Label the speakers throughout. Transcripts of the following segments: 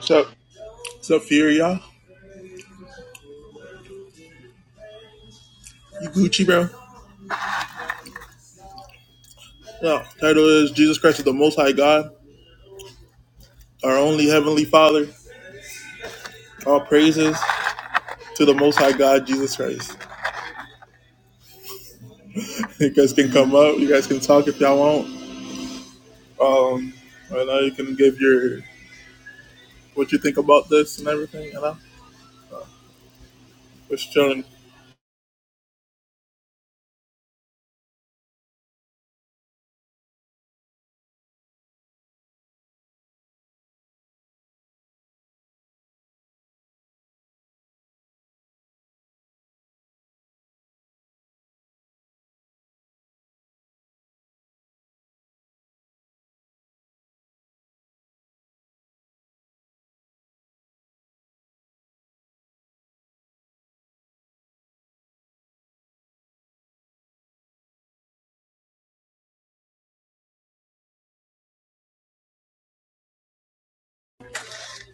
Speaker 1: What's up? What's up, Fury, y'all? You Gucci, bro? No, title is Jesus Christ is the Most High God, our only Heavenly Father. All praises to the Most High God, Jesus Christ. You guys can come up. You guys can talk if y'all want. Um, right now you can give your what you think about this and everything. You know, just chilling.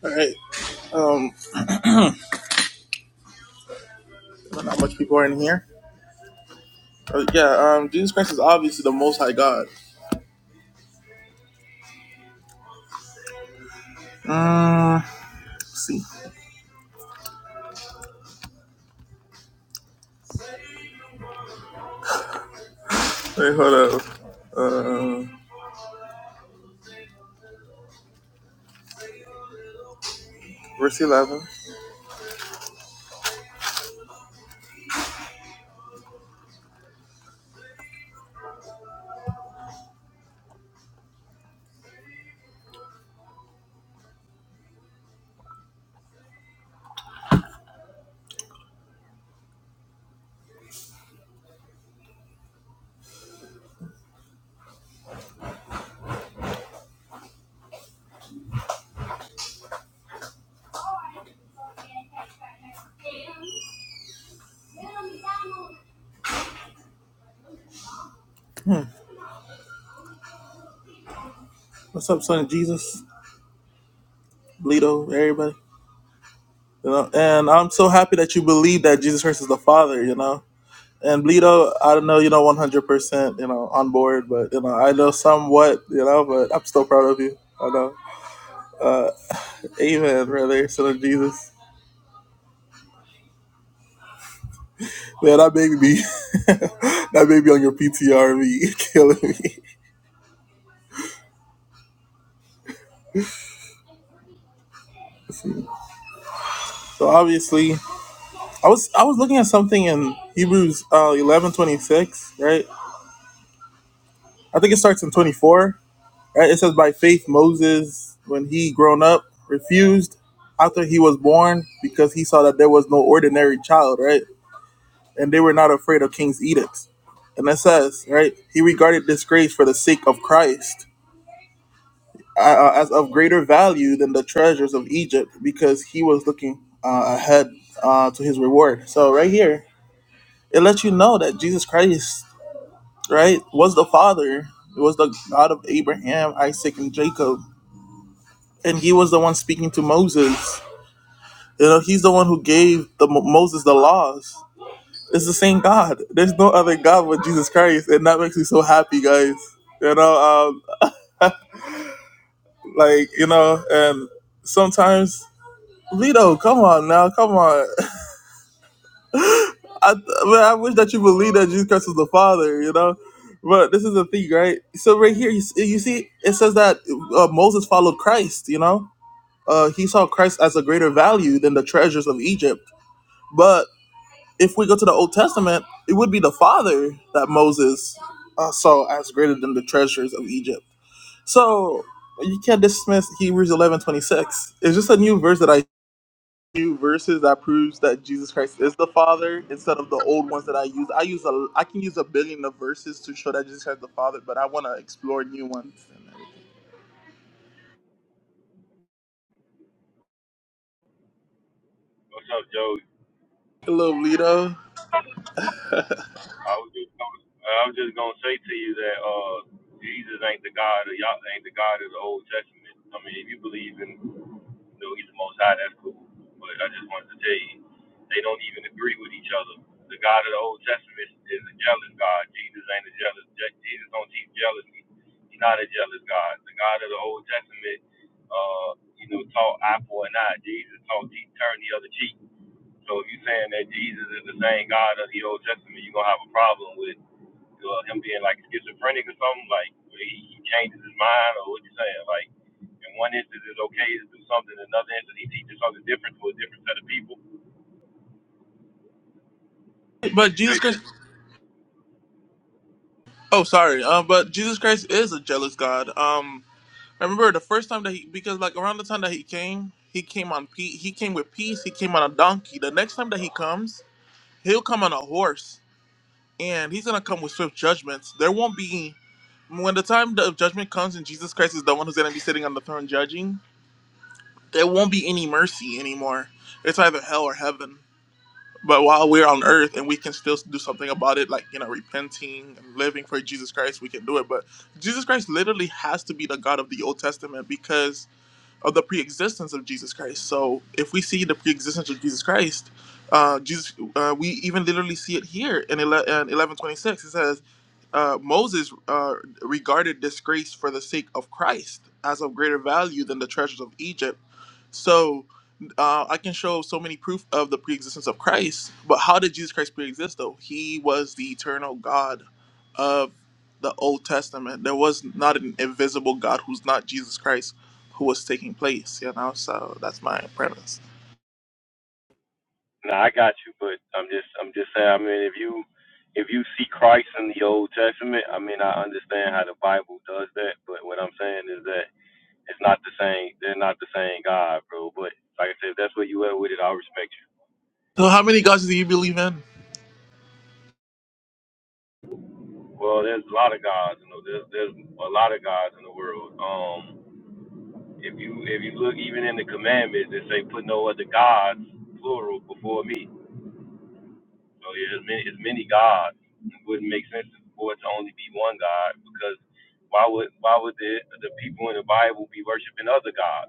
Speaker 1: All right. Um, not much people are in here. Uh, yeah. Um, Jesus Christ is obviously the Most High God. Um, let's see. Wait, hold up. Uh, verse eleven. What's up, son of Jesus? Bleedo, everybody. You know, and I'm so happy that you believe that Jesus Christ is the Father. You know, and Bleedo, I don't know, you know, 100, percent you know, on board, but you know, I know somewhat, you know, but I'm still proud of you. I know. Uh, amen, brother, son of Jesus. Man, that baby be, that baby on your PTR be killing me. So obviously, I was I was looking at something in Hebrews uh, 11, twenty-six, right? I think it starts in 24 Right? It says by faith Moses, when he grown up, refused after he was born because he saw that there was no ordinary child, right? And they were not afraid of king's edicts. And it says, right, he regarded disgrace for the sake of Christ uh, uh, as of greater value than the treasures of Egypt because he was looking uh, ahead uh, to his reward. So right here, it lets you know that Jesus Christ, right, was the Father, It was the God of Abraham, Isaac, and Jacob and he was the one speaking to Moses. You know, he's the one who gave the Moses the laws. It's the same God. There's no other God but Jesus Christ, and that makes me so happy, guys. You know, um, like you know, and sometimes Lito, come on now, come on. I, man, I wish that you believe that Jesus Christ is the Father. You know, but this is the thing, right? So right here, you, you see, it says that uh, Moses followed Christ. You know, uh, he saw Christ as a greater value than the treasures of Egypt. But if we go to the Old Testament, it would be the father that Moses uh, saw as greater than the treasures of Egypt. So you can't dismiss Hebrews eleven twenty six. It's just a new verse that I new verses that proves that Jesus Christ is the Father instead of the old ones that I use. I use a I can use a billion of verses to show that Jesus Christ is the Father, but I want to explore new ones. And everything.
Speaker 2: What's up, Joe,
Speaker 1: Hello, Lito.
Speaker 2: I was just gonna, I was just gonna say to you that uh, Jesus ain't the God of y'all ain't the God of the Old Testament. I mean, if you believe in, you know, He's the Most High, that's cool. But I just wanted to tell you, they don't even agree with each other. The God of the Old Testament is a jealous God. Jesus ain't a jealous. Je- Jesus don't teach jealousy. He's not a jealous God. The God of the Old Testament, uh, you know, taught eye for an eye. Jesus taught teach turn the other cheek. So if you saying that Jesus is the same God of the Old Testament, you're gonna have a problem with uh, him being like schizophrenic or something, like where he, he changes his mind or what you saying. Like in one instance it's okay to do something, in another instance he teaches something different to a different set of people. But
Speaker 1: But
Speaker 2: you say
Speaker 1: Jesus Christ.
Speaker 2: that
Speaker 1: Oh, sorry. Uh, but Jesus Christ is a jealous God. Um, I remember the first time that he because like around the time that he came, he came on pe- he came with peace. He came on a donkey. The next time that he comes, he'll come on a horse, and he's gonna come with swift judgments. There won't be when the time of judgment comes and Jesus Christ is the one who's gonna be sitting on the throne judging. There won't be any mercy anymore. It's either hell or heaven. But while we're on earth and we can still do something about it, like you know, repenting and living for Jesus Christ, we can do it. But Jesus Christ literally has to be the God of the Old Testament because of the pre-existence of Jesus Christ. So if we see the pre-existence of Jesus Christ, uh, Jesus, uh, we even literally see it here in eleven twenty six. It says uh, Moses uh, regarded disgrace for the sake of Christ as of greater value than the treasures of Egypt so uh, I can show so many proof of the preexistence of Christ. But how did Jesus Christ preexist though? He was the eternal God of the Old Testament. There was not an invisible God who's not Jesus Christ who was taking place, you know? So that's my premise.
Speaker 2: nah, I got you, but I'm just I'm just saying, I mean if you if you see Christ in the Old Testament, I mean I understand how the Bible does that, but what I'm saying is that it's not the same they're not the same God, bro. But like I said, if that's where you at with it, I respect you.
Speaker 1: So how many gods do you believe in?
Speaker 2: Well, there's a lot of gods. You know, there's there's a lot of gods in the world. Um, if you if you look even in the commandments, they say put no other gods plural before me. So yeah, there's many it's many gods. It wouldn't make sense for it to only be one God because why would why would the the people in the Bible be worshiping other gods?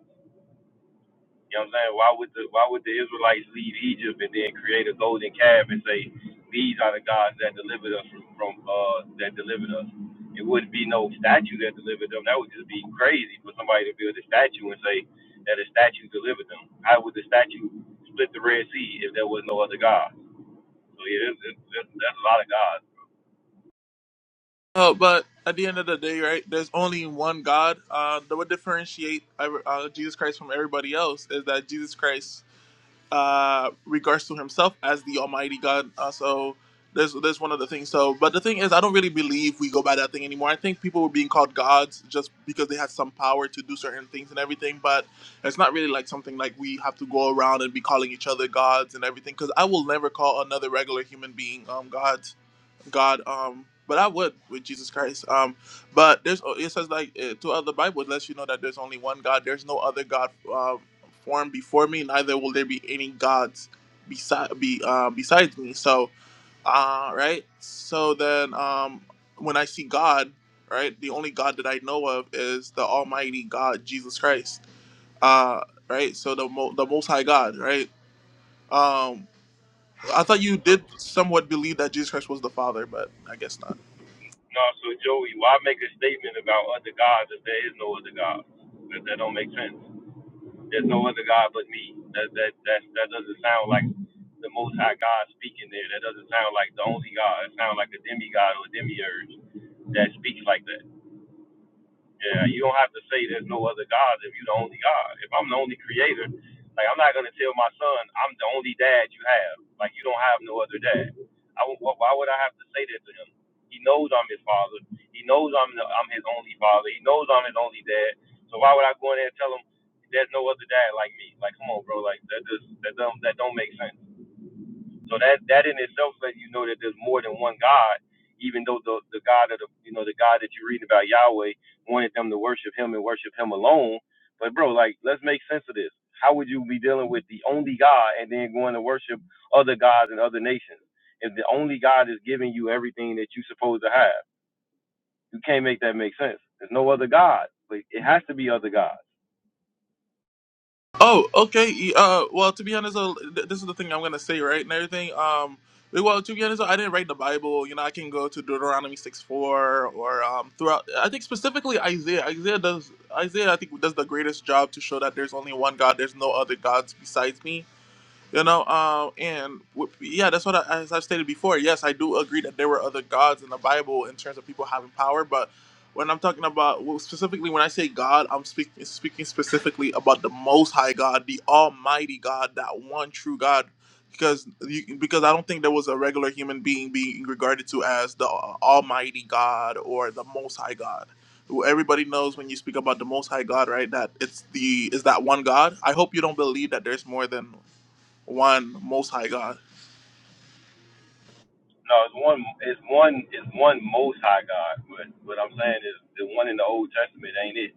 Speaker 2: You know what I'm saying? Why would the why would the Israelites leave Egypt and then create a golden calf and say, These are the gods that delivered us from, from uh that delivered us. It wouldn't be no statue that delivered them. That would just be crazy for somebody to build a statue and say that a statue delivered them. How would the statue split the Red Sea if there was no other God? So yeah, that's there's, there's a lot of gods.
Speaker 1: Uh, but at the end of the day, right, there's only one God. Uh, that would differentiate uh, uh, Jesus Christ from everybody else is that Jesus Christ uh, regards to himself as the Almighty God. Uh, so there's there's one of the things. So, but the thing is, I don't really believe we go by that thing anymore. I think people were being called gods just because they had some power to do certain things and everything. But it's not really like something like we have to go around and be calling each other gods and everything. Because I will never call another regular human being um God. God. Um, but I would with Jesus Christ. Um, but there's oh, it says like uh, throughout the Bible it lets you know that there's only one God. There's no other God um, formed before me. Neither will there be any gods beside be uh, besides me. So uh, right. So then um, when I see God, right, the only God that I know of is the Almighty God, Jesus Christ. Uh, right. So the mo- the Most High God, right. Um, I thought you
Speaker 2: So
Speaker 1: did somewhat believe that Jesus Christ was the Father, but I guess not.
Speaker 2: no, so Joey, why make a statement about other gods if there is no other gods? That, that don't make sense. There's no other God but me. That that that that doesn't sound like the Most High God speaking there. That doesn't sound like the only God. It sounds like a demigod or a demiurge that speaks like that. Yeah, you don't have to say there's no other God if you're the only God. If I'm the only creator, like I'm not gonna tell my son I'm the only dad you have. Like you don't have no other dad. I w- wh- why would I have to say that to him? He knows I'm his father. He knows I'm the, I'm his only father. He knows I'm his only dad. So why would I go in there and tell him there's no other dad like me? Like come on, bro. Like that just that don't that don't make sense. So that that in itself lets you know that there's more than one God, even though the the God of the you know the God that you are reading about Yahweh wanted them to worship Him and worship Him alone. But bro, like let's make sense of this. How would you be dealing with the only God and then going to worship other gods and other nations if the only God is giving you everything that you're supposed to have? You can't make that make sense. There's no other God, but it has to be other gods.
Speaker 1: Oh, okay. Uh, well, to be honest, though, th- this is the thing I'm gonna say, right, and everything. Um, well, to be honest, I didn't write the Bible. You know, I can go to Deuteronomy six four or um throughout. I think specifically Isaiah. Isaiah does Isaiah. I think does the greatest job to show that there's only one God. There's no other gods besides me. You know, um, and w- yeah, that's what I, as I've stated before. Yes, I do agree that there were other gods in the Bible in terms of people having power, but when I'm talking about well, specifically when I say God, I'm speaking speaking specifically about the Most High God, the Almighty God, that one true God, because you, because I don't think there was a regular human being being regarded to as the uh, Almighty God or the Most High God. Well, Everybody knows when you speak about the Most High God, right? That it's the is that one God. I hope you don't believe that there's more than one Most High God.
Speaker 2: No, it's one. It's one. It's one Most High God. But what I'm saying is the one in the Old Testament ain't it.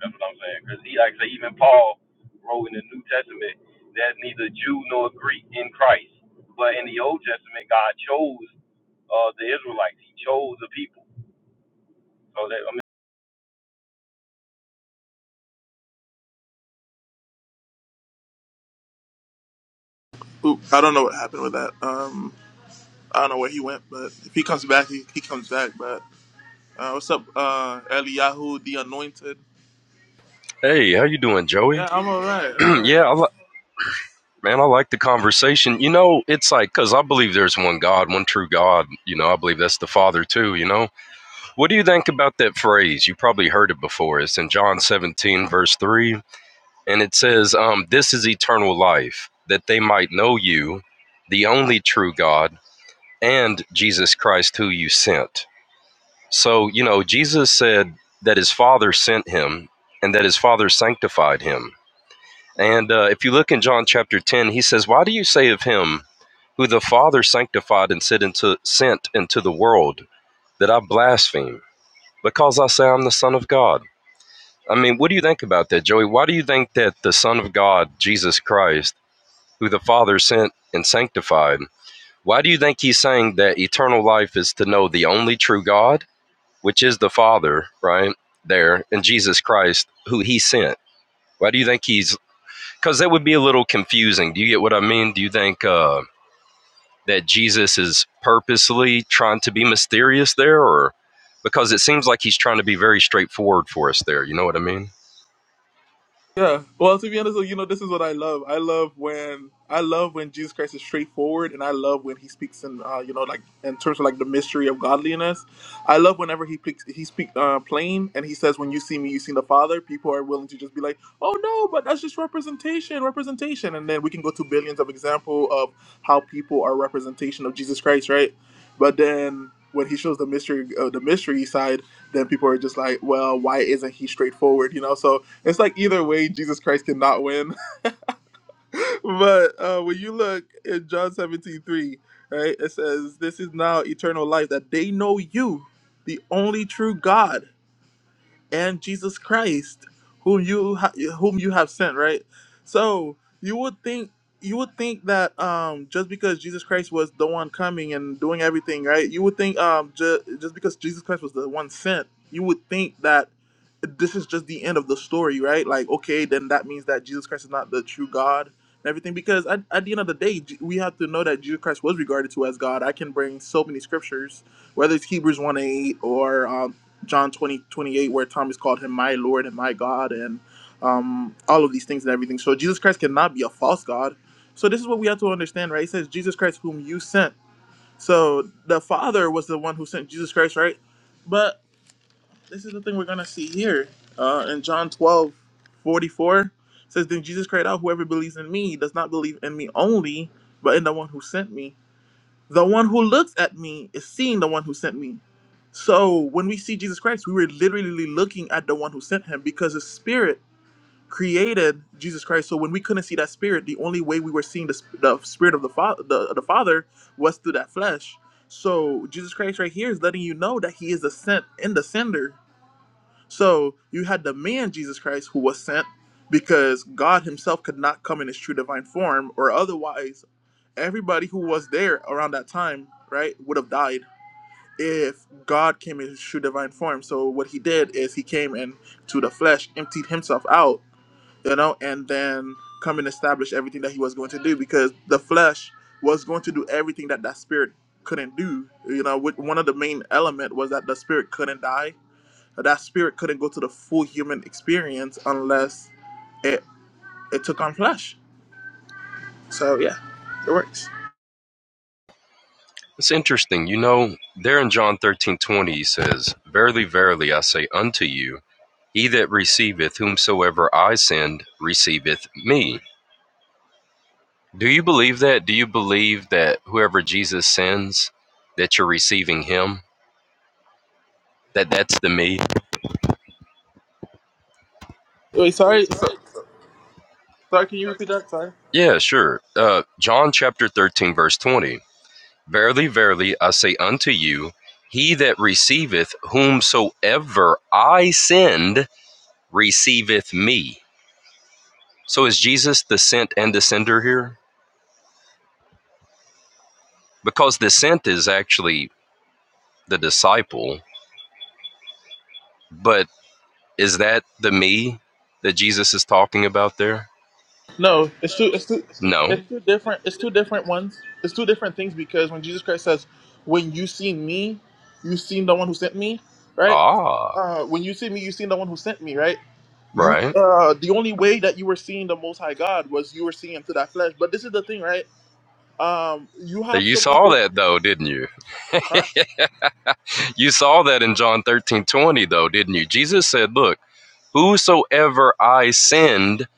Speaker 2: That's what I'm saying. Because he, like I say, even Paul wrote in the New Testament, there's neither Jew nor Greek in Christ. But in the Old Testament, God chose uh, the Israelites. He chose the people. So that I
Speaker 1: Oop, I don't know what happened with that. Um, I don't know where he went, but if he comes back, he, he comes back. But uh, what's up, uh, Eliyahu, the Anointed?
Speaker 3: Hey, how you doing, Joey?
Speaker 1: Yeah, I'm all right. I'm all right.
Speaker 3: yeah, I li- man, I like the conversation. You know, it's like because I believe there's one God, one true God. You know, I believe that's the Father too. You know, what do you think about that phrase? You probably heard it before. It's in John 17, verse three, and it says, um, "This is eternal life, that they might know you, the only true God, and Jesus Christ, who you sent." So, you know, Jesus said that his Father sent him, and that his Father sanctified him And uh, if you look in John chapter 10, he says, Why do you say of him who the Father sanctified and sent into, sent into the world that I blaspheme? Because I say I'm the Son of God. I mean, what do you think about that, Joey? Why do you think that the Son of God, Jesus Christ, who the Father sent and sanctified, why do you think he's saying that eternal life is to know the only true God, which is the Father, right? There, and Jesus Christ, who he sent? Why do you think he's because that would be a little confusing. Do you get what I mean? Do you think uh, that Jesus is purposely trying to be mysterious there, or because it seems like he's trying to be very straightforward for us there? You know what I mean?
Speaker 1: Yeah. Well, to be honest, like, you know, this is what I love. I love when I love when Jesus Christ is straightforward, and I love when He speaks in, uh, you know, like in terms of like the mystery of godliness. I love whenever He speaks, He speak uh, plain, and He says, "When you see me, you see the Father." People are willing to just be like, "Oh no, but that's just representation, representation," and then we can go to billions of example of how people are representation of Jesus Christ, right? But then when He shows the mystery, uh, the mystery side, then people are just like, "Well, why isn't He straightforward?" You know, so it's like either way, Jesus Christ cannot win. but uh, when you look in John 17:3, right, it says, This is now eternal life, that they know you, the only true God and Jesus Christ, whom you ha- whom you have sent, right? So you would think you would think that um, just because Jesus Christ was the one coming and doing everything, right? You would think um, ju- just because Jesus Christ was the one sent, you would think that this is just the end of the story, right? Like, okay, then that means that Jesus Christ is not the true God and everything. Because at, at the end of the day, J- we have to know that Jesus Christ was regarded to as God. I can bring so many scriptures, whether it's Hebrews 1 8 or um, John 20 28, where Thomas called him my Lord and my God, and um, all of these things and everything. So Jesus Christ cannot be a false God. So this is what we have to understand, right? It says, Jesus Christ, whom you sent. So the Father was the one who sent Jesus Christ, right? But this is the thing we're going to see here uh, in John 12 44, It says, Then Jesus cried out, Whoever believes in me does not believe in me only, but in the one who sent me. The one who looks at me is seeing the one who sent me. So when we see Jesus Christ, we were literally looking at the one who sent him because the Spirit created Jesus Christ. So when we couldn't see that Spirit, the only way we were seeing the, sp- the Spirit of the, fa- the, the Father was through that flesh. So Jesus Christ right here is letting you know that he is the sent and the sender. So you had the man Jesus Christ who was sent because God himself could not come in his true divine form or otherwise everybody who was there around that time, right, would have died if God came in his true divine form. So what he did is he came and to the flesh, emptied himself out, you know, and then come and establish everything that he was going to do because the flesh was going to do everything that that spirit couldn't do. You know, with- one of the main element was that the spirit couldn't die. That spirit couldn't go to the full human experience unless it it took on flesh. So yeah, it works.
Speaker 3: It's interesting. You know, there in John thirteen twenty, he says, Verily, verily, I say unto you, He that receiveth whomsoever I send receiveth me. Do you believe that? Do you believe that whoever Jesus sends, that you're receiving him? That that's the me?
Speaker 1: Wait, sorry. So, Sorry, can you repeat that? Sorry.
Speaker 3: Yeah, sure. Uh, John chapter 13, verse 20. Verily, verily, I say unto you, he that receiveth whomsoever I send receiveth me. So is Jesus the sent and the sender here? Because the sent is actually the disciple, but Is that the me that Jesus is talking about there?
Speaker 1: No, it's two. It's two.
Speaker 3: No.
Speaker 1: It's two different. It's two different ones. It's two different things because when Jesus Christ says, "When you see me, you seen the one who sent me," right?
Speaker 3: Ah,
Speaker 1: Uh, when you see me, you seen the one who sent me, right? You,
Speaker 3: right.
Speaker 1: uh, the only way that you were seeing the Most High God was you were seeing Him through that flesh. But this is the thing, right? Um, you have
Speaker 3: You
Speaker 1: so many
Speaker 3: saw
Speaker 1: different,
Speaker 3: that though, didn't you?
Speaker 1: huh?
Speaker 3: You saw that in John 13 20 though, didn't you? Jesus said, Look, whosoever I send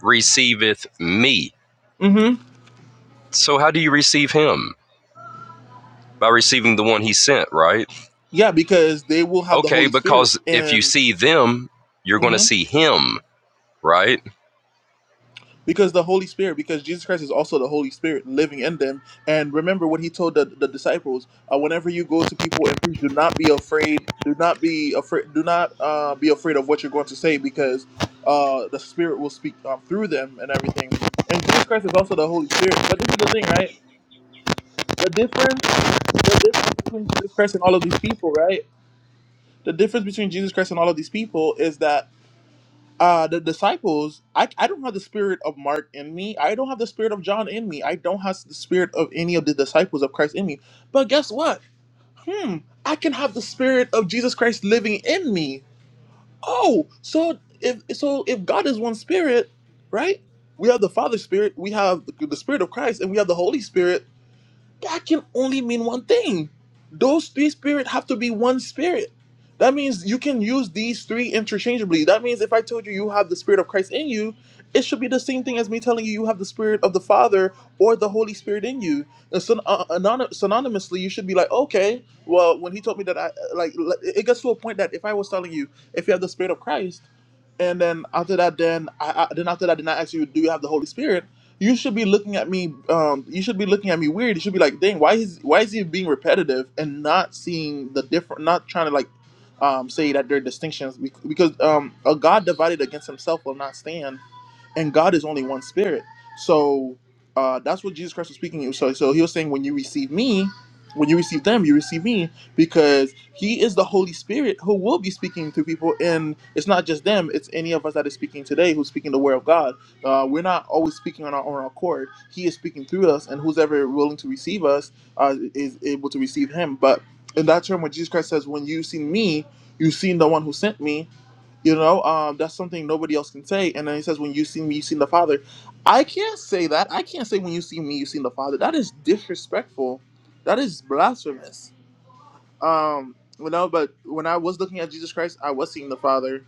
Speaker 3: receiveth me.
Speaker 1: Mm-hmm.
Speaker 3: So how do you receive him? By receiving the one he sent, right?
Speaker 1: Yeah, because they will have the
Speaker 3: Okay,
Speaker 1: Holy Spirit,
Speaker 3: because if you
Speaker 1: and
Speaker 3: see them, you're going to
Speaker 1: mhm.
Speaker 3: see him, right?
Speaker 1: Because the Holy Spirit, because Jesus Christ is also the Holy Spirit living in them. And remember what he told the, the disciples: uh, whenever you go to people and preach, do not be afraid. Do not be afraid. Do not uh, be afraid of what you're going to say, because uh, the Spirit will speak um, through them and everything. And Jesus Christ is also the Holy Spirit. But this is the thing, right? The difference, the difference between Jesus Christ and all of these people, right? The difference between Jesus Christ and all of these people is that uh the disciples I, I don't have the spirit of mark in me i don't have the spirit of john in me i don't have the spirit of any of the disciples of christ in me but guess what hmm i can have the spirit of jesus christ living in me oh so if so if god is one spirit right we have the Father's spirit we have the the spirit of christ and we have the holy spirit that can only mean one thing. Those three spirits have to be one spirit. That means you can use these three interchangeably. That means if I told you you have the spirit of Christ in you, it should be the same thing as me telling you you have the spirit of the Father or the Holy Spirit in you. And so, uh, anony- synonymously, you should be like, okay, well, when he told me that, I like, it gets to a point that if I was telling you, if you have the spirit of Christ, and then after that, then I, I then after that, then I ask you, do you have the Holy Spirit? You should be looking at me. Um, you should be looking at me weird. You should be like, dang, why is why is he being repetitive and not seeing the different, not trying to like, um, say that there are distinctions Bec- because um, a God divided against himself will not stand and God is only one spirit. So uh, that's what Jesus Christ was speaking. So, so he was saying, when you receive me, when you receive them, you receive me because he is the Holy Spirit who will be speaking to people. And it's not just them, it's any of us that is speaking today who's speaking the word of God. Uh, we're not always speaking on our own accord. He is speaking through us, and who's ever willing to receive us uh, is able to receive him. But in that term, when Jesus Christ says, when you've seen me, you've seen the one who sent me, you know, um, that's something nobody else can say. And then he says, "When you see me, you seen the Father." I can't say that. I can't say, "When you see me, you seen the Father." That is disrespectful. That is blasphemous. Um, you know, but when I was looking at Jesus Christ, I was seeing the Father.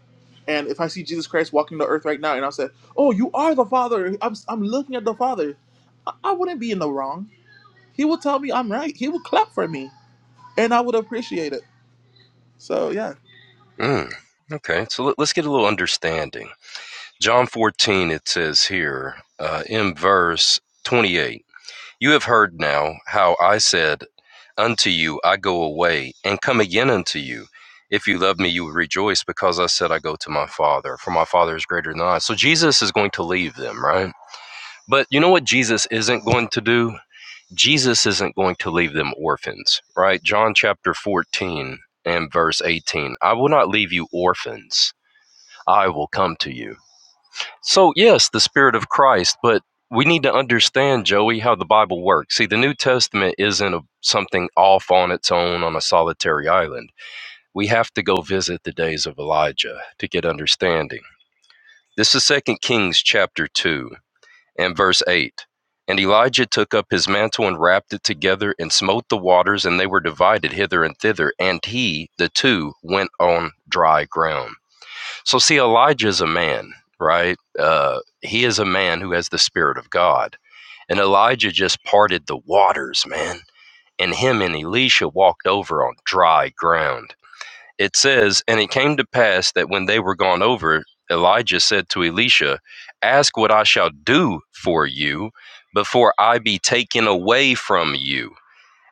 Speaker 1: And if I see Jesus Christ walking the earth right now, and I said, "Oh, you are the Father," I'm, I'm looking at the Father. I, I wouldn't be in the wrong. He would tell me I'm right. He would clap for me, and I would appreciate it. So yeah.
Speaker 3: Mm, okay, so let's get a little understanding. John 14, it says here uh, in verse 28 You have heard now how I said unto you, I go away and come again unto you. If you love me, you will rejoice because I said, I go to my Father, for my Father is greater than I. So Jesus is going to leave them, right? But you know what Jesus isn't going to do? Jesus isn't going to leave them orphans, right? John chapter 14 and verse 18 I will not leave you orphans, I will come to you so, yes, the Spirit of Christ, but we need to understand, Joey, how the Bible works. See, the New Testament isn't a, something off on its own on a solitary island. We have to go visit the days of Elijah to get understanding. This is Second Kings chapter 2 and verse 8. And Elijah took up his mantle and wrapped it together and smote the waters, and they were divided hither and thither. And he, the two, went on dry ground. So, see, Elijah is a man, right? Uh, he is a man who has the Spirit of God. And Elijah just parted the waters, man. And him and Elisha walked over on dry ground. It says, And it came to pass that when they were gone over, Elijah said to Elisha, Ask what I shall do for you before I be taken away from you.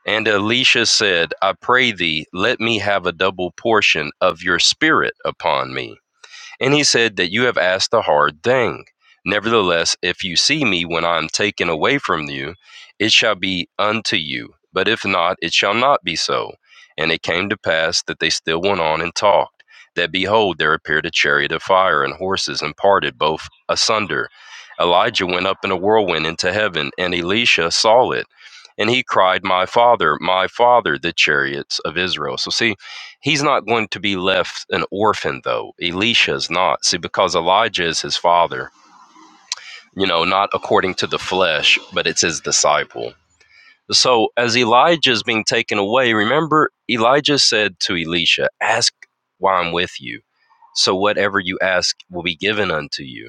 Speaker 3: And Elisha said, I pray thee, let me have a double portion of your spirit upon me. And he said that you have asked a hard thing. Nevertheless, if you see me when I am taken away from you, it shall be unto you. But if not, it shall not be so. And it came to pass that they still went on and talked, that behold, there appeared a chariot of fire and horses, and parted both asunder. Elijah went up in a whirlwind into heaven, and Elisha saw it. And he cried, My father, my father, the chariots of Israel. So, see, He's not going to be left an orphan, though. Elisha's not. See, because Elijah is his father, you know, not according to the flesh, but it's his disciple. So as Elijah is being taken away, remember Elijah said to Elisha, Ask why I'm with you. So whatever you ask will be given unto you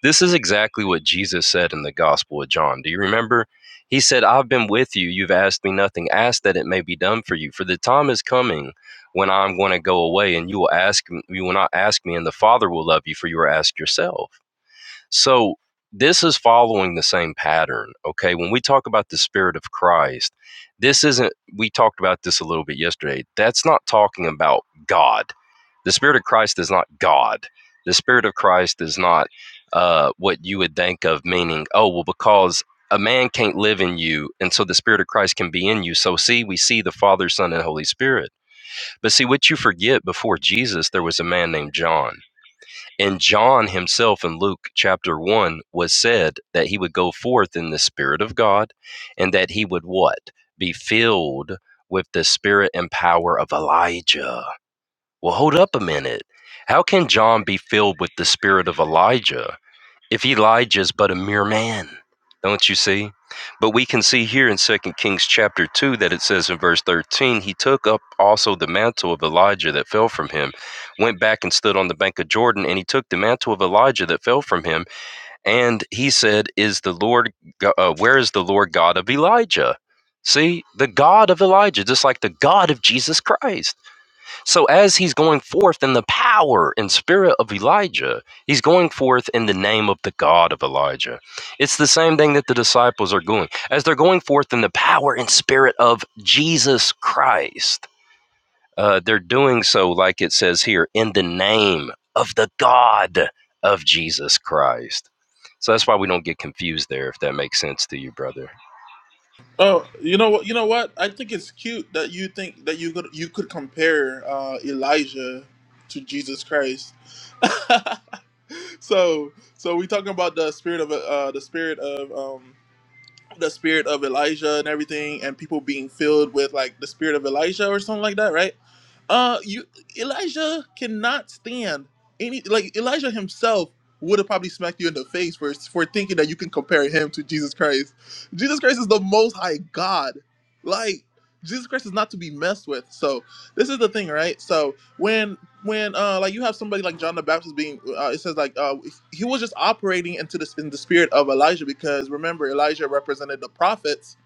Speaker 3: this is exactly what Jesus said in the Gospel of John. Do you remember? He said, I've been with you. You've asked me nothing. Ask that it may be done for you. For the time is coming when I'm going to go away, and you will ask, you will not ask me, and the Father will love you, for you are asked yourself. So this is following the same pattern. Okay. When we talk about the spirit of Christ, this isn't, we talked about this a little bit yesterday. That's not talking about God. The spirit of Christ is not God. The spirit of Christ is not uh, what you would think of meaning, oh, well, because a man can't live in you, and so the spirit of Christ can be in you. So, see, we see the Father, Son, and Holy Spirit. But see, what you forget before Jesus, there was a man named John and John himself in Luke chapter 1 was said that he would go forth in the Spirit of God and that he would what? Be filled with the spirit and power of Elijah. Well, hold up a minute. How can John be filled with the spirit of Elijah? If Elijah is but a mere man, don't you see? But we can see here in Second Kings chapter 2 that it says in verse 13, he took up also the mantle of Elijah that fell from him, went back and stood on the bank of Jordan, and he took the mantle of Elijah that fell from him, and he said, "Is the Lord uh, where is the Lord God of Elijah?" See, the God of Elijah, just like the God of Jesus Christ. So as he's going forth in the power and spirit of Elijah, he's going forth in the name of the God of Elijah. It's the same thing that the disciples are doing. As they're going forth in the power and spirit of Jesus Christ, uh, they're doing so, like it says here, in the name of the God of Jesus Christ. So that's why we don't get confused there, if that makes sense to you, brother.
Speaker 1: Oh, you know what? You know what? I think it's cute that you think that you could you could compare uh, Elijah to Jesus Christ. so, so we talking about the spirit of uh, the spirit of um, the spirit of Elijah and everything, and people being filled with like the spirit of Elijah or something like that, right? Uh, you Elijah cannot stand any like Elijah himself would have probably smacked you in the face for for thinking that you can compare him to Jesus Christ. Jesus Christ is the Most High God. Like Jesus Christ is not to be messed with. So this is the thing, right? So when when uh like you have somebody like John the Baptist being uh, it says like uh he was just operating into this in the spirit of Elijah because remember Elijah represented the prophets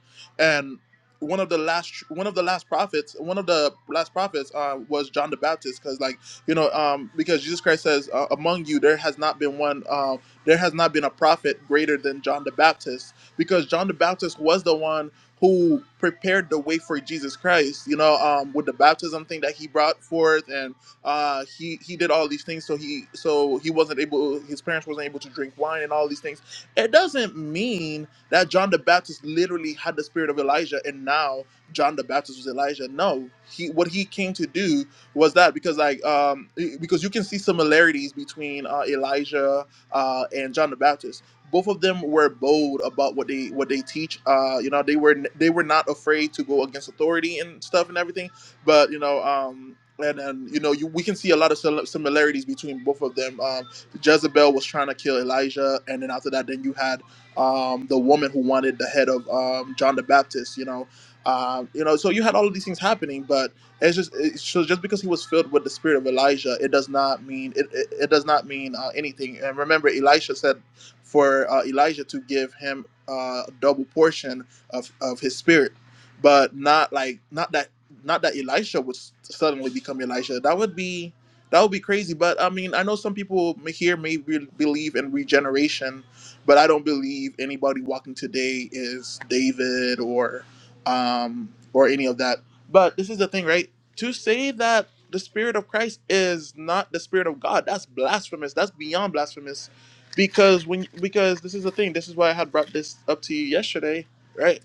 Speaker 1: one of the last one of the last prophets one of the last prophets uh, was john the baptist because like you know um, because jesus christ says uh, among you there has not been one uh, there has not been a prophet greater than john the baptist because john the baptist was the one who prepared the way for jesus christ you know um, with the baptism thing that he brought forth and uh, he he did all these things so he so he wasn't able his parents wasn't able to drink wine and all these things it doesn't mean that John the Baptist literally had the spirit of Elijah and now John the Baptist was Elijah. No, he what he came to do was that because like um because you can see similarities between uh, Elijah uh, and John the Baptist. Both of them were bold about what they what they teach. Uh, you know, they were they were not afraid to go against authority and stuff and everything. But you know, um, and then you know, you we can see a lot of sil- similarities between both of them. Um, Jezebel was trying to kill Elijah, and then after that, then you had um, the woman who wanted the head of um, John the Baptist, you know, um, you know. So you had all of these things happening, but it's just it, so just because he was filled with the spirit of Elijah, it does not mean it, it, it does not mean uh, anything. And remember, Elisha said for uh, Elijah to give him uh, a double portion of of his spirit, but not like not that not that Elisha would s- suddenly become Elisha. That would be that would be crazy. But I mean, I know some people may- here may be, believe in regeneration but I don't believe anybody walking today is David or um or any of that. But this is the thing, right? To say that the spirit of Christ is not the spirit of God, that's blasphemous. That's beyond blasphemous. Because when because this is the thing, this is why I had brought this up to you yesterday, right?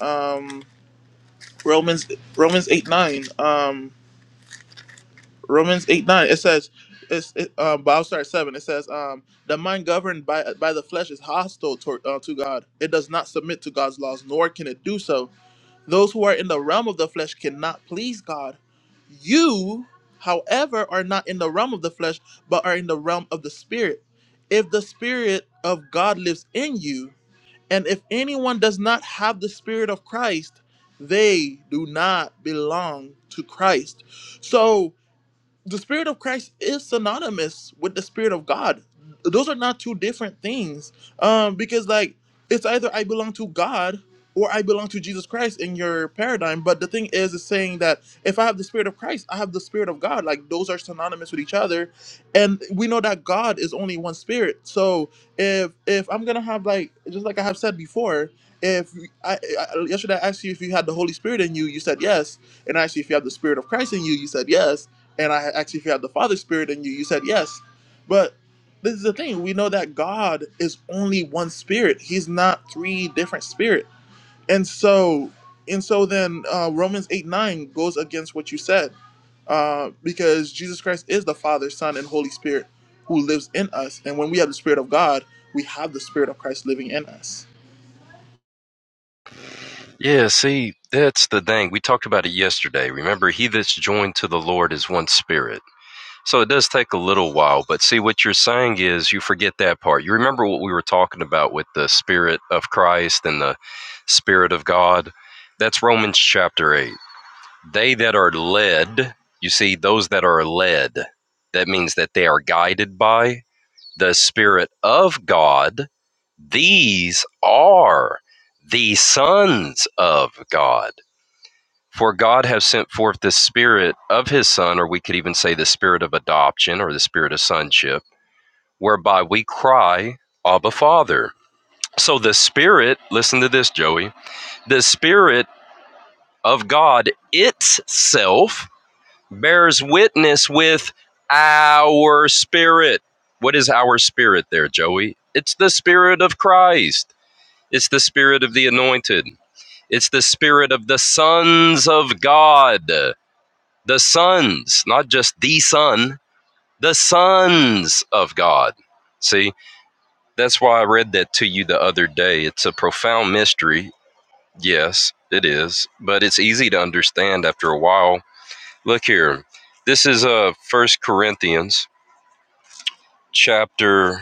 Speaker 1: Um Romans Romans 8 9. Um Romans eight nine. It says, it's, it, um, but I'll start at seven. It says, um, the mind governed by by the flesh is hostile toward, uh, to God. It does not submit to God's laws, nor can it do so. Those who are in the realm of the flesh cannot please God. You, however, are not in the realm of the flesh, but are in the realm of the spirit. If the spirit of God lives in you, and if anyone does not have the spirit of Christ, they do not belong to Christ. So the spirit of Christ is synonymous with the spirit of God. Those are not two different things. Um, because like it's either I belong to God or I belong to Jesus Christ in your paradigm. But the thing is, is saying that if I have the spirit of Christ, I have the spirit of God. Like those are synonymous with each other, and we know that God is only one spirit. So if if I'm gonna have like just like I have said before. If I, I yesterday I asked you if you had the Holy Spirit in you, you said yes, and I asked you if you have the Spirit of Christ in you, you said yes and I asked you if you had the Father Spirit in you. You said yes. But this is the thing we know that God is only one Spirit, He's not three different Spirit. And so, and so then uh, Romans 8 9 goes against what you said uh, because Jesus Christ is the Father, Son, and Holy Spirit who lives in us. And when we have the Spirit of God, we have the Spirit of Christ living in us.
Speaker 3: Yeah, see, that's the thing. We talked about it yesterday. Remember, he that's joined to the Lord is one spirit. So it does take a little while, but see, what you're saying is you forget that part. You remember what we were talking about with the spirit of Christ and the spirit of God? That's Romans chapter 8. They that are led, you see, those that are led, that means that they are guided by the spirit of God. These are the sons of God. For God has sent forth the Spirit of His Son, or we could even say the Spirit of adoption or the Spirit of sonship, whereby we cry, Abba, Father. So the Spirit, listen to this, Joey, the Spirit of God itself bears witness with our spirit. What is our spirit there, Joey? It's the Spirit of Christ, it's the Spirit of the anointed, it's the Spirit of the sons of God. The sons, not just the son, the sons of God. See, that's why I read that to you the other day. It's a profound mystery. Yes, it is, but it's easy to understand after a while. Look here. This is uh First Corinthians chapter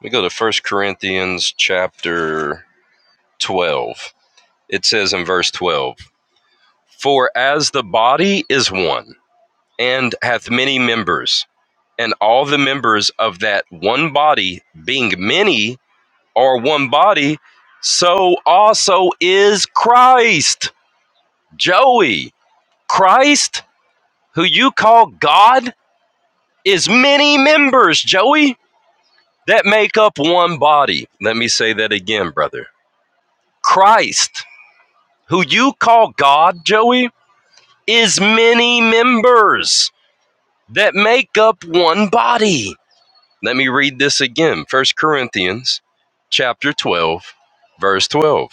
Speaker 3: we go to First Corinthians chapter 12. It says in verse 12, "For as the body is one and hath many members, and all the members of that one body, being many, are one body, so also is Christ. Joey, Christ, who you call God, is many members, Joey, that make up one body. Let me say that again, brother. Christ, who you call God, Joey, is many members that make up one body. Let me read this again. First Corinthians chapter 12, verse 12.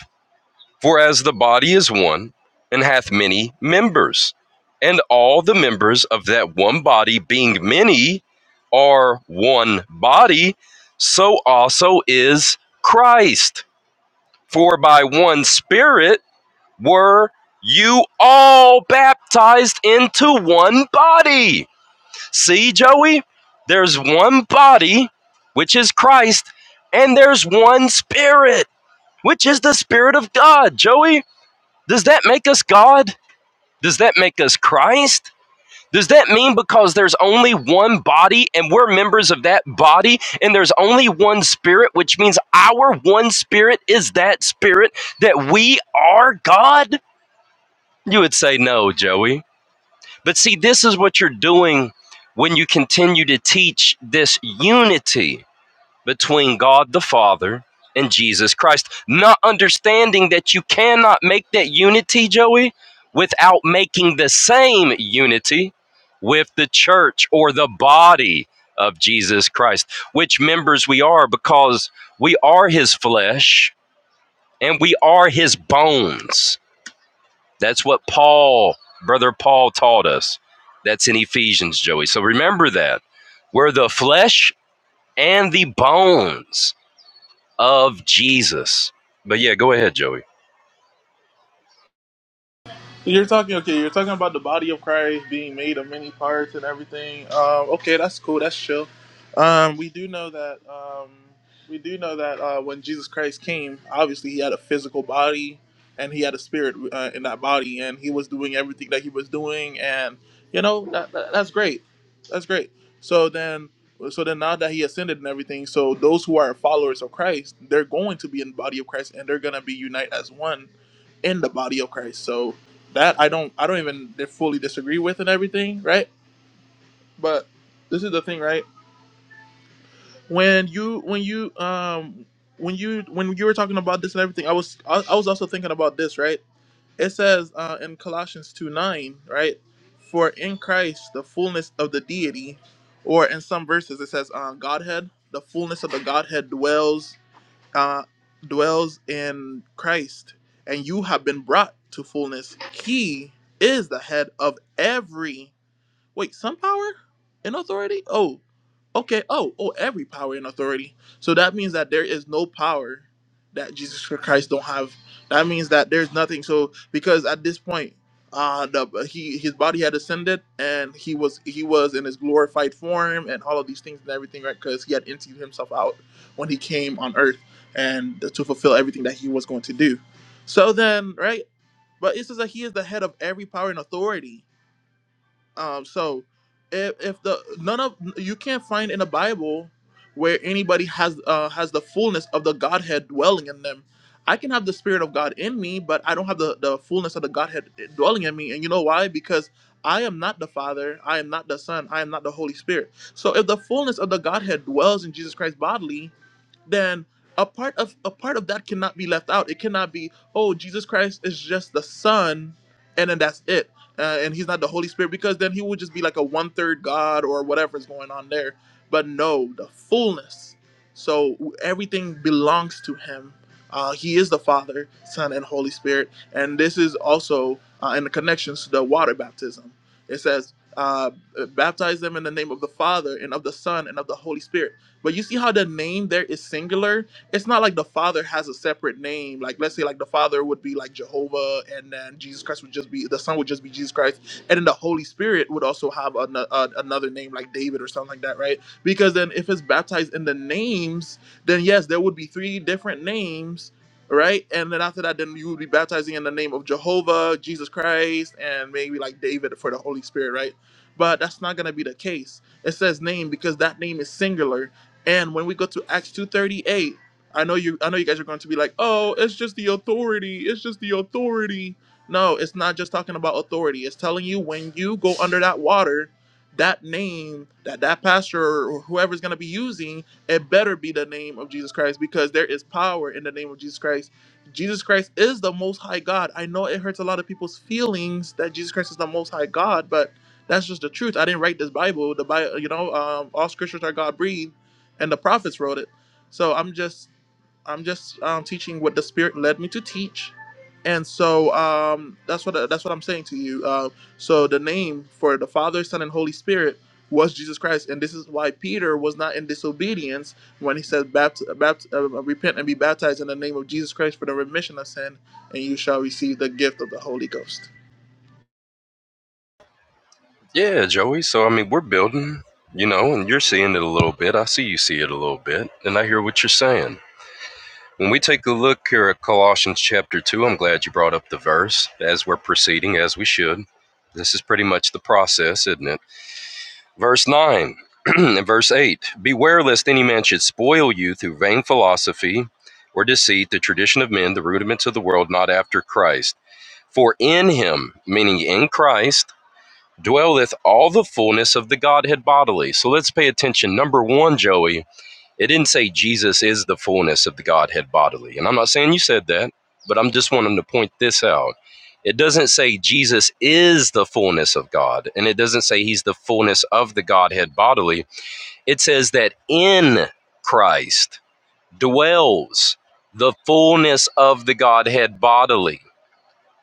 Speaker 3: For as the body is one and hath many members, and all the members of that one body being many are one body, so also is Christ. For by one Spirit were you all baptized into one body See, Joey, there's one body, which is Christ, and there's one spirit, which is the Spirit of God. Joey, does that make us God? Does that make us Christ? Does that mean because there's only one body and we're members of that body and there's only one spirit, which means our one spirit is that spirit that we are God? You would say no, Joey. But see, this is what you're doing when you continue to teach this unity between God the Father and Jesus Christ, not understanding that you cannot make that unity, Joey, without making the same unity with the church or the body of Jesus Christ, which members we are because we are his flesh and we are his bones that's what Paul, brother Paul, taught us. That's in Ephesians, Joey. So remember that. We're the flesh and the bones of Jesus. But yeah, go ahead, Joey.
Speaker 1: You're talking okay. You're talking about the body of Christ being made of many parts and everything. Um, okay, that's cool. That's chill. Um, we do know that. Um, we do know that uh, when Jesus Christ came, obviously he had a physical body and he had a spirit uh, in that body, and he was doing everything that he was doing, and you know that, that that's great. That's great. So then, so then now that he ascended and everything, so those who are followers of Christ, they're going to be in the body of Christ, and they're gonna be unite as one in the body of Christ. So that I don't I don't even fully disagree with and everything, right? But this is the thing, right? When you when you um when you when you were talking about this and everything, I was I, I was also thinking about this, right? It says uh, in Colossians two nine, right? For in Christ the fullness of the deity, or in some verses it says uh, Godhead, the fullness of the Godhead dwells uh, dwells in Christ, and you have been brought to fullness. He is the head of every Wait, some power and authority? Oh, okay. Oh, oh, every power and authority. So that means that there is no power that Jesus Christ don't have. That means that there's nothing. So because at this point, uh, the he his body had ascended and he was he was in his glorified form and all of these things and everything, right? Because he had emptied himself out when he came on earth and to fulfill everything that he was going to do. So then, right? But it says that he is the head of every power and authority. Um, so if if the none of you can't find in the Bible where anybody has uh, has the fullness of the Godhead dwelling in them. I can have the Spirit of God in me, but I don't have the, the fullness of the Godhead dwelling in me. And you know why? Because I am not the Father, I am not the Son, I am not the Holy Spirit. So if the fullness of the Godhead dwells in Jesus Christ bodily, then a part of a part of that cannot be left out. It cannot be, oh, Jesus Christ is just the Son, and then that's it uh, and he's not the Holy Spirit because then he would just be like a one third God or whatever's going on there. But no, the fullness. So everything belongs to him. Uh, he is the Father, Son, and Holy Spirit. And this is also uh, in the connections to the water baptism. It says, uh, baptize them in the name of the Father and of the Son and of the Holy Spirit. But you see how the name there is singular it's not like the Father has a separate name. Like let's say like the Father would be like Jehovah, and then Jesus Christ would just be the Son would just be Jesus Christ, and then the Holy Spirit would also have an, uh, another name like David or something like that, right? Because then if it's baptized in the names, then yes, there would be three different names. Right, and then after that, then you would be baptizing in the name of Jehovah, Jesus Christ, and maybe like David for the Holy Spirit, right? But that's not gonna be the case. It says name because that name is singular, and when we go to Acts 2:38, I know you I know you guys are going to be like, "Oh, it's just the authority. It's just the authority." No, it's not just talking about authority. It's telling you when you go under that water, that name that that pastor or whoever's going to be using, it better be the name of Jesus Christ because there is power in the name of Jesus Christ. Jesus Christ is the most high God. I know it hurts a lot of people's feelings that Jesus Christ is the most high God, but that's just the truth. I didn't write this Bible. The Bible, you know, um, all scriptures are God breathed, and the prophets wrote it. So I'm just I'm just um, teaching what the Spirit led me to teach, and so um, that's what that's what I'm saying to you. Uh, so the name for the Father, Son, and Holy Spirit was Jesus Christ, and this is why Peter was not in disobedience when he said, Bapt- bapt- uh, "Repent and be baptized in the name of Jesus Christ for the remission of sin, and you shall receive the gift of the Holy Ghost."
Speaker 3: Yeah, Joey. So, I mean, we're building, you know, and you're seeing it a little bit. I see you see it a little bit, and I hear what you're saying. When we take a look here at Colossians chapter 2, I'm glad you brought up the verse as we're proceeding, as we should. This is pretty much the process, isn't it? Verse 9 and verse 8 Beware lest any man should spoil you through vain philosophy or deceit, the tradition of men, the rudiments of the world, not after Christ. For in him, meaning in Christ, dwelleth all the fullness of the Godhead bodily. So let's pay attention. Number one, Joey, it didn't say Jesus is the fullness of the Godhead bodily. And I'm not saying you said that, but I'm just wanting to point this out. It doesn't say Jesus is the fullness of God, and it doesn't say he's the fullness of the Godhead bodily. It says that in Christ dwells the fullness of the Godhead bodily.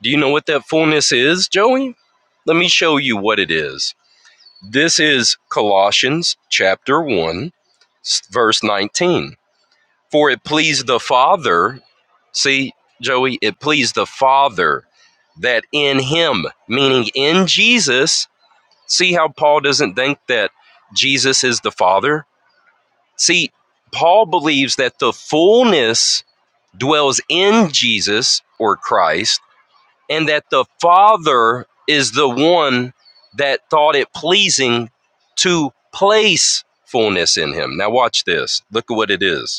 Speaker 3: Do you know what that fullness is, Joey? Let me show you what it is. This is Colossians chapter one, verse 19. For it pleased the Father, see, Joey, it pleased the Father that in him, meaning in Jesus, see how Paul doesn't think that Jesus is the Father? See, Paul believes that the fullness dwells in Jesus or Christ, and that the Father is the one that thought it pleasing to place fullness in him. Now, watch this. Look at what it is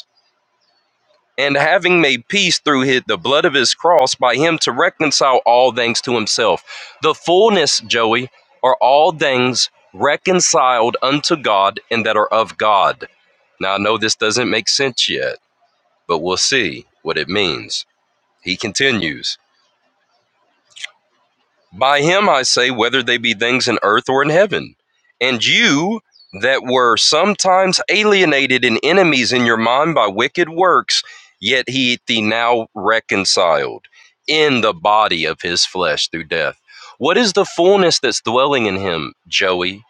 Speaker 3: and having made peace through his, the blood of his cross by him to reconcile all things to himself. The fullness, Joey, are all things reconciled unto God and that are of God. Now, I know this doesn't make sense yet, but we'll see what it means. He continues. By him I say, whether they be things in earth or in heaven. And you that were sometimes alienated and enemies in your mind by wicked works, yet he hath thee now reconciled in the body of his flesh through death. What is the fullness that's dwelling in him, Joey,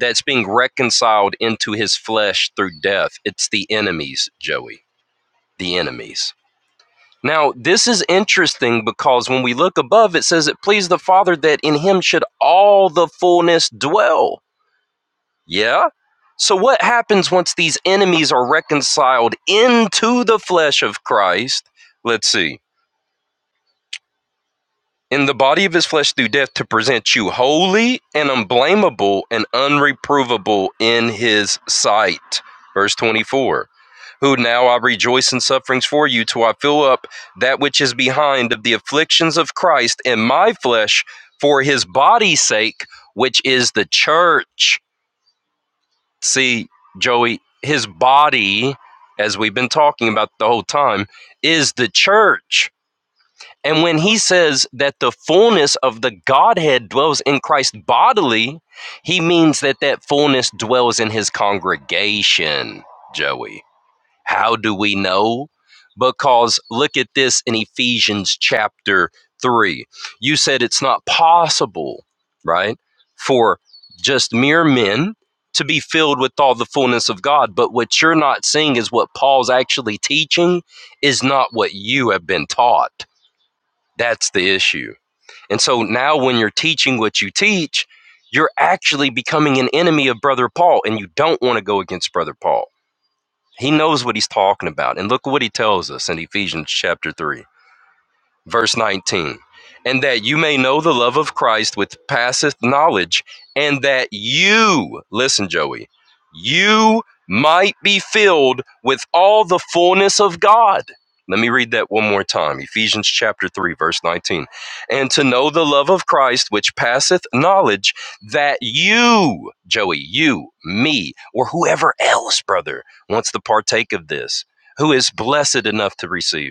Speaker 3: that's being reconciled into his flesh through death? It's the enemies, Joey, the enemies. Now, this is interesting because when we look above, it says it pleased the Father that in him should all the fullness dwell. Yeah? So, what happens once these enemies are reconciled into the flesh of Christ? Let's see. in the body of his flesh through death to present you holy and unblameable and unreprovable in his sight. Verse 24. Who now I rejoice in sufferings for you till I fill up that which is behind of the afflictions of Christ in my flesh for his body's sake, which is the church. See, Joey, his body, as we've been talking about the whole time, is the church and when he says that the fullness of the Godhead dwells in Christ bodily, he means that that fullness dwells in his congregation, Joey. How do we know? Because look at this in Ephesians chapter 3. You said it's not possible, right, for just mere men to be filled with all the fullness of God. But what you're not seeing is what Paul's actually teaching is not what you have been taught that's the issue. And so now when you're teaching what you teach, you're actually becoming an enemy of Brother Paul, and you don't want to go against Brother Paul. He knows what he's talking about. And look what he tells us in Ephesians chapter 3. Verse 19, and that you may know the love of Christ which passeth knowledge, and that you, listen, Joey, you might be filled with all the fullness of God. Let me read that one more time. Ephesians chapter 3, verse 19. And to know the love of Christ which passeth knowledge, that you, Joey, you, me, or whoever else, brother, wants to partake of this, who is blessed enough to receive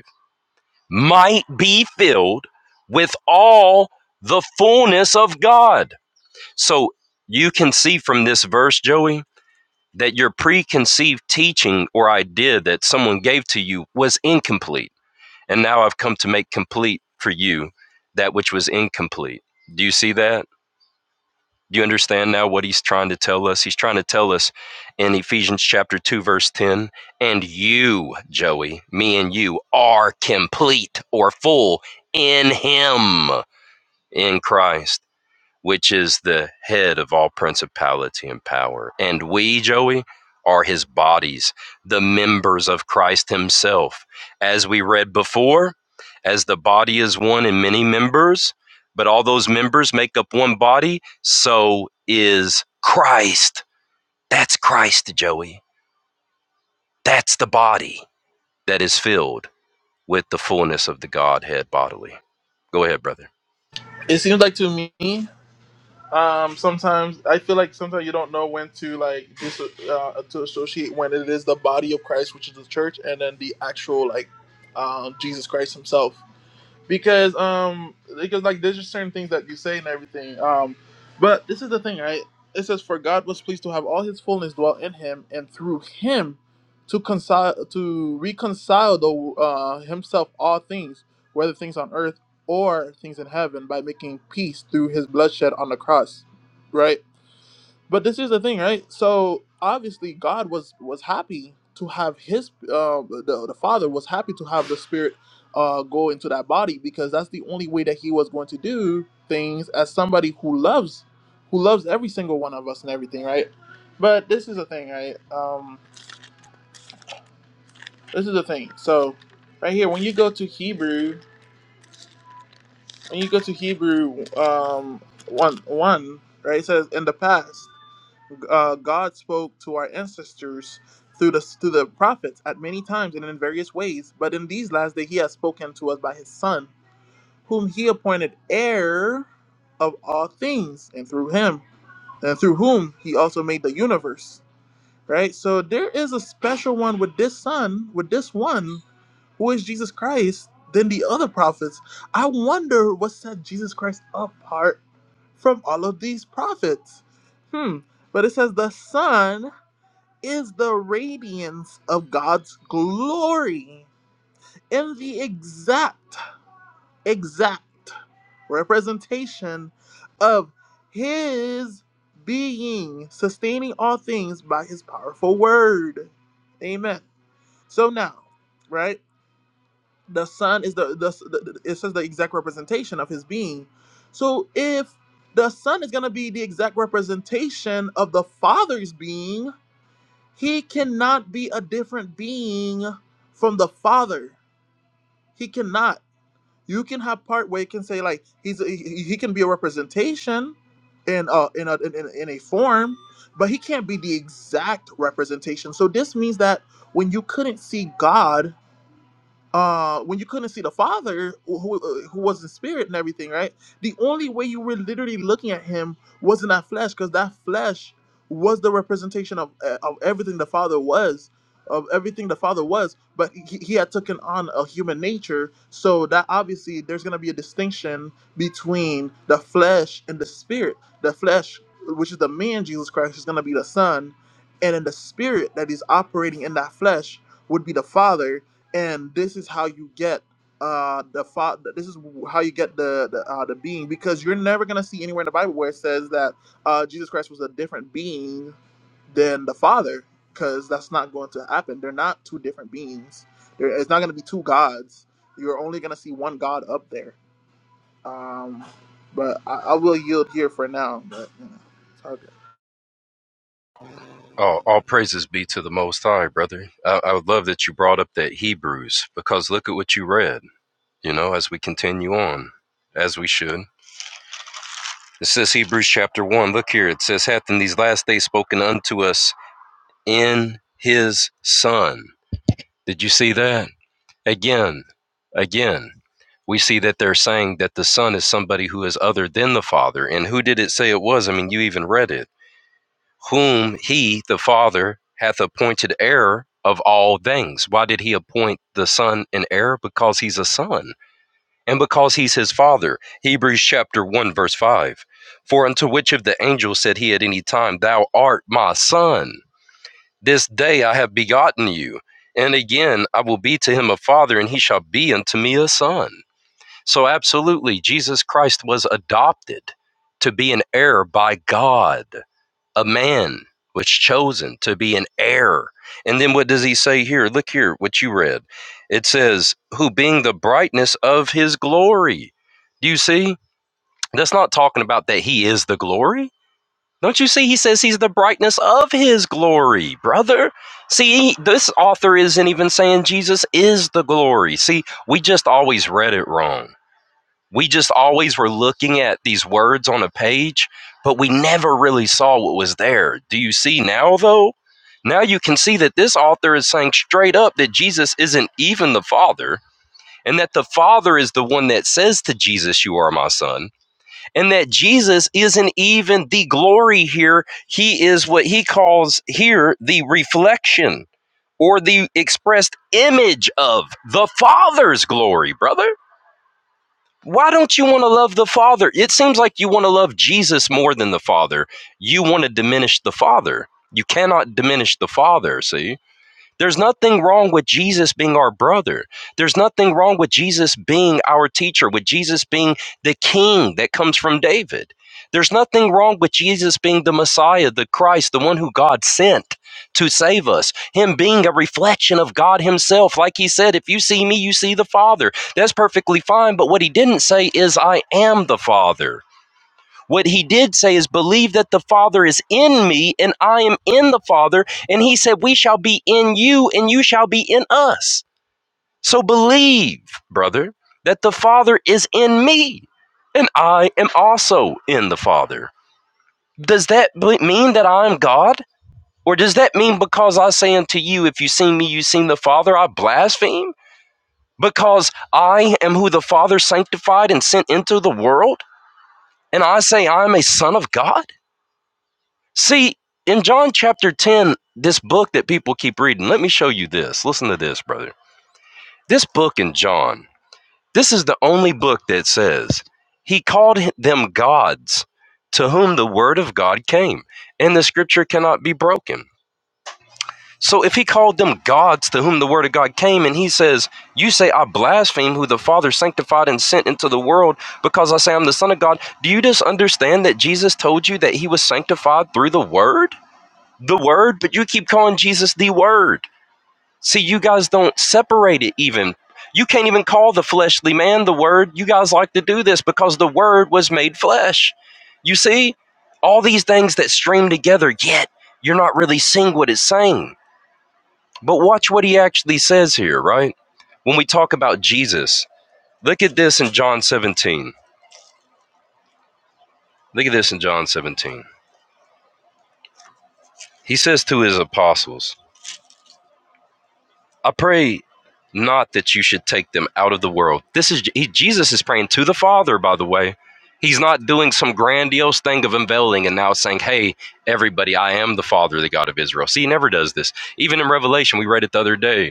Speaker 3: might be filled with all the fullness of God. So you can see from this verse, Joey, that your preconceived teaching or idea that someone gave to you was incomplete. And now I've come to make complete for you that which was incomplete. Do you see that? Do you understand now what he's trying to tell us? He's trying to tell us in Ephesians chapter 2, verse 10 and you, Joey, me and you, are complete or full in him, in Christ which is the head of all principality and power. And we, Joey, are his bodies, the members of Christ himself. As we read before, as the body is one in many members, but all those members make up one body, so is Christ. That's Christ, Joey. That's the body that is filled with the fullness of the Godhead bodily. Go ahead, brother.
Speaker 1: It seems like to me. um sometimes i feel like sometimes you don't know when to like dis- uh, to associate when it is the body of christ which is the church and then the actual like um jesus christ himself because um because like there's just certain things that you say and everything um but this is the thing right it says for god was pleased to have all his fullness dwell in him and through him to reconcile to reconcile the uh, himself all things whether things on earth or things in heaven by making peace through his bloodshed on the cross right but this is the thing, right? So obviously, God was was happy to have His uh, the the Father was happy to have the Spirit uh, go into that body because that's the only way that He was going to do things as somebody who loves who loves every single one of us and everything, right? But this is the thing, right? Um, this is the thing. So right here, when you go to Hebrew, when you go to Hebrew um, one one, right? It says in the past. uh, God spoke to our ancestors through the through the prophets at many times and in various ways. But in these last days, He has spoken to us by His Son, whom He appointed heir of all things, and through Him and through whom He also made the universe. Right. So there is a special one with this Son, with this one who is Jesus Christ. Than the other prophets. I wonder what set Jesus Christ apart from all of these prophets. Hmm. But it says the Son is the radiance of God's glory in the exact, exact representation of His being, sustaining all things by His powerful word. Amen. So now, right? The Son is the, the, the it says the exact representation of His being. So if the Son is going to be the exact representation of the Father's being, He cannot be a different being from the Father. He cannot. You can have part where you can say like he's a, he he can be a representation in a in a in, in in a form, but he can't be the exact representation. So this means that when you couldn't see God uh when you couldn't see the father who who uh, was in spirit and everything right the only way you were literally looking at him was in that flesh because that flesh was the representation of uh, of everything the father was of everything the father was but he, he had taken on a human nature so that obviously there's going to be a distinction between the flesh and the spirit the flesh which is the man jesus christ is going to be the son and in the spirit that is operating in that flesh would be the father and this is how you get uh the father. this is how you get the the, uh, the being because you're never gonna see anywhere in the Bible where it says that uh, Jesus Christ was a different being than the Father because that's not going to happen. They're not two different beings. There, it's not gonna be two gods. You're only gonna see one God up there. Um, but I, I will yield here for now. But you know, it's hard
Speaker 3: Oh, all praises be to the Most High, brother. I, I would love that you brought up that Hebrews because look at what you read, you know, as we continue on, as we should. It says Hebrews chapter 1. Look here. It says, Hath in these last days spoken unto us in his Son. Did you see that? Again, again, we see that they're saying that the Son is somebody who is other than the Father. And who did it say it was? I mean, you even read it whom he, the Father, hath appointed heir of all things. Why did he appoint the Son an heir? Because he's a son, and because he's his father. Hebrews chapter 1, verse 5. For unto which of the angels said he at any time, Thou art my son, this day I have begotten you. And again, I will be to him a father, and he shall be unto me a son. So, absolutely, Jesus Christ was adopted to be an heir by God a man was chosen to be an heir. And then what does he say here? Look here, what you read. It says, who being the brightness of his glory. Do you see? That's not talking about that he is the glory. Don't you see? He says he's the brightness of his glory, brother. See, this author isn't even saying Jesus is the glory. See, we just always read it wrong we just always were looking at these words on a page, but we never really saw what was there. Do you see now, though? Now you can see that this author is saying straight up that Jesus isn't even the Father, and that the Father is the one that says to Jesus, You are my son, and that Jesus isn't even the glory here. He is what he calls here the reflection or the expressed image of the Father's glory, brother. Why don't you want to love the Father? It seems like you want to love Jesus more than the Father. You want to diminish the Father. You cannot diminish the Father, see? There's nothing wrong with Jesus being our brother. There's nothing wrong with Jesus being our teacher, with Jesus being the king that comes from David. There's nothing wrong with Jesus being the Messiah, the Christ, the one who God sent to save us. Him being a reflection of God Himself. Like He said, if you see me, you see the Father. That's perfectly fine. But what He didn't say is, I am the Father. What he did say is, believe that the Father is in me and I am in the Father. And he said, we shall be in you and you shall be in us. So believe, brother, that the Father is in me and I am also in the Father. Does that mean that I'm God? Or does that mean because I say unto you, if you seen me, you seen the Father, I blaspheme? Because I am who the Father sanctified and sent into the world? And I say I'm a son of God? See, in John chapter 10, this book that people keep reading, let me show you this. Listen to this, brother. This book in John, this is the only book that says, He called them gods to whom the word of God came, and the scripture cannot be broken. So if he called them gods to whom the word of God came, and he says, You say I blaspheme who the Father sanctified and sent into the world because I say I'm the Son of God, do you just understand that Jesus told you that he was sanctified through the word? the word, but you keep calling Jesus the word. See, you guys don't separate it even. You can't even call the fleshly man the word. You guys like to do this because the word was made flesh. You see, all these things that stream together, yet you're not really seeing what it's saying. But watch what he actually says here, right? When we talk about Jesus, look at this in John 17. Look at this in John 17. He says to his apostles, I pray not that you should take them out of the world. This is he, Jesus is praying to the Father, by the way. He's not doing some grandiose thing of unveiling and now saying, "Hey, everybody, I am the Father, the God of Israel." See, he never does this. Even in Revelation, we read it the other day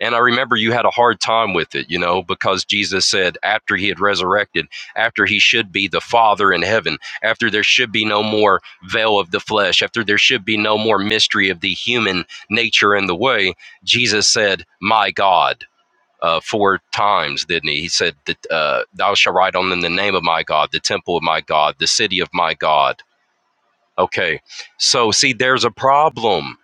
Speaker 3: and I remember you had a hard time with it, you know, because Jesus said after he had resurrected, after he should be the Father in heaven, after there should be no more veil of the flesh, after there should be no more mystery of the human nature and the way, Jesus said, My God. Uh, four times, didn't he? He said that uh, thou shalt write on them the name of my God, the temple of my God, the city of my God Okay. So, see, there's a problem.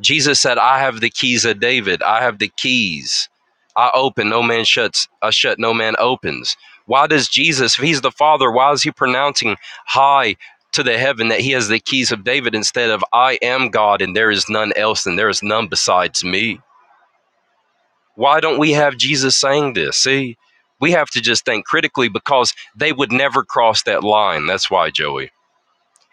Speaker 3: Jesus said, I have the keys of David. I have the keys. I open, no man shuts. I shut, no man opens. Why does Jesus, if he's the Father, why is he pronouncing high to the heaven that he has the keys of David instead of I am God and there is none else and there is none besides me? Why don't we have Jesus saying this? See, we have to just think critically because they would never cross that line. That's why, Joey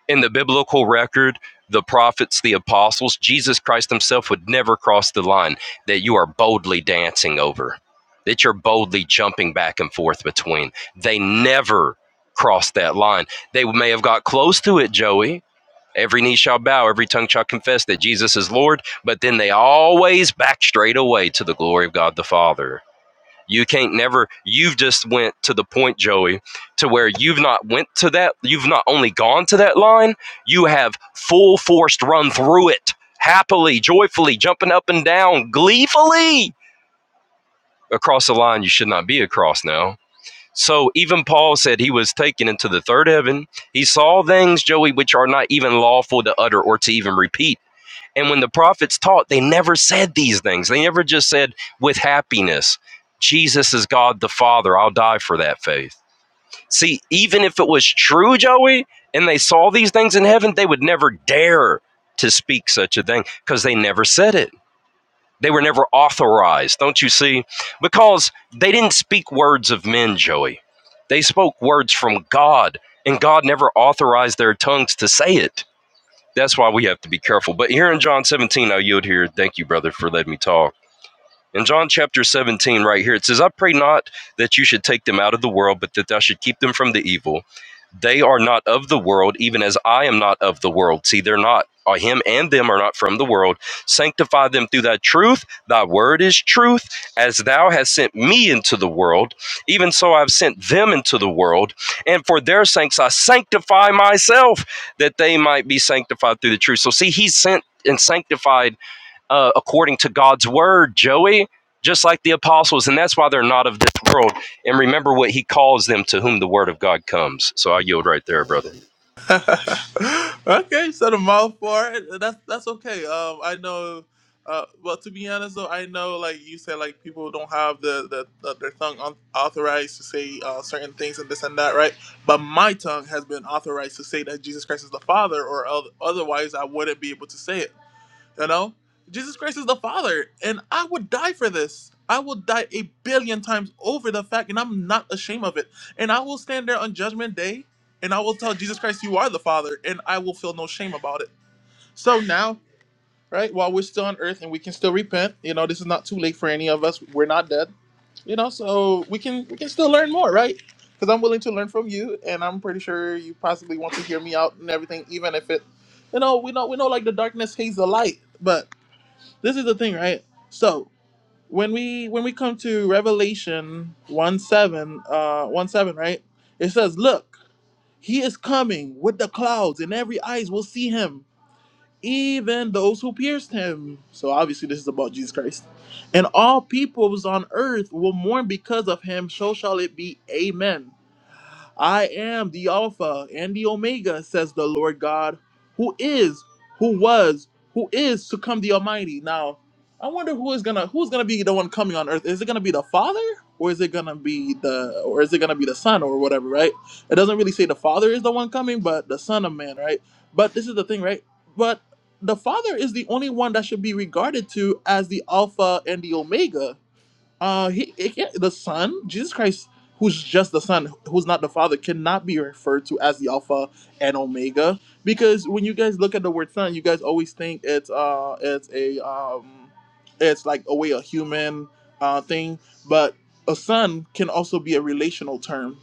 Speaker 3: in the biblical record, the prophets, the apostles, Jesus Christ himself would never cross the line that you are boldly dancing over, that you're boldly jumping back and forth between. They never crossed that line. They may have got close to it, Joey. Every knee shall bow, every tongue shall confess that Jesus is Lord, but then they always back straight away to the glory of God the Father. You can't never you've just went to the point, Joey, to where you've not went to that you've not only gone to that line, you have full forced run through it happily, joyfully, jumping up and down, gleefully across the line you should not be across now. So even Paul said he was taken into the third heaven. He saw things, Joey, which are not even lawful to utter or to even repeat and when the prophets taught, they never said these things. They never just said, with happiness, Jesus is God the Father. I'll die for that faith. See, even if it was true, Joey, and they saw these things in heaven, they would never dare to speak such a thing because they never said it. They were never authorized, don't you see? Because they didn't speak words of men, Joey. They spoke words from God, and God never authorized their tongues to say it. That's why we have to be careful. But here in John 17, I yield here. Thank you, brother, for letting me talk. In John chapter 17, right here, it says, I pray not that you should take them out of the world, but that thou should keep them from the evil. They are not of the world, even as I am not of the world. See, they're not. uh, Him and them are not from the world. Sanctify them through thy truth. Thy word is truth. As thou hast sent me into the world, even so I've sent them into the world. And for their sakes I sanctify myself, that they might be sanctified through the truth. So, see, he's sent and sanctified uh, according to God's word, Joey, just like the apostles, and that's why they're not of this world. And remember what he calls them to whom the word of God comes. So I yield right there, brother.
Speaker 1: okay, set a mouth for it. That's that's okay. Um, I know. Uh, well, to be honest though, I know like you said, like people don't have the, the, the their tongue un- authorized to say uh, certain things and this and that, right? But my tongue has been authorized to say that Jesus Christ is the Father, or oth- otherwise I wouldn't be able to say it. You know, Jesus Christ is the Father, and I would die for this. I will die a billion times over the fact, and I'm not ashamed of it. And I will stand there on Judgment Day, and I will tell Jesus Christ, You are the Father, and I will feel no shame about it. So now, right, while we're still on earth and we can still repent, you know, this is not too late for any of us. We're not dead, you know, so we can we can still learn more, right? Because I'm willing to learn from you, and I'm pretty sure you possibly want to hear me out and everything, even if it, you know, we know we know like the darkness hates the light, but this is the thing right so when we when we come to revelation 1 7 uh 1 7 right it says look he is coming with the clouds and every eyes will see him even those who pierced him so obviously this is about jesus christ and all peoples on earth will mourn because of him so shall it be amen I am the Alpha and the Omega, says the Lord God, who is, who was, who is to come the Almighty. Now, I wonder who is gonna who's gonna be the one coming on earth. Is it gonna be the Father? Or is it gonna be the or is it gonna be the Son or whatever, right? It doesn't really say the Father is the one coming, but the Son of Man, right? But this is the thing, right? But the Father is the only one that should be regarded to as the Alpha and the Omega uh, he it can't, the Son, Jesus Christ, who's just the Son, who's not the Father, cannot be referred to as the Alpha and Omega because when you guys look at the word Son, you guys always think it's uh it's a um it's like a way a human uh thing, but a son can also be a relational term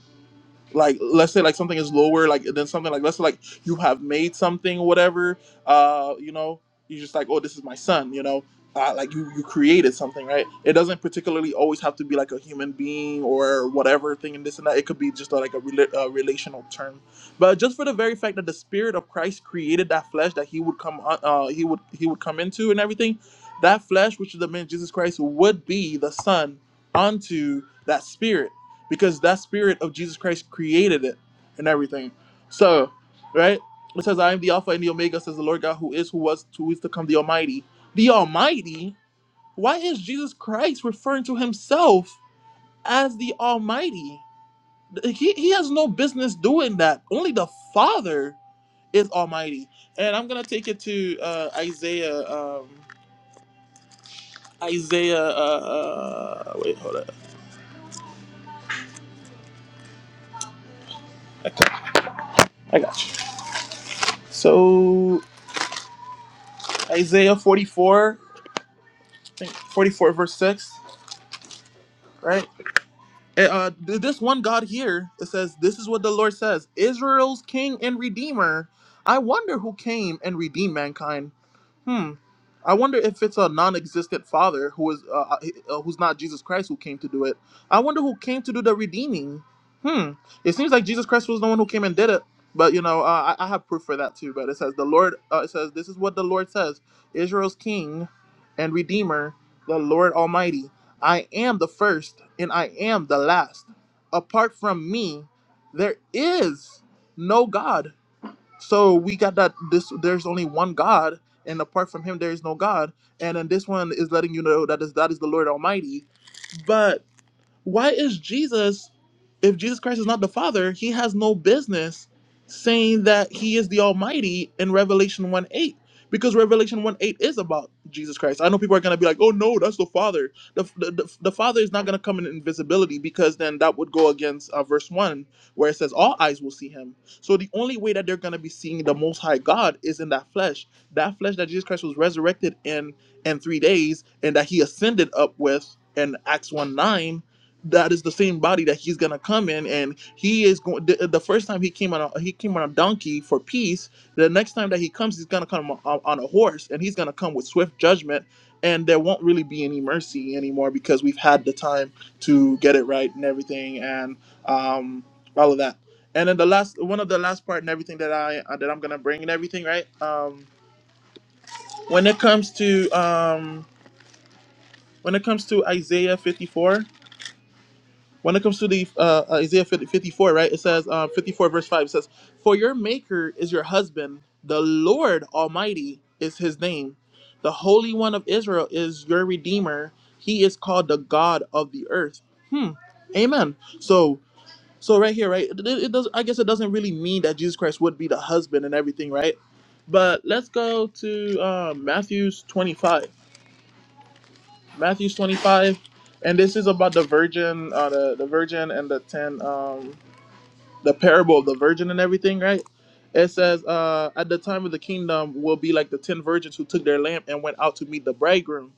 Speaker 1: like let's say like something is lower like than something like let's say like you have made something whatever uh you know you're just like oh this is my son you know uh, like you you created something right it doesn't particularly always have to be like a human being or whatever thing and this and that it could be just a, like a, rela- a relational term but just for the very fact that the spirit of christ created that flesh that he would come on uh he would he would come into and everything that flesh which is the man jesus christ would be the son unto that spirit because that spirit of Jesus Christ created it and everything. So, right? It says, I am the Alpha and the Omega, says the Lord God, who is, who was, who is to come, the Almighty. The Almighty? Why is Jesus Christ referring to himself as the Almighty? He, he has no business doing that. Only the Father is Almighty. And I'm going to take it to uh, Isaiah. Um, Isaiah, uh, uh, wait, hold up. I got you. So, Isaiah 44. 44 verse 6 right uh this one god here it says this is what the lord says israel's king and redeemer i wonder who came and redeemed mankind Hmm. I wonder if it's a non-existent father who is uh, uh, who's not Jesus Christ who came to do it. I wonder who came to do the redeeming. Hmm. It seems like Jesus Christ was the one who came and did it. But you know, uh, I, I have proof for that too. But it says the Lord. Uh, it says this is what the Lord says: Israel's King and Redeemer, the Lord Almighty. I am the first and I am the last. Apart from me, there is no God. So we got that this there's only one God, and apart from him there is no God. And then this one is letting you know that is that is the Lord Almighty. but. Why is Jesus, if Jesus Christ is not the Father, he has no business saying that he is the Almighty in Revelation 1 8. Because Revelation 1 8 is about Jesus Christ. I know people are going to be like, oh no, that's the Father. The, the, the, the Father is not going to come in invisibility because then that would go against uh, verse 1 where it says, all eyes will see him. So the only way that they're going to be seeing the Most High God is in that flesh. That flesh that Jesus Christ was resurrected in in three days and that he ascended up with in Acts 1 9 that is the same body that he's gonna come in and he is going the, the first time he came on a he came on a donkey for peace the next time that he comes he's gonna come on, on a horse and he's gonna come with swift judgment and there won't really be any mercy anymore because we've had the time to get it right and everything and um all of that and then the last one of the last part and everything that i uh, that i'm gonna bring and everything right um when it comes to um when it comes to isaiah 54 when it comes to the uh, uh, Isaiah 54, right? It says uh, 54 verse 5 says, "For your maker is your husband, the Lord Almighty is his name. The Holy One of Israel is your redeemer. He is called the God of the earth." Hmm. Amen. So so right here, right? It, it does I guess it doesn't really mean that Jesus Christ would be the husband and everything, right? But let's go to uh, Matthew's 25. Matthew's 25, and this is about the virgin, uh, the, the virgin and the ten. Um, the parable of the virgin and everything, right? It says, uh, at the time of the kingdom will be like the ten virgins who took their lamp and went out to meet the bridegroom.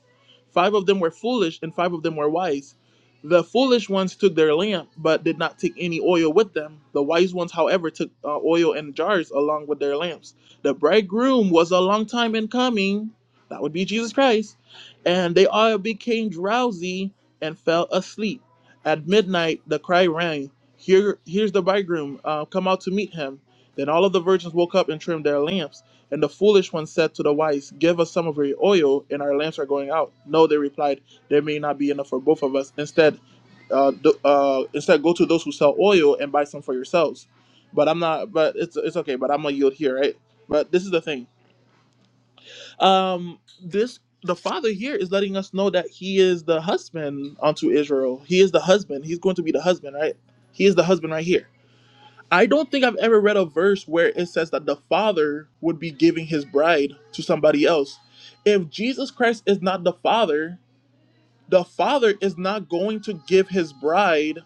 Speaker 1: Five of them were foolish and five of them were wise. The foolish ones took their lamp but did not take any oil with them. The wise ones, however, took uh, oil in jars along with their lamps. The bridegroom was a long time in coming. That would be Jesus Christ. And they all became drowsy and fell asleep. At midnight, the cry rang. Here, here's the bridegroom. Uh, come out to meet him. Then all of the virgins woke up and trimmed their lamps. And the foolish one said to the wise, Give us some of your oil, and our lamps are going out. No, they replied, There may not be enough for both of us. Instead, uh, do, uh, instead go to those who sell oil and buy some for yourselves. But I'm not. But it's it's okay. But I'm gonna yield here, right? But this is the thing. Um, this the father here is letting us know that he is the husband unto Israel. He is the husband. He's going to be the husband, right? He is the husband right here I don't think I've ever read a verse where it says that the father would be giving his bride to somebody else. If Jesus Christ is not the father, the father is not going to give his bride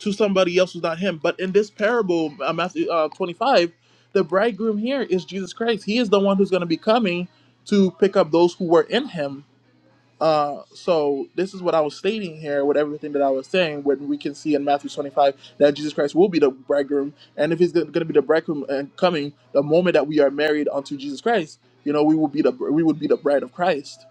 Speaker 1: to somebody else who's not him. But in this parable, uh, Matthew uh, 25, the bridegroom here is Jesus Christ. He is the one who's going to be coming to pick up those who were in him. Uh, so this is what I was stating here with everything that I was saying when we can see in Matthew 25 that Jesus Christ will be the bridegroom. And if he's going to be the bridegroom and coming, the moment that we are married unto Jesus Christ, you know, we will be the we would be the bride of Christ.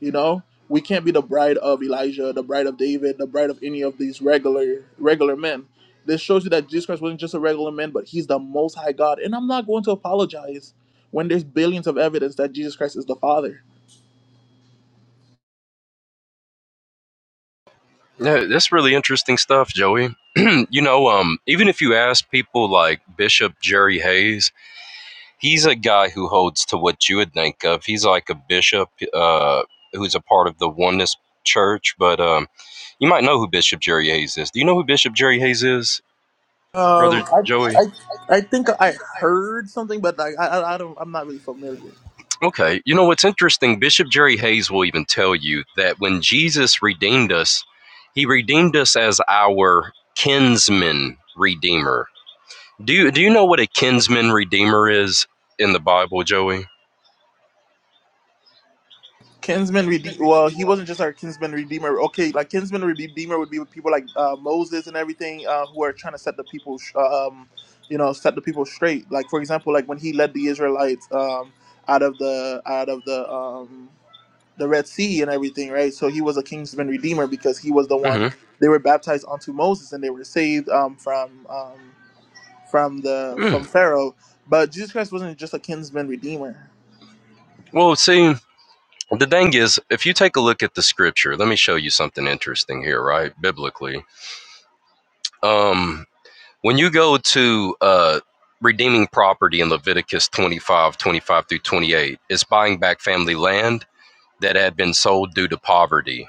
Speaker 1: You know, we can't be the bride of Elijah, the bride of David, the bride of any of these regular regular men. This shows you that Jesus Christ wasn't just a regular man, but he's the most high God. And I'm not going to apologize when there's billions of evidence that Jesus Christ is the Father
Speaker 3: Yeah, that's really interesting stuff, Joey. you know, um, even if you ask people like Bishop Jerry Hayes, he's a guy who holds to what you would think of. He's like a bishop uh, who's a part of the Oneness Church, but um, you might know who Bishop Jerry Hayes is. Do you know who Bishop Jerry Hayes is, brother
Speaker 1: Um, I,
Speaker 3: Joey?
Speaker 1: I, I think I heard something, but like I, I, I don't, I'm not really familiar.
Speaker 3: Okay. You know what's interesting? Bishop Jerry Hayes will even tell you that when Jesus redeemed us, he redeemed us as our kinsman redeemer. Do you, do you know what a kinsman redeemer is in the Bible, Joey?
Speaker 1: Kinsman redeemer. Well, he wasn't just our kinsman redeemer. Okay, like kinsman redeemer would be with people like uh, Moses and everything, uh, who are trying to set the people, sh- um, you know, set the people straight. Like for example, like when he led the Israelites um, out of the out of the um, the Red Sea and everything, right? So he was a kinsman redeemer because he was the one
Speaker 3: hmm
Speaker 1: they were baptized onto Moses and they were saved um, from. Um, from the from
Speaker 3: Mm.
Speaker 1: Pharaoh, but Jesus Christ wasn't just a kinsman redeemer.
Speaker 3: Well, see, the thing is, if you take a look at the scripture, let me show you something interesting here, right? Biblically. Um, when you go to uh, redeeming property in Leviticus 25, 25 through 28, it's buying back family land that had been sold due to poverty.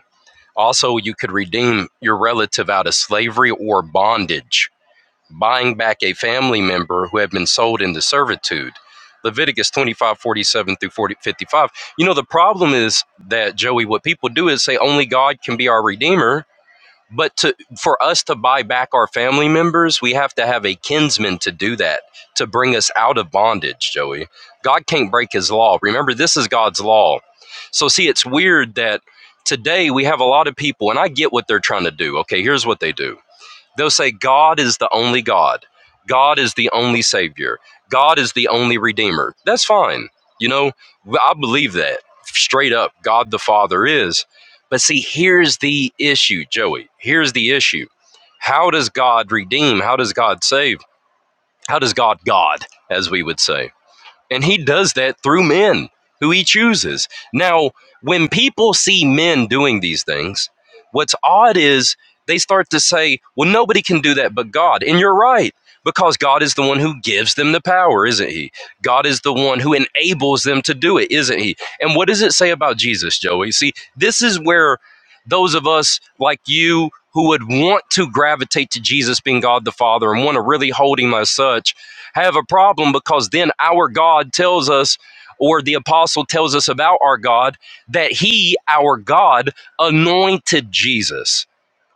Speaker 3: Also, you could redeem your relative out of slavery or bondage, buying back a family member who had been sold into servitude. Leviticus 25:47 through 40, 55. You know, the problem is that, Joey, what people do is say only God can be our redeemer but to for us to buy back our family members we have to have a kinsman to do that to bring us out of bondage joey god can't break his law remember this is god's law so see it's weird that today we have a lot of people and i get what they're trying to do okay here's what they do They'll say, God is the only God. God is the only Savior. God is the only Redeemer. That's fine. You know, Well, I believe that straight up. God the Father is. But see, here's the issue, Joey. Here's the issue. How does God redeem? How does God save? How does God God, as we would say? And he does that through men who he chooses. Now, when people see men doing these things, what's odd is they start to say, well, nobody can do that but God. And you're right, because God is the one who gives them the power, isn't he? God is the one who enables them to do it, isn't he? And what does it say about Jesus, Joey? See, this is where those of us like you who would want to gravitate to Jesus being God the Father and want to really hold him as such have a problem because then our God tells us, or the apostle tells us about our God, that he, our God, anointed Jesus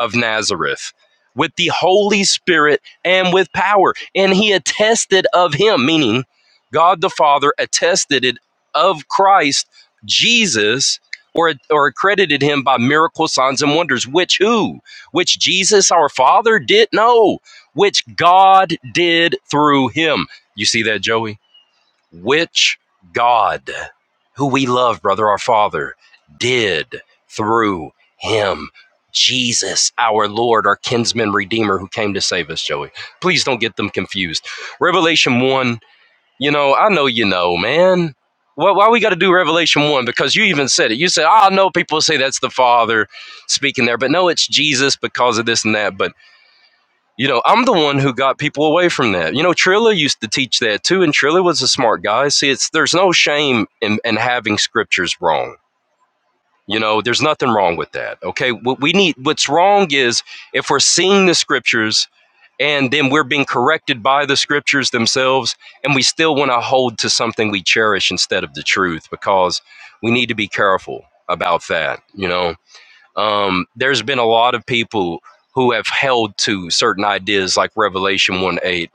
Speaker 3: of Nazareth with the Holy Spirit and with power. And he attested of him, meaning God the Father attested it of Christ, Jesus, or, or accredited him by miracle signs and wonders, which who? Which Jesus our Father did? No which God did through him. You see that, Joey? Which God, who we love, brother, our Father, did through him. Jesus, our Lord, our kinsman redeemer who came to save us, Joey. Please don't get them confused. Revelation 1, you know, I know you know, man. Why, why we got to do Revelation 1? Because you even said it. You said, I know people say that's the Father speaking there, but no, it's Jesus because of this and that. But you know, I'm the one who got people away from that. You know, Trilla used to teach that too, and Trilla was a smart guy. See, it's there's no shame in, in having scriptures wrong. You know, there's nothing wrong with that. Okay, what we need, what's wrong is if we're seeing the scriptures and then we're being corrected by the scriptures themselves, and we still want to hold to something we cherish instead of the truth because we need to be careful about that. You know, um, there's been a lot of people who have held to certain ideas like revelation 1 8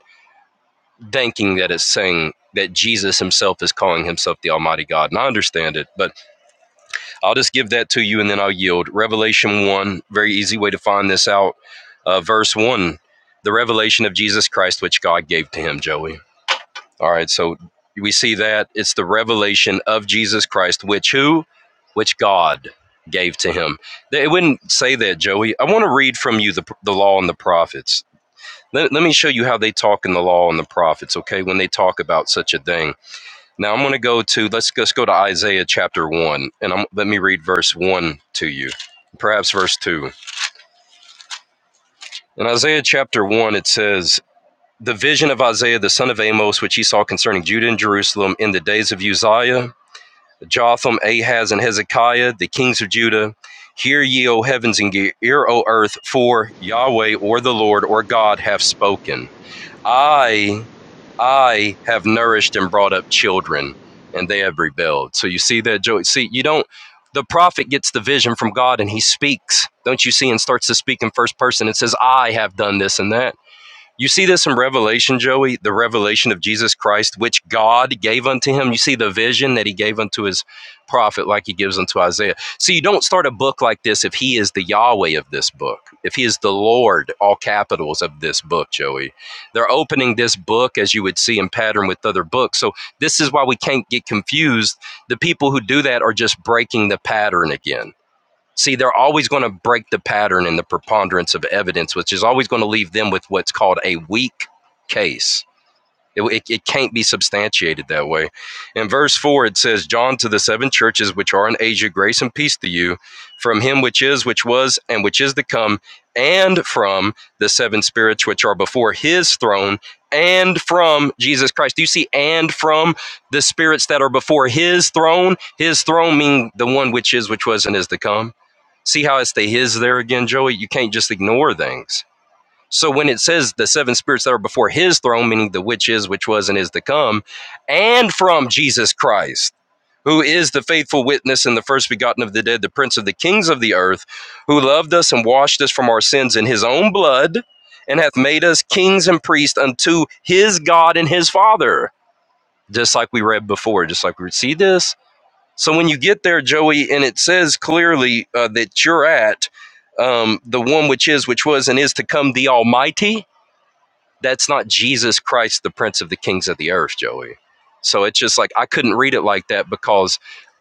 Speaker 3: thinking that it's saying that jesus himself is calling himself the almighty god and i understand it but i'll just give that to you and then i'll yield revelation 1 very easy way to find this out uh, verse 1 the revelation of jesus christ which god gave to him joey all right, so we see that it's the revelation of Jesus Christ, which who? Which God gave to him. It wouldn't say that, Joey. I want to read from you the, the law and the prophets. Let, let me show you how they talk in the law and the prophets, okay, when they talk about such a thing. Now I'm going to go to, let's, let's go to Isaiah chapter 1, and I'm, let me read verse 1 to you, perhaps verse 2. In Isaiah chapter 1, it says, the vision of Isaiah the son of Amos, which he saw concerning Judah and Jerusalem in the days of Uzziah, Jotham, Ahaz, and Hezekiah, the kings of Judah. Hear ye, O heavens, and hear, O earth, for Yahweh or the Lord or God hath spoken. I, I have nourished and brought up children, and they have rebelled. So you see that, Joe. See, you don't. The prophet gets the vision from God and he speaks. Don't you see? And starts to speak in first person and says, I have done this and that you see this in Revelation, Joey, the revelation of Jesus Christ, which God gave unto him. You see the vision that he gave unto his prophet, like he gives unto Isaiah. See, you don't start a book like this if he is the Yahweh of this book, if he is the Lord, all capitals of this book, Joey. They're opening this book, as you would see in pattern with other books. So this is why we can't get confused. The people who do that are just breaking the pattern again See, they're always going to break the pattern and the preponderance of evidence, which is always going to leave them with what's called a weak case. It, it, it can't be substantiated that way. In verse 4, it says, John to the seven churches which are in Asia, grace and peace to you from him which is, which was, and which is to come, and from the seven spirits which are before his throne, and from Jesus Christ. Do you see, and from the spirits that are before his throne? His throne meaning the one which is, which was, and is to come. See how it's the his there again, Joey? You can't just ignore things. So when it says the seven spirits that are before his throne, meaning the which is, which was, and is to come, and from Jesus Christ, who is the faithful witness and the first begotten of the dead, the prince of the kings of the earth, who loved us and washed us from our sins in his own blood, and hath made us kings and priests unto his God and his Father, just like we read before, just like we see this. So when you get there, Joey, and it says clearly uh, that you're at um, the one which is, which was, and is to come, the Almighty that's not Jesus Christ, the Prince of the Kings of the Earth, Joey. So it's just like I couldn't read it like that because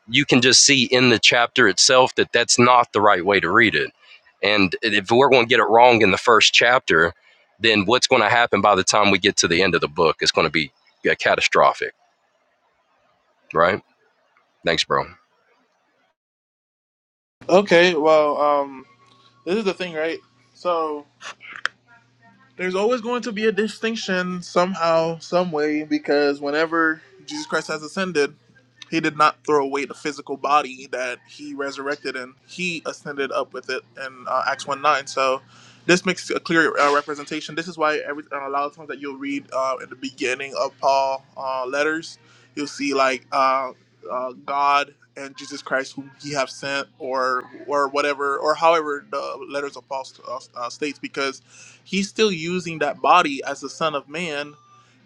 Speaker 3: you can just see in the chapter itself that that's not the right way to read it. And if we're going to get it wrong in the first chapter, then what's going to happen by the time we get to the end of the book is going to be yeah, catastrophic, right? Thanks, bro.
Speaker 1: Okay, well, um, this is the thing, right? So there's always going to be a distinction somehow, some way, because whenever Jesus Christ has ascended, he did not throw away the physical body that he resurrected and he ascended up with it in uh, Acts 1 9. So this makes a clear uh, representation. This is why every, uh, a lot of times that you'll read uh, in the beginning of Paul uh, letters, you'll see like uh, uh, God and Jesus Christ, whom he have sent, or or whatever, or however the letters of Paul uh, uh, states, because he's still using that body as the Son of Man,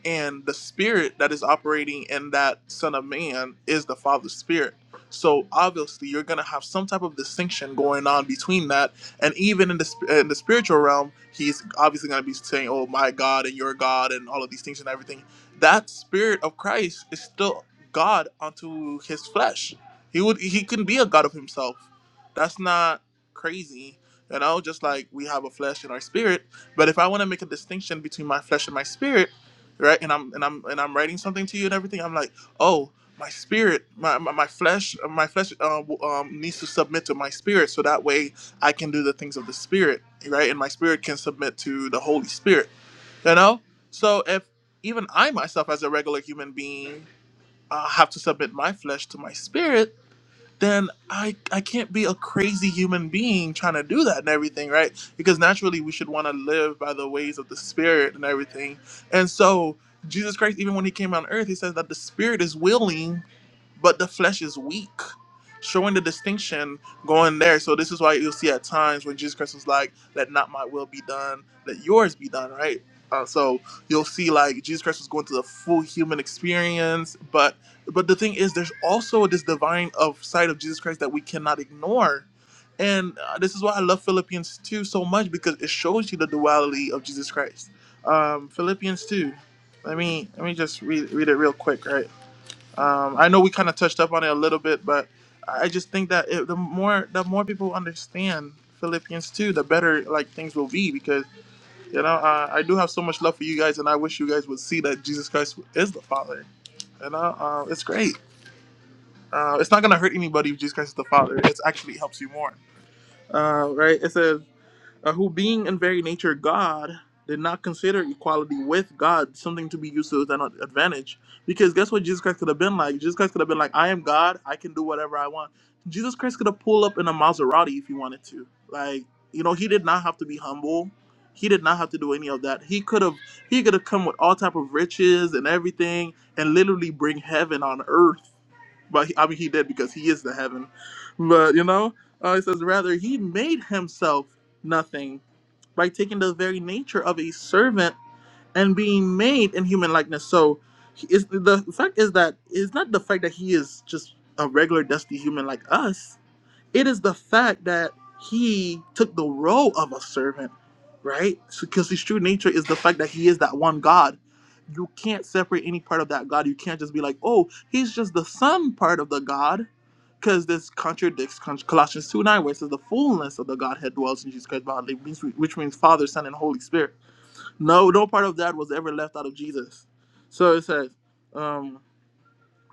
Speaker 1: and the spirit that is operating in that Son of Man is the Father's Spirit. So obviously, you're gonna have some type of distinction going on between that, and even in the sp- in the spiritual realm, he's obviously gonna be saying, "Oh my God" and "Your God" and all of these things and everything. That Spirit of Christ is still God unto His flesh. He would he can be a God of Himself. That's not crazy, you know. Just like we have a flesh and our spirit, but if I want to make a distinction between my flesh and my spirit, right, and I'm and I'm and I'm writing something to you and everything, I'm like, oh, my spirit, my my, my flesh, my flesh uh, w- um, needs to submit to my spirit, so that way I can do the things of the spirit, right, and my spirit can submit to the Holy Spirit, you know. So if even I myself, as a regular human being, uh, have to submit my flesh to my spirit then I I can't be a crazy human being trying to do that and everything, right? Because naturally we should want to live by the ways of the spirit and everything. And so Jesus Christ, even when he came on earth, he says that the spirit is willing, but the flesh is weak. Showing the distinction going there. So this is why you'll see at times when Jesus Christ was like, Let not my will be done, let yours be done, right? Uh, so you'll see like Jesus Christ was going through the full human experience, but but the thing is, there's also this divine of side of Jesus Christ that we cannot ignore. And uh, this is why I love Philippians 2 so much because it shows you the duality of Jesus Christ. Um, Philippians 2. Let me let me just read, read it real quick, right? Um, I know we kind of touched up on it a little bit, but I just think that it, the more the more people understand Philippians 2, the better like things will be because you know uh, I do have so much love for you guys, and I wish you guys would see that Jesus Christ is the Father. You know, uh, it's great. Uh, it's not going to hurt anybody if Jesus Christ is the Father. It actually helps you more. Uh, right? It says, uh, who being in very nature God did not consider equality with God something to be used to an advantage. Because guess what Jesus Christ could have been like? Jesus Christ could have been like, I am God, I can do whatever I want. Jesus Christ could have pulled up in a Maserati if he wanted to. Like, you know, he did not have to be humble. He did not have to do any of that. He could have he could have come with all type of riches and everything and literally bring heaven on earth but he, I mean he did because he is the heaven. But you know, uh, it says rather he made himself nothing by taking the very nature of a servant and being made in human likeness. So he is the fact is that it's not the fact that he is just a regular dusty human like us. It is the fact that he took the role of a servant, right? Because his true nature is the fact that he is that one God. You can't separate any part of that God. You can't just be like, oh, he's just the son part of the God. Because this contradicts Col- Colossians 2 9, where it says, the fullness of the Godhead dwells in Jesus Christ bodily, which which means Father, Son, and Holy Spirit. No, no part of that was ever left out of Jesus. So it says, um,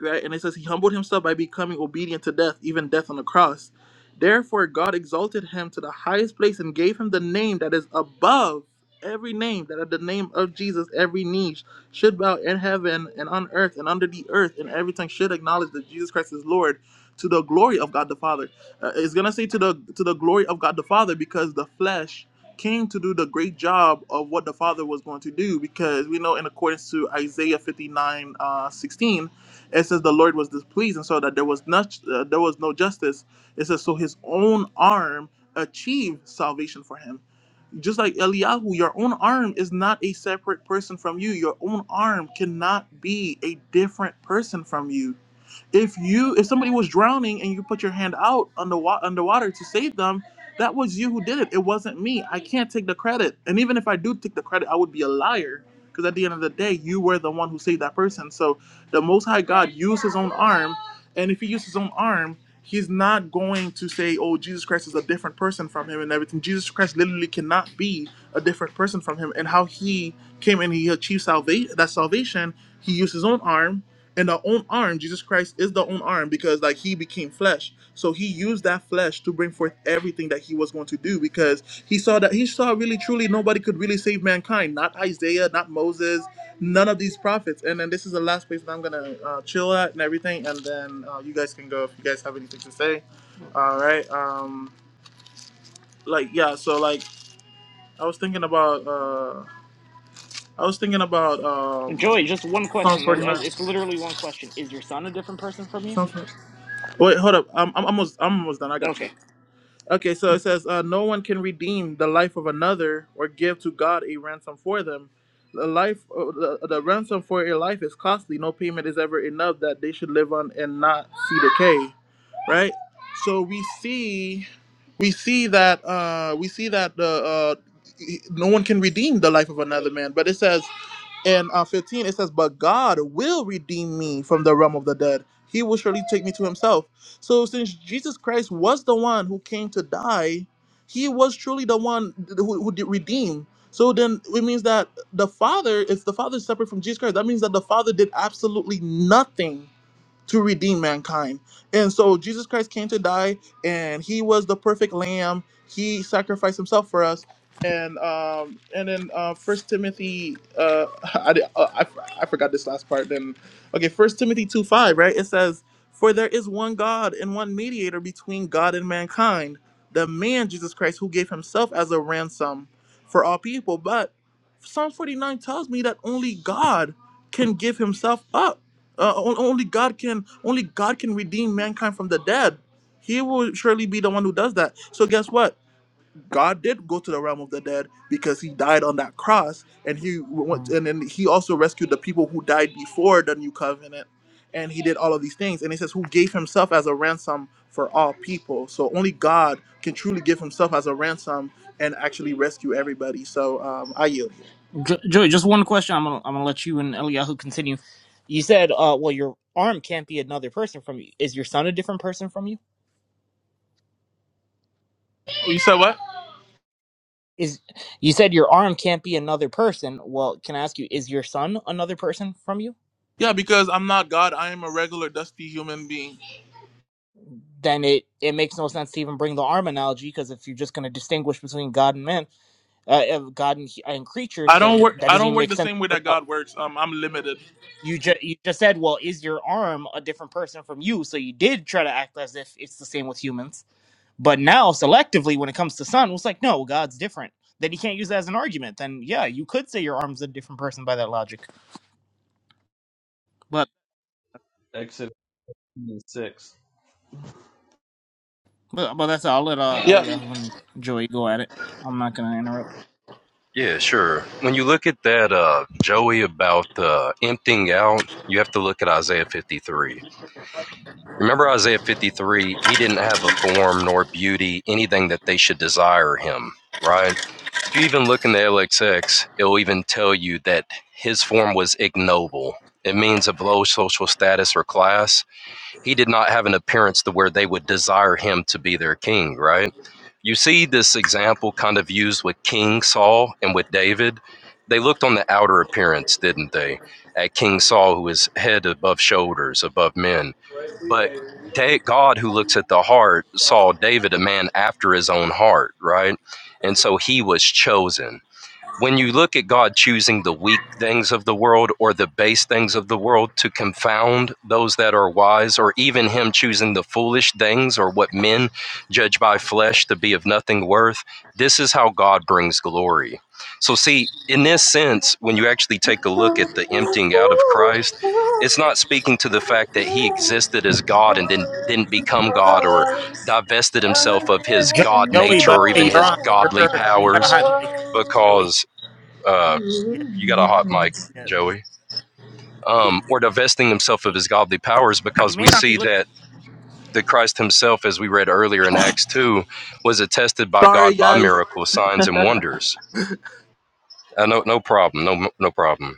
Speaker 1: right? And it says he humbled himself by becoming obedient to death, even death on the cross. Therefore, God exalted him to the highest place and gave him the name that is above every name, that at the name of Jesus, every knee should bow in heaven and on earth and under the earth, and everything should acknowledge that Jesus Christ is Lord to the glory of God the Father. Uh, it's gonna say to the to the glory of God the Father because the flesh came to do the great job of what the Father was going to do because we know in accordance to Isaiah 59, uh, 16, it says the Lord was displeased, and so that there was not uh, there was no justice. It says so his own arm achieved salvation for him. Just like Eliyahu, your own arm is not a separate person from you. Your own arm cannot be a different person from you. If you if somebody was drowning and you put your hand out under underwater to save them, that was you who did it. It wasn't me. I can't take the credit. And even if I do take the credit, I would be a liar because at the end of the day, you were the one who saved that person. So the Most High God used His own arm, and if He used His own arm. He's not going to say, "Oh, Jesus Christ is a different person from him and everything." Jesus Christ literally cannot be a different person from him, and how he came and he achieved salvation that salvation he used his own arm and the own arm jesus christ is the own arm because like he became flesh so he used that flesh to bring forth everything that he was going to do because he saw that he saw really truly nobody could really save mankind not isaiah not moses none of these prophets and then this is the last place that i'm gonna uh, chill at and everything and then uh, you guys can go if you guys have anything to say all right um like yeah so like i was thinking about uh i was thinking about um
Speaker 4: Joey, just one
Speaker 1: psalms
Speaker 4: question.
Speaker 1: 49
Speaker 4: It's literally one question. Is your son a different person from you?
Speaker 1: Psalms 49 wait hold up i'm, I'm almost i'm almost done i got you
Speaker 4: Okay.
Speaker 1: Okay, so it says, uh, No one can redeem the life of another or give to God a ransom for them. The life, uh, the, the ransom for a life is costly. No payment is ever enough that they should live on and not see decay, right? So we see, we see that, uh, we see that the uh, no one can redeem the life of another man. But it says and uh, 15, it says, But God will redeem me from the realm of the dead. He will surely take me to himself. So, since Jesus Christ was the one who came to die, he was truly the one who, who did redeem. So, then it means that the Father, if the Father is separate from Jesus Christ, that means that the Father did absolutely nothing to redeem mankind. And so Jesus Christ came to die, and he was the perfect lamb. He sacrificed himself for us. And um, and then uh, First Timothy, uh, I, did- uh, I I forgot this last part. Then okay, First Timothy two five, right? It says, "For there is one God and one mediator between God and mankind, the man Jesus Christ, who gave himself as a ransom for all people." But Psalm forty nine tells me that only God can give himself up uh, on- only God can only God can redeem mankind from the dead. He will surely be the one who does that. So guess what? God did go to the realm of the dead because he died on that cross, and he went,
Speaker 4: Uh,
Speaker 1: and then he also rescued the people who died before the new covenant, and he did all of these things. And he says, "Who gave himself as a ransom for all people?" So only God can truly give himself as a ransom and actually rescue everybody. So um, I yield.
Speaker 4: Jo- Joey, just one question. I'm gonna I'm gonna let you and Eliyahu continue. You said, uh, well, your arm can't be another person from you. Is your son a different person from you?
Speaker 1: You said what?
Speaker 4: Is you said your arm can't be another person? Well, can I ask you, is your son another person from you?
Speaker 1: Yeah, because I'm not God. I am a regular dusty human being.
Speaker 4: Then it it makes no sense to even bring the arm analogy because if you're just gonna distinguish between God and man, uh, uh, God and, and creatures,
Speaker 1: I don't
Speaker 4: then
Speaker 1: work.
Speaker 4: that
Speaker 1: I
Speaker 4: doesn't
Speaker 1: don't
Speaker 4: even
Speaker 1: work
Speaker 4: make
Speaker 1: the
Speaker 4: sense.
Speaker 1: same way that God works. Um, I'm limited.
Speaker 4: You just you just said, well, is your arm a different person from you? So you did try to act as if it's the same with humans, but now selectively, when it comes to sun, it's like, no, God's different. Then you can't use that as an argument. Then yeah, you could say your arm's a different person by that logic. But
Speaker 5: Exodus 6.
Speaker 4: but, but that's all. I'll let uh,
Speaker 1: Yes.
Speaker 4: Eliyahu and Joey go at it. I'm not gonna interrupt.
Speaker 3: Yeah, sure. When you look at that, uh, Joey, about uh, emptying out, you have to look at Isaiah 53 Remember Isaiah 53, he didn't have a form nor beauty, anything that they should desire him, right? If you even look in the LXX, it'll even tell you that his form was ignoble. It means of low social status or class he did not have an appearance to where they would desire him to be their king, right? You see this example kind of used with King Saul and with David. They looked on the outer appearance, didn't they? At King Saul, who is head above shoulders, above men. But God, who looks at the heart, saw David a man after his own heart, right? And so he was chosen when you look at God choosing the weak things of the world or the base things of the world to confound those that are wise, or even Him choosing the foolish things or what men judge by flesh to be of nothing worth, this is how God brings glory. So, see, in this sense, when you actually take a look at the emptying out of Christ, it's not speaking to the fact that he existed as God and then didn't become God or divested himself of his
Speaker 4: Jo-
Speaker 3: God
Speaker 4: Joey,
Speaker 3: nature
Speaker 4: by
Speaker 3: or
Speaker 4: the
Speaker 3: even
Speaker 4: way, you're
Speaker 3: his
Speaker 4: on.
Speaker 3: godly
Speaker 4: You're you got a
Speaker 3: powers
Speaker 4: hot mic, Joey.
Speaker 3: because uh,
Speaker 4: Yeah,
Speaker 3: you got a hot mic,
Speaker 4: yeah.
Speaker 3: Joey. Um, or divesting himself of
Speaker 4: He,
Speaker 3: his godly powers,
Speaker 4: he
Speaker 3: because we
Speaker 4: may not be
Speaker 3: see
Speaker 4: listening.
Speaker 3: that the Christ himself, as we read earlier in Acts 2, was attested by
Speaker 1: Sorry,
Speaker 3: God by
Speaker 1: guys.
Speaker 3: miracles, signs, and wonders. Uh, no, no problem. No, no problem.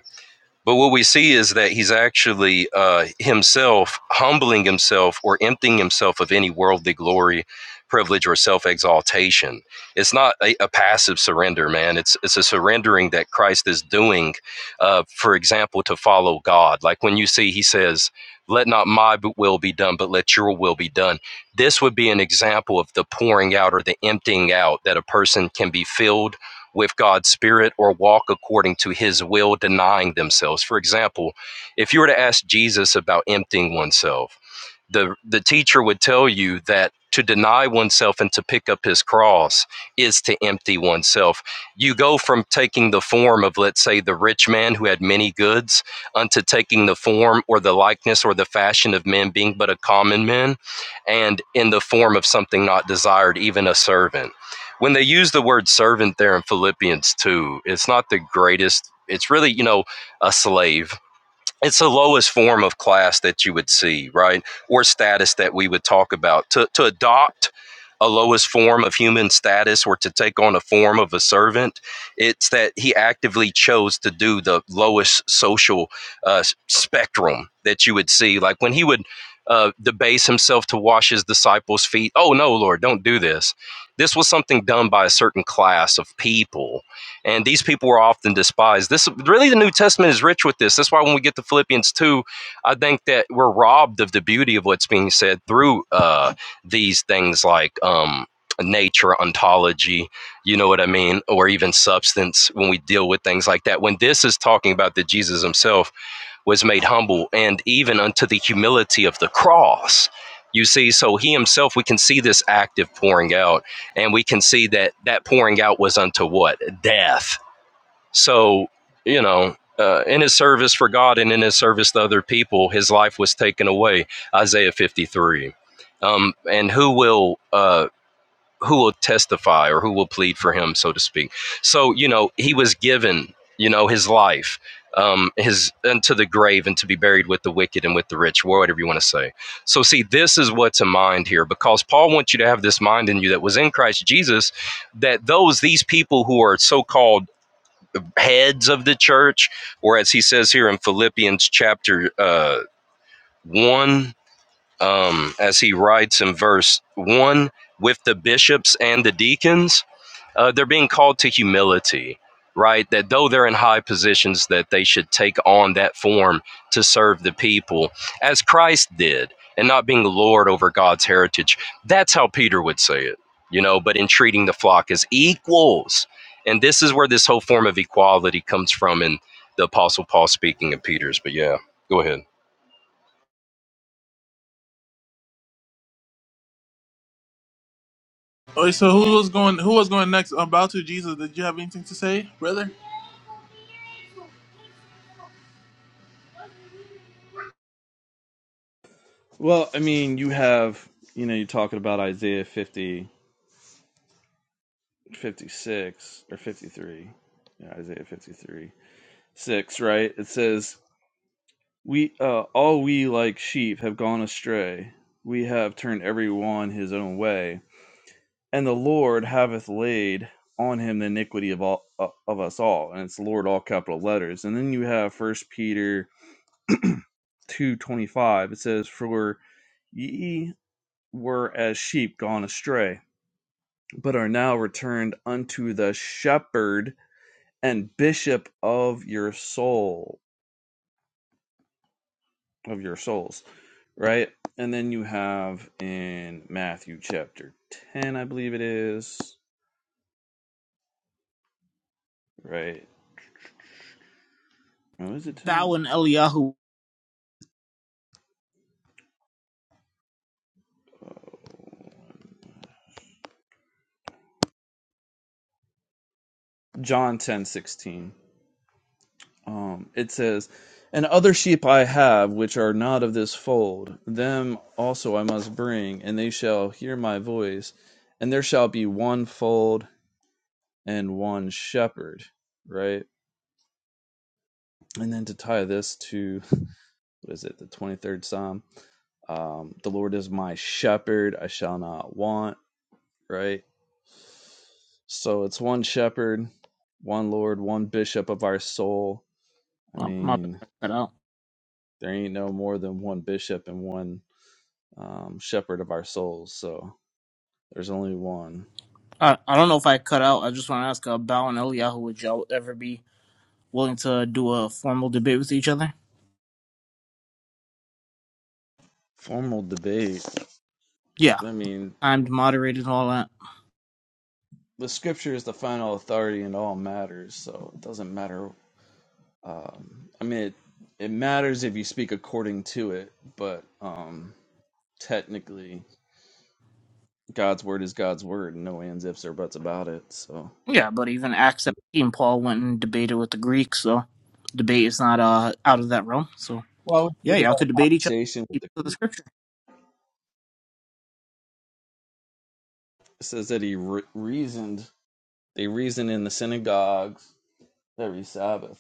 Speaker 3: But what we see is that he's actually uh, himself humbling himself or emptying himself of any worldly glory, privilege, or self exaltation. It's not a, a passive surrender, man. It's it's a surrendering that Christ is doing, uh, for example, to follow God. Like when you see he says, Let not my will be done, but let your will be done. This would be an example of the pouring out or the emptying out that a person can be filled with God's Spirit or walk according to His will, denying themselves. For example, if you were to ask Jesus about emptying oneself, the the teacher would tell you that to deny oneself and to pick up his cross is to empty oneself. You go from taking the form of, let's say, the rich man who had many goods, unto taking the form or the likeness or the fashion of men, being but a common man, and in the form of something not desired, even a servant. When they use the word servant there in Philippians 2, it's not the greatest. It's really, you know, a slave it's the lowest form of class that you would see, right? Or status that we would talk about. To, to adopt a lowest form of human status or to take on a form of a servant, it's that he actively chose to do the lowest social uh, spectrum that you would see. Like when he would uh, debase himself to wash his disciples' feet, oh no, Lord, don't do this. This was something done by a certain class of people and these people were often despised. This really the New Testament is rich with this. That's why when we get to Philippians two, I think that we're robbed of the beauty of what's being said through uh, these things like um, nature, ontology, you know what I mean, or even substance. When we deal with things like that, when this is talking about that Jesus Himself was made humble and even unto the humility of the cross. You see, so he himself, we can see this active pouring out, and we can see that that pouring out was unto what? Death so, you know, uh, in his service for God and in his service to other people, his life was taken away. Isaiah 53. Um, and who will uh, who will testify or who will plead for him, so to speak? So, you know, he was given, you know, his life, um, his unto the grave and to be buried with the wicked and with the rich, whatever you want to say. So, see, this is what's in mind here, because Paul wants you to have this mind in you that was in Christ Jesus, that those these people who are so called heads of the church, or as he says here in Philippians chapter uh, 1, um, as he writes in verse 1, with the bishops and the deacons uh, they're being called to humility right that though they're in high positions that they should take on that form to serve the people as christ did and not being lord over god's heritage that's how peter would say it you know but in treating the flock as equals and this is where this whole form of equality comes from in the apostle paul speaking of peter's but yeah go ahead
Speaker 1: Okay, so who was going? Who was going next? About to Jesus. Did you have anything to say, brother?
Speaker 5: Well, I mean, you have, you know, you're talking about Isaiah 50 56 or 53. Yeah, Isaiah 53, 6, right? It says, We, uh, all we like sheep have gone astray. We have turned every one his own way. And the Lord haveth laid on him the iniquity of all uh, of us all. And it's Lord, all capital letters. And then you have First Peter 2 25. It says, For ye were as sheep gone astray, but are now returned unto the shepherd and bishop of your soul, of your souls, right? And then you have in Matthew chapter 10, I believe it is, right? Oh, is it
Speaker 4: Bow
Speaker 5: 10?
Speaker 4: and Eliyahu.
Speaker 5: John ten sixteen. Um, it says, And other sheep I have which are not of this fold, them also I must bring, and they shall hear my voice, and there shall be one fold and one shepherd, right? And then to tie this to what is it, the 23rd Psalm? Um, the Lord is my shepherd, I shall not want, right? So it's one shepherd, one Lord, one bishop of our soul. I
Speaker 4: Oh, my bad.
Speaker 5: mean,
Speaker 4: I cut out.
Speaker 5: there ain't no more than one bishop and one um, shepherd of our souls. So there's only one.
Speaker 4: I, I don't know if I cut out. I just want to ask about and Eliyahu, would y'all ever be willing to do a formal debate with each other?
Speaker 5: Formal debate.
Speaker 4: Yeah,
Speaker 5: I mean,
Speaker 4: timed, moderated and all that.
Speaker 5: the scripture is the final authority in all matters. So it doesn't matter Um, I mean, it, it matters if you speak according to it, but um, technically, God's word is God's word, and no ands, ifs, or buts about it. So,
Speaker 4: Yeah, but even Acts 17, Paul went and debated with the Greeks, so debate is not uh, out of that realm. So
Speaker 5: well, I was
Speaker 4: yeah,
Speaker 5: thinking
Speaker 4: y'all
Speaker 5: about
Speaker 4: could
Speaker 5: a
Speaker 4: debate each other.
Speaker 5: conversation with
Speaker 4: keep
Speaker 5: the
Speaker 4: it To the
Speaker 5: group.
Speaker 4: scripture.
Speaker 5: It says that he re- reasoned. They reasoned in the synagogues every Sabbath.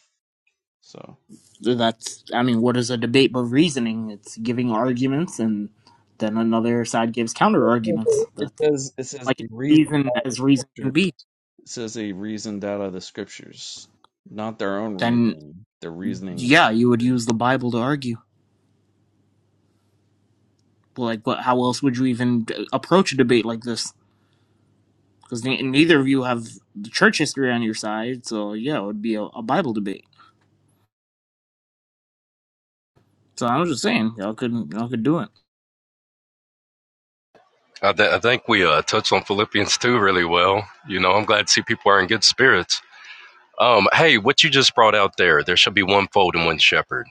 Speaker 5: So
Speaker 4: So That's, I mean, what is a debate but reasoning? It's giving arguments, and then another side gives counter arguments.
Speaker 5: it
Speaker 4: That's
Speaker 5: says it says
Speaker 4: like
Speaker 5: they
Speaker 4: as
Speaker 5: reasoned
Speaker 4: reason
Speaker 5: out of the
Speaker 4: as reason can
Speaker 5: scripture.
Speaker 4: be.
Speaker 5: It says they reasoned out of the scriptures, not their own
Speaker 4: Then,
Speaker 5: reasoning. The reasoning of
Speaker 4: yeah, you would
Speaker 5: scripture.
Speaker 4: use the Bible to argue. Like, what? How else would you even approach a debate like this? Because ne- neither of you have the church history on your side, so yeah, it would be a, a Bible debate. So I was just saying, y'all could y'all could do it.
Speaker 3: I, th- I think we uh, touched on Philippians 2 really well. You know, I'm glad to see people are in good spirits. Um, hey, what you just brought out there, there should be one fold and one shepherd.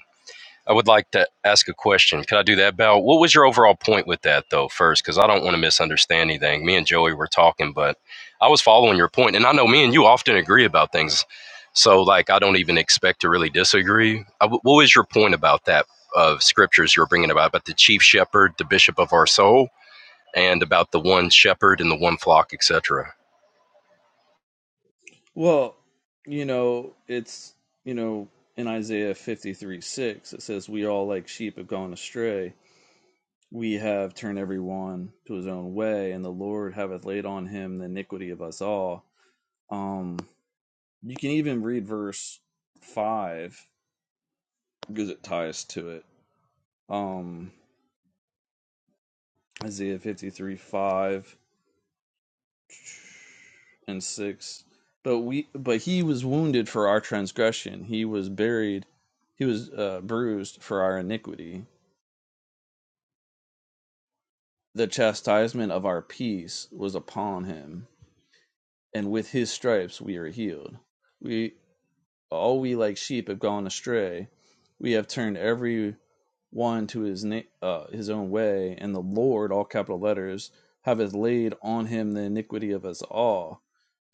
Speaker 3: I would like to ask a question. Can I do that, Val? What was your overall point with that, though, first? Because I don't want to misunderstand anything. Me and Joey were talking, but I was following your point, And I know me and you often agree about things. So, like, I don't even expect to really disagree. I- What was your point about that of scriptures you were bringing about, about the chief shepherd, the bishop of our soul, and about the one shepherd and the one flock, etc.?
Speaker 5: Well, you know, it's, you know, in Isaiah 53 6, it says, We all like sheep have gone astray. We have turned every one to his own way, and the Lord hath laid on him the iniquity of us all. Um, you can even read verse 5 because it ties to it. Um, Isaiah 53 5. and 6 but we but he was wounded for our transgression he was buried he was uh, bruised for our iniquity the chastisement of our peace was upon him and with his stripes we are healed we all we like sheep have gone astray we have turned every one to his na- uh, his own way and the lord all capital letters have laid on him the iniquity of us all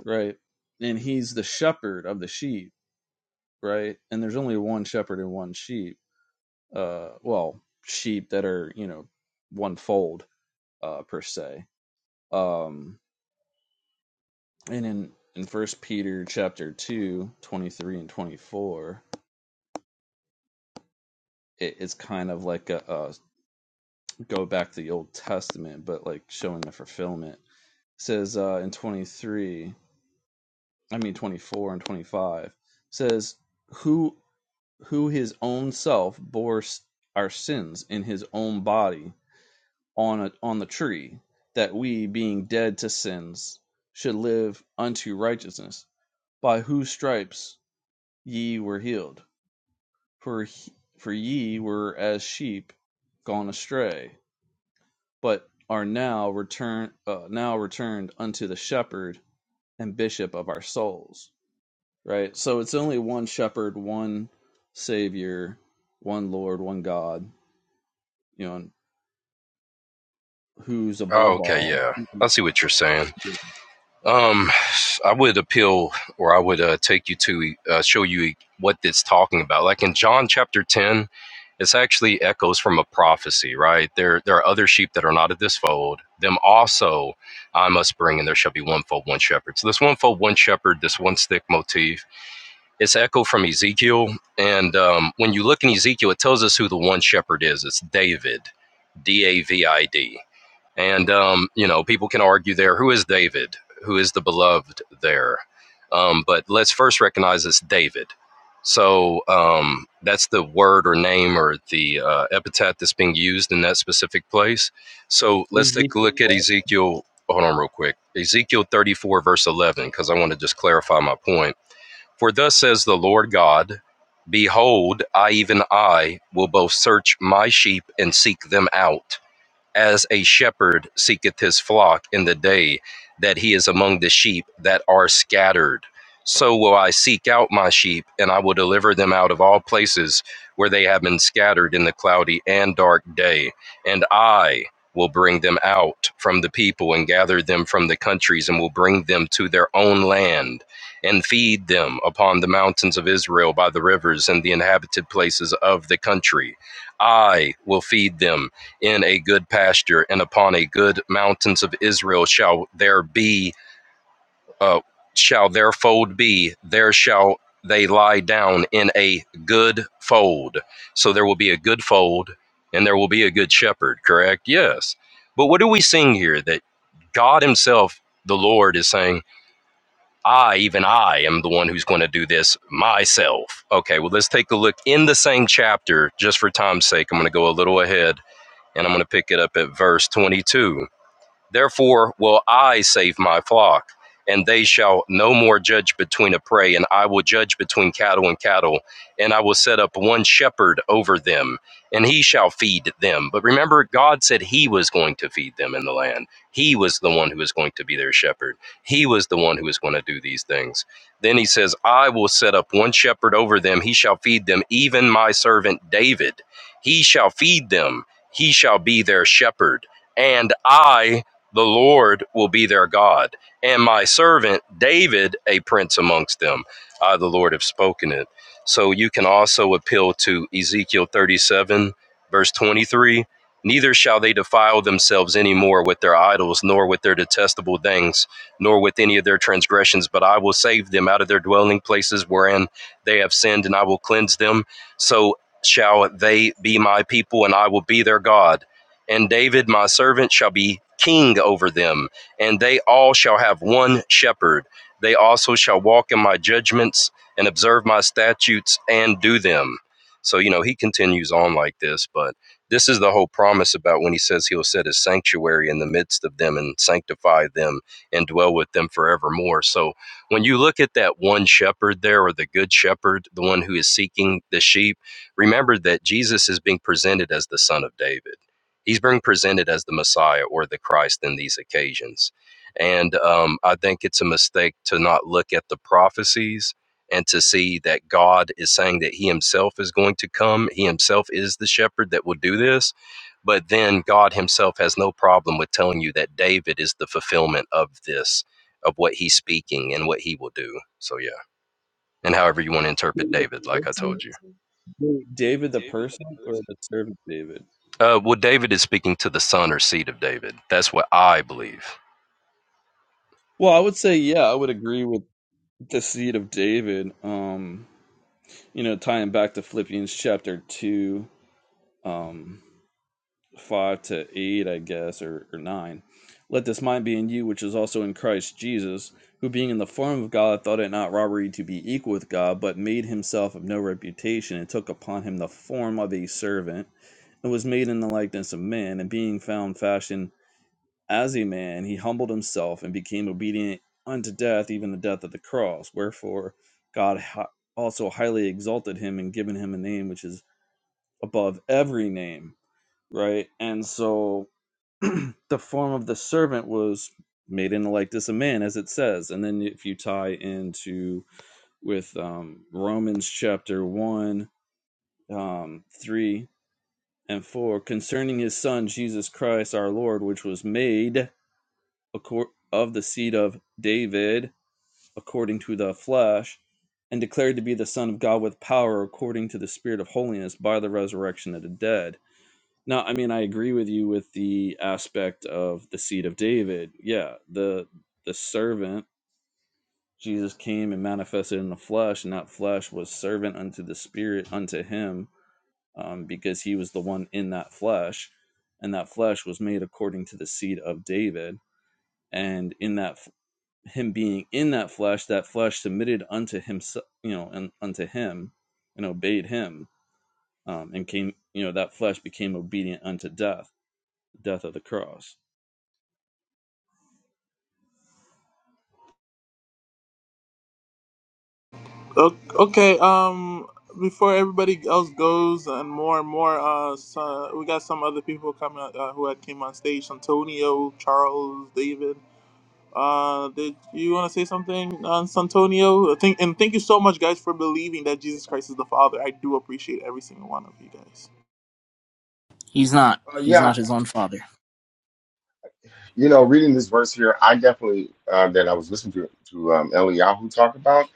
Speaker 5: right and he's the shepherd of the sheep right? And there's only one shepherd and one sheep. Uh, well, sheep that are you know one fold uh, per se. Um, and in in First Peter chapter 2, 23 and twenty four, it, it's kind of like a, a go back to the Old Testament, but like showing the fulfillment. It says uh, in twenty three, I mean twenty four and twenty five, says who who his own self bore our sins in his own body on a, on the tree, that we, being dead to sins, should live unto righteousness, by whose stripes ye were healed. For he, for ye were as sheep gone astray, but are now returned uh, now returned unto the shepherd and bishop of our souls. Right? So it's only one shepherd, one savior, one Lord, one God, you know, who's
Speaker 3: Oh,
Speaker 5: above
Speaker 3: okay,
Speaker 5: all.
Speaker 3: yeah. I see what you're saying.
Speaker 5: Is
Speaker 3: Um, I would appeal, or I would uh, take you to uh, show you what it's talking about. Like in John chapter ten, it's actually echoes from a prophecy, right? There, there are other sheep that are not of this fold. Them also I must bring, and there shall be one fold, one shepherd. So this one fold, one shepherd, this one stick motif, it's echo from Ezekiel. And um, when you look in Ezekiel, it tells us who the one shepherd is. It's David, D A V I D and, um, you know, people can argue there who is David? Who is the beloved there? Um, but let's first recognize it's David. So um, that's the word or name or the uh, epithet that's being used in that specific place. So let's take
Speaker 5: he
Speaker 3: a
Speaker 5: the
Speaker 3: look at Ezekiel. Hold on, real quick. Ezekiel 34, verse 11, because I want to just clarify my point. For thus says the Lord God, Behold, I, even I, will both search my sheep and seek them out as a shepherd seeketh his flock in the day that he is among the sheep that are scattered. So will I seek out my sheep, and I will deliver them out of all places where they have been scattered in the cloudy and dark day. And I will bring them out from the people and gather them from the countries and will bring them to their own land and feed them upon the mountains of Israel by the rivers and the inhabited places of the country. I will feed them in a good pasture and upon a good mountains of Israel shall there be uh, shall their fold be there shall they lie down in a good fold so there will be a good fold and there will be a good shepherd correct yes but what are we seeing here that God himself the Lord is saying I even I am the one who's going to do this myself okay well let's take a look in the same chapter just for time's sake I'm going to go a little ahead and I'm going to pick it up at verse 22. Therefore will I save my flock, and they shall no more judge between a prey, and I will judge between cattle and cattle, and I will set up one shepherd over them, and he shall feed them. But remember, God said he was going to feed them in the land. He was the one who was going to be their shepherd. He was the one who was going to do these things. Then he says, I will set up one shepherd over them, he shall feed them, even my servant David. He shall feed them, he shall be their shepherd and I the Lord will be their God, and my servant David a prince amongst them. I, the Lord, have spoken it. So you can also appeal to Ezekiel 37, verse 23. Neither shall they defile themselves any more with their idols, nor with their detestable things, nor with any of their transgressions, but I will save them out of their dwelling places wherein they have sinned, and I will cleanse them. So shall they be my people, and I will be their God and David, my servant, shall be king over them, and they all shall have one shepherd. They also shall walk in my judgments and observe my statutes and do them. So, you know, he continues on like this, but this is the whole promise about when he says he'll set his sanctuary in the midst of them and sanctify them and dwell with them forevermore. So, when you look at that one shepherd there, or the good shepherd, the one who is seeking the sheep, remember that Jesus is being presented as the son of David He's being presented as the Messiah or the Christ in these occasions. And um, I think it's a mistake to not look at the prophecies and to see that God is saying that He Himself is going to come. He Himself is the shepherd that will do this. But then God Himself has no problem with telling you that David is the fulfillment of this, of what He's speaking and what He will do. So, yeah. And however you want to interpret David, like I
Speaker 5: person?
Speaker 3: told you.
Speaker 5: Wait, David the person or the servant David?
Speaker 3: Uh, well, David is speaking to the son or seed of David. That's what I believe.
Speaker 5: Well, I would say yeah, I would agree with the seed of David. Um, you know, tying back to Philippians chapter two, um, five to eight, I guess, or, or nine. Let this mind be in you, which is also in Christ Jesus, who being in the form of God thought it not robbery to be equal with God, but made himself of no reputation, and took upon him the form of a servant, and was made in the likeness of men, and being found fashioned As a man, he humbled himself and became obedient unto death, even the death of the cross. Wherefore, God also highly exalted him and given him a name which is above every name. Right? And so the form of the servant was made in the likeness of man, as it says. And then if you tie into with um, Romans chapter 1, um, 3, and 4, concerning his son Jesus Christ our Lord, which was made. of the seed of David according to the flesh, and declared to be the Son of God with power according to the Spirit of holiness by the resurrection of the dead. Now, I mean, I agree with you with the aspect of the seed of David. Yeah, the the servant Jesus came and manifested in the flesh, and that flesh was servant unto the Spirit unto him, um, because he was the one in that flesh, and that flesh was made according to the seed of David and in that him being in that flesh, that flesh submitted unto himself, you know, and unto him, and obeyed him, um, and came, you know, that flesh became obedient unto death, death of the cross.
Speaker 1: O- Okay, um, before everybody else goes and more and more, uh, so we got some other people coming uh, who had came on stage: Santonio, Charles, David. Uh, did you want to say something, uh, Santonio? Thank and thank you so much, guys, for believing that Jesus Christ is the Father. I do appreciate every single one of you guys.
Speaker 4: He's not.
Speaker 6: Uh,
Speaker 4: He's
Speaker 6: yeah,
Speaker 4: not his own father.
Speaker 6: you know, reading this verse here, I definitely uh, that I was listening to to um, Eliyahu talk about.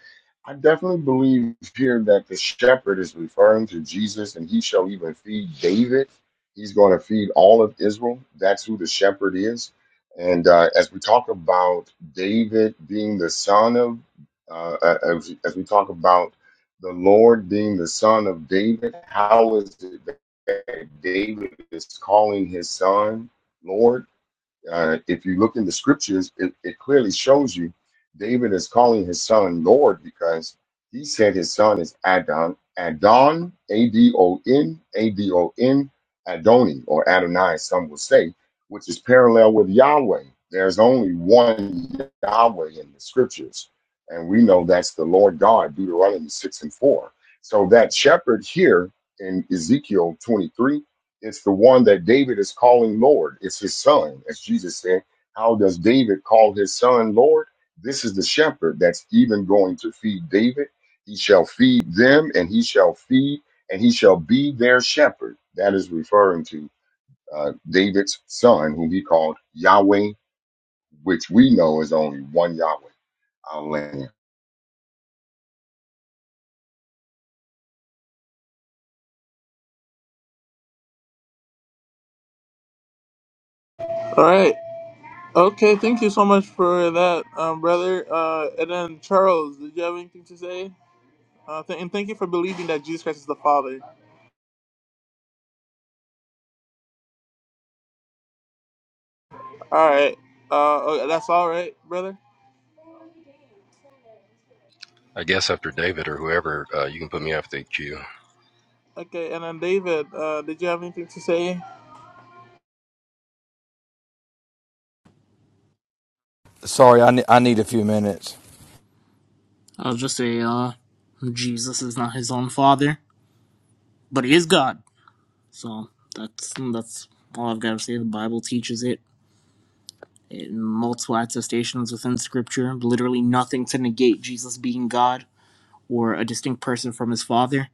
Speaker 6: I definitely believe here that the shepherd is referring to Jesus, and he shall even feed David. He's going to feed all of Israel. That's who the shepherd is. And uh, as we talk about David being the son of, uh, uh, as, as we talk about the Lord being the son of David, how is it that David is calling his son Lord? Uh, if you look in the scriptures, it, it clearly shows you David is calling his son Lord because he said his son is Adon, Adon, A D O N, A D O N, Adoni, or Adonai, some will say, which is parallel with Yahweh. There's only one Yahweh in the scriptures, and we know that's the Lord God, Deuteronomy 6 and 4. So that shepherd here in Ezekiel 23 it's the one that David is calling Lord. It's his son, as Jesus said. How does David call his son Lord? This is the shepherd that's even going to feed David. He shall feed them, and he shall feed, and he shall be their shepherd. That is referring to uh, David's son, whom he called Yahweh, which we know is only one Yahweh, our land.
Speaker 1: All right. Okay, thank you so much for that, um, brother. Uh, and then Charles, did you have anything to say? Uh, th- and thank you for believing that Jesus Christ is the Father. All right. Uh, oh, that's all right, brother.
Speaker 3: I guess after David or whoever, uh, you can put me after the queue.
Speaker 1: Okay, and then David, uh, did you have anything to say?
Speaker 7: Sorry, I, ne- I need a few minutes.
Speaker 4: I'll just say, uh, Jesus is not his own father, but he is God. So that's that's all I've got to say. The Bible teaches it in multiple attestations within Scripture. Literally nothing to negate Jesus being God or a distinct person from his father.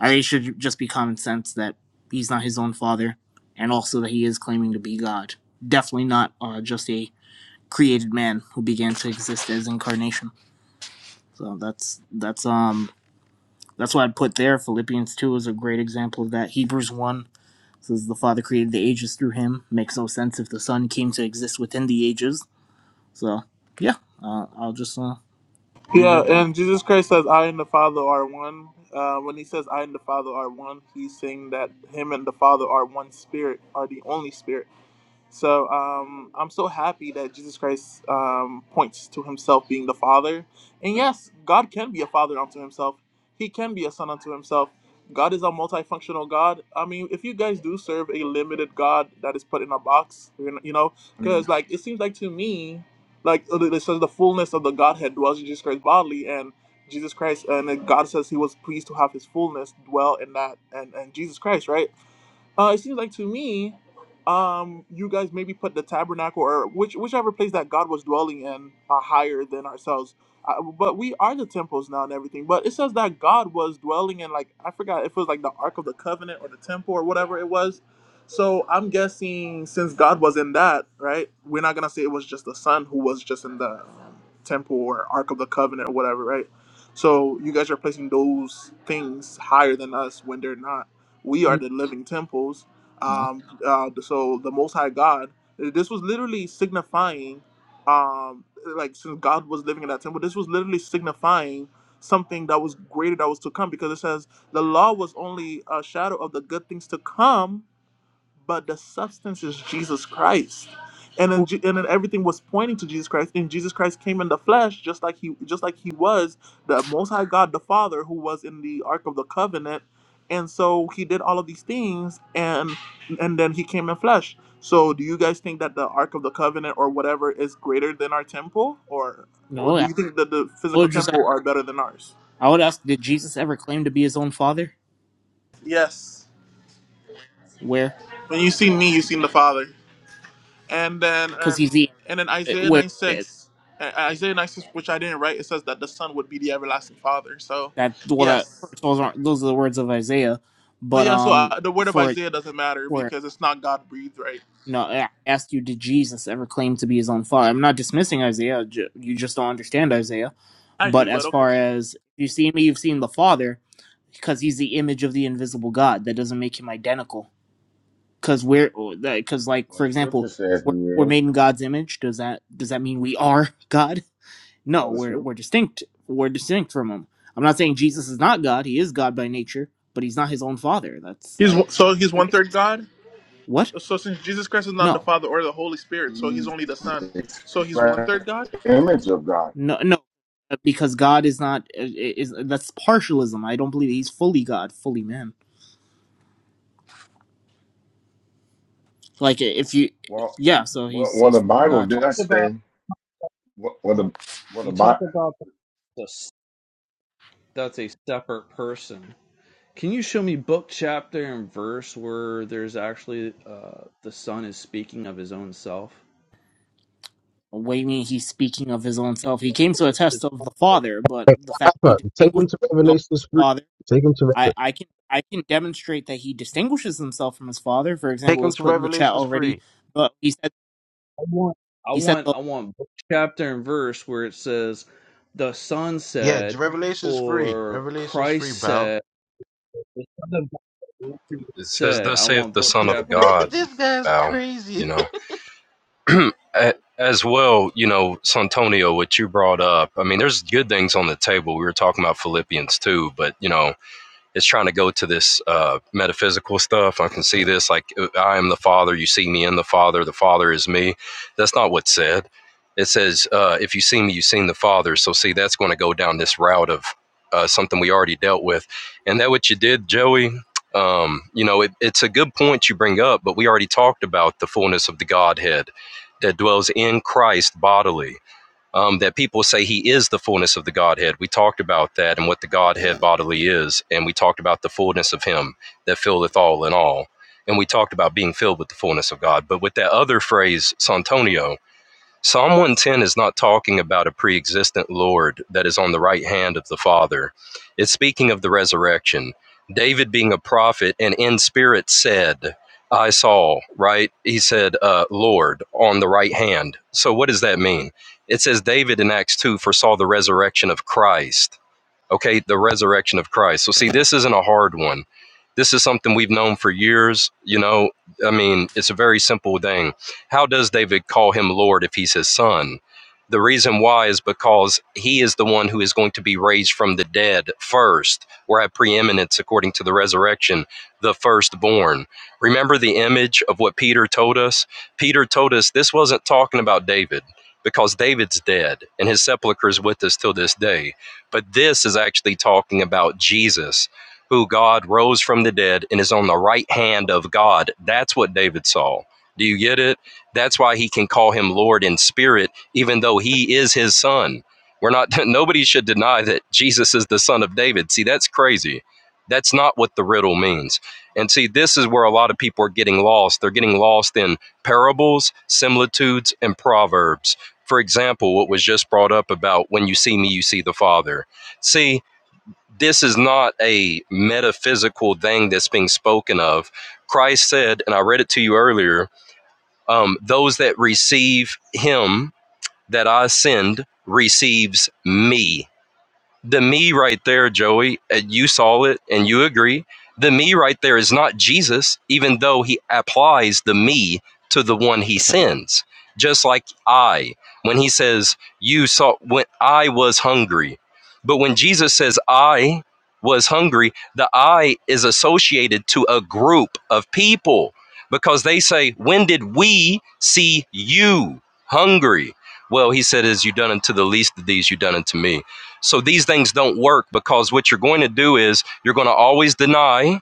Speaker 4: I think it should just be common sense that he's not his own father, and also that he is claiming to be God. Definitely not uh, just a created man who began to exist as incarnation. So that's that's um that's what I'd put there. Philippians two is a great example of that. Hebrews one says the Father created the ages through him. Makes no sense if the Son came to exist within the ages. So yeah, uh, I'll just uh, leave it
Speaker 1: Yeah,
Speaker 4: at that.
Speaker 1: and Jesus Christ says, "I and the Father are one." Uh, when he says, "I and the Father are one," he's saying that him and the Father are one spirit, are the only spirit. So um, I'm so happy that Jesus Christ um, points to himself being the Father. And yes, God can be a Father unto himself, He can be a Son unto himself. God is a multifunctional God. I mean, if you guys do serve a limited God that is put in a box, you know,
Speaker 4: I
Speaker 1: because
Speaker 4: mean,
Speaker 1: like it seems like to me, like uh, it says the fullness of the Godhead dwells in Jesus Christ bodily, and Jesus Christ, and then God says He was pleased to have His fullness dwell in that, and and Jesus Christ, right? Uh, it seems like to me, um, you guys maybe put the tabernacle or which whichever place that God was dwelling in uh, higher than ourselves. Uh, but we are the temples now and everything. But it says that God was dwelling in like I forgot if it was like the Ark of the Covenant or the temple or whatever it was. So I'm guessing since God was in that, right? We're not gonna say it was just the Son who was just in that temple or Ark of the Covenant or whatever, right? So you guys are placing those things higher than us when they're not. We are the living temples.
Speaker 4: no,
Speaker 1: Um, uh, so the Most High God, this was literally signifying, um, like since God was living in that temple, this was literally signifying something that was greater that was to come because it says the law was only a shadow of the good things to come but the substance is Jesus Christ. And then, Je- and then everything was pointing to Jesus Christ, and Jesus Christ came in the flesh, just like he, just like he was the Most High God, the Father, who was in the Ark of the Covenant, and so he did all of these things, and and then he came in flesh. So, do you guys think that the Ark of the Covenant or whatever is greater than our temple, or, or
Speaker 4: no,
Speaker 1: do
Speaker 4: I
Speaker 1: you think that the physical
Speaker 4: would just
Speaker 1: temple are better than ours?
Speaker 4: I would ask, did Jesus ever claim to be his own father?
Speaker 1: Yes.
Speaker 4: Where?
Speaker 1: When you see me, you seen the Father. And then
Speaker 4: Because
Speaker 1: uh,
Speaker 4: he's the
Speaker 1: and then Isaiah
Speaker 4: where
Speaker 1: 9
Speaker 4: that
Speaker 1: 6, uh, Isaiah 9 6, which I didn't write, it says that the Son would be the everlasting Father. So,
Speaker 4: well that
Speaker 1: yes.
Speaker 4: those aren't those are the words of Isaiah,
Speaker 1: Oh
Speaker 4: but
Speaker 1: yeah, so
Speaker 4: um
Speaker 1: uh, the word of
Speaker 4: for
Speaker 1: Isaiah doesn't matter
Speaker 4: for
Speaker 1: because it's not God breathed, right?
Speaker 4: you know I asked you, did Jesus ever claim to be his own father? I'm not dismissing Isaiah. ju- You just don't understand Isaiah.
Speaker 1: I
Speaker 4: But
Speaker 1: do,
Speaker 4: as
Speaker 1: but okay.
Speaker 4: far as if you see me, you've seen the Father, because he's the image of the invisible God. That doesn't make him identical. Because we're because like
Speaker 6: Well,
Speaker 4: for
Speaker 6: the scripture
Speaker 4: example,
Speaker 6: says
Speaker 4: we're,
Speaker 6: he
Speaker 4: we're
Speaker 6: is.
Speaker 4: made in God's image. Does that does that mean we are God?
Speaker 6: Well,
Speaker 4: No,
Speaker 6: the
Speaker 4: we're
Speaker 6: scripture,
Speaker 4: we're distinct. We're distinct from him. I'm not saying Jesus is not God. He is God by nature, but he's not his own father. That's
Speaker 1: He's
Speaker 4: I,
Speaker 1: one- So he's one third
Speaker 4: ridiculous.
Speaker 1: God?
Speaker 4: What?
Speaker 1: So since Jesus Christ is not the
Speaker 4: No,
Speaker 1: Father or the Holy Spirit, so he's
Speaker 6: he's
Speaker 1: only the Son.
Speaker 6: the
Speaker 1: So he's one
Speaker 6: express
Speaker 1: third God?
Speaker 6: image of God.
Speaker 4: no, no. Because God is not is that's partialism. I don't believe he's fully God, fully man. Like if you,
Speaker 6: Well,
Speaker 4: yeah. So
Speaker 6: well,
Speaker 4: he's
Speaker 6: well
Speaker 4: he's
Speaker 6: the
Speaker 4: fully
Speaker 6: Bible
Speaker 4: God.
Speaker 6: does
Speaker 5: about
Speaker 6: say, well, well the well
Speaker 5: you
Speaker 6: the
Speaker 5: talk
Speaker 6: Bible,
Speaker 5: about the, that's a separate person Can you show me book, chapter, and verse where there's actually uh, the son is speaking of his own self?
Speaker 4: What do you mean he's speaking of his own self? He came to attest
Speaker 5: I
Speaker 4: of the Father, but
Speaker 8: Hey,
Speaker 4: the fact he
Speaker 8: Alpha, Take them
Speaker 4: distinguished
Speaker 8: to
Speaker 4: himself from
Speaker 8: Revelations
Speaker 4: the
Speaker 8: 3.
Speaker 4: Father
Speaker 8: Take them to
Speaker 4: I,
Speaker 8: Revelation.
Speaker 4: I can I can demonstrate that he distinguishes himself from his father. For
Speaker 8: Take
Speaker 4: example, it
Speaker 8: them
Speaker 4: was
Speaker 8: to
Speaker 4: put in the chat
Speaker 8: Revelations
Speaker 4: already,
Speaker 8: three.
Speaker 4: but he said
Speaker 5: want, I
Speaker 4: he said
Speaker 5: want,
Speaker 4: the,
Speaker 5: I want book, chapter, and verse where it says the son
Speaker 8: Yeah, to
Speaker 5: said
Speaker 8: Revelations three.
Speaker 5: or
Speaker 8: Revelations
Speaker 5: Christ
Speaker 8: three. pal.
Speaker 5: said. the Son of God
Speaker 3: It says,
Speaker 5: Said,
Speaker 3: "Thus
Speaker 5: I
Speaker 3: saith
Speaker 5: want
Speaker 3: the
Speaker 5: book,
Speaker 3: Son of
Speaker 5: chapter, and verse
Speaker 3: God."
Speaker 8: this guy's
Speaker 3: Bow, you
Speaker 8: crazy.
Speaker 3: know. A- As well, you know, Santonio, what you brought up. I mean, there's good things on the table. We were talking about Philippians too, but you know, is trying to go to this uh, metaphysical stuff. I can see this, like, uh, I am the Father, you see me in the Father, the Father is me. That's not what's said. It says, uh, if you see me, you've seen the Father. So, see, that's going to go down this route of uh, something we already dealt with. And that what you did, Joey, um, you know, it, it's a good point you bring up, but we already talked about the fullness of the Godhead that dwells in Christ bodily um, that people say he is the fullness of the Godhead. We talked about that and what the Godhead bodily is, and we talked about the fullness of Him that filleth all in all. And we talked about being filled with the fullness of God. But with that other phrase, Santonio, Psalm 110 is not talking about a pre existent Lord that is on the right hand of the Father. It's speaking of the resurrection. David, being a prophet and in spirit, said, I saw, right? He said, uh, Lord, on the right hand. So what does that mean? It says David in Acts 2 foresaw the resurrection of Christ okay the resurrection of christ so see this isn't a hard one this is something we've known for years you know i mean it's a very simple thing how does david call him lord if he's his son the reason why is because he is the one who is going to be raised from the dead first or have preeminence according to the resurrection the firstborn remember the image of what peter told us peter told us this wasn't talking about david because david's dead and his sepulchre is with us till this day but this is actually talking about Jesus, who God rose from the dead and is on the right hand of God. That's what David saw. Do you get it? That's why he can call him Lord in spirit, even though he is his son. We're not, nobody should deny that Jesus is the son of David. See, that's crazy. That's not what the riddle means. And see, this is where a lot of people are getting lost. They're getting lost in parables, similitudes, and proverbs for example, what was just brought up about when you see me, you see the Father. See, this is not a metaphysical thing that's being spoken of. Christ said, and I read it to you earlier um, those that receive him that I send receives me the me right there, Joey, uh, you saw it and you agree. The me right there is not Jesus, even though he applies the me to the one he sends. Just like I, when he says, You saw, when I was hungry. But when Jesus says, I was hungry, the I is associated to a group of people because they say, When did we see you hungry? Well, he said, As you done unto the least of these, you done unto me so these things don't work because what you're going to do is you're going to always deny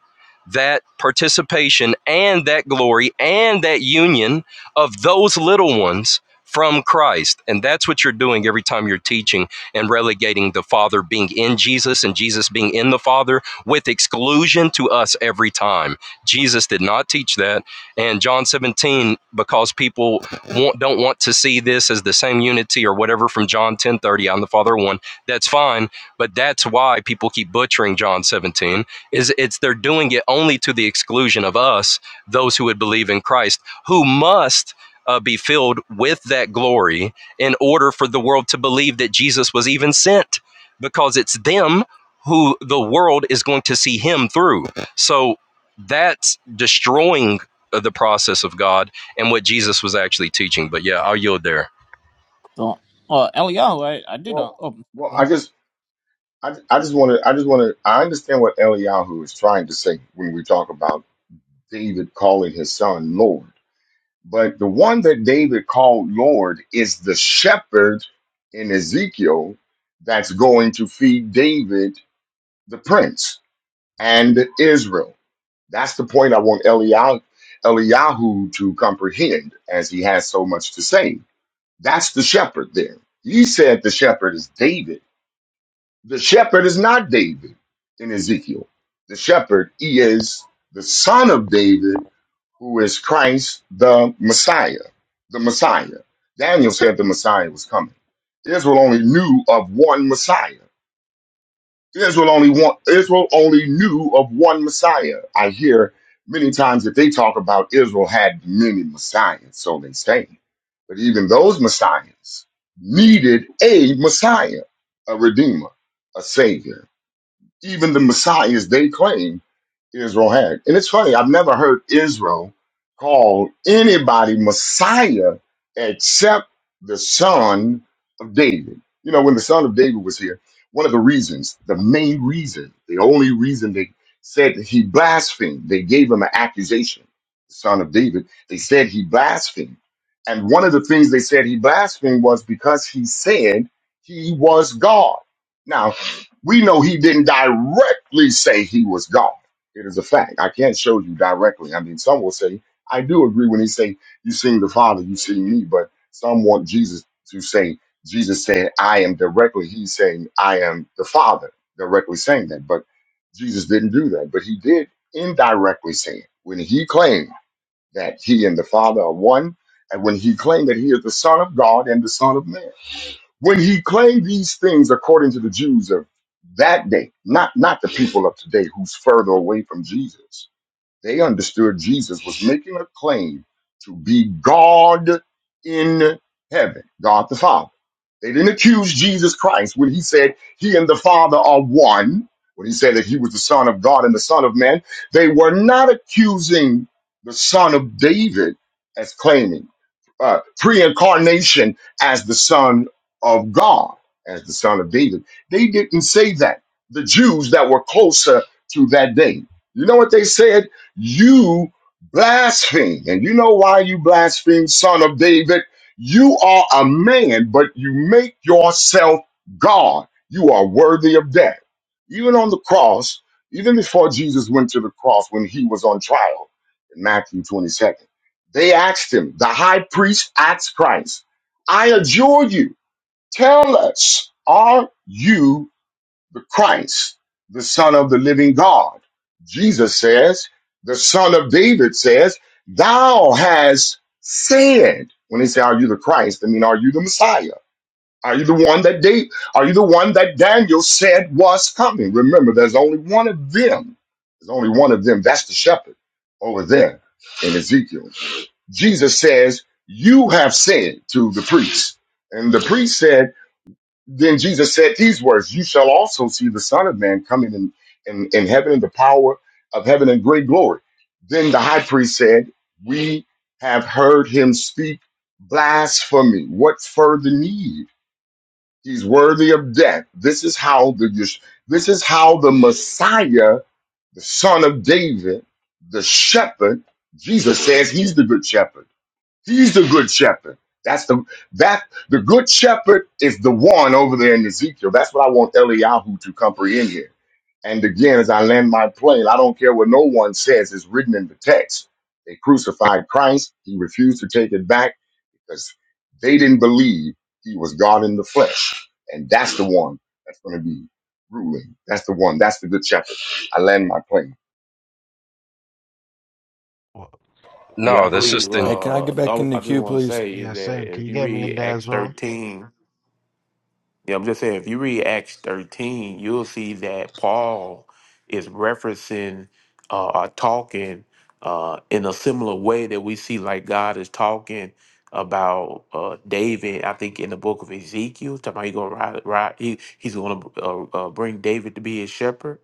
Speaker 3: that participation and that glory and that union of those little ones from Christ. And that's what you're doing every time you're teaching and relegating the Father being in Jesus and Jesus being in the Father with exclusion to us every time. Jesus did not teach that. And John 17, because people want, don't want to see this as the same unity or whatever from John 10:30. I'm the Father one that's fine but that's why people keep butchering john 17 is it's they're doing it only to the exclusion of us those who would believe in christ who must uh, be filled with that glory in order for the world to believe that jesus was even sent because it's them who the world is going to see him through so that's destroying uh, the process of god and what jesus was actually teaching but yeah i'll yield there
Speaker 4: the uh, Elio. I, I did not.
Speaker 6: well,
Speaker 4: Oh,
Speaker 6: well, I just, I, I just want to, I just want to, I understand what Eliyahu is trying to say when we talk about David calling his son Lord, but the one that David called Lord is the shepherd in Ezekiel that's going to feed David, the prince, and Israel. That's the point I want Eliyahu, Eliyahu to comprehend, as he has so much to say That's the shepherd there. he said the shepherd is David. The shepherd is not David in Ezekiel. The shepherd he is the son of David, who is Christ the Messiah. The Messiah. Daniel said the Messiah was coming. Israel only knew of one Messiah. Israel only want Israel only knew of one Messiah. I hear many times that they talk about Israel had many messiahs, so they say. But even those messiahs needed a Messiah, a redeemer, a savior. Even the messiahs they claim Israel had. And it's funny, I've never heard Israel call anybody Messiah except the son of David. You know, when the son of David was here, one of the reasons, the main reason, the only reason they said that he blasphemed, they gave him an accusation, the son of David. They said he blasphemed. And one of the things they said he blasphemed was because he said he was God. Now, we know he didn't directly say he was God it is a fact. I can't show you directly. I mean, some will say, I do agree when they say, You seen the Father, you see me, but some want Jesus to say, Jesus said, I am directly. He's saying, I am the Father, directly saying that. But Jesus didn't do that. But he did indirectly say it when he claimed that he and the Father are one, and when he claimed that he is the Son of God and the Son of man. When he claimed these things according to the Jews of that day, not, not the people of today who's further away from Jesus, they understood Jesus was making a claim to be God in heaven, God the Father. They didn't accuse Jesus Christ when he said he and the Father are one, when he said that he was the Son of God and the Son of Man. They were not accusing the Son of David as claiming uh, pre-incarnation as the son of God, as the son of David. They didn't say that. The Jews that were closer to that day. You know what they said? You blaspheme. And you know why you blaspheme, son of David? You are a man, but you make yourself God. You are worthy of death. Even on the cross, even before Jesus went to the cross when he was on trial in Matthew 22nd, they asked him, the high priest asked Christ, I adjure you, tell us, are you the Christ, the Son of the living God. Jesus says, the Son of David says, Thou has said, when they say, Are you the Christ? I mean, are you the Messiah? Are you the one that David, are you the one that Daniel said was coming? Remember, there's only one of them. There's only one of them. That's the shepherd over there in Ezekiel. Jesus says, You have said to the priest. And the priest said, then Jesus said these words, You shall also see the Son of Man coming in, in, in heaven in the power of heaven and great glory. Then the high priest said, We have heard him speak blasphemy. What further need? He's worthy of death. This is how the Yesh- this is how the Messiah, the son of David, the shepherd, Jesus says he's the good shepherd He's the good shepherd. That's the that the good shepherd is the one over there in Ezekiel. That's what I want Eliyahu to comprehend here. And again, as I land my plane, I don't care what no one says is written in the text. They crucified Christ. He refused to take it back because they didn't believe he was God in the flesh. And that's the one that's going to be ruling. That's the one. That's the good shepherd. I land my plane.
Speaker 8: Well,
Speaker 9: Yeah, I
Speaker 3: no that's
Speaker 9: believe.
Speaker 3: just in.
Speaker 7: Hey, can I
Speaker 9: Uh,
Speaker 7: get back in
Speaker 9: I,
Speaker 7: the
Speaker 9: I just
Speaker 7: queue,
Speaker 9: want to
Speaker 7: please?
Speaker 9: say
Speaker 8: yeah,
Speaker 9: is
Speaker 8: Sam,
Speaker 9: that
Speaker 8: can
Speaker 9: if
Speaker 8: you
Speaker 9: you
Speaker 8: get me in
Speaker 9: read
Speaker 8: there as
Speaker 9: Acts
Speaker 8: well?
Speaker 9: thirteen, yeah, I'm just saying if you read Acts thirteen, you'll see that Paul is referencing uh, or talking uh, in a similar way that we see like God is talking about uh, David. I think in the book of Ezekiel, talking about he gonna ride, ride he, he's going to uh, uh, bring David to be his shepherd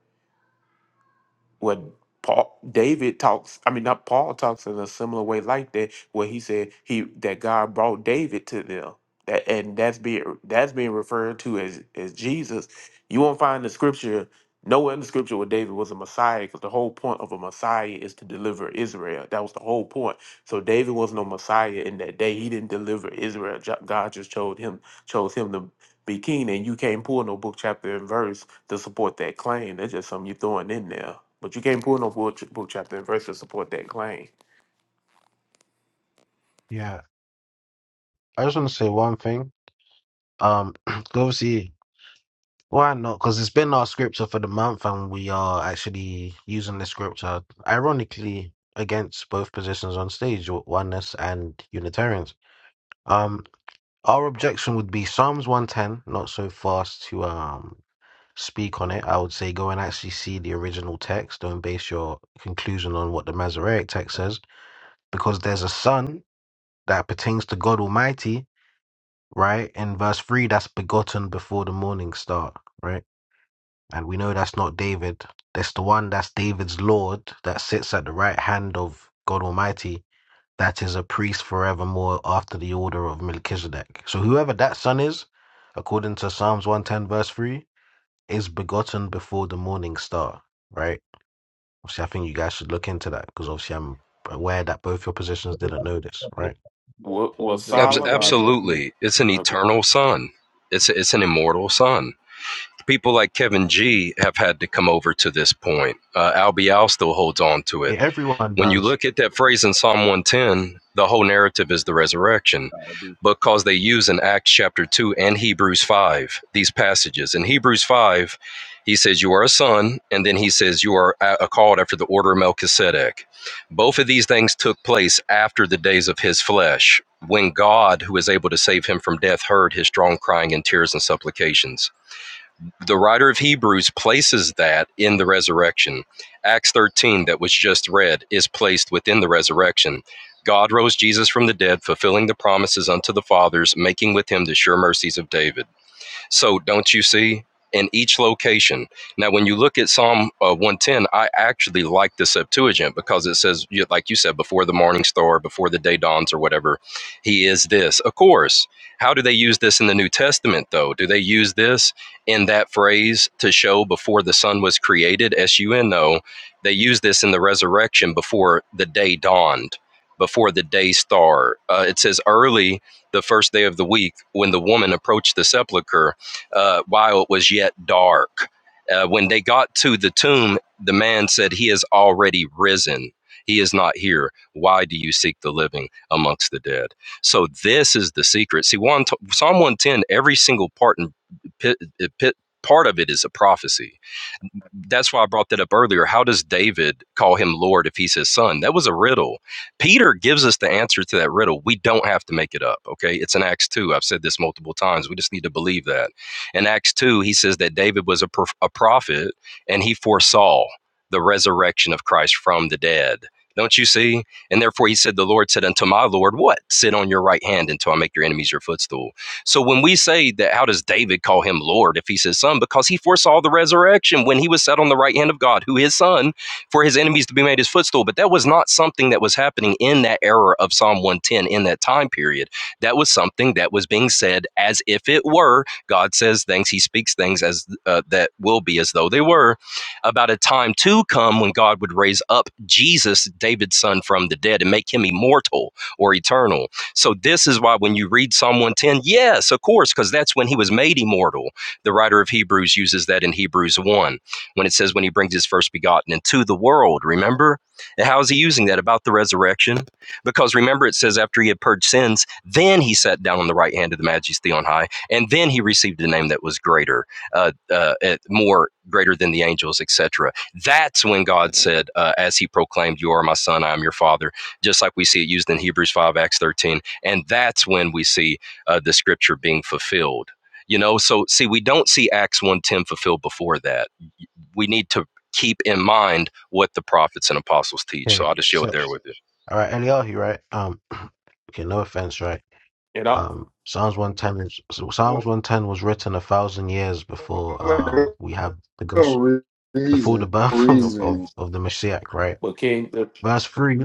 Speaker 9: what Paul David talks, I mean not Paul talks in a similar way like that, where he said he that God brought David to them. That and that's being that's being referred to as as Jesus. You won't find the scripture nowhere in the scripture where David was a Messiah, because the whole point of a Messiah is to deliver Israel. That was the whole point. So David was no Messiah in that day. He didn't deliver Israel. Jo- God just chose him chose him to be king, and you can't pull no book chapter and verse to support that claim. That's just something you're throwing in there. But you can't pull no book, book chapter and verse to support that claim.
Speaker 8: Yeah, I just want to say one thing. Um, go see why not? Because it's been our scripture for the month, and we are actually using the scripture, ironically, against both positions on stage, oneness and Unitarians. Um. Our objection would be Psalms 110, not so fast to um speak on it. I would say go and actually see the original text. Don't base your conclusion on what the Masoretic text says, because there's a son that pertains to God Almighty, right? In verse 3, that's begotten before the morning star, right? And we know that's not David. That's the one that's David's Lord that sits at the right hand of God Almighty that is a priest forevermore after the order of Melchizedek. So whoever that son is, according to Psalms 110, verse 3, is begotten before the morning star, right? Obviously, I think you guys should look into that because obviously I'm aware that both your positions didn't know this, right?
Speaker 9: Wa- Was
Speaker 5: because there's no God
Speaker 9: Solomon?
Speaker 5: with me.
Speaker 3: absolutely. It's an
Speaker 9: Okay.
Speaker 3: eternal sun. It's a, it's an immortal sun. People like Kevin G have had to come over to this point. Uh, Al Bial still holds on to it.
Speaker 8: Yeah, everyone
Speaker 3: When you
Speaker 8: does.
Speaker 3: look at that phrase in Psalm 110, the whole narrative is the resurrection
Speaker 5: I'll be-
Speaker 3: because they use in Acts chapter 2 and Hebrews 5 these passages. In Hebrews 5, he says, You are a son, and then he says, You are a- called after the order of Melchizedek. Both of these things took place after the days of his flesh, when God, who is able to save him from death, heard his strong crying and tears and supplications the writer of Hebrews places that in the resurrection. Acts 13, that was just read, is placed within the resurrection. God rose Jesus from the dead, fulfilling the promises unto the fathers, making with him the sure mercies of David. So don't you see? In each location. Now, when you look at Psalm uh, 110, I actually like the Septuagint because it says, you- like you said, before the morning star, before the day dawns, or whatever, he is this. Of course. How do they use this in the New Testament, though? Do they use this in that phrase to show before the sun was created? sun S U N O. They use this in the resurrection before the day dawned, before the day star. Uh, it says, early the first day of the week, when the woman approached the sepulchre, uh, while it was yet dark. Uh, when they got to the tomb, the man said, He is already risen. He is not here. Why do you seek the living amongst the dead? So, this is the secret. See, one, Psalm 110, every single part, and pi- pi- part of it is a prophecy that's why I brought that up earlier. How does David call him Lord if he's his son? That was a riddle. Peter gives us the answer to that riddle. We don't have to make it up, okay? It's in Acts 2. I've said this multiple times. We just need to believe that. In Acts 2, he says that David was a, prof- a prophet and he foresaw the resurrection of Christ from the dead. Don't you see? And therefore he said, The Lord said unto my Lord, What? Sit on your right hand until I make your enemies your footstool. So when we say that, how does David call him Lord if he's his son? Because he foresaw the resurrection when he was set on the right hand of God, who his son, for his enemies to be made his footstool. But that was not something that was happening in that era of Psalm 110 in that time period. That was something that was being said as if it were. God says things, he speaks things as uh, that will be as though they were about a time to come when God would raise up Jesus, David's son, from the dead and make him immortal or eternal. So this is why when you read Psalm 110, yes, of course, because that's when he was made immortal. The writer of Hebrews uses that in Hebrews 1 when it says when he brings his first begotten into the world, remember? And how is he using that about the resurrection? Because remember it says after he had purged sins, then he sat down on the right hand of the majesty on high, and then he received a name that was greater, uh, uh, uh, more greater than the angels, etc. That's when God said, uh, as he proclaimed, you are my son, I am your father just like we see it used in Hebrews 5, Acts 13 and that's when we see uh, the scripture being fulfilled you know so see we don't see acts one ten fulfilled before that we need to keep in mind what the prophets and apostles teach so
Speaker 8: Yeah.
Speaker 3: i'll just yield there
Speaker 8: Such.
Speaker 3: with you
Speaker 8: All right, Eliyahu, right? Um, okay, no offense, right?
Speaker 9: You know?
Speaker 8: Um, Psalms 110 is, so Psalms
Speaker 6: Oh,
Speaker 8: 110 was written a thousand years before
Speaker 6: oh,
Speaker 8: um we have the gospel
Speaker 6: oh,
Speaker 8: before the
Speaker 6: Reason,
Speaker 8: birth of,
Speaker 9: Okay.
Speaker 8: of,
Speaker 6: reason.
Speaker 8: of the Messiah, right?
Speaker 9: But King, the-
Speaker 8: But that's free.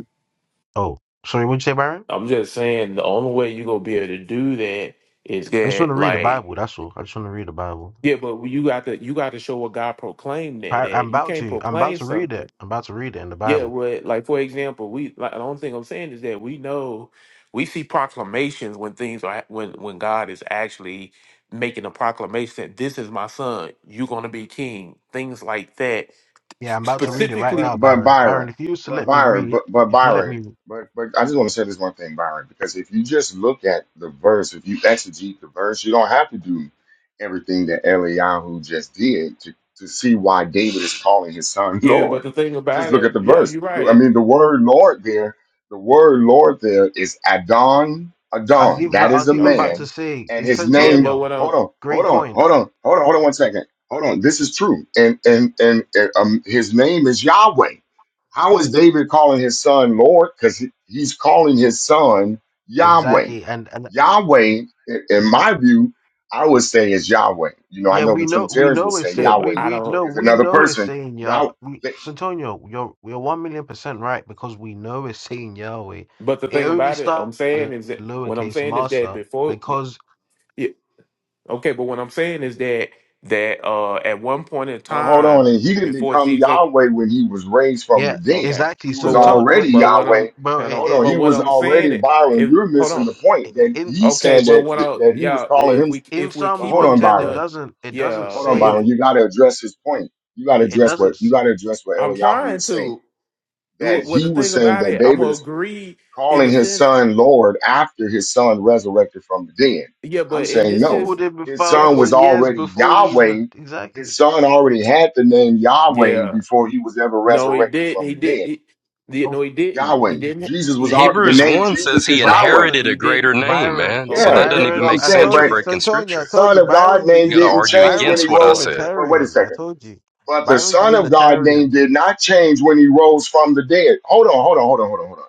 Speaker 8: Oh, sorry. What'd you say, Byron?
Speaker 9: I'm just saying the only way you gonna be able to do that is
Speaker 8: I just want to
Speaker 9: get
Speaker 8: read the
Speaker 9: like
Speaker 8: Bible. That's all. I just want to read the Bible.
Speaker 9: yeah, but you got to you got to show what God proclaimed that
Speaker 8: I, I'm
Speaker 9: at. you
Speaker 8: about
Speaker 9: can't
Speaker 8: to. I'm about
Speaker 9: proclaim
Speaker 8: to read
Speaker 9: something
Speaker 8: it. I'm about to read it in the
Speaker 9: Yeah,
Speaker 8: Bible.
Speaker 9: well, like for example, we like the only thing I'm saying is that we know we see proclamations when things are when when God is actually making a proclamation that this is my son, you're gonna be king, things like that.
Speaker 8: Yeah, I'm about to
Speaker 6: But
Speaker 8: read it right
Speaker 6: but
Speaker 8: now,
Speaker 9: Specifically,
Speaker 6: but
Speaker 8: Byron. Byron,
Speaker 6: Byron,
Speaker 8: if you used to
Speaker 6: but
Speaker 8: let me
Speaker 6: Byron,
Speaker 8: read,
Speaker 6: but but
Speaker 8: if you let
Speaker 6: Byron,
Speaker 8: me,
Speaker 6: but but I just want to say this one thing, Byron, because if you just look at the verse, if you exegete the verse, you don't have to do everything that Eliyahu just did to, to see why David is calling his son
Speaker 9: yeah, but
Speaker 6: Lord.
Speaker 9: the thing
Speaker 6: Just
Speaker 9: about
Speaker 6: look at
Speaker 9: it,
Speaker 6: the
Speaker 9: yeah,
Speaker 6: verse.
Speaker 9: you're
Speaker 6: I
Speaker 9: right.
Speaker 6: mean, the word Lord there, the word Lord there is Adon,
Speaker 8: I've
Speaker 6: Adon.
Speaker 8: even.
Speaker 6: That
Speaker 8: I
Speaker 6: is
Speaker 8: was
Speaker 6: a
Speaker 8: even about
Speaker 9: Okay.
Speaker 8: to
Speaker 6: man,
Speaker 8: say,
Speaker 6: and
Speaker 8: it's
Speaker 6: his
Speaker 9: Yeah,
Speaker 6: name.
Speaker 9: but
Speaker 8: Antonio.
Speaker 9: what
Speaker 6: Hold
Speaker 9: I'm
Speaker 6: on, hold
Speaker 8: Great
Speaker 6: on,
Speaker 8: point.
Speaker 6: hold on, hold on, hold on one second. Hold on, this is true. And and and, and, um, his name is Yahweh. How is David calling his son Lord? Because he's calling his son Yahweh.
Speaker 8: Exactly. And and
Speaker 6: Yahweh, i- in
Speaker 9: mhm.
Speaker 6: my view, I would say is Yahweh. You know, I
Speaker 8: Yeah,
Speaker 6: know
Speaker 8: we
Speaker 6: the
Speaker 8: know we
Speaker 6: Trinitarians will
Speaker 8: know it's
Speaker 6: say
Speaker 9: yeah,
Speaker 8: say
Speaker 9: but
Speaker 8: we
Speaker 6: Yahweh
Speaker 9: I
Speaker 8: we
Speaker 9: don't
Speaker 8: know
Speaker 6: is
Speaker 8: we
Speaker 6: another
Speaker 8: know
Speaker 9: yeah.
Speaker 8: it's
Speaker 6: person.
Speaker 8: saying Yah
Speaker 6: Yahweh,
Speaker 8: we Santonio, you're you're one million percent right because we know it's saying Yahweh.
Speaker 9: But the
Speaker 8: It
Speaker 9: thing
Speaker 8: only
Speaker 9: about it,
Speaker 8: started
Speaker 9: I'm saying
Speaker 8: the
Speaker 9: is that what I'm
Speaker 8: lowercase
Speaker 9: saying is that
Speaker 8: master
Speaker 9: before
Speaker 8: because
Speaker 9: yeah, Okay, but what I'm saying is that that uh at one point in
Speaker 6: but hold on,
Speaker 9: time
Speaker 6: and he didn't
Speaker 9: before
Speaker 6: become
Speaker 9: Jesus
Speaker 6: Yahweh when he was raised from the
Speaker 8: yeah,
Speaker 6: dead.
Speaker 9: okay.
Speaker 8: exactly.
Speaker 6: He was
Speaker 9: But what
Speaker 8: Santonio,
Speaker 9: I'm
Speaker 6: already
Speaker 9: but
Speaker 8: it,
Speaker 9: what
Speaker 6: Yahweh.
Speaker 9: I'm
Speaker 8: bro,
Speaker 9: hold
Speaker 8: it,
Speaker 6: Hold
Speaker 9: on.
Speaker 8: it,
Speaker 6: on,
Speaker 9: But
Speaker 6: he
Speaker 9: what
Speaker 6: was
Speaker 9: I'm saying
Speaker 6: already
Speaker 9: it
Speaker 6: Byron.
Speaker 9: if
Speaker 6: You're
Speaker 9: hold
Speaker 6: missing
Speaker 9: on.
Speaker 6: the point
Speaker 8: it
Speaker 6: that
Speaker 8: in
Speaker 6: he
Speaker 9: Okay,
Speaker 6: said
Speaker 9: but
Speaker 6: that
Speaker 9: what I
Speaker 6: that he was
Speaker 9: yeah,
Speaker 6: calling
Speaker 9: if
Speaker 6: himself.
Speaker 9: we
Speaker 8: in
Speaker 9: if we're
Speaker 6: But
Speaker 8: Psalms
Speaker 6: hold
Speaker 9: keeping
Speaker 8: one
Speaker 6: on,
Speaker 8: ten
Speaker 9: in
Speaker 8: it
Speaker 9: the
Speaker 6: Byron.
Speaker 8: doesn't it doesn't
Speaker 9: yeah,
Speaker 6: Hold on,
Speaker 9: but if
Speaker 6: Byron.
Speaker 8: say
Speaker 6: You got to address his point. You got to
Speaker 8: it
Speaker 6: address what
Speaker 8: doesn't
Speaker 6: you
Speaker 8: s-
Speaker 6: got to address what
Speaker 9: I'm
Speaker 6: Eliyahu
Speaker 9: trying
Speaker 6: was saying.
Speaker 9: to
Speaker 6: That
Speaker 9: wh- what
Speaker 6: he
Speaker 9: the
Speaker 6: was
Speaker 9: thing
Speaker 6: saying
Speaker 9: about
Speaker 6: that
Speaker 9: it, I'm
Speaker 6: David
Speaker 9: gonna
Speaker 6: is
Speaker 9: agree in
Speaker 6: calling
Speaker 9: a
Speaker 6: his
Speaker 9: sense,
Speaker 6: son Lord after his son resurrected from the dead.
Speaker 9: yeah,
Speaker 6: I'm
Speaker 9: but in
Speaker 6: saying
Speaker 9: this
Speaker 8: he
Speaker 6: no.
Speaker 9: is
Speaker 8: called him a
Speaker 6: His
Speaker 9: yeah,
Speaker 6: son was
Speaker 9: but
Speaker 8: thousand years
Speaker 6: already
Speaker 8: before he even
Speaker 6: Yahweh. His
Speaker 8: exactly.
Speaker 6: son already had the name Yahweh
Speaker 9: yeah.
Speaker 6: before he was ever
Speaker 9: No, he
Speaker 6: resurrected
Speaker 9: didn't.
Speaker 6: from
Speaker 9: He
Speaker 6: the
Speaker 9: did
Speaker 6: dead.
Speaker 9: he, did.
Speaker 8: Of
Speaker 9: no, he didn't. He
Speaker 6: Yahweh.
Speaker 9: didn't.
Speaker 6: Jesus
Speaker 9: He
Speaker 6: was our,
Speaker 9: didn't.
Speaker 6: the
Speaker 3: hebrews
Speaker 6: name
Speaker 3: 1 says
Speaker 6: Jesus
Speaker 3: he
Speaker 6: is Yahweh.
Speaker 8: Byron
Speaker 3: inherited
Speaker 9: He
Speaker 3: a greater
Speaker 9: didn't.
Speaker 3: name
Speaker 8: Byron,
Speaker 3: man so
Speaker 6: Yeah, you
Speaker 3: that
Speaker 6: know
Speaker 9: Okay,
Speaker 3: doesn't even
Speaker 6: what
Speaker 8: Byron,
Speaker 6: I'm
Speaker 3: make
Speaker 8: I
Speaker 6: saying?
Speaker 3: sense you're
Speaker 8: told
Speaker 6: But
Speaker 8: you,
Speaker 3: breaking
Speaker 8: Santonio,
Speaker 6: the
Speaker 8: I
Speaker 3: scripture
Speaker 8: told
Speaker 6: Son
Speaker 8: you,
Speaker 6: of God
Speaker 8: Byron's a
Speaker 6: name
Speaker 3: you got to
Speaker 8: unit.
Speaker 6: didn't
Speaker 3: argue
Speaker 6: change when
Speaker 8: Byron's
Speaker 3: against
Speaker 6: he
Speaker 8: a
Speaker 3: what i
Speaker 6: rose.
Speaker 9: Lord, have
Speaker 3: said
Speaker 9: mercy.
Speaker 6: But wait a
Speaker 8: Unitarian. I
Speaker 6: second.
Speaker 8: told you,
Speaker 6: But the
Speaker 8: Byron's a
Speaker 6: Son of God name
Speaker 8: Unitarian.
Speaker 6: did not change when he rose from the dead. Hold on, hold on, hold on, hold on, hold on.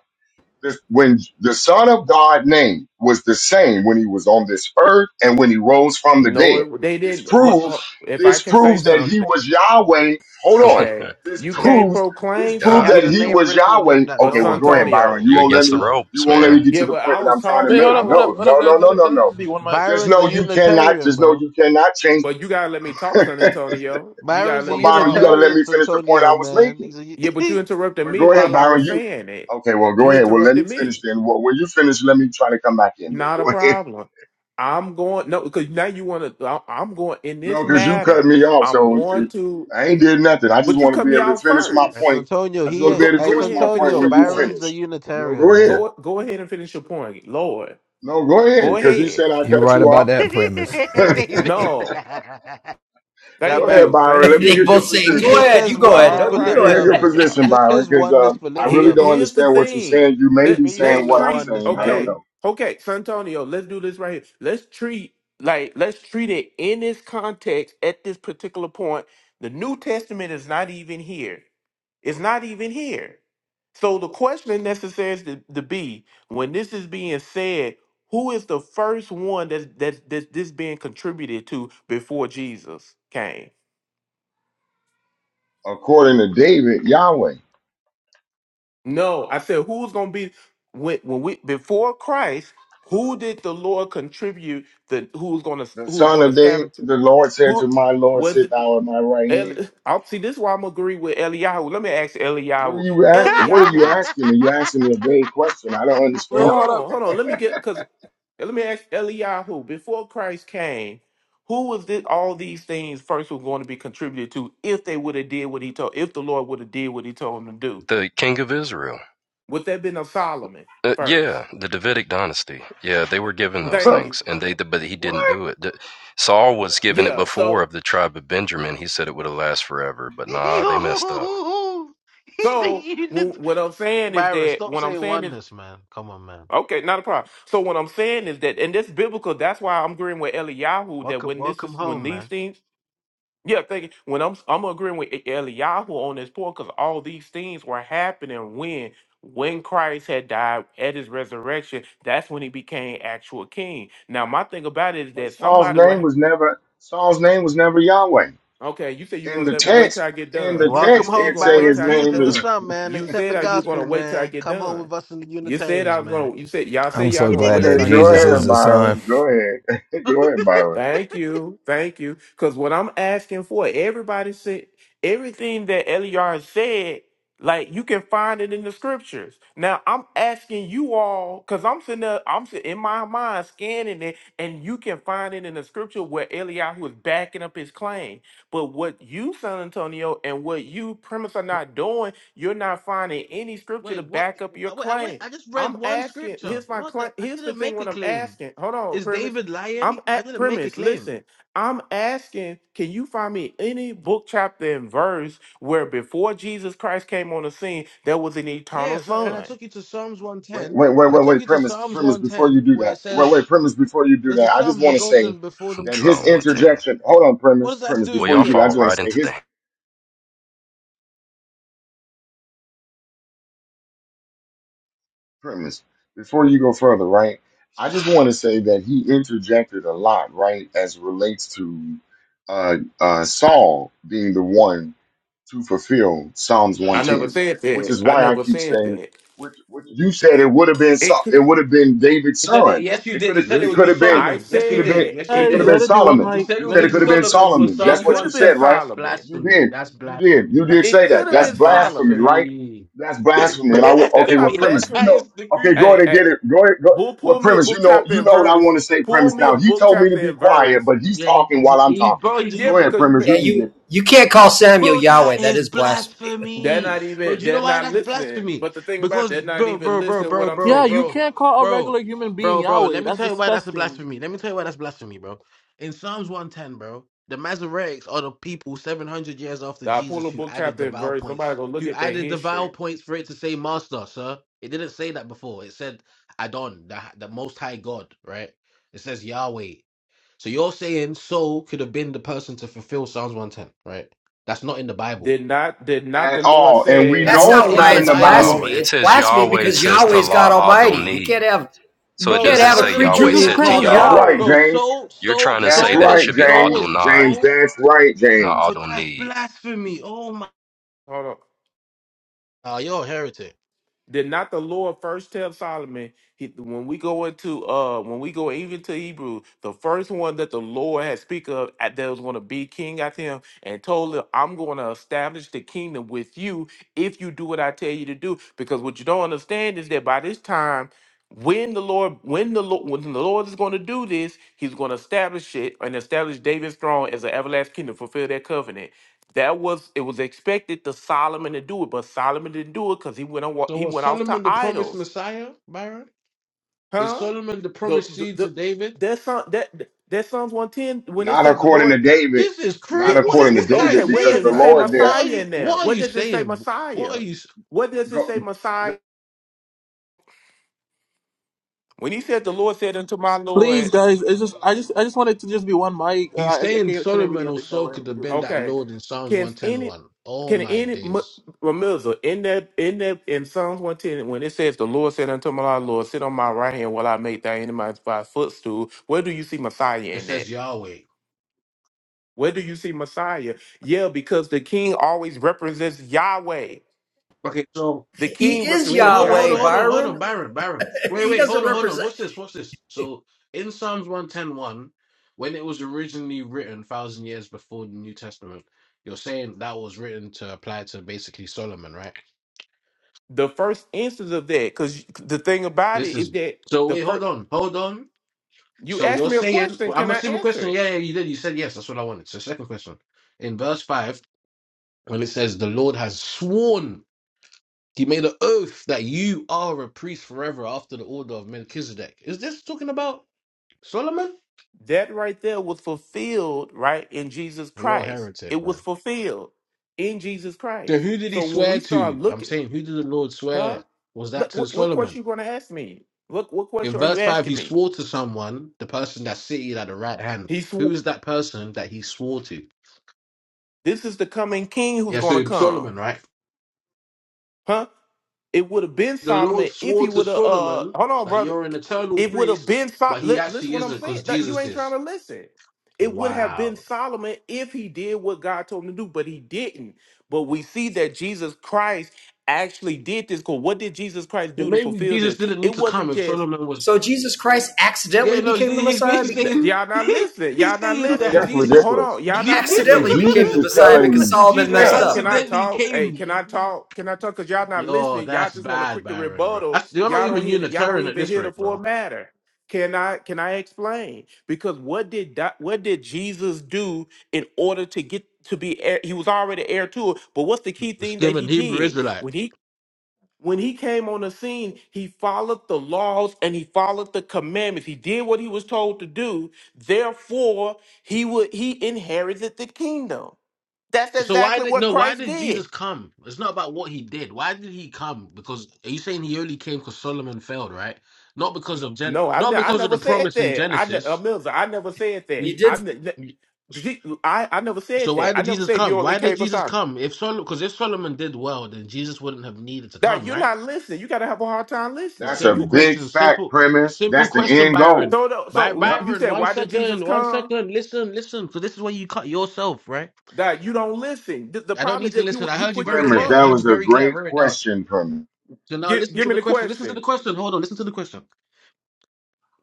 Speaker 6: This, when the Son of God name was the same when he was on this earth and when he rose from the
Speaker 9: no,
Speaker 6: dead.
Speaker 9: they
Speaker 6: This
Speaker 9: didn't. But
Speaker 6: proves
Speaker 9: uh, if I
Speaker 6: this
Speaker 9: can say
Speaker 6: proves that he
Speaker 9: something,
Speaker 6: was Yahweh. Hold on.
Speaker 9: okay,
Speaker 6: This
Speaker 9: you can't
Speaker 6: proves this
Speaker 9: proclaim
Speaker 8: He
Speaker 6: proves
Speaker 3: God,
Speaker 8: has
Speaker 9: something.
Speaker 6: that
Speaker 8: a
Speaker 6: he
Speaker 8: name
Speaker 6: was
Speaker 8: written on
Speaker 6: Yahweh.
Speaker 8: him that
Speaker 9: But
Speaker 6: Okay,
Speaker 8: no
Speaker 6: well
Speaker 8: one
Speaker 6: go ahead,
Speaker 8: knows but
Speaker 6: Byron.
Speaker 9: Santonio,
Speaker 6: You
Speaker 3: you
Speaker 8: he
Speaker 6: won't let
Speaker 3: against the
Speaker 6: me
Speaker 8: himself.
Speaker 6: you
Speaker 3: ropes
Speaker 6: won't let me
Speaker 3: man
Speaker 6: get to
Speaker 9: yeah,
Speaker 6: the
Speaker 9: but
Speaker 6: point
Speaker 9: I
Speaker 6: that
Speaker 9: was
Speaker 6: I'm trying to
Speaker 1: Hey,
Speaker 9: talking.
Speaker 1: hold
Speaker 6: make.
Speaker 9: I
Speaker 1: up, hold
Speaker 9: was,
Speaker 1: up,
Speaker 6: No,
Speaker 1: hold
Speaker 6: no,
Speaker 1: up,
Speaker 6: no,
Speaker 1: guys.
Speaker 6: no,
Speaker 1: Let it,
Speaker 6: no,
Speaker 1: let it
Speaker 6: no.
Speaker 1: just be one mic.
Speaker 6: Just
Speaker 8: Byron's
Speaker 6: know
Speaker 8: a
Speaker 6: you cannot,
Speaker 8: Unitarian,
Speaker 6: just know
Speaker 8: bro.
Speaker 6: you cannot change
Speaker 9: but you gotta let me talk, San Antonio. You gotta
Speaker 8: Byron's a
Speaker 9: let
Speaker 6: Well,
Speaker 9: me
Speaker 6: Byron, you got
Speaker 9: talk.
Speaker 6: to let
Speaker 8: Unitarian,
Speaker 6: me finish the point I
Speaker 8: Santonio,
Speaker 6: was
Speaker 8: man.
Speaker 6: making.
Speaker 8: He's a
Speaker 9: Yeah, but you interrupted
Speaker 6: But
Speaker 9: me
Speaker 6: go ahead,
Speaker 9: while I was
Speaker 6: Byron. You
Speaker 9: saying it.
Speaker 6: okay? Well, go
Speaker 9: You
Speaker 6: ahead. Well, let
Speaker 9: interrupted
Speaker 6: me finish
Speaker 9: me.
Speaker 6: then. Well, when you finish, let me try to come back in. Then
Speaker 9: Not
Speaker 6: go
Speaker 9: a
Speaker 6: ahead.
Speaker 9: problem. I'm going no, because now you want to. I'm going in this
Speaker 6: No, because you cut
Speaker 9: matter.
Speaker 6: me off,
Speaker 9: I'm
Speaker 6: so
Speaker 9: going
Speaker 6: it-
Speaker 9: to,
Speaker 6: I ain't did nothing. I just
Speaker 9: but you
Speaker 6: want to
Speaker 9: cut
Speaker 6: be
Speaker 9: me
Speaker 6: able to
Speaker 9: out
Speaker 6: finish my
Speaker 8: Hey,
Speaker 9: first.
Speaker 6: point.
Speaker 8: Santonio.
Speaker 6: I just
Speaker 8: He,
Speaker 6: want to be
Speaker 8: a-
Speaker 9: Go
Speaker 6: able to
Speaker 8: hey,
Speaker 9: go
Speaker 6: finish
Speaker 9: ahead
Speaker 6: my
Speaker 9: and
Speaker 6: point
Speaker 9: finish
Speaker 8: Santonio.
Speaker 6: where
Speaker 9: your
Speaker 6: you
Speaker 9: point.
Speaker 8: Byron's a
Speaker 6: finish. No, go
Speaker 8: Unitarian, man.
Speaker 6: ahead.
Speaker 9: Go go ahead and finish your point, Lord.
Speaker 6: No, go ahead,
Speaker 9: Go
Speaker 6: because you
Speaker 9: ahead.
Speaker 6: said I
Speaker 7: You're
Speaker 6: cut
Speaker 7: right
Speaker 6: you
Speaker 7: about
Speaker 6: off.
Speaker 7: that premise.
Speaker 6: go
Speaker 8: David.
Speaker 9: No,
Speaker 8: that
Speaker 9: thank
Speaker 6: ahead,
Speaker 8: man
Speaker 9: you,
Speaker 6: Byron.
Speaker 9: thank
Speaker 6: Let
Speaker 10: And
Speaker 6: me
Speaker 10: they
Speaker 6: hear
Speaker 9: you.
Speaker 6: your
Speaker 10: both saying,
Speaker 8: He
Speaker 10: "Go
Speaker 6: position.
Speaker 8: just
Speaker 10: ahead, you
Speaker 8: says
Speaker 10: go ahead,
Speaker 8: oneness
Speaker 10: no,
Speaker 9: All
Speaker 8: for
Speaker 10: you
Speaker 6: Let
Speaker 8: lip
Speaker 10: go
Speaker 6: me
Speaker 10: ahead."
Speaker 6: hear
Speaker 9: right.
Speaker 6: your
Speaker 8: service. He
Speaker 9: Uh,
Speaker 6: position,
Speaker 8: just
Speaker 6: Byron,
Speaker 8: says
Speaker 6: because
Speaker 8: oneness
Speaker 6: um,
Speaker 8: for
Speaker 6: I
Speaker 8: lip
Speaker 6: really
Speaker 9: Here,
Speaker 6: don't
Speaker 8: service.
Speaker 9: here's the
Speaker 6: understand what you're
Speaker 9: thing.
Speaker 6: saying. You may
Speaker 9: Let
Speaker 6: be
Speaker 8: Man, you ain't
Speaker 6: saying
Speaker 9: let's
Speaker 6: what
Speaker 8: no
Speaker 6: I'm
Speaker 9: treat
Speaker 8: oneness,
Speaker 6: saying. I don't
Speaker 9: okay,
Speaker 6: know.
Speaker 8: man.
Speaker 9: okay, Santonio. Let's do this right here. Let's treat like let's treat it in this context at this particular point. The New Testament is not even here. It's not even here. So the question necessitates to, to be when this is being said, who is the first one that's that's that's this being contributed to before Jesus came?
Speaker 6: according to David, Yahweh,
Speaker 9: No, I said who's gonna be when when we before Christ, who did the Lord contribute the who's gonna
Speaker 6: the
Speaker 9: who's
Speaker 6: son
Speaker 9: gonna
Speaker 6: of David,
Speaker 9: establish it?
Speaker 6: the Lord said
Speaker 9: who
Speaker 6: to my Lord,
Speaker 9: was
Speaker 6: sit
Speaker 9: it
Speaker 6: thou at my right hand.
Speaker 9: Eli, I'll see this is why I'm agree with Eliyahu. Let me ask
Speaker 6: What are
Speaker 9: Eliyahu.
Speaker 6: you ask, What are you
Speaker 9: Eliyahu,
Speaker 6: asking me? You asking me a vague question. I don't understand.
Speaker 9: hold on, hold on. Let me get because Now, Let me ask Eliyahu, before Christ came, who was this, all these things first were going to be contributed to if they would have did what he told, if the Lord would have did what he told him to do?
Speaker 3: the king of israel
Speaker 9: Would that have been a Solomon
Speaker 3: Uh,
Speaker 9: first?
Speaker 3: yeah, the Davidic dynasty. Yeah, they were given those
Speaker 9: Thank
Speaker 6: what?
Speaker 9: you.
Speaker 3: things, and they but he didn't do it. The- Saul was given it
Speaker 9: Yeah.
Speaker 3: before
Speaker 9: So,
Speaker 3: of the tribe of Benjamin. He said it would have last forever, but nah, they messed up.
Speaker 8: Yo, he's a
Speaker 9: so
Speaker 8: unit.
Speaker 9: when, what I'm saying is
Speaker 8: Byron,
Speaker 9: that
Speaker 8: stop
Speaker 9: what I'm
Speaker 8: saying
Speaker 9: saying is
Speaker 8: oneness, man. Come on, man.
Speaker 9: okay, not a problem. So what I'm saying is that, and this biblical, that's why I'm agreeing with Eliyahu that
Speaker 8: Welcome,
Speaker 9: when this
Speaker 8: welcome
Speaker 9: is when
Speaker 8: home,
Speaker 9: these
Speaker 8: man.
Speaker 9: things Yeah, thank you. When I'm I'm agreeing with E- Eliyahu on this point, because all these things were happening when when Christ had died at his resurrection. That's when he became actual king. Now my thing about it is
Speaker 6: But
Speaker 9: that
Speaker 6: Saul's
Speaker 9: somebody will.
Speaker 6: name
Speaker 9: ha-
Speaker 6: was never Saul's name was never Yahweh.
Speaker 9: Okay, you say you're
Speaker 6: In
Speaker 9: gonna
Speaker 6: the
Speaker 9: let wait till
Speaker 6: text,
Speaker 9: I get
Speaker 6: in
Speaker 8: And
Speaker 9: done.
Speaker 6: the
Speaker 9: You go,
Speaker 8: welcome
Speaker 9: you
Speaker 6: text,
Speaker 9: say you're
Speaker 8: home,
Speaker 6: it
Speaker 9: gonna
Speaker 6: say
Speaker 9: wait
Speaker 8: Byron.
Speaker 6: his
Speaker 9: till I get
Speaker 8: Jesus
Speaker 6: name
Speaker 8: is the
Speaker 6: is.
Speaker 9: done.
Speaker 8: Son, man.
Speaker 9: You
Speaker 8: Accept the
Speaker 9: said that you were gonna
Speaker 8: gospel,
Speaker 9: wait till I
Speaker 8: man.
Speaker 9: get
Speaker 8: Come home
Speaker 9: done.
Speaker 8: with us in the
Speaker 9: You said
Speaker 8: Unitarians,
Speaker 9: I was
Speaker 8: man.
Speaker 9: gonna. You said y'all
Speaker 7: I'm
Speaker 9: said y'all
Speaker 7: so
Speaker 9: gonna
Speaker 7: glad
Speaker 9: wait till
Speaker 7: that
Speaker 6: Okay,
Speaker 9: I
Speaker 6: go
Speaker 9: get
Speaker 7: Jesus is
Speaker 9: done.
Speaker 6: ahead,
Speaker 7: the Son.
Speaker 6: Byron. Go ahead. go ahead, Byron.
Speaker 9: Thank you. Thank you. Because what I'm asking for, everybody said, everything that Eliar said, like you can find it in the scriptures. Now I'm asking you all, because I'm sitting there, I'm sitting in my mind scanning it, and you can find it in the scripture where Eliar who is backing up his claim. But what you, San Antonio, and what you, premise, are not doing, you're not finding any scripture to
Speaker 8: Wait, what?
Speaker 9: back up your
Speaker 8: I- Wait, I wait.
Speaker 9: claim.
Speaker 8: I just read
Speaker 9: I'm
Speaker 8: one
Speaker 9: asking.
Speaker 8: scripture.
Speaker 9: Here's my
Speaker 8: What the?
Speaker 9: claim.
Speaker 8: I
Speaker 9: Here's the
Speaker 8: didn't
Speaker 9: thing.
Speaker 8: make a
Speaker 9: What I'm
Speaker 8: claim.
Speaker 9: asking. Hold on,
Speaker 8: Is
Speaker 9: premise.
Speaker 8: David lying?
Speaker 9: I'm
Speaker 8: I
Speaker 9: at
Speaker 8: didn't make a
Speaker 9: premise.
Speaker 8: claim.
Speaker 9: Listen, I'm asking, can you find me any book, chapter, and verse where before Jesus Christ came on the scene, there was an eternal
Speaker 8: Yeah. So, and I
Speaker 9: son?
Speaker 8: took you to Psalms one
Speaker 6: Wait,
Speaker 8: ten.
Speaker 6: wait, wait,
Speaker 8: I
Speaker 6: wait,
Speaker 8: took
Speaker 6: wait,
Speaker 8: you to
Speaker 6: premise,
Speaker 8: Psalms
Speaker 6: premise,
Speaker 8: one
Speaker 6: before you
Speaker 8: ten,
Speaker 6: do
Speaker 8: where it
Speaker 6: that. Wait,
Speaker 8: says,
Speaker 6: wait, premise, before you do
Speaker 8: "There's a
Speaker 6: that, I just
Speaker 8: son
Speaker 6: want to say
Speaker 8: begotten before them."
Speaker 6: that his
Speaker 3: Psalm one ten.
Speaker 6: interjection, hold on,
Speaker 8: What
Speaker 6: premise,
Speaker 8: does that have to
Speaker 6: premise,
Speaker 8: do
Speaker 3: Well,
Speaker 8: with
Speaker 6: before
Speaker 3: y'all
Speaker 6: you
Speaker 8: me?
Speaker 6: do
Speaker 8: Eh,
Speaker 6: that, I
Speaker 3: fall
Speaker 6: just
Speaker 8: But
Speaker 6: want to
Speaker 3: right
Speaker 6: say
Speaker 3: into the.
Speaker 6: his premise, before you go further, right? I just want to say that he interjected a lot, right, as relates to uh, uh, Saul being the one to fulfill Psalms
Speaker 9: I never
Speaker 6: 110,
Speaker 9: said
Speaker 6: which
Speaker 9: that.
Speaker 6: is
Speaker 9: I
Speaker 6: why I
Speaker 9: never
Speaker 6: keep
Speaker 9: said
Speaker 6: saying,
Speaker 9: that.
Speaker 6: which, which you said it would have been
Speaker 9: It
Speaker 6: Sol-
Speaker 9: could,
Speaker 6: it would have been David's
Speaker 8: you said it.
Speaker 6: son.
Speaker 8: Yes, you
Speaker 6: It could
Speaker 8: did. You
Speaker 6: have
Speaker 8: said it
Speaker 6: it
Speaker 9: listen,
Speaker 8: would
Speaker 6: could
Speaker 8: be
Speaker 6: have been
Speaker 9: I
Speaker 8: Solomon.
Speaker 6: it
Speaker 8: Yes,
Speaker 6: could
Speaker 8: you
Speaker 6: have
Speaker 8: did.
Speaker 6: been
Speaker 9: said
Speaker 8: Yes, you
Speaker 6: it
Speaker 9: it
Speaker 1: Hey,
Speaker 6: could have
Speaker 9: could
Speaker 6: been
Speaker 8: did.
Speaker 1: let it be one
Speaker 6: Solomon.
Speaker 8: You
Speaker 1: mic.
Speaker 8: said
Speaker 6: You
Speaker 8: it would
Speaker 1: Let
Speaker 6: said
Speaker 8: be
Speaker 1: it
Speaker 6: it
Speaker 1: be
Speaker 6: could have been
Speaker 1: one mic,
Speaker 8: Solomon for
Speaker 1: please.
Speaker 6: Solomon.
Speaker 9: it
Speaker 6: That's
Speaker 8: Psalms
Speaker 6: what
Speaker 9: could
Speaker 6: you
Speaker 8: one
Speaker 9: have been
Speaker 6: said,
Speaker 8: ten.
Speaker 6: right?
Speaker 8: That's
Speaker 9: Solomon.
Speaker 6: You
Speaker 8: blasphemy.
Speaker 6: did.
Speaker 8: That's
Speaker 6: You did.
Speaker 8: blasphemy.
Speaker 6: You did
Speaker 8: That's
Speaker 9: It
Speaker 6: say
Speaker 9: could
Speaker 6: that.
Speaker 9: have
Speaker 6: That's
Speaker 9: been
Speaker 8: that's
Speaker 6: blasphemy,
Speaker 9: Solomon.
Speaker 6: right?
Speaker 8: blasphemy.
Speaker 6: That's
Speaker 8: That's
Speaker 6: blasphemy. And I wa-
Speaker 9: That's
Speaker 6: okay, what
Speaker 9: not
Speaker 8: blasphemy at
Speaker 6: premise?
Speaker 8: the
Speaker 6: You
Speaker 9: blasphemy.
Speaker 6: know,
Speaker 8: highest
Speaker 6: okay, go
Speaker 8: degree.
Speaker 6: ahead
Speaker 9: Hey,
Speaker 6: and
Speaker 9: hey,
Speaker 6: get it. Go ahead. Go.
Speaker 9: bull pull
Speaker 6: What
Speaker 9: me a
Speaker 6: premise? You
Speaker 9: book,
Speaker 6: know,
Speaker 9: chapter,
Speaker 6: you
Speaker 9: and
Speaker 6: know what I
Speaker 9: verse.
Speaker 6: want to say,
Speaker 9: Pull
Speaker 6: premise.
Speaker 9: me
Speaker 6: Now
Speaker 9: a
Speaker 6: he
Speaker 9: book,
Speaker 6: told me to
Speaker 9: chapter,
Speaker 6: be
Speaker 9: and
Speaker 6: quiet,
Speaker 9: verse.
Speaker 6: but he's
Speaker 8: Yeah, he
Speaker 6: talking
Speaker 8: is.
Speaker 6: while I'm
Speaker 8: He's
Speaker 6: talking.
Speaker 8: bro.
Speaker 9: Yeah,
Speaker 6: Go
Speaker 8: He,
Speaker 6: ahead,
Speaker 9: because you
Speaker 6: premise.
Speaker 9: may.
Speaker 6: You
Speaker 10: Yeah,
Speaker 6: can get it.
Speaker 10: you you can't call Samuel
Speaker 8: bro,
Speaker 10: Yahweh.
Speaker 8: that
Speaker 10: That
Speaker 8: is
Speaker 10: is blasphemy.
Speaker 9: They're
Speaker 8: blasphemy.
Speaker 9: not
Speaker 8: Bro,
Speaker 9: even
Speaker 8: do you
Speaker 9: they're
Speaker 8: know why
Speaker 9: not
Speaker 8: that's
Speaker 9: listening.
Speaker 8: blasphemy?
Speaker 9: But the thing about it,
Speaker 8: Because
Speaker 9: they're not
Speaker 8: bro,
Speaker 9: even
Speaker 8: bro, bro,
Speaker 9: listening to what
Speaker 8: bro,
Speaker 9: I'm
Speaker 8: bro,
Speaker 1: Yeah, you
Speaker 9: saying.
Speaker 8: bro,
Speaker 1: can't call a regular
Speaker 8: bro,
Speaker 1: human being
Speaker 8: bro, bro.
Speaker 1: Yahweh.
Speaker 8: Let me
Speaker 1: That's
Speaker 8: tell you why that's a
Speaker 1: disgusting.
Speaker 8: blasphemy. Let me tell you why that's blasphemy, bro. In Psalms one ten, bro, the Masoretics are the people seven hundred years after
Speaker 9: I pull
Speaker 8: Jesus
Speaker 9: a
Speaker 8: who
Speaker 9: book
Speaker 8: added the
Speaker 9: chapter and
Speaker 8: vowel
Speaker 9: verse,
Speaker 8: points.
Speaker 9: nobody go look
Speaker 8: Who
Speaker 9: at their
Speaker 8: added the vowel
Speaker 9: history.
Speaker 8: points for it to say master, sir? It didn't say that before. It said Adon, the, the Most High God, right? It says Yahweh. So you're saying Saul could have been the person to fulfill Psalms 110, right? That's not in the Bible.
Speaker 9: Did not did not the
Speaker 6: at
Speaker 9: Lord
Speaker 6: all. And
Speaker 9: say,
Speaker 6: we
Speaker 8: That's
Speaker 10: That's
Speaker 9: Hold
Speaker 6: know
Speaker 8: not
Speaker 10: not
Speaker 6: it's
Speaker 8: in
Speaker 10: why
Speaker 9: on.
Speaker 6: not
Speaker 8: the
Speaker 6: in
Speaker 10: it's
Speaker 6: the
Speaker 3: No,
Speaker 6: Bible.
Speaker 10: blasphemy.
Speaker 8: Bible.
Speaker 3: it
Speaker 10: It's
Speaker 3: says
Speaker 10: blasphemy
Speaker 3: Yahweh
Speaker 10: because
Speaker 3: says to
Speaker 10: Yahweh's God Almighty. You
Speaker 3: Adoni,
Speaker 10: can't have
Speaker 3: so
Speaker 10: you
Speaker 3: it
Speaker 8: Bro,
Speaker 10: can't
Speaker 3: doesn't
Speaker 8: that
Speaker 10: have a
Speaker 3: say
Speaker 8: doesn't
Speaker 10: creature
Speaker 8: bro,
Speaker 3: Yahweh
Speaker 1: Jesus
Speaker 10: being
Speaker 8: that
Speaker 3: said to
Speaker 1: Christ
Speaker 10: called
Speaker 1: is
Speaker 8: doesn't
Speaker 6: That's
Speaker 10: Yahweh.
Speaker 3: Yahweh.
Speaker 6: right,
Speaker 1: Yahweh.
Speaker 8: bro,
Speaker 6: James.
Speaker 8: Saul,
Speaker 3: You're
Speaker 8: Saul,
Speaker 3: trying to
Speaker 6: That's
Speaker 3: say
Speaker 8: Saul
Speaker 3: that it
Speaker 6: right,
Speaker 8: was
Speaker 3: should be
Speaker 8: Saul
Speaker 6: James.
Speaker 8: was
Speaker 3: Adonai,
Speaker 6: James,
Speaker 8: Saul.
Speaker 6: that's right, James.
Speaker 3: not
Speaker 8: Bro, that's
Speaker 3: Adoni.
Speaker 8: blasphemy. Oh my
Speaker 9: Hold on.
Speaker 8: Oh, you're a heretic.
Speaker 9: Did not the Lord first tell Solomon he, when we go into uh when we go even to Hebrew, the first one that the Lord had speak of at- that was going to be king after him, and told him, "I'm going to establish the kingdom with you if you do what I tell you to do." Because what you don't understand is that by this time, when the Lord when the Lord when the Lord is going to do this, He's going to establish it and establish David's throne as an everlasting kingdom, fulfill that covenant. That was it was expected to Solomon to do it, but Solomon didn't do it because he went on wa-
Speaker 8: So
Speaker 9: he
Speaker 8: was
Speaker 9: went off to
Speaker 8: Solomon the promised
Speaker 9: idols,
Speaker 8: Messiah, Byron? Is
Speaker 9: huh?
Speaker 8: Solomon the
Speaker 9: The
Speaker 8: promised
Speaker 9: the,
Speaker 8: seed to
Speaker 9: the
Speaker 8: David?
Speaker 9: that song that that Psalms one ten when it
Speaker 6: Not
Speaker 9: said the
Speaker 6: according to
Speaker 9: Lord
Speaker 6: David.
Speaker 8: This is
Speaker 6: Not
Speaker 8: crazy.
Speaker 9: the,
Speaker 8: What
Speaker 9: the
Speaker 8: is
Speaker 6: according to
Speaker 9: w-
Speaker 8: this guy
Speaker 9: okay
Speaker 6: David,
Speaker 9: where
Speaker 6: because
Speaker 9: does
Speaker 8: saying
Speaker 6: the
Speaker 9: it
Speaker 8: right
Speaker 9: say
Speaker 6: Lord
Speaker 8: now?
Speaker 6: there.
Speaker 9: Messiah
Speaker 8: What are you
Speaker 9: in there?
Speaker 8: what are
Speaker 9: What
Speaker 8: you
Speaker 9: does it say
Speaker 8: saying? What are
Speaker 9: Messiah?
Speaker 8: you?
Speaker 9: What does it say
Speaker 6: Go,
Speaker 9: Messiah? When he said the Lord said unto my
Speaker 1: Please,
Speaker 9: Lord,
Speaker 1: guys. It's just I just I just wanted to just be one mic. Uh,
Speaker 8: He's
Speaker 1: I, I
Speaker 8: saying
Speaker 1: can't- couldn't really
Speaker 8: Solomon or
Speaker 1: understand
Speaker 8: Saul
Speaker 1: what
Speaker 8: could have
Speaker 1: anybody
Speaker 8: been
Speaker 1: was.
Speaker 8: that
Speaker 9: Okay.
Speaker 8: Lord in Psalms
Speaker 9: Can
Speaker 8: one ten
Speaker 9: any
Speaker 8: one. Oh
Speaker 9: can
Speaker 8: my
Speaker 9: any mu-
Speaker 8: days.
Speaker 9: Ramilza in that in that in Psalms one ten when it says the Lord said unto my Lord, sit on my right hand while I make thy enemies by footstool, where do you see Messiah
Speaker 8: It
Speaker 9: in
Speaker 8: says
Speaker 9: that?
Speaker 8: Yahweh.
Speaker 9: Where do you see Messiah? Yeah, because the king always represents Yahweh.
Speaker 8: Okay, so
Speaker 9: The
Speaker 10: He
Speaker 9: king
Speaker 10: is
Speaker 8: wait, wait,
Speaker 9: represents
Speaker 8: hold on, hold on,
Speaker 10: Yahweh,
Speaker 9: Yahweh.
Speaker 8: hold on, hold on,
Speaker 10: Byron.
Speaker 8: Baron, Baron. Wait,
Speaker 10: He
Speaker 8: wait, hold
Speaker 10: doesn't
Speaker 8: on, hold on.
Speaker 10: represent.
Speaker 8: What's this? What's this? So in Psalms one ten one, when it was originally written thousand years before the New Testament, you're saying that was written to apply to basically Solomon, right?
Speaker 9: The first instance of that, because the thing about
Speaker 8: This
Speaker 9: it is
Speaker 8: is
Speaker 9: that
Speaker 8: so
Speaker 9: the
Speaker 8: wait, hold
Speaker 9: first
Speaker 8: on, hold on.
Speaker 9: you
Speaker 8: So
Speaker 9: asked
Speaker 8: you're
Speaker 9: me a
Speaker 8: saying
Speaker 9: question, can
Speaker 8: I'm a
Speaker 9: I
Speaker 8: simple
Speaker 9: answer
Speaker 8: question.
Speaker 9: it?
Speaker 8: Yeah, yeah, you did. You said yes, that's what I wanted. So second question. In verse five. when it says the Lord has sworn, he made an oath that you are a priest forever after the order of Melchizedek. Is this talking about Solomon?
Speaker 9: That right there was fulfilled, right, in Jesus
Speaker 8: You're a
Speaker 9: Christ.
Speaker 8: heretic,
Speaker 9: It
Speaker 8: man.
Speaker 9: was fulfilled in Jesus
Speaker 8: So
Speaker 9: Christ.
Speaker 8: who did he
Speaker 9: So when
Speaker 8: swear
Speaker 9: we start
Speaker 8: to? I'm
Speaker 9: looking,
Speaker 8: saying, who did the Lord
Speaker 9: huh?
Speaker 8: swear? Was that
Speaker 9: But
Speaker 8: to
Speaker 9: what, what question
Speaker 8: Solomon?
Speaker 9: you going to ask me? What what
Speaker 8: In
Speaker 9: question are you
Speaker 8: verse 5,
Speaker 9: asking
Speaker 8: he
Speaker 9: me?
Speaker 8: swore to someone, the person that's seated at the right hand.
Speaker 9: He
Speaker 8: Who
Speaker 9: sw-
Speaker 8: is that person that he swore to?
Speaker 9: this is the coming king who's
Speaker 8: Yeah,
Speaker 9: going to
Speaker 8: so
Speaker 9: come.
Speaker 8: Solomon, right?
Speaker 9: Huh? It would have been
Speaker 8: The Lord
Speaker 9: Solomon if he
Speaker 8: swore to
Speaker 9: would have. Uh,
Speaker 8: Solomon
Speaker 9: hold on,
Speaker 8: that
Speaker 9: brother.
Speaker 8: you're an eternal
Speaker 9: It would have
Speaker 8: priest,
Speaker 9: been. So-
Speaker 8: but he
Speaker 9: li- listen,
Speaker 8: actually
Speaker 9: what I'm
Speaker 8: isn't because
Speaker 9: saying. That- you
Speaker 8: Jesus
Speaker 9: ain't trying
Speaker 8: is.
Speaker 9: to listen. It would have
Speaker 8: Wow.
Speaker 9: been Solomon if he did what God told him to do, but he didn't. But we see that Jesus Christ actually did this. Cause what did Jesus Christ
Speaker 8: Well,
Speaker 9: do to
Speaker 8: maybe
Speaker 9: fulfill
Speaker 8: Jesus
Speaker 9: this?
Speaker 8: didn't need
Speaker 9: It
Speaker 8: to come
Speaker 9: wasn't
Speaker 8: if
Speaker 9: just
Speaker 8: Solomon was.
Speaker 10: So Jesus Christ
Speaker 8: Yeah,
Speaker 10: accidentally
Speaker 8: no,
Speaker 10: became the
Speaker 8: he- he's
Speaker 10: Messiah.
Speaker 8: basically
Speaker 9: N-
Speaker 8: saying
Speaker 9: Y'all not listening.
Speaker 8: he's
Speaker 9: Y'all not
Speaker 6: I
Speaker 8: saying
Speaker 6: mean,
Speaker 8: that
Speaker 9: listening.
Speaker 6: that's
Speaker 8: Jesus,
Speaker 9: Hold
Speaker 6: ridiculous.
Speaker 9: on. Y'all
Speaker 10: He
Speaker 9: not
Speaker 8: Je-
Speaker 6: I mean,
Speaker 10: accidentally
Speaker 9: listening.
Speaker 10: became
Speaker 6: Jesus
Speaker 10: the
Speaker 6: is
Speaker 9: Th-
Speaker 10: Messiah
Speaker 6: telling
Speaker 9: Who?
Speaker 10: because
Speaker 6: you,
Speaker 9: Li-
Speaker 10: Solomon
Speaker 8: Jesus
Speaker 10: messed
Speaker 6: yeah,
Speaker 9: hey,
Speaker 10: up,
Speaker 9: can I
Speaker 10: right?
Speaker 8: accidentally
Speaker 9: talk? Hey,
Speaker 8: came.
Speaker 9: can I talk? Can I talk? Cause y'all not
Speaker 8: Yo,
Speaker 9: listening. Y'all
Speaker 8: that's
Speaker 9: just want to
Speaker 8: bad,
Speaker 9: quick the
Speaker 8: Byron, bro.
Speaker 9: rebuttal.
Speaker 8: That's, you're not
Speaker 9: Y'all don't
Speaker 8: even
Speaker 9: hear. The, y'all don't
Speaker 8: Unitarian at
Speaker 9: even
Speaker 8: this
Speaker 9: hear the
Speaker 8: rate,
Speaker 9: full
Speaker 8: bro.
Speaker 9: matter. Can I? Can I explain? Because what did Di- what did Jesus do in order to get to be? Heir, he was already heir to it. But what's the key
Speaker 8: It's
Speaker 9: thing that he
Speaker 8: given Hebrew
Speaker 9: did
Speaker 8: Israelite.
Speaker 9: when he? When he came on the scene, he followed the laws and he followed the commandments. He did what he was told to do. Therefore, he would he inherited the kingdom. That's
Speaker 8: So why
Speaker 9: exactly
Speaker 8: did
Speaker 9: what
Speaker 8: no? Why
Speaker 9: Christ
Speaker 8: did Jesus
Speaker 9: did.
Speaker 8: come? It's not about what he did. Why did he come? Because are you saying he only came because Solomon failed, right? Not because of Gen,
Speaker 9: No, I,
Speaker 8: not
Speaker 9: ne- I
Speaker 8: because of the
Speaker 9: never said
Speaker 8: promise in
Speaker 9: that. I ne- uh,
Speaker 8: Genesis.
Speaker 9: Mills, I never said that.
Speaker 10: You
Speaker 9: I,
Speaker 10: did.
Speaker 9: ne- ne- did you- I I never
Speaker 8: So
Speaker 9: said
Speaker 8: why
Speaker 9: that. I
Speaker 8: did
Speaker 9: never
Speaker 8: Jesus
Speaker 9: said you
Speaker 8: come?
Speaker 9: only
Speaker 8: Why did
Speaker 9: came for
Speaker 8: Jesus
Speaker 9: Sodom.
Speaker 8: come? If Sol, because if Solomon did well, then Jesus wouldn't have needed to
Speaker 9: That
Speaker 8: come,
Speaker 9: you're
Speaker 8: right?
Speaker 9: not listening. You got to have a hard time
Speaker 6: that's
Speaker 9: listening.
Speaker 6: a
Speaker 8: Simple
Speaker 9: You
Speaker 6: big
Speaker 8: question.
Speaker 6: fact
Speaker 8: Simple,
Speaker 6: premise.
Speaker 8: simple
Speaker 6: That's the
Speaker 8: question,
Speaker 6: end
Speaker 8: Byron.
Speaker 6: goal.
Speaker 9: so the,
Speaker 8: By
Speaker 9: so
Speaker 6: Yep,
Speaker 9: you
Speaker 8: Byron,
Speaker 9: said
Speaker 8: one
Speaker 9: why did Jesus
Speaker 8: second, one
Speaker 9: come?
Speaker 8: second. Listen, listen. So this is where you cut yourself, right?
Speaker 9: That you don't listen. The, the
Speaker 8: I don't
Speaker 9: problem
Speaker 8: need
Speaker 9: is
Speaker 8: to
Speaker 9: that
Speaker 8: listen.
Speaker 9: you
Speaker 8: I
Speaker 9: you
Speaker 8: heard you
Speaker 9: quick to
Speaker 8: very
Speaker 6: premise.
Speaker 8: clear. I
Speaker 6: That
Speaker 9: rebuttal.
Speaker 8: heard
Speaker 6: was
Speaker 8: you
Speaker 6: a
Speaker 8: very clear. I
Speaker 6: great
Speaker 8: wrote it down.
Speaker 6: question, premise.
Speaker 8: So now
Speaker 9: Give,
Speaker 8: listen
Speaker 9: give
Speaker 8: to
Speaker 9: me
Speaker 8: the
Speaker 9: the
Speaker 8: question. Listen to the
Speaker 9: question.
Speaker 8: question. Hold on. Listen to the question.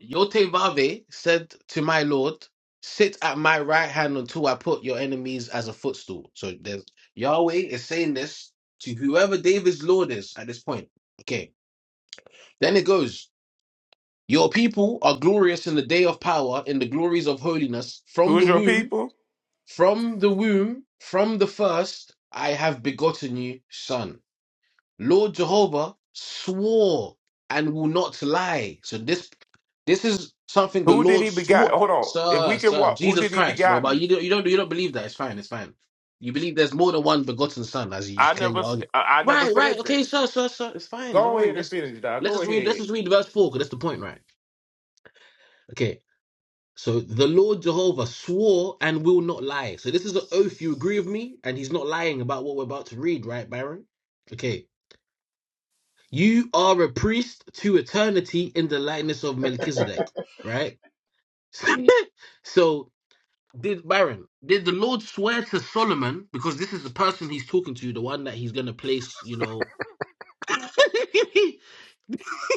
Speaker 8: Yotevave said to my Lord, Sit at my right hand until I put your enemies as a footstool. So there's Yahweh is saying this to whoever David's Lord is at this point. Okay. Then it goes, Your people are glorious in the day of power, in the glories of holiness. From
Speaker 9: Who
Speaker 8: the
Speaker 9: is your
Speaker 8: womb,
Speaker 9: people?
Speaker 8: from the womb, from the first, I have begotten you, son. Lord Jehovah swore and will not lie. So this this is something the
Speaker 9: Who did
Speaker 8: Lord
Speaker 9: he begot?
Speaker 8: swore.
Speaker 9: Hold on. If we
Speaker 8: Sir,
Speaker 9: can
Speaker 8: sir,
Speaker 9: walk, who
Speaker 8: Jesus
Speaker 9: did he
Speaker 8: Christ, bro. But you
Speaker 9: begotten?
Speaker 8: don't, you don't, you don't believe that. It's fine. It's fine. You believe there's more than one begotten son, as you just
Speaker 9: I
Speaker 8: claim.
Speaker 9: never,
Speaker 8: Your argument.
Speaker 9: I I never
Speaker 8: Right, right.
Speaker 9: said that.
Speaker 8: Okay, sir, sir, sir. It's fine. Don't
Speaker 9: Go
Speaker 8: worry.
Speaker 9: ahead and
Speaker 8: Let's
Speaker 9: finish, dog.
Speaker 8: let's
Speaker 9: Go
Speaker 8: just read. Let's
Speaker 9: ahead.
Speaker 8: just read verse four, because that's the point, right? Okay. So the Lord Jehovah swore and will not lie. So this is an oath. You agree with me? And he's not lying about what we're about to read, right, Baron? Okay. You are a priest to eternity in the likeness of Melchizedek, right? so, did Baron, did the Lord swear to Solomon, because this is the person he's talking to, the one that he's going to place, you know.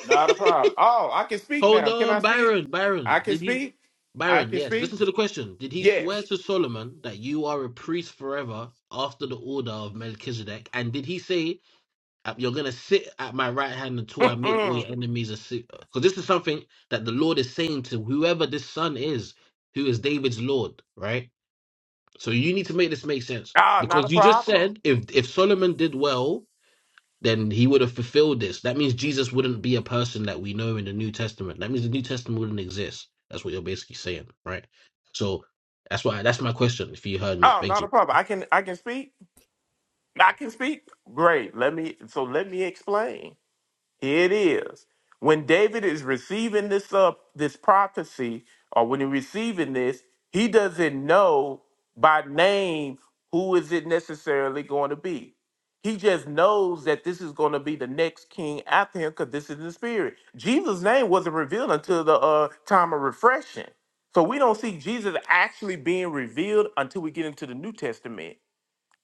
Speaker 9: Not a problem. Oh, I can speak
Speaker 8: Hold
Speaker 9: now. Can I
Speaker 8: on,
Speaker 9: speak?
Speaker 8: Baron, Baron,
Speaker 9: I can
Speaker 8: did he,
Speaker 9: speak. I
Speaker 8: Baron,
Speaker 9: can
Speaker 8: yes,
Speaker 9: speak.
Speaker 8: listen to the question. Did he swear
Speaker 9: Yes.
Speaker 8: to Solomon that you are a priest forever after the order of Melchizedek? And did he say Uh, You're going to sit at my right hand until I make all
Speaker 9: ah,
Speaker 8: your enemies a seat. Because this is something that the Lord is saying to whoever this son is, who is David's Lord, right? So you need to make this make sense.
Speaker 9: not a
Speaker 8: Because you just
Speaker 9: problem.
Speaker 8: said if if Solomon did well, then he would have fulfilled this. That means Jesus wouldn't be a person that we know in the New Testament. That means the New Testament wouldn't exist. That's what you're basically saying, right? So that's why that's my question. If you heard me,
Speaker 9: Oh,
Speaker 8: thank
Speaker 9: not a
Speaker 8: you.
Speaker 9: problem. I can, I can speak. I can speak. Great. Let me. So let me explain. Here it is. When David is receiving this up this prophecy, or when he's receiving this, he doesn't know by name who is it necessarily going to be. He just knows that this is going to be the next king after him because this is the spirit. Jesus' name wasn't revealed until the uh, time of refreshing. So we don't see Jesus actually being revealed until we get into the New Testament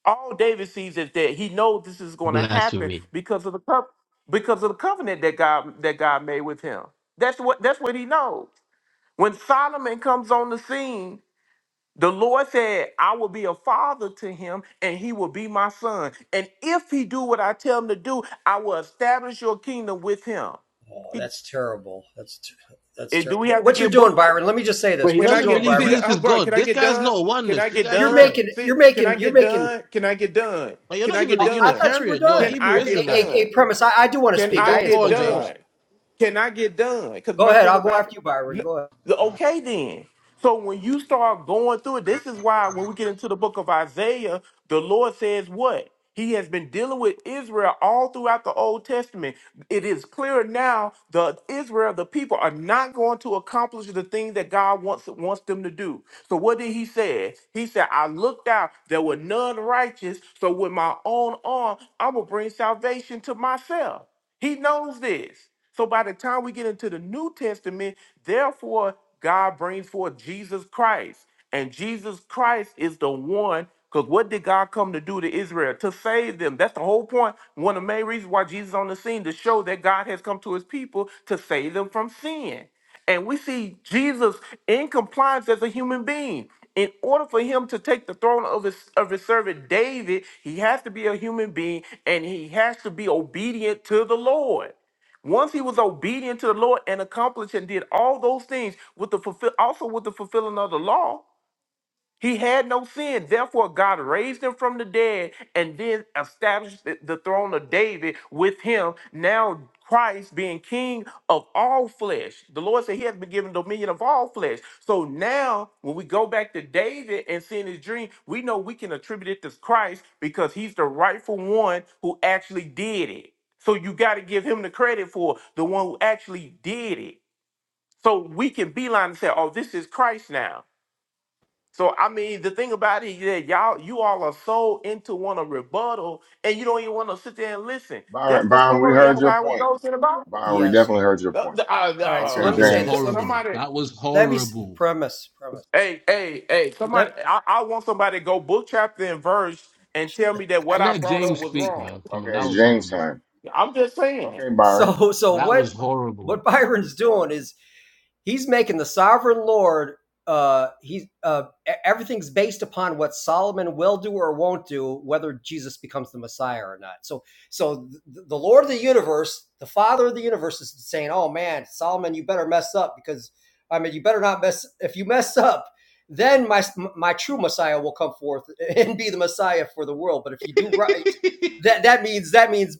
Speaker 9: all David sees is that he knows this is going to happen
Speaker 8: Blasphemy.
Speaker 9: because of the co- because of the covenant that God that God made with him. That's what that's what he knows. When Solomon comes on the scene, the Lord said, "I will be a father to him, and he will be my son. And if he do what I tell him to do, I will establish your kingdom with him."
Speaker 10: Oh,
Speaker 9: He,
Speaker 10: that's terrible. That's ter- that's
Speaker 9: and do
Speaker 10: terrible.
Speaker 9: we have to
Speaker 10: What you're
Speaker 9: give? book?
Speaker 10: doing, Byron? Let me just say
Speaker 8: But
Speaker 10: this:
Speaker 8: he
Speaker 10: What
Speaker 9: Can
Speaker 10: you're
Speaker 9: I
Speaker 8: doesn't
Speaker 10: doing,
Speaker 9: get
Speaker 8: believe
Speaker 9: see
Speaker 10: Byron,
Speaker 9: the
Speaker 8: Jesus
Speaker 9: oh,
Speaker 8: is
Speaker 9: bro?
Speaker 8: God.
Speaker 9: Can I
Speaker 8: This
Speaker 9: get
Speaker 8: guy's
Speaker 9: done?
Speaker 8: not a
Speaker 9: Can I
Speaker 8: oneness. You
Speaker 9: get
Speaker 8: guys
Speaker 10: You're
Speaker 8: need
Speaker 9: done?
Speaker 8: to.
Speaker 10: making,
Speaker 9: See,
Speaker 10: you're
Speaker 9: can I
Speaker 10: making, you're
Speaker 9: get
Speaker 10: making.
Speaker 9: done? Can I get done?
Speaker 8: Like you're
Speaker 9: Can
Speaker 8: not
Speaker 9: I
Speaker 8: even
Speaker 9: get
Speaker 8: a
Speaker 10: Uh, I
Speaker 9: done?
Speaker 10: thought you were
Speaker 8: Unitarian. You're a
Speaker 9: Can
Speaker 10: done.
Speaker 8: Hebrew
Speaker 9: I
Speaker 10: Okay,
Speaker 9: get
Speaker 10: a,
Speaker 8: Israelite.
Speaker 10: a,
Speaker 9: done?
Speaker 10: a premise. I, I do want to
Speaker 9: Can
Speaker 8: Like,
Speaker 10: speak.
Speaker 9: I
Speaker 10: I
Speaker 8: go
Speaker 10: ain't
Speaker 8: go
Speaker 9: get
Speaker 8: on,
Speaker 10: spoken at
Speaker 8: James.
Speaker 9: done?
Speaker 10: all.
Speaker 9: Can I get done? Because
Speaker 10: Go
Speaker 9: my
Speaker 10: ahead.
Speaker 9: thing
Speaker 10: I'll go
Speaker 9: about
Speaker 10: after
Speaker 9: it,
Speaker 10: you, Byron.
Speaker 9: n-
Speaker 10: Go ahead.
Speaker 9: the- okay then. So when you start going through it, this is why when we get into the book of Isaiah, the Lord says what? He has been dealing with Israel all throughout the Old Testament. It is clear now the Israel, the people, are not going to accomplish the things that God wants wants them to do. So what did he say? He said, I looked out, there were none righteous. So with my own arm, I'm gonna bring salvation to myself. He knows this. So by the time we get into the New Testament, therefore, God brings forth Jesus Christ. And Jesus Christ is the one, because what did God come to do to Israel? To save them. That's the whole point. One of the main reasons why Jesus is on the scene to show that God has come to his people to save them from sin. And we see Jesus in compliance as a human being. In order for him to take the throne of his, of his servant David, he has to be a human being and he has to be obedient to the Lord. Once he was obedient to the Lord and accomplished and did all those things with the fulfill, also with the fulfilling of the law, he had no sin. Therefore, God raised him from the dead and then established the the throne of David with him. Now, Christ being king of all flesh. The Lord said he has been given dominion of all flesh. So now, when we go back to David and seeing his dream, we know we can attribute it to Christ because he's the rightful one who actually did it. So you got to give him the credit for the one who actually did it. So we can beeline and say, oh, this is Christ now. So I mean, the thing about it is that y'all, you all are so into want to rebuttal, and you don't even want to sit there and listen. That's
Speaker 6: Byron,
Speaker 9: the
Speaker 6: Byron, we
Speaker 9: story
Speaker 6: heard
Speaker 9: of
Speaker 6: your
Speaker 9: how it
Speaker 6: point.
Speaker 9: goes in the Bible.
Speaker 6: Byron, we
Speaker 10: Yes.
Speaker 6: definitely heard your
Speaker 9: Uh,
Speaker 6: point.
Speaker 9: the- uh, the,
Speaker 10: All right. So
Speaker 9: uh,
Speaker 6: Okay,
Speaker 10: let
Speaker 8: That
Speaker 10: me
Speaker 8: was
Speaker 10: say
Speaker 6: James.
Speaker 9: t-
Speaker 10: this. Let me
Speaker 8: horrible.
Speaker 9: somebody,
Speaker 8: That was
Speaker 10: let me
Speaker 8: horrible.
Speaker 10: premise premise.
Speaker 9: hey, hey, hey, somebody,
Speaker 10: Let
Speaker 9: I, I want somebody to go book chapter and verse and tell me that what I
Speaker 8: Let
Speaker 9: brought up
Speaker 8: James
Speaker 9: was
Speaker 8: speak,
Speaker 9: wrong.
Speaker 8: man. Come
Speaker 6: Okay,
Speaker 8: on, that
Speaker 6: it's
Speaker 8: was
Speaker 6: James
Speaker 8: horrible.
Speaker 6: time.
Speaker 9: I'm just saying.
Speaker 6: Okay, Byron.
Speaker 10: so so
Speaker 8: That
Speaker 10: what
Speaker 8: was horrible.
Speaker 10: what Byron's doing is he's making the sovereign Lord. Uh, he's uh, e- everything's based upon what Solomon will do or won't do, whether Jesus becomes the Messiah or not. So, so the Lord of the universe, the Father of the universe, is saying, "Oh man, Solomon, you better mess up because I mean, you better not mess. If you mess up, then my my true Messiah will come forth and be the Messiah for the world. But if you do right, that that means that means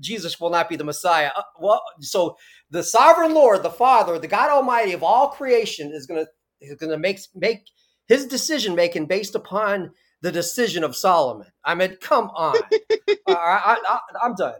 Speaker 10: Jesus will not be the Messiah. Uh, Well, so the sovereign Lord, the Father, the God Almighty of all creation, is going to is going to make make his decision making based upon the decision of Solomon. I mean, come on, Uh, I, I, I, am done.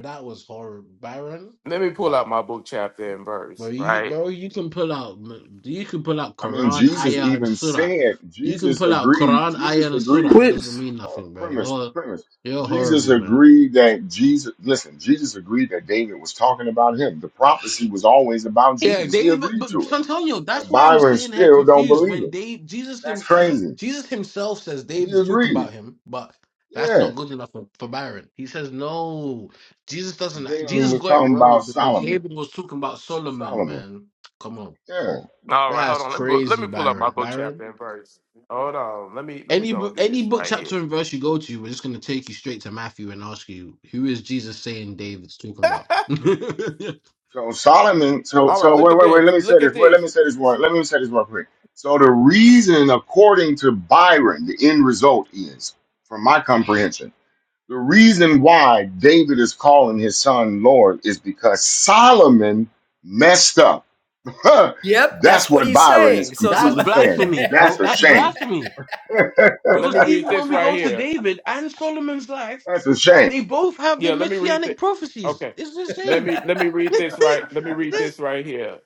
Speaker 8: That was horrible. Byron,
Speaker 9: Let me pull out
Speaker 8: wow,
Speaker 9: my book chapter and
Speaker 8: bro,
Speaker 9: verse.
Speaker 8: you
Speaker 9: Right.
Speaker 8: bro, you can pull out, you can pull out
Speaker 6: I mean,
Speaker 8: Quran,
Speaker 6: Jesus
Speaker 8: Ayah, and
Speaker 6: even
Speaker 8: Surah.
Speaker 6: said,
Speaker 8: You can
Speaker 6: Jesus
Speaker 8: pull out
Speaker 6: agreed,
Speaker 8: Quran, Ayah,
Speaker 6: Jesus
Speaker 8: and Surah.
Speaker 6: agreed,
Speaker 8: It doesn't
Speaker 1: Wait.
Speaker 8: mean
Speaker 6: uh,
Speaker 8: nothing, bro.
Speaker 6: premise,
Speaker 8: You're
Speaker 6: premise.
Speaker 8: you're
Speaker 6: Jesus
Speaker 8: horrible, man.
Speaker 6: agreed that Jesus, listen, Jesus agreed that David was talking about him. The prophecy was always about
Speaker 8: Yeah,
Speaker 6: Jesus.
Speaker 8: they
Speaker 6: He
Speaker 8: even
Speaker 6: agreed
Speaker 8: but
Speaker 6: to it.
Speaker 8: Santonio,
Speaker 6: But
Speaker 8: that's why I'm
Speaker 6: Byron
Speaker 8: sitting here
Speaker 6: still don't
Speaker 8: confused
Speaker 6: believe
Speaker 8: when
Speaker 6: it.
Speaker 8: they Jesus
Speaker 6: That's
Speaker 8: him
Speaker 6: crazy.
Speaker 8: Jesus himself says
Speaker 6: He
Speaker 8: David's talking
Speaker 6: agreed.
Speaker 8: about him, but that's
Speaker 6: Yeah.
Speaker 8: not good enough for, for Byron. He says no, Jesus doesn't
Speaker 6: David
Speaker 8: Jesus
Speaker 6: was
Speaker 8: got it
Speaker 6: talking
Speaker 8: wrong
Speaker 6: about
Speaker 8: because
Speaker 6: Solomon.
Speaker 8: David was talking about Solomon,
Speaker 6: Solomon.
Speaker 8: man. Come on.
Speaker 6: Yeah.
Speaker 9: All right. Hold
Speaker 8: That's
Speaker 9: on. Let me pull- let
Speaker 8: crazy,
Speaker 9: me pull up my
Speaker 8: Byron.
Speaker 9: book
Speaker 8: Byron.
Speaker 9: chapter and verse. Hold on. Let me let me
Speaker 8: Any
Speaker 9: go and
Speaker 8: book
Speaker 9: do
Speaker 8: any
Speaker 9: this
Speaker 8: book
Speaker 9: right here.
Speaker 8: chapter and verse you go to, we're just gonna take you straight to Matthew and ask you, who is Jesus saying David's talking about?
Speaker 6: So Solomon, so
Speaker 9: All right,
Speaker 6: so wait,
Speaker 9: look at
Speaker 6: wait, wait. Let
Speaker 9: this.
Speaker 6: me say
Speaker 9: Look
Speaker 6: this.
Speaker 9: at
Speaker 6: Wait, let
Speaker 9: this.
Speaker 6: me say this one. Let me say this one quick. So the reason, according to Byron, the end result is, from my comprehension, the reason why David is calling his son Lord is because Solomon messed up. Huh.
Speaker 10: Yep,
Speaker 6: That's
Speaker 10: that's what
Speaker 6: what
Speaker 10: he's
Speaker 6: Byron is
Speaker 10: saying. So, so
Speaker 8: that's
Speaker 6: completely
Speaker 10: you
Speaker 6: saying.
Speaker 8: blasphemy,
Speaker 6: That's
Speaker 8: bro.
Speaker 6: a
Speaker 8: That's
Speaker 6: shame.
Speaker 8: blasphemy.
Speaker 9: Let
Speaker 8: Because
Speaker 9: me read
Speaker 8: even when
Speaker 9: this
Speaker 8: we
Speaker 9: right
Speaker 8: go to
Speaker 9: here.
Speaker 8: David and Solomon's life,
Speaker 6: That's a shame.
Speaker 8: they both have the
Speaker 9: Yeah, let me read
Speaker 8: messianic
Speaker 9: this.
Speaker 8: prophecies.
Speaker 9: Okay.
Speaker 8: It's the
Speaker 9: Let
Speaker 8: same.
Speaker 9: me let me read
Speaker 8: this
Speaker 9: this right. Let me read
Speaker 8: this
Speaker 9: this right here.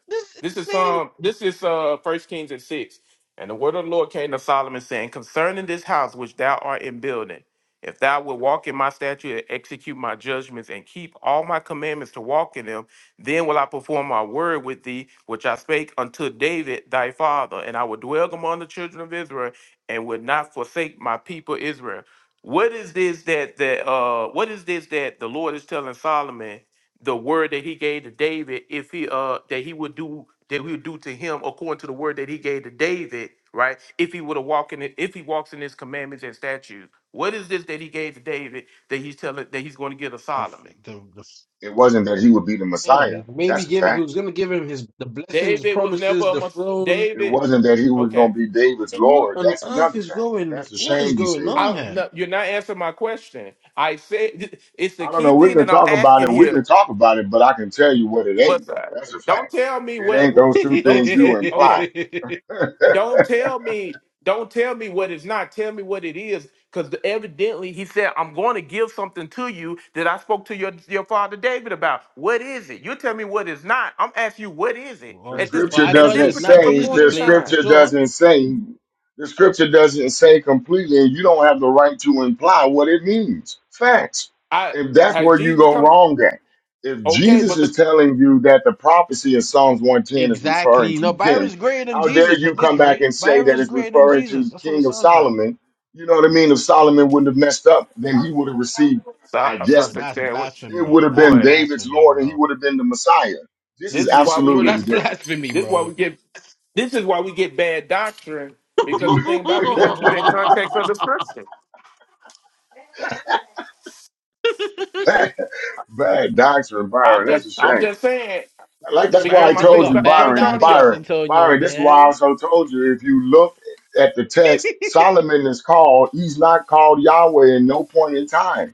Speaker 9: This is
Speaker 8: insane.
Speaker 9: um this is uh first Kings and six. And the word of the Lord came to Solomon saying, Concerning this house which thou art in building, if thou wilt walk in my statute and execute my judgments and keep all my commandments to walk in them, then will I perform my word with thee, which I spake unto David thy father, and I will dwell among the children of Israel and will not forsake my people Israel. What is this that that uh what is this that the Lord is telling Solomon the word that he gave to David if he uh that he would do that we would do to him according to the word that he gave to David, right? If he would have walked in it, if he walks in his commandments and statutes. What is this that he gave to David that he's telling that he's going to give to
Speaker 8: The,
Speaker 9: Solomon?
Speaker 8: the, the,
Speaker 6: It wasn't that he would be the
Speaker 8: yeah,
Speaker 6: Messiah.
Speaker 8: maybe
Speaker 6: That's a
Speaker 8: give it, he
Speaker 6: fact.
Speaker 8: was gonna give him his the blessings,
Speaker 9: David was never
Speaker 8: promises,
Speaker 9: a
Speaker 8: the
Speaker 9: must
Speaker 8: throne.
Speaker 6: It
Speaker 9: David
Speaker 6: wasn't that he was
Speaker 9: okay.
Speaker 6: going to be David's
Speaker 8: What
Speaker 6: Lord.
Speaker 8: on
Speaker 6: That's
Speaker 8: earth
Speaker 6: another
Speaker 8: is
Speaker 6: fact.
Speaker 8: going?
Speaker 6: That's a
Speaker 8: What is
Speaker 6: shame you
Speaker 8: going
Speaker 6: say that.
Speaker 8: on here?
Speaker 9: I no, you're not answering my question. I said it's the
Speaker 6: I don't
Speaker 9: key
Speaker 6: know. We
Speaker 9: thing
Speaker 6: can
Speaker 9: that I'm
Speaker 6: talk about
Speaker 9: asking
Speaker 6: it. We
Speaker 9: here.
Speaker 6: can talk about it, but I can tell you what it
Speaker 9: But
Speaker 6: ain't, though.
Speaker 9: uh,
Speaker 6: That's a
Speaker 9: don't
Speaker 6: fact.
Speaker 9: tell me
Speaker 6: It
Speaker 9: what.
Speaker 6: ain't those two
Speaker 9: Don't
Speaker 6: things
Speaker 9: tell.
Speaker 6: you imply.
Speaker 9: Okay. Don't tell me. Don't tell me what it's not. Tell me what it is. Because evidently he said, "I'm going to give something to you that I spoke to your your father David about. What is it? You tell me what it's not. I'm asking you what is it
Speaker 8: well,
Speaker 6: The
Speaker 9: at
Speaker 8: it's,
Speaker 9: this
Speaker 8: well,
Speaker 6: scripture
Speaker 8: I
Speaker 9: at
Speaker 8: tell
Speaker 9: this
Speaker 8: you,
Speaker 6: doesn't
Speaker 8: it's not
Speaker 9: particular
Speaker 6: say,
Speaker 9: point
Speaker 8: Jesus'
Speaker 6: the
Speaker 9: in
Speaker 8: place for
Speaker 9: time.
Speaker 6: scripture
Speaker 8: sure.
Speaker 6: doesn't say, the scripture doesn't say completely, and you don't have the right to imply what it means. Facts.
Speaker 9: I
Speaker 6: If that's
Speaker 9: has
Speaker 6: where you
Speaker 9: Jesus
Speaker 6: go
Speaker 9: come?
Speaker 6: wrong at, if
Speaker 9: Okay,
Speaker 6: Jesus
Speaker 9: but the
Speaker 6: is telling you that the prophecy in Psalms 110 is referring
Speaker 8: Exactly.
Speaker 6: to
Speaker 8: No,
Speaker 6: him,
Speaker 8: Byron's greater than
Speaker 6: how dare
Speaker 8: Jesus
Speaker 6: you
Speaker 8: at this
Speaker 6: come back
Speaker 8: rate.
Speaker 6: and say that
Speaker 8: Byron's
Speaker 6: it's
Speaker 8: greater than
Speaker 6: referring
Speaker 8: Jesus.
Speaker 6: to
Speaker 8: That's what it
Speaker 6: King of
Speaker 8: sounds like.
Speaker 6: Solomon? You know what I mean? If Solomon wouldn't have messed up, then he would have received,
Speaker 9: so,
Speaker 6: I
Speaker 9: I'm sorry, I
Speaker 6: guess,
Speaker 8: Bro,
Speaker 9: said
Speaker 8: that's
Speaker 9: sandwich.
Speaker 6: it
Speaker 8: blasphemy.
Speaker 6: would have
Speaker 8: That's
Speaker 6: been
Speaker 9: Boy,
Speaker 6: David's
Speaker 8: blasphemy,
Speaker 6: Lord and he
Speaker 8: bro.
Speaker 6: would have been the Messiah. This is
Speaker 9: this is why we
Speaker 8: Bro,
Speaker 6: absolutely
Speaker 9: get.
Speaker 8: that's
Speaker 6: ridiculous.
Speaker 8: blasphemy,
Speaker 9: This is why we
Speaker 8: bro.
Speaker 9: get this is why we get bad doctrine because the thing about it, we don't
Speaker 6: bad,
Speaker 9: keep in context of the scripture.
Speaker 6: bad doctrine,
Speaker 9: I'm
Speaker 6: Byron. That's a
Speaker 9: just I'm
Speaker 6: shame.
Speaker 9: just saying
Speaker 6: Like that's why
Speaker 9: because
Speaker 6: I
Speaker 9: my
Speaker 8: Embarrassing. You
Speaker 9: thing
Speaker 6: told you,
Speaker 8: got
Speaker 9: about
Speaker 8: bad
Speaker 6: Byron,
Speaker 8: doctrines,
Speaker 6: Byron,
Speaker 9: Santonio
Speaker 8: Antonio,
Speaker 6: Byron. This is why I
Speaker 8: man.
Speaker 6: also told you. If you look at the text, Solomon is called. He's not called Yahweh in no point in time.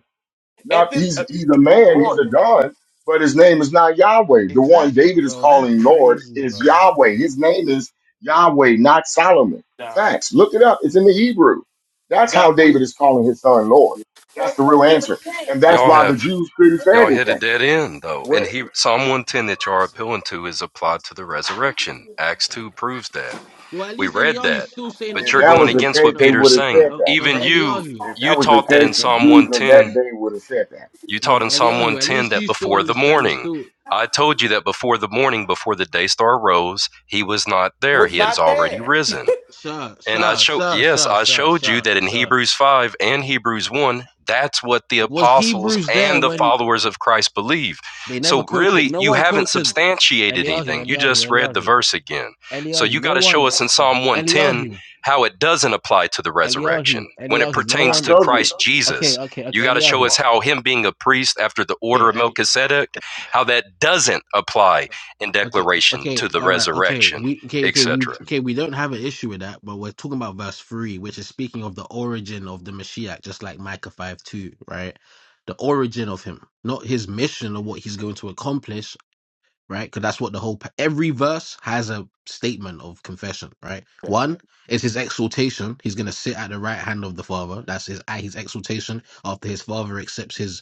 Speaker 9: at
Speaker 6: Not
Speaker 9: this
Speaker 6: he's
Speaker 9: uh,
Speaker 6: he's a man, he's
Speaker 9: boy
Speaker 6: a God, but his name is not Yahweh. The one
Speaker 8: Exactly,
Speaker 6: David is
Speaker 8: bro. That's
Speaker 6: calling Lord
Speaker 8: crazy,
Speaker 6: is
Speaker 8: bro.
Speaker 6: Yahweh. His name is Yahweh, not Solomon.
Speaker 9: nah,
Speaker 6: Facts. Look it up. It's in the Hebrew. That's how
Speaker 9: that we
Speaker 6: David is calling his son Lord. That's the real answer.
Speaker 9: this,
Speaker 6: And that's
Speaker 3: Y'all
Speaker 6: why the
Speaker 3: have
Speaker 6: Jews couldn't say
Speaker 3: Y'all hit a
Speaker 6: anything.
Speaker 3: dead end though. And
Speaker 9: where
Speaker 3: he Psalm 110 that y'all are appealing to is applied to the resurrection. Acts 2 proves that.
Speaker 8: Well, at
Speaker 3: We
Speaker 8: least
Speaker 3: read
Speaker 8: Eliyahu's
Speaker 3: that.
Speaker 8: still saying it's
Speaker 3: But
Speaker 6: If
Speaker 3: you're
Speaker 8: for
Speaker 6: that
Speaker 3: going
Speaker 6: was the
Speaker 8: Jesus.
Speaker 3: against what
Speaker 6: case, they
Speaker 8: No,
Speaker 3: Peter's
Speaker 6: would have
Speaker 3: saying.
Speaker 6: said
Speaker 8: no,
Speaker 6: that.
Speaker 8: no.
Speaker 3: Even
Speaker 8: But
Speaker 3: you
Speaker 8: Eliyahu,
Speaker 6: If
Speaker 3: you
Speaker 6: that was
Speaker 8: Eli,
Speaker 6: the
Speaker 3: taught that in
Speaker 6: case, the
Speaker 3: Psalm
Speaker 6: Jews of that
Speaker 3: 110.
Speaker 6: day would have said that.
Speaker 3: You
Speaker 8: no,
Speaker 3: taught in
Speaker 8: but
Speaker 3: Psalm
Speaker 8: Eliyahu. At
Speaker 3: 110
Speaker 8: least
Speaker 3: that
Speaker 8: you still
Speaker 3: before the
Speaker 8: understand it's
Speaker 3: morning.
Speaker 8: still,
Speaker 3: I told you that before the morning, before the day star rose, he was not there.
Speaker 9: was
Speaker 3: He had
Speaker 9: not
Speaker 3: already
Speaker 9: there.
Speaker 3: risen.
Speaker 8: sir,
Speaker 3: And I
Speaker 8: sir,
Speaker 3: show
Speaker 8: sir,
Speaker 3: yes,
Speaker 8: sir,
Speaker 3: I
Speaker 8: sir,
Speaker 3: showed you
Speaker 8: sir,
Speaker 3: that in
Speaker 8: sir.
Speaker 3: Hebrews 5 and Hebrews 1, that's what the
Speaker 8: Was
Speaker 3: apostles
Speaker 8: Hebrews there
Speaker 3: and the
Speaker 8: when
Speaker 3: followers of Christ believe.
Speaker 8: they never
Speaker 3: So
Speaker 8: quoted?
Speaker 3: really,
Speaker 8: No
Speaker 3: you
Speaker 8: one
Speaker 3: haven't
Speaker 8: quoted
Speaker 3: substantiated
Speaker 8: Eliyahu,
Speaker 3: anything. You
Speaker 8: Eliyahu,
Speaker 3: just read the
Speaker 8: Eliyahu,
Speaker 3: verse again. So
Speaker 8: Eliyahu.
Speaker 3: you got
Speaker 8: No
Speaker 3: to show
Speaker 8: one,
Speaker 3: us
Speaker 6: Well,
Speaker 3: in Psalm 110
Speaker 8: Eliyahu,
Speaker 3: how it doesn't apply to the
Speaker 8: Eliyahu,
Speaker 3: resurrection when it
Speaker 8: Eliyahu. No
Speaker 3: pertains
Speaker 6: I
Speaker 8: one.
Speaker 3: to
Speaker 6: showed you.
Speaker 3: Christ
Speaker 8: Okay,
Speaker 3: Jesus.
Speaker 8: okay,
Speaker 3: You
Speaker 8: okay,
Speaker 3: got to show
Speaker 8: Eliyahu.
Speaker 3: us
Speaker 6: Well,
Speaker 3: how him being a priest after the order
Speaker 8: Okay,
Speaker 3: of
Speaker 8: and
Speaker 3: Melchizedek, how that doesn't apply in
Speaker 8: okay,
Speaker 3: declaration
Speaker 8: okay,
Speaker 3: to the
Speaker 8: all right, okay.
Speaker 3: resurrection,
Speaker 8: We okay, okay, we
Speaker 3: etc.
Speaker 8: okay. We don't have an issue with that, but we're talking about verse three, which is speaking of the origin of the Mashiach, just like Micah five two, right? The origin of him, not his mission or what he's going to accomplish, right? Because that's what the whole every verse has a statement of confession, right? One is his exaltation; he's going to sit at the right hand of the Father. That's his at his exaltation after his Father accepts his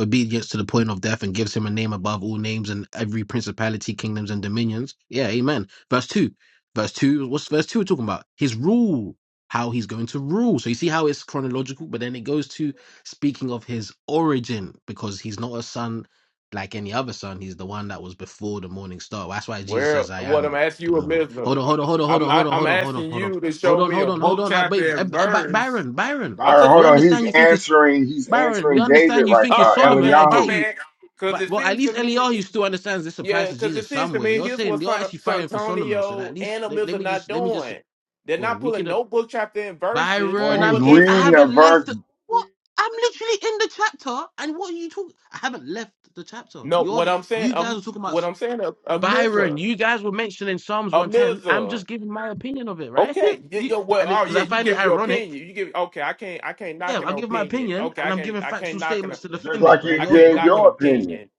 Speaker 8: obedience to the point of death and gives him a name above all names and every principality, kingdoms, and dominions. Yeah, amen. Verse 2. Verse 2, what's verse 2 talking about? His rule, how he's going to rule. So you see how it's chronological, but then it goes to speaking of his origin because he's not a son like any other son. He's the one that was before the morning star. That's why Jesus
Speaker 9: Where
Speaker 8: says, I
Speaker 9: what I'm
Speaker 8: am
Speaker 9: asking
Speaker 8: the
Speaker 9: you a
Speaker 8: morning. Hold
Speaker 9: miserable.
Speaker 8: on, hold on, hold on, hold
Speaker 9: I'm
Speaker 8: on,
Speaker 9: I,
Speaker 8: hold on,
Speaker 9: I'm
Speaker 8: hold on, hold on,
Speaker 9: asking
Speaker 8: hold on.
Speaker 9: you to
Speaker 8: Hold
Speaker 9: show
Speaker 8: on,
Speaker 9: me
Speaker 8: hold
Speaker 9: a
Speaker 8: on, hold
Speaker 9: book
Speaker 8: on. I, wait,
Speaker 9: chapter
Speaker 8: uh,
Speaker 9: and
Speaker 8: uh,
Speaker 9: verse.
Speaker 8: Byron, Byron,
Speaker 9: I'm
Speaker 6: Byron,
Speaker 9: just
Speaker 8: we
Speaker 6: hold on. He's
Speaker 8: understand you think it's
Speaker 6: answering. He's
Speaker 8: Byron, we
Speaker 6: answering David
Speaker 8: understand you
Speaker 6: like
Speaker 8: think it's
Speaker 6: uh,
Speaker 9: oh my
Speaker 8: Solomon. I
Speaker 9: bad my
Speaker 8: get
Speaker 6: Eliyahu.
Speaker 8: you.
Speaker 9: bad because
Speaker 8: But
Speaker 9: it
Speaker 8: well, at
Speaker 9: seems
Speaker 8: least
Speaker 9: to me
Speaker 8: Eliyahu still understands this
Speaker 9: Yeah,
Speaker 8: applies to
Speaker 9: because it
Speaker 8: Jesus
Speaker 9: seems to
Speaker 8: somewhere.
Speaker 9: me
Speaker 8: You're
Speaker 9: here's
Speaker 8: saying
Speaker 9: what
Speaker 8: you're
Speaker 9: San,
Speaker 8: actually
Speaker 9: San
Speaker 8: fighting for Solomon, so that at
Speaker 9: Antonio
Speaker 8: least
Speaker 9: and the
Speaker 8: let,
Speaker 9: Mills
Speaker 8: let
Speaker 9: are
Speaker 8: me
Speaker 9: not
Speaker 8: just let me just
Speaker 9: doing. They're
Speaker 8: well,
Speaker 9: not
Speaker 8: we
Speaker 9: pulling
Speaker 8: could uh,
Speaker 9: no book chapter and verses
Speaker 6: Well,
Speaker 8: Byron,
Speaker 9: on
Speaker 6: he's
Speaker 8: I'm
Speaker 9: what they're
Speaker 8: in. I
Speaker 6: reading that
Speaker 8: haven't
Speaker 9: saying.
Speaker 8: left.
Speaker 6: verse
Speaker 8: the- What? I'm literally in the chapter, and what are you talking? I haven't left the chapter.
Speaker 9: No,
Speaker 8: You're
Speaker 9: what I'm saying,
Speaker 8: you guys were
Speaker 9: um,
Speaker 8: talking about
Speaker 9: what
Speaker 8: s-
Speaker 9: I'm saying, a a
Speaker 8: Byron.
Speaker 9: Mizza,
Speaker 8: You guys were mentioning Psalms
Speaker 9: a
Speaker 8: 110. I'm
Speaker 9: Mizza.
Speaker 8: just giving my opinion of it, right?
Speaker 9: Okay, y-
Speaker 8: you,
Speaker 9: y- well,
Speaker 8: and
Speaker 9: oh
Speaker 8: because
Speaker 9: yeah,
Speaker 8: I
Speaker 9: you
Speaker 8: find it
Speaker 9: give your
Speaker 8: ironic
Speaker 9: opinion. You give okay. I can't, I can't
Speaker 8: yeah,
Speaker 9: knock an
Speaker 8: I'll give my
Speaker 9: opinion.
Speaker 8: opinion
Speaker 9: Okay,
Speaker 8: and
Speaker 9: I
Speaker 8: I'm
Speaker 9: can't,
Speaker 8: giving
Speaker 9: I can't
Speaker 8: factual
Speaker 9: knock an,
Speaker 8: statements to
Speaker 6: just
Speaker 8: defend it,
Speaker 6: like
Speaker 8: right?
Speaker 6: you
Speaker 9: I
Speaker 8: You're
Speaker 9: can't
Speaker 6: gave
Speaker 8: you're
Speaker 9: knock
Speaker 8: gonna
Speaker 9: an
Speaker 6: your opinion.
Speaker 9: opinion.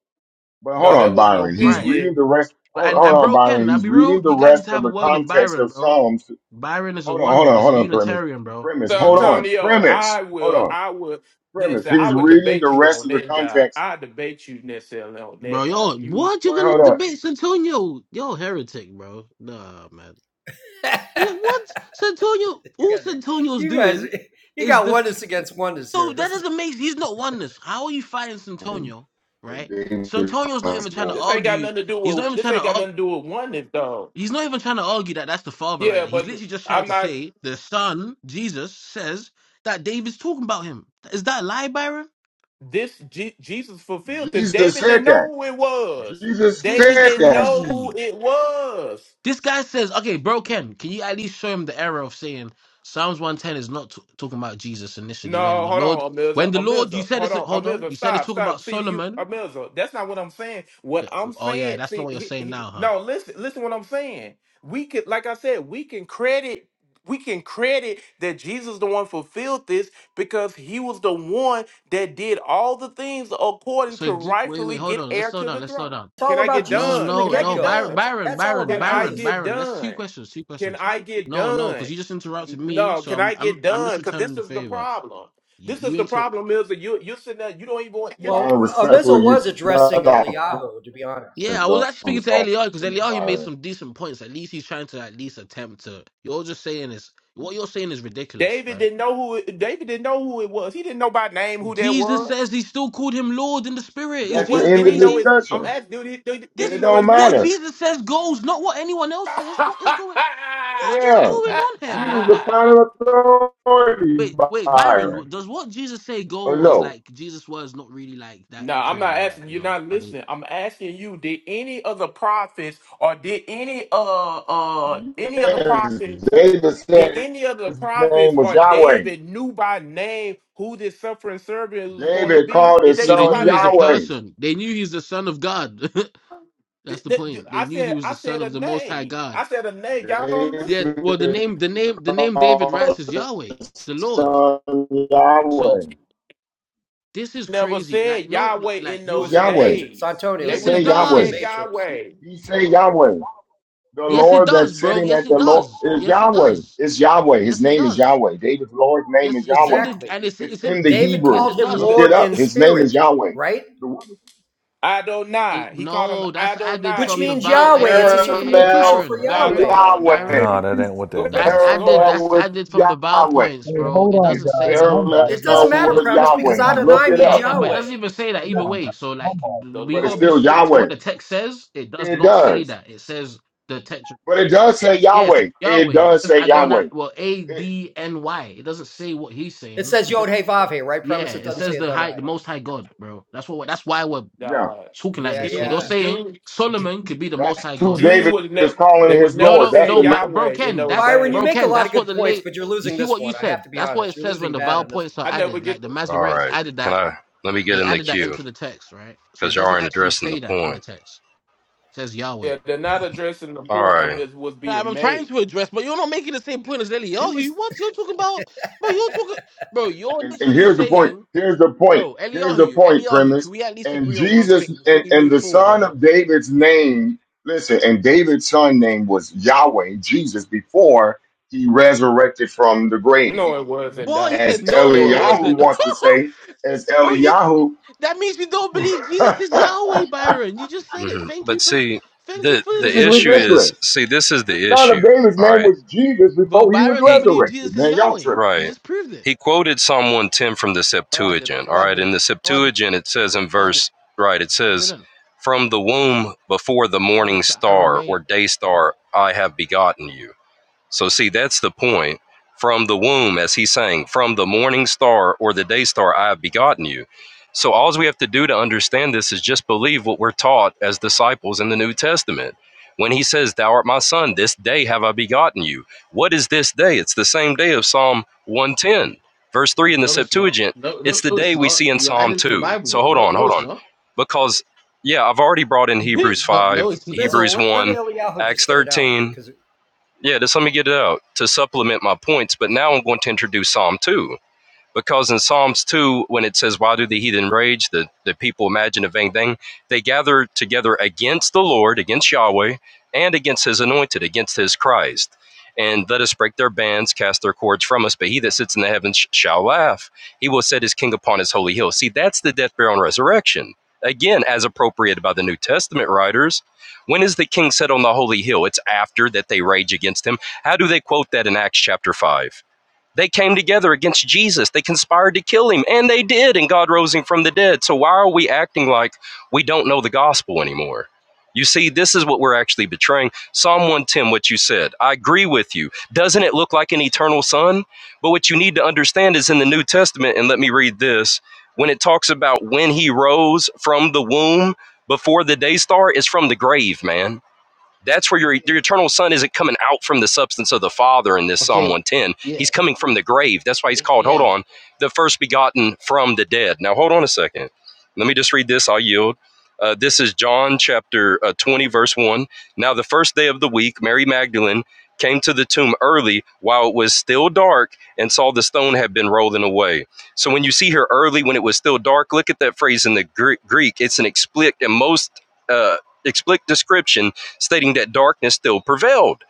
Speaker 6: But hold
Speaker 9: No, that
Speaker 6: on,
Speaker 9: was an
Speaker 6: Byron. He's
Speaker 8: Right.
Speaker 9: opinion
Speaker 6: reading the rest.
Speaker 8: But-
Speaker 6: Hold,
Speaker 8: And
Speaker 6: hold
Speaker 8: and
Speaker 6: on,
Speaker 8: bro,
Speaker 6: Byron.
Speaker 8: Ken, I'll
Speaker 6: He's
Speaker 8: be
Speaker 6: reading
Speaker 8: real.
Speaker 6: the
Speaker 8: You guys need
Speaker 6: rest
Speaker 8: to
Speaker 6: of
Speaker 8: have a
Speaker 6: the
Speaker 8: word with
Speaker 6: context
Speaker 8: Byron,
Speaker 6: of
Speaker 8: bro.
Speaker 6: Psalms.
Speaker 8: Byron is a
Speaker 6: Hold on,
Speaker 8: one,
Speaker 6: hold on,
Speaker 8: is a
Speaker 6: hold on, premise.
Speaker 8: Unitarian, bro.
Speaker 6: Premise,
Speaker 8: He's
Speaker 9: So,
Speaker 8: a
Speaker 6: hold
Speaker 8: unit,
Speaker 6: on.
Speaker 9: Antonio,
Speaker 6: Premise,
Speaker 9: I
Speaker 6: hold
Speaker 9: will,
Speaker 6: on.
Speaker 9: I will,
Speaker 6: Premise.
Speaker 9: listen, I
Speaker 6: He's
Speaker 9: would
Speaker 6: reading the
Speaker 9: debate you
Speaker 6: rest
Speaker 9: on
Speaker 6: of the
Speaker 9: that, dog.
Speaker 6: context.
Speaker 9: I debate you necessarily on
Speaker 8: bro.
Speaker 9: that, dog.
Speaker 8: Yo,
Speaker 9: You,
Speaker 8: what you
Speaker 6: Wait, hold
Speaker 8: gonna
Speaker 6: on.
Speaker 8: debate Santonio? Yo, heretic, bro. Nah, man. Yeah, what Santonio? All
Speaker 10: guys, are,
Speaker 8: Santonio's
Speaker 10: you guys,
Speaker 8: doing
Speaker 10: you
Speaker 8: is
Speaker 10: got
Speaker 8: the
Speaker 10: oneness against oneness
Speaker 8: no.
Speaker 10: here.
Speaker 8: That
Speaker 10: This is
Speaker 8: doesn't make. He's not oneness. How are you fighting
Speaker 6: And
Speaker 8: Santonio?
Speaker 6: the
Speaker 8: Right?
Speaker 6: danger
Speaker 8: Santonio's not
Speaker 6: comes,
Speaker 8: even trying to
Speaker 6: Lord.
Speaker 9: this ain't got
Speaker 8: argue.
Speaker 9: nothing to do
Speaker 8: He's not
Speaker 9: with,
Speaker 8: even
Speaker 9: this
Speaker 8: trying to
Speaker 9: ain't got
Speaker 8: argue.
Speaker 9: nothing to do with oneness, dog.
Speaker 8: He's not even trying to argue that that's the father right
Speaker 9: Yeah,
Speaker 8: there. He's
Speaker 9: but
Speaker 8: literally just trying
Speaker 9: I'm
Speaker 8: to
Speaker 9: not,
Speaker 8: say the son, Jesus, says that David's talking about him. Is that a lie, Byron?
Speaker 9: this, Je- Jesus fulfilled this.
Speaker 6: Jesus
Speaker 9: David
Speaker 6: said
Speaker 9: didn't
Speaker 6: that.
Speaker 9: know who it was.
Speaker 6: Jesus
Speaker 8: This is
Speaker 9: David
Speaker 6: said
Speaker 9: didn't
Speaker 6: that.
Speaker 9: know who
Speaker 8: crazy.
Speaker 9: it was.
Speaker 8: This guy says, okay, bro, Ken, can you at least show him the error of saying Psalms 110 is not t- talking about Jesus initially when
Speaker 9: No,
Speaker 8: the
Speaker 9: hold
Speaker 8: Lord,
Speaker 9: on,
Speaker 8: when
Speaker 9: Amilza.
Speaker 8: the Lord, you
Speaker 9: Amilza,
Speaker 8: said
Speaker 9: hold
Speaker 8: it's,
Speaker 9: on.
Speaker 8: hold on,
Speaker 9: Amilza,
Speaker 8: you said it's
Speaker 9: stop,
Speaker 8: talking about
Speaker 9: stop. See, you,
Speaker 8: Solomon.
Speaker 9: Amilza, that's not what I'm saying.
Speaker 8: Yeah.
Speaker 9: What I'm
Speaker 8: Oh, yeah,
Speaker 9: saying,
Speaker 8: that's not
Speaker 9: see,
Speaker 8: what you're
Speaker 9: he,
Speaker 8: saying
Speaker 9: he,
Speaker 8: now, huh?
Speaker 9: no, listen, listen what I'm saying. We could, like I said, we can credit, we can credit that Jesus the one fulfilled this because he was the one that did all the things according
Speaker 8: So,
Speaker 9: to
Speaker 8: d- wait, wait,
Speaker 9: rightfully
Speaker 8: hold
Speaker 9: get
Speaker 8: on. Let's
Speaker 9: heir
Speaker 8: slow
Speaker 9: to the
Speaker 8: down. Let's slow
Speaker 9: throne.
Speaker 8: down.
Speaker 10: it's
Speaker 9: Can
Speaker 10: all
Speaker 9: I
Speaker 10: about
Speaker 9: get
Speaker 8: No,
Speaker 10: Jesus from
Speaker 9: done?
Speaker 10: the
Speaker 8: no,
Speaker 9: Can I
Speaker 10: get
Speaker 8: no.
Speaker 9: get
Speaker 10: go.
Speaker 8: Byron,
Speaker 9: done?
Speaker 10: It's
Speaker 8: Byron,
Speaker 10: that's all
Speaker 8: Byron,
Speaker 9: Can
Speaker 10: about
Speaker 9: I
Speaker 8: Byron,
Speaker 10: Jesus.
Speaker 9: get
Speaker 8: Byron. That's two
Speaker 9: done?
Speaker 8: questions. Two
Speaker 9: Can
Speaker 8: questions.
Speaker 9: I get
Speaker 8: No, no,
Speaker 9: done?
Speaker 8: because you just interrupted me,
Speaker 9: No,
Speaker 8: so
Speaker 9: can
Speaker 8: I'm
Speaker 9: I
Speaker 8: I'm
Speaker 9: get
Speaker 8: I'm just
Speaker 9: done? Because
Speaker 8: returning
Speaker 9: this
Speaker 8: the
Speaker 9: is the
Speaker 8: favor.
Speaker 9: problem.
Speaker 8: You
Speaker 9: This is
Speaker 8: you
Speaker 9: the
Speaker 8: inter
Speaker 9: problem, Mills. that You you sitting there. You don't even want. You,
Speaker 10: Well,
Speaker 6: Byron, respectfully,
Speaker 10: Amizel
Speaker 6: you
Speaker 10: was addressing
Speaker 6: cut out
Speaker 10: Eliyahu, to be honest.
Speaker 6: premise,
Speaker 8: Yeah, I was
Speaker 6: though, who
Speaker 8: actually
Speaker 6: was
Speaker 8: speaking to
Speaker 6: talking
Speaker 8: Eliyahu because
Speaker 6: to
Speaker 8: Eliyahu made
Speaker 6: Byron.
Speaker 8: some decent points. At least he's trying to at least attempt to. You're just saying is what you're saying is ridiculous,
Speaker 9: David
Speaker 8: right?
Speaker 9: didn't know who. It, David didn't know who it was. He didn't know by name who that
Speaker 8: Jesus
Speaker 9: was.
Speaker 8: says he still called him Lord in the spirit. Is
Speaker 9: But
Speaker 6: That's the
Speaker 8: Jesus
Speaker 9: what did
Speaker 6: end
Speaker 9: he
Speaker 6: of the
Speaker 9: know
Speaker 8: crazy?
Speaker 9: his? I'm
Speaker 6: discussion.
Speaker 9: asking. Did he, did, did he
Speaker 6: It
Speaker 8: This
Speaker 9: know
Speaker 6: don't
Speaker 9: his
Speaker 8: what
Speaker 6: matter.
Speaker 9: name?
Speaker 8: Jesus says goes, not what anyone else says. What is going what is
Speaker 6: Yeah,
Speaker 8: going on here,
Speaker 6: Jesus
Speaker 8: bro?
Speaker 6: is
Speaker 8: Like.
Speaker 6: the final authority,
Speaker 8: Wait, wait, Byron,
Speaker 6: Byron.
Speaker 8: w- does what Jesus say
Speaker 6: Oh
Speaker 8: go or is
Speaker 6: no.
Speaker 8: like Jesus' words not really like that
Speaker 9: no, I'm not
Speaker 8: credible? Like,
Speaker 9: asking.
Speaker 8: you
Speaker 9: You're
Speaker 8: know,
Speaker 9: not
Speaker 8: are they?
Speaker 9: listening. I'm asking you. Did any of the prophets, or did any uh uh any of the
Speaker 6: Yes,
Speaker 9: prophets?
Speaker 6: David
Speaker 9: Did
Speaker 6: said
Speaker 9: any of the
Speaker 6: his
Speaker 9: prophets
Speaker 6: name was
Speaker 9: or
Speaker 6: Yahweh.
Speaker 9: David knew by name who this suffering servant was going to
Speaker 6: David
Speaker 9: be?
Speaker 6: called
Speaker 9: Did
Speaker 6: his
Speaker 9: they
Speaker 8: No,
Speaker 9: know
Speaker 8: they
Speaker 6: son
Speaker 8: knew
Speaker 9: by
Speaker 8: he's a
Speaker 9: name?
Speaker 6: Yahweh.
Speaker 8: person. They knew he's the son of God. That's
Speaker 9: Th-
Speaker 8: the
Speaker 9: th- th-
Speaker 8: point. They
Speaker 9: I
Speaker 8: knew he
Speaker 9: said,
Speaker 8: was
Speaker 9: I
Speaker 8: the son
Speaker 9: said a
Speaker 8: of the Most High
Speaker 9: name.
Speaker 8: God.
Speaker 9: I said a name. Y'all don't
Speaker 8: Yet,
Speaker 9: listen.
Speaker 8: well, the
Speaker 6: David
Speaker 8: name, the name, the name David
Speaker 6: called
Speaker 8: writes is Yahweh,
Speaker 6: his
Speaker 8: the Lord.
Speaker 6: son Yahweh.
Speaker 8: So this is
Speaker 9: Never
Speaker 8: crazy. Like,
Speaker 9: said
Speaker 8: no,
Speaker 9: Yahweh
Speaker 8: like,
Speaker 9: in
Speaker 10: You
Speaker 6: It's
Speaker 10: was
Speaker 9: those
Speaker 10: in the
Speaker 6: Yahweh.
Speaker 10: Matrix,
Speaker 9: days.
Speaker 10: Antonio.
Speaker 6: It
Speaker 9: They
Speaker 8: yes,
Speaker 10: You
Speaker 9: would
Speaker 6: say
Speaker 8: it
Speaker 9: have never
Speaker 10: was in the
Speaker 6: Yahweh.
Speaker 9: said
Speaker 8: does.
Speaker 10: Matrix.
Speaker 9: Yahweh.
Speaker 6: He say Yahweh. The
Speaker 8: Yes, it
Speaker 6: Lord
Speaker 8: does,
Speaker 6: that's
Speaker 8: bro.
Speaker 6: sitting
Speaker 8: Yes,
Speaker 6: at
Speaker 8: it
Speaker 6: the Lord
Speaker 8: does.
Speaker 6: is
Speaker 8: Yes, it
Speaker 6: Yahweh.
Speaker 8: does.
Speaker 6: It's Yahweh. His
Speaker 8: Yes, it
Speaker 6: name is
Speaker 8: does.
Speaker 6: Yahweh. David's Lord's name
Speaker 8: Yes,
Speaker 6: is
Speaker 8: it's in
Speaker 6: Yahweh.
Speaker 8: the
Speaker 10: Exactly.
Speaker 8: and it's
Speaker 6: It's
Speaker 8: it's in.
Speaker 6: in the
Speaker 10: David
Speaker 8: Yes,
Speaker 6: Hebrew.
Speaker 10: called
Speaker 8: it
Speaker 10: him
Speaker 8: does.
Speaker 6: Look
Speaker 9: The
Speaker 6: it
Speaker 10: Lord
Speaker 6: up.
Speaker 10: in
Speaker 6: His name is
Speaker 10: spirit,
Speaker 6: Yahweh.
Speaker 10: right?
Speaker 6: The
Speaker 8: It,
Speaker 9: Adonai. He called him
Speaker 8: no, that's added
Speaker 9: Adonai
Speaker 10: Which
Speaker 8: from the
Speaker 9: is
Speaker 10: means
Speaker 8: vowel. Hey,
Speaker 9: spirit.
Speaker 10: Yahweh. It's a
Speaker 8: hey, hey, hey, hey,
Speaker 10: circumlocution
Speaker 6: parallel
Speaker 10: for
Speaker 8: Byron,
Speaker 9: God,
Speaker 10: Yahweh.
Speaker 9: come
Speaker 8: Byron,
Speaker 9: on
Speaker 6: Yahweh.
Speaker 9: now.
Speaker 8: Byron.
Speaker 7: No, that ain't
Speaker 6: It's
Speaker 7: what that
Speaker 9: Go,
Speaker 8: That's
Speaker 7: means.
Speaker 9: go
Speaker 8: added.
Speaker 9: it.
Speaker 6: parallel
Speaker 8: That's
Speaker 6: with
Speaker 8: added from the vowel
Speaker 6: Yahweh.
Speaker 8: points,
Speaker 5: Hey,
Speaker 8: bro.
Speaker 5: hold
Speaker 8: It
Speaker 5: on,
Speaker 8: doesn't
Speaker 6: It's
Speaker 8: say
Speaker 5: guys.
Speaker 8: that.
Speaker 5: One
Speaker 8: It
Speaker 6: parallel
Speaker 5: bite,
Speaker 8: does
Speaker 10: It
Speaker 5: guys.
Speaker 8: not
Speaker 10: doesn't
Speaker 8: say
Speaker 10: matter,
Speaker 5: Let's,
Speaker 8: that.
Speaker 6: with
Speaker 5: let's
Speaker 10: premise,
Speaker 5: get
Speaker 10: because
Speaker 6: Yahweh.
Speaker 5: one bite.
Speaker 6: Look
Speaker 10: Adonai
Speaker 6: it
Speaker 8: Yeah,
Speaker 10: means
Speaker 6: up.
Speaker 8: yeah,
Speaker 5: Come
Speaker 8: but it
Speaker 5: on,
Speaker 10: Yahweh.
Speaker 8: doesn't even say that
Speaker 10: It,
Speaker 5: come
Speaker 8: either
Speaker 10: does,
Speaker 5: on,
Speaker 8: way.
Speaker 5: guys.
Speaker 8: So like,
Speaker 9: The
Speaker 8: we
Speaker 6: But it's
Speaker 8: gotta be
Speaker 9: Lord
Speaker 6: still
Speaker 8: strict to what
Speaker 6: Yahweh.
Speaker 8: the text says. It does
Speaker 6: It
Speaker 8: not say
Speaker 6: does.
Speaker 8: that. It says the text.
Speaker 6: But it does say
Speaker 8: Yeah, it says
Speaker 6: Yahweh. It
Speaker 8: Yahweh. It
Speaker 6: does
Speaker 8: says
Speaker 6: say
Speaker 8: Adonai.
Speaker 6: Yahweh.
Speaker 8: Well, A
Speaker 6: It,
Speaker 8: D N Y. It doesn't say what he's
Speaker 10: it
Speaker 8: saying.
Speaker 10: says Yod Hey Vav Hey, right,
Speaker 8: yeah,
Speaker 10: premise? It
Speaker 8: it
Speaker 10: doesn't
Speaker 8: says
Speaker 10: say
Speaker 8: the high,
Speaker 10: Adonai.
Speaker 8: the Most High God, bro. That's what. That's why we're
Speaker 6: yeah.
Speaker 9: God.
Speaker 8: talking like
Speaker 10: Yeah,
Speaker 8: this. So
Speaker 6: Right.
Speaker 9: Jude,
Speaker 8: you're
Speaker 10: yeah.
Speaker 8: saying
Speaker 9: Jude.
Speaker 8: Solomon could be the Most
Speaker 6: That's
Speaker 8: High
Speaker 6: who
Speaker 8: God.
Speaker 9: Jews
Speaker 6: David
Speaker 9: would
Speaker 6: is
Speaker 9: never they
Speaker 6: calling
Speaker 9: would
Speaker 6: his
Speaker 8: No,
Speaker 9: never
Speaker 6: Lord.
Speaker 8: no,
Speaker 6: That's
Speaker 9: say
Speaker 6: the
Speaker 8: no, but
Speaker 6: Lord.
Speaker 8: bro,
Speaker 9: Yahweh in
Speaker 8: Ken,
Speaker 9: those
Speaker 8: that's
Speaker 10: Byron, you
Speaker 8: bro,
Speaker 10: make
Speaker 9: days.
Speaker 10: a
Speaker 8: Ken,
Speaker 10: lot
Speaker 8: that's
Speaker 10: of
Speaker 8: what
Speaker 10: good
Speaker 8: the
Speaker 10: points,
Speaker 8: late.
Speaker 10: but you're
Speaker 8: You
Speaker 10: losing
Speaker 8: see
Speaker 10: this
Speaker 8: what you
Speaker 10: one. I have
Speaker 8: said?
Speaker 10: to be
Speaker 8: That's what it
Speaker 10: honest. You're
Speaker 8: says when
Speaker 10: losing
Speaker 8: the
Speaker 10: bad
Speaker 8: vowel
Speaker 10: on this
Speaker 8: points
Speaker 10: one.
Speaker 8: are
Speaker 9: I never
Speaker 8: added. Like
Speaker 9: get
Speaker 8: the
Speaker 9: that.
Speaker 3: All
Speaker 8: Masoretics
Speaker 3: right.
Speaker 8: added
Speaker 3: Can
Speaker 8: that.
Speaker 3: I let me get
Speaker 8: They
Speaker 3: in the
Speaker 8: added that
Speaker 3: queue
Speaker 8: into the text, right? So
Speaker 3: because
Speaker 8: it
Speaker 3: y'all
Speaker 8: doesn't
Speaker 3: aren't
Speaker 8: actually
Speaker 3: addressing the
Speaker 8: say that in the
Speaker 3: point.
Speaker 8: text. It says Yahweh.
Speaker 9: Yeah, they're not addressing the
Speaker 3: All
Speaker 9: point of
Speaker 3: right,
Speaker 9: this was
Speaker 8: Like,
Speaker 9: being
Speaker 8: I'm trying
Speaker 9: made.
Speaker 8: to address, but you're not making the same point as
Speaker 10: He
Speaker 8: Eliyahu.
Speaker 10: was
Speaker 8: What you're talking about, bro? You're talking, bro. You're
Speaker 6: And, and
Speaker 8: literally
Speaker 6: here's the point.
Speaker 8: saying,
Speaker 6: Here's the point.
Speaker 8: bro,
Speaker 6: Here's the
Speaker 8: Eliyahu,
Speaker 6: point,
Speaker 8: Eliyahu. Can
Speaker 6: premise.
Speaker 8: we at least
Speaker 6: And
Speaker 8: agree on one
Speaker 6: Jesus
Speaker 8: thing before
Speaker 6: and,
Speaker 8: we
Speaker 6: and
Speaker 8: move
Speaker 6: the
Speaker 8: forward,
Speaker 6: son
Speaker 8: Eli?
Speaker 6: of David's name, listen, and David's son name was Yahweh, Jesus, before he resurrected from the
Speaker 9: No, it
Speaker 6: grave.
Speaker 9: wasn't.
Speaker 8: What you
Speaker 9: Uh,
Speaker 6: As
Speaker 8: said? No,
Speaker 9: no,
Speaker 8: it
Speaker 9: it wasn't.
Speaker 6: Eliyahu
Speaker 8: wasn't.
Speaker 6: wants to say, as
Speaker 8: bro, you
Speaker 6: Eliyahu,
Speaker 8: That means you don't believe Jesus is Yahweh, Byron. You just said it.
Speaker 3: Mm-hmm.
Speaker 8: Thank you
Speaker 3: But
Speaker 8: for
Speaker 3: see,
Speaker 8: thank you
Speaker 3: the
Speaker 8: for
Speaker 6: this is
Speaker 3: the
Speaker 8: admitting
Speaker 3: issue
Speaker 8: that.
Speaker 3: is
Speaker 6: ridiculous.
Speaker 3: see this is
Speaker 6: The
Speaker 3: the
Speaker 6: son of
Speaker 3: issue.
Speaker 6: David's
Speaker 3: All
Speaker 6: name
Speaker 3: right.
Speaker 6: was Jesus
Speaker 8: But
Speaker 6: before he was
Speaker 8: Byron don't
Speaker 3: He
Speaker 8: believe
Speaker 6: resurrected.
Speaker 8: Jesus is
Speaker 6: Man, y'all
Speaker 8: Yahweh.
Speaker 6: tripping.
Speaker 8: He
Speaker 3: right.
Speaker 8: just proved it.
Speaker 3: He quoted Psalm one ten from the
Speaker 8: No, I didn't.
Speaker 3: Septuagint.
Speaker 8: No,
Speaker 3: All
Speaker 8: I
Speaker 3: right. In
Speaker 8: didn't.
Speaker 3: the
Speaker 8: No, I didn't.
Speaker 3: Septuagint, it says in
Speaker 8: No, I didn't.
Speaker 3: verse right. It
Speaker 8: I
Speaker 3: says,
Speaker 8: didn't.
Speaker 3: "From the womb before the
Speaker 8: That
Speaker 3: morning
Speaker 8: was the
Speaker 3: star or
Speaker 8: Aramaic.
Speaker 3: day star, I have begotten you." So see, that's the point. From the womb, as he's saying, from the morning star or the day star, I have begotten you. So all we have to do to understand this is just believe what we're taught as disciples in the New Testament. When he says, Thou art my son, this day have I begotten you. What is this day? It's the same day of Psalm 110, verse 3 in the
Speaker 8: No, it's not.
Speaker 3: Septuagint.
Speaker 8: No,
Speaker 3: It's
Speaker 8: no,
Speaker 3: the
Speaker 8: no,
Speaker 3: day
Speaker 8: it's
Speaker 3: we
Speaker 8: not.
Speaker 3: see in
Speaker 8: You're
Speaker 3: Psalm
Speaker 8: adding to the
Speaker 3: 2. So
Speaker 8: Bible.
Speaker 3: hold
Speaker 8: No,
Speaker 3: on,
Speaker 8: no,
Speaker 3: hold
Speaker 8: it's
Speaker 3: on.
Speaker 8: not.
Speaker 3: Because, yeah, I've already brought in Hebrews
Speaker 8: no,
Speaker 3: 5,
Speaker 8: no, it's not.
Speaker 10: Mizzle.
Speaker 3: Hebrews
Speaker 10: Let, let
Speaker 3: 1,
Speaker 10: Eliyahu
Speaker 3: Acts
Speaker 10: just get it out,
Speaker 3: 13,
Speaker 10: because
Speaker 3: yeah, just let me get it out to supplement my points. But now I'm going to introduce Psalm 2. Because in Psalms 2, when it says, Why do the heathen rage? The, the people imagine a vain thing. They gather together against the Lord, against Yahweh, and against his anointed, against his Christ. And let us break their bands, cast their cords from us. But he that sits in the heavens shall laugh. He will set his king upon his holy hill. See, that's the death, burial, and resurrection. Again, as appropriated by the New Testament writers. When is the king set on the holy hill? It's after that they rage against him. How do they quote that in Acts chapter 5? They came together against Jesus. They conspired to kill him, and they did, and God rose him from the dead. So why are we acting like we don't know the gospel anymore? You see, this is what we're actually betraying. Psalm 110, what you said, I agree with you. Doesn't it look like an eternal sun? But what you need to understand is in the New Testament, and let me read this when it talks about when he rose from the womb before the day star, it's from the grave, man that's where your, your eternal son isn't coming out from the substance of the Father in this Psalm
Speaker 8: Okay.
Speaker 3: 110.
Speaker 8: Yeah.
Speaker 3: He's coming from the grave. That's why he's called, hold
Speaker 8: Yeah.
Speaker 3: on, the first begotten from the dead. Now, hold on a second. Let me just read this. I'll yield. Uh, this is John chapter uh, 20, verse 1. Now, the first day of the week, Mary Magdalene came to the tomb early while it was still dark and saw the stone had been rolling away. So, when you see here early when it was still dark, look at that phrase in the Greek. It's an explicit and most uh, explicit description stating that darkness still prevailed.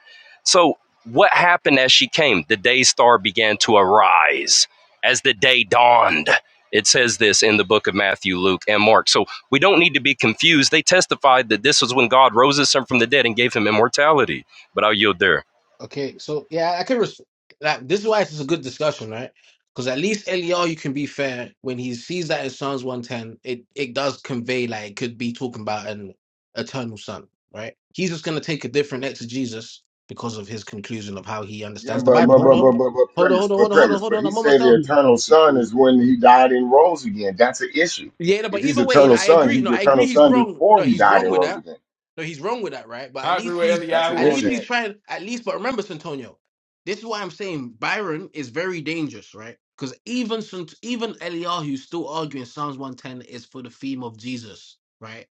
Speaker 3: So, what happened as she came? The day star began to arise as the day dawned. It says this in the book of Matthew, Luke, and Mark. So, we don't need to be confused. They testified that this was when God rose his son from the dead and gave him immortality. But I'll yield there.
Speaker 8: Okay, so yeah, I can res- that. This is why it's a good discussion, right? Because at least LER, you can be fair when he sees that in Psalms one ten, it it does convey like it could be talking about an eternal son, right? He's just gonna take a different exegesis because of his conclusion of how he
Speaker 6: Yeah,
Speaker 8: understands the
Speaker 6: but
Speaker 8: Bible.
Speaker 6: but
Speaker 8: Hold
Speaker 6: but
Speaker 5: One
Speaker 8: on,
Speaker 6: but but, but
Speaker 8: hold on,
Speaker 6: premise,
Speaker 8: hold on,
Speaker 6: but
Speaker 8: hold on, hold on,
Speaker 6: premise.
Speaker 8: hold
Speaker 6: But
Speaker 8: on.
Speaker 6: he
Speaker 8: I'm almost
Speaker 6: said the
Speaker 8: out.
Speaker 6: eternal son
Speaker 5: bite.
Speaker 6: is when he died and rose again. That's an issue.
Speaker 8: Yeah, no, but
Speaker 6: If he's
Speaker 8: either way,
Speaker 6: eternal
Speaker 8: I
Speaker 6: son,
Speaker 8: agree.
Speaker 6: he's
Speaker 8: No,
Speaker 6: the
Speaker 8: I
Speaker 6: eternal
Speaker 8: agree. He's
Speaker 6: son
Speaker 8: wrong.
Speaker 6: before
Speaker 8: No,
Speaker 6: he
Speaker 8: he's
Speaker 6: died
Speaker 8: wrong
Speaker 6: and
Speaker 8: with
Speaker 6: rose
Speaker 8: that.
Speaker 6: again.
Speaker 8: No, he's wrong with that, right? But at
Speaker 9: I agree
Speaker 8: least
Speaker 9: with
Speaker 8: he's
Speaker 6: That's
Speaker 9: Eliyahu
Speaker 6: an
Speaker 8: at
Speaker 9: on
Speaker 8: least
Speaker 6: issue.
Speaker 8: he's
Speaker 9: that.
Speaker 8: trying at least but remember Santonio. This is why I'm saying Byron is very dangerous, right? Because even Sant- even Eliyahu's still arguing Psalms 110 is for the theme of Jesus, right?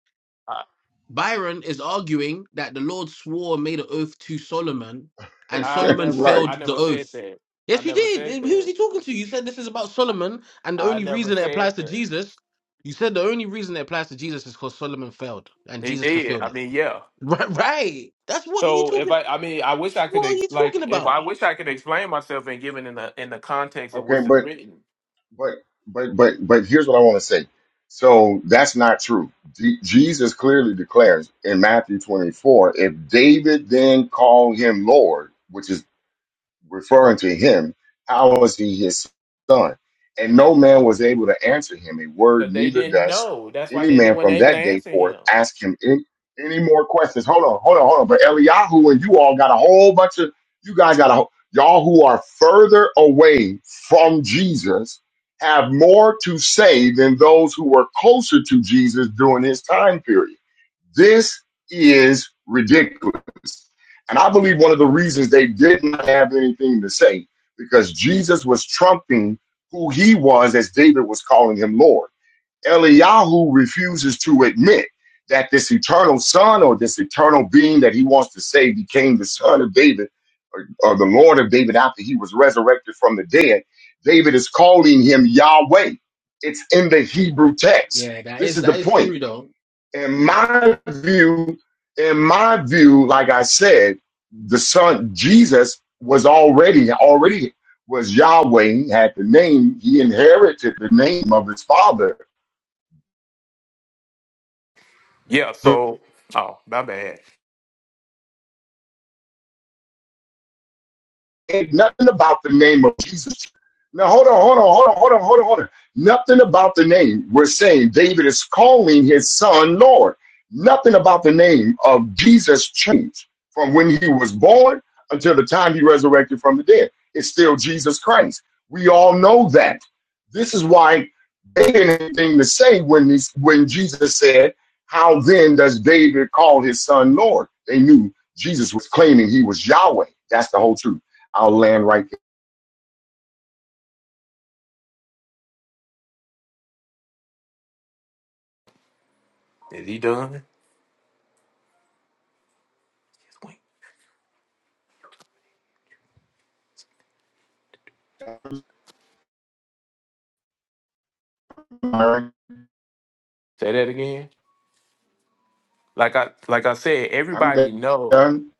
Speaker 9: I,
Speaker 8: Byron is arguing that the Lord swore and made an oath to Solomon, and
Speaker 9: I
Speaker 8: Solomon
Speaker 9: never,
Speaker 6: right.
Speaker 9: I
Speaker 8: failed the
Speaker 9: never said
Speaker 8: oath.
Speaker 9: that.
Speaker 8: Yes,
Speaker 9: I
Speaker 8: he
Speaker 9: never
Speaker 8: did.
Speaker 9: said
Speaker 8: Who's
Speaker 9: that.
Speaker 8: he talking to? You said this is about
Speaker 9: I,
Speaker 8: Solomon, and the
Speaker 9: I
Speaker 8: only
Speaker 9: never
Speaker 8: reason it
Speaker 9: said
Speaker 8: applies to
Speaker 9: that.
Speaker 8: Jesus, you said the only reason it applies to Jesus is because Solomon failed and
Speaker 9: He
Speaker 8: Jesus
Speaker 9: did.
Speaker 8: fulfilled
Speaker 9: I
Speaker 8: it.
Speaker 9: mean, yeah.
Speaker 8: Right, right. That's what are you
Speaker 9: So if
Speaker 8: talking.
Speaker 9: I, I mean, I wish I could
Speaker 8: What are
Speaker 9: ex-
Speaker 8: you talking
Speaker 9: like if
Speaker 8: about?
Speaker 9: I wish I could explain myself and give it in the in the context of
Speaker 6: Okay,
Speaker 9: what's
Speaker 6: but
Speaker 9: written,
Speaker 6: but but but but here's what I want to say. So that's not true. Je- Jesus clearly declares in Matthew 24, if David then called him Lord, which is referring to him, how was he his son? And no man was able to answer him a word,
Speaker 9: but they
Speaker 6: neither
Speaker 9: didn't
Speaker 6: does
Speaker 9: know. That's why
Speaker 6: any
Speaker 9: they didn't
Speaker 6: man
Speaker 9: want to
Speaker 6: from
Speaker 9: able to
Speaker 6: that day
Speaker 9: answer
Speaker 6: forth
Speaker 9: him.
Speaker 6: ask him any, any more questions. Hold on, hold on, hold on. But Eliyahu and you all got a whole bunch of, you guys got a, whole- y'all who are further away from Jesus have more to say than those who were closer to Jesus during his time period. This is ridiculous. And I believe one of the reasons they did not have anything to say, because Jesus was trumping who he was as David was calling him Lord. Eliyahu refuses to admit that this eternal son or this eternal being that he wants to say became the son of David or, or the Lord of David after he was resurrected from the dead. David is calling him Yahweh. It's in the Hebrew text.
Speaker 8: Yeah, that
Speaker 6: This
Speaker 8: is
Speaker 6: is the
Speaker 8: that is
Speaker 6: point
Speaker 8: true though.
Speaker 6: in my view, in my view, like I said, the son Jesus was already already was Yahweh, had the name, he inherited the name of his father.
Speaker 9: Yeah, so oh my bad.
Speaker 6: ain't nothing about the name of Jesus. Now hold on, hold on, hold on, hold on, hold on, hold on. Nothing about the name. We're saying David is calling his son Lord. Nothing about the name of Jesus changed from when he was born until the time he resurrected from the dead. It's still Jesus Christ. We all know that. This is why they didn't have anything to say when this, when Jesus said, "How then does David call his son Lord?" They knew Jesus was claiming he was Yahweh. That's the whole truth. I'll land right
Speaker 9: Is he done?
Speaker 6: there.
Speaker 9: Say that again. Like I like I said,
Speaker 6: I'm
Speaker 9: everybody know
Speaker 6: done.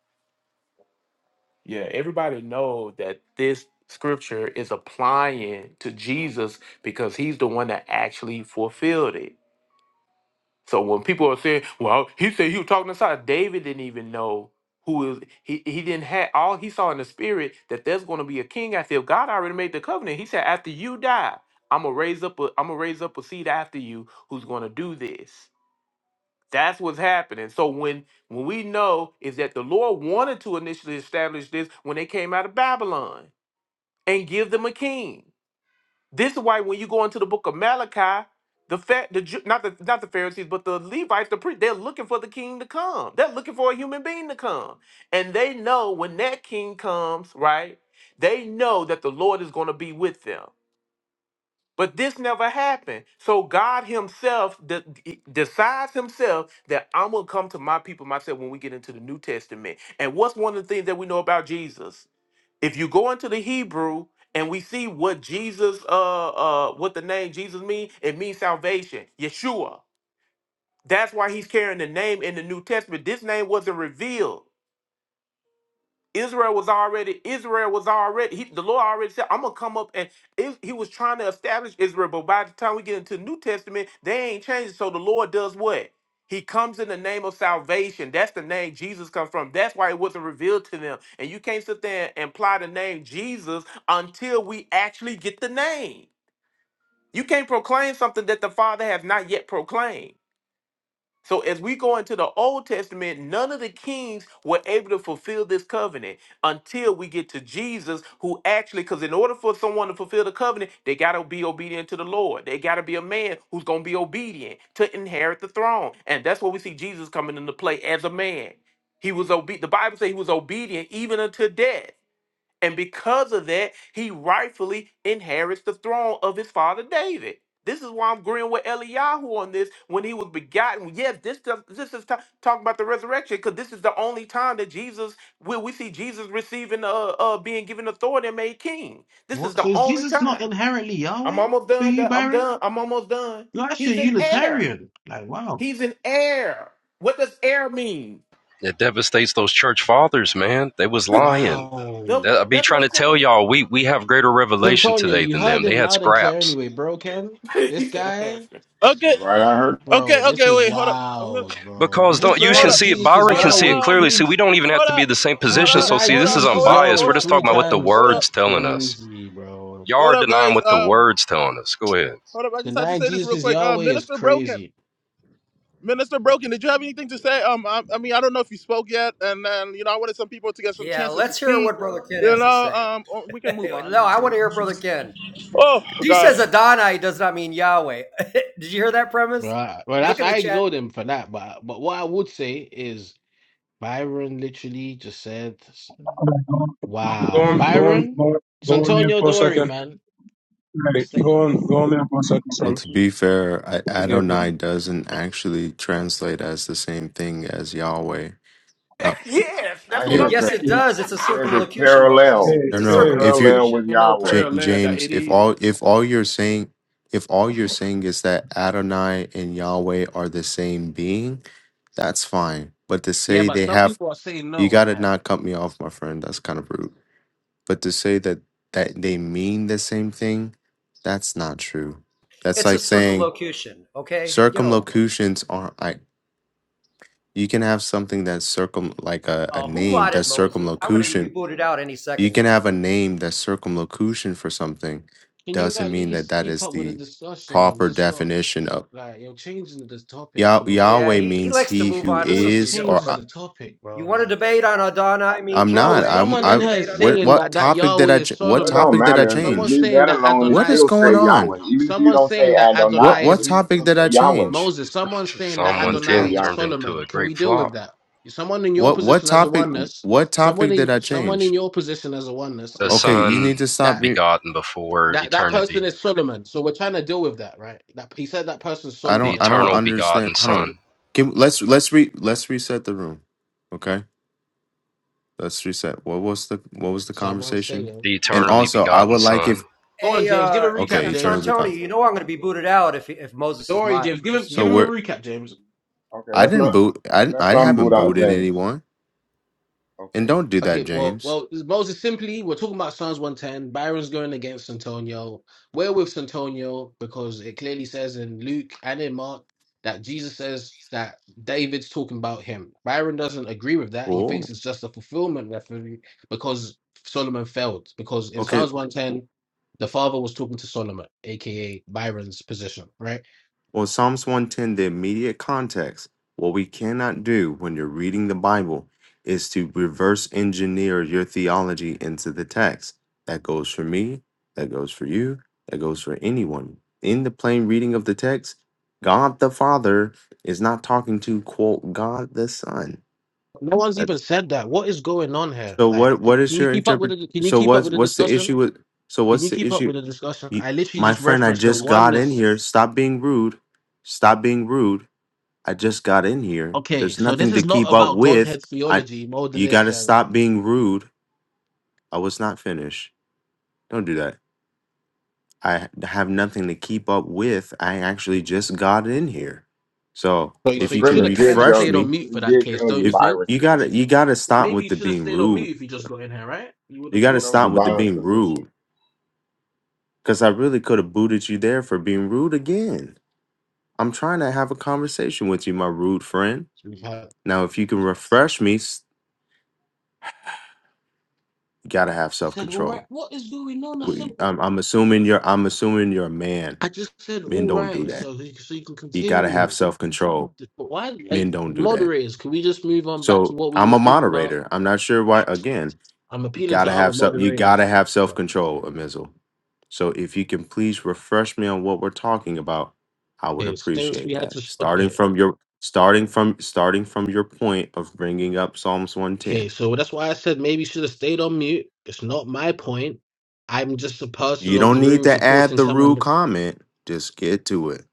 Speaker 9: yeah, everybody know that this scripture is applying to Jesus because he's the one that actually fulfilled it. So when people are saying, "Well, he said he was talking to Sodom," David didn't even know who is he. He didn't have all he saw in the spirit that there's going to be a king out there. God already made the covenant. He said, "After you die, I'm gonna raise up. A, I'm gonna raise up a seed after you who's going to do this." That's what's happening. So when when we know is that the Lord wanted to initially establish this when they came out of Babylon and give them a king. This is why when you go into the book of Malachi, the fact the Ju- not the not the Pharisees, but the Levites, the priest, they're looking for the king to come. They're looking for a human being to come. And they know when that king comes, right? They know that the Lord is going to be with them. But this never happened. So God Himself de- de- decides Himself that I'm going to come to my people myself when we get into the New Testament. And what's one of the things that we know about Jesus? if you go into the Hebrew and we see what Jesus, uh, uh, what the name Jesus means, it means salvation, Yeshua. That's why he's carrying the name in the New Testament. This name wasn't revealed. Israel was already Israel was already he, the Lord already said I'm gonna come up and is he was trying to establish Israel, but by the time we get into the New Testament, they ain't changed. So the Lord does what? He comes in the name of salvation. That's the name Jesus comes from. That's why it wasn't revealed to them. And you can't sit there and apply the name Jesus until we actually get the name. You can't proclaim something that the Father has not yet proclaimed. So as we go into the Old Testament, none of the kings were able to fulfill this covenant until we get to Jesus, who actually, because in order for someone to fulfill the covenant, they got to be obedient to the Lord. They got to be a man who's going to be obedient to inherit the throne. And that's where we see Jesus coming into play as a man. He was obedient. The Bible says he was obedient even unto death. And because of that, he rightfully inherits the throne of his father David. This is why I'm agreeing with Eliyahu on this when he was begotten. Yes, this does, this is ta- talking about the resurrection because this is the only time that Jesus where we see Jesus receiving uh, uh being given authority and made king. This is
Speaker 8: What? So
Speaker 9: the
Speaker 8: is
Speaker 9: only
Speaker 8: Jesus not
Speaker 9: time.
Speaker 8: inherently
Speaker 9: I'm
Speaker 8: Yahweh
Speaker 9: almost
Speaker 8: for
Speaker 9: done.
Speaker 8: you,
Speaker 9: Doc. I'm
Speaker 8: Byron?
Speaker 9: done. I'm almost done.
Speaker 8: You're
Speaker 9: He's
Speaker 8: actually a
Speaker 9: an heir.
Speaker 8: Unitarian. Like, wow.
Speaker 9: He's an heir. What does heir mean?
Speaker 3: It devastates those church fathers, man. They was lying.
Speaker 8: Wow.
Speaker 9: No,
Speaker 3: That- I be
Speaker 9: that's what
Speaker 3: trying to
Speaker 9: I'm
Speaker 3: tell
Speaker 9: saying.
Speaker 3: y'all, we we have greater
Speaker 8: So,
Speaker 3: revelation
Speaker 8: Antonio,
Speaker 3: today
Speaker 8: you
Speaker 3: than them.
Speaker 8: heard
Speaker 3: They
Speaker 8: him
Speaker 3: had
Speaker 8: loud and clear
Speaker 3: scraps.
Speaker 8: anyway, bro, Ken. This
Speaker 9: He's an heir.
Speaker 8: guy,
Speaker 1: Okay.
Speaker 6: Right, I heard.
Speaker 8: bro,
Speaker 1: Okay.
Speaker 8: this
Speaker 1: Okay.
Speaker 8: is
Speaker 1: Wait. Hold up. I'm gonna.
Speaker 8: wild, bro. You
Speaker 3: Because
Speaker 8: just
Speaker 3: don't
Speaker 1: Wait.
Speaker 3: you
Speaker 1: Hold
Speaker 3: can
Speaker 8: denied
Speaker 1: up.
Speaker 3: see it,
Speaker 8: Jesus is
Speaker 3: Byron
Speaker 1: Hold
Speaker 3: can
Speaker 1: up.
Speaker 3: see it
Speaker 8: Yahweh
Speaker 3: clearly.
Speaker 1: Um.
Speaker 3: See,
Speaker 8: three
Speaker 3: we don't even have
Speaker 1: Hold
Speaker 3: to be
Speaker 1: up.
Speaker 3: the same
Speaker 8: he
Speaker 1: Hold
Speaker 3: position.
Speaker 1: up.
Speaker 3: So see,
Speaker 8: denied
Speaker 1: Hold
Speaker 3: this
Speaker 1: up.
Speaker 3: is
Speaker 8: Jesus
Speaker 1: Hold
Speaker 8: is
Speaker 1: up.
Speaker 3: unbiased.
Speaker 1: Hold
Speaker 8: Yahweh
Speaker 3: We're
Speaker 1: up.
Speaker 3: just
Speaker 8: three
Speaker 3: talking
Speaker 1: Hold
Speaker 3: about
Speaker 1: up.
Speaker 3: what the
Speaker 8: times.
Speaker 1: Hold up.
Speaker 3: words
Speaker 8: That's
Speaker 3: telling us.
Speaker 8: crazy, bro.
Speaker 3: Y'all
Speaker 1: Hold
Speaker 3: are
Speaker 1: up,
Speaker 3: denying
Speaker 1: guys.
Speaker 3: what the
Speaker 1: Um.
Speaker 3: words telling us. Go ahead.
Speaker 1: Hold up. I just had to
Speaker 8: Denying
Speaker 1: say this
Speaker 8: Jesus
Speaker 1: real
Speaker 8: is
Speaker 1: quick. Uh,
Speaker 8: Yahweh is
Speaker 1: Minister Broken.
Speaker 8: crazy.
Speaker 1: Minister Broken. Did you have anything to say? Um. I, I mean, I don't know if you spoke yet, and then you know, I wanted some people to get some
Speaker 10: yeah,
Speaker 1: chances to
Speaker 10: let's hear
Speaker 1: speak.
Speaker 10: what Brother Ken
Speaker 1: You
Speaker 10: has to
Speaker 1: know.
Speaker 10: say.
Speaker 1: Um. or We can move on
Speaker 10: no, I want to hear Brother
Speaker 1: into.
Speaker 10: Ken.
Speaker 1: Oh
Speaker 10: He
Speaker 1: God.
Speaker 10: says Adonai does not mean Yahweh. Did you hear that
Speaker 8: But
Speaker 10: premise?
Speaker 8: I, well,
Speaker 10: Look
Speaker 8: that's
Speaker 10: in the
Speaker 8: I
Speaker 10: chat.
Speaker 8: ignore them for that. But but what I would say is Byron literally just said,
Speaker 11: Go
Speaker 8: "Wow,
Speaker 11: on, go on,
Speaker 8: Byron,
Speaker 11: go on, go on mute
Speaker 8: Santonio,
Speaker 11: for a
Speaker 8: don't worry,
Speaker 11: second.
Speaker 8: man."
Speaker 11: Hey,
Speaker 8: It's like,
Speaker 11: go on, go on mute for a second,
Speaker 12: Well,
Speaker 11: bro.
Speaker 12: to be fair, I-
Speaker 11: Yeah, but
Speaker 12: Adonai doesn't actually translate as the same thing as Yahweh. Uh,
Speaker 9: yes, that's
Speaker 6: I
Speaker 9: what
Speaker 11: yeah,
Speaker 6: hear
Speaker 12: it
Speaker 6: it.
Speaker 9: I'm
Speaker 10: Yes, it
Speaker 9: saying.
Speaker 10: does. It's a
Speaker 6: It says it's
Speaker 10: circumlocution,
Speaker 11: yeah,
Speaker 10: Moses.
Speaker 6: parallel.
Speaker 12: no
Speaker 10: It's a
Speaker 6: It's
Speaker 11: yeah,
Speaker 12: no. If you
Speaker 6: parallel
Speaker 10: circumlocution.
Speaker 6: with
Speaker 9: Ain't no
Speaker 6: Yahweh.
Speaker 12: J-
Speaker 9: parallel that
Speaker 12: James,
Speaker 9: it
Speaker 12: if
Speaker 9: is.
Speaker 12: all if all you're saying if all you're saying is that Adonai and Yahweh are the same being, that's fine. But to
Speaker 8: yeah,
Speaker 12: say
Speaker 8: but
Speaker 12: they
Speaker 8: some
Speaker 12: have,
Speaker 8: people are saying
Speaker 12: you
Speaker 8: no in
Speaker 12: gotta
Speaker 8: that.
Speaker 12: not cut me off, my friend. That's kind of rude. But to say that that they mean the same thing, that's not true. That's
Speaker 10: It's a
Speaker 12: like saying
Speaker 10: circumlocution. Okay, get over it.
Speaker 12: circumlocutions aren't You can have something that's circum like a, a
Speaker 10: Uh, who
Speaker 12: name
Speaker 10: modded
Speaker 12: that's
Speaker 10: Moses? I'm going to be
Speaker 12: circumlocution.
Speaker 10: booted out any
Speaker 12: You
Speaker 10: second
Speaker 12: can
Speaker 10: now.
Speaker 12: have a name that's circumlocution for something.
Speaker 8: Can you
Speaker 12: Doesn't
Speaker 8: at
Speaker 12: mean that
Speaker 8: least
Speaker 12: that
Speaker 8: keep
Speaker 12: is
Speaker 8: up with the
Speaker 12: the
Speaker 8: discussion and
Speaker 12: proper
Speaker 8: just stop
Speaker 12: definition of
Speaker 8: like you're changing the topic?
Speaker 12: Yah-
Speaker 8: You
Speaker 10: Yeah,
Speaker 12: Yahweh
Speaker 10: he,
Speaker 8: she
Speaker 10: he
Speaker 12: means
Speaker 10: likes to
Speaker 12: he
Speaker 10: move
Speaker 12: who
Speaker 10: on to
Speaker 8: always
Speaker 10: something
Speaker 12: is
Speaker 10: different.
Speaker 12: or
Speaker 8: changes
Speaker 10: But
Speaker 12: I,
Speaker 8: the topic, bro.
Speaker 10: you want to
Speaker 8: Like.
Speaker 10: debate on Adonai means
Speaker 12: I'm
Speaker 8: Bro,
Speaker 12: not.
Speaker 10: Yahweh? Do you
Speaker 12: I'm
Speaker 8: someone
Speaker 10: want to
Speaker 8: in
Speaker 12: I
Speaker 8: here
Speaker 10: debate
Speaker 8: is
Speaker 10: on
Speaker 12: what
Speaker 10: that?
Speaker 8: saying
Speaker 12: what
Speaker 8: that that
Speaker 12: topic did
Speaker 8: Yahweh
Speaker 12: I
Speaker 8: is
Speaker 12: ch-
Speaker 6: Well,
Speaker 12: what
Speaker 6: it
Speaker 8: Solomon.
Speaker 6: don't
Speaker 12: topic did I
Speaker 6: matter. Just
Speaker 8: Someone
Speaker 12: change?
Speaker 6: leave
Speaker 8: saying
Speaker 6: that
Speaker 8: that
Speaker 6: alone. It
Speaker 12: What is
Speaker 8: Adonai.
Speaker 6: still
Speaker 12: going
Speaker 6: say
Speaker 8: Someone,
Speaker 12: on?
Speaker 6: Yahweh. Even if you
Speaker 8: someone
Speaker 6: don't say
Speaker 8: saying that
Speaker 12: What
Speaker 8: Adonai
Speaker 6: Adonai,
Speaker 12: what
Speaker 8: is
Speaker 6: just
Speaker 8: M-
Speaker 12: topic
Speaker 6: still
Speaker 12: did
Speaker 6: say
Speaker 12: I
Speaker 6: Yahweh.
Speaker 12: change?
Speaker 8: Moses. Someone saying that
Speaker 3: Psalm
Speaker 6: James
Speaker 3: one
Speaker 6: still
Speaker 3: ten
Speaker 8: Adonai
Speaker 6: Yahweh.
Speaker 8: is
Speaker 3: turned into
Speaker 8: Solomon.
Speaker 3: a
Speaker 8: Can we
Speaker 3: great
Speaker 8: deal
Speaker 3: flaw.
Speaker 8: with that? Someone in your
Speaker 12: What what
Speaker 8: position as a
Speaker 12: topic
Speaker 8: oneness.
Speaker 12: what
Speaker 8: Someone
Speaker 12: topic
Speaker 8: in
Speaker 12: did I
Speaker 8: someone in
Speaker 12: change?
Speaker 8: your position as a oneness
Speaker 3: The
Speaker 8: is
Speaker 12: Okay,
Speaker 8: saying
Speaker 12: you need
Speaker 3: Son
Speaker 12: to stop
Speaker 8: that
Speaker 12: being
Speaker 3: begotten before
Speaker 8: that that person
Speaker 3: eternity,
Speaker 8: is Solomon. So we're trying to deal with that, right? That he said that person's
Speaker 12: I
Speaker 3: the
Speaker 12: don't
Speaker 8: Solomon in
Speaker 12: I
Speaker 8: the
Speaker 12: don't
Speaker 8: book.
Speaker 3: eternal begotten
Speaker 12: understand. Hold on.
Speaker 3: Son,
Speaker 12: Can, let's let's re let's reset the room. Okay? Let's reset. What was the what was the
Speaker 8: Someone
Speaker 12: conversation?
Speaker 8: saying,
Speaker 3: the
Speaker 12: And
Speaker 3: eternally
Speaker 12: also, I
Speaker 3: begotten
Speaker 12: would like
Speaker 3: Son.
Speaker 12: if
Speaker 8: "Go on,
Speaker 10: Hey,
Speaker 8: James. Give a
Speaker 10: uh,
Speaker 8: recap,
Speaker 12: okay, eternally
Speaker 8: James.
Speaker 10: Santoni,
Speaker 12: because.
Speaker 10: you know I'm going to be booted out if if Moses
Speaker 8: Don't
Speaker 10: is
Speaker 8: worry,
Speaker 10: modded.
Speaker 8: James. Give
Speaker 10: Just
Speaker 8: him
Speaker 10: so
Speaker 8: give
Speaker 10: you
Speaker 12: So
Speaker 8: him a
Speaker 10: know,
Speaker 12: we're
Speaker 8: recap, James."
Speaker 6: Okay,
Speaker 12: I
Speaker 6: let's
Speaker 12: didn't
Speaker 6: not
Speaker 12: boot I didn't-
Speaker 6: let's
Speaker 12: I
Speaker 6: not boot
Speaker 12: haven't
Speaker 6: out
Speaker 12: booted
Speaker 6: James.
Speaker 12: anyone. And
Speaker 6: Okay,
Speaker 12: don't do that,
Speaker 8: Okay,
Speaker 6: okay.
Speaker 8: well,
Speaker 12: James.
Speaker 8: well, Moses simply, we're talking about Psalms 110. Byron's going against Antonio. We're with Santonio because it clearly says in Luke and in Mark that Jesus says that David's talking about him. Byron doesn't agree with that. He thinks
Speaker 12: Cool.
Speaker 8: it's just a fulfillment reference because Solomon failed. Because in
Speaker 12: Okay,
Speaker 8: Psalms 110, the father was talking to Solomon, aka Byron's position, right?
Speaker 12: Well, Psalms 110, the immediate context, what we cannot do when you're reading the Bible is to reverse engineer your theology into the text. That goes for me, that goes for you, that goes for anyone. In the plain reading of the text, God the Father is not talking to quote God the Son.
Speaker 8: No one's
Speaker 12: That-
Speaker 8: even said that. What is going on here?
Speaker 12: So
Speaker 8: Like,
Speaker 12: what what
Speaker 8: can
Speaker 12: is
Speaker 8: you
Speaker 12: your
Speaker 8: keep up with
Speaker 12: interpret
Speaker 8: the, can you
Speaker 12: so
Speaker 8: keep up
Speaker 12: what's
Speaker 8: with the
Speaker 12: what's the
Speaker 8: discussion?
Speaker 12: issue with so
Speaker 8: Can
Speaker 12: what's
Speaker 8: you
Speaker 12: the
Speaker 8: keep up
Speaker 12: issue?
Speaker 8: with the discussion?
Speaker 12: You,
Speaker 8: I literally
Speaker 12: my
Speaker 8: just
Speaker 12: friend, I
Speaker 8: referenced the
Speaker 12: just got in
Speaker 8: oneness.
Speaker 12: here. Stop being rude. Stop being rude. I just got in here.
Speaker 8: Okay,
Speaker 12: There's
Speaker 8: so this
Speaker 12: nothing to
Speaker 8: is not
Speaker 12: keep up
Speaker 8: about
Speaker 12: with.
Speaker 8: Godhead
Speaker 12: I
Speaker 8: theology,
Speaker 12: you got
Speaker 8: modalist,
Speaker 12: to
Speaker 8: and
Speaker 12: stop being rude. I was not finished. Don't do that. I have nothing to keep up with. I actually just got in here. So,
Speaker 8: so you,
Speaker 12: if
Speaker 8: so
Speaker 6: But
Speaker 12: you
Speaker 8: you
Speaker 12: can
Speaker 8: should
Speaker 6: Premise
Speaker 8: have kind
Speaker 6: did
Speaker 8: of
Speaker 12: refresh
Speaker 6: tell
Speaker 8: stayed on
Speaker 6: you.
Speaker 12: me,
Speaker 8: mute
Speaker 6: He
Speaker 8: for that
Speaker 6: did
Speaker 8: case,
Speaker 6: tell
Speaker 8: don't
Speaker 6: you
Speaker 8: you
Speaker 12: if
Speaker 8: think?
Speaker 6: Byron's
Speaker 12: you got to
Speaker 6: position.
Speaker 12: you got to stop
Speaker 8: Maybe
Speaker 12: with
Speaker 8: you
Speaker 12: the
Speaker 8: should have
Speaker 12: being
Speaker 8: stayed on
Speaker 12: rude.
Speaker 8: mute if you just got in here, right? You would
Speaker 12: You
Speaker 8: have
Speaker 6: He
Speaker 12: got to
Speaker 8: got
Speaker 6: told you
Speaker 8: some.
Speaker 12: stop with the
Speaker 6: Byron's
Speaker 12: being
Speaker 6: position.
Speaker 12: rude cuz I really could have booted you there for being rude again. I'm trying to have a conversation with you, my rude friend.
Speaker 8: We've had-
Speaker 12: Now, if you can refresh me, s- you got to have
Speaker 8: I said, all
Speaker 12: self-control.
Speaker 8: right, what is going on? I said,
Speaker 12: We, I'm, I'm assuming you're. I'm assuming you're a man.
Speaker 8: I just said,
Speaker 12: Men
Speaker 8: all
Speaker 12: don't do
Speaker 8: right,
Speaker 12: that.
Speaker 8: so he- so you can
Speaker 12: You gotta have
Speaker 8: continue.
Speaker 12: self control.
Speaker 8: But why, like,
Speaker 12: Men don't do that.
Speaker 8: moderators? Can we just move on back to
Speaker 12: So
Speaker 8: what we
Speaker 12: I'm
Speaker 8: were
Speaker 12: a
Speaker 8: speaking about?
Speaker 12: moderator. I'm not sure why. Again,
Speaker 8: I'm
Speaker 12: you
Speaker 8: appealing to
Speaker 12: gotta
Speaker 8: other
Speaker 12: have self. You gotta
Speaker 8: moderators.
Speaker 12: have self control, Amizel. So if you can please refresh me on what we're talking about, I would
Speaker 8: Okay, since we
Speaker 12: appreciate
Speaker 8: had
Speaker 12: that.
Speaker 8: to,
Speaker 12: Starting
Speaker 8: okay.
Speaker 12: from your starting from starting from your point of bringing up Psalms
Speaker 8: Okay,
Speaker 12: 110.
Speaker 8: so that's why I said maybe you should have stayed on mute. It's
Speaker 6: Oh,
Speaker 8: not my point. I'm just a person
Speaker 12: You
Speaker 8: of
Speaker 12: don't
Speaker 8: the
Speaker 12: need
Speaker 8: room
Speaker 12: to add
Speaker 8: supporting
Speaker 12: the rude
Speaker 8: someone.
Speaker 12: comment. Just get to it.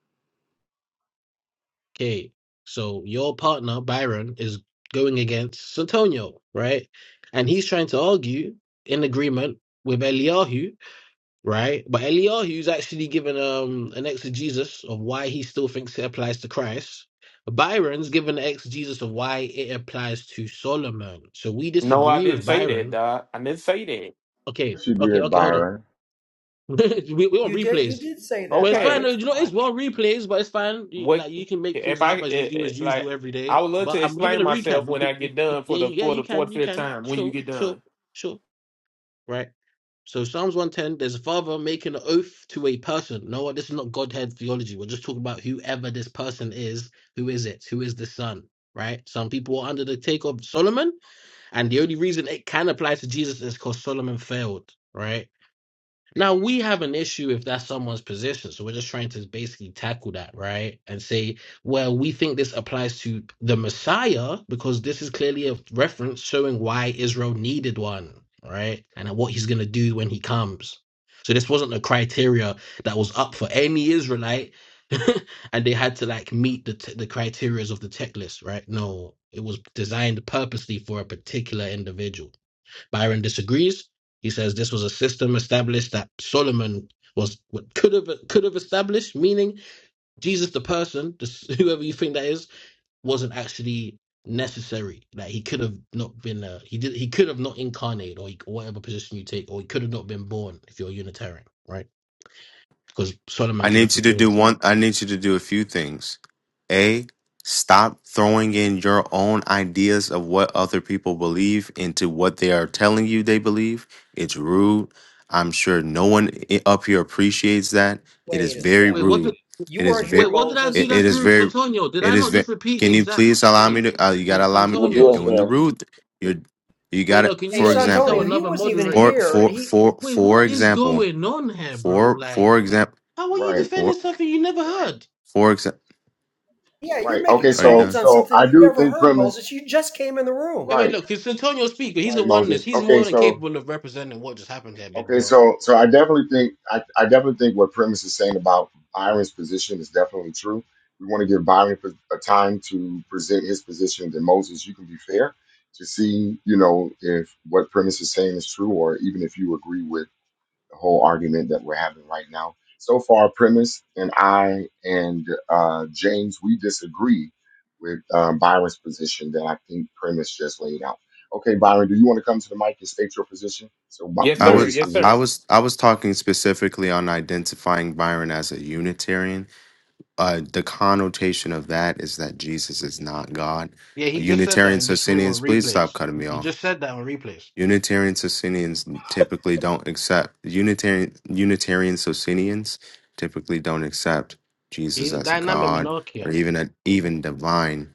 Speaker 8: Okay, so your partner, Byron, is going against Santonio, right? And he's trying to argue in agreement with Eliyahu, right? But Eliyahu's actually given um an exegesis of why he still thinks it applies to Christ. Byron's given an exegesis of why it applies to Solomon. So we
Speaker 9: No, I
Speaker 8: disagree with
Speaker 9: didn't say that,
Speaker 8: Byron.
Speaker 9: dog. I didn't say that.
Speaker 8: Okay,
Speaker 6: yes, you
Speaker 8: okay,
Speaker 6: did,
Speaker 8: okay, hold on.
Speaker 6: Byron.
Speaker 8: we, we want
Speaker 10: you did you
Speaker 8: replays.
Speaker 10: did say
Speaker 8: But
Speaker 10: that,
Speaker 8: it's fine.
Speaker 9: Okay,
Speaker 10: Byron.
Speaker 8: You
Speaker 10: Come
Speaker 8: know,
Speaker 10: on,
Speaker 8: it's well replays, but it's fine. You,
Speaker 9: what
Speaker 8: like you can make things
Speaker 9: if I
Speaker 8: up as you
Speaker 9: it,
Speaker 8: do as
Speaker 9: it- like?
Speaker 8: usual every
Speaker 9: I
Speaker 8: day.
Speaker 9: would love
Speaker 8: But
Speaker 9: to
Speaker 8: I'm giving
Speaker 9: explain
Speaker 8: a
Speaker 9: myself
Speaker 8: recap. You
Speaker 9: when
Speaker 8: could,
Speaker 9: I
Speaker 8: you,
Speaker 9: get
Speaker 8: you,
Speaker 9: done
Speaker 8: yeah,
Speaker 9: for the
Speaker 8: you- yeah,
Speaker 9: for
Speaker 8: you
Speaker 9: the
Speaker 8: can,
Speaker 9: fourth
Speaker 8: you
Speaker 9: fifth
Speaker 8: can.
Speaker 9: time. When you
Speaker 8: Sure,
Speaker 9: get
Speaker 8: sure,
Speaker 9: done,
Speaker 8: sure. Right. So Psalms 110. There's a father making an oath to a person. No, what? This is not Godhead theology. We're just talking about whoever this person is. Who is it? Who is the son? Right. Some people are under the take of Solomon, and the only reason it can apply to Jesus is because Solomon failed. Right now we have an issue if that's someone's position. So we're just trying to basically tackle that, right? And say, well, we think this applies to the Messiah because this is clearly a reference showing why Israel needed one, right? And what he's going to do when he comes. So this wasn't a criteria that was up for any Israelite and they had to like meet the t- the criterias of the checklist, right? No, it was designed purposely for a particular individual. Byron disagrees. He says this was a system established that Solomon was could have could have established, meaning Jesus the person, this, whoever you think that is, wasn't actually necessary. Like he could have not been uh, he did he could have not incarnated or, he, or whatever position you take, or he could have not been born if you're Unitarian, right? Because Solomon
Speaker 12: I
Speaker 8: could have
Speaker 12: need you to
Speaker 8: fulfilled.
Speaker 12: do one. I need you to do a few things. A, stop throwing in your own ideas of what other people believe into what they are telling you they believe. It's rude. I'm sure no one i- up here appreciates that. It is
Speaker 10: wait a
Speaker 12: very
Speaker 10: sec.
Speaker 8: Wait, what? Did,
Speaker 12: rude.
Speaker 10: You
Speaker 12: It is
Speaker 10: weren't here,
Speaker 8: wait,
Speaker 12: very.
Speaker 8: what did I
Speaker 10: Moses.
Speaker 8: do?
Speaker 12: It, it
Speaker 8: That's
Speaker 12: is
Speaker 8: rude,
Speaker 12: very.
Speaker 8: Santonio. Did I
Speaker 12: It is
Speaker 8: not
Speaker 12: very.
Speaker 8: just repeat
Speaker 12: Can you
Speaker 8: exact?
Speaker 12: please allow me
Speaker 8: Wait,
Speaker 12: to? Uh, you gotta
Speaker 8: wait,
Speaker 12: allow me.
Speaker 6: You're
Speaker 12: You're
Speaker 6: being
Speaker 8: Santonio's.
Speaker 12: doing the
Speaker 6: fair.
Speaker 12: rude. You're. You
Speaker 8: Wait,
Speaker 12: gotta.
Speaker 8: no. Can
Speaker 10: Hey,
Speaker 8: you
Speaker 12: For
Speaker 8: at least tell
Speaker 10: Santonio,
Speaker 12: example.
Speaker 10: he
Speaker 8: another
Speaker 10: wasn't even
Speaker 8: moderator?
Speaker 12: For
Speaker 10: here, and
Speaker 12: for
Speaker 10: he.
Speaker 12: for
Speaker 8: Wait,
Speaker 12: for
Speaker 8: what is
Speaker 12: example.
Speaker 8: going on here, bro?
Speaker 12: For
Speaker 8: Like,
Speaker 12: for example.
Speaker 8: how are you
Speaker 6: Right.
Speaker 8: defending something you never heard?
Speaker 12: For example,
Speaker 10: Yeah, you're
Speaker 6: Right.
Speaker 10: making
Speaker 6: Okay.
Speaker 12: are you
Speaker 6: So,
Speaker 10: claims
Speaker 12: done?
Speaker 10: on
Speaker 6: so
Speaker 10: something
Speaker 6: I
Speaker 10: you
Speaker 6: do
Speaker 10: never
Speaker 6: think
Speaker 10: heard,
Speaker 6: premise.
Speaker 10: Moses. You just came in the room.
Speaker 8: Wait, wait,
Speaker 6: Right.
Speaker 8: look, it's Antonio Speaker. He's a
Speaker 6: Right,
Speaker 8: oneness.
Speaker 6: Moses.
Speaker 8: He's
Speaker 6: Okay.
Speaker 8: more than
Speaker 6: So,
Speaker 8: capable of representing what just happened here, big
Speaker 6: okay.
Speaker 8: bro.
Speaker 6: So, so I definitely think I, I definitely think what premise is saying about Byron's position is definitely true. We want to give Byron a time to present his position. Then Moses, you can be fair to see, you know, if what premise is saying is true, or even if you agree with. the whole argument that we're having right now. So far, premise and I and uh, James, we disagree with um, Byron's position that I think premise just laid out. Okay, Byron, do you want to come to the mic and state your position so Mo-
Speaker 9: yes,
Speaker 12: I
Speaker 9: sir.
Speaker 12: was
Speaker 6: Moses can
Speaker 9: Yes,
Speaker 6: hear
Speaker 12: I
Speaker 6: it?
Speaker 9: sir.
Speaker 12: was I was talking specifically on identifying Byron as a Unitarian. Uh, the connotation of that is that Jesus is not God.
Speaker 8: Yeah, he just said that
Speaker 12: Unitarian
Speaker 8: in this room
Speaker 12: Socinians,
Speaker 8: on
Speaker 12: please stop
Speaker 8: replays.
Speaker 12: cutting
Speaker 8: He
Speaker 12: me off.
Speaker 8: just said that on replays.
Speaker 12: Unitarian Socinians typically don't accept Unitarian Unitarian Socinians typically don't accept Jesus
Speaker 8: He's a
Speaker 12: as
Speaker 8: dynamic
Speaker 12: God
Speaker 8: monarchian.
Speaker 12: or even a, even divine.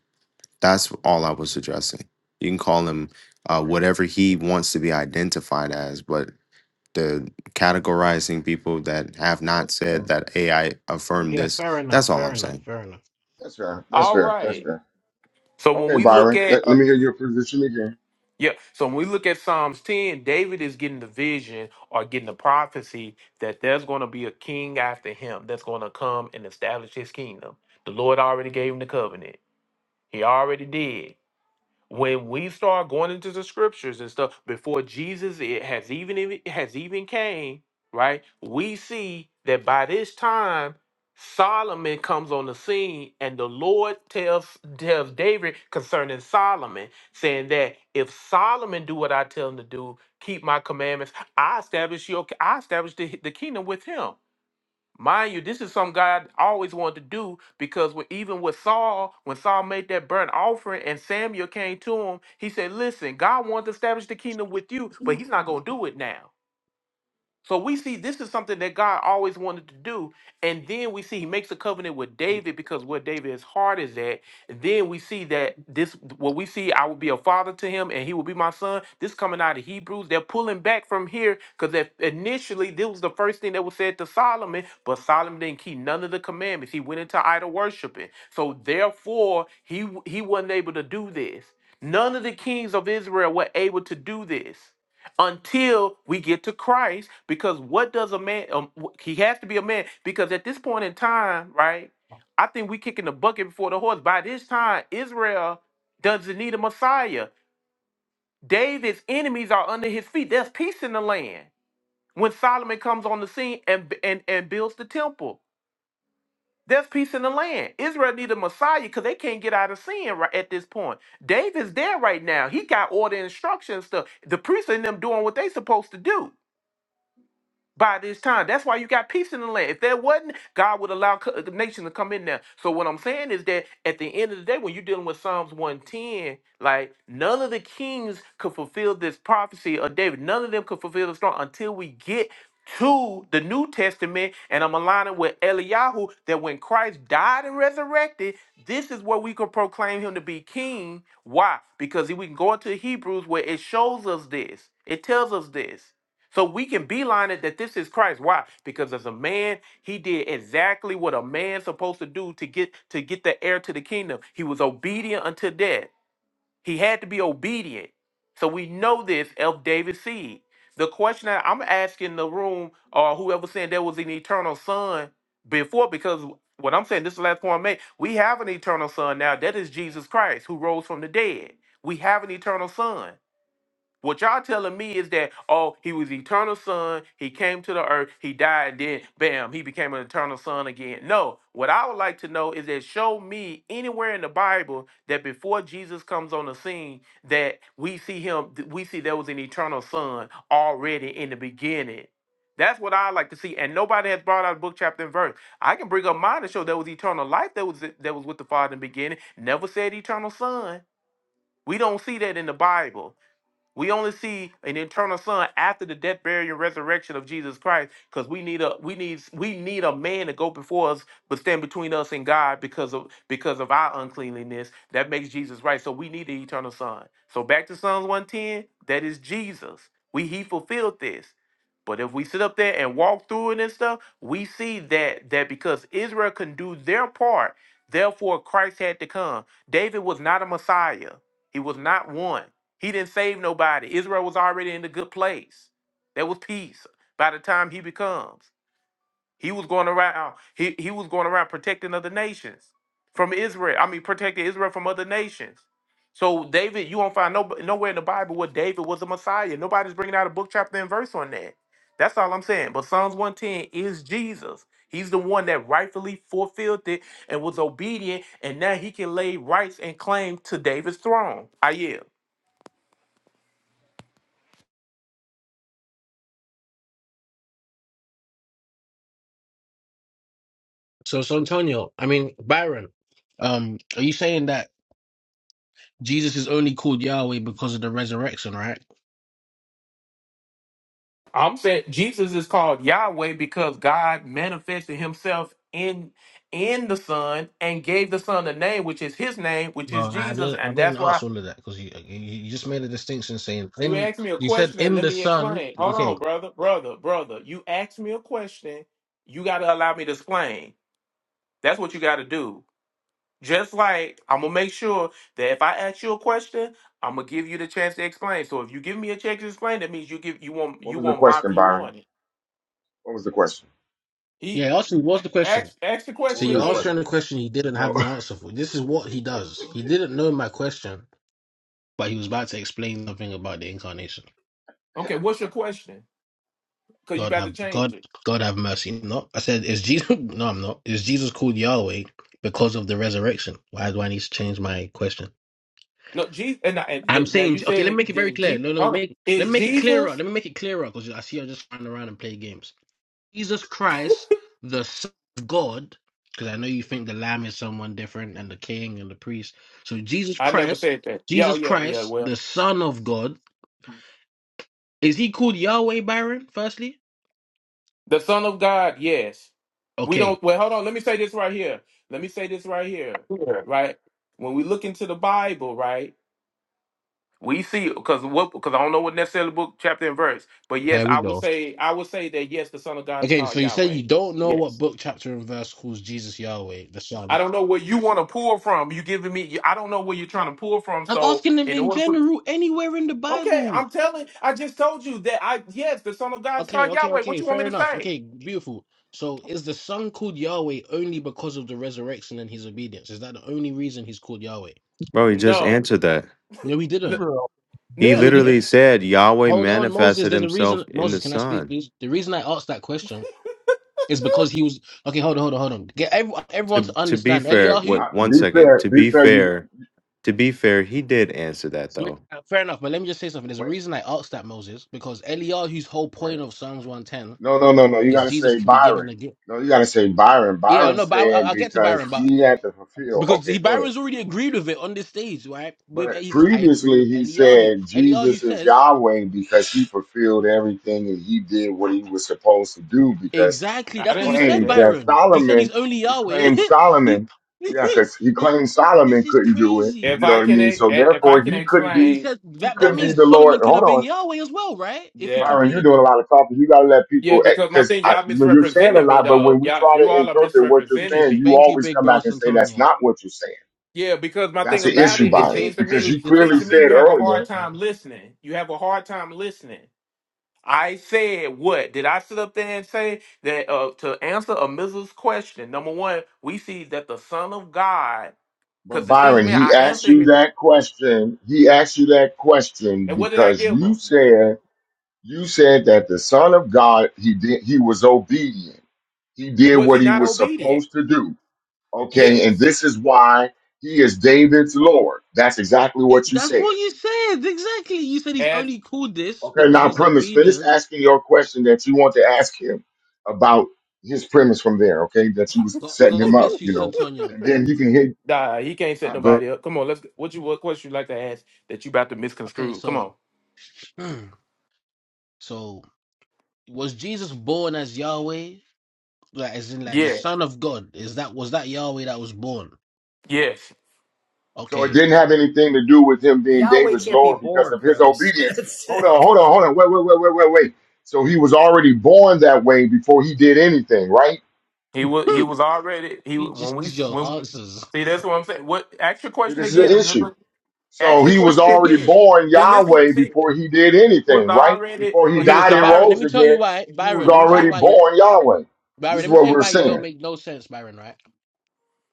Speaker 12: That's all I was addressing. You can call him uh,
Speaker 6: Okay,
Speaker 12: whatever he wants to be identified as, but the categorizing people that have not
Speaker 6: that's fair.
Speaker 12: said that AI affirmed
Speaker 8: Yeah,
Speaker 12: this.
Speaker 8: fair enough,
Speaker 12: That's all
Speaker 8: fair
Speaker 12: I'm
Speaker 8: enough,
Speaker 12: saying.
Speaker 8: fair enough.
Speaker 6: That's fair. That's
Speaker 9: All
Speaker 6: fair. That's
Speaker 9: right.
Speaker 6: fair.
Speaker 9: So when
Speaker 6: Okay,
Speaker 9: we look
Speaker 6: Byron,
Speaker 9: at
Speaker 6: let, let me hear your position again.
Speaker 9: Yeah. So when we look at Psalms 10, David is getting the vision or getting the prophecy that there's going to be a king after him that's going to come and establish his kingdom. The Lord already gave him the covenant. He already did when we start going into the scriptures and stuff before Jesus it has even it has even came, right? We see that by this time Solomon comes on the scene and the Lord tells tells David concerning Solomon, saying that if Solomon do what I tell him to do, keep my commandments, I establish your I establish the, the kingdom with him. Mind you, this is something God always wanted to do because when, even with Saul, when Saul made that burnt offering and Samuel came to him, he said, Listen, God wants to establish the kingdom with you, but he's not going to do it now. So we see this is something that God always wanted to do. And then we see he makes a covenant with David because where David's heart is at. And then we see that this what we see, I will be a father to him and he will be my son. This coming out of Hebrews. They're pulling back from here because initially this was the first thing that was said to Solomon, but Solomon didn't keep none of the commandments. He went into idol worshiping. So therefore, he he wasn't able to do this. None of the kings of Israel were able to do this until we get to Christ because what does a man um, wh- he has to be a man because at this point in time right I think we kicking the bucket before the horse by this time Israel doesn't need a Messiah David's enemies are under his feet there's peace in the land when Solomon comes on the scene and and and builds the temple there's peace in the land Israel need a Messiah because they can't get out of sin right at this point David's there right now he got order and instruction and stuff the priests and them doing what they supposed to do by this time. That's why you got peace in the land. If there wasn't, God would allow co- the nation to come in there. So what I'm saying is that at the end of the day, when you're dealing with Psalms 110, like none of the kings could fulfill this prophecy of David. None of them could fulfill the throne until we get to the New Testament. And I'm aligning with Eliyahu that when Christ died and resurrected, this is where we could proclaim him to be king. Why? Because we can go into Hebrews where it shows us this. It tells us this. So we can beeline it that this is Christ. Why? Because as a man, he did exactly what a man's supposed to do to get to get the heir to the kingdom. He was obedient unto death. He had to be obedient. So we know this of David's seed. The question that I'm asking the room or whoever saying there was an eternal son before, because what I'm saying, this is the last point I made, we have an eternal son now. That is Jesus Christ who rose from the dead. We have an eternal son. What y'all telling me is that oh, he was eternal son, he came to the earth, he died, then bam, he became an eternal son again. No, what I would like to know is that show me anywhere in the Bible that before Jesus comes on the scene, that we see him, th- we see there was an eternal son already in the beginning. That's what I like to see, and nobody has brought out book, chapter, and verse. I can bring up mine to show there was eternal life that was that was with the Father in the beginning. Never said eternal son. We don't see that in the Bible. We only see an eternal son after the death, burial, and resurrection of Jesus Christ, because we need a we need we need a man to go before us, but stand between us and God because of because of our uncleanliness. That makes Jesus right. So we need the eternal son. So back to Psalms 110, that is Jesus. We he fulfilled this. But if we sit up there and walk through it and stuff, we see that that because Israel can do their part, therefore Christ had to come. David was not a Messiah. He was not one. He didn't save nobody. Israel was already in a good place. There was peace by the time he becomes. He was going around, he, he was going around protecting other nations from Israel. I mean, protecting Israel from other nations. So David, you won't find no, nowhere in the Bible where David was a Messiah. Nobody's bringing out a book, chapter, and verse on that. That's all I'm saying. But Psalms 110 is Jesus. He's the one that rightfully fulfilled it and was obedient, and now he can lay rights and claim to David's throne. I yield.
Speaker 8: So, so Antonio, I mean Byron, um, are you saying that Jesus is only called Yahweh because of the resurrection, right?
Speaker 9: I'm saying Jesus is called Yahweh because God manifested himself in in the Son and gave the Son a name, which is his name, which is
Speaker 8: Well, I
Speaker 9: Jesus.
Speaker 8: didn't. I
Speaker 9: And
Speaker 8: didn't
Speaker 9: that's
Speaker 8: ask
Speaker 9: why
Speaker 8: all of that because you, you you just made a distinction saying
Speaker 9: you
Speaker 8: in.
Speaker 9: asked me a
Speaker 8: You said
Speaker 9: question and
Speaker 8: in
Speaker 9: let
Speaker 8: the
Speaker 9: me
Speaker 8: sun.
Speaker 9: explain. Hold
Speaker 8: Okay.
Speaker 9: on, brother, brother, brother. You asked me a question. You gotta allow me to explain. That's what you gotta do. Just like I'm gonna make sure that if I ask you a question, I'm gonna give you the chance to explain. So if you give me a chance to explain, that means you give you want
Speaker 6: What
Speaker 9: you
Speaker 6: was the
Speaker 9: want my
Speaker 6: question,
Speaker 9: view
Speaker 6: Byron?
Speaker 9: on it.
Speaker 6: What was the question?
Speaker 9: He
Speaker 8: Yeah. Ask me what's the question.
Speaker 9: ask ask the
Speaker 6: What
Speaker 8: So
Speaker 9: question
Speaker 6: was
Speaker 8: you're
Speaker 6: his
Speaker 8: answering
Speaker 9: again.
Speaker 8: a
Speaker 6: question?
Speaker 8: question he didn't
Speaker 6: No,
Speaker 8: have an answer for. This is what he does. He didn't know my question, but he was about to explain something about the incarnation.
Speaker 9: Okay, what's your question? Because you
Speaker 8: God
Speaker 9: about to
Speaker 8: have
Speaker 9: change
Speaker 8: God.
Speaker 9: it.
Speaker 8: God have mercy. No, I said is Jesus. No, I'm not. Is Jesus called Yahweh because of the resurrection? Why do I need to change my question?
Speaker 9: No, Jesus. And, I- and
Speaker 8: I'm
Speaker 9: th- now
Speaker 8: saying
Speaker 9: you
Speaker 8: okay. Let me
Speaker 9: said
Speaker 8: make it very clear.
Speaker 9: Jesus.
Speaker 8: No, no.
Speaker 9: Hold on.
Speaker 8: Make let me
Speaker 9: Is
Speaker 8: make it clearer.
Speaker 9: Jesus?
Speaker 8: Let me make it clearer because I see you're just running around and playing games. Jesus Christ, the Son of God, because I know you think the Lamb is someone different and the King and the priest. So Jesus
Speaker 9: I never
Speaker 8: Christ,
Speaker 9: said that. Yeah, oh,
Speaker 8: Jesus
Speaker 9: yeah, yeah.
Speaker 8: Christ,
Speaker 9: Well,
Speaker 8: the Son of God, is he called Yahweh, Byron? Firstly,
Speaker 9: the Son of God. Yes. We
Speaker 8: okay,
Speaker 9: don't. Well, hold on. Let me say this right here. Let me say this right here.
Speaker 8: Yeah.
Speaker 9: Right. When we look into the Bible, right, we see because what because I don't know what necessarily book chapter and verse, but yes,
Speaker 8: here we
Speaker 9: I would
Speaker 8: go.
Speaker 9: say I would say that yes, the Son of God is
Speaker 8: Okay, so
Speaker 9: called
Speaker 8: you said
Speaker 9: Yahweh.
Speaker 8: you don't know
Speaker 9: Yes.
Speaker 8: what book, chapter, and verse calls Jesus Yahweh, the
Speaker 9: I
Speaker 8: Son.
Speaker 9: don't know where you want to pull from. You giving me? I don't know where you're trying to pull from.
Speaker 8: I'm
Speaker 9: So
Speaker 8: asking him
Speaker 9: in
Speaker 8: in
Speaker 9: order for
Speaker 8: general, anywhere in the
Speaker 9: okay,
Speaker 8: Bible.
Speaker 9: I'm telling. I just told you that I yes, the Son of God is
Speaker 8: Okay,
Speaker 9: called
Speaker 8: okay,
Speaker 9: Yahweh. What
Speaker 8: okay.
Speaker 9: you want me
Speaker 8: Fair
Speaker 9: to
Speaker 8: enough.
Speaker 9: say?
Speaker 8: Okay, beautiful. So is the son called Yahweh only because of the resurrection and his obedience? Is that the only reason he's called Yahweh?
Speaker 12: Bro, he just
Speaker 9: No,
Speaker 12: answered that.
Speaker 8: No, he
Speaker 9: no,
Speaker 8: didn't.
Speaker 5: Bro,
Speaker 12: He
Speaker 9: no
Speaker 8: No, he
Speaker 12: literally
Speaker 8: didn't.
Speaker 12: said Yahweh
Speaker 8: Hold on, Moses.
Speaker 12: manifested
Speaker 8: There's a
Speaker 12: himself
Speaker 8: reason.
Speaker 12: in
Speaker 8: Moses,
Speaker 12: the
Speaker 8: can I speak,
Speaker 12: sun.
Speaker 8: please? The reason I asked that question is because he was. Okay, hold on, hold on, hold on. Get everyone, everyone
Speaker 12: To
Speaker 8: to
Speaker 12: to be
Speaker 8: understand.
Speaker 12: fair,
Speaker 8: Eliyahu.
Speaker 6: I,
Speaker 12: what one
Speaker 6: be
Speaker 12: second.
Speaker 6: fair.
Speaker 12: To
Speaker 6: Be
Speaker 12: be
Speaker 6: fair. You
Speaker 12: fair, To be fair, he did answer that
Speaker 8: Wait,
Speaker 12: though.
Speaker 8: uh, Fair enough, but let me just say something. There's a
Speaker 6: wait,
Speaker 8: reason I asked that, Moses, because Eliyahu's whole
Speaker 6: right?
Speaker 8: point of Psalms 110
Speaker 6: No, no, no, no. You
Speaker 8: is
Speaker 6: got to
Speaker 8: Jesus
Speaker 6: say
Speaker 8: can be given
Speaker 6: Byron.
Speaker 8: a gift.
Speaker 6: No, you got to say Byron.
Speaker 8: Yeah,
Speaker 6: Byron
Speaker 8: no, but I, I-
Speaker 6: said
Speaker 8: I'll get to
Speaker 6: because
Speaker 8: Byron, but
Speaker 6: he had to fulfill.
Speaker 8: Because
Speaker 6: Okay,
Speaker 8: he
Speaker 6: go ahead.
Speaker 8: Byron's already agreed with it on this stage, right? With
Speaker 6: But
Speaker 8: he says, I agree
Speaker 6: previously
Speaker 8: with
Speaker 6: he
Speaker 8: Eliyahu.
Speaker 6: said
Speaker 8: Eliyahu
Speaker 6: Jesus is
Speaker 8: says,
Speaker 6: Yahweh because he fulfilled everything and he did what he was supposed to do because
Speaker 8: Exactly,
Speaker 6: he
Speaker 9: I
Speaker 8: that's what
Speaker 9: didn't
Speaker 8: you
Speaker 9: say
Speaker 8: said,
Speaker 6: claims
Speaker 9: that.
Speaker 6: that
Speaker 8: Byron. You said he's
Speaker 6: Solomon,
Speaker 8: only
Speaker 6: he
Speaker 8: Yahweh.
Speaker 6: claims
Speaker 8: he,
Speaker 6: Solomon, yeah, because he
Speaker 8: you-
Speaker 6: claims
Speaker 8: this
Speaker 6: Solomon
Speaker 8: is
Speaker 6: couldn't do it.
Speaker 8: crazy.
Speaker 9: If
Speaker 6: You know
Speaker 9: I
Speaker 6: what I
Speaker 9: can,
Speaker 6: mean?
Speaker 9: e- e,
Speaker 6: So
Speaker 9: if I
Speaker 6: therefore
Speaker 9: can
Speaker 6: he couldn't
Speaker 8: Yeah, you
Speaker 6: be,
Speaker 9: explain,
Speaker 8: said
Speaker 6: he
Speaker 8: that that
Speaker 6: couldn't be
Speaker 9: okay,
Speaker 8: means
Speaker 6: the
Speaker 8: Solomon
Speaker 6: Lord.
Speaker 8: could
Speaker 6: Hold
Speaker 8: have
Speaker 6: on.
Speaker 8: been Yahweh as well, right? If he
Speaker 9: yeah,
Speaker 6: Byron, you're
Speaker 8: completed
Speaker 6: doing a lot of talking. You got to let
Speaker 9: yeah,
Speaker 6: people,
Speaker 9: because my
Speaker 6: because
Speaker 9: thing, y'all
Speaker 6: you're saying a
Speaker 9: misrepresented me
Speaker 6: lot, but when
Speaker 9: though.
Speaker 6: we
Speaker 9: Y'all,
Speaker 6: try
Speaker 9: you
Speaker 6: to
Speaker 9: all are
Speaker 6: interpret what you're
Speaker 8: thank you,
Speaker 9: misrepresenting
Speaker 6: saying,
Speaker 9: me.
Speaker 6: you
Speaker 8: thank you,
Speaker 6: always
Speaker 8: big
Speaker 6: come
Speaker 8: bro
Speaker 6: back and say that's
Speaker 8: Santonio.
Speaker 6: not what you're saying.
Speaker 9: Yeah, because my
Speaker 6: That's
Speaker 9: thing
Speaker 6: the
Speaker 9: about
Speaker 6: issue,
Speaker 8: He's
Speaker 9: it,
Speaker 8: been
Speaker 9: it
Speaker 6: Byron,
Speaker 8: changing
Speaker 9: seems to
Speaker 6: because
Speaker 9: me,
Speaker 6: you
Speaker 9: seems
Speaker 6: clearly
Speaker 9: to
Speaker 8: up,
Speaker 9: me, you
Speaker 6: said
Speaker 9: have a hard
Speaker 6: earlier,
Speaker 8: bro.
Speaker 9: time listening. You have a hard time listening. I said what? Did I sit up there and say that uh, to answer a Mrs. question? Number one, we see that the Son of God,
Speaker 6: but
Speaker 9: because it seems to
Speaker 6: Byron,
Speaker 9: me
Speaker 6: he
Speaker 9: I
Speaker 6: asked
Speaker 9: answered
Speaker 6: you
Speaker 9: his,
Speaker 6: that question. He asked you that question
Speaker 9: and what did I
Speaker 6: because
Speaker 9: give
Speaker 6: you
Speaker 9: him?
Speaker 6: said, you said that the Son of God, he did, he was obedient. He did
Speaker 9: Was he
Speaker 6: what he
Speaker 9: not
Speaker 6: was
Speaker 9: obedient?
Speaker 6: supposed to do. Okay. And
Speaker 9: Yes.
Speaker 6: this is why he is David's Lord. That's exactly what
Speaker 8: It,
Speaker 6: you
Speaker 8: that's
Speaker 6: said.
Speaker 8: what you said, exactly. You said he's
Speaker 9: As
Speaker 8: only called this because
Speaker 6: Okay,
Speaker 8: of
Speaker 6: now
Speaker 8: his
Speaker 6: premise. Finish
Speaker 8: obedience.
Speaker 6: asking your question that you want to ask him about his premise from there. Okay, that you was
Speaker 8: God,
Speaker 6: setting
Speaker 8: God
Speaker 6: him up,
Speaker 8: bless you,
Speaker 6: you know,
Speaker 8: Santonio.
Speaker 6: and then you can hit.
Speaker 9: nah, he can't set
Speaker 6: Uh, go.
Speaker 9: nobody up. Come on, let's. What you what question you like to ask that you about to
Speaker 8: Okay,
Speaker 9: misconstrue? Come
Speaker 8: so
Speaker 9: on.
Speaker 8: Hmm. So was Jesus born as Yahweh? Like as in like the
Speaker 9: Yes,
Speaker 8: Son of God? Is that was that Yahweh that was born?
Speaker 9: yes.
Speaker 6: So it
Speaker 8: Okay.
Speaker 6: didn't have anything to do with him being
Speaker 10: Yahweh
Speaker 6: David's
Speaker 10: can't be
Speaker 6: Lord because
Speaker 10: born,
Speaker 6: of his
Speaker 10: premise.
Speaker 6: obedience.
Speaker 10: That's
Speaker 6: Hold
Speaker 10: it.
Speaker 6: on, hold on, hold on. Wait, wait, wait, wait, wait, wait. So he was already born that way before he did anything, right?
Speaker 9: He was he was already he
Speaker 8: You
Speaker 9: when
Speaker 8: just
Speaker 9: we
Speaker 8: use your
Speaker 9: when
Speaker 8: answers.
Speaker 9: see that's what I'm saying. What ask your
Speaker 6: See,
Speaker 9: question
Speaker 6: this is
Speaker 9: again?
Speaker 6: the
Speaker 9: I'm
Speaker 6: issue.
Speaker 9: ask
Speaker 6: So
Speaker 9: your
Speaker 6: he was
Speaker 9: question
Speaker 6: already
Speaker 9: again.
Speaker 6: born
Speaker 9: See,
Speaker 6: Yahweh
Speaker 9: listen.
Speaker 6: before he did
Speaker 9: was
Speaker 6: anything, right?
Speaker 9: already,
Speaker 6: Before he
Speaker 9: he
Speaker 8: okay,
Speaker 9: was
Speaker 6: died
Speaker 8: so
Speaker 6: and
Speaker 8: Byron,
Speaker 9: already.
Speaker 8: let
Speaker 6: rose
Speaker 8: me tell
Speaker 6: again,
Speaker 8: you why.
Speaker 6: he was
Speaker 8: Byron, let me tell you
Speaker 6: already
Speaker 8: why you
Speaker 6: born Yahweh.
Speaker 8: Byron,
Speaker 6: This is
Speaker 8: let me
Speaker 6: what
Speaker 8: tell you
Speaker 6: we're
Speaker 8: why you don't
Speaker 6: saying.
Speaker 8: make no sense, Byron, right?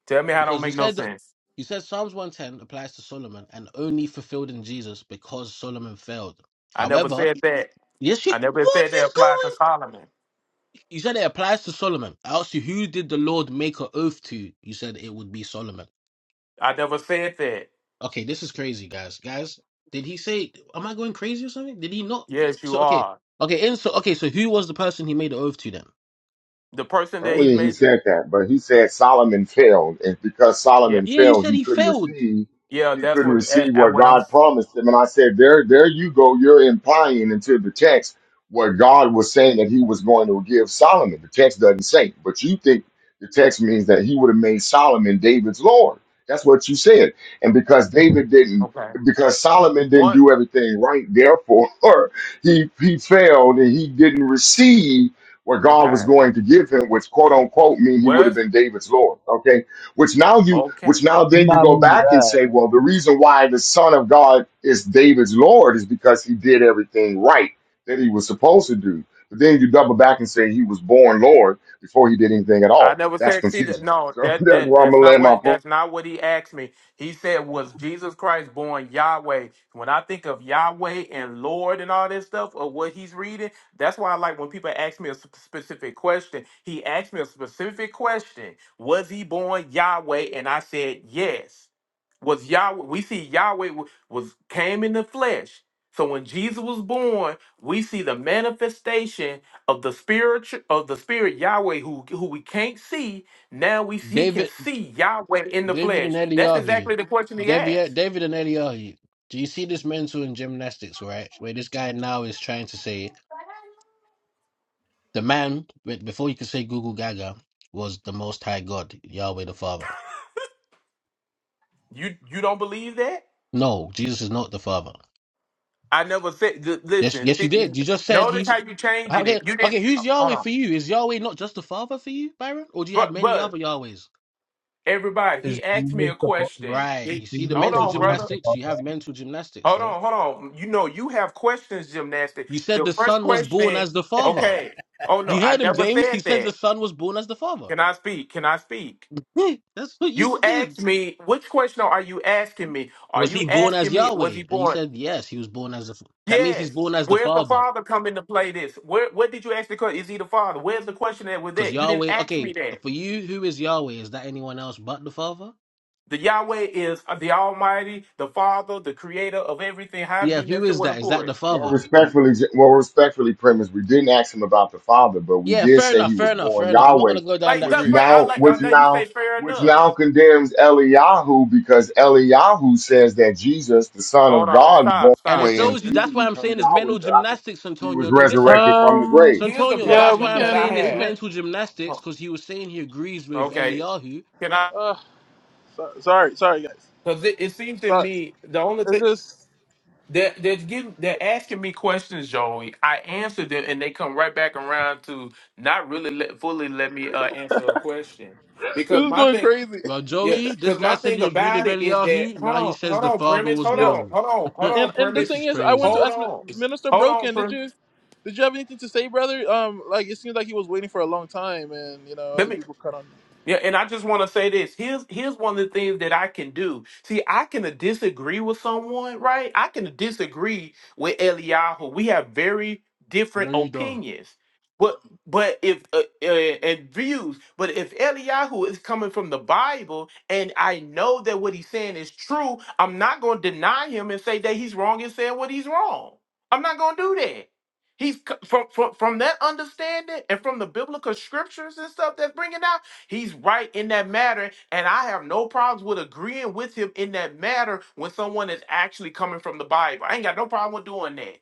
Speaker 9: Tell me how don't
Speaker 8: Because you
Speaker 9: make no
Speaker 8: said that
Speaker 9: sense.
Speaker 8: you said Psalms 110 applies to Solomon and only fulfilled in Jesus because Solomon failed.
Speaker 9: I never
Speaker 8: However,
Speaker 9: said that.
Speaker 8: yes, you,
Speaker 9: I never
Speaker 8: what
Speaker 9: said that
Speaker 8: is
Speaker 9: applied to
Speaker 8: going
Speaker 9: Solomon.
Speaker 8: You said it applies to Solomon. I asked you, who did the Lord make an oath to? You said it would be Solomon.
Speaker 9: I never said that.
Speaker 8: Okay, this is crazy, guys. Guys, did he say? Am I going crazy or something? Did he not?
Speaker 9: Yes, you
Speaker 8: So okay,
Speaker 9: are.
Speaker 8: okay, and so okay, so who was the person he made the oath to then?
Speaker 9: The person that he's
Speaker 6: Only he
Speaker 9: made.
Speaker 6: said that, but he said Solomon failed, and because
Speaker 9: Yeah.
Speaker 6: Solomon
Speaker 8: Yeah, you
Speaker 6: failed,
Speaker 8: said
Speaker 6: he
Speaker 8: he
Speaker 6: couldn't
Speaker 8: failed.
Speaker 6: receive
Speaker 9: Yeah,
Speaker 6: he
Speaker 9: that's
Speaker 6: couldn't
Speaker 9: what, and,
Speaker 6: receive
Speaker 9: and
Speaker 6: what
Speaker 9: what I'm,
Speaker 6: God promised him. And I said, there, there you go. You're implying into the text what God was saying that He was going to give Solomon. The text doesn't say, but you think the text means that He would have made Solomon David's Lord. That's what you said, and because David didn't.
Speaker 9: okay.
Speaker 6: Because Solomon didn't
Speaker 9: What?
Speaker 6: do everything right, therefore he he failed and he didn't receive what God was
Speaker 9: Okay.
Speaker 6: going to give him, which quote unquote mean he would have
Speaker 9: Where's,
Speaker 6: been David's Lord. Okay. Which now you,
Speaker 9: okay.
Speaker 6: which now then you go back and say, well, the reason why the son of God is David's Lord is because he did everything right that he was supposed to do. But then you double back and say he was born Lord before he did anything at
Speaker 9: I
Speaker 6: all.
Speaker 9: never
Speaker 6: That's
Speaker 9: said. See, th-
Speaker 6: confusing.
Speaker 9: no,
Speaker 6: So
Speaker 9: that
Speaker 6: that's
Speaker 9: that
Speaker 6: why I'm
Speaker 9: that's
Speaker 6: gonna
Speaker 9: not
Speaker 6: land my
Speaker 9: what
Speaker 6: point.
Speaker 9: that's not what he asked me. He said, "Was Jesus Christ born Yahweh?" When I think of Yahweh and Lord and all this stuff, or what he's reading, that's why I like when people ask me a sp- specific question. He asked me a specific question: Was he born Yahweh? And I said yes. Was Yahweh? We see Yahweh wa- was came in the flesh. So when Jesus was born, we see the manifestation of the spirit of the spirit Yahweh who who we can't see now we he can
Speaker 8: David,
Speaker 9: see Yahweh in the
Speaker 8: David
Speaker 9: flesh.
Speaker 8: and
Speaker 9: That's
Speaker 8: Eliyahu,
Speaker 9: exactly the question he
Speaker 8: David,
Speaker 9: asked.
Speaker 8: David and Eliyahu. Do you see this mental in gymnastics, right? Where this guy now is trying to say the man, wait, before you could say Google Gaga, was the Most High God, Yahweh the Father.
Speaker 9: You you don't believe that?
Speaker 8: No, Jesus is not the Father.
Speaker 9: I never said. th-
Speaker 8: Yes,
Speaker 9: Listen,
Speaker 8: yes, you
Speaker 9: th-
Speaker 8: did. You just said
Speaker 9: notice
Speaker 8: he's
Speaker 9: how you changing
Speaker 8: okay.
Speaker 9: it. You didn't.
Speaker 8: Okay, who's
Speaker 9: Hold
Speaker 8: Yahweh
Speaker 9: on,
Speaker 8: for you? Is Yahweh not just the Father for you, Byron, or do you have
Speaker 9: but
Speaker 8: many
Speaker 9: but
Speaker 8: other Yahwehs?
Speaker 9: everybody,
Speaker 5: is
Speaker 9: he asked me
Speaker 5: Jesus
Speaker 9: a
Speaker 5: the book?
Speaker 9: question.
Speaker 8: Right.
Speaker 9: He-
Speaker 8: You see the
Speaker 5: Jesus,
Speaker 9: hold
Speaker 5: the
Speaker 8: mental
Speaker 9: on,
Speaker 5: one who's
Speaker 9: brother.
Speaker 8: gymnastics.
Speaker 5: above
Speaker 8: You have mental gymnastics,
Speaker 9: Hold
Speaker 8: bro.
Speaker 9: on, hold on. You know you have questions, gymnastic.
Speaker 8: You said
Speaker 9: The
Speaker 8: the
Speaker 9: first
Speaker 8: Son was born
Speaker 9: question.
Speaker 8: as the Father.
Speaker 9: Okay. Oh no,
Speaker 8: You
Speaker 9: I
Speaker 8: heard him,
Speaker 9: never
Speaker 8: James. He
Speaker 9: said
Speaker 8: said the
Speaker 9: that.
Speaker 8: Son was born as the Father.
Speaker 9: Can I speak? Can I speak?
Speaker 8: Hmm, That's what you
Speaker 9: You
Speaker 8: said.
Speaker 9: asked me, which question are you asking me? Are
Speaker 8: Was
Speaker 9: you
Speaker 8: he born as
Speaker 9: asking me, was he
Speaker 8: Yahweh? And you
Speaker 9: born?
Speaker 8: said yes, he was born as the. F- That means he's
Speaker 9: Yes.
Speaker 8: born as the
Speaker 9: Where's the
Speaker 8: Father,
Speaker 9: father come into play this? Where what did you ask the question? Is he the father? Where's the question that was
Speaker 8: because
Speaker 9: that? You didn't
Speaker 8: Yahweh.
Speaker 9: ask
Speaker 8: Okay,
Speaker 9: me that.
Speaker 8: for you, who is Yahweh? Is that anyone else but the Father?
Speaker 9: The Yahweh is uh, the Almighty, the Father, the creator of everything. How have you
Speaker 8: Yes, who
Speaker 9: never
Speaker 8: is
Speaker 9: want to
Speaker 8: that? Is
Speaker 9: pour
Speaker 8: that the
Speaker 9: it?
Speaker 6: Well,
Speaker 8: father? Right?
Speaker 6: respectfully, well, respectfully, premise. We didn't ask him about the father, but we
Speaker 8: Yeah,
Speaker 6: did
Speaker 8: fair
Speaker 6: say he
Speaker 8: enough,
Speaker 6: was
Speaker 8: fair enough, fair
Speaker 6: born
Speaker 8: enough. I'm not
Speaker 6: Yahweh,
Speaker 8: gonna go down
Speaker 9: Like
Speaker 8: that
Speaker 6: which
Speaker 9: look,
Speaker 8: route.
Speaker 9: fir- I
Speaker 6: now,
Speaker 9: like oh
Speaker 6: which
Speaker 9: now you say
Speaker 6: now,
Speaker 9: fair
Speaker 6: which
Speaker 9: enough.
Speaker 6: now condemns Eliyahu because Eliyahu says that Jesus, the Son
Speaker 9: Hold
Speaker 6: of
Speaker 9: on,
Speaker 6: God, was born
Speaker 9: stop,
Speaker 8: And it
Speaker 9: stop.
Speaker 6: Yahweh, and
Speaker 9: What
Speaker 8: shows you
Speaker 9: the,
Speaker 6: he
Speaker 8: that's
Speaker 6: didn't
Speaker 8: why I'm
Speaker 6: become
Speaker 8: saying it's
Speaker 6: Yahweh
Speaker 8: mental
Speaker 6: until after
Speaker 8: gymnastics,
Speaker 6: he was
Speaker 8: Santonio. No, listen,
Speaker 6: resurrected from the grave.
Speaker 1: Um.
Speaker 9: here's the
Speaker 8: Santonio,
Speaker 6: Yeah,
Speaker 1: Yeah,
Speaker 8: that's
Speaker 1: we
Speaker 8: why
Speaker 9: problem
Speaker 8: I'm
Speaker 9: that I
Speaker 8: saying
Speaker 1: can.
Speaker 8: it's
Speaker 1: We
Speaker 9: have.
Speaker 1: can.
Speaker 8: mental gymnastics,
Speaker 9: Oh,
Speaker 8: because he was saying he agrees with
Speaker 9: Okay.
Speaker 8: Eliyahu.
Speaker 9: Can I
Speaker 1: Uh. So, sorry. Sorry, guys.
Speaker 9: because it, it seems to
Speaker 1: Sorry.
Speaker 9: me the only thing
Speaker 1: It's just.
Speaker 9: They're, they're giving, they're asking me questions, Joey. I answer them, and they come right back around to not really let, fully let me uh, answer a question.
Speaker 1: This
Speaker 9: Because
Speaker 1: is
Speaker 9: my
Speaker 1: going
Speaker 9: thing,
Speaker 1: crazy.
Speaker 8: Well, Joey,
Speaker 9: yes,
Speaker 8: this
Speaker 9: because
Speaker 8: guy
Speaker 9: my
Speaker 8: said
Speaker 9: thing
Speaker 8: he agreed with
Speaker 9: about it is that
Speaker 8: Eliyahu.
Speaker 9: hold
Speaker 8: Now he
Speaker 9: on,
Speaker 8: says
Speaker 9: hold
Speaker 8: the
Speaker 9: on,
Speaker 8: father
Speaker 9: premise,
Speaker 8: was
Speaker 9: hold
Speaker 1: Yeah.
Speaker 9: on,
Speaker 8: born.
Speaker 9: hold on, hold
Speaker 1: And
Speaker 9: on,
Speaker 1: and the
Speaker 9: premise,
Speaker 8: this
Speaker 1: thing
Speaker 8: is
Speaker 1: is, I wanted to
Speaker 8: crazy.
Speaker 9: hold
Speaker 1: ask Min-
Speaker 9: on,
Speaker 1: Minister
Speaker 9: hold on,
Speaker 1: Broken. Did
Speaker 9: premise.
Speaker 1: you? Did you have anything to say, brother? Um. Like it seems like he was waiting for a long time, and you know other people cut on.
Speaker 9: Yeah, and I just want to say this. Here's here's one of the things that I can do. See, I can disagree with someone, right? I can disagree with Eliyahu. We have very different
Speaker 8: No, you don't.
Speaker 9: opinions, but but if uh, uh, and views. But if Eliyahu is coming from the Bible, and I know that what he's saying is true, I'm not going to deny him and say that he's wrong and saying what he's wrong. I'm not going to do that. He's c- from, from from that understanding and from the biblical scriptures and stuff that's bringing out. He's right in that matter, and I have no problems with agreeing with him in that matter when someone is actually coming from the Bible. I ain't got no problem with doing that.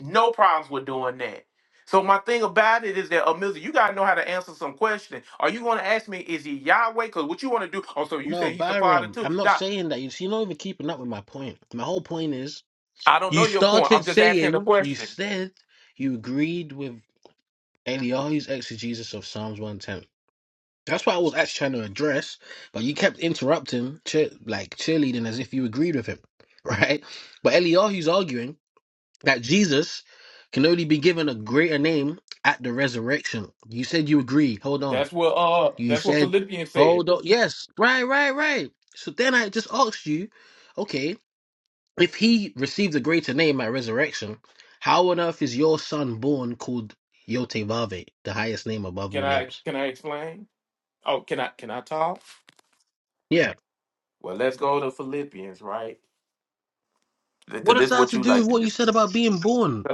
Speaker 9: No problems with doing that. So my thing about it is that, Amilza, you gotta know how to answer some question. Are you gonna ask me, is he Yahweh? Because what you wanna do? Oh, so you
Speaker 8: No,
Speaker 9: saying he's the father
Speaker 8: Byron,
Speaker 9: too?
Speaker 8: I'm not
Speaker 9: Now,
Speaker 8: saying that. You see, you're not even keeping up with my point. My whole point is
Speaker 9: I don't
Speaker 8: you
Speaker 9: know your point.
Speaker 8: started
Speaker 9: I'm just asking the
Speaker 8: saying, you
Speaker 9: question.
Speaker 8: said you agreed with Eliyahu's exegesis of Psalms 110. That's what I was actually trying to address, but you kept interrupting, cheer, like cheerleading as if you agreed with him, right? But Eliyahu's arguing that Jesus can only be given a greater name at the resurrection. You said you agree. Hold on.
Speaker 9: That's what uh
Speaker 8: You
Speaker 9: that's what
Speaker 8: said,
Speaker 9: Philippians said.
Speaker 8: hold on. Yes, right, right, right. So then I just asked you, okay. If he received a greater name at resurrection, how on earth is your son born called Yotevave, the highest name above
Speaker 9: Can
Speaker 8: all
Speaker 9: I
Speaker 8: names?
Speaker 9: can I explain? Oh, can I can I talk?
Speaker 8: Yeah.
Speaker 9: Well, let's go to Philippians, right?
Speaker 8: What
Speaker 9: Because
Speaker 8: does
Speaker 9: this is
Speaker 8: that have
Speaker 9: what
Speaker 8: to
Speaker 9: you
Speaker 8: do
Speaker 9: like
Speaker 8: with
Speaker 9: to
Speaker 8: what
Speaker 9: do.
Speaker 8: you said about being born?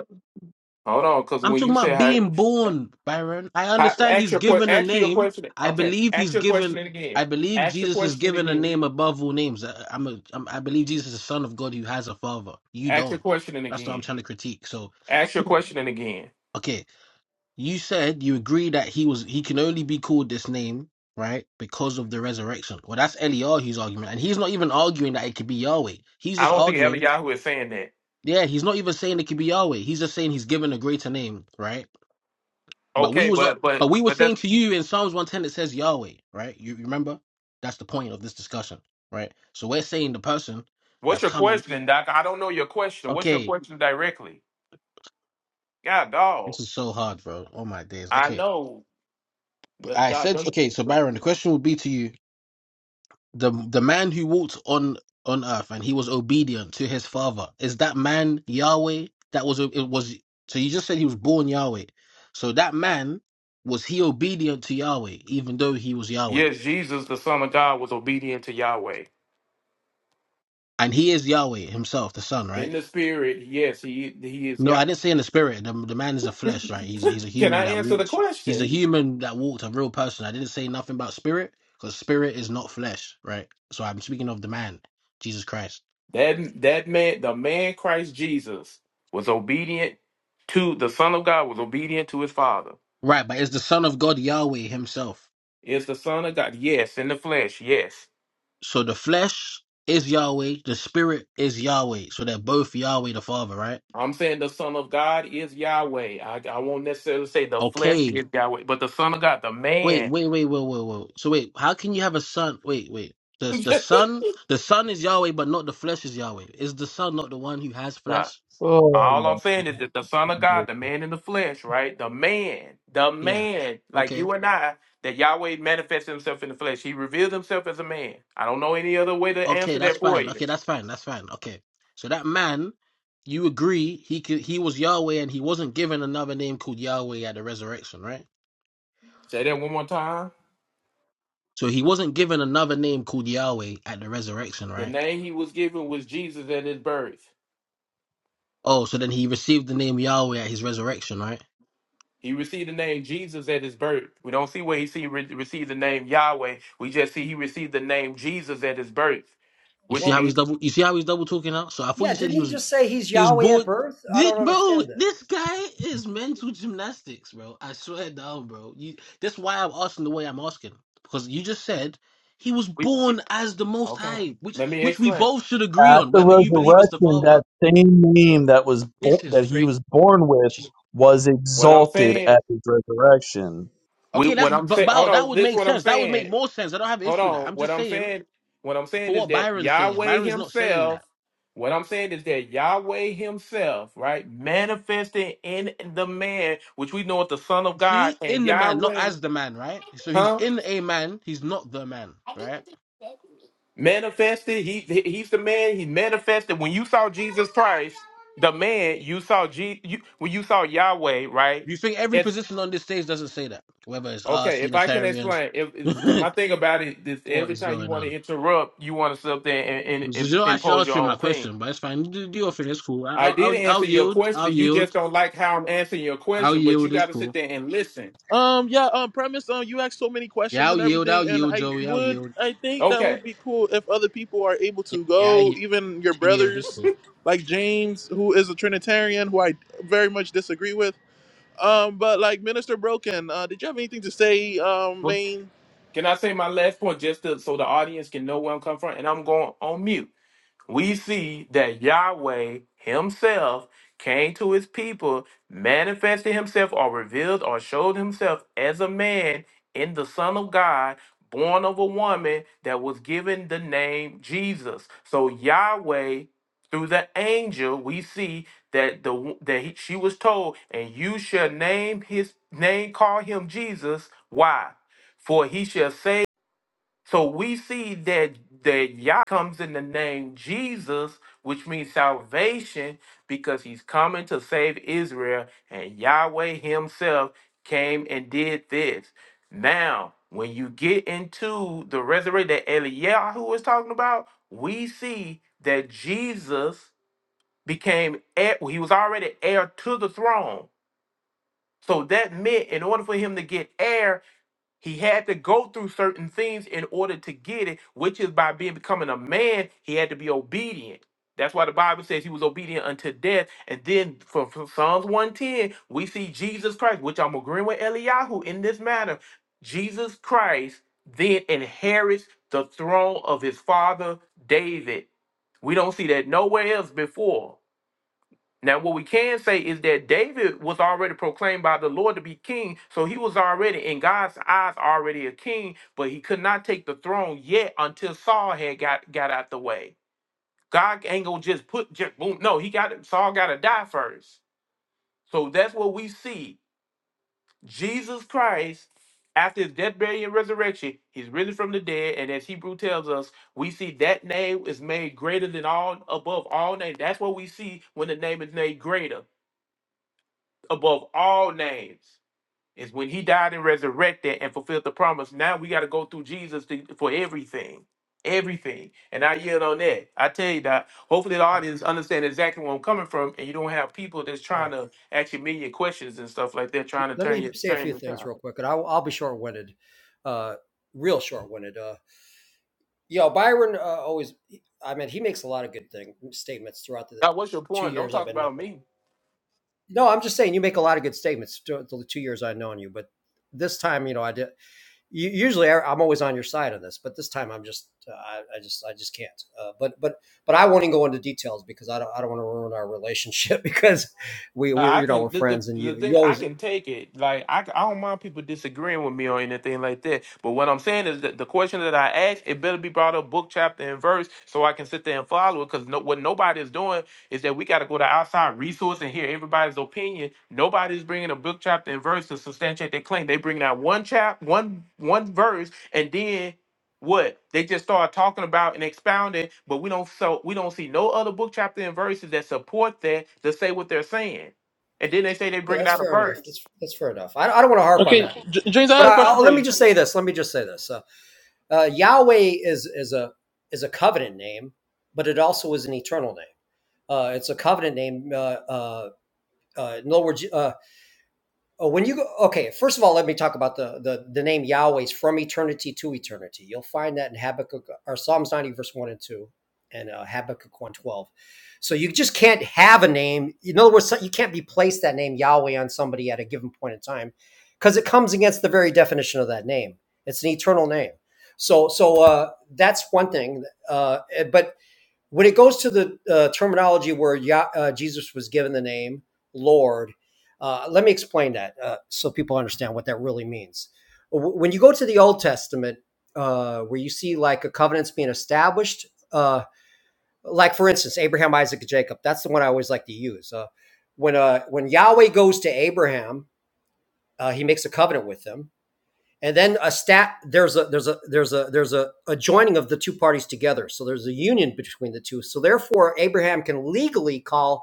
Speaker 9: Hold on, because
Speaker 8: I'm
Speaker 9: when
Speaker 8: talking
Speaker 9: you say
Speaker 8: about
Speaker 9: how,
Speaker 8: being born, Byron. I
Speaker 9: how
Speaker 8: understand
Speaker 9: ask
Speaker 8: he's
Speaker 9: your que-
Speaker 8: given a
Speaker 9: ask your
Speaker 8: name.
Speaker 9: question.
Speaker 8: I
Speaker 9: Okay,
Speaker 8: believe
Speaker 9: ask
Speaker 8: he's
Speaker 9: your
Speaker 8: given.
Speaker 9: question and again.
Speaker 8: I believe
Speaker 9: Ask your
Speaker 8: Jesus is
Speaker 9: question and
Speaker 8: given a
Speaker 9: again.
Speaker 8: name above all names. I- I'm a, I'm, I believe Jesus is the Son of God who has a father. You
Speaker 9: Ask your
Speaker 8: don't.
Speaker 9: question and
Speaker 8: That's what I'm
Speaker 9: again.
Speaker 8: trying to critique. So,
Speaker 9: Ask your question and again.
Speaker 8: okay. You said you agree that he was he can only be called this name, right? Because of the resurrection. Well, that's Eliyahu's argument, and he's not even arguing that it could be Yahweh. He's
Speaker 9: I
Speaker 8: just
Speaker 9: don't think
Speaker 8: arguing,
Speaker 9: Eliyahu is saying that.
Speaker 8: yeah, he's not even saying it could be Yahweh. He's just saying he's given a greater name, right? But we
Speaker 9: Okay,
Speaker 8: was
Speaker 9: but
Speaker 8: but
Speaker 9: but
Speaker 8: we were
Speaker 9: but
Speaker 8: saying
Speaker 9: that's
Speaker 8: to you in Psalms one ten it says Yahweh, right? You you remember? That's the point of this discussion, right? So we're saying the person
Speaker 9: what's
Speaker 8: that's
Speaker 9: your
Speaker 8: coming.
Speaker 9: question, Doc? I don't know your question. What's your
Speaker 8: Okay,
Speaker 9: question directly? God
Speaker 8: this
Speaker 9: dog.
Speaker 8: is so hard, bro. Oh my days.
Speaker 9: I
Speaker 8: Okay,
Speaker 9: know. The,
Speaker 8: I
Speaker 9: doc,
Speaker 8: said okay. So Byron,
Speaker 9: don't-
Speaker 8: the question would be to you the the man who walked on on earth and he was obedient to his father is that man Yahweh that was it was so you just said he was born Yahweh so that man was he obedient to Yahweh even though he was Yahweh
Speaker 9: Yes, Jesus, the Son of God, was obedient to Yahweh
Speaker 8: and he is Yahweh himself the son
Speaker 9: in
Speaker 8: right
Speaker 9: the spirit. Yes, he he is.
Speaker 8: no
Speaker 9: Yah-
Speaker 8: I didn't say in the spirit the, the man is a flesh right he's he's a
Speaker 9: Can
Speaker 8: human
Speaker 9: I
Speaker 8: that
Speaker 9: answer the
Speaker 8: walked he's a
Speaker 9: question?
Speaker 8: human that walked a real person I didn't say nothing about spirit because spirit is not flesh right so I'm speaking of the man Jesus Christ
Speaker 9: That that man, the man Christ Jesus, was obedient to the Son of God. Was obedient to his Father.
Speaker 8: right but is the son of God Yahweh himself
Speaker 9: Is the Son of God? Yes, in the flesh. Yes,
Speaker 8: So the flesh is Yahweh, the spirit is Yahweh. So they're both Yahweh the Father, right?
Speaker 9: I'm saying the Son of God is Yahweh. I I won't necessarily say the flesh
Speaker 8: Okay.
Speaker 9: is Yahweh, but the Son of God, the
Speaker 8: Wait,
Speaker 9: man.
Speaker 8: wait, wait, wait, wait, wait. So wait, how can you have a son? Wait, wait. Does the son the son is Yahweh, but not the flesh is Yahweh? Is the son not the one who has
Speaker 9: nah.
Speaker 8: flesh?
Speaker 5: all.
Speaker 9: All I'm
Speaker 5: Oh,
Speaker 9: saying is that the Son of
Speaker 5: yeah,
Speaker 9: God, the man in the flesh, right? The man, the
Speaker 8: Yeah.
Speaker 9: man, like
Speaker 8: Okay.
Speaker 9: you and I, that Yahweh manifests himself in the flesh. He revealed himself as a man. I don't know any other way to
Speaker 8: Okay,
Speaker 9: answer
Speaker 8: that's
Speaker 9: that for
Speaker 8: fine.
Speaker 9: you.
Speaker 8: Okay, that's fine. That's fine. Okay. So that man, you agree he could, he was Yahweh and he wasn't given another name called Yahweh at the resurrection, right?
Speaker 9: Say that one more time.
Speaker 8: So he wasn't given another name called Yahweh at the resurrection,
Speaker 9: The
Speaker 8: right?
Speaker 9: name he was given was Jesus at his birth.
Speaker 8: Oh, so then he received the name Yahweh at his resurrection, right?
Speaker 9: He received the name Jesus at his birth. We don't see where he see, re- received the name Yahweh. We just see he received the name Jesus at his birth,
Speaker 8: You see
Speaker 9: which
Speaker 10: well,
Speaker 8: how he's
Speaker 9: means
Speaker 8: double. You see how he's double talking now. So I thought
Speaker 10: yeah.
Speaker 8: you said
Speaker 10: Didn't
Speaker 8: he
Speaker 10: he
Speaker 8: was
Speaker 10: just say he's
Speaker 8: he was
Speaker 10: Yahweh at
Speaker 8: born.
Speaker 10: birth? I
Speaker 8: This,
Speaker 10: don't
Speaker 8: bro,
Speaker 10: understand that.
Speaker 8: this guy is mental gymnastics, bro. I swear down, bro. You. That's why I'm asking the way I'm asking because you just said he was
Speaker 9: we.
Speaker 8: born as the Most
Speaker 9: Okay,
Speaker 8: High, which
Speaker 9: let me
Speaker 8: which we
Speaker 9: explain.
Speaker 8: both should agree
Speaker 5: at
Speaker 8: on,
Speaker 5: the
Speaker 8: whether you believe it's the
Speaker 5: resurrection,
Speaker 8: Father.
Speaker 5: that same name that was born,
Speaker 8: This is
Speaker 5: that he
Speaker 8: crazy.
Speaker 5: was born with was
Speaker 9: What I'm
Speaker 5: exalted
Speaker 9: saying.
Speaker 5: at his resurrection.
Speaker 9: We,
Speaker 8: Okay, that's
Speaker 9: what I'm
Speaker 8: but
Speaker 9: saying.
Speaker 8: Bao,
Speaker 9: Hold
Speaker 8: that
Speaker 9: on.
Speaker 8: would
Speaker 9: This is
Speaker 8: make
Speaker 9: what I'm
Speaker 8: sense. That would make
Speaker 9: saying.
Speaker 8: more sense. I don't have an
Speaker 9: hold
Speaker 8: issue with that.
Speaker 9: on.
Speaker 8: I'm
Speaker 9: What
Speaker 8: just
Speaker 9: I'm
Speaker 8: saying
Speaker 9: saying, what I'm
Speaker 8: for
Speaker 9: saying is
Speaker 8: what
Speaker 9: that
Speaker 8: Byron's saying.
Speaker 9: Yahweh
Speaker 8: Byron's not saying
Speaker 9: Himself,
Speaker 8: that.
Speaker 9: what I'm saying is that Yahweh Himself, right, manifested in the man, which we know as the Son of God,
Speaker 8: See,
Speaker 9: and
Speaker 8: in the man, not
Speaker 9: Yahweh,
Speaker 8: as the man, right? So he's
Speaker 9: huh?
Speaker 8: in a man, he's not the man, right?
Speaker 9: Manifested. He he- he's the man. He manifested. When you saw Jesus Christ, the man, you saw G, you, when you saw Yahweh, right?
Speaker 8: Do you think every
Speaker 9: As
Speaker 8: position on this stage doesn't say that? Whether it's us,
Speaker 9: Okay, if I can
Speaker 8: Unitarians,
Speaker 9: explain, if because my
Speaker 8: what
Speaker 9: thing about it is every
Speaker 8: is
Speaker 9: time you
Speaker 8: going
Speaker 9: want to
Speaker 8: on?
Speaker 9: interrupt, you want to sit up there and, and,
Speaker 8: So you
Speaker 9: and
Speaker 8: don't actually
Speaker 9: impose your
Speaker 8: answer my
Speaker 9: own thing.
Speaker 8: question, but it's fine. Do, do your thing, it's cool. I-
Speaker 9: I
Speaker 8: I'll,
Speaker 9: did
Speaker 8: I'll, I'll
Speaker 9: answer your
Speaker 8: yield, I'll
Speaker 9: question. You just
Speaker 8: yield,
Speaker 9: don't like how I'm answering your
Speaker 8: I'll
Speaker 9: question, but you
Speaker 8: yield, it's
Speaker 9: got to sit
Speaker 8: cool.
Speaker 9: there and listen.
Speaker 1: Um, yeah, um, premise, um, you asked so many
Speaker 8: Yeah,
Speaker 1: questions
Speaker 8: I'll
Speaker 1: and
Speaker 8: yield, I'll
Speaker 1: everything, and
Speaker 8: yield,
Speaker 1: I
Speaker 8: Joey, I'll
Speaker 1: would,
Speaker 8: yield.
Speaker 1: I think that
Speaker 9: Okay.
Speaker 1: would be cool if other people are able
Speaker 8: Yeah,
Speaker 1: to
Speaker 8: yeah I
Speaker 1: go,
Speaker 8: yield,
Speaker 1: even your
Speaker 8: I yield, it's
Speaker 1: brothers,
Speaker 8: cool.
Speaker 1: like James, who is a Trinitarian, who I very much disagree with. Um, but like Minister Broken, uh, did you have anything to say, um,
Speaker 9: Well,
Speaker 1: main?
Speaker 9: can I say my last point just to, so the audience can know where I'm coming from? And I'm going on mute. we see that Yahweh himself came to his people, manifested himself or revealed or showed himself as a man in the Son of God, born of a woman that was given the name Jesus. So Yahweh through the angel we see that the wo- that he, she was told and you shall name his name call him Jesus why for he shall save so we see that that Yah comes in the name Jesus, which means salvation, because he's coming to save Israel, and Yahweh himself came and did this. Now, when you get into the resurrection that Eliyahu was talking about, we see that Jesus became heir, he was already heir to the throne. So that meant in order for him to get heir, he had to go through certain things in order to get it, which is by being becoming a man, he had to be obedient. That's why the Bible says he was obedient unto death. And then from, from Psalms 110, we see Jesus Christ, which I'm agreeing with Eliyahu in this matter. Jesus Christ then inherits the throne of his father David. We don't see that nowhere else before. Now, what we can say is that David was already proclaimed by the Lord to be king, so he was already in God's eyes already a king, but he could not take the throne yet until Saul had got got out the way. God ain't gonna just put just boom. No, he got Saul got to die first. So that's what we see. Jesus Christ, after his death, burial, and resurrection, he's risen from the dead, and as Hebrew tells us, we see that name is made greater than all above all names. That's what we see when the name is made greater. above all names is when he died and resurrected and fulfilled the promise. Now we got to go through Jesus to, for everything. Everything. And I yield on that. I tell you that hopefully the
Speaker 10: All right,
Speaker 9: audience understand exactly where I'm coming from and you don't have people that's
Speaker 10: All
Speaker 9: trying
Speaker 10: right.
Speaker 9: to ask you million questions and stuff like that, trying to
Speaker 10: let
Speaker 9: turn
Speaker 10: me
Speaker 9: your
Speaker 10: say a
Speaker 9: turn
Speaker 10: few
Speaker 9: your
Speaker 10: things real quick, and I'll, I'll be short-winded, uh, real short-winded. Uh, you know, Byron uh, always. I mean, he makes a lot of good thing statements throughout the
Speaker 9: God, what's your
Speaker 10: two
Speaker 9: point? Don't
Speaker 10: years I've
Speaker 9: talk
Speaker 10: been
Speaker 9: about
Speaker 10: known.
Speaker 9: me.
Speaker 10: No, I'm just saying you make a lot of good statements to the two years I've known you, but this time, you know, I did. Usually, I- I'm always on your side on this, but this time, I'm just, uh, I, I just, I just can't. Uh, but, but, but I won't even go into details because I don't, I don't want to ruin our relationship because we,
Speaker 9: Uh,
Speaker 10: we,
Speaker 9: I
Speaker 10: you know,
Speaker 9: can
Speaker 10: we're
Speaker 9: the, the
Speaker 10: friends, and
Speaker 9: the
Speaker 10: you, you
Speaker 9: thing I
Speaker 10: always.
Speaker 9: can take it like I I don't mind people disagreeing with me or anything like that. But what I'm saying is that the question that I ask it better be brought up book chapter and verse so I can sit there and follow it. Because no, what nobody is doing is that we got to go to outside resource and hear everybody's opinion. Nobody's bringing a book chapter and verse to substantiate their claim. They bring out one chap one one verse and then what they just start talking about and expounding but we don't so we don't see no other book chapter and verses that support that to say what they're saying and then they say they
Speaker 10: Okay,
Speaker 9: bringing
Speaker 10: that's
Speaker 9: out a
Speaker 10: fair enough.
Speaker 9: verse.
Speaker 10: That's that's fair enough. I, I don't want to harp on
Speaker 1: Okay,
Speaker 10: that,
Speaker 1: J- James, I
Speaker 10: but
Speaker 1: had a
Speaker 10: I,
Speaker 1: question
Speaker 10: I'll,
Speaker 1: for
Speaker 10: let me
Speaker 1: you.
Speaker 10: just say this. Let me just say this. Uh, uh, Yahweh is is a is a covenant name, but it also is an eternal name. Uh, it's a covenant name. Uh, uh, uh, in other words, uh, oh, when you go, okay, first of all, let me talk about the, the, the name Yahweh's from eternity to eternity. You'll find that in Habakkuk or Psalms 90, verse 1 and 2, and uh, Habakkuk 112. So you just can't have a name. In other words, so, you can't be placed that name Yahweh on somebody at a given point in time because it comes against the very definition of that name. It's an eternal name. So, so uh, that's one thing. Uh, eh, but when it goes to the uh, terminology where Yah uh, Jesus was given the name Lord, uh, let me explain that uh, so people understand what that really means. When you go to the Old Testament, uh, where you see like a covenant's being established, uh, like for instance Abraham, Isaac, and Jacob. That's the one I always like to use. Uh, when uh, when Yahweh goes to Abraham, uh, he makes a covenant with him and then a stat there's a there's a there's a there's a, a joining of the two parties together so there's a union between the two so therefore abraham can legally call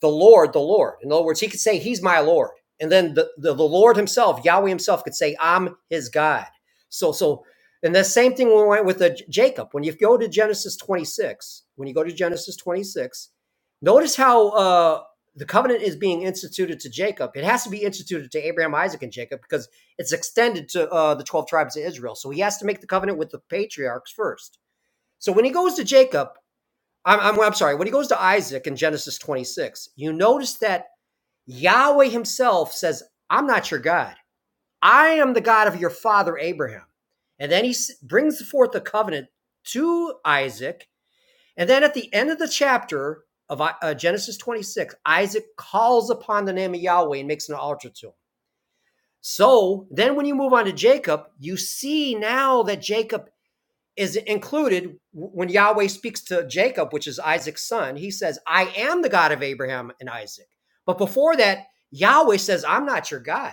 Speaker 10: the Lord, the Lord. In other words, he could say, He's my Lord. And then the, the, the Lord himself, Yahweh himself, could say, I'm his God. So, so, and the same thing when we went with the Jacob. When you go to Genesis 26, when you go to Genesis 26, notice how uh, the covenant is being instituted to Jacob. It has to be instituted to Abraham, Isaac, and Jacob because it's extended to uh, the 12 tribes of Israel. So he has to make the covenant with the patriarchs first. So when he goes to Jacob, I'm, I'm, I'm sorry, when he goes to Isaac in Genesis 26, you notice that Yahweh himself says, I'm not your God. I am the God of your father Abraham. And then he brings forth the covenant to Isaac. And then at the end of the chapter of uh, uh, Genesis 26, Isaac calls upon the name of Yahweh and makes an altar to him. So then when you move on to Jacob, you see now that Jacob is included when Yahweh speaks to Jacob, which is Isaac's son. He says, I am the God of Abraham and Isaac. But before that, Yahweh says, I'm not your God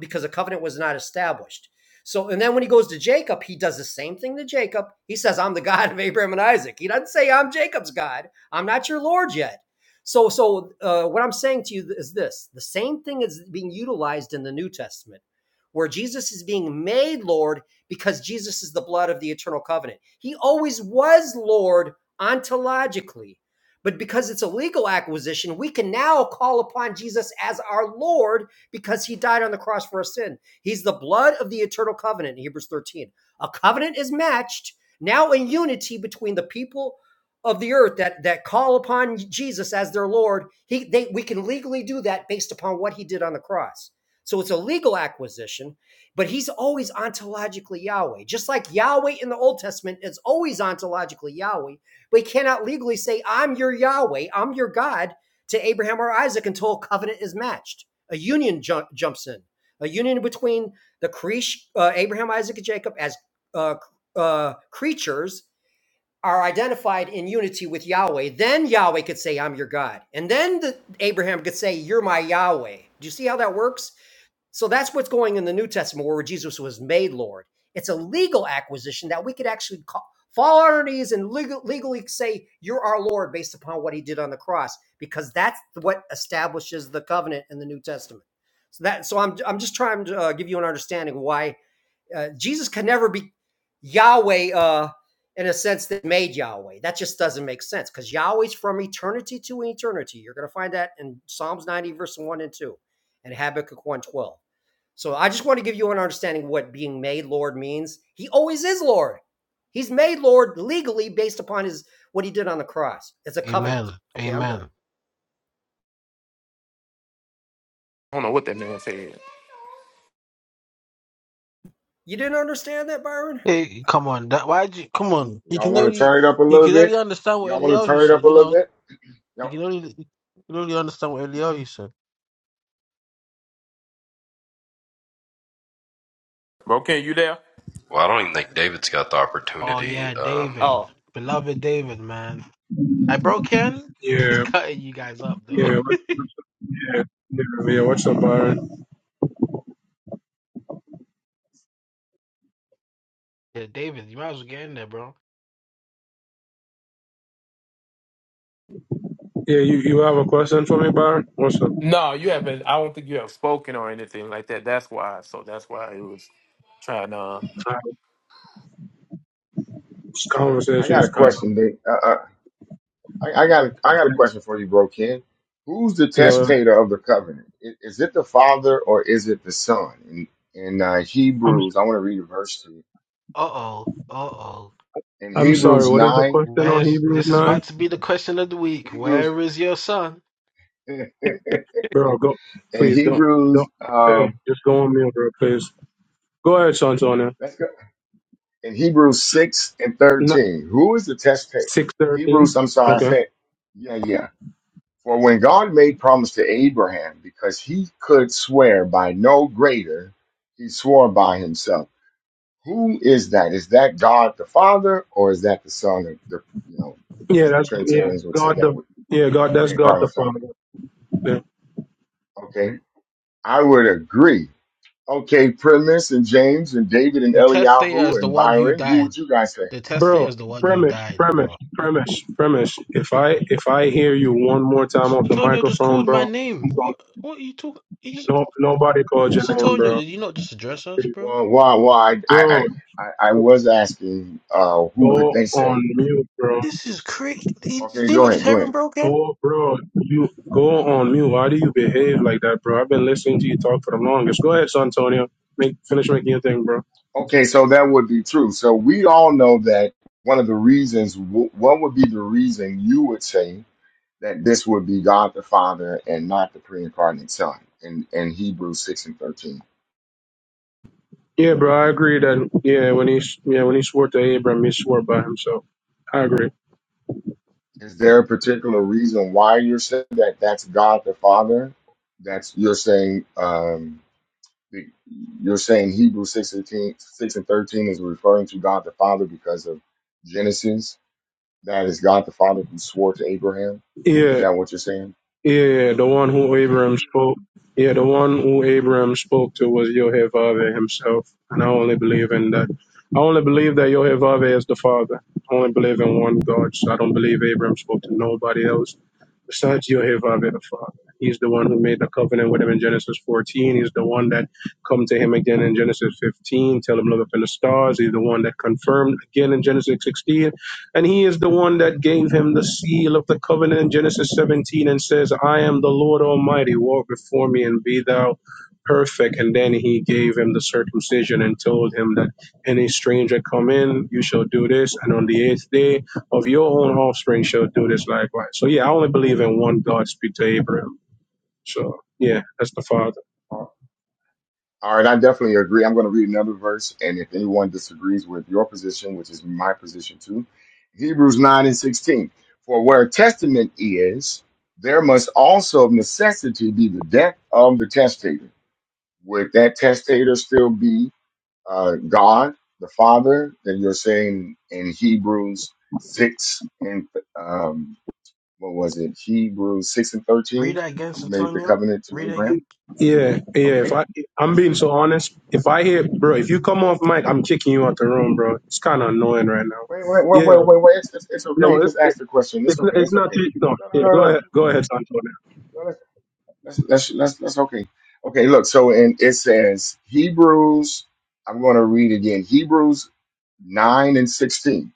Speaker 10: because a covenant was not established. So, and then when he goes to Jacob, he does the same thing to Jacob. He says, I'm the God of Abraham and Isaac. He doesn't say, I'm Jacob's God. I'm not your Lord yet. So, so uh, what I'm saying to you is this the same thing is being utilized in the New Testament, where Jesus is being made Lord because Jesus is the blood of the eternal covenant. He always was Lord ontologically. But because it's a legal acquisition, we can now call upon Jesus as our Lord because he died on the cross for our sin. He's the blood of the eternal covenant in Hebrews 13. A covenant is matched now in unity between the people of the earth that that call upon Jesus as their Lord. He they we can legally do that based upon what he did on the cross. So it's a legal acquisition, but he's always ontologically Yahweh. Just like Yahweh in the Old Testament is always ontologically Yahweh, but he cannot legally say, I'm your Yahweh, I'm your God to Abraham or Isaac until a covenant is matched a union jump, jumps in, a union between the Creesh, uh, Abraham, Isaac, and Jacob as uh, uh, creatures are identified in unity with Yahweh. Then Yahweh could say, "I'm your God," and then the, Abraham could say, "You're my Yahweh." Do you see how that works? So that's what's going in the New Testament where Jesus was made Lord. It's a legal acquisition that we could actually call, fall on our knees and legal, legally say, You're our Lord based upon what he did on the cross, because that's what establishes the covenant in the New Testament. So that so I'm I'm just trying to uh, give you an understanding why uh, Jesus can never be Yahweh uh, in a sense that made Yahweh. That just doesn't make sense because Yahweh's from eternity to eternity. You're going to find that in Psalms 90, verse 1 and 2, and Habakkuk 112. So I just want to give you an understanding of what being made Lord means. He always is Lord. He's made Lord legally based upon his what he did on the cross. It's a
Speaker 8: Amen,
Speaker 10: covenant. Okay, I'm done.
Speaker 8: amen.
Speaker 9: I don't know what that man said.
Speaker 10: You didn't understand that, Byron?
Speaker 8: Hey, come on, that, why'd you, come on. You
Speaker 6: y'all
Speaker 8: can
Speaker 6: want to
Speaker 8: only,
Speaker 6: turn it up a
Speaker 8: you
Speaker 6: little
Speaker 8: can
Speaker 6: bit?
Speaker 8: only understand what
Speaker 6: Y'all want to
Speaker 8: Eliyahu
Speaker 6: turn it
Speaker 8: said,
Speaker 6: up a
Speaker 8: you know
Speaker 6: little bit?
Speaker 8: You
Speaker 6: Y'all,
Speaker 8: can only you can only understand what Eliyahu said.
Speaker 9: Bro, can you there?
Speaker 3: Well, I don't even think David's got the
Speaker 8: Oh
Speaker 3: opportunity
Speaker 8: yeah,
Speaker 3: um,
Speaker 8: David,
Speaker 9: Oh
Speaker 8: beloved David, man. I broke in. He's
Speaker 11: yeah,
Speaker 8: cutting you guys up though.
Speaker 11: yeah, what- what's up? yeah, yeah, yeah. What's up, Byron?
Speaker 8: Yeah, David, you might as well get in there, bro.
Speaker 11: Yeah, you, you have a question for me, Byron? What's up?
Speaker 9: no, you haven't. I don't think you have spoken or anything like that. That's why. So that's why it was trying to. Uh,
Speaker 11: Uh, this
Speaker 6: I
Speaker 11: conversation
Speaker 6: got a
Speaker 11: is kind
Speaker 6: question. Dick. Uh, uh, I, I got a, I got a question for you, bro, Ken. Who's the
Speaker 11: of. Uh,
Speaker 6: testator of the covenant? I- Is it the father or is it the son? In, in uh,
Speaker 11: I'm
Speaker 6: Hebrews, I want to read a verse to you.
Speaker 8: Uh oh, uh oh.
Speaker 6: In
Speaker 11: I'm sorry.
Speaker 6: Hebrews
Speaker 11: What is the
Speaker 6: nine,
Speaker 11: question on
Speaker 8: Where's
Speaker 11: Hebrews
Speaker 8: this is
Speaker 11: nine,
Speaker 8: about to be the question of the week?
Speaker 6: Hebrews,
Speaker 8: Where is your son?
Speaker 6: in
Speaker 11: bro? Go, please don't don't.
Speaker 6: Hebrews,
Speaker 11: Hey,
Speaker 6: um,
Speaker 11: just go on mute, bro. Please go ahead, Santonia.
Speaker 6: let's go. In Hebrews six and
Speaker 11: Not
Speaker 6: thirteen, who is the testator?
Speaker 11: six
Speaker 6: Hebrews,
Speaker 11: thirteen.
Speaker 6: I'm sorry, I
Speaker 11: Okay.
Speaker 6: said, yeah, yeah. For when God made promise to Abraham, because he could swear by no greater, he swore by himself Who is that? Is that God the Father, or is that the Son? Of the you know,
Speaker 11: Yeah,
Speaker 6: as
Speaker 11: that's yeah,
Speaker 6: Trinitarians would say,
Speaker 11: God
Speaker 6: that
Speaker 11: the
Speaker 6: would
Speaker 11: yeah,
Speaker 6: the
Speaker 11: God that's God the
Speaker 6: pre-incarnate Son. of
Speaker 11: Father. Yeah.
Speaker 6: God. Okay, I would agree. Okay, Primus and James and David and
Speaker 8: The testator is
Speaker 6: Eliyahu
Speaker 8: the
Speaker 6: and
Speaker 8: one who
Speaker 6: Byron. Who
Speaker 8: died.
Speaker 6: would you guys say?
Speaker 8: The testator
Speaker 11: Bro,
Speaker 8: is the one who
Speaker 11: premise,
Speaker 8: died,
Speaker 11: premise,
Speaker 8: bro.
Speaker 11: premise, premise. If I if I hear you one more time off the
Speaker 8: Santonio just
Speaker 11: microphone,
Speaker 8: called
Speaker 11: bro,
Speaker 8: my
Speaker 11: I'm
Speaker 8: name.
Speaker 11: going
Speaker 8: What? What are you talking?
Speaker 11: no nobody called your name,
Speaker 8: Santonio,
Speaker 11: bro.
Speaker 8: did you not just address us, bro?
Speaker 6: Well, why? Why? I I
Speaker 11: Bro,
Speaker 6: I, I was asking, uh, who would
Speaker 11: go
Speaker 6: they say?
Speaker 11: on mute, bro.
Speaker 8: This is crazy. Did
Speaker 6: Okay,
Speaker 8: You
Speaker 6: go
Speaker 8: know, just
Speaker 6: ahead, go
Speaker 8: Heron
Speaker 6: ahead.
Speaker 8: broke in.
Speaker 11: Go bro, you go on mute. Why do you behave like that, bro? I've been listening to you talk for the longest. Go ahead, Santonio. Make finish making your thing, bro.
Speaker 6: Okay, so that would be true. So we all know that one of the reasons, wh- what would be the reason you would say that this would be God the Father and not the pre-incarnate Son in, in Hebrews 6 and 13.
Speaker 11: Yeah, bro, I agree that yeah, when he yeah, when he swore to Abraham, he swore by himself. I agree.
Speaker 6: Is there a particular reason why you're saying that that's God the Father? That's you're saying um, the- you're saying Hebrews 6, and 13 6 and 13 is referring to God the Father because of Genesis. That is God the Father who swore to Abraham. Is
Speaker 11: Yeah,
Speaker 6: that what you're saying?
Speaker 11: yeah, yeah, the one who
Speaker 6: Okay.
Speaker 11: Abraham spoke. Yeah, the one who Abraham spoke to was Yehovah himself, and I only believe in that. I only believe that Yehovah is the Father. I only believe in one God, so I don't believe Abraham spoke to nobody else besides Yehovah the Father. He's the one who made the covenant with him in Genesis 14. He's the one that come to him again in Genesis 15, tell him look up in the stars. He's the one that confirmed again in Genesis 16 and he is the one that gave him the seal of the covenant in Genesis 17 and says, I am the Lord Almighty, walk before me and be thou perfect. And then he gave him the circumcision and told him that any stranger come in, you shall do this. And on the eighth day of your own offspring shall do this likewise. So yeah, I only believe in one God speak to Abraham. So yeah, that's the father.
Speaker 6: All right, I definitely agree. I'm going to read another verse, and if anyone disagrees with your position, which is my position too, Hebrews 9 and 16. For where testament is, there must also of necessity be the death of the testator. Would that testator still be uh, God, the Father, that you're saying in Hebrews 6 and um, what was it? Hebrews 6 and
Speaker 8: Read
Speaker 6: 13,
Speaker 8: that against
Speaker 6: who made the
Speaker 8: Antonio.
Speaker 6: covenant to
Speaker 8: Read it
Speaker 6: Abraham?
Speaker 8: again.
Speaker 11: Yeah, yeah. If
Speaker 6: Okay,
Speaker 11: I, I'm
Speaker 6: let's go.
Speaker 11: being so honest. If I hear, bro, if you come off mic, I'm kicking you out the room, bro. It's kind of annoying right now.
Speaker 6: Wait, wait, wait,
Speaker 11: Yeah,
Speaker 6: wait, wait, wait. It's, it's, it's okay.
Speaker 11: No,
Speaker 6: He
Speaker 11: it,
Speaker 6: just
Speaker 11: it,
Speaker 6: asked a question. It's
Speaker 11: it's, not-
Speaker 6: okay.
Speaker 11: it's
Speaker 6: It's
Speaker 11: not.
Speaker 6: okay.
Speaker 11: the- No,
Speaker 6: No, no,
Speaker 11: yeah,
Speaker 6: no,
Speaker 11: go
Speaker 6: no.
Speaker 11: ahead. Go ahead, Santonio.
Speaker 6: no that's, that's, that's, that's that's okay. Okay, look. So in it says Hebrews, I'm going to read again Hebrews 9 and 16.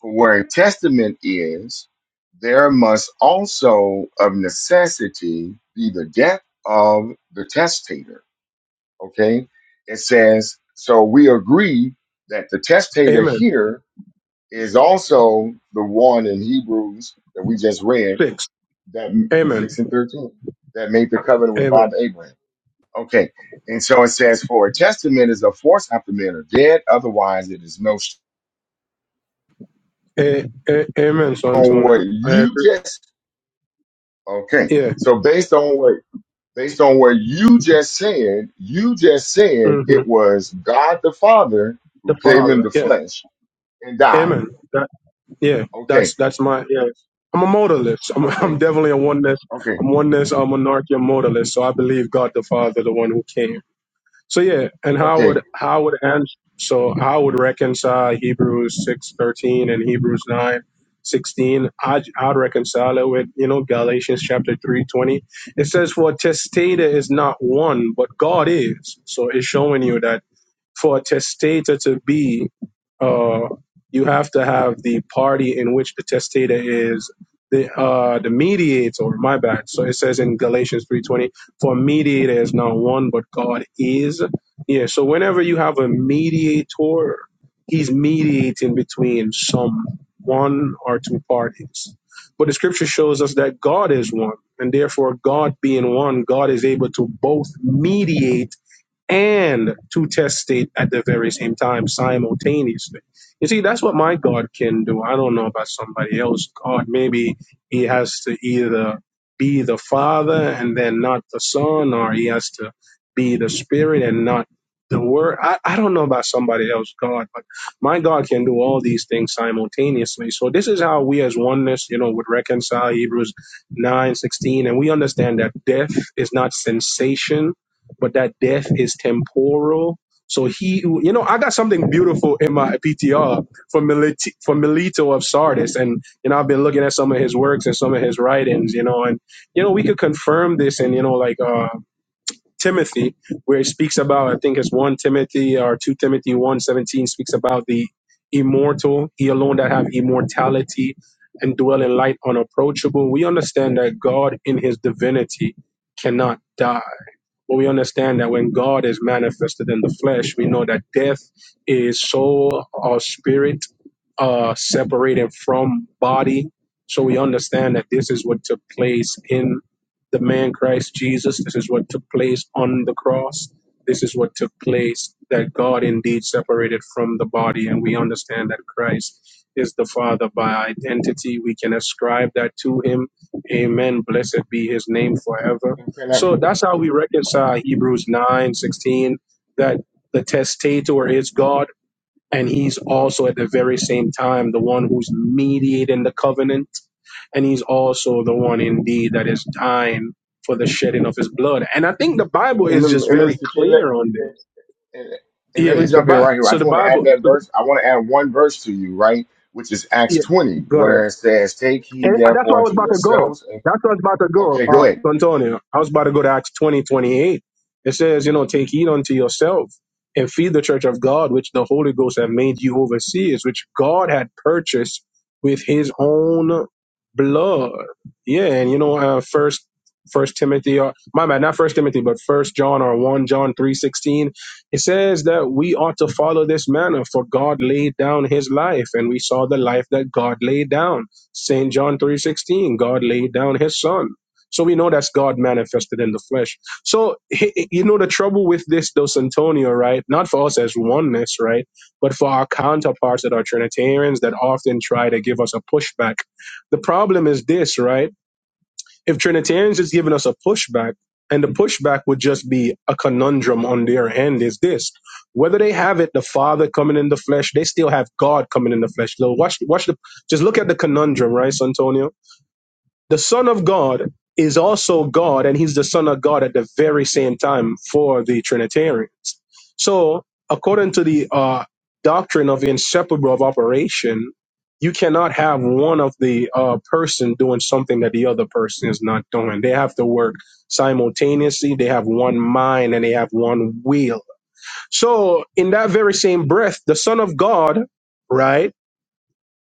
Speaker 6: For where a testament is, there must also of necessity be the death of the testator. Okay? It says, so we agree that the testator
Speaker 11: Amen.
Speaker 6: here is also the one in Hebrews that we just read,
Speaker 11: Six.
Speaker 6: that
Speaker 11: Amen.
Speaker 6: six and thirteen, that made the covenant with
Speaker 11: Amen.
Speaker 6: Father Abraham. Okay, and so it says, "For a testament is a force after men are dead; otherwise, it is no." sh-"
Speaker 11: A, a, amen,
Speaker 6: On what
Speaker 11: Santonio. I
Speaker 6: you
Speaker 11: agree.
Speaker 6: just okay,
Speaker 11: Yeah.
Speaker 6: so based on what based on what you just said, you just said
Speaker 11: hmm
Speaker 6: it was God the Father who
Speaker 11: The
Speaker 6: came in
Speaker 11: Father.
Speaker 6: the
Speaker 11: Yeah.
Speaker 6: flesh and died.
Speaker 11: Amen. That. Yeah.
Speaker 6: Okay,
Speaker 11: That's that's my. Yeah. I'm a modalist. I'm,
Speaker 6: okay,
Speaker 11: I'm definitely a oneness.
Speaker 6: okay,
Speaker 11: I'm oneness. I'm monarchy. I'm modalist. So I believe God the Father, the one who came. So yeah, and how
Speaker 6: okay.
Speaker 11: would how would and so how would reconcile Hebrews six thirteen and Hebrews nine sixteen? I'd I'd reconcile it with you know Galatians chapter three twenty. It says, "For testator is not one, but God is." So it's showing you that for a testator to be, uh, you have to have the party in which the testator is the uh, the mediator. My bad. So it says in Galatians three twenty, for mediator is not one, but God is. Yeah. So whenever you have a mediator, he's mediating between some one or two parties. But the scripture shows us that God is one, and therefore God being one, God is able to both mediate and to test it at the very same time simultaneously. You see, that's what my God can do. I don't know about somebody else. God, maybe he has to either be the Father and then not the Son, or he has to be the Spirit and not the Word. I, I don't know about somebody else, God, but my God can do all these things simultaneously. So this is how we as oneness, you know, would reconcile Hebrews nine sixteen, and we understand that death is not sensation but that death is temporal. So he, who- you know, I got something beautiful in my PTR for Milito, for Milito of Sardis, and you know, I've been looking at some of his works and some of his writings, you know, and you know, we could confirm this, and you know, like uh, Timothy, where he speaks about, I think it's one Timothy or two Timothy one seventeen speaks about the immortal, he alone that have immortality and dwell in light unapproachable. We understand that God in His divinity cannot die but we understand that when God is manifested in the flesh, we know that death is soul or spirit uh, separated from body. So we understand that this is what took place in the man Christ Jesus. This is what took place on the cross. This is what took place that God indeed separated from the body. And we understand that Christ is the Father by identity. We can ascribe that to him. Amen. Blessed be his name forever.
Speaker 6: And can
Speaker 11: So that's how we
Speaker 6: I?
Speaker 11: reconcile Hebrews nine sixteen that the testator is God, and he's also at the very same time the one who's mediating the covenant, and he's also the one indeed that is dying for the shedding of his blood. And I think the
Speaker 6: And,
Speaker 11: Bible
Speaker 6: and,
Speaker 11: is
Speaker 6: let-
Speaker 11: just
Speaker 6: and
Speaker 11: very
Speaker 6: Minister King, let,
Speaker 11: clear on this.
Speaker 6: and, and- and let me
Speaker 11: Yeah, the
Speaker 6: jump in
Speaker 11: Bible.
Speaker 6: right here. I
Speaker 11: So
Speaker 6: just
Speaker 11: the
Speaker 6: want to add
Speaker 11: Bible.
Speaker 6: that
Speaker 11: so the-
Speaker 6: verse. I want to add one verse to you, right? Which is Acts
Speaker 11: yeah,
Speaker 6: 20,
Speaker 11: go ahead.
Speaker 6: where it says, Take heed therefore unto
Speaker 11: to go.
Speaker 6: yourselves. And,
Speaker 11: That's where I was about to go,
Speaker 6: okay, go
Speaker 11: uh,
Speaker 6: ahead.
Speaker 11: Antonio. I was about to go to Acts twenty twenty eight. It says, you know, take heed unto yourself and feed the church of God, which the Holy Ghost had made you overseers, which God had purchased with his own blood. Yeah, and you know, uh, first First Timothy, or my bad, not First Timothy, but First John or one John three sixteen. It says that we ought to follow this manner, for God laid down His life, and we saw the life that God laid down St. John 3:16, God laid down his son. So we know that's God manifested in the flesh. So he- he- you know the trouble with this Dos Antonio, right? Not for us as oneness, right? But for our counterparts that are Trinitarians that often try to give us a pushback. The problem is this, right? if Trinitarians is giving us a pushback, and the pushback would just be a conundrum on their end is this. Whether they have it, the Father coming in the flesh, they still have God coming in the flesh. So watch, watch the, just look at the conundrum, right, Santonio? The Son of God is also God, and He's the Son of God at the very same time for the Trinitarians. So, according to the uh, doctrine of inseparable of operation, you cannot have one of the uh, person doing something that the other person is not doing. They have to work simultaneously. They have one mind and they have one will. So, in that very same breath, the Son of God, right?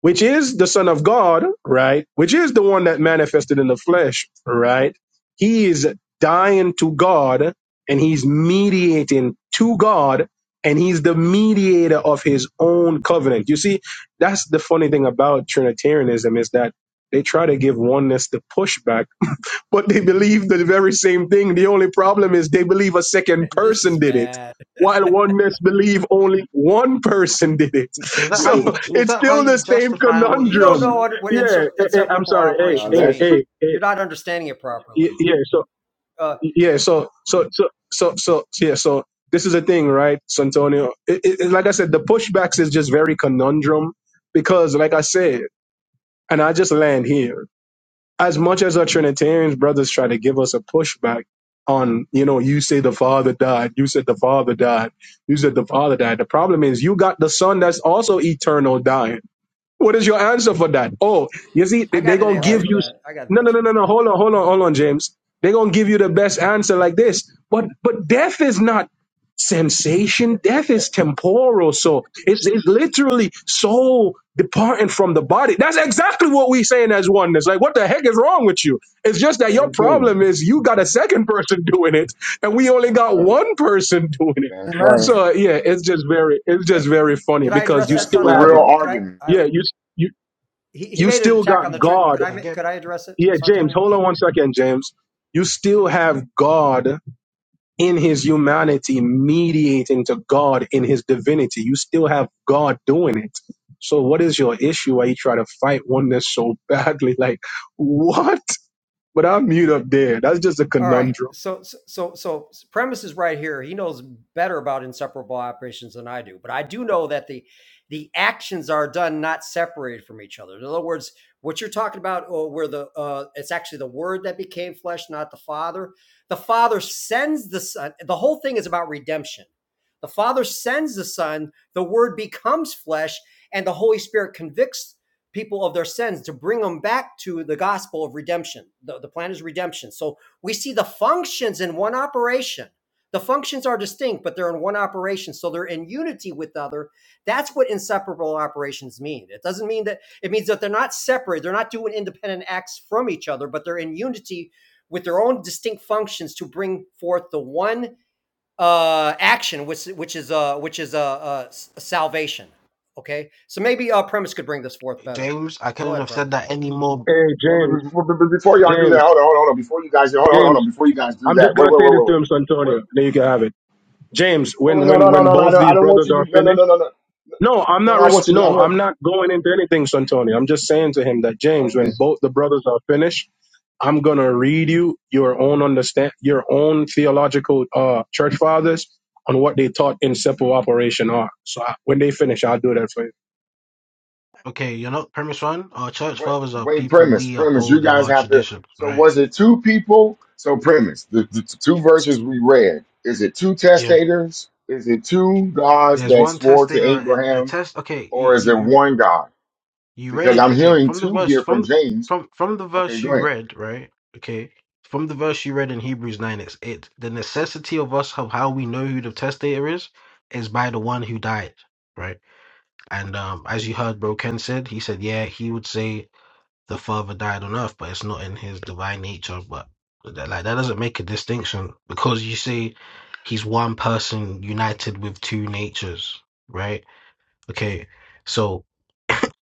Speaker 11: which is the Son of God, right? Which is the one that manifested in the flesh, right? He is dying to God and he's mediating to God and he's the mediator of his own covenant. You see, that's the funny thing about Trinitarianism is that they try to give oneness the pushback but they believe the very same thing. The only problem is they believe a second
Speaker 10: this is
Speaker 11: person did it,
Speaker 10: bad.
Speaker 11: while oneness believe only one person did it.
Speaker 8: Is that how
Speaker 11: So
Speaker 8: you?
Speaker 6: now
Speaker 8: Is
Speaker 11: it's
Speaker 8: that how
Speaker 11: still the
Speaker 8: you
Speaker 11: same
Speaker 8: justify what you
Speaker 10: You don't
Speaker 8: just
Speaker 10: know
Speaker 11: conundrum.
Speaker 8: said?
Speaker 10: what, what
Speaker 11: Yeah,
Speaker 10: inser-
Speaker 11: eh, eh, I'm
Speaker 10: inseparable
Speaker 11: sorry. Hey,
Speaker 10: operations
Speaker 11: hey,
Speaker 6: that's
Speaker 10: mean.
Speaker 6: true.
Speaker 11: hey, hey.
Speaker 10: You're not understanding it
Speaker 11: Y-
Speaker 10: properly.
Speaker 11: Yeah, so
Speaker 10: Uh,
Speaker 11: yeah, so so so so so yeah, so this is the thing, right, Santonio? It, it, it- like I said, the pushbacks is just very conundrum because, like I said, and I just land here as much as our Trinitarians brothers try to give us a pushback on, you know, you say the Father died, you said the Father died, you said the Father died. The problem is you got the Son that's also eternal dying. What is your answer for that? Oh, you see, they're
Speaker 10: I
Speaker 11: they
Speaker 10: got an
Speaker 11: going to
Speaker 10: answer
Speaker 11: give
Speaker 6: Right.
Speaker 10: for
Speaker 11: you.
Speaker 10: that. I got an
Speaker 11: No, no,
Speaker 10: answer.
Speaker 11: no, no, no. Hold on, hold on, hold on, James. They're going to give you the best answer like this. But but death is not sensation. Death is temporal. So it's, it's literally soul departing from the body. That's exactly what we're saying as oneness. Like, what the heck is wrong with you? It's just that your
Speaker 6: Same thing.
Speaker 11: problem is you got a second person doing it, and we only
Speaker 6: That's
Speaker 11: got
Speaker 6: right.
Speaker 11: one person doing it.
Speaker 6: That's right.
Speaker 8: Okay.
Speaker 11: So yeah, it's just very, it's
Speaker 10: Hey,
Speaker 11: just very funny
Speaker 10: could I
Speaker 11: because
Speaker 10: address
Speaker 11: you
Speaker 6: That's
Speaker 10: that,
Speaker 6: the
Speaker 11: still have,
Speaker 6: real
Speaker 10: Santonio? Could I?
Speaker 6: argument.
Speaker 10: I
Speaker 11: yeah, you
Speaker 10: he, he
Speaker 11: you
Speaker 10: made an
Speaker 11: still
Speaker 10: attack
Speaker 11: got
Speaker 10: on the truth.
Speaker 11: God.
Speaker 10: Could I?
Speaker 8: Again,
Speaker 10: Could I address it,
Speaker 11: Yeah, James,
Speaker 10: Santonio?
Speaker 11: hold on one second, James. You still have God in his humanity mediating to God in his divinity. You still have God doing it. So what is your issue why you try to fight oneness so badly? Like, what? But I'm mute up there. That's just a
Speaker 10: All right.
Speaker 11: conundrum.
Speaker 10: So, so, so, so premise is right here. He knows better about inseparable operations than I do, but I do know that the the actions are done not separated from each other. In other words, what you're talking about, or where the uh, it's actually the Word that became flesh, not the Father. The Father sends the Son. The whole thing is about redemption. The Father sends the Son. The Word becomes flesh, and the Holy Spirit convicts people of their sins to bring them back to the gospel of redemption. The, the plan is redemption. So we see the functions in one operation. The functions are distinct, but they're in one operation, so they're in unity with the other. That's what inseparable operations mean. It doesn't mean that it means that they're not separate, they're not doing independent acts from each other, but they're in unity with their own distinct functions to bring forth the one uh, action, which which is uh, which is uh, uh, salvation. Okay, so maybe uh, premise could bring this forth better.
Speaker 8: James, I
Speaker 10: Go
Speaker 8: couldn't
Speaker 10: ahead,
Speaker 8: have said
Speaker 10: premise.
Speaker 8: that any more.
Speaker 11: Hey,
Speaker 6: Well, be-
Speaker 11: James,
Speaker 6: be- be- be- before y'all do that,
Speaker 11: James,
Speaker 6: hold on, hold on, hold on. Before you guys, hold on, hold
Speaker 11: James.
Speaker 6: on. Before you guys do
Speaker 11: I'm
Speaker 6: that,
Speaker 11: just
Speaker 6: wait,
Speaker 11: gonna
Speaker 6: wait, wait,
Speaker 11: say
Speaker 6: wait, wait,
Speaker 11: this
Speaker 6: wait,
Speaker 11: to him,
Speaker 6: wait, wait.
Speaker 11: Santonio. Then you can have it. James,
Speaker 6: No,
Speaker 11: when
Speaker 6: no, no,
Speaker 11: when
Speaker 6: no,
Speaker 11: when
Speaker 6: no. I
Speaker 11: both
Speaker 6: don't, I
Speaker 11: these
Speaker 6: don't want
Speaker 11: brothers
Speaker 6: you to.
Speaker 11: are
Speaker 6: No, no,
Speaker 11: finished.
Speaker 6: no, no, no,
Speaker 11: No,
Speaker 6: no.
Speaker 11: I'm
Speaker 6: No,
Speaker 11: not.
Speaker 6: I
Speaker 11: Res-
Speaker 6: want you to. I
Speaker 11: no,
Speaker 6: want.
Speaker 11: I'm not going into anything, Santoni. I'm just saying to him that James,
Speaker 6: Okay.
Speaker 11: when both the brothers are finished, I'm gonna read you your own understand, your own theological uh, church fathers on what they taught in simple operation are. So I, when they finish, I'll do that for you.
Speaker 8: Okay, you know, premise one. Our church
Speaker 6: Wait,
Speaker 8: fathers are
Speaker 6: wait,
Speaker 8: people
Speaker 6: premise,
Speaker 8: we
Speaker 6: premise. You
Speaker 8: uphold of
Speaker 6: guys
Speaker 8: our
Speaker 6: have to.
Speaker 8: traditions,
Speaker 6: So
Speaker 8: right?
Speaker 6: was it two people? So premise, the, the two verses we read. Is it two
Speaker 8: Yeah.
Speaker 6: testators? Is it two gods
Speaker 8: There's
Speaker 6: that
Speaker 8: one
Speaker 6: swore
Speaker 8: test
Speaker 6: to
Speaker 8: they uh eh, the
Speaker 6: Abraham,
Speaker 8: test okay, you
Speaker 6: or is
Speaker 8: you
Speaker 6: it
Speaker 8: you
Speaker 6: one God?
Speaker 8: you read
Speaker 6: Because
Speaker 8: it
Speaker 6: I'm
Speaker 8: okay,
Speaker 6: hearing
Speaker 8: from the
Speaker 6: two
Speaker 8: verse
Speaker 6: here from
Speaker 8: from
Speaker 6: James.
Speaker 8: from from the
Speaker 6: Okay,
Speaker 8: verse
Speaker 6: go
Speaker 8: you
Speaker 6: ahead.
Speaker 8: read, right? Okay. From the verse you read in Hebrews 9, it's it the necessity of us of how we know who the testator is is by the one who died, right? And um as you heard Bro Ken said, he said, yeah, he would say the father died on earth, but it's not in his divine nature, but that, like that doesn't make a distinction because you say he's one person united with two natures, right? Okay, so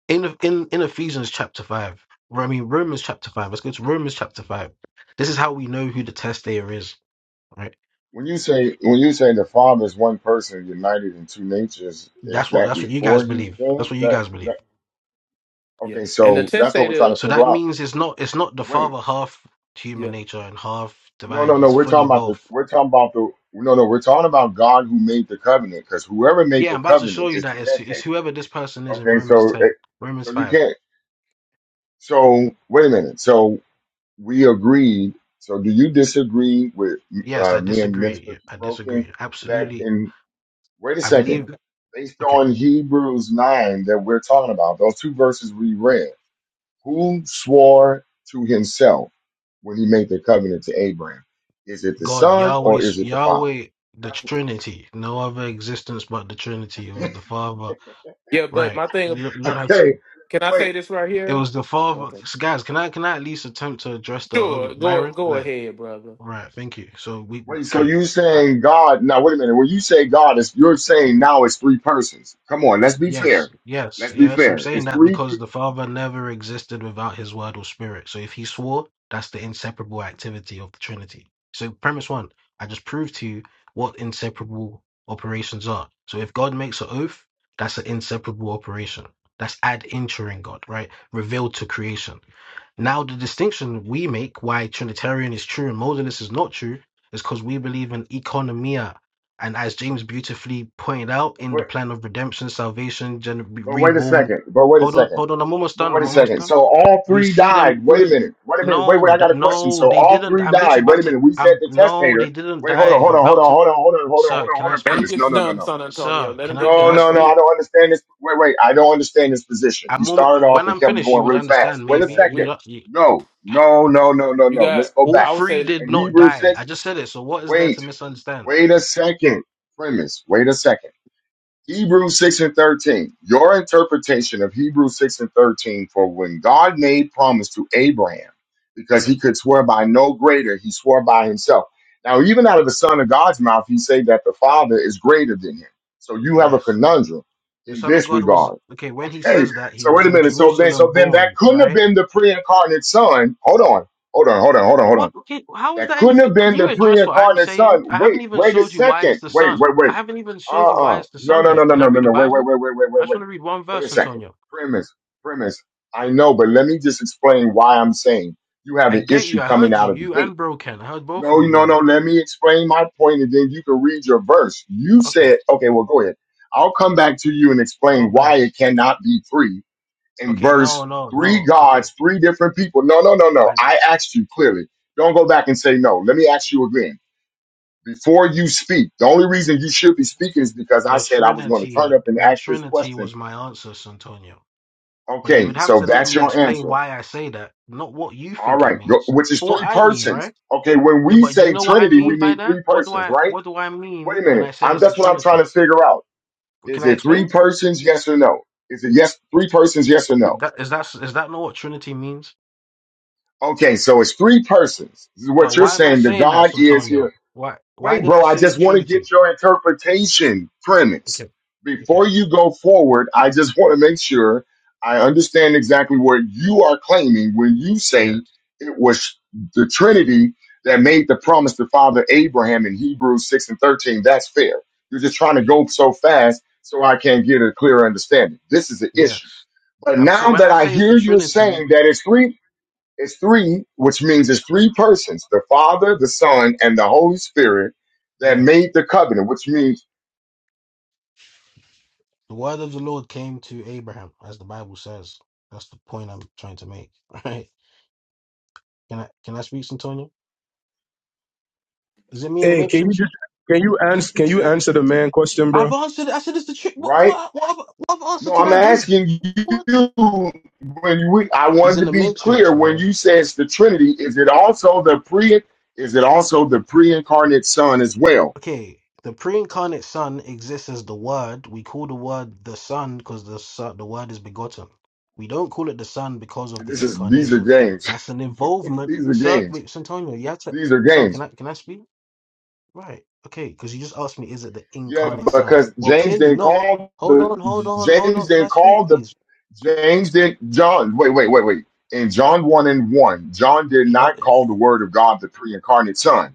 Speaker 8: in in in Ephesians chapter five, I mean Romans chapter five. Let's go to Romans chapter five. This is how we know who the testator is, right?
Speaker 6: When you say when you say the Father is one person united in two natures, is
Speaker 8: That's what
Speaker 6: that
Speaker 8: that's what you
Speaker 6: before
Speaker 8: guys
Speaker 6: he
Speaker 8: believe. That's
Speaker 6: came?
Speaker 8: what you
Speaker 6: That
Speaker 8: guys believe.
Speaker 6: that
Speaker 9: yeah,
Speaker 6: okay?
Speaker 9: and the
Speaker 6: So that's what we're trying
Speaker 9: testator.
Speaker 6: to
Speaker 8: So
Speaker 6: figure
Speaker 8: that
Speaker 9: th-
Speaker 6: out.
Speaker 8: means it's not it's not the
Speaker 6: Wait.
Speaker 8: father half human
Speaker 9: Yeah,
Speaker 8: nature and half
Speaker 6: No,
Speaker 8: divine.
Speaker 6: no, no.
Speaker 8: He's
Speaker 6: We're talking
Speaker 8: fully
Speaker 6: about the.
Speaker 8: both.
Speaker 6: We're talking about the. No, no. We're talking about God who made the covenant, because whoever made
Speaker 8: Yeah,
Speaker 6: the
Speaker 8: I'm about to show
Speaker 6: covenant
Speaker 8: you
Speaker 6: is the
Speaker 8: that it's it's
Speaker 6: testator.
Speaker 8: whoever this person is in
Speaker 6: Okay,
Speaker 8: Romans
Speaker 6: so
Speaker 8: ten,
Speaker 6: it-
Speaker 8: Romans
Speaker 6: so you
Speaker 8: five.
Speaker 6: can't. So wait a minute. So we agreed. So do you disagree with
Speaker 8: Yes,
Speaker 6: uh,
Speaker 8: I
Speaker 6: me and
Speaker 8: disagree.
Speaker 6: Minister
Speaker 8: Yeah, I
Speaker 6: Broken
Speaker 8: disagree.
Speaker 6: that
Speaker 8: Absolutely,
Speaker 6: in? Wait a
Speaker 8: I
Speaker 6: second.
Speaker 8: believe.
Speaker 9: no.
Speaker 6: Based
Speaker 8: Okay.
Speaker 6: on Hebrews nine that we're talking about, those two verses we read, who swore to himself when he made the covenant to Abraham? Is it the
Speaker 8: God,
Speaker 6: son
Speaker 8: Yahweh,
Speaker 6: or is it the father?
Speaker 8: Yahweh, the
Speaker 6: That's
Speaker 8: Trinity, no other existence but the Trinity. It was the Father,
Speaker 9: yeah. But
Speaker 8: right?
Speaker 9: my
Speaker 8: You
Speaker 9: thing.
Speaker 8: don't, you don't have to.
Speaker 6: Okay.
Speaker 9: Can I
Speaker 6: Wait,
Speaker 9: say this right
Speaker 8: It
Speaker 9: here?
Speaker 8: was the Father.
Speaker 9: Okay.
Speaker 8: So guys, can I can I at least attempt to address the
Speaker 9: Sure.
Speaker 8: argument,
Speaker 9: Go
Speaker 8: Byron?
Speaker 9: go
Speaker 8: Like,
Speaker 9: ahead, brother.
Speaker 8: right? Thank you. So we
Speaker 6: wait. So
Speaker 8: okay.
Speaker 6: you saying God? Now, wait a minute. When you say God, is you're saying now it's three persons. Come on, let's be fair.
Speaker 8: Yes, yes,
Speaker 6: Let's be
Speaker 8: yes. I'm
Speaker 6: fair.
Speaker 8: saying
Speaker 6: It's
Speaker 8: that
Speaker 6: three. p-
Speaker 8: because the Father never existed without his word or spirit. So if he swore, that's the inseparable activity of the Trinity. So premise one, I just proved to you what inseparable operations are. So if God makes an oath, that's an inseparable operation. That's ad interim God, right? Revealed to creation. Now, the distinction we make why Trinitarian is true and modalist is not true is because we believe in economia. And as James beautifully pointed out in the
Speaker 6: But
Speaker 8: plan of redemption, salvation, gen-
Speaker 6: but wait a
Speaker 8: reborn.
Speaker 6: second. But wait a
Speaker 8: Hold on,
Speaker 6: second.
Speaker 8: hold on. I'm almost
Speaker 6: But
Speaker 8: done.
Speaker 6: wait
Speaker 8: I'm
Speaker 6: a
Speaker 8: almost
Speaker 6: second.
Speaker 8: done.
Speaker 6: So all
Speaker 8: We
Speaker 6: three
Speaker 8: see them.
Speaker 6: died. Wait a
Speaker 8: all-
Speaker 6: minute. Wait a minute. Wait, wait.
Speaker 8: No,
Speaker 6: I
Speaker 8: that,
Speaker 6: got a question.
Speaker 8: no,
Speaker 6: So
Speaker 8: they
Speaker 6: all
Speaker 8: didn't.
Speaker 6: three
Speaker 8: I'm
Speaker 6: died.
Speaker 8: literally
Speaker 6: Wait
Speaker 8: about
Speaker 6: a
Speaker 8: to.
Speaker 6: minute. We said
Speaker 8: I'm
Speaker 6: the
Speaker 8: no, they
Speaker 6: testator.
Speaker 8: didn't
Speaker 6: Wait, hold on,
Speaker 8: die.
Speaker 6: hold
Speaker 8: I'm
Speaker 6: on, hold
Speaker 8: about
Speaker 6: on,
Speaker 8: to.
Speaker 6: hold on, hold on, hold on, hold
Speaker 8: Sir,
Speaker 6: on,
Speaker 8: can
Speaker 6: hold
Speaker 8: I
Speaker 6: on.
Speaker 9: Let him
Speaker 8: speak?
Speaker 6: Premise. No,
Speaker 9: get
Speaker 6: no, no,
Speaker 9: done,
Speaker 6: no.
Speaker 9: San Antonio.
Speaker 8: Sir,
Speaker 9: Let him
Speaker 8: can I
Speaker 9: get
Speaker 8: can
Speaker 6: No,
Speaker 8: I
Speaker 9: done.
Speaker 6: no, no.
Speaker 9: So
Speaker 6: I
Speaker 8: speak?
Speaker 6: don't understand this. Wait, wait. I don't understand this position. He
Speaker 8: I'm almost,
Speaker 6: started off
Speaker 8: when
Speaker 6: and
Speaker 8: I'm
Speaker 6: kept
Speaker 8: finished, you
Speaker 6: going
Speaker 8: would
Speaker 6: really fast.
Speaker 8: understand.
Speaker 6: Wait a
Speaker 8: Maybe
Speaker 9: okay,
Speaker 8: you
Speaker 6: second.
Speaker 9: we
Speaker 8: would.
Speaker 6: No, no, no, no, no,
Speaker 9: you
Speaker 6: no. Let's
Speaker 9: got.
Speaker 6: go
Speaker 8: All
Speaker 6: back.
Speaker 9: I would
Speaker 8: three
Speaker 9: say.
Speaker 8: did
Speaker 6: In
Speaker 8: not
Speaker 6: Hebrew
Speaker 8: die.
Speaker 6: 6,
Speaker 8: I just said it. So what is there
Speaker 6: wait,
Speaker 8: to misunderstand?
Speaker 6: wait a second. Premise, wait a second. Hebrews 6 and 13. Your interpretation of Hebrews 6 and 13 for when God made promise to Abraham, because
Speaker 8: Yeah.
Speaker 6: he could swear by no greater, he swore by himself. Now, even out of the Son of God's mouth, he said that the Father is greater than him. So you have a
Speaker 8: Yes.
Speaker 6: conundrum
Speaker 8: The
Speaker 6: in
Speaker 8: Son of
Speaker 6: this
Speaker 8: God was
Speaker 6: regard.
Speaker 8: okay. When he
Speaker 6: Hey,
Speaker 8: says that, he
Speaker 6: so
Speaker 8: was
Speaker 6: wait a
Speaker 8: in
Speaker 6: minute. So then,
Speaker 8: Jerusalem
Speaker 6: so then that
Speaker 8: born,
Speaker 6: couldn't have
Speaker 8: right?
Speaker 6: been the pre-incarnate son. Hold on. Hold on, hold on, hold on, hold
Speaker 8: What?
Speaker 6: on.
Speaker 8: Okay. How is
Speaker 6: That
Speaker 8: that
Speaker 6: couldn't
Speaker 8: anything?
Speaker 6: have
Speaker 8: Can
Speaker 6: been
Speaker 8: you
Speaker 6: the
Speaker 8: address what I'm
Speaker 6: pre-incarnate
Speaker 8: saying?
Speaker 6: son.
Speaker 8: I haven't
Speaker 6: Wait,
Speaker 8: even
Speaker 6: wait a
Speaker 8: showed you why it's
Speaker 6: second.
Speaker 8: the
Speaker 6: Wait,
Speaker 8: Son.
Speaker 6: wait,
Speaker 8: I
Speaker 6: wait.
Speaker 8: haven't even showed you why
Speaker 6: Uh-uh.
Speaker 8: it's the
Speaker 6: No,
Speaker 8: Son
Speaker 6: no, no,
Speaker 8: yet.
Speaker 6: no,
Speaker 8: Can I
Speaker 6: no, no,
Speaker 8: read the
Speaker 6: no. Wait, wait,
Speaker 8: Bible?
Speaker 6: wait, wait, wait,
Speaker 8: I
Speaker 6: wait,
Speaker 8: just
Speaker 6: wait.
Speaker 8: want to read one
Speaker 6: Wait a
Speaker 8: verse,
Speaker 6: second.
Speaker 8: Antonio.
Speaker 6: Premise, premise. I know, but let me just explain why I'm saying you have
Speaker 8: I
Speaker 6: an
Speaker 8: get
Speaker 6: issue
Speaker 8: you. I
Speaker 6: coming
Speaker 8: heard
Speaker 6: out
Speaker 8: you.
Speaker 6: of the
Speaker 8: You
Speaker 6: gate.
Speaker 8: and Bro Ken. I heard both
Speaker 6: No,
Speaker 8: of you.
Speaker 6: no,
Speaker 8: Why?
Speaker 6: no. Let me explain my point and then you can read your verse. You
Speaker 8: Okay.
Speaker 6: said, okay, well, go ahead. I'll come back to you and explain
Speaker 8: God
Speaker 6: why
Speaker 8: bless.
Speaker 6: it cannot be three in
Speaker 8: Okay.
Speaker 6: verse
Speaker 8: No. No.
Speaker 6: three
Speaker 8: No. Okay.
Speaker 6: gods, three different people. No, no, no, no.
Speaker 8: I,
Speaker 6: I asked you clearly. Don't go back and say no. Let me ask you again before you speak, the only reason you should be speaking is because I
Speaker 8: the
Speaker 6: said I was going to turn
Speaker 8: Trinity.
Speaker 6: up and
Speaker 8: The
Speaker 6: ask this
Speaker 8: Trinity
Speaker 6: question.
Speaker 8: was my answer, Santonio. But you
Speaker 6: Okay,
Speaker 8: would have
Speaker 6: so
Speaker 8: to let
Speaker 6: that's
Speaker 8: me
Speaker 6: your
Speaker 8: explain
Speaker 6: answer.
Speaker 8: why I say that, not what you
Speaker 6: All
Speaker 8: think it
Speaker 6: right, go,
Speaker 8: means.
Speaker 6: which is
Speaker 8: What
Speaker 6: three
Speaker 8: I mean,
Speaker 6: persons.
Speaker 8: right?
Speaker 6: Okay, when
Speaker 8: Yeah,
Speaker 6: we
Speaker 8: but do you
Speaker 6: say
Speaker 8: know what I
Speaker 6: Trinity,
Speaker 8: mean
Speaker 6: we
Speaker 8: by
Speaker 6: mean
Speaker 8: that?
Speaker 6: three
Speaker 8: What do
Speaker 6: persons,
Speaker 8: I
Speaker 6: right?
Speaker 8: what do I
Speaker 6: Wait
Speaker 8: mean
Speaker 6: a
Speaker 8: when
Speaker 6: minute.
Speaker 8: I said
Speaker 6: I'm
Speaker 8: it's the
Speaker 6: that's what I'm trying
Speaker 8: Trinity?
Speaker 6: to figure out.
Speaker 8: Can
Speaker 6: Is
Speaker 8: I
Speaker 6: it
Speaker 8: explain?
Speaker 6: three persons, yes or no? Is it yes, three persons, yes or no?
Speaker 8: That is that is that not what Trinity means?
Speaker 6: Okay, so it's three persons. This is what
Speaker 8: Well,
Speaker 6: you're
Speaker 8: why am I
Speaker 6: saying. The
Speaker 8: saying that,
Speaker 6: God is here.
Speaker 8: Santonio? Why why
Speaker 6: Wait,
Speaker 8: did I
Speaker 6: bro, I
Speaker 8: say
Speaker 6: just want to
Speaker 8: Trinity?
Speaker 6: get your interpretation premise.
Speaker 8: Okay. Okay.
Speaker 6: Before you go forward, I just want to make sure I understand exactly what you are claiming when you
Speaker 8: Yes.
Speaker 6: say it was the Trinity that made the promise to Father Abraham in Hebrews 6 and 13. That's fair. You're just trying to
Speaker 8: Yeah.
Speaker 6: go so fast so I can get a clear understanding. This is an issue.
Speaker 8: Yes.
Speaker 6: But
Speaker 8: I'm say
Speaker 6: now
Speaker 8: when
Speaker 6: that
Speaker 8: I
Speaker 6: I
Speaker 8: say it's the
Speaker 6: hear you
Speaker 8: Trinity,
Speaker 6: saying that it's three it's three, which means it's three persons the Father, the Son, and the Holy Spirit that
Speaker 8: yes.
Speaker 6: made the covenant, which means,
Speaker 8: The word of the Lord came to Abraham, as the Bible says. That's the point I'm trying to make. Right? Can I can I speak, Santonio? Is it me in the
Speaker 11: Hey, can you
Speaker 8: matrix?
Speaker 11: just can you answer can you answer the man question, bro?
Speaker 8: I've answered. I said it's the trick. What
Speaker 6: right?
Speaker 8: what what other- what other answer
Speaker 6: No,
Speaker 8: can
Speaker 6: I'm
Speaker 8: I give?
Speaker 6: asking
Speaker 8: What?
Speaker 6: you when we, I
Speaker 8: He's
Speaker 6: wanted to
Speaker 8: in the
Speaker 6: be
Speaker 8: matrix,
Speaker 6: clear when
Speaker 8: bro.
Speaker 6: you say it's the Trinity, is it also the pre is it also the pre-incarnate son as well?
Speaker 8: Okay, the pre-incarnate Son exists as the Word. We call the Word the Son because the son, the Word is begotten. We don't call it the Son because
Speaker 6: So
Speaker 8: of the
Speaker 6: this is these are
Speaker 8: incarnation.
Speaker 6: games.
Speaker 8: That's an involvement.
Speaker 6: these are
Speaker 8: Sir,
Speaker 6: games.
Speaker 8: wait, Santonio, you have to.
Speaker 6: These are
Speaker 8: Son,
Speaker 6: games.
Speaker 8: can I can I speak? Right. Okay, because you just asked me, is it the
Speaker 6: Yeah,
Speaker 8: incarnate Son?
Speaker 6: because
Speaker 8: Well,
Speaker 6: James
Speaker 8: clearly
Speaker 6: didn't
Speaker 8: not.
Speaker 6: call
Speaker 8: Hold
Speaker 6: the
Speaker 8: on, hold on, hold
Speaker 6: James
Speaker 8: on. Can I
Speaker 6: didn't
Speaker 8: speak,
Speaker 6: call the
Speaker 8: please?
Speaker 6: James didn't John. Wait, wait, wait, wait. In John one and one, John did not call the Word of God the pre-incarnate Son.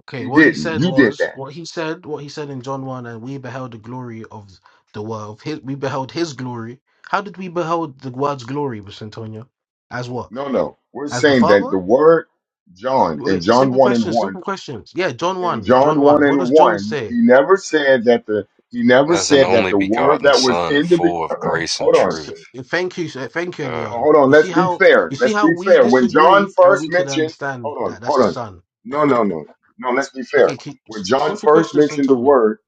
Speaker 8: Okay,
Speaker 6: He
Speaker 8: what he
Speaker 6: didn't.
Speaker 8: said
Speaker 6: You did
Speaker 8: was
Speaker 6: that.
Speaker 8: what he said. What he said in John one, and we beheld the glory of the world. Of His, we beheld his glory. How did we beheld the word's glory, Antonio? As what?
Speaker 6: No, no. We're
Speaker 8: As the
Speaker 6: saying that
Speaker 8: Father?
Speaker 6: the Word John in
Speaker 8: Wait,
Speaker 6: John
Speaker 8: simple
Speaker 6: one and
Speaker 8: questions.
Speaker 6: one
Speaker 8: Simple questions. Yeah, John
Speaker 6: in
Speaker 8: one.
Speaker 6: John
Speaker 8: John
Speaker 6: one
Speaker 8: one. What
Speaker 6: and
Speaker 8: does John
Speaker 6: one,
Speaker 8: say?
Speaker 6: he never said that the he never
Speaker 3: as an
Speaker 6: said that
Speaker 3: only
Speaker 6: the Word
Speaker 3: begotten
Speaker 6: that was
Speaker 3: Son,
Speaker 6: in the be-
Speaker 3: full of grace and
Speaker 6: hold on
Speaker 8: S-
Speaker 3: truth.
Speaker 8: Thank you, sir. thank you,
Speaker 3: Duh.
Speaker 6: But
Speaker 8: Elion.
Speaker 6: hold on,
Speaker 8: You
Speaker 6: let's
Speaker 8: see
Speaker 6: be
Speaker 8: how
Speaker 6: fair.
Speaker 8: you see
Speaker 6: Let's
Speaker 8: how
Speaker 6: be
Speaker 8: we
Speaker 6: fair. When John
Speaker 8: disagree, and
Speaker 6: first
Speaker 8: we can
Speaker 6: mentioned,
Speaker 8: understand
Speaker 6: hold on,
Speaker 8: that that's
Speaker 6: hold
Speaker 8: a
Speaker 6: on.
Speaker 8: son.
Speaker 6: No, no, no, no. No, let's be fair.
Speaker 8: Okay, keep,
Speaker 6: When
Speaker 8: s-
Speaker 6: John
Speaker 8: simple
Speaker 6: first
Speaker 8: questions,
Speaker 6: mentioned the
Speaker 8: Antonio.
Speaker 6: word,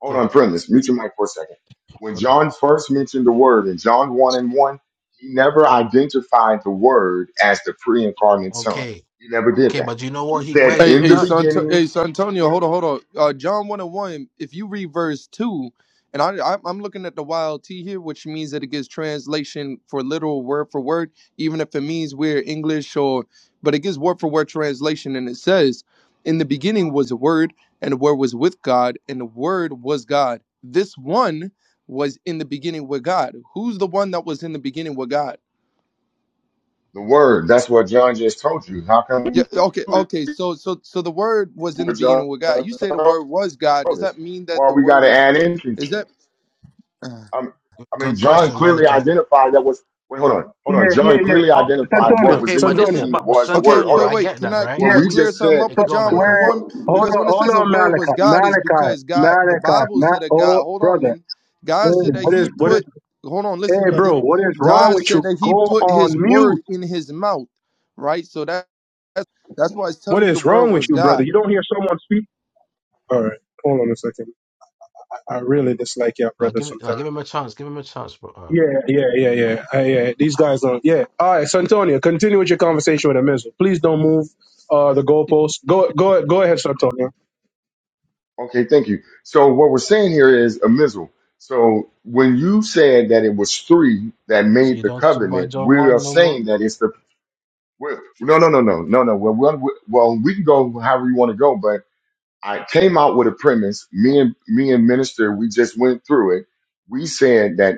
Speaker 6: hold
Speaker 8: Yeah.
Speaker 6: on, friend, let's mute your mic for a second. When
Speaker 8: Okay.
Speaker 6: John first mentioned the word in John 1 and 1, he never identified the word as the pre incarnate son.
Speaker 8: Okay.
Speaker 6: He never did
Speaker 8: Okay,
Speaker 6: that.
Speaker 8: but you know
Speaker 6: He
Speaker 8: what he
Speaker 6: said,
Speaker 8: where
Speaker 13: Hey,
Speaker 8: he
Speaker 6: in the
Speaker 13: hey,
Speaker 8: does?
Speaker 13: son,
Speaker 6: beginning,
Speaker 13: hey, Santonio,
Speaker 6: what-
Speaker 13: hold on, hold on. Uh, John one and one. If you read verse two, and I, I, I'm looking at the wild T here, which means that it gets translation for literal word for word, even if it means we're English or, but it gives word for word translation, and it says, "In the beginning was a word, and the word was with God, and the word was God. This one was in the beginning with God. Who's the one that was in the beginning with God?
Speaker 6: the word. That's what John just told you. How
Speaker 13: Yeah.
Speaker 6: come
Speaker 13: Okay.
Speaker 6: what
Speaker 13: Okay. So so so the word was in the
Speaker 6: John
Speaker 13: beginning with God. You say the word
Speaker 6: told
Speaker 13: was God. Does
Speaker 6: us?
Speaker 13: that mean that
Speaker 6: Why
Speaker 13: the
Speaker 6: we got
Speaker 13: word
Speaker 6: to
Speaker 13: is
Speaker 6: add in
Speaker 13: is that
Speaker 6: things?
Speaker 13: uh,
Speaker 6: Um, I mean,
Speaker 8: Good
Speaker 6: John
Speaker 8: question,
Speaker 6: clearly
Speaker 8: Malachi.
Speaker 6: identified that was. Wait, hold on, hold
Speaker 11: Yeah,
Speaker 6: on.
Speaker 11: yeah,
Speaker 6: John
Speaker 11: yeah.
Speaker 6: clearly
Speaker 11: Oh,
Speaker 6: identified
Speaker 8: Okay,
Speaker 6: what
Speaker 11: Santonio,
Speaker 6: was
Speaker 8: okay,
Speaker 6: in the
Speaker 8: but this
Speaker 11: Santonio.
Speaker 8: is
Speaker 6: beginning
Speaker 8: but
Speaker 6: was the
Speaker 13: Okay,
Speaker 6: word. Hold
Speaker 8: Santonio.
Speaker 13: wait,
Speaker 6: on.
Speaker 8: I
Speaker 13: wait.
Speaker 8: get
Speaker 13: Can
Speaker 8: that,
Speaker 13: I
Speaker 11: Yeah.
Speaker 8: right?
Speaker 13: can
Speaker 6: What
Speaker 13: I
Speaker 6: we
Speaker 8: We
Speaker 13: clear
Speaker 6: just
Speaker 13: something
Speaker 6: said.
Speaker 13: up
Speaker 8: hey,
Speaker 11: So
Speaker 13: with
Speaker 8: go,
Speaker 13: John
Speaker 6: What?
Speaker 13: one
Speaker 8: Malachi.
Speaker 13: and
Speaker 11: where?
Speaker 6: what
Speaker 13: one?
Speaker 11: Hold
Speaker 13: Because
Speaker 11: on,
Speaker 13: when it
Speaker 11: hold
Speaker 13: says the
Speaker 11: on,
Speaker 13: word
Speaker 11: Malachi,
Speaker 13: was God, is
Speaker 11: Malachi,
Speaker 13: because God the
Speaker 11: Malachi,
Speaker 13: Bible
Speaker 11: Ma-
Speaker 13: said that God
Speaker 11: oh,
Speaker 13: hold on,
Speaker 11: brother.
Speaker 13: man.
Speaker 11: Hey,
Speaker 13: God said that
Speaker 11: what
Speaker 13: he
Speaker 11: is what is?
Speaker 13: put hold on,
Speaker 11: Hey,
Speaker 13: listen, brother.
Speaker 11: bro, what is wrong
Speaker 13: God
Speaker 11: with
Speaker 13: said
Speaker 11: you?
Speaker 13: that he
Speaker 11: Go
Speaker 13: put his
Speaker 11: on
Speaker 13: word
Speaker 11: mute.
Speaker 13: in his mouth, right? So that that's that's why it's
Speaker 11: What
Speaker 13: telling you the
Speaker 11: is
Speaker 13: word
Speaker 11: wrong with
Speaker 13: was
Speaker 11: you,
Speaker 13: God.
Speaker 11: brother? You don't hear someone speak? All right, hold on a second. I I really dislike your
Speaker 8: Like,
Speaker 11: brother
Speaker 8: give it, like,
Speaker 11: sometimes.
Speaker 8: give him a chance. Give him a chance, bro. Uh,
Speaker 11: Yeah, yeah, yeah, yeah. I, yeah, these guys don't. Yeah. All right, Santonio. continue with your conversation with Amizu. Please don't move uh, the goalpost. Go, go, go ahead, Santonio.
Speaker 6: okay, thank you. So what we're saying here is a missile. So when you said that it was three that
Speaker 8: so
Speaker 6: made
Speaker 8: you
Speaker 6: the
Speaker 8: don't talk about
Speaker 6: covenant,
Speaker 8: John
Speaker 6: we are
Speaker 8: one no more.
Speaker 6: saying that it's the. We're, no, no, no, no, no, no. Well, well, well, we can go however you want to go, but I came out with a premise. Me and me and minister, we just went through it. We said that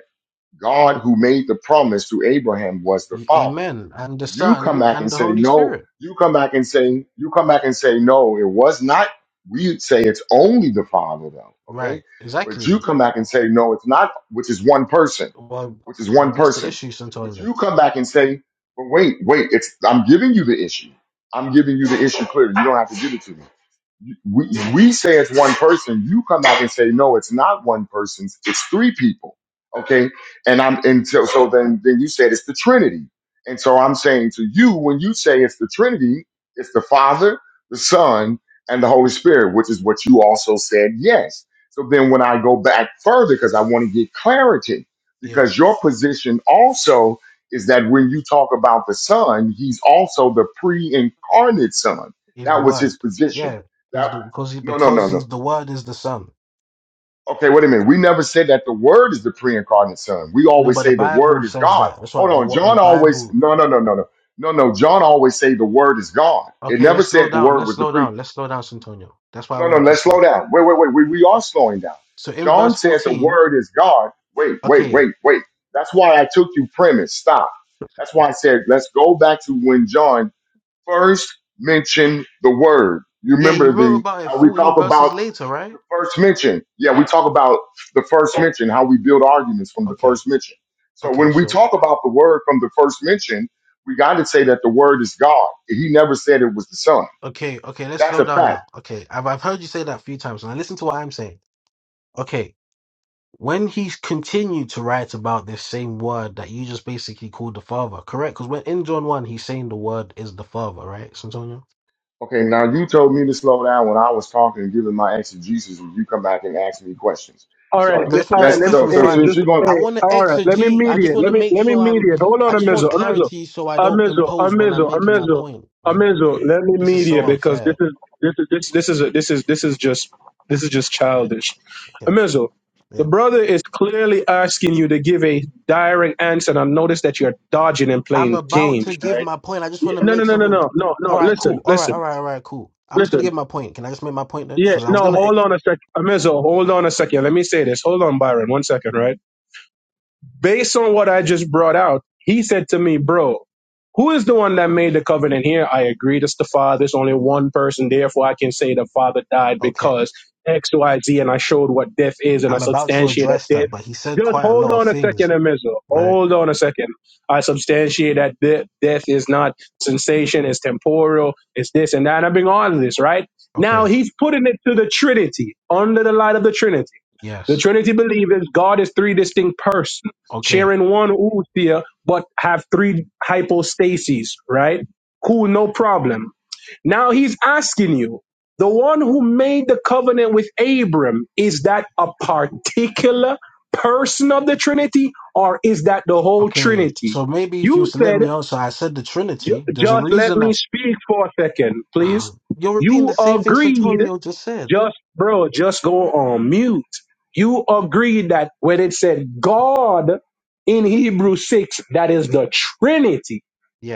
Speaker 6: God who made the promise to Abraham was the
Speaker 8: Y-
Speaker 6: father.
Speaker 8: Amen. And the
Speaker 6: You come
Speaker 8: Son
Speaker 6: back
Speaker 8: and
Speaker 6: and
Speaker 8: the
Speaker 6: say,
Speaker 8: Holy
Speaker 6: no,
Speaker 8: Spirit.
Speaker 6: you come back and say, you come back and say, no, it was not. We'd say it's only the father though.
Speaker 8: Right.
Speaker 6: Okay. But you
Speaker 8: Exactly.
Speaker 6: come back and say, no, it's not, which is one person,
Speaker 8: Well,
Speaker 6: which is one
Speaker 8: but this the
Speaker 6: person.
Speaker 8: issue,
Speaker 6: But
Speaker 8: Santonio.
Speaker 6: you come back and say, but wait, wait, it's, I'm giving you the issue. I'm giving you the issue clearly. You don't have to give it to me we we say it's one person. You come out and say no, it's not one person's. It's three people. Okay, and I'm and so, so then then you said it's the Trinity, and so I'm saying to you when you say it's the Trinity, it's the Father, the Son, and the Holy Spirit, which is what you also said yes. So then when I go back further because I want to get clarity because
Speaker 8: Yes,
Speaker 6: your position also is that when you talk about the Son, he's also the pre-incarnate Son.
Speaker 8: he's the
Speaker 6: That was
Speaker 8: Word.
Speaker 6: his position
Speaker 8: Yeah, he's the because he
Speaker 6: no, no, no,
Speaker 8: because
Speaker 6: no.
Speaker 8: he's the Word is the Son.
Speaker 6: Okay, wait a minute. We never said that the Word is the pre-incarnate Son. We
Speaker 8: No,
Speaker 6: always
Speaker 8: but the
Speaker 6: say the
Speaker 8: Bible
Speaker 6: Word is
Speaker 8: says
Speaker 6: God.
Speaker 8: that. That's why
Speaker 6: Hold
Speaker 8: the
Speaker 6: on.
Speaker 8: what the
Speaker 6: John always.
Speaker 8: Bible.
Speaker 6: No, no, no, no, no, no, no. John always say the Word is God. It
Speaker 8: Okay,
Speaker 6: never
Speaker 8: let's slow
Speaker 6: said the
Speaker 8: down.
Speaker 6: Word
Speaker 8: Let's
Speaker 6: was the
Speaker 8: slow
Speaker 6: pre.
Speaker 8: down. Let's slow down, Santonio. That's why I
Speaker 6: No, no.
Speaker 8: want to
Speaker 6: Let's
Speaker 8: critique.
Speaker 6: slow down. Wait, wait, wait. We we are slowing down.
Speaker 8: So in
Speaker 6: John
Speaker 8: verse
Speaker 6: said the
Speaker 8: 14,
Speaker 6: Word is God. Wait, wait,
Speaker 8: okay,
Speaker 6: wait, wait. That's why I took you premise. Stop. That's why I said let's go back to when John first mentioned the Word. You
Speaker 8: yeah, he
Speaker 6: remember
Speaker 8: wrote
Speaker 6: the
Speaker 8: about it
Speaker 6: uh, we
Speaker 8: 14
Speaker 6: talk about
Speaker 8: verses later, right?
Speaker 6: the first mention. Yeah, we talk about the first mention, how we build arguments from the
Speaker 8: Okay,
Speaker 6: first mention. So
Speaker 8: okay,
Speaker 6: when we
Speaker 8: sure.
Speaker 6: talk about the word from the first mention, we got to say that the word is God. He never said it was the Son.
Speaker 8: Okay, okay, let's
Speaker 6: That's
Speaker 8: slow
Speaker 6: a
Speaker 8: down
Speaker 6: fact.
Speaker 8: now. Okay, I've, I've heard you say that a few times, and I listen to what I'm saying. Okay, when he continued to write about this same word that you just basically called the Father, correct? Because when in John 1, he's saying the word is the Father, right, Santonio?
Speaker 6: Okay, now you told me to slow down when I was talking and giving my exegesis, and you come back and ask me questions.
Speaker 11: All right,
Speaker 8: No,
Speaker 6: So
Speaker 8: I
Speaker 11: le-
Speaker 8: just want
Speaker 11: all
Speaker 8: to know
Speaker 11: right.
Speaker 8: a
Speaker 11: Let
Speaker 6: let's.
Speaker 11: me,
Speaker 6: So
Speaker 8: question
Speaker 6: so
Speaker 8: before
Speaker 11: hey,
Speaker 8: I'm.
Speaker 6: since
Speaker 11: just
Speaker 6: you're going,
Speaker 11: hey.
Speaker 8: I want to
Speaker 11: All right, let me
Speaker 8: exegete. I just
Speaker 11: mediate.
Speaker 8: want
Speaker 11: Let
Speaker 8: to
Speaker 11: me
Speaker 8: make
Speaker 11: let me
Speaker 8: sure I'm.
Speaker 11: mediate. Hold on,
Speaker 8: I just
Speaker 11: Amizo,
Speaker 8: want
Speaker 11: Amizo,
Speaker 8: clarity so I don't
Speaker 11: Amizo,
Speaker 8: impose when I'm
Speaker 11: Amizo,
Speaker 8: making my
Speaker 11: Amizo,
Speaker 8: point, right?
Speaker 11: Amizo. Let me
Speaker 8: This is so
Speaker 11: mediate because this
Speaker 8: unfair.
Speaker 11: is this is this this is a, this is this is just this is just childish.
Speaker 8: Yeah.
Speaker 11: Amizo, the
Speaker 8: Yeah.
Speaker 11: brother is clearly asking you to give a direct answer, and I notice that you're dodging and
Speaker 8: I'm
Speaker 11: playing
Speaker 8: about to
Speaker 11: games,
Speaker 8: give
Speaker 11: right?
Speaker 8: my point. I just
Speaker 11: Yeah,
Speaker 8: want to
Speaker 11: No, no,
Speaker 8: make
Speaker 11: no, no,
Speaker 8: something.
Speaker 11: no, no, no.
Speaker 8: All right,
Speaker 11: Listen,
Speaker 8: cool. All right,
Speaker 11: listen,
Speaker 8: all right, all right, cool. I'm just going to
Speaker 11: listen.
Speaker 8: give my point. Can I just make my point then?
Speaker 11: Yeah,
Speaker 8: Because I was
Speaker 11: no.
Speaker 8: going to.
Speaker 11: Hold on a sec, Amizo. Hold on a second. Let me say this. Hold on, Byron. One second, right? based on what I just brought out, he said to me, Bro, who is the one that made the covenant here? I agree, it's the Father. There's only one person. Therefore, I can say the Father died
Speaker 8: Okay.
Speaker 11: because X, Y, Z, and I showed what death is and I
Speaker 8: I'm about to
Speaker 11: substantiate that
Speaker 8: address
Speaker 11: death.
Speaker 8: that, but he said
Speaker 11: Just
Speaker 8: quite a
Speaker 11: hold
Speaker 8: lot of
Speaker 11: on a second,
Speaker 8: things,
Speaker 11: Amizu.
Speaker 8: right?
Speaker 11: Hold on a second. I substantiate that de- death is not sensation, it's temporal, it's this and that. And I bring all of this, right? Now
Speaker 8: Okay.
Speaker 11: he's putting it to the Trinity, under the light of the Trinity. The
Speaker 8: Yes.
Speaker 11: Trinity believers, God is three distinct persons
Speaker 8: Okay.
Speaker 11: sharing one usia, but have three hypostases, right? Cool, no problem. Now he's asking you, the one who made the covenant with Abram, is that a particular person of the Trinity or is that the whole
Speaker 8: Okay.
Speaker 11: Trinity?
Speaker 8: So maybe if you
Speaker 11: You
Speaker 8: was to let
Speaker 11: said,
Speaker 8: me answer, I said the
Speaker 11: "Ju-
Speaker 8: Trinity. There's a
Speaker 11: just let
Speaker 8: reason
Speaker 11: me
Speaker 8: that.
Speaker 11: speak for a second, please.
Speaker 8: You're repeating
Speaker 11: You
Speaker 8: the same thing
Speaker 11: agreed
Speaker 8: Santonio just said.
Speaker 11: just, bro, just go on mute. You agree that when it said God in Hebrew 6, that is the Trinity.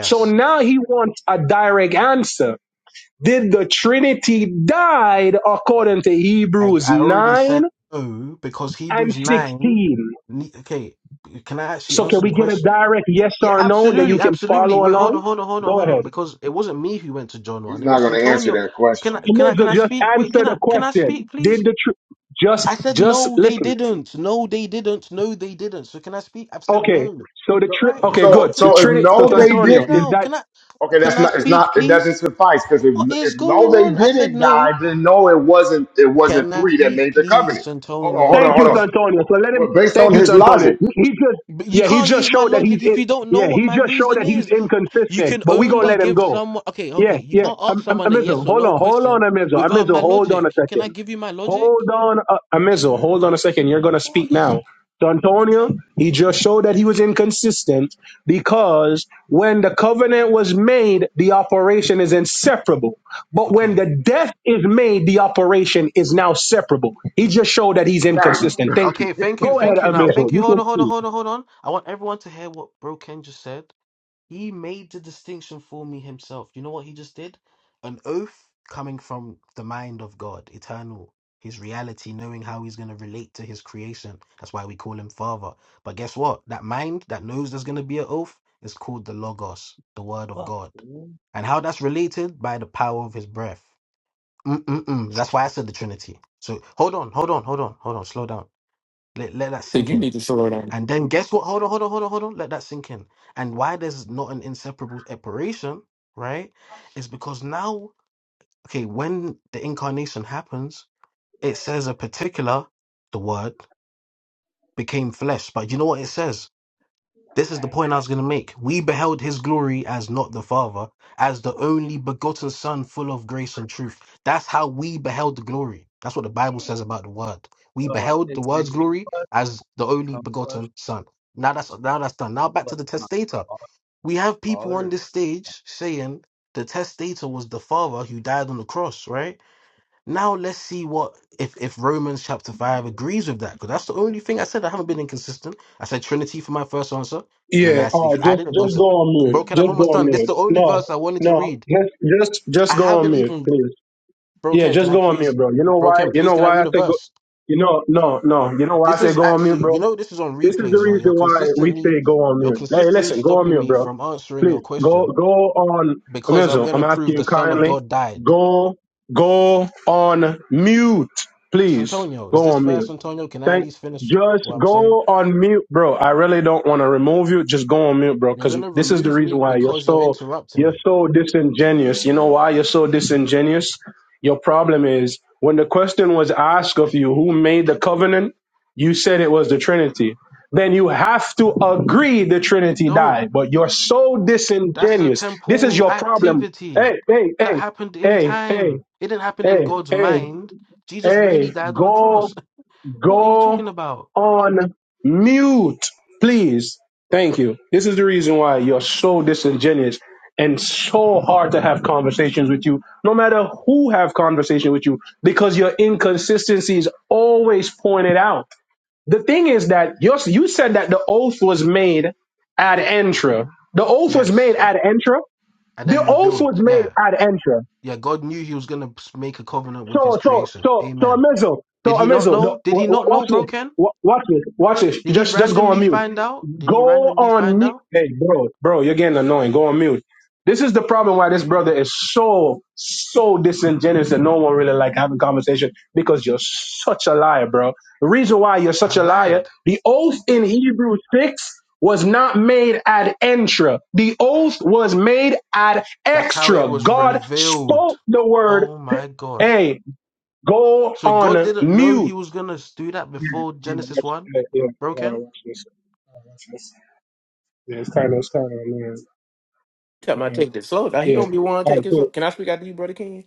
Speaker 11: So now he wants a direct answer. Did the Trinity died according to
Speaker 8: I,
Speaker 11: Hebrews
Speaker 8: I already
Speaker 11: 9
Speaker 8: said no because
Speaker 11: and
Speaker 8: Hebrews 9.
Speaker 11: 16?
Speaker 8: ne- Okay. Can I actually
Speaker 11: So can
Speaker 8: answer the
Speaker 11: we get a
Speaker 8: question?
Speaker 11: direct yes
Speaker 8: Yeah,
Speaker 11: or no that you
Speaker 8: absolutely,
Speaker 11: can
Speaker 8: absolutely.
Speaker 11: follow
Speaker 8: Wait, hold
Speaker 11: along?
Speaker 8: on, hold on, hold on,
Speaker 11: Go
Speaker 8: hold on,
Speaker 11: ahead.
Speaker 8: because it wasn't me who went to John
Speaker 6: he's
Speaker 8: one. It
Speaker 6: not
Speaker 8: was
Speaker 6: going to answer
Speaker 8: Santonio.
Speaker 6: that
Speaker 8: Can I,
Speaker 6: question.
Speaker 11: You
Speaker 8: can
Speaker 11: may
Speaker 8: I,
Speaker 11: as well
Speaker 8: can I
Speaker 11: just
Speaker 8: speak? Wait,
Speaker 11: answer
Speaker 8: can I,
Speaker 11: the
Speaker 8: can I speak,
Speaker 11: question. Did
Speaker 8: please?
Speaker 11: the tr- just
Speaker 8: I said
Speaker 11: just
Speaker 8: no, they
Speaker 11: listen?
Speaker 8: didn't. No, they didn't. No, they didn't. So can I speak? I've said
Speaker 11: Okay,
Speaker 8: no,
Speaker 11: so the
Speaker 6: So
Speaker 11: tri-
Speaker 8: right?
Speaker 11: okay,
Speaker 8: So
Speaker 6: so
Speaker 11: good.
Speaker 8: can
Speaker 11: The
Speaker 8: I?
Speaker 6: so if
Speaker 11: Trinity.
Speaker 8: So
Speaker 11: So
Speaker 6: no,
Speaker 8: can I
Speaker 6: they
Speaker 11: Santonio
Speaker 8: speak
Speaker 11: is
Speaker 6: didn't.
Speaker 8: now?
Speaker 11: that.
Speaker 8: Can I?
Speaker 6: Okay, that's
Speaker 8: Can I
Speaker 6: not. It's
Speaker 8: speak,
Speaker 6: not. It doesn't
Speaker 8: please?
Speaker 6: suffice because if,
Speaker 8: What
Speaker 6: if
Speaker 8: is
Speaker 6: no,
Speaker 8: going
Speaker 6: they
Speaker 8: on? I said
Speaker 6: didn't die.
Speaker 8: no.
Speaker 6: Then no, it wasn't. It wasn't
Speaker 8: Can I
Speaker 6: three that
Speaker 8: speak,
Speaker 6: made the
Speaker 8: please,
Speaker 6: covenant. Hold on, hold on,
Speaker 8: Santonio?
Speaker 11: Thank
Speaker 6: hold
Speaker 11: you,
Speaker 6: on.
Speaker 8: Because
Speaker 11: Santonio.
Speaker 6: Well,
Speaker 11: So let him.
Speaker 6: well, based on
Speaker 11: Thank you,
Speaker 6: his
Speaker 11: Santonio.
Speaker 6: logic,
Speaker 11: He he just
Speaker 8: you
Speaker 11: yeah, he
Speaker 8: can't use
Speaker 11: just
Speaker 8: my
Speaker 11: showed that he's
Speaker 8: logic if
Speaker 11: in.
Speaker 8: you don't know
Speaker 11: Yeah,
Speaker 8: what
Speaker 11: he
Speaker 8: my
Speaker 11: just showed
Speaker 8: reason
Speaker 11: that he's
Speaker 8: is. You
Speaker 11: inconsistent.
Speaker 8: can
Speaker 11: But we gonna
Speaker 6: right?
Speaker 8: only
Speaker 11: let him
Speaker 8: give
Speaker 11: go.
Speaker 8: someone okay, okay.
Speaker 11: Yeah,
Speaker 8: You
Speaker 11: yeah.
Speaker 8: can't ask
Speaker 11: Am- Am-
Speaker 8: someone a
Speaker 11: Amizo,
Speaker 8: yes or
Speaker 11: hold
Speaker 8: no
Speaker 11: on, hold on,
Speaker 8: question
Speaker 11: Amizo.
Speaker 8: without
Speaker 11: Amizo,
Speaker 8: my
Speaker 11: hold on a
Speaker 8: logic. Can
Speaker 11: second.
Speaker 8: I give you my logic?
Speaker 11: Hold on, uh, Amizel. Hold on a second. You're going to speak
Speaker 8: What is
Speaker 11: now. To Antonio, he just showed that he was inconsistent because when the covenant was made, the operation is inseparable. But when the
Speaker 8: okay?
Speaker 11: death is made, the operation is now separable. He just showed that he's
Speaker 6: right.
Speaker 11: inconsistent. Thank you.
Speaker 8: Okay, thank you,
Speaker 11: Go ahead,
Speaker 8: thank you. Now,
Speaker 11: Amizel.
Speaker 8: thank you.
Speaker 11: You
Speaker 8: Hold
Speaker 11: can
Speaker 8: on, hold on,
Speaker 11: speak.
Speaker 8: hold on, hold on. I want everyone to hear what Bro Ken just said. He made the distinction for me himself. You know what he just did? An oath coming from the mind of God, eternal, his reality, knowing how he's going to relate to his creation. That's why we call him Father. But guess what? That mind that knows there's going to be an oath is called the Logos, the Word of
Speaker 14: Fuck,
Speaker 8: God.
Speaker 14: man.
Speaker 8: And how that's related? By the power of his breath. Mm-mm-mm. That's why I said the Trinity. So hold on, hold on, hold on, hold on, slow down. Let, let that
Speaker 9: Think
Speaker 8: sink
Speaker 9: you
Speaker 8: in.
Speaker 9: need to slow down.
Speaker 8: And then guess what? Hold on, hold on, hold on, hold on. Let that sink in. And why there's not an inseparable separation, right? Is because now, okay, when the incarnation happens, it says a particular, the word, became flesh. But you know what it says? This is the point I was going to make. We beheld his glory as not the Father, as the only begotten Son, full of grace and truth. That's how we beheld the glory. That's what the Bible says about the Word. We
Speaker 5: Uh,
Speaker 8: beheld the
Speaker 5: it's made
Speaker 8: Word's glory
Speaker 5: flesh,
Speaker 8: as the only
Speaker 5: come flesh,
Speaker 8: begotten Son. Now that's now that's done. Now back
Speaker 5: flesh,
Speaker 8: to the
Speaker 5: not
Speaker 8: testator.
Speaker 5: God,
Speaker 8: We have people
Speaker 5: Father.
Speaker 8: on this
Speaker 5: It's
Speaker 8: stage saying the testator was the Father who died on the cross, right? Now let's see what if if Romans chapter five agrees with that because that's the only thing I said. I haven't been inconsistent. I said Trinity for my first answer, and then I
Speaker 11: Yeah.
Speaker 8: s-
Speaker 11: All right.
Speaker 8: he- I
Speaker 11: Just
Speaker 8: didn't go
Speaker 11: just go
Speaker 8: to
Speaker 11: on
Speaker 8: bro.
Speaker 11: mute.
Speaker 8: Ken, I'm
Speaker 11: Just go
Speaker 8: almost
Speaker 11: on
Speaker 8: done. This is
Speaker 11: mute.
Speaker 8: the only
Speaker 11: No.
Speaker 8: verse I wanted to
Speaker 11: No.
Speaker 8: read.
Speaker 11: Just just
Speaker 8: I
Speaker 11: just go on
Speaker 8: haven't
Speaker 11: mute,
Speaker 8: even
Speaker 11: please.
Speaker 8: bro.
Speaker 11: Yeah,
Speaker 8: Ken, can
Speaker 11: just
Speaker 8: I
Speaker 11: go on mute,
Speaker 8: please
Speaker 11: bro. You know
Speaker 8: bro?
Speaker 11: why?
Speaker 8: Ken,
Speaker 11: You
Speaker 8: please
Speaker 11: know
Speaker 8: can I
Speaker 11: why I
Speaker 8: read a
Speaker 11: say go?
Speaker 8: verse?
Speaker 11: You know, no, no. You know why I
Speaker 8: This
Speaker 11: say
Speaker 8: is
Speaker 11: go on mute,
Speaker 8: actually
Speaker 11: bro?
Speaker 8: you know this is on
Speaker 11: This is the
Speaker 8: replays. Yo,
Speaker 11: reason
Speaker 8: you're
Speaker 11: why we
Speaker 8: consistently
Speaker 11: say go on
Speaker 8: you're
Speaker 11: mute. Hey,
Speaker 8: consistently
Speaker 11: listen, go on
Speaker 8: stopping
Speaker 11: mute,
Speaker 8: me
Speaker 11: bro.
Speaker 8: from answering
Speaker 11: Please
Speaker 8: your
Speaker 11: go,
Speaker 8: question
Speaker 11: go on.
Speaker 8: because I'm
Speaker 11: Amizo, I'm
Speaker 8: gonna
Speaker 11: asking
Speaker 8: prove
Speaker 11: you
Speaker 8: the Son of
Speaker 11: kindly.
Speaker 8: God died.
Speaker 11: Go, go on mute, please.
Speaker 8: Santonio, is
Speaker 11: Go
Speaker 8: this
Speaker 11: on
Speaker 8: fair?
Speaker 11: mute.
Speaker 8: Antonio? Can I at
Speaker 11: Thank.
Speaker 8: least finish
Speaker 11: Just
Speaker 8: what I'm saying?
Speaker 11: go on mute, bro. I really don't want to remove you. Just go on mute, bro.
Speaker 8: You're
Speaker 11: Because
Speaker 8: gonna
Speaker 11: this is the
Speaker 8: remove
Speaker 11: reason
Speaker 8: me
Speaker 11: why you're
Speaker 8: because you're
Speaker 11: so
Speaker 8: interrupting
Speaker 11: you're
Speaker 8: me.
Speaker 11: so disingenuous. You know why you're so disingenuous? Your problem is when the question was asked of you, who made the covenant? You said it was the Trinity. Then you have to agree the Trinity
Speaker 8: Don't.
Speaker 11: died. But you're so
Speaker 8: That's a
Speaker 11: disingenuous. This is
Speaker 8: temporal
Speaker 11: your problem.
Speaker 8: activity
Speaker 11: Hey, hey,
Speaker 8: that
Speaker 11: hey,
Speaker 8: happened in
Speaker 11: hey, hey,
Speaker 8: time. It didn't happen in
Speaker 11: hey,
Speaker 8: God's
Speaker 11: hey,
Speaker 8: mind. Jesus really
Speaker 11: hey.
Speaker 8: died on the
Speaker 11: Go
Speaker 8: cross. What are you
Speaker 11: Go
Speaker 8: talking about?
Speaker 11: on mute, please. Thank you. This is the reason why you're so disingenuous and so hard to have conversations with you, no matter who have conversation with you, because your inconsistency is always pointed out. The thing is that you you said that the oath was made ad intra. The oath was made
Speaker 8: Yes.
Speaker 11: ad intra.
Speaker 8: And
Speaker 11: The
Speaker 8: then
Speaker 11: oath
Speaker 8: revealed.
Speaker 11: was made
Speaker 8: Yeah.
Speaker 11: ad intra.
Speaker 8: Yeah, God knew he was gonna s- make a covenant with his
Speaker 11: So, so,
Speaker 8: creation.
Speaker 11: so, so,
Speaker 8: Amen.
Speaker 11: Amazo,
Speaker 8: Did
Speaker 11: so,
Speaker 8: he not
Speaker 11: Amazo, no,
Speaker 8: know? Did
Speaker 11: wa-
Speaker 8: he
Speaker 11: wa-
Speaker 8: not
Speaker 11: watch
Speaker 8: know, bro
Speaker 11: this,
Speaker 8: Ken?
Speaker 11: Wa- watch this, watch this.
Speaker 8: Did he
Speaker 11: Just, just go on
Speaker 8: randomly
Speaker 11: mute.
Speaker 8: find out? Did he
Speaker 11: Go
Speaker 8: randomly
Speaker 11: on
Speaker 8: find
Speaker 11: mute.
Speaker 8: out?
Speaker 11: Hey, bro, bro, you're getting annoying. Go on mute. This is the problem why this brother is so, so disingenuous that no one really like having conversation because you're such a liar, bro. The reason why you're
Speaker 8: I
Speaker 11: such a liar,
Speaker 8: lied.
Speaker 11: the oath in Hebrew 6 was not made ad intra. The oath was made ad
Speaker 8: That's how it
Speaker 11: extra.
Speaker 8: was
Speaker 11: God
Speaker 8: revealed.
Speaker 11: spoke the word.
Speaker 8: Oh my God.
Speaker 11: Hey. Go
Speaker 8: So God
Speaker 11: on
Speaker 8: didn't know He
Speaker 11: mute.
Speaker 8: was gonna do that before
Speaker 11: Yeah,
Speaker 8: Genesis
Speaker 11: watch,
Speaker 8: one
Speaker 11: yeah, yeah,
Speaker 8: broke
Speaker 11: uh,
Speaker 8: in.
Speaker 11: watch this. Uh, watch this. Yeah, it's kind of, it's kind of
Speaker 9: Tell my
Speaker 11: annoying. Uh,
Speaker 9: take this slow down. He gonna be one
Speaker 11: yeah.
Speaker 9: take it slow. Can I speak out to you, brother King?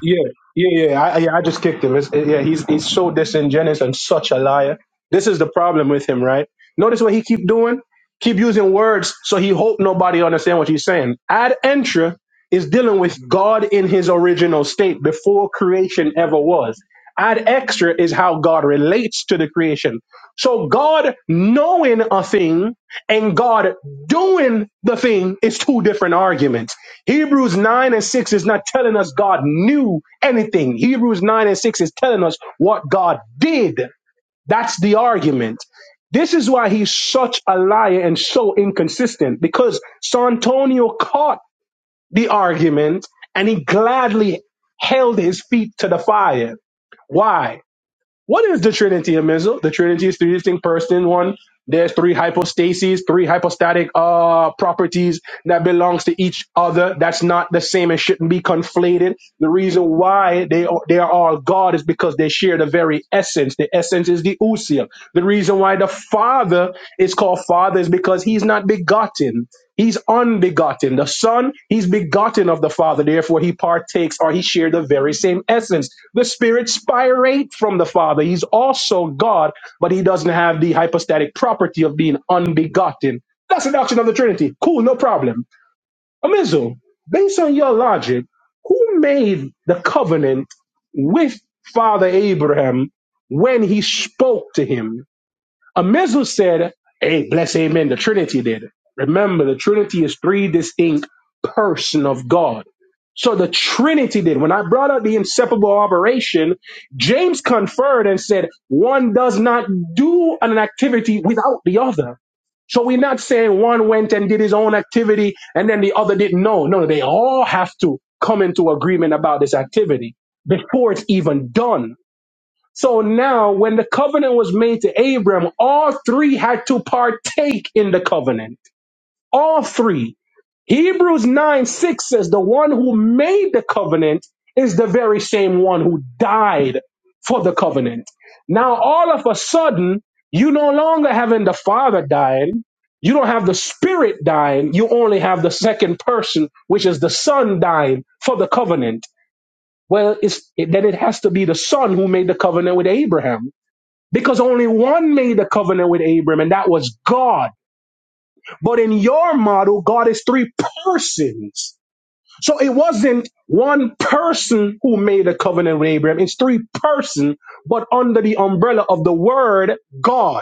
Speaker 11: Yeah, yeah, yeah. I, yeah, I just kicked him. It's, yeah, he's he's so disingenuous and such a liar. This is the problem with him, right? Notice what he keep doing. Keep using words so he hope nobody understand what he's saying. Ad intra is dealing with God in His original state before creation ever was. Ad extra is how God relates to the creation. So God knowing a thing and God doing the thing is two different arguments. Hebrews 9 and 6 is not telling us God knew anything. Hebrews 9 and 6 is telling us what God did. That's the argument. This is why he's such a liar and so inconsistent because Santonio caught the argument and he gladly held his feet to the fire. Why? What is the Trinity of Mizzle? The Trinity is three distinct persons. One, there's three hypostases, three hypostatic uh properties that belongs to each other. That's not the same and shouldn't be conflated. The reason why they are, they are all God is because they share the very essence. The essence is the ousia. The reason why the Father is called Father is because he's not begotten. He's unbegotten. The Son, he's begotten of the Father. Therefore, he partakes or he shared the very same essence. The Spirit spirate from the Father. He's also God, but he doesn't have the hypostatic property of being unbegotten. That's the doctrine of the Trinity. Cool, no problem. Amizu, based on your logic, who made the covenant with Father Abraham when he spoke to him? A missile said, hey, bless amen, the Trinity did. Remember, the Trinity is three distinct person of God. So the Trinity did. When I brought up the inseparable operation, James conferred and said, one does not do an activity without the other. So we're not saying one went and did his own activity and then the other didn't know. No, they all have to come into agreement about this activity before it's even done. So now, when the covenant was made to Abram, all three had to partake in the covenant. All three. Hebrews 9 6 says, The one who made the covenant is the very same one who died for the covenant. Now, all of a sudden, you no longer having the father dying. You don't have the spirit dying. You only have the second person, which is the son dying for the covenant. Well, it's, it, then it has to be the son who made the covenant with Abraham because only one made a covenant with Abram, and that was God. But in your model, God is three persons. So it wasn't one person who made a covenant with Abram. It's three persons, but under the umbrella of the word God.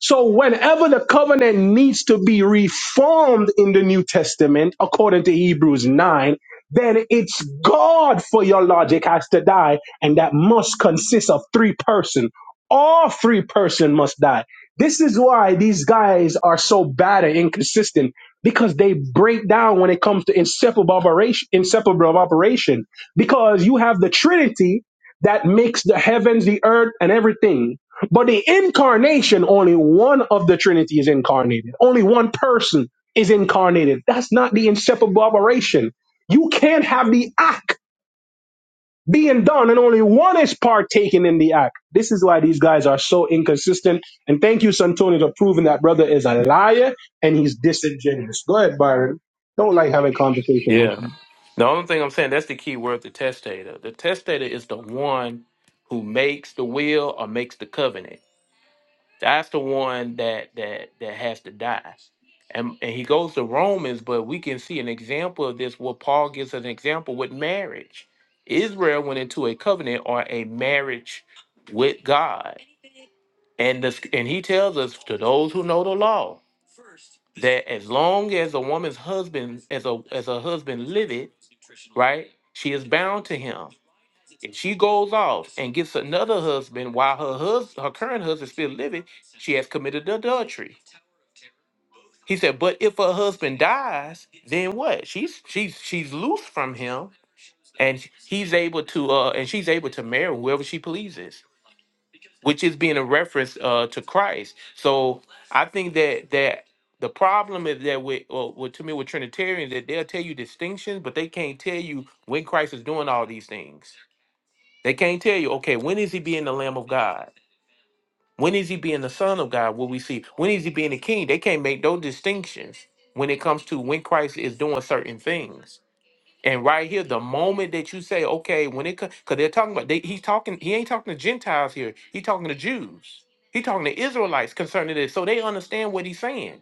Speaker 11: So, whenever the covenant needs to be reformed in the New Testament, according to Hebrews 9, then it's God for your logic has to die, and that must consist of three person. All three person must die. This is why these guys are so bad and inconsistent because they break down when it comes to inseparable operation. Inseparable operation, because you have the Trinity that makes the heavens, the earth, and everything but the incarnation, only one of the Trinity is incarnated. Only one person is incarnated. That's not the inseparable operation. You can't have the act being done and only one is partaking in the act. This is why these guys are so inconsistent. And thank you, Santonio, for proving that brother is a liar and he's disingenuous. Go ahead, Byron. Don't like having conversation with me.
Speaker 9: Yeah. The only thing I'm saying, that's the key word, the testator. The testator is the one who makes the will or makes the covenant. That's the one that that that has to die. And and he goes to Romans, but we can see an example of this where Paul gives an example with marriage. Israel went into a covenant or a marriage with God. And this and he tells us to those who know the law that as long as a woman's husband as a as a husband liveth, right, she is bound to him. If she goes off and gets another husband while her hus- her current husband still living, she has committed adultery. He said, but if her husband dies, then what? She's she's she's loose from him, and he's able to uh and she's able to marry whoever she pleases which is being a reference uh, to Christ. So I think that that the problem is that with, well, with to me with Trinitarians that they'll tell you distinctions, but they can't tell you when Christ is doing all these things. They can't tell you, okay, when is he being the Lamb of God? When is he being the Son of God? What we see? When is he being the King? They can't make those distinctions when it comes to when Christ is doing certain things. And right here, the moment that you say, okay, when it comes, because they're talking about, they, he's talking, he ain't talking to Gentiles here. He's talking to Jews. He's talking to Israelites concerning this, so they understand what he's saying.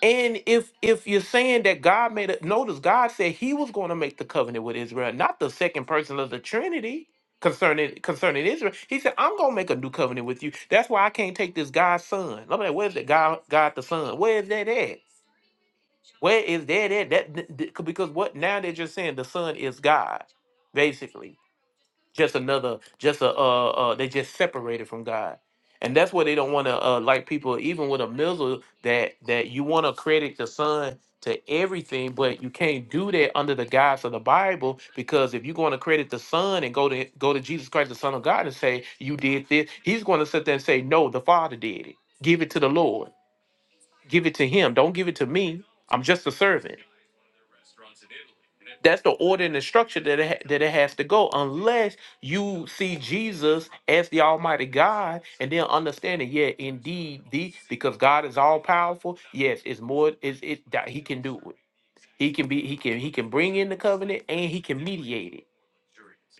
Speaker 9: And if if you're saying that God made a notice, God said He was going to make the covenant with Israel, not the second person of the Trinity concerning concerning Israel. He said, I'm gonna make a new covenant with you. That's why I can't take this God's son. I'm like, where's that God God the Son? Where is that at? Where is that at? That th- th- because what now they're just saying the Son is God, basically just another just a uh, uh they just separated from god and that's why they don't want to uh like people even with a missile that that you want to credit the son to everything but you can't do that under the guise of the bible because if you're going to credit the son and go to go to jesus christ the son of god and say you did this he's going to sit there and say no the father did it give it to the lord give it to him don't give it to me i'm just a servant that's the order and the structure that it ha- that it has to go, unless you see Jesus as the Almighty God, and then understanding, yeah, indeed, the because God is all powerful. Yes, it's more. Is it that He can do it? He can be. He can. He can bring in the covenant, and He can mediate it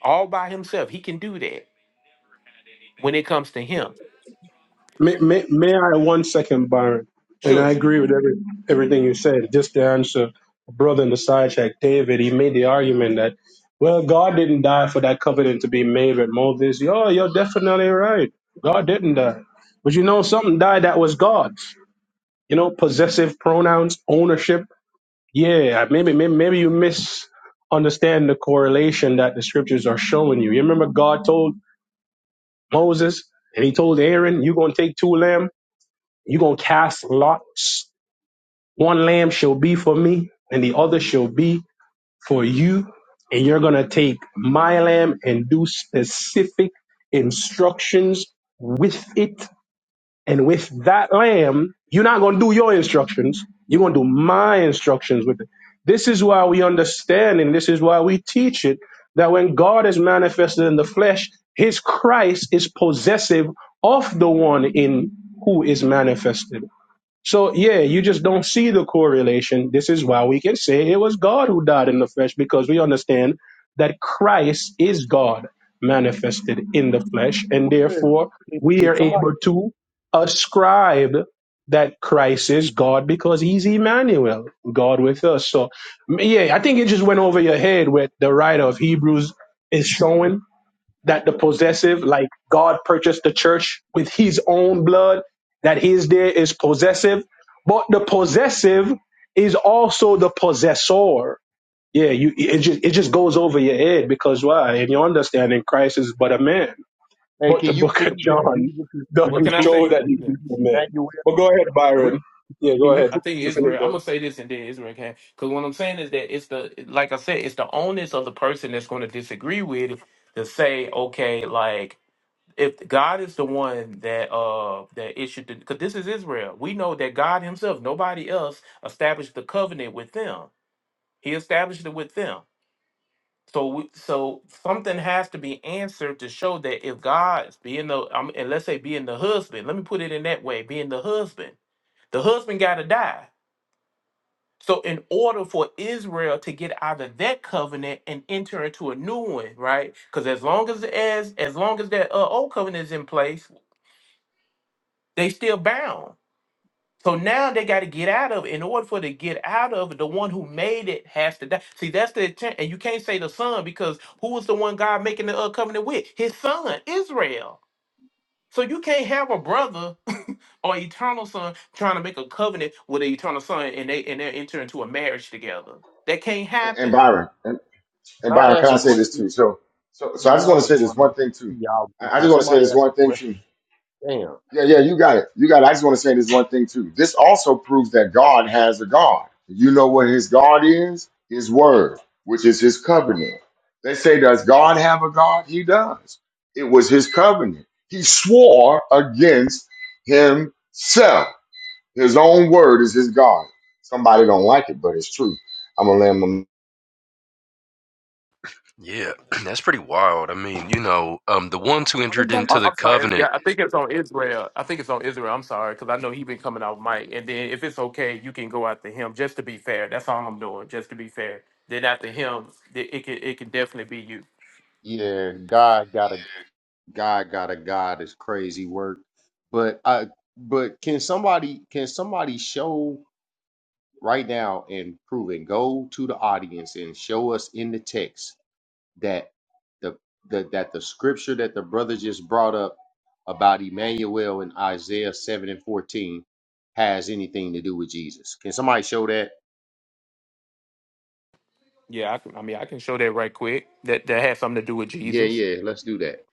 Speaker 9: all by Himself. He can do that when it comes to Him.
Speaker 11: May, may, may I one second, Byron? And
Speaker 9: Sure.
Speaker 11: I agree with every, everything you said. Just to answer a brother in the side check, David, he made the argument that, well, God didn't die for that covenant to be made with Moses. Yo, you're definitely right. God didn't die. But you know, something died that was God's. You know, possessive pronouns, ownership. Yeah, maybe maybe, maybe you misunderstand the correlation that the scriptures are showing you. You remember God told Moses and he told Aaron, you're going to take two lambs you're going to cast lots. One lamb shall be for me, and the other shall be for you. And you're going to take my lamb and do specific instructions with it. And with that lamb, you're not going to do your instructions. You're going to do my instructions with it. This is why we understand and this is why we teach it that when God is manifested in the flesh, his Christ is possessive of the one in who is manifested. So yeah, you just don't see the correlation. This is why we can say it was God who died in the flesh because we understand that Christ is God manifested in the flesh, and
Speaker 14: Where is
Speaker 11: therefore
Speaker 14: if,
Speaker 11: we
Speaker 14: if
Speaker 11: are
Speaker 14: somebody?
Speaker 11: able to ascribe that Christ is God because He's Emmanuel, God with us. So yeah, I think it just went over your head what the writer of Hebrews is showing that the possessive, like God purchased the church with his own blood, that his there is possessive. But the possessive is also the possessor. Yeah, you it just it just goes over your head because why? In your understanding, Christ is but a man.
Speaker 14: Hey,
Speaker 11: But
Speaker 14: can
Speaker 11: the
Speaker 14: you
Speaker 11: book of
Speaker 14: prove that
Speaker 11: John
Speaker 14: Jesus? Is, can
Speaker 9: What
Speaker 14: you
Speaker 11: doesn't
Speaker 9: can I
Speaker 14: prove
Speaker 11: show
Speaker 14: that
Speaker 11: that he's
Speaker 14: Jesus
Speaker 9: say?
Speaker 14: is
Speaker 11: a man.
Speaker 14: Emmanuel?
Speaker 11: But go ahead,
Speaker 14: Where,
Speaker 11: Byron. Yeah,
Speaker 14: can
Speaker 11: go
Speaker 14: you
Speaker 11: ahead.
Speaker 9: I
Speaker 14: prove
Speaker 9: think
Speaker 11: You
Speaker 14: that
Speaker 11: finish
Speaker 14: Jesus?
Speaker 9: Israel. I'm gonna say this, and then Israel can. Because what I'm saying is that it's the like I said, it's the onus of the person that's going to disagree with it to say, okay, like if God is the one that uh that issued the because this is Israel. We know that God Himself, nobody else, established the covenant with them. He established it with them. So we, so something has to be answered to show that if God's being the um, and let's say being the husband, let me put it in that way, being the husband, the husband got to die so, in order for Israel to get out of that covenant and enter into a new one, right? Because as long as as as long as that uh, old covenant is in place, they still bound. So now they got to get out of it. In order for to get out of it, the one who made it has to die. See, that's the intent, and you can't say the son because who was the one God making the uh, covenant with? His son, Israel. So you can't have a brother or eternal son trying to make a covenant with an eternal son, and they and they enter into a marriage together. That can't
Speaker 6: And, and
Speaker 9: happen.
Speaker 6: Byron, and,
Speaker 14: Can
Speaker 6: and Byron,
Speaker 14: I
Speaker 6: can
Speaker 14: ask
Speaker 6: I
Speaker 14: a
Speaker 6: say this
Speaker 14: question?
Speaker 6: too? So, so, so I
Speaker 14: Man,
Speaker 6: just want
Speaker 14: y'all
Speaker 6: to
Speaker 14: is
Speaker 6: say this
Speaker 14: going on
Speaker 6: one
Speaker 14: with this
Speaker 6: thing too.
Speaker 14: theology.
Speaker 6: I I
Speaker 14: Can
Speaker 6: just want to say
Speaker 14: somebody
Speaker 6: this
Speaker 14: ask
Speaker 6: one
Speaker 14: a
Speaker 6: thing too.
Speaker 14: question? Damn.
Speaker 6: Yeah, yeah, you got it. You got it. I just want to say this one thing too. This also proves that God has a God. You know what his God is? His word, which is his covenant. They say, Does God have a God? He does. It was his covenant. He swore against himself. His own word is his God. Somebody don't like it, but it's true. I'm gonna land my
Speaker 3: Yeah, that's pretty wild. I mean, you know, um, the ones who entered into
Speaker 9: I-
Speaker 3: the
Speaker 9: I'm sorry.
Speaker 3: covenant.
Speaker 9: Yeah, I think it's on Israel. I think it's on Israel. I'm sorry because I know he been coming out Mike. And then if it's okay, you can go after him. Just to be fair, that's all I'm doing. Just to be fair. Then after him, th- it can it can definitely be you.
Speaker 14: Yeah, God got a God got a God is crazy work. But I but can somebody can somebody show right now and prove it? Go to the audience and show us in the text that the, the that the scripture that the brother just brought up about Emmanuel in Isaiah 7 and 14 has anything to do with Jesus. Can somebody show that?
Speaker 9: Yeah, I, can, I mean I can show that right quick. That that has something to do with
Speaker 14: Yeah,
Speaker 9: Jesus.
Speaker 14: yeah, let's do that.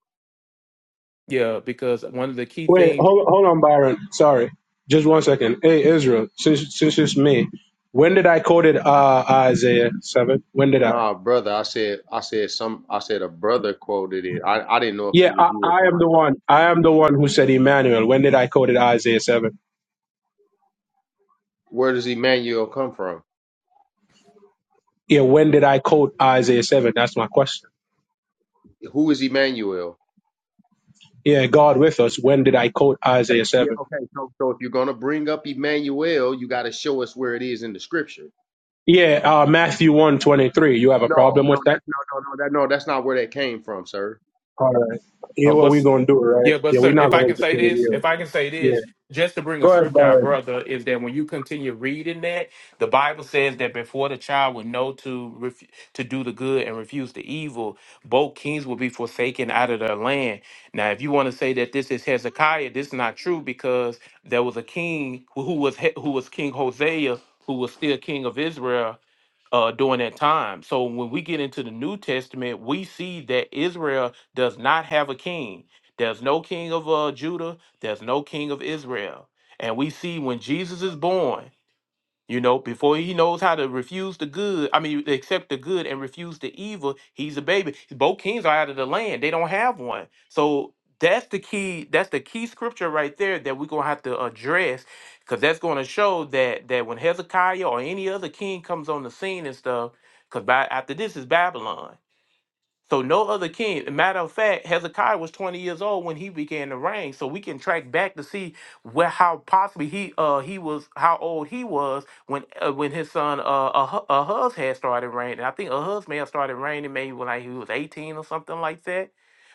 Speaker 9: Yeah, because one of the key
Speaker 11: Wait,
Speaker 9: things
Speaker 11: hold, hold on, Byron. Sorry, just one second. Hey, Israel, since since it's me, when did I quote it? Uh, Isaiah seven. When did I?
Speaker 14: Nah, brother, I said I said some I said a brother quoted it. I, I didn't know if
Speaker 11: Yeah,
Speaker 14: it was
Speaker 11: I,
Speaker 14: you or
Speaker 11: I am
Speaker 14: somebody.
Speaker 11: the one. I am the one who said Emmanuel. When did I quote it? Isaiah seven.
Speaker 14: Where does Emmanuel come from?
Speaker 11: Yeah, when did I quote Isaiah seven? That's my question.
Speaker 14: Who is Emmanuel?
Speaker 11: Yeah, God with us. When did I quote
Speaker 14: Okay,
Speaker 11: Isaiah
Speaker 14: yeah,
Speaker 11: seven?
Speaker 14: okay. So so if you're gonna bring up Emmanuel, you gotta show us where it is in the scripture.
Speaker 11: Yeah, uh, Matthew one twenty three. You have a
Speaker 14: No,
Speaker 11: problem
Speaker 14: no,
Speaker 11: with that?
Speaker 14: that's no no no that no, that's not where that came from, sir.
Speaker 11: All right. Yeah,
Speaker 9: Oh,
Speaker 11: what we
Speaker 9: but
Speaker 11: gonna do, right?
Speaker 9: yeah, but
Speaker 11: Yeah, we're
Speaker 9: sir,
Speaker 11: not
Speaker 9: if I
Speaker 11: gonna
Speaker 9: can say
Speaker 11: entertain
Speaker 9: this,
Speaker 11: you.
Speaker 9: if I can say
Speaker 11: Yeah.
Speaker 9: this, just to bring a
Speaker 11: Go ahead,
Speaker 9: scripture, our
Speaker 11: Byron.
Speaker 9: brother, is that when you continue reading that, the Bible says that before the child would know to ref- to do the good and refuse the evil, both kings will be forsaken out of their land. Now, if you want to say that this is Hezekiah, this is not true because there was a king who who was he- who was King Hosea, who was still king of Israel, uh, during that time. So when we get into the New Testament, we see that Israel does not have a king. There's no king of uh, Judah. There's no king of Israel. And we see when Jesus is born, you know, before he knows how to refuse the good, I mean, accept the good and refuse the evil, he's a baby. Both kings are out of the land; they don't have one. So that's the key. That's the key scripture right there that we're gonna have to address, because that's going to show that that when Hezekiah or any other king comes on the scene and stuff, because after this is Babylon. So no other king. Matter of fact, Hezekiah was 20 years old when he began to reign. So we can track back to see where how possibly he uh he was how old he was when uh, when his son uh Ah- Ahaz had started reigning. I think Ahaz may have started reigning maybe when like he was 18 or something like that.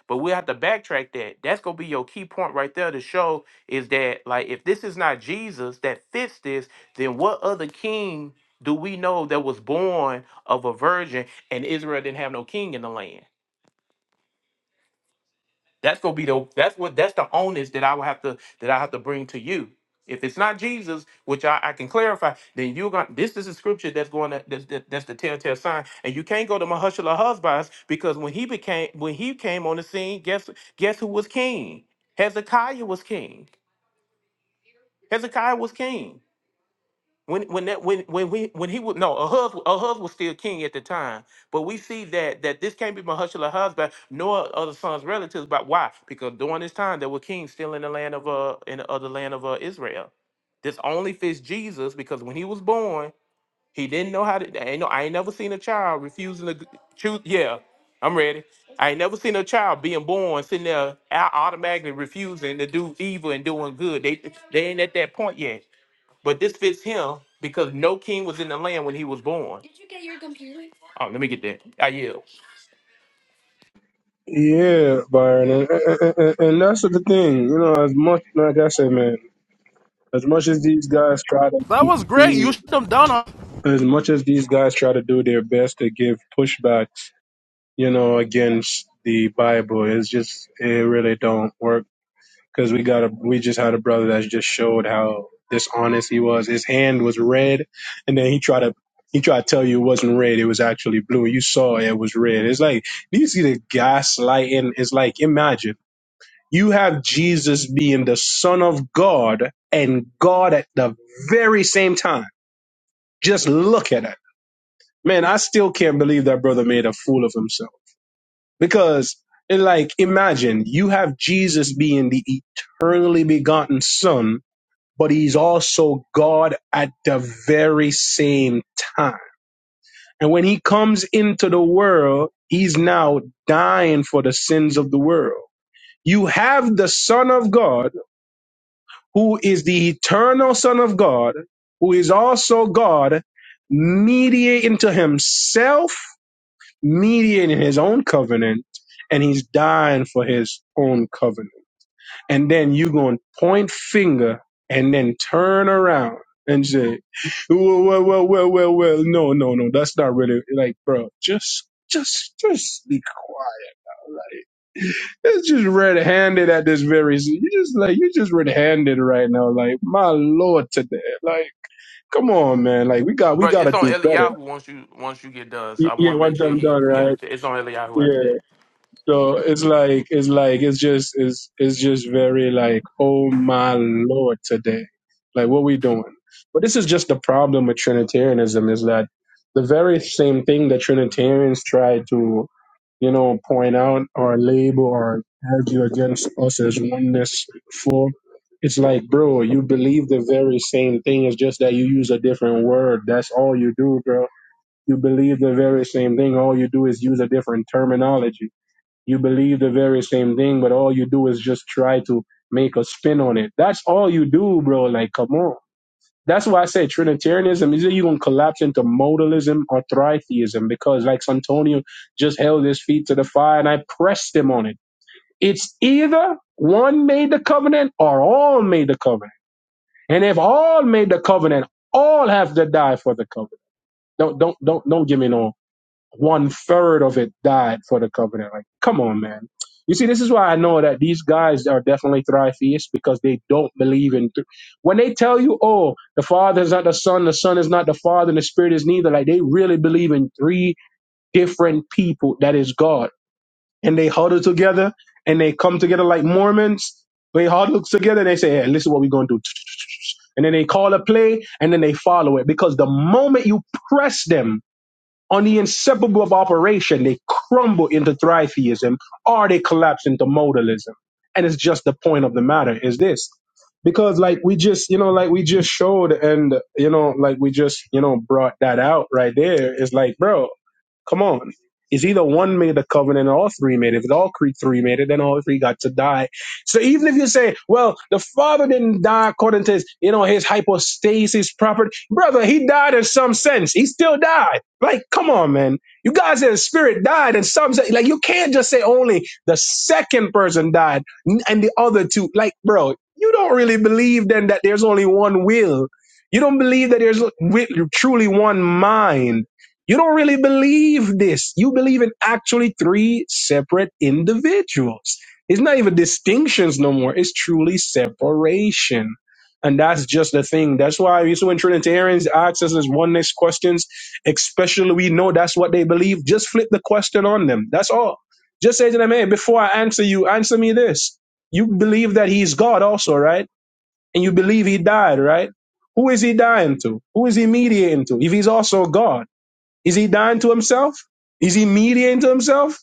Speaker 9: But we will have to backtrack that. That's gonna be your key point right there to show is that like if this is not Jesus that fits this, then what other king do we know that was born of a virgin? and Israel didn't have no king in the land. That's gonna be the that's what that's the onus that I will have to that I have to bring to you. If it's not Jesus, which I, I can clarify, then you're going this is a scripture that's going to that's, that, that's the telltale sign. And you can't go to Mahushala Husbands because when he became when he came on the scene, guess guess who was king? Hezekiah was king. Hezekiah was king. when when that when when we when he was no Ahuz Ahuz was still king at the time, but we see that that this can't be Mahushala husband nor other sons relatives. But why? Because during this time there were kings still in the land of uh in the other land of uh, Israel. This only fits Jesus because when he was born, he didn't know how to. I ain't, no, I ain't never seen a child refusing to g- choose. Yeah, I'm ready. I ain't never seen a child being born sitting there au- automatically refusing to do evil and doing good. They they ain't at that point yet. But this fits him because no king was in the land when he was born. Oh, let me get that. I yield.
Speaker 11: Yeah, Byron, and, and, and and that's the thing. You know, as much like I said, man, as much as these guys try
Speaker 1: That
Speaker 11: to,
Speaker 1: was great. You
Speaker 11: do-
Speaker 1: shut them down. On-
Speaker 11: as much as these guys try to do their best to give pushbacks, you know, against the Bible, it's just it really don't work because we got a we just had a brother that just showed how dishonest he was. His hand was red, and then he tried to. He tried to tell you it wasn't red; it was actually blue. You saw it was red. It's like you see the gaslighting. It's like imagine. You have Jesus being the Son of God and God at the very same time. Just look at it. Man, I still can't believe that brother made a fool of himself. Because, and like, imagine you have Jesus being the eternally begotten Son, but he's also God at the very same time. And when he comes into the world, he's now dying for the sins of the world. You have the Son of God who is the eternal Son of God, who is also God, mediating to himself, mediating his own covenant, and he's dying for his own covenant. And then you going to point finger and then turn around and say, well, well, well, well, well, well, no, no, no, that's not really like, bro, just, just, just be quiet it's just red-handed at this very. You just like you just red-handed right now. Like my lord, today. Like come on, man. Like we got we
Speaker 9: But
Speaker 11: got to
Speaker 9: it's on
Speaker 11: do better.
Speaker 9: Eliyahu once you once you get done.
Speaker 11: Y-
Speaker 9: So I
Speaker 11: Yeah,
Speaker 9: want to make
Speaker 11: once
Speaker 9: sure
Speaker 11: I'm
Speaker 9: he
Speaker 11: done,
Speaker 9: got
Speaker 11: right?
Speaker 9: it. It's on Eliyahu
Speaker 11: Yeah.
Speaker 9: after that.
Speaker 11: So it's like it's like it's just it's it's just very like oh my lord today, like what we doing? But this is just the problem with Trinitarianism is that the very same thing that Trinitarians try to you know point out or label or argue against us as oneness for. It's like, bro, you believe the very same thing. It's just that you use a different word. That's all you do, bro. You believe the very same thing. All you do is use a different terminology you believe the very same thing, but all you do is just try to make a spin on it. That's all you do, bro. Like, come on. That's why I say Trinitarianism is you're gonna collapse into modalism or tritheism because like Santonio just held his feet to the fire and I pressed him on it. It's either one made the covenant or all made the covenant. And if all made the covenant, all have to die for the covenant. Don't don't don't don't give me no one third of it died for the covenant. Like, come on, man. You see, this is why I know that these guys are definitely thrive-theists because they don't believe in. Th- when they tell you, "Oh, the Father is not the Son, the Son is not the Father, and the Spirit is neither," like they really believe in three different people that is God, and they huddle together and they come together like Mormons. They huddle together and they say, "Hey, listen, what we are gonna do?" And then they call a play and then they follow it because the moment you press them on the inseparable of operation, they crumble into tritheism or they collapse into modalism. And it's just the point of the matter is this. Because like we just, you know, like we just showed and, you know, like we just, you know, brought that out right there. It's like, bro, Come on. It's either one made the covenant or all three made it. If all cre- three made it, then all three got to die. So even if you say, well, the father didn't die according to his, you know, his hypostasis property, brother, he died in some sense. He still died. Like, come on, man. You guys said the spirit died in some sense. Like, you can't just say only the second person died n- and the other two. Like, bro, you don't really believe then that there's only one will. You don't believe that there's wi- truly one mind you don't really believe this. You believe in actually three separate individuals. It's not even distinctions no more. It's truly separation. And that's just the thing. That's why you see when Trinitarians ask us this oneness questions, especially we know that's what they believe, just flip the question on them. That's all. Just say to them, hey, before I answer you, answer me this. You believe that he's God also, right? And you believe he died, right? Who is he dying to? Who is he mediating to? If he's also God. Is he dying to himself? Is he mediating to himself?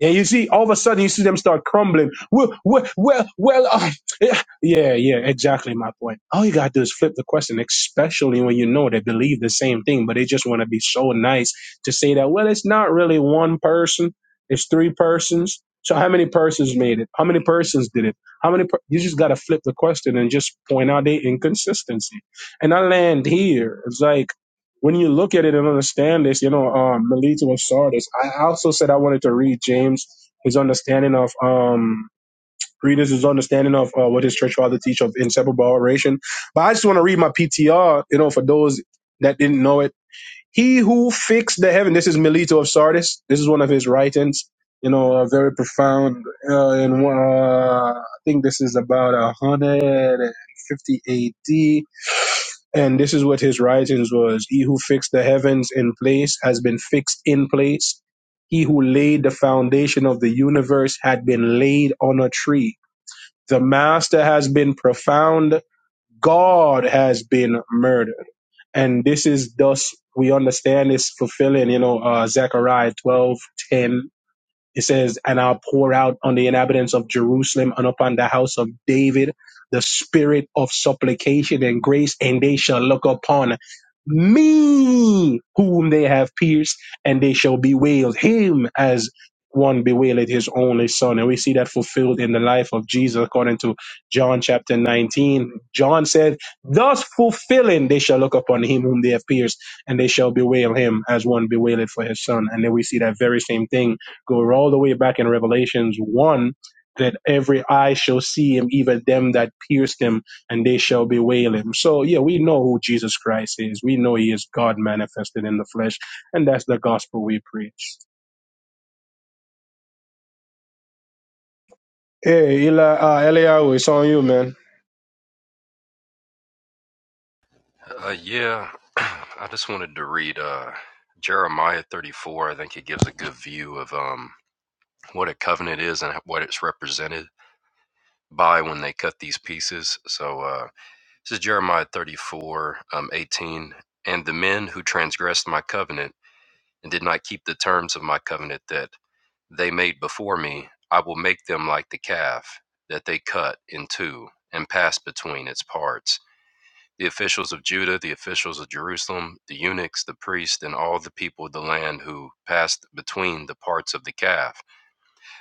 Speaker 11: And you see, all of a sudden, you see them start crumbling. Well, well, well, well uh, yeah, yeah, yeah, exactly my point. All you gotta do is flip the question, especially when you know they believe the same thing, but they just want to be so nice to say that. Well, it's not really one person; it's three persons. So how many persons made it? How many persons did it? How many? Per- you just gotta flip the question and just point out the inconsistency. And I land here. It's like when you look at it and understand this, you know, um, Melito of Sardis. I also said I wanted to read James, his understanding of um, readers, his understanding of uh, what his church father teach of inseparable oration. But I just want to read my PTR, you know, for those that didn't know it. He who fixed the heaven. This is Melito of Sardis. This is one of his writings. You know, a very profound. Uh, and uh, I think this is about one hundred and fifty A.D and this is what his writings was. He who fixed the heavens in place has been fixed in place. He who laid the foundation of the universe had been laid on a tree. The master has been profound. God has been murdered. And this is thus we understand is fulfilling, you know, uh, Zechariah twelve ten. It says, And I'll pour out on the inhabitants of Jerusalem and upon the house of David the spirit of supplication and grace, and they shall look upon me, whom they have pierced, and they shall bewail him as one bewaileth his only son. And we see that fulfilled in the life of Jesus according to John chapter 19. John said, Thus fulfilling, they shall look upon him whom they have pierced, and they shall bewail him as one bewaileth for his son. And then we see that very same thing go all the way back in Revelations 1 that every eye shall see him, even them that pierced him, and they shall bewail him. So, yeah, we know who Jesus Christ is. We know he is God manifested in the flesh, and that's the gospel we preach. Hey, Eli, uh, Eliyahu, it's on you, man.
Speaker 3: Uh, yeah, I just wanted to read uh, Jeremiah 34. I think it gives a good view of um, what a covenant is and what it's represented by when they cut these pieces. So uh, this is Jeremiah 34, um, 18. And the men who transgressed my covenant and did not keep the terms of my covenant that they made before me, I will make them like the calf that they cut in two and passed between its parts. The officials of Judah, the officials of Jerusalem, the eunuchs, the priests, and all the people of the land who passed between the parts of the calf,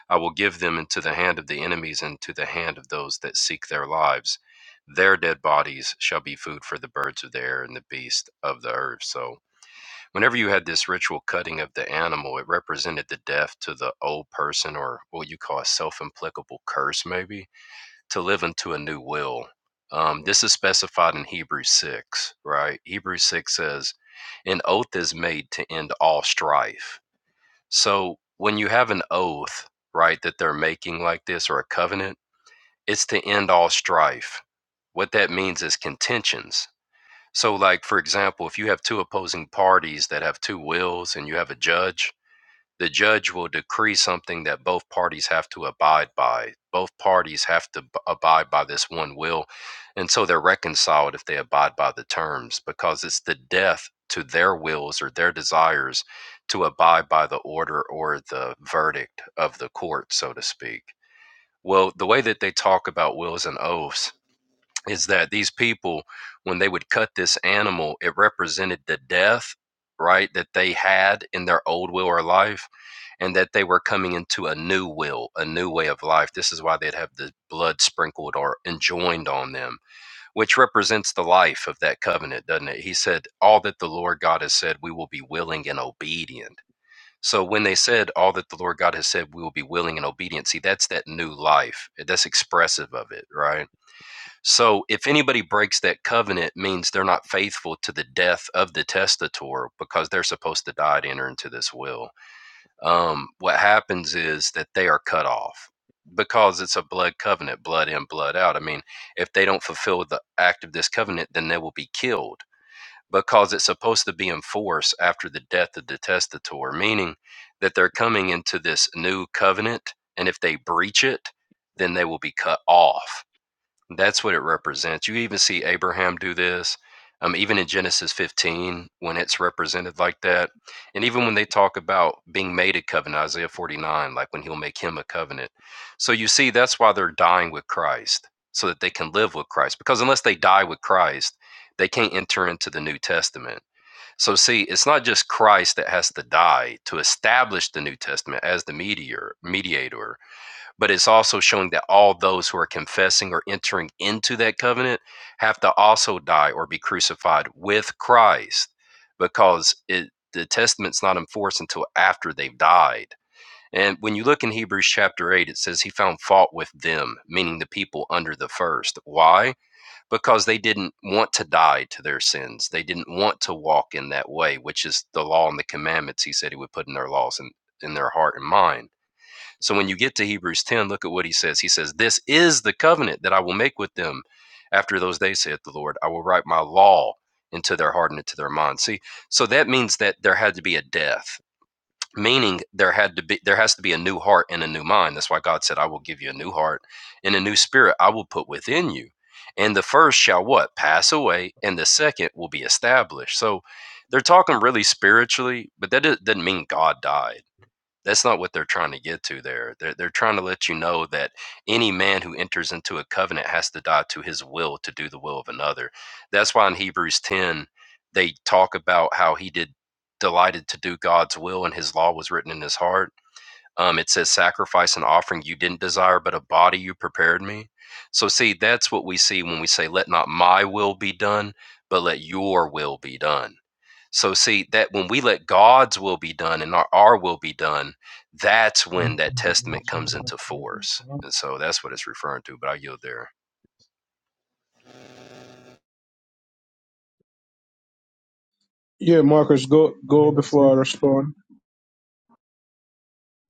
Speaker 3: I will give them into the hand of the enemies and to the hand of those that seek their lives. Their dead bodies shall be food for the birds of the air and the beasts of the earth. So, Whenever you had this ritual cutting of the animal, it represented the death to the old person or what you call a self implicable curse, maybe, to live into a new will. Um, this is specified in Hebrews 6, right? Hebrews 6 says, An oath is made to end all strife. So when you have an oath, right, that they're making like this or a covenant, it's to end all strife. What that means is contentions so, like, for example, if you have two opposing parties that have two wills and you have a judge, the judge will decree something that both parties have to abide by. Both parties have to b- abide by this one will. And so they're reconciled if they abide by the terms because it's the death to their wills or their desires to abide by the order or the verdict of the court, so to speak. Well, the way that they talk about wills and oaths is that these people, when they would cut this animal, it represented the death, right, that they had in their old will or life, and that they were coming into a new will, a new way of life. This is why they'd have the blood sprinkled or enjoined on them, which represents the life of that covenant, doesn't it? He said, All that the Lord God has said, we will be willing and obedient. So when they said all that the Lord God has said, we will be willing and obedient. See, that's that new life. That's expressive of it, right? So if anybody breaks that covenant means they're not faithful to the death of the testator because they're supposed to die to enter into this will. Um, what happens is that they are cut off because it's a blood covenant, blood in, blood out. I mean, if they don't fulfill the act of this covenant, then they will be killed because it's supposed to be in force after the death of the testator, meaning that they're coming into this new covenant, and if they breach it, then they will be cut off that's what it represents. You even see Abraham do this, um, even in Genesis 15 when it's represented like that, and even when they talk about being made a covenant, Isaiah 49, like when He'll make him a covenant. So you see, that's why they're dying with Christ, so that they can live with Christ. Because unless they die with Christ, they can't enter into the New Testament. So see, it's not just Christ that has to die to establish the New Testament as the mediator, mediator but it's also showing that all those who are confessing or entering into that covenant have to also die or be crucified with Christ because it, the testament's not enforced until after they've died. And when you look in Hebrews chapter 8, it says he found fault with them, meaning the people under the first. Why? Because they didn't want to die to their sins. They didn't want to walk in that way, which is the law and the commandments he said he would put in their laws and in their heart and mind so when you get to Hebrews 10, look at what he says. He says, This is the covenant that I will make with them after those days, saith the Lord. I will write my law into their heart and into their mind. See, so that means that there had to be a death, meaning there had to be there has to be a new heart and a new mind. That's why God said, I will give you a new heart and a new spirit I will put within you. And the first shall what? Pass away, and the second will be established. So they're talking really spiritually, but that doesn't doesn't mean God died that's not what they're trying to get to there. They're, they're trying to let you know that any man who enters into a covenant has to die to his will to do the will of another. That's why in Hebrews 10, they talk about how he did delighted to do God's will and his law was written in his heart. Um, it says, sacrifice and offering you didn't desire, but a body you prepared me. So, see, that's what we see when we say, let not my will be done, but let your will be done so see that when we let God's will be done and our, our will be done, that's when
Speaker 15: Okay,
Speaker 3: that testament comes into force.
Speaker 15: Um,
Speaker 3: And so that's what it's referring to. But I yield there.
Speaker 11: Yeah, Marcus, go go before I respond.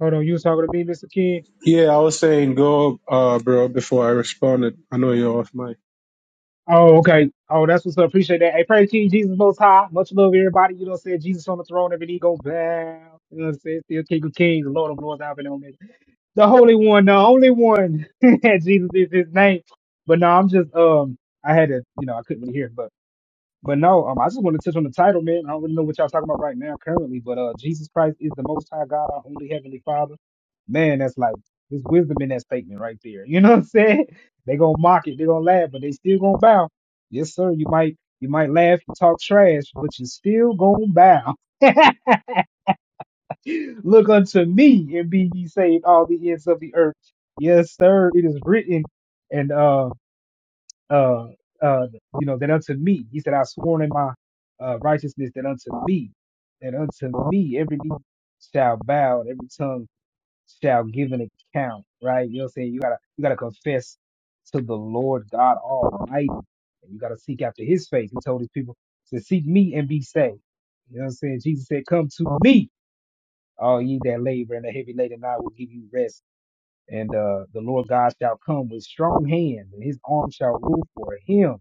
Speaker 15: Hold on, you was talking to me, Mr. King.
Speaker 11: Yeah, I was saying go, uh, bro, before I responded. I know you're off mic.
Speaker 15: Oh, okay. Oh, that's what's up. Appreciate that. Hey, praise King Jesus Most High. Much love, everybody. You know what I'm saying? Jesus on the throne, every knee goes bow. You know what I'm saying? Still King of Kings, Lord of Lords, Alpha and Omega. The Holy One, the only one. Jesus is his name. But no, I'm just um I had to, you know, I couldn't really hear, but But no, um, I just want to touch on the title, man. I don't really know what y'all talking about right now currently, but uh, Jesus Christ is the Most High God, our only Heavenly Father. Man, that's like there's wisdom in that statement right there. You know what I'm saying? They gonna mock it, they gonna laugh, but they still gonna bow. Yes, sir. You might you might laugh, you talk trash, but you still gonna bow. Look unto me and be ye saved, all the ends of the earth. Yes, sir. It is written, and uh uh, uh, you know, that unto me, he said, I've sworn in my uh, righteousness that unto me, that unto me, every knee shall bow, and every tongue shall give an account, right? You know what I'm saying? You gotta, you gotta confess to the Lord God Almighty, and you gotta seek after his face. He told his people to seek me and be saved. You know what I'm saying? Jesus said, Come to me, all ye that labor and are heavy laden, and I will give you rest. And uh, the Lord God shall come with strong hand, and his arm shall rule for him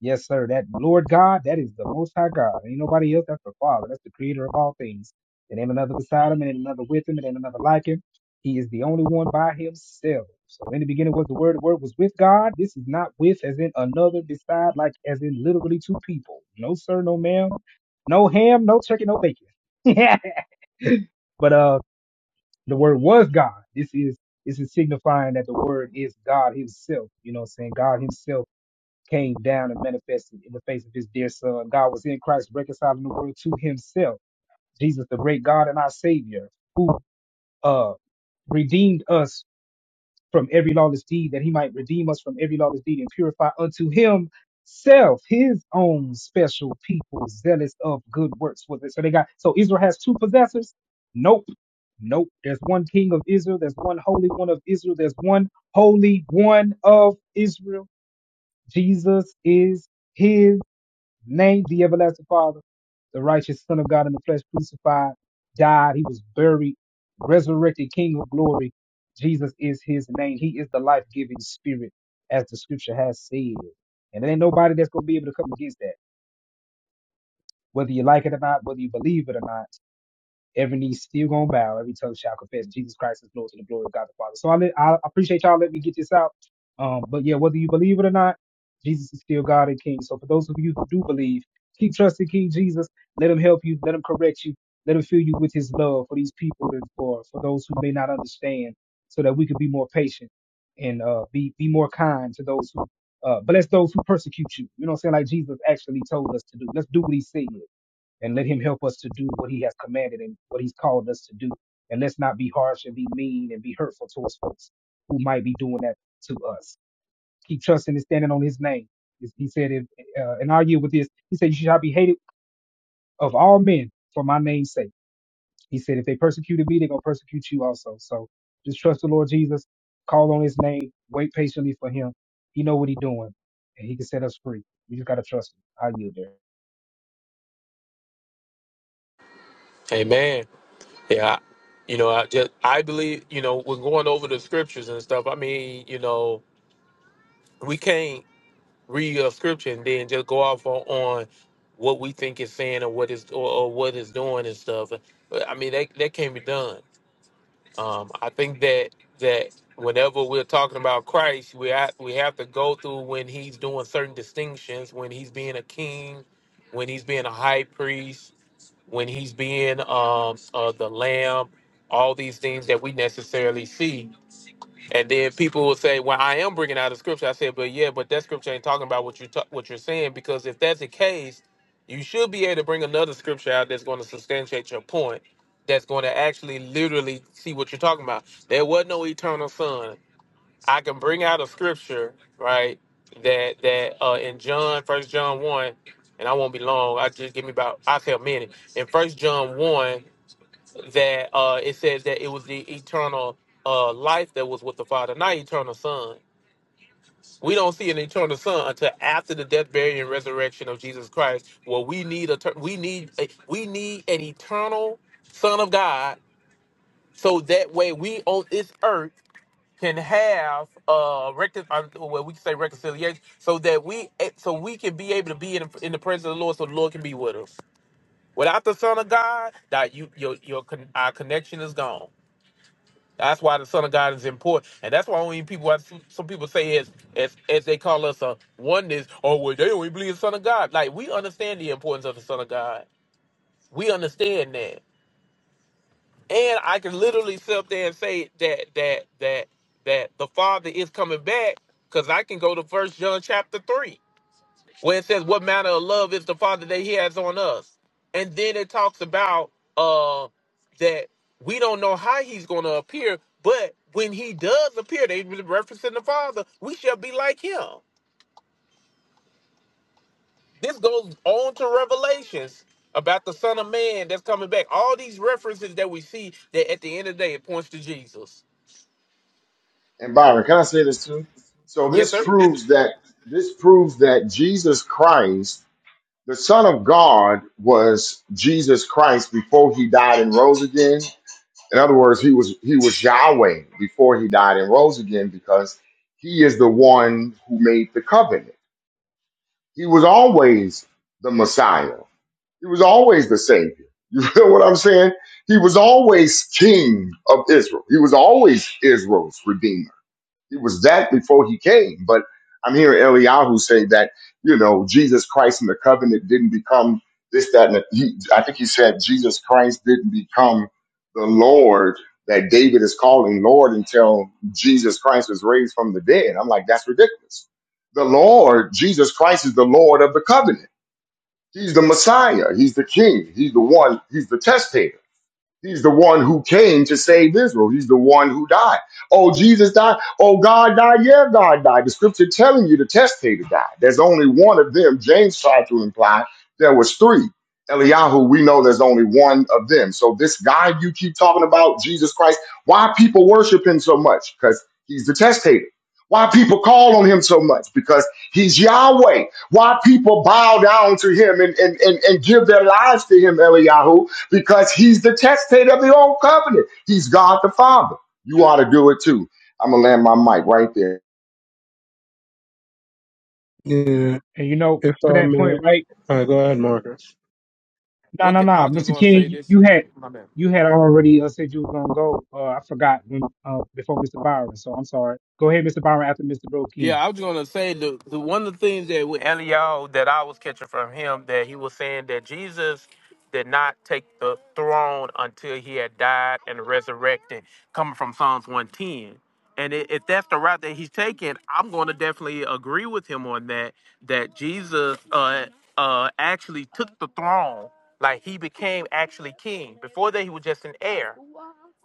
Speaker 15: Yes, sir. That Lord God, that is the Most High God. Ain't nobody else. That's the Father. That's the Creator of all things. And ain't another beside Him, and ain't another with Him, and ain't another like Him. He is the only one by Himself. So in the beginning was the Word. The Word was with God. This is not with, as in another beside, like as in literally two people. No sir, no ma'am, no ham, no turkey, no bacon. but uh, the Word was God. This is this is signifying that the Word is God Himself. You know, what I'm saying God Himself came down and manifested in the face of his dear son. God was in Christ reconciling the world to himself. Jesus, the great God and our Savior, who uh, redeemed us from every lawless deed, that he might redeem us from every lawless deed and purify unto himself his own special people, zealous of good works. Was it? So they got so Israel has two possessors? Nope. Nope. There's one king of Israel, there's one holy one of Israel, there's one holy one of Israel. Jesus is his Name the everlasting Father, the righteous Son of God in the flesh, crucified, died, he was buried, resurrected, King of glory. Jesus is his name. He is the life giving spirit, as the scripture has said. And there ain't nobody that's going to be able to come against that, whether you like it or not, whether you believe it or not. Every knee still gonna bow. Every tongue shall confess Jesus Christ is Lord to the glory of God the Father. So I, let, I appreciate y'all letting me get this out. Um, but yeah, whether you believe it or not, Jesus is still God and King. So for those of you who do believe, keep trusting King Jesus. Let him help you. Let him correct you. Let him fill you with his love for these people and for for those who may not understand, so that we can be more patient and uh, be be more kind to those who uh, bless those who persecute you. You know what I'm saying? Like Jesus actually told us to do. Let's do what he said and let him help us to do what he has commanded and what he's called us to do. And let's not be harsh and be mean and be hurtful towards folks who might be doing that to us. Keep trusting and standing on his name. He said, if, uh, and I'll yield with this. He said, you shall be hated of all men for my name's sake. He said, if they persecuted me, they're going to persecute you also. So just trust the Lord Jesus, call on his name, wait patiently for him. He know what he's doing and he can set us free. We just got to trust him. I yield there.
Speaker 9: Amen. Yeah, I, you know, I just I believe you know we're going over the scriptures and stuff. I mean, you know, we can't read a scripture and then just go off on, on what we think it's saying or what is or, or what it's doing and stuff. But, I mean, that that can't be done. Um, I think that that whenever we're talking about Christ, we have, we have to go through when he's doing certain distinctions, when he's being a king, when he's being a high priest, when he's being um, uh, the lamb, all these things that we necessarily see. And then people will say, "Well, I am bringing out a scripture." I said, "But yeah, but that scripture ain't talking about what you ta- what you're saying because if that's the case, you should be able to bring another scripture out that's going to substantiate your point, that's going to actually literally see what you're talking about. There was no eternal son. I can bring out a scripture, right? That that uh, in John, First John one, and I won't be long. I just give me about I will say a minute. In First John one, that uh, it says that it was the eternal uh, life that was with the Father, not eternal Son. We don't see an eternal Son until after the death, burial, and resurrection of Jesus Christ. Well, we need a ter- we need a, we need an eternal Son of God, so that way we on this earth can have uh recon- um, well we can say reconciliation so that we eh, so we can be able to be in, in the presence of the Lord so the Lord can be with us. Without the Son of God, that you your your con- our connection is gone. That's why the Son of God is important, and that's why only people why some some people say as as as they call us a oneness or well they only believe the Son of God. Like we understand the importance of the Son of God. We understand that. And I can literally sit up there and say that that that that the Father is coming back, because I can go to First John chapter three, where it says, "What manner of love is the Father that He has on us?" And then it talks about uh that we don't know how He's going to appear, but when He does appear, they referencing the Father, we shall be like Him. This goes on to Revelations about the Son of Man that's coming back. All these references that we see that at the end of the day it points to Jesus.
Speaker 6: and Byron, can I say this too? So
Speaker 9: Yes,
Speaker 6: this
Speaker 9: sir.
Speaker 6: proves that this proves that Jesus Christ the Son of God was Jesus Christ before he died and rose again. In other words, he was he was Yahweh before he died and rose again because he is the one who made the covenant. He was always the Messiah. He was always the Savior. You feel what I'm saying? He was always King of Israel. He was always Israel's Redeemer it was that before he came. But I'm hearing Eliyahu say that, you know, Jesus Christ and the covenant didn't become this, that, and the, he, I think he said Jesus Christ didn't become the Lord that David is calling Lord until Jesus Christ was raised from the dead. I'm like, that's ridiculous. The Lord, Jesus Christ, is the Lord of the covenant. He's the Messiah. He's the King. He's the one. He's the testator. He's the one who came to save Israel. He's the one who died. Oh, Jesus died. Oh, God died. Yeah, God died. The scripture telling you the testator died. There's only one of them. James tried to imply there was three. Eliyahu, we know there's only one of them. So this guy you keep talking about, Jesus Christ, why people worship him so much? Because he's the testator. Why people call on him so much? Because he's Yahweh. Why people bow down to him and, and, and, and give their lives to him, Eliyahu? because he's the testator of the old covenant. He's God the Father. You ought to do it too. I'm gonna land my mic right there.
Speaker 11: Yeah,
Speaker 15: And you know,
Speaker 11: if
Speaker 15: to
Speaker 11: I
Speaker 15: that
Speaker 11: may,
Speaker 15: point, right?
Speaker 11: uh, go ahead, Marcus.
Speaker 15: No,
Speaker 9: What
Speaker 15: no,
Speaker 9: can,
Speaker 15: no,
Speaker 9: I was just
Speaker 15: Mr.
Speaker 9: gonna
Speaker 15: King,
Speaker 9: say
Speaker 15: you
Speaker 9: this.
Speaker 15: you had
Speaker 9: My bad.
Speaker 15: you had already uh, said you were gonna go. Uh, I forgot when uh, before Mr. Byron, so I'm sorry. Go ahead, Mr. Byron, after Mr. Bro
Speaker 9: Yeah,
Speaker 15: King.
Speaker 9: I was gonna say the, the one of the things that with Eliyahu that I was catching from him that he was saying that Jesus did not take the throne until he had died and resurrected, coming from Psalms one ten. And i- if that's the route that he's taking, I'm going to definitely agree with him on that. That Jesus uh uh actually took the throne, like he became actually king. Before that, he was just an heir.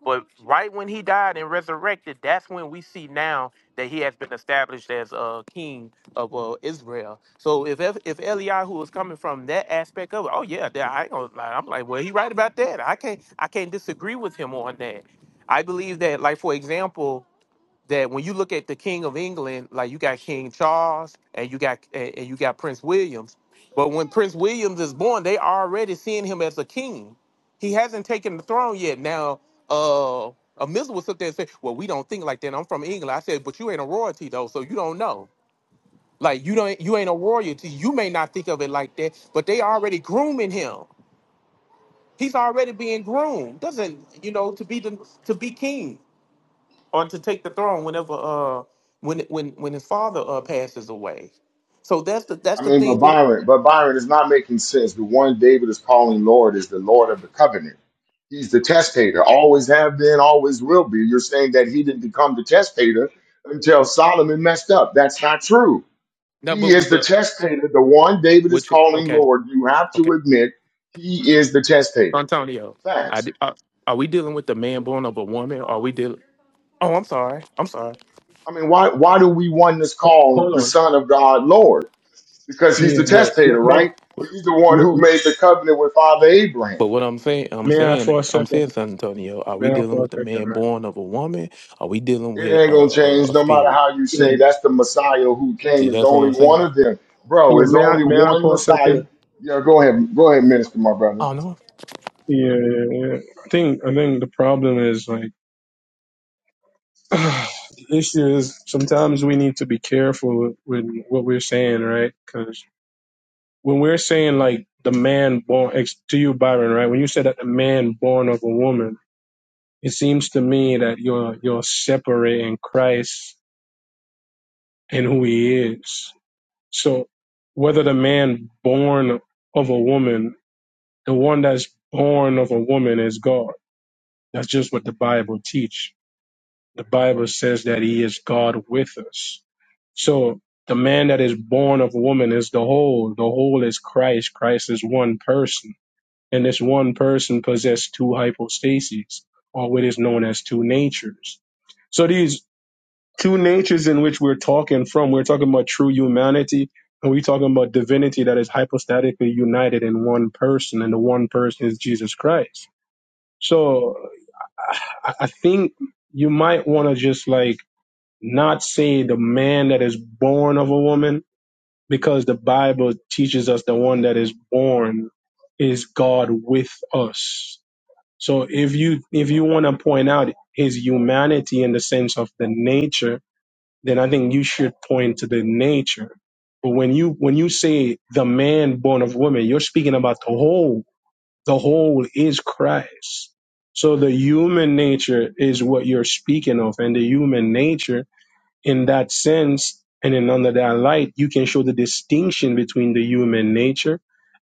Speaker 9: But right when he died and resurrected, that's when we see now that he has been established as uh, king of uh, Israel. So if if if Eliyahu was coming from that aspect of it, oh yeah, that, I ain't gonna lie. I'm like, well, he right about that. I can't I can't disagree with him on that. I believe that, like for example that when you look at the King of England, like you got King Charles and you got and, and you got Prince Williams, but when Prince Williams is born, they already seeing him as a king. He hasn't taken the throne yet. Now, uh, a missile was up there and said, "Well, we don't think like that. I'm from England." I said, "But you ain't a royalty though, so you don't know. Like you don't you ain't a royalty. You may not think of it like that, but they already grooming him. He's already being groomed. Doesn't you know to be the to be king." or to take the throne whenever uh when when when his father uh passes away. So that's the that's
Speaker 6: I
Speaker 9: the
Speaker 6: mean, but
Speaker 9: thing that
Speaker 6: Byron, but Byron is not making sense. The one David is calling Lord is the Lord of the covenant. He's the testator, always have been, always will be. You're saying that he didn't become the testator until Solomon messed up. That's not true.
Speaker 9: no,
Speaker 6: He
Speaker 9: but but
Speaker 6: is the
Speaker 9: but
Speaker 6: testator, the one David is
Speaker 9: what you
Speaker 6: calling
Speaker 9: okay
Speaker 6: Lord. You have
Speaker 9: okay
Speaker 6: to admit he is the testator.
Speaker 9: Antonio, I
Speaker 6: Facts.
Speaker 9: di- uh, are we dealing with the man born of a woman? Are we dealing? Oh, I'm sorry, I'm sorry.
Speaker 6: I mean, why why do we want this
Speaker 11: Oh,
Speaker 6: call the
Speaker 11: hold on.
Speaker 6: Son of God Lord? Because he's the
Speaker 11: Yeah,
Speaker 9: What?
Speaker 11: may,
Speaker 6: testator,
Speaker 11: may,
Speaker 6: right? He's the one
Speaker 11: may,
Speaker 6: who made the covenant with Father Abraham.
Speaker 9: But what I'm saying, I'm
Speaker 11: May I
Speaker 9: saying,
Speaker 11: for a
Speaker 9: I'm
Speaker 11: second?
Speaker 9: saying, San Antonio, are we
Speaker 11: May I
Speaker 9: dealing
Speaker 11: for a
Speaker 9: with the
Speaker 11: second,
Speaker 9: man
Speaker 11: right?
Speaker 9: born of a woman? Are we dealing
Speaker 6: It
Speaker 9: with
Speaker 6: ain't
Speaker 9: a,
Speaker 6: gonna change
Speaker 9: a, a
Speaker 6: no matter
Speaker 9: spirit?
Speaker 6: how you
Speaker 11: Yeah,
Speaker 6: say that's the Messiah who came.
Speaker 9: See,
Speaker 6: Is
Speaker 9: that's what
Speaker 6: only
Speaker 9: I'm
Speaker 6: one
Speaker 9: saying.
Speaker 6: of them, bro.
Speaker 11: yeah.
Speaker 6: It's
Speaker 11: May I?
Speaker 6: only
Speaker 11: May I
Speaker 6: one
Speaker 11: for a
Speaker 6: Messiah.
Speaker 11: second?
Speaker 6: Yeah, go ahead, go ahead, minister, my brother.
Speaker 9: Oh no.
Speaker 11: Yeah, yeah, yeah. I think I think the problem is like the issue is sometimes we need to be careful with what we're saying, right? Because when we're saying like the man born ex- to you, Byron, right? When you said that the man born of a woman, it seems to me that you're you're separating Christ and who he is. So whether the man born of a woman the one that's born of a woman is God. That's just what the Bible teach. The Bible says that he is God with us. So the man that is born of a woman is the whole. The whole is Christ. Christ is one person. And this one person possessed two hypostases, or what is known as two natures. So these two natures in which we're talking from, we're talking about true humanity, and we're talking about divinity that is hypostatically united in one person, and the one person is Jesus Christ. So I, I think you might want to just like not say the man that is born of a woman because the Bible teaches us the one that is born is God with us. So if you if you want to point out his humanity in the sense of the nature, then I think you should point to the nature. But when you when you say the man born of woman, you're speaking about the whole the whole is Christ. So the human nature is what you're speaking of, and the human nature, in that sense, and in under that light, you can show the distinction between the human nature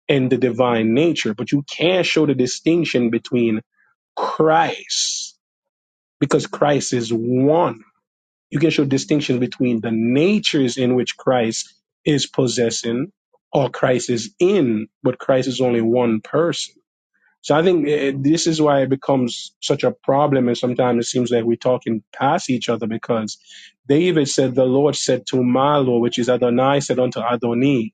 Speaker 11: and the divine nature, but you can't show the distinction between Christ because Christ is one. You can show distinction between the natures in which Christ is possessing or Christ is in, but Christ is only one person. So I think eh, this is why it becomes such a problem, and sometimes it seems like we're talking past each other because David said, "The Lord said to Malo, which is Adonai, said unto Adoni."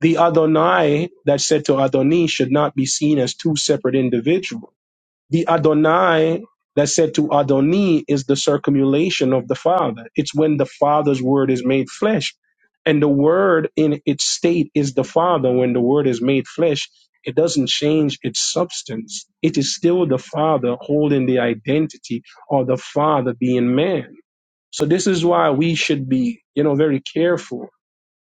Speaker 11: The Adonai that said to Adoni should not be seen as two separate individuals the Adonai that's said to Adoni is the circumulation of the Father. It's when the Father's word is made flesh. And the word in its state is the Father. When the word is made flesh, it doesn't change its substance. It is still the Father holding the identity or the Father being man. So this is why we should be, you know, very careful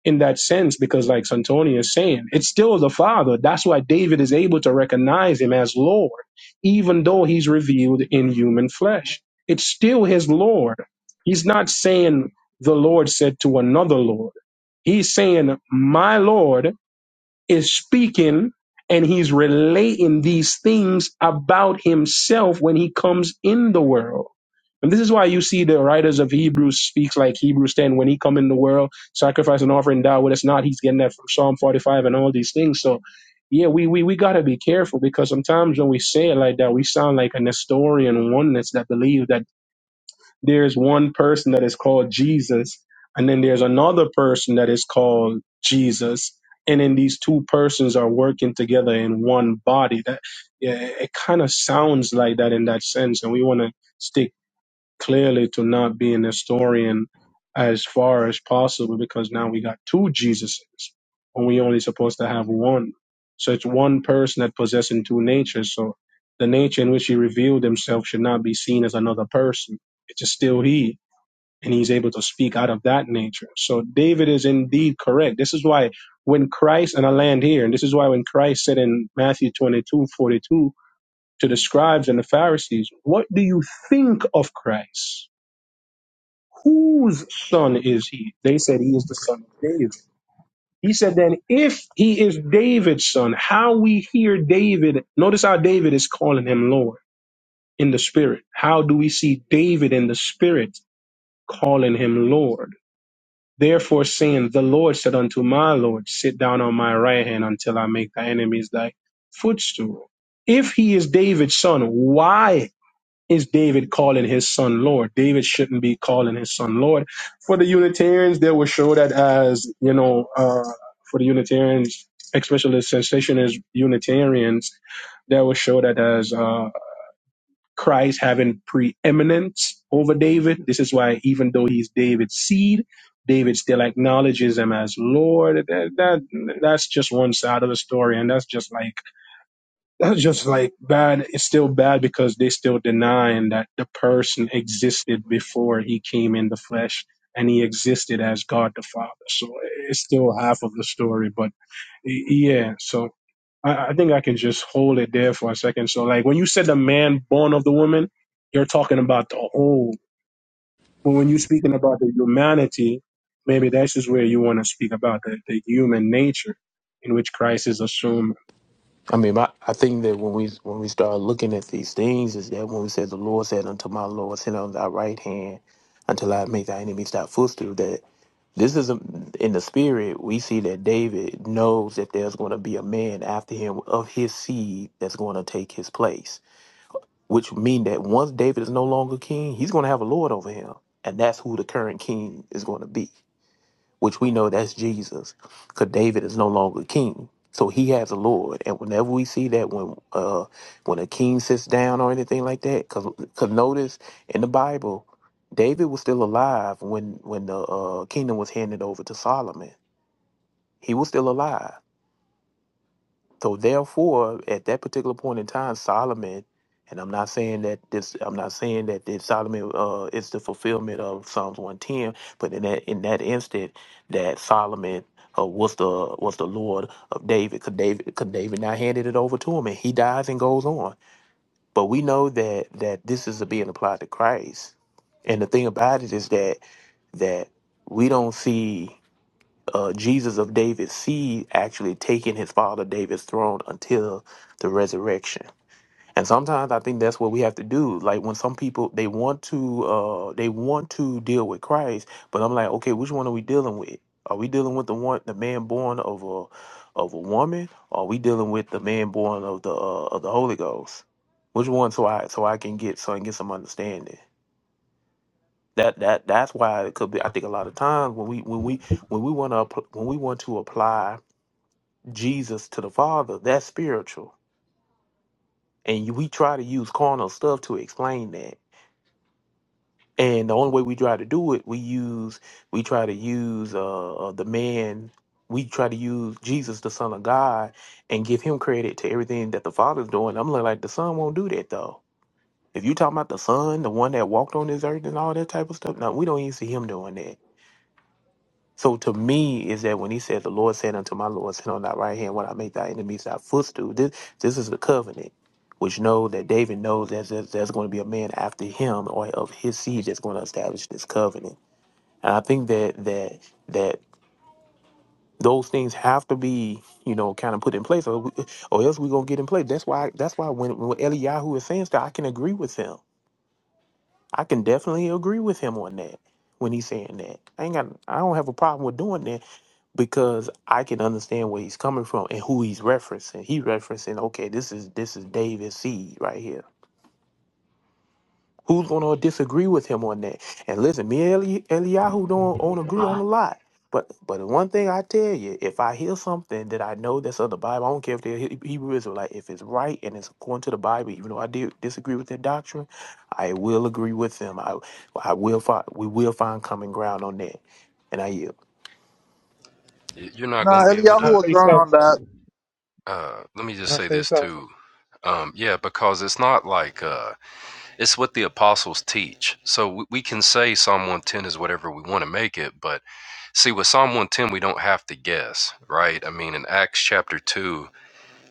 Speaker 11: in that sense because like Santonio is saying, it's still the Father. That's why David is able to recognize him as Lord, even though he's revealed in human flesh. It's still his Lord. He's not saying the Lord said to another Lord. He's saying, My Lord is speaking and he's relating these things about himself when he comes in the world. And this is why you see the writers of Hebrews speaks like Hebrews 10 when he come in the world, sacrifice and offering die with us not. He's getting that from Psalm 45 and all these things. So yeah, we we we gotta be careful because sometimes when we say it like that, we sound like a Nestorian oneness that believe that there's one person that is called Jesus, and then there's another person that is called Jesus, and then these two persons are working together in one body. That yeah, it kind of sounds like that in that sense, and we want to stick clearly to not be an historian as far as possible because now we got two Jesuses and we only supposed to have one. So it's one person that possessing two natures. So the nature in which he revealed himself should not be seen as another person. It's still he, and he's able to speak out of that nature. So David is indeed correct. This is why when Christ and I land here, and this is why when Christ said in Matthew 22 42 to the scribes and the Pharisees, "What do you think of Christ?" Whose son is he? They said he is the son of David. He said, then if he is David's son, how we hear David, notice how David is calling him Lord in the spirit. How do we see David in the spirit calling him Lord? Therefore, saying, The Lord said unto my Lord, Sit down on my right hand until I make thy enemies thy footstool. If he is David's son, why is David calling his son Lord? David shouldn't be calling his son Lord. For the Unitarians, they will show that as, you know, uh, for the Unitarians, especially the sensationist Unitarians, they will show that as uh, Christ having preeminence over David. This is why, even though he's David's seed, David still acknowledges him as Lord. That, that that's just one side of the story, and that's just like that's just like bad. It's still bad because they still denying that the person existed before he came in the flesh and he existed as God the Father. So it's still half of the story, but y- yeah. So I, I think I can just hold it there for a second. So like when you said the man born of the woman, you're talking about the whole. But when you're speaking about the humanity, maybe that's just where you want to speak about the, the human nature in which Christ is assumed.
Speaker 9: I mean, my, I think that when we when we start looking at these things, is that when we say the Lord said unto my Lord, sit on thy right hand until I make thy enemies thy footstool. That this is a, in the spirit. We see that David knows that there's going to be a man after him of his seed that's going to take his place. Which mean that once David is no longer king, he's going to have a lord over him, and that's who the current king is going to be which we know that's Jesus, because David is no longer king. So he has a Lord, and whenever we see that, when uh, when a king sits down or anything like that, because notice in the Bible, David was still alive when when the uh, kingdom was handed over to Solomon. He was still alive. So therefore, at that particular point in time, Solomon, and I'm not saying that this, I'm not saying that this Solomon uh, is the fulfillment of Psalms 110, but in that in that instant, that Solomon uh, was the was the Lord of David. because David could David not handed it over to him, and he dies and goes on. But we know that that this is being applied to Christ, and the thing about it is that that we don't see uh, Jesus of David's seed actually taking his father David's throne until the resurrection. And sometimes I think that's what we have to do. Like when some people they want to uh, they want to deal with Christ, but I'm like, okay, which one are we dealing with? Are we dealing with the one the man born of a of a woman? Or are we dealing with the man born of the uh, of the Holy Ghost? Which one? So I so I can get so I can get some understanding. That that that's why it could be. I think a lot of times when we when we when we want to when we want to apply Jesus to the Father. That's spiritual. And we try to use carnal stuff to explain that. And the only way we try to do it, we use, we try to use uh, uh, the man, we try to use Jesus, the Son of God, and give him credit to everything that the Father's doing. I'm like, the Son won't do that though. If you talking about the Son, the one that walked on this earth and all that type of stuff, no, we don't even see him doing that. So to me is that when he said, "The Lord said unto my Lord, sit on thy right hand, when I make thy enemies thy footstool." This this is the covenant, which know that David knows that there's, there's going to be a man after him or of his seed that's going to establish this covenant. And I think that that that those things have to be you know kind of put in place, or we, or else we're gonna get in place. That's why that's why when when Eliyahu is saying stuff, I can agree with him. I can definitely agree with him on that when he's saying that. I ain't got I don't have a problem with doing that because I can understand where he's coming from and who he's referencing. He referencing, okay, this is this is David seed right here. Who's gonna disagree with him on that? And listen, me and Eli- Eliyahu don't, don't agree on a lot. But but the one thing I tell you, if I hear something that I know that's of the Bible, I don't care if they're He- Hebrew Israelite, if it's right and it's according to the Bible, even though I do disagree with their doctrine, I will agree with them. I I will find we will find common ground on that. And I yield.
Speaker 3: Y- You're not going
Speaker 1: Nah,
Speaker 3: to be able
Speaker 15: Can
Speaker 1: Eliyahu
Speaker 15: I
Speaker 3: to.
Speaker 1: was
Speaker 15: say
Speaker 1: wrong
Speaker 15: so?
Speaker 1: on that.
Speaker 3: Uh, let me
Speaker 15: Can
Speaker 3: just
Speaker 15: I
Speaker 3: say
Speaker 15: say
Speaker 3: this
Speaker 15: so?
Speaker 3: too. Um, yeah, because it's not like uh, it's what the apostles teach. So we, we can say Psalm 110 is whatever we want to make it, but see with Psalm 110 we don't have to guess, right? I mean, in Acts chapter two,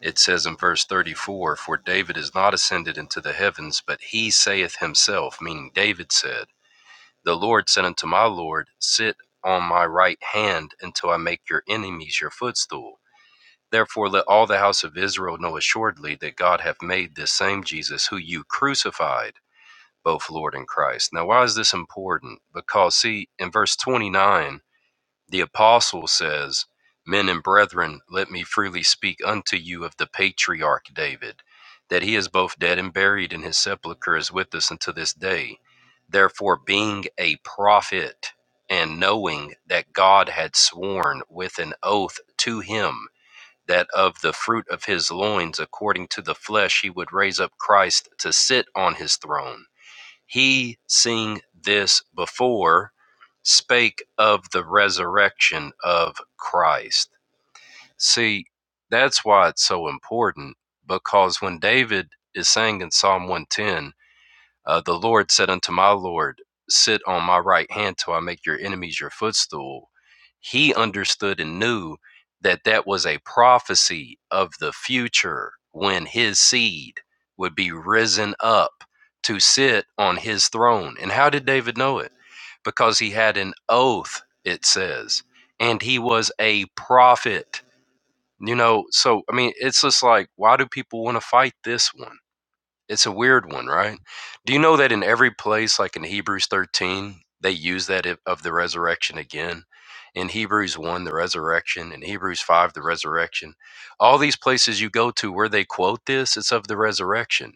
Speaker 3: It says in verse 34 For David is not ascended into the heavens, but he saith himself, meaning David said, The Lord said unto my Lord, Sit on my right hand until I make your enemies your footstool. Therefore, let all the house of Israel know assuredly that God hath made this same Jesus, who you crucified, both Lord and Christ. Now, why is this important? Because, see, in verse 29, the apostle says, Men and brethren, let me freely speak unto you of the patriarch David, that he is both dead and buried, and his sepulchre is with us unto this day. Therefore, being a prophet, and knowing that God had sworn with an oath to him that of the fruit of his loins, according to the flesh, he would raise up Christ to sit on his throne he seeing this before spake of the resurrection of Christ. See, that's why it's so important because when David is saying in Psalm 110, uh, the Lord said unto my Lord, Sit on my right hand till I make your enemies your footstool. He understood and knew that that was a prophecy of the future when his seed would be risen up to sit on his throne. And how did David know it? Because he had an oath, it says, and he was a prophet. You know, so I mean, it's just like, why do people want to fight this one? It's a weird one, right? Do you know that in every place, like in Hebrews 13, they use that i- of the resurrection again? In Hebrews 1, the resurrection. In Hebrews 5, the resurrection. All these places you go to where they quote this, it's of the resurrection.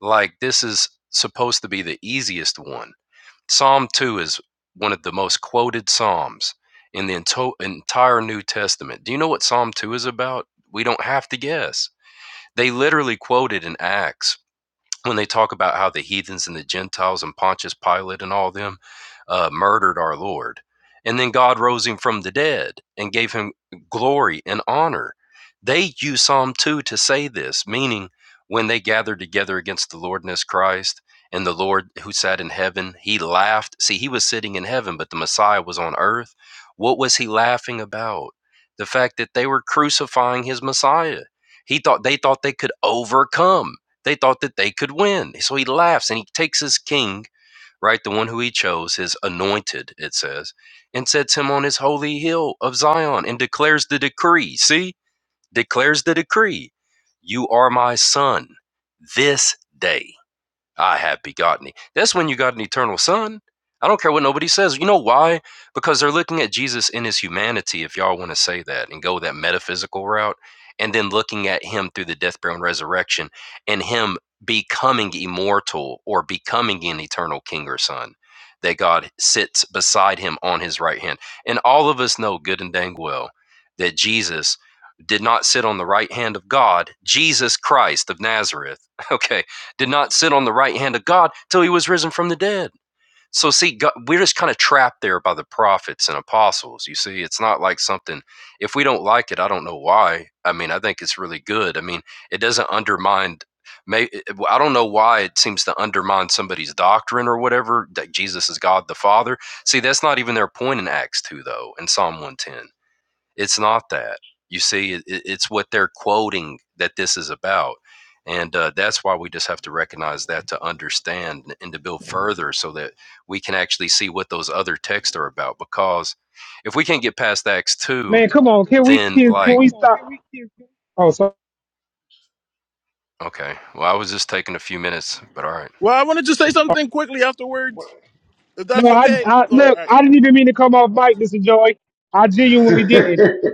Speaker 3: Like this is supposed to be the easiest one. Psalm 2 is one of the most quoted Psalms in the ento- entire New Testament. Do you know what Psalm 2 is about? We don't have to guess. They literally quoted in Acts when they talk about how the heathens and the Gentiles and Pontius Pilate and all them uh, murdered our Lord. And then God rose him from the dead and gave him glory and honor. They use Psalm 2 to say this, meaning when they gathered together against the Lord and his Christ and the Lord who sat in heaven, he laughed. See, he was sitting in heaven, but the Messiah was on earth. What was he laughing about? The fact that they were crucifying his Messiah. He thought they thought they could overcome they thought that they could win. So he laughs and he takes his king, right, the one who he chose, his anointed, it says, and sets him on his holy hill of Zion and declares the decree. See, declares the decree You are my son this day. I have begotten thee. That's when you got an eternal son. I don't care what nobody says. You know why? Because they're looking at Jesus in his humanity, if y'all want to say that and go that metaphysical route, and then looking at him through the death, burial, and resurrection, and him becoming immortal or becoming an eternal king or son that God sits beside him on his right hand. And all of us know good and dang well that Jesus did not sit on the right hand of God, Jesus Christ of Nazareth. Okay did not sit on the right hand of God till he was risen from the dead. So, see, God, we're just kind of trapped there by the prophets and apostles. You see, it's not like something, if we don't like it, I don't know why. I mean, I think it's really good. I mean, it doesn't undermine. May, eh, eh, well, I don't know why it seems to undermine somebody's doctrine or whatever that Jesus is God the Father. See, that's not even their point in Acts 2, though, in Psalm 110. It's not that. You see, it, it's what they're quoting that this is about. And uh, that's why we just have to recognize that to understand and to build further so that we can actually see what those other texts are about. Because if we can't get past Acts 2,
Speaker 15: Man, come on, can we
Speaker 3: then
Speaker 15: can, can
Speaker 3: like,
Speaker 15: we
Speaker 3: come on, can we
Speaker 15: stop?
Speaker 3: can we-
Speaker 15: Oh, so
Speaker 3: okay, well, I was just taking a few minutes, but all right,
Speaker 1: Well, I wanted to say something quickly
Speaker 6: What?
Speaker 1: afterwards, if
Speaker 15: no,
Speaker 1: that's
Speaker 15: I,
Speaker 1: okay.
Speaker 15: I
Speaker 1: Sorry, all
Speaker 15: look,
Speaker 1: right.
Speaker 15: I didn't even mean to come off mic, Mr. Joy. I genuinely didn't.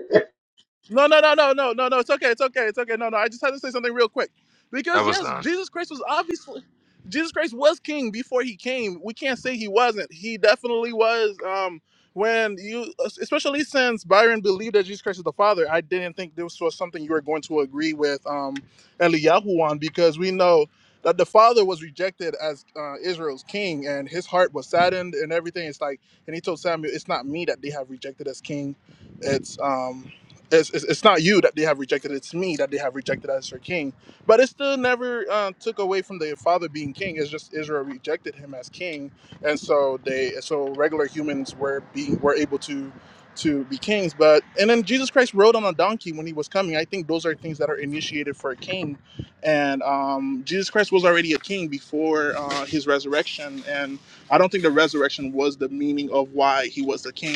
Speaker 1: No, no, no, no, no, no, no. It's okay. It's okay. It's okay. No, no. I just had to say something real quick.
Speaker 3: that
Speaker 1: Because
Speaker 3: was
Speaker 1: yes,
Speaker 3: done.
Speaker 1: Jesus Christ was obviously Jesus Christ was king before he came. We can't say he wasn't. He definitely was. Um when you especially since Byron believed that Jesus Christ is the Father, I didn't think this was something you were going to agree with um Eliyahu on because we know that the father was rejected as uh, Israel's king and his heart was saddened and everything. It's like, and he told Samuel, it's not me that they have rejected as king. It's um it's, it's, it's not you that they have rejected it's me that they have rejected as their king but it still never uh, took away from the father being king it's just israel rejected him as king and so they so regular humans were being were able to to be kings but and then jesus christ rode on a donkey when he was coming i think those are things that are initiated for a king and um, jesus christ was already a king before uh, his resurrection and i don't think the resurrection was the meaning of why he was the king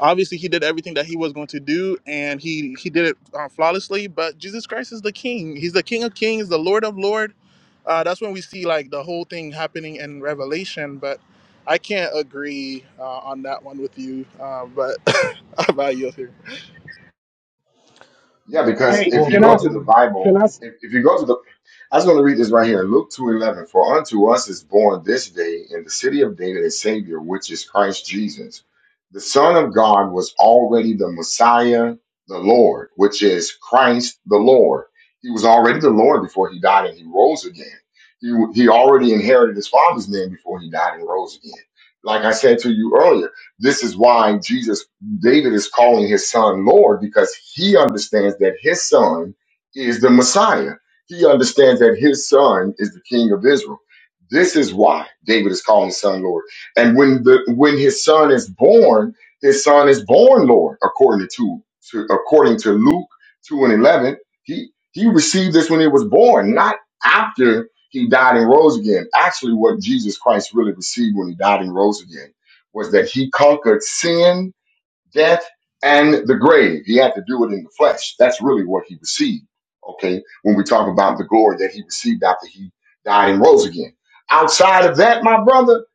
Speaker 1: obviously he did everything that he was going to do and he he did it uh, flawlessly but jesus christ is the king he's the king of kings the lord of lord uh, that's when we see like the whole thing happening in revelation but i can't agree uh, on that one with you uh, but how about you here
Speaker 6: Yeah, because
Speaker 15: Hey,
Speaker 6: if
Speaker 5: Well,
Speaker 6: you
Speaker 15: can
Speaker 6: go
Speaker 5: no,
Speaker 15: I?
Speaker 6: to the
Speaker 5: no.
Speaker 6: Bible,
Speaker 15: Can I? s-
Speaker 6: if, if you go to the, I was going to read this right here, Luke two eleven. For unto us is born this day in the city of David a Savior, which is Christ Jesus. The Son of God was already the Messiah, the Lord, which is Christ the Lord. He was already the Lord before he died and he rose again. He, he already inherited his Father's name before he died and rose again. Like I said to you earlier, this is why Jesus David is calling his son Lord because he understands that his son is the Messiah. He understands that his son is the King of Israel. This is why David is calling his son Lord. And when the when his son is born, his son is born Lord, according to, to according to Luke two and eleven. He he received this when he was born, not after he died and rose again. Actually, what Jesus Christ really received when he died and rose again was that he conquered sin death and the grave. He had to do it in the flesh. That's really what he received. Okay. When we talk about the glory that he received after he died and rose again. Outside of that, my brother,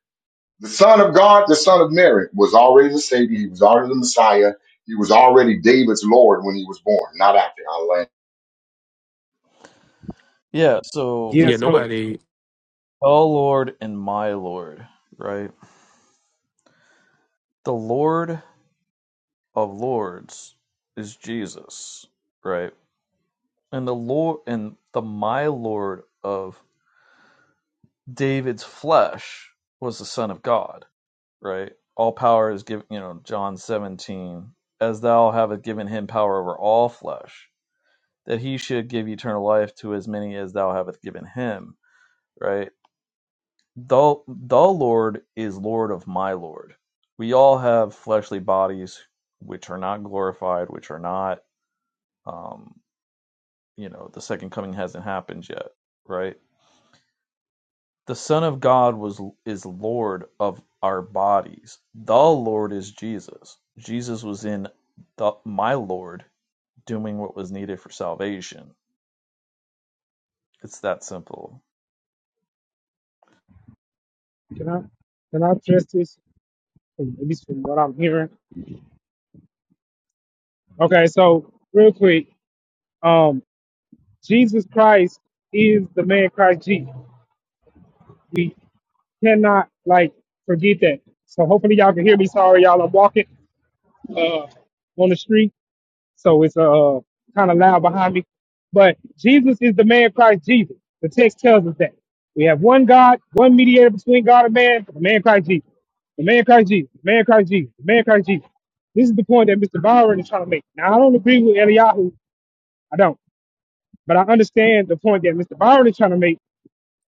Speaker 6: the son of God, the son of Mary was already the savior. He was already the Messiah. He was already David's Lord when he was born, not after. I land.
Speaker 5: yeah. So,
Speaker 15: Yeah,
Speaker 9: Yeah,
Speaker 15: so
Speaker 9: nobody.
Speaker 5: oh Lord and my Lord, right? The Lord of Lords is Jesus, right? And the Lord and the my Lord of David's flesh was the Son of God, right? All power is given, you know, John 17, as thou hast given him power over all flesh, that he should give eternal life to as many as thou hast given him, right? The, the Lord is Lord of my Lord. We all have fleshly bodies which are not glorified, which are not, um, you know, the second coming hasn't happened yet, right? The Son of God was is Lord of our bodies. The Lord is Jesus. Jesus was in the, my Lord doing what was needed for salvation. It's that simple.
Speaker 15: can I? Can I address this? At least from what I'm hearing. Okay, so real quick. um, Jesus Christ is the man Christ Jesus. We cannot like forget that. So hopefully y'all can hear me. Sorry, y'all. I'm walking uh, on the street, so it's uh kind of loud behind me. But Jesus is the man Christ Jesus. The text tells us that we have one God, one mediator between God and man, the man Christ Jesus. The man Christ Jesus. The man Christ Jesus. The man Christ Jesus. This is the point that Mr. Byron is trying to make. Now I don't agree with Eliyahu. I don't, but I understand the point that Mr. Byron is trying to make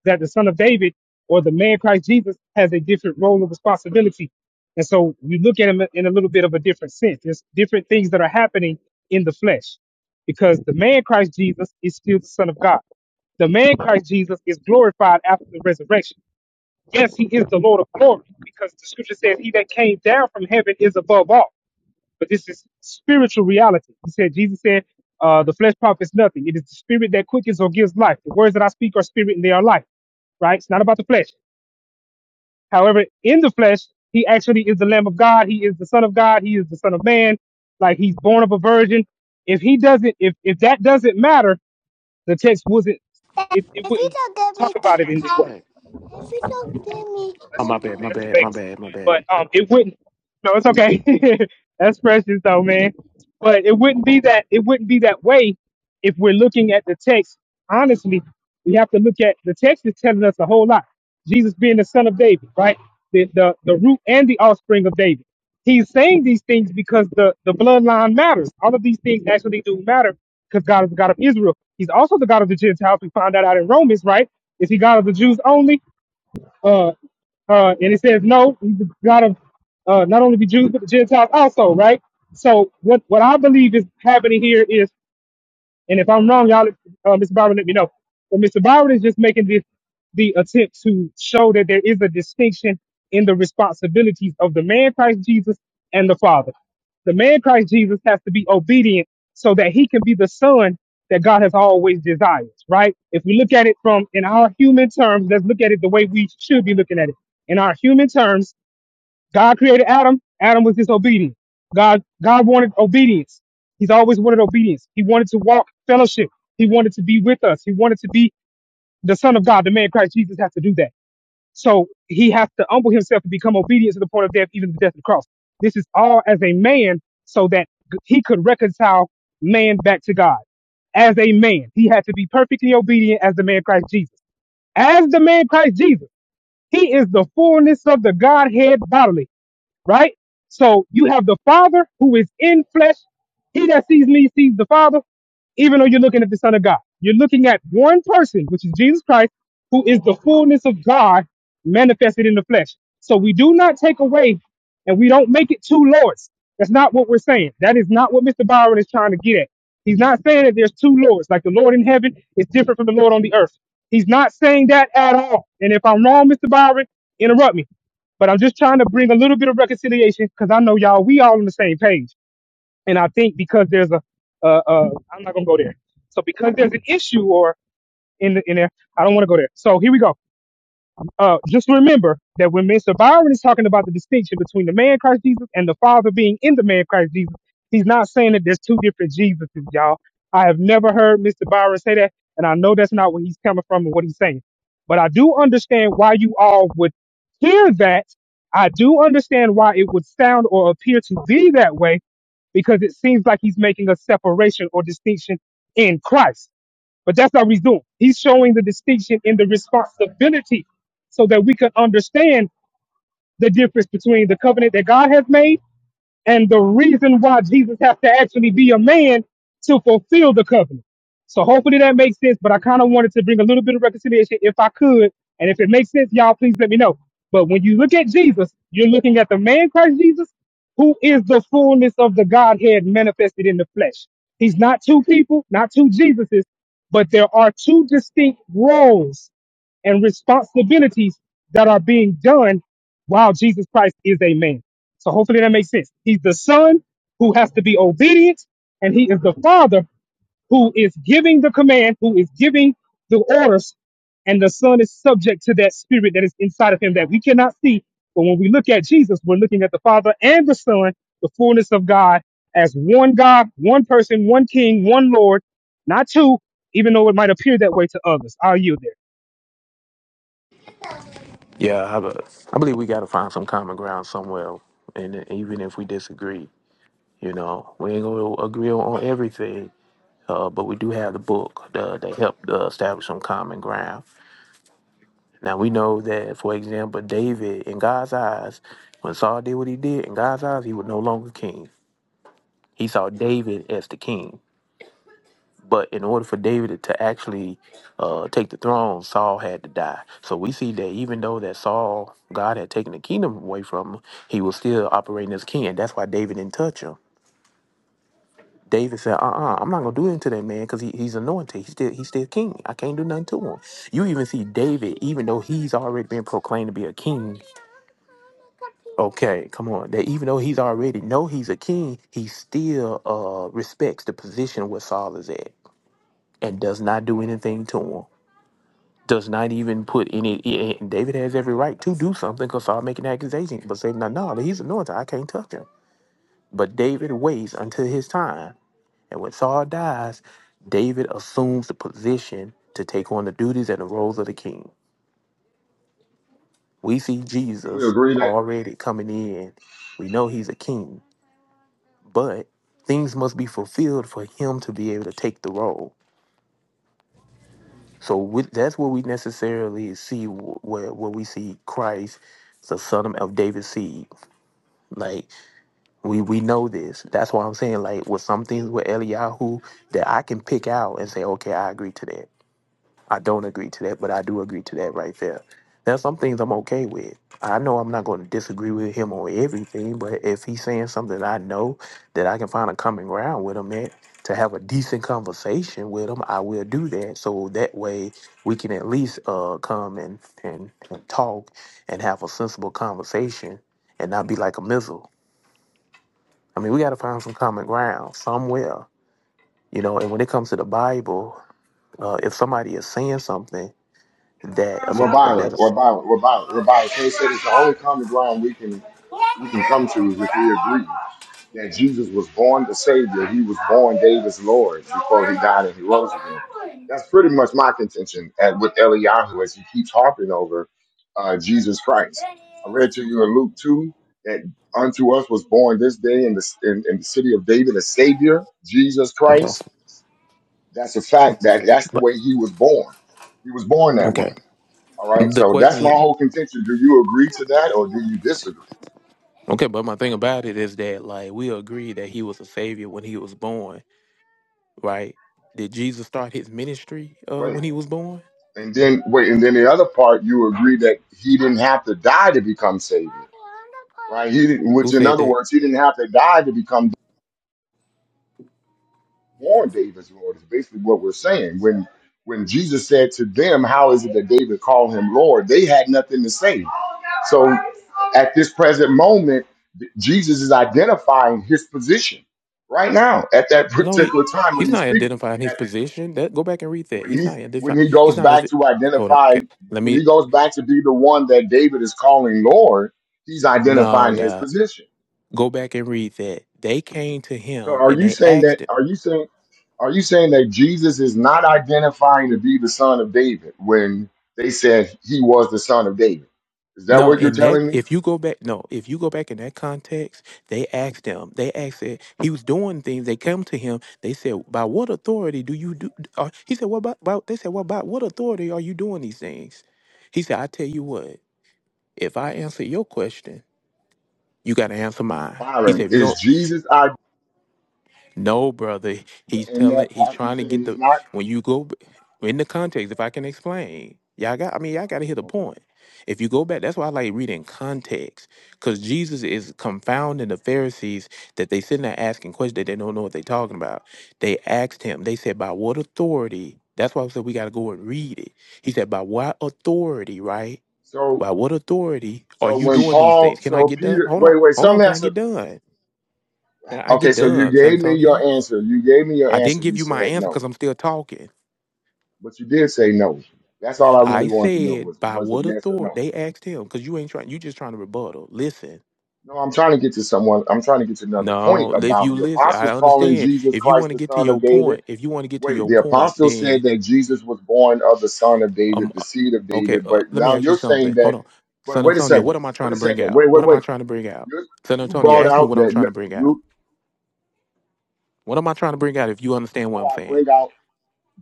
Speaker 15: that the son of David or the man Christ Jesus has a different role and responsibility. And so you look at him in a little bit of a different sense. There's different things that are happening in the flesh because the man Christ Jesus is still the son of God. The man Christ Jesus is glorified after the resurrection. Yes, he is the Lord of glory because the scripture says he that came down from heaven is above all but this is spiritual reality. He said, Jesus said, uh, the flesh profits nothing. It is the spirit that quickens or gives life. The words that I speak are spirit and they are life, right? It's not about the flesh. However, in the flesh, he actually is the Lamb of God. He is the Son of God. He is the Son of Man. Like he's born of a virgin. If he doesn't, if, if that doesn't matter, the text wasn't, it, it wouldn't talk
Speaker 9: Are
Speaker 15: about it in
Speaker 9: you
Speaker 15: this way.
Speaker 9: trying? Oh,
Speaker 15: That's
Speaker 9: my bad, my
Speaker 15: that's
Speaker 9: bad, my
Speaker 15: fixed.
Speaker 9: bad, my bad.
Speaker 15: But um, it wouldn't. No, it's okay. that's precious though, man. But it wouldn't be that. It wouldn't be that way if we're looking at the text. Honestly, we have to look at the text is telling us a whole lot. Jesus being the son of David, right? The the the root and the offspring of David. He's saying these things because the the bloodline matters. All of these things actually do matter because God is the God of Israel. He's also the God of the Gentiles. We found that out in Romans, right? Is he God of the Jews only? Uh, uh, and it says, no, you gotta uh, not only be Jews, but the Gentiles also, right? So what, what I believe is happening here is and if I'm wrong, y'all, uh, Mr. Byron, let me know. But Mr. Byron is just making this the attempt to show that there is a distinction in the responsibilities of the man Christ Jesus and the Father. The man Christ Jesus has to be obedient so that he can be the son that God has always desired, right? If we look at it from in our human terms, let's look at it the way we should be looking at it. In our human terms, God created Adam. Adam was disobedient. God, God wanted obedience. He's always wanted obedience. He wanted to walk fellowship. He wanted to be with us. He wanted to be the son of God. The man Christ Jesus has to do that. So he has to humble himself to become obedient to the point of death, even the death of the cross. This is all as a man so that he could reconcile man back to God as a man. He had to be perfectly obedient as the man Christ Jesus. As the man Christ Jesus, he is the fullness of the Godhead bodily right? So you have the Father who is in flesh. He that sees me sees the Father, even though you're looking at the Son of God. You're looking at one person, which is Jesus Christ, who is the fullness of God manifested in the flesh. So we do not take away and we don't make it two lords. That's not what we're saying. That is not what Mr. Byron is trying to get at. He's not saying that there's two lords, like the Lord in heaven is different from the Lord on the earth. He's not saying that at all. And if I'm wrong, Mr. Byron, interrupt me. But I'm just trying to bring a little bit of reconciliation because I know y'all, we all on the same page. And I think because there's a, uh, uh, I'm not gonna go there. So because there's an issue or in the, in there, I don't want to go there. So here we go uh, just remember that when Mr. Byron is talking about the distinction between the man Christ Jesus and the Father being in the man Christ Jesus, he's not saying that there's two different Jesuses, y'all. I have never heard Mr. Byron say that, and I know that's not where he's coming from and what he's saying. But I do understand why you all would hear that. I do understand why it would sound or appear to be that way because it seems like he's making a separation or distinction in Christ. But that's not what he's doing. He's showing the distinction in the responsibility so that we can understand the difference between the covenant that God has made and the reason why Jesus has to actually be a man to fulfill the covenant. So hopefully that makes sense, but I kind of wanted to bring a little bit of reconciliation if I could. And if it makes sense, y'all please let me know. But when you look at Jesus, you're looking at the man Christ Jesus, who is the fullness of the Godhead manifested in the flesh. He's not two people, not two Jesuses, but there are two distinct roles and responsibilities that are being done while Jesus Christ is a man. So hopefully that makes sense. He's the son who has to be obedient, and he is the father who is giving the command, who is giving the orders, and the son is subject to that spirit that is inside of him that we cannot see. But when we look at Jesus, we're looking at the father and the son, the fullness of God as one God, one person, one king, one Lord, not two, even though it might appear that way to others. I'll yield
Speaker 9: Yeah, I, be- I believe we got to find some common ground somewhere. And even if we disagree, you know, we ain't going to agree on everything, uh, but we do have the book uh, that helped uh, establish some common ground. Now, we know that, for example, David, in God's eyes, when Saul did what he did, in God's eyes, he was no longer king. He saw David as the king. But in order for David to actually uh, take the throne, Saul had to die. So we see that even though that Saul, God had taken the kingdom away from him, he was still operating as king. And that's why David didn't touch him. David said, "Uh-uh, I'm not gonna do anything to that man because he, he's anointed. He's still he's still king. I can't do nothing to him." You even see David, even though he's already been proclaimed to be a king. Okay, come on. That even though he's already know he's a king, he still uh respects the position where Saul is at and does not do anything to him. does not even put any. i- And David has every right to do something because Saul making accusations, but say, no, no, he's anointed. I can't touch him. But David waits until his time, and when Saul dies, David assumes the position to take on the duties and the roles of the king. We see
Speaker 6: Do we
Speaker 9: Jesus
Speaker 6: agree that?
Speaker 9: already coming in. We know he's a king, but things must be fulfilled for him to be able to take the role. So with, that's where we necessarily see wh- where where we see Christ, the son of of David's seed Like we we know this. That's why I'm saying like with some things with Eliyahu that I can pick out and say, okay, I agree to that. I don't agree to that, but I do agree to that right there. There's some things I'm okay with. I know I'm not going to disagree with him on everything, but if he's saying something I know that I can find a common ground with him at to have a decent conversation with him, I will do that. So that way we can at least uh come and, and, and talk and have a sensible conversation and not be like a missile. I mean, we got to find some common ground somewhere, you know. And when it comes to the Bible, uh, if somebody is saying something that if a,
Speaker 6: Rabbira,
Speaker 9: that
Speaker 6: Rabbira, Rabbira, Rabbira. K said it's the only common ground we can we can come to is if we agree that Jesus was born the Savior. He was born David's Lord before he died and he rose again. That's pretty much my contention at, with Eliyahu as he keeps harping over uh, Jesus Christ. I read to you in Luke 2 that unto us was born this day in the, in, in the city of David a Savior, Jesus
Speaker 9: okay,
Speaker 6: Christ. That's a fact that that's the
Speaker 9: but
Speaker 6: way he was born. He was born that way
Speaker 9: okay,
Speaker 6: all right.
Speaker 9: the
Speaker 6: So that's
Speaker 9: question
Speaker 6: my
Speaker 9: is
Speaker 6: whole contention. Do you agree to that or do you disagree?
Speaker 9: okay. But my thing about it is that like we agree that he was a savior when he was born, right? Did Jesus start his ministry uh,
Speaker 6: Wait.
Speaker 9: when he was born?
Speaker 6: And then wait, and then the other part, you agree that he didn't have to die to become savior, right? He didn't,
Speaker 9: Who
Speaker 6: which in
Speaker 9: said
Speaker 6: other
Speaker 9: that?
Speaker 6: words, he didn't have to die to become born David's Lord. Is basically what we're saying. When when Jesus said to them, "How is it that David called him Lord?" They had nothing to say. So at this present moment, Jesus is identifying his position right now at that
Speaker 9: No, he,
Speaker 6: particular time when
Speaker 9: he's
Speaker 6: he's
Speaker 9: not
Speaker 6: speaking.
Speaker 9: identifying his position. That go back and read that.
Speaker 6: when
Speaker 9: He's
Speaker 6: he
Speaker 9: not
Speaker 6: when
Speaker 9: identifying.
Speaker 6: he
Speaker 9: He's
Speaker 6: goes
Speaker 9: not. a
Speaker 6: back
Speaker 9: vi-
Speaker 6: to
Speaker 9: Hold on.
Speaker 6: identify
Speaker 9: Can, let
Speaker 6: when he
Speaker 9: me.
Speaker 6: goes back to be the one that David is calling Lord, he's
Speaker 9: No,
Speaker 6: identifying his
Speaker 9: dawg.
Speaker 6: position.
Speaker 9: Go back and read that. They came to
Speaker 6: So
Speaker 9: him
Speaker 6: are
Speaker 9: and
Speaker 6: you
Speaker 9: they
Speaker 6: saying
Speaker 9: asked
Speaker 6: that
Speaker 9: him.
Speaker 6: are you saying are you saying that Jesus is not identifying to be the son of David when they said he was the son of David? Is that
Speaker 9: No,
Speaker 6: what you're
Speaker 9: in that
Speaker 6: telling me?
Speaker 9: if you go back no, if you go back in that context, they asked him. They asked it. He was doing things. They come to him. They said, "By what authority do you do?" Uh, he said, "What about, about?" They said, "What about what authority are you doing these things?" He said, "I tell you what. If I answer your question, you got to answer mine." He
Speaker 6: Byron,
Speaker 9: said, "If you
Speaker 6: is
Speaker 9: don't."
Speaker 6: Jesus I
Speaker 9: No, brother. He's
Speaker 6: in
Speaker 9: telling.
Speaker 6: that
Speaker 9: He's
Speaker 6: part you
Speaker 9: trying to
Speaker 6: saying
Speaker 9: get
Speaker 6: he's
Speaker 9: the.
Speaker 6: not?
Speaker 9: When you go b- in the context, if I can explain, y'all got. I mean, y'all got to hit a
Speaker 6: Okay.
Speaker 9: point. If you go back, that's why I like reading context, because Jesus is confounding the Pharisees that they sitting there asking questions that they don't know what they're talking about. They asked him. They said, "By what authority?" That's why I said we got to go and read it. He said, "By what authority?" Right?
Speaker 6: So
Speaker 9: By what authority are
Speaker 6: so
Speaker 9: you
Speaker 6: when
Speaker 9: doing these
Speaker 6: Paul
Speaker 9: things? Can I
Speaker 6: so
Speaker 9: get done?
Speaker 6: Peter
Speaker 9: Hold on.
Speaker 6: wait, wait, so
Speaker 9: Hold
Speaker 6: let
Speaker 9: on.
Speaker 6: me
Speaker 9: Can I
Speaker 6: ask
Speaker 9: get
Speaker 6: you
Speaker 9: done? Can I I
Speaker 6: Okay,
Speaker 9: get
Speaker 6: so you
Speaker 9: done,
Speaker 6: gave me your
Speaker 9: Santonio?
Speaker 6: answer. You gave me your
Speaker 9: I didn't
Speaker 6: answer.
Speaker 9: give
Speaker 6: You
Speaker 9: you my
Speaker 6: said
Speaker 9: answer
Speaker 6: no,
Speaker 9: because I'm still talking.
Speaker 6: but you did say no. That's all I really
Speaker 9: I
Speaker 6: wanted to know was
Speaker 9: said by
Speaker 6: was it
Speaker 9: what
Speaker 6: yes or
Speaker 9: authority
Speaker 6: no?
Speaker 9: they asked him because you ain't trying. You just trying to rebuttal. Listen,
Speaker 6: No, I'm trying to get to someone. I'm trying to get to another point
Speaker 9: no. If
Speaker 6: about
Speaker 9: you
Speaker 6: the
Speaker 9: listen, I
Speaker 6: apostles calling
Speaker 9: understand.
Speaker 6: Jesus
Speaker 9: If you
Speaker 6: Christ
Speaker 9: want to
Speaker 6: the
Speaker 9: get to
Speaker 6: Son
Speaker 9: your
Speaker 6: of David.
Speaker 9: point, if you want to get to
Speaker 6: Wait,
Speaker 9: your
Speaker 6: the
Speaker 9: point,
Speaker 6: apostles said
Speaker 9: then
Speaker 6: that Jesus was born of the Son of David,
Speaker 9: um,
Speaker 6: the
Speaker 9: uh,
Speaker 6: seed of
Speaker 9: okay.
Speaker 6: David.
Speaker 9: Uh,
Speaker 6: But
Speaker 9: let me
Speaker 6: now
Speaker 9: ask you
Speaker 6: you're saying
Speaker 9: something. Hold
Speaker 6: that.
Speaker 9: on,
Speaker 6: Wait,
Speaker 9: San
Speaker 6: wait a
Speaker 9: Antonio.
Speaker 6: second.
Speaker 9: What am I trying
Speaker 6: Wait a
Speaker 9: to bring
Speaker 6: second.
Speaker 9: out?
Speaker 6: Wait, wait,
Speaker 9: What am I
Speaker 6: wait.
Speaker 9: trying to bring out?
Speaker 6: You
Speaker 9: San
Speaker 6: you
Speaker 9: Antonio,
Speaker 6: brought
Speaker 9: ask me
Speaker 6: out
Speaker 9: what I'm
Speaker 6: that
Speaker 9: trying to
Speaker 6: no-
Speaker 9: bring out.
Speaker 6: you
Speaker 9: What am I trying to bring out? If you understand what
Speaker 6: before
Speaker 9: I'm
Speaker 6: I
Speaker 9: saying,
Speaker 6: bring out.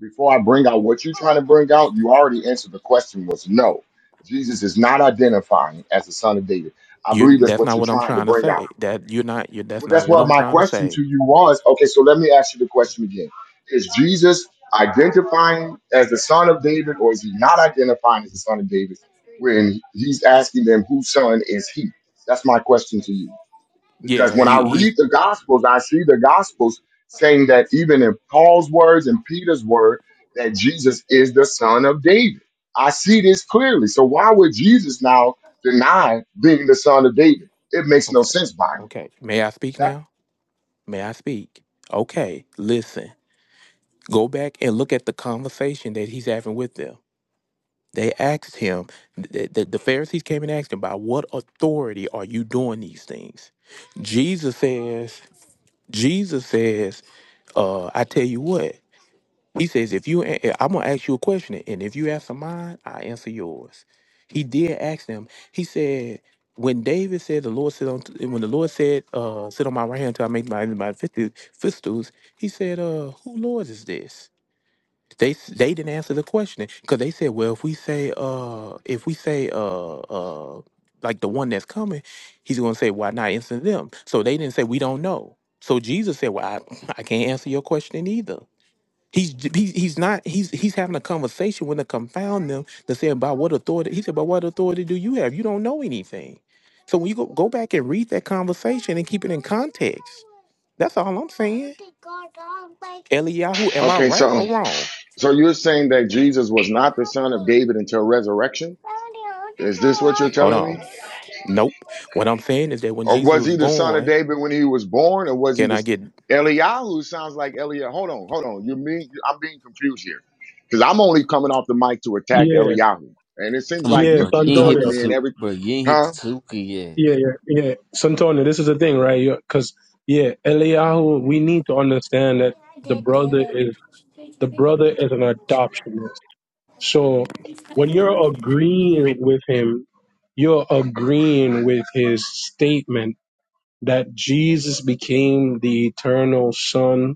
Speaker 6: before I bring out what you're trying to bring out, you already answered the question was no. Jesus is not identifying as the son of David. I
Speaker 9: you
Speaker 6: believe that's
Speaker 9: that's
Speaker 6: what
Speaker 9: not
Speaker 6: you're
Speaker 9: what I'm
Speaker 6: trying to
Speaker 9: trying to
Speaker 6: bring out.
Speaker 9: say. That you're not. you that's
Speaker 6: Well,
Speaker 9: not
Speaker 6: that's
Speaker 9: what
Speaker 6: what
Speaker 9: I'm
Speaker 6: my
Speaker 9: trying to
Speaker 6: question to
Speaker 9: say.
Speaker 6: you was. Okay, so let me ask you the question again. Is Jesus identifying as the son of David or is he not identifying as the son of David when he's asking them whose son is he? That's my question to you. Because
Speaker 9: Yeah,
Speaker 6: when I
Speaker 9: he he's
Speaker 6: read the Gospels, I see the Gospels saying that even in Paul's words and Peter's word, that Jesus is the son of David. I see this clearly. So why would Jesus now deny being the son of David? It makes no
Speaker 9: Okay.
Speaker 6: sense by me.
Speaker 9: Okay. May I speak
Speaker 6: That-
Speaker 9: now? May I speak? Okay. Listen. Go back and look at the conversation that he's having with them. They asked him, the, the, the Pharisees came and asked him, by what authority are you doing these things? Jesus says, Jesus says, uh, I tell you what. He says, if you, a- I'm going to ask you a question, and if you answer mine, I answer yours. He did ask them. He said, when David said, the Lord sit on, when the Lord said, uh, sit on my right hand until I make my enemies my fistu- fistules, he said, uh, who Lord is this? They, s- they didn't answer the question because they said, well, if we say, uh, if we say, uh, uh, like the one that's coming, he's going to say, why not answer them? So they didn't say, we don't know. So Jesus said, well, I, I can't answer your question either. He's he's he's not he's he's having a conversation with to confound them to say about what authority he said, but what authority do you have? You don't know anything. So when you go, go back and read that conversation and keep it in context. That's all I'm saying. Eliyahu, am I
Speaker 6: okay,
Speaker 9: right
Speaker 6: so
Speaker 9: or wrong?
Speaker 6: so you're saying that Jesus was not the son of David until resurrection? Is this what you're
Speaker 9: Hold
Speaker 6: telling me?
Speaker 9: on. Nope. What I'm saying is that when
Speaker 6: Or
Speaker 9: Jesus
Speaker 6: was he
Speaker 9: was
Speaker 6: the son of
Speaker 9: born,
Speaker 6: David when he was born, or was he
Speaker 9: can I
Speaker 6: the
Speaker 9: get?
Speaker 6: Eliyahu? Sounds like Eliyahu. Hold on, hold on. You mean I'm being confused here? Because I'm only coming off the mic to attack
Speaker 11: Yeah,
Speaker 6: Eliyahu, and it seems
Speaker 16: Come
Speaker 6: like
Speaker 16: on,
Speaker 11: yes,
Speaker 6: you
Speaker 16: bro.
Speaker 6: keep
Speaker 16: You ain't hit
Speaker 11: Antonio.
Speaker 6: jumping
Speaker 16: the
Speaker 6: in
Speaker 16: su-
Speaker 6: every.
Speaker 16: bro. You ain't hit
Speaker 6: Huh?
Speaker 16: the tuka yet.
Speaker 11: Yeah, yeah, yeah. Santonio, this is the thing, right? Because yeah, Eliyahu, we need to understand that the brother is the brother is an adoptionist. So when you're agreeing with him, you're agreeing with his statement that Jesus became the eternal Son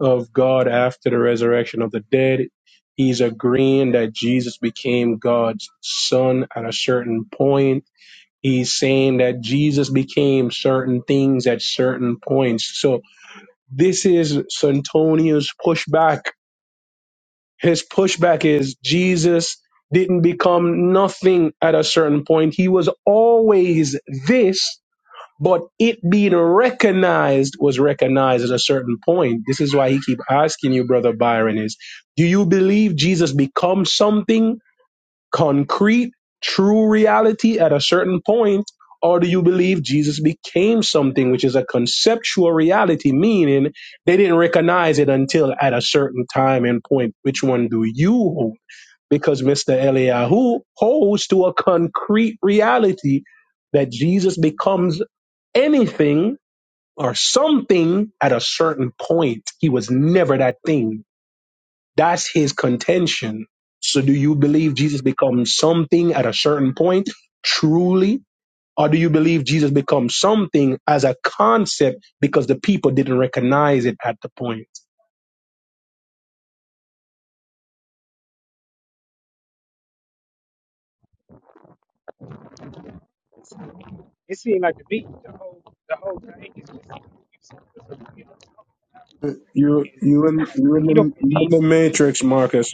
Speaker 11: of God after the resurrection of the dead. He's agreeing that Jesus became God's Son at a certain point He's saying that Jesus became certain things at certain points. So this is Santonio's pushback. His pushback is Jesus didn't become nothing at a certain point. He was always this, but it being recognized was recognized at a certain point. This is why he keep asking you, brother Byron, is do you believe Jesus becomes something concrete, true reality at a certain point? Or do you believe Jesus became something which is a conceptual reality, meaning they didn't recognize it until at a certain time and point? Which one do you hold? Because Mr. Eliyahu holds to a concrete reality that Jesus becomes anything or something at a certain point. He was never that thing that's his contention. So do you believe Jesus becomes something at a certain point truly? Or do you believe Jesus becomes something as a concept because the people didn't recognize it at the point?
Speaker 15: there. It seemed like the beat, the whole, the whole thing is just you know.
Speaker 11: You
Speaker 15: and
Speaker 11: you in
Speaker 15: like
Speaker 11: you in
Speaker 15: he don't
Speaker 11: the you in
Speaker 15: believe.
Speaker 11: the matrix, Marcus.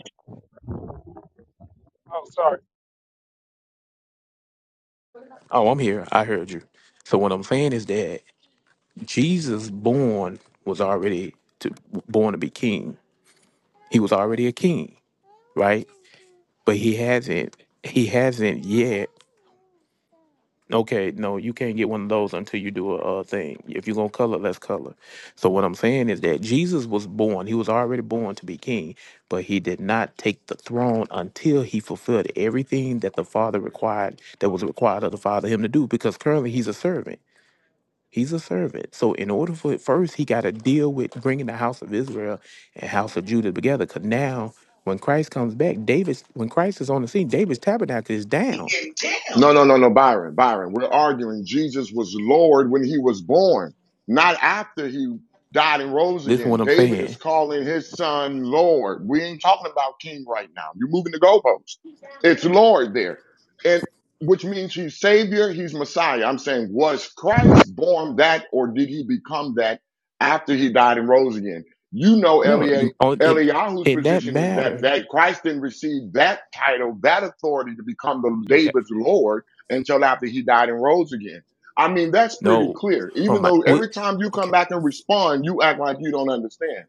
Speaker 15: Oh, sorry.
Speaker 9: Oh, I'm here. I heard you. So what I'm saying is that Jesus born was already to, born to be king. He was already a king, right? But he hasn't. He hasn't yet. Okay, no, you can't get one of those until you do a, uh thing. If you're gonna color, let's color. So what I'm saying is that Jesus was born. He was already born to be king, but he did not take the throne until he fulfilled everything that the Father required, that was required of the Father him to do. Because currently he's a servant. He's a servant. So in order for it first, he got to deal with bringing the house of Israel and house of Judah together. Because now, when Christ comes back, David's when Christ is on the scene, David's tabernacle is down.
Speaker 6: No, no, no, no, Byron, Byron. We're arguing Jesus was Lord when he was born, not after he died and rose
Speaker 9: Listen
Speaker 6: again.
Speaker 9: what I'm
Speaker 6: David is
Speaker 9: saying.
Speaker 6: calling his son Lord. We ain't talking about king right now. You're moving the goalposts. It's Lord there. And which means he's Savior, he's Messiah. I'm saying, was Christ born that or did he become that after he died and rose again? You know, L
Speaker 9: No,
Speaker 6: E A,
Speaker 9: on it
Speaker 6: Eliyahu's
Speaker 9: in that
Speaker 6: position is that,
Speaker 9: matter.
Speaker 6: that Christ didn't receive that title, that authority to become the
Speaker 9: Okay.
Speaker 6: David's Lord until after he died and rose again. I mean, that's pretty
Speaker 9: No.
Speaker 6: clear.
Speaker 9: Oh
Speaker 6: Even
Speaker 9: my.
Speaker 6: though
Speaker 9: What,
Speaker 6: every time you come
Speaker 9: okay.
Speaker 6: back and respond, you act like you don't understand.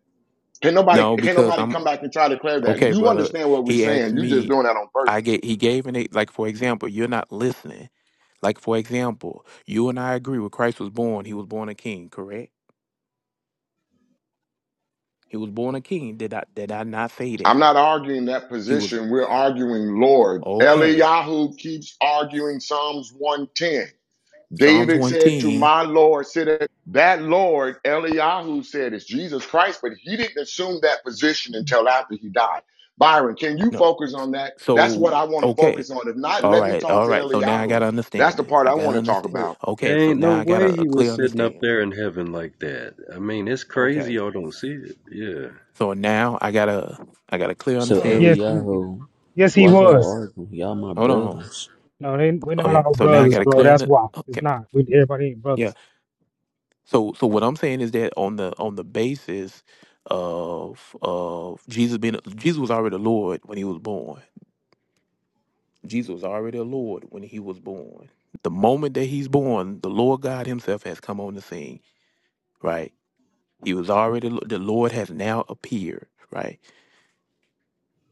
Speaker 6: Can nobody
Speaker 9: No,
Speaker 6: can
Speaker 9: because
Speaker 6: nobody
Speaker 9: I'm
Speaker 6: come back and try to clear that?
Speaker 9: okay,
Speaker 6: You
Speaker 9: brother.
Speaker 6: understand what we're
Speaker 9: He asked
Speaker 6: saying. You're just
Speaker 9: me.
Speaker 6: doing that on
Speaker 9: I
Speaker 6: purpose.
Speaker 9: get. He gave an e- like for example. You're not listening. Like for example, you and I agree. When Christ was born, he was born a king, correct? He was born a king. Did I did I not say
Speaker 6: I'm
Speaker 9: that?
Speaker 6: not arguing that
Speaker 9: He was
Speaker 6: position. We're arguing Lord.
Speaker 9: okay.
Speaker 6: Eliyahu keeps arguing Psalms 110.
Speaker 9: Psalms
Speaker 6: David
Speaker 9: one
Speaker 6: said to
Speaker 9: ten.
Speaker 6: my Lord, sit at that Lord, Eliyahu said is Jesus Christ, but he didn't assume that position until after he died. Byron, can you
Speaker 9: No.
Speaker 6: focus on that? That's what
Speaker 9: So
Speaker 6: I want to
Speaker 9: okay.
Speaker 6: focus on. If not,
Speaker 9: All
Speaker 6: let me
Speaker 9: right.
Speaker 6: talk
Speaker 9: All
Speaker 6: to
Speaker 9: right. So now I
Speaker 6: Eliyahu.
Speaker 9: gotta
Speaker 6: That's
Speaker 9: understand
Speaker 6: the
Speaker 9: it.
Speaker 6: part I
Speaker 9: I gotta
Speaker 6: want to talk
Speaker 9: understand.
Speaker 6: about.
Speaker 3: There
Speaker 9: Okay. So
Speaker 3: ain't no
Speaker 9: now I got
Speaker 3: way
Speaker 9: a, a
Speaker 3: he
Speaker 9: clear
Speaker 3: was sitting up
Speaker 9: understanding.
Speaker 3: there in heaven like that. I mean, it's crazy
Speaker 9: Okay.
Speaker 3: y'all don't see it. Yeah.
Speaker 9: So now I got to I got a clear
Speaker 16: So
Speaker 15: Yes,
Speaker 9: understanding.
Speaker 15: he-
Speaker 16: Eliyahu,
Speaker 15: yes, he
Speaker 16: why y'all
Speaker 15: was.
Speaker 16: arguing? Y'all my
Speaker 9: Hold on.
Speaker 16: brothers.
Speaker 15: No, they, we're
Speaker 9: Oh
Speaker 15: not
Speaker 9: yeah.
Speaker 15: all
Speaker 9: So now I
Speaker 15: brothers,
Speaker 9: got a
Speaker 15: bro.
Speaker 9: clear
Speaker 15: That's
Speaker 9: under.
Speaker 15: why it's
Speaker 9: Okay.
Speaker 15: not. We everybody ain't
Speaker 9: Yeah.
Speaker 15: brothers.
Speaker 9: So so what I'm saying is that on the on the basis of of Jesus being Jesus was already the Lord when he was born Jesus was already a Lord when he was born. The moment that he's born, the Lord God himself has come on the scene, right? He was already the Lord has now appeared, right?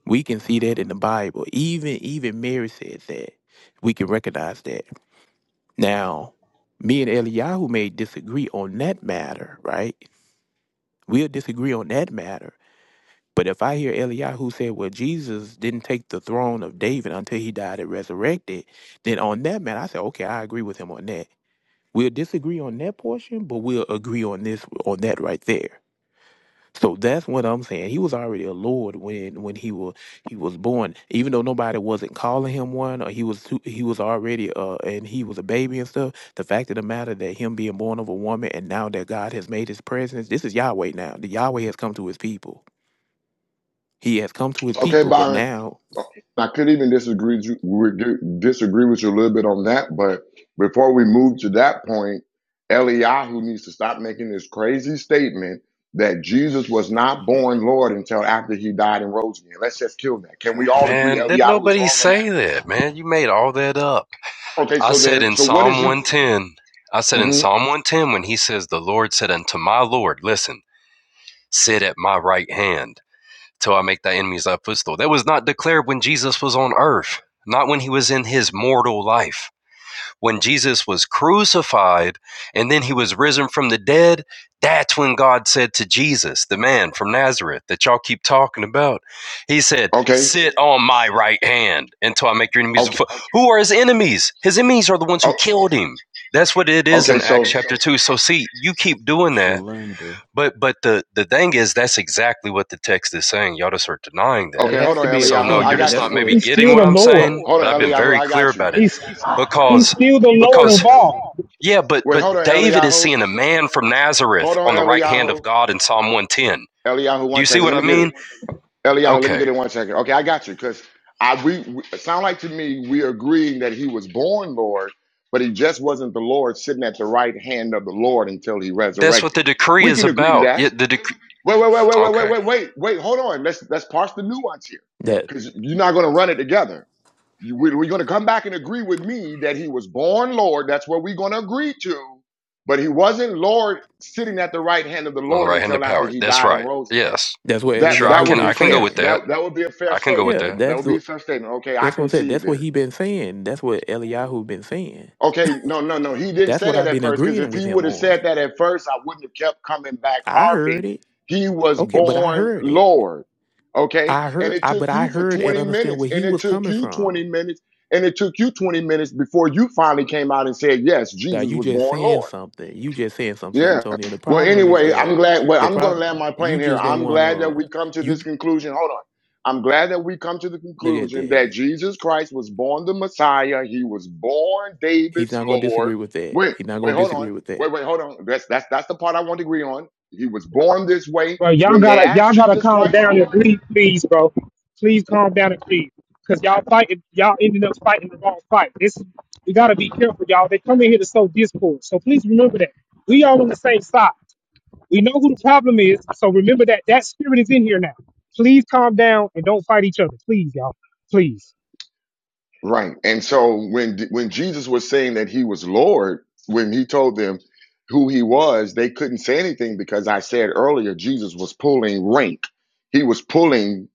Speaker 9: We can see that in the Bible. Even even Mary said that. We can recognize that. Now, me and Eliyahu may disagree on that matter, right? We'll disagree on that matter. But if I hear Eliyahu say, well, Jesus didn't take the throne of David until he died and resurrected, then on that matter, I say, okay, I agree with him on that We'll disagree on that portion, but we'll agree on this on that right there. So that's what I'm saying. He was already a lord when when he was he was born, even though nobody wasn't calling him one, or he was too, he was already uh and he was a baby and stuff. The fact of the matter that him being born of a woman and now that God has made His presence, this is Yahweh now. The Yahweh has come to His people. He has come to His
Speaker 6: Okay,
Speaker 9: people, but
Speaker 6: Byron.
Speaker 9: now
Speaker 6: I could even disagree with you- disagree with you a little bit on that, but before we move to that point, Eliyahu needs to stop making this crazy statement that Jesus was not born Lord until after he died and rose again. Let's just kill that. Can we all agree
Speaker 3: Man, did
Speaker 6: Eliyahu is
Speaker 3: nobody
Speaker 6: wrong on that?
Speaker 3: say that, man? You made all that up.
Speaker 6: Okay,
Speaker 3: I
Speaker 6: so
Speaker 3: said
Speaker 6: then,
Speaker 3: in
Speaker 6: so what
Speaker 3: Psalm
Speaker 6: is you?
Speaker 3: 110, I said in
Speaker 6: hmm
Speaker 3: Psalm 110, when he says, The Lord said unto my Lord, Listen, sit at my right hand till I make thy enemies thy footstool. That was not declared when Jesus was on earth, not when he was in his mortal life. When Jesus was crucified and then he was risen from the dead, that's when God said to Jesus, the man from Nazareth that y'all keep talking about, he said,
Speaker 6: okay,
Speaker 3: Sit on my right hand until I make your enemies.
Speaker 6: okay,
Speaker 3: Who are his enemies? His enemies are the ones who
Speaker 6: oh,
Speaker 3: killed him. That's what it is
Speaker 6: okay.
Speaker 3: in
Speaker 6: So,
Speaker 3: Acts chapter 2. So, see, you keep doing that
Speaker 16: Shalanda.
Speaker 3: but but the the thing is, that's exactly what the text is saying. Y'all just are denying that.
Speaker 6: okay,
Speaker 9: it
Speaker 6: hold
Speaker 9: has
Speaker 6: on,
Speaker 9: to be a
Speaker 3: So no,
Speaker 6: Eliyahu, I
Speaker 3: you're
Speaker 9: king.
Speaker 3: just
Speaker 6: got
Speaker 9: That's
Speaker 3: not
Speaker 6: you.
Speaker 3: maybe
Speaker 9: what
Speaker 15: He's
Speaker 3: getting
Speaker 15: still
Speaker 3: what
Speaker 15: the
Speaker 3: I'm
Speaker 15: Lord.
Speaker 6: Ho-
Speaker 3: saying.
Speaker 6: hold
Speaker 3: But
Speaker 6: on,
Speaker 3: I've been
Speaker 9: okay.
Speaker 6: Eliyahu,
Speaker 3: very
Speaker 6: I
Speaker 3: clear
Speaker 6: got you.
Speaker 3: about it
Speaker 15: He's he's
Speaker 3: because
Speaker 15: still the Lord
Speaker 3: because
Speaker 15: of all,
Speaker 3: yeah, but
Speaker 6: Wait,
Speaker 3: but
Speaker 6: hold on,
Speaker 3: David is
Speaker 6: Eliyahu.
Speaker 3: seeing a man from Nazareth
Speaker 6: Hold on,
Speaker 3: on the right hand
Speaker 6: Eliyahu.
Speaker 3: of God in Psalm 110.
Speaker 6: Eliyahu,
Speaker 3: Do
Speaker 6: one
Speaker 3: you see
Speaker 6: second.
Speaker 3: what
Speaker 6: Let
Speaker 3: I
Speaker 6: me get it.
Speaker 3: mean?
Speaker 6: Eliyahu, let me get
Speaker 3: Okay,
Speaker 6: it one second. Okay, I got you. Because I we, we it sound like to me we agreeing that he was born Lord, but he just wasn't the Lord sitting at the right hand of the Lord until he
Speaker 3: that's what
Speaker 6: resurrected.
Speaker 3: the decree
Speaker 6: We
Speaker 3: is
Speaker 6: can agree to
Speaker 3: about.
Speaker 6: that.
Speaker 3: Yeah, the dec-
Speaker 6: Wait, wait, wait, wait, wait, wait,
Speaker 3: okay
Speaker 6: wait, wait, wait. Hold on. Let's let's parse the nuance here.
Speaker 9: That
Speaker 6: Because you're not going to run it together. You, we, we're going to come back and agree with me that he was born Lord. That's what we're going to agree to. But he wasn't Lord sitting at the right hand of the
Speaker 3: on the
Speaker 6: Lord
Speaker 3: right hand of
Speaker 6: until after
Speaker 3: power.
Speaker 6: he
Speaker 3: That's
Speaker 6: died and
Speaker 3: right.
Speaker 6: rose again.
Speaker 3: Yes,
Speaker 9: that's what
Speaker 6: That
Speaker 3: sure. I
Speaker 6: that
Speaker 9: Eliyahu
Speaker 3: can
Speaker 6: would be
Speaker 3: I
Speaker 9: been
Speaker 3: can go
Speaker 6: fair.
Speaker 3: with
Speaker 9: saying.
Speaker 3: that.
Speaker 6: That that would be a fair
Speaker 3: I can go with
Speaker 6: statement.
Speaker 9: Yeah,
Speaker 3: that.
Speaker 6: That would
Speaker 9: that's
Speaker 6: be a fair statement. Okay, I
Speaker 9: That's what I'm
Speaker 6: can
Speaker 9: saying.
Speaker 6: see you
Speaker 9: That's what
Speaker 6: there.
Speaker 9: he been saying. That's what Eliyahu been saying.
Speaker 6: Okay, no, no, no. He didn't
Speaker 9: That's
Speaker 6: say
Speaker 9: what
Speaker 6: that
Speaker 9: I've
Speaker 6: at
Speaker 9: been
Speaker 6: first because if
Speaker 9: agreeing with
Speaker 6: he would
Speaker 9: him
Speaker 6: have
Speaker 9: on.
Speaker 6: said that at first, I wouldn't have kept coming back
Speaker 9: I heard
Speaker 6: harping.
Speaker 9: it.
Speaker 6: He was
Speaker 9: Okay, but I
Speaker 6: born
Speaker 9: heard it.
Speaker 6: Lord. Okay,
Speaker 9: I
Speaker 6: and
Speaker 9: heard
Speaker 6: it
Speaker 9: I but
Speaker 6: took
Speaker 9: I
Speaker 6: you for
Speaker 9: heard and
Speaker 6: 20
Speaker 9: understand
Speaker 6: minutes,
Speaker 9: where
Speaker 6: and
Speaker 9: he
Speaker 6: it
Speaker 9: was
Speaker 6: took
Speaker 9: coming
Speaker 6: you
Speaker 9: from.
Speaker 6: 20 minutes, and it took you 20 minutes before you finally came out and said, Yes,
Speaker 9: That
Speaker 6: Jesus
Speaker 9: you
Speaker 6: was
Speaker 9: just
Speaker 6: born
Speaker 9: saying
Speaker 6: Lord.
Speaker 9: something. You just saying something, San
Speaker 6: Yeah.
Speaker 9: Antonio. The
Speaker 6: Well,
Speaker 9: problem is
Speaker 6: anyway, I'm
Speaker 9: that
Speaker 6: glad. Well,
Speaker 9: the
Speaker 6: I'm going to
Speaker 9: problem
Speaker 6: land my plane
Speaker 9: you
Speaker 6: here.
Speaker 9: just don't
Speaker 6: I'm glad that
Speaker 9: wanna
Speaker 6: we come to
Speaker 9: you
Speaker 6: this conclusion. Hold on. I'm glad that we come to the
Speaker 9: look at
Speaker 6: conclusion that
Speaker 9: that.
Speaker 6: Jesus Christ was born the Messiah. He was born
Speaker 9: He's
Speaker 6: David's
Speaker 9: not going to
Speaker 6: Lord.
Speaker 9: disagree with that.
Speaker 6: Wait,
Speaker 9: He's not
Speaker 6: wait,
Speaker 9: going to
Speaker 6: hold on.
Speaker 9: disagree with
Speaker 6: Wait,
Speaker 9: that.
Speaker 6: wait, hold on. That's that's that's the part I want to agree on. He was born this way.
Speaker 15: bro. Y'all
Speaker 6: When they
Speaker 15: gotta
Speaker 6: asked
Speaker 15: y'all gotta
Speaker 6: Jesus
Speaker 15: calm
Speaker 6: Christ.
Speaker 15: down and please, please, bro. Please calm down and please, cause y'all fighting y'all ended up fighting the wrong fight. This we gotta be careful, y'all. They come in here to sow discord, so please remember that we all on the same side. We know who the problem is. So remember that that spirit is in here now. Please calm down and don't fight each other. Please, y'all. Please.
Speaker 6: Right. And so when when Jesus was saying that he was Lord, when he told them who he was, they couldn't say anything because I said earlier Jesus was pulling rank. He was pulling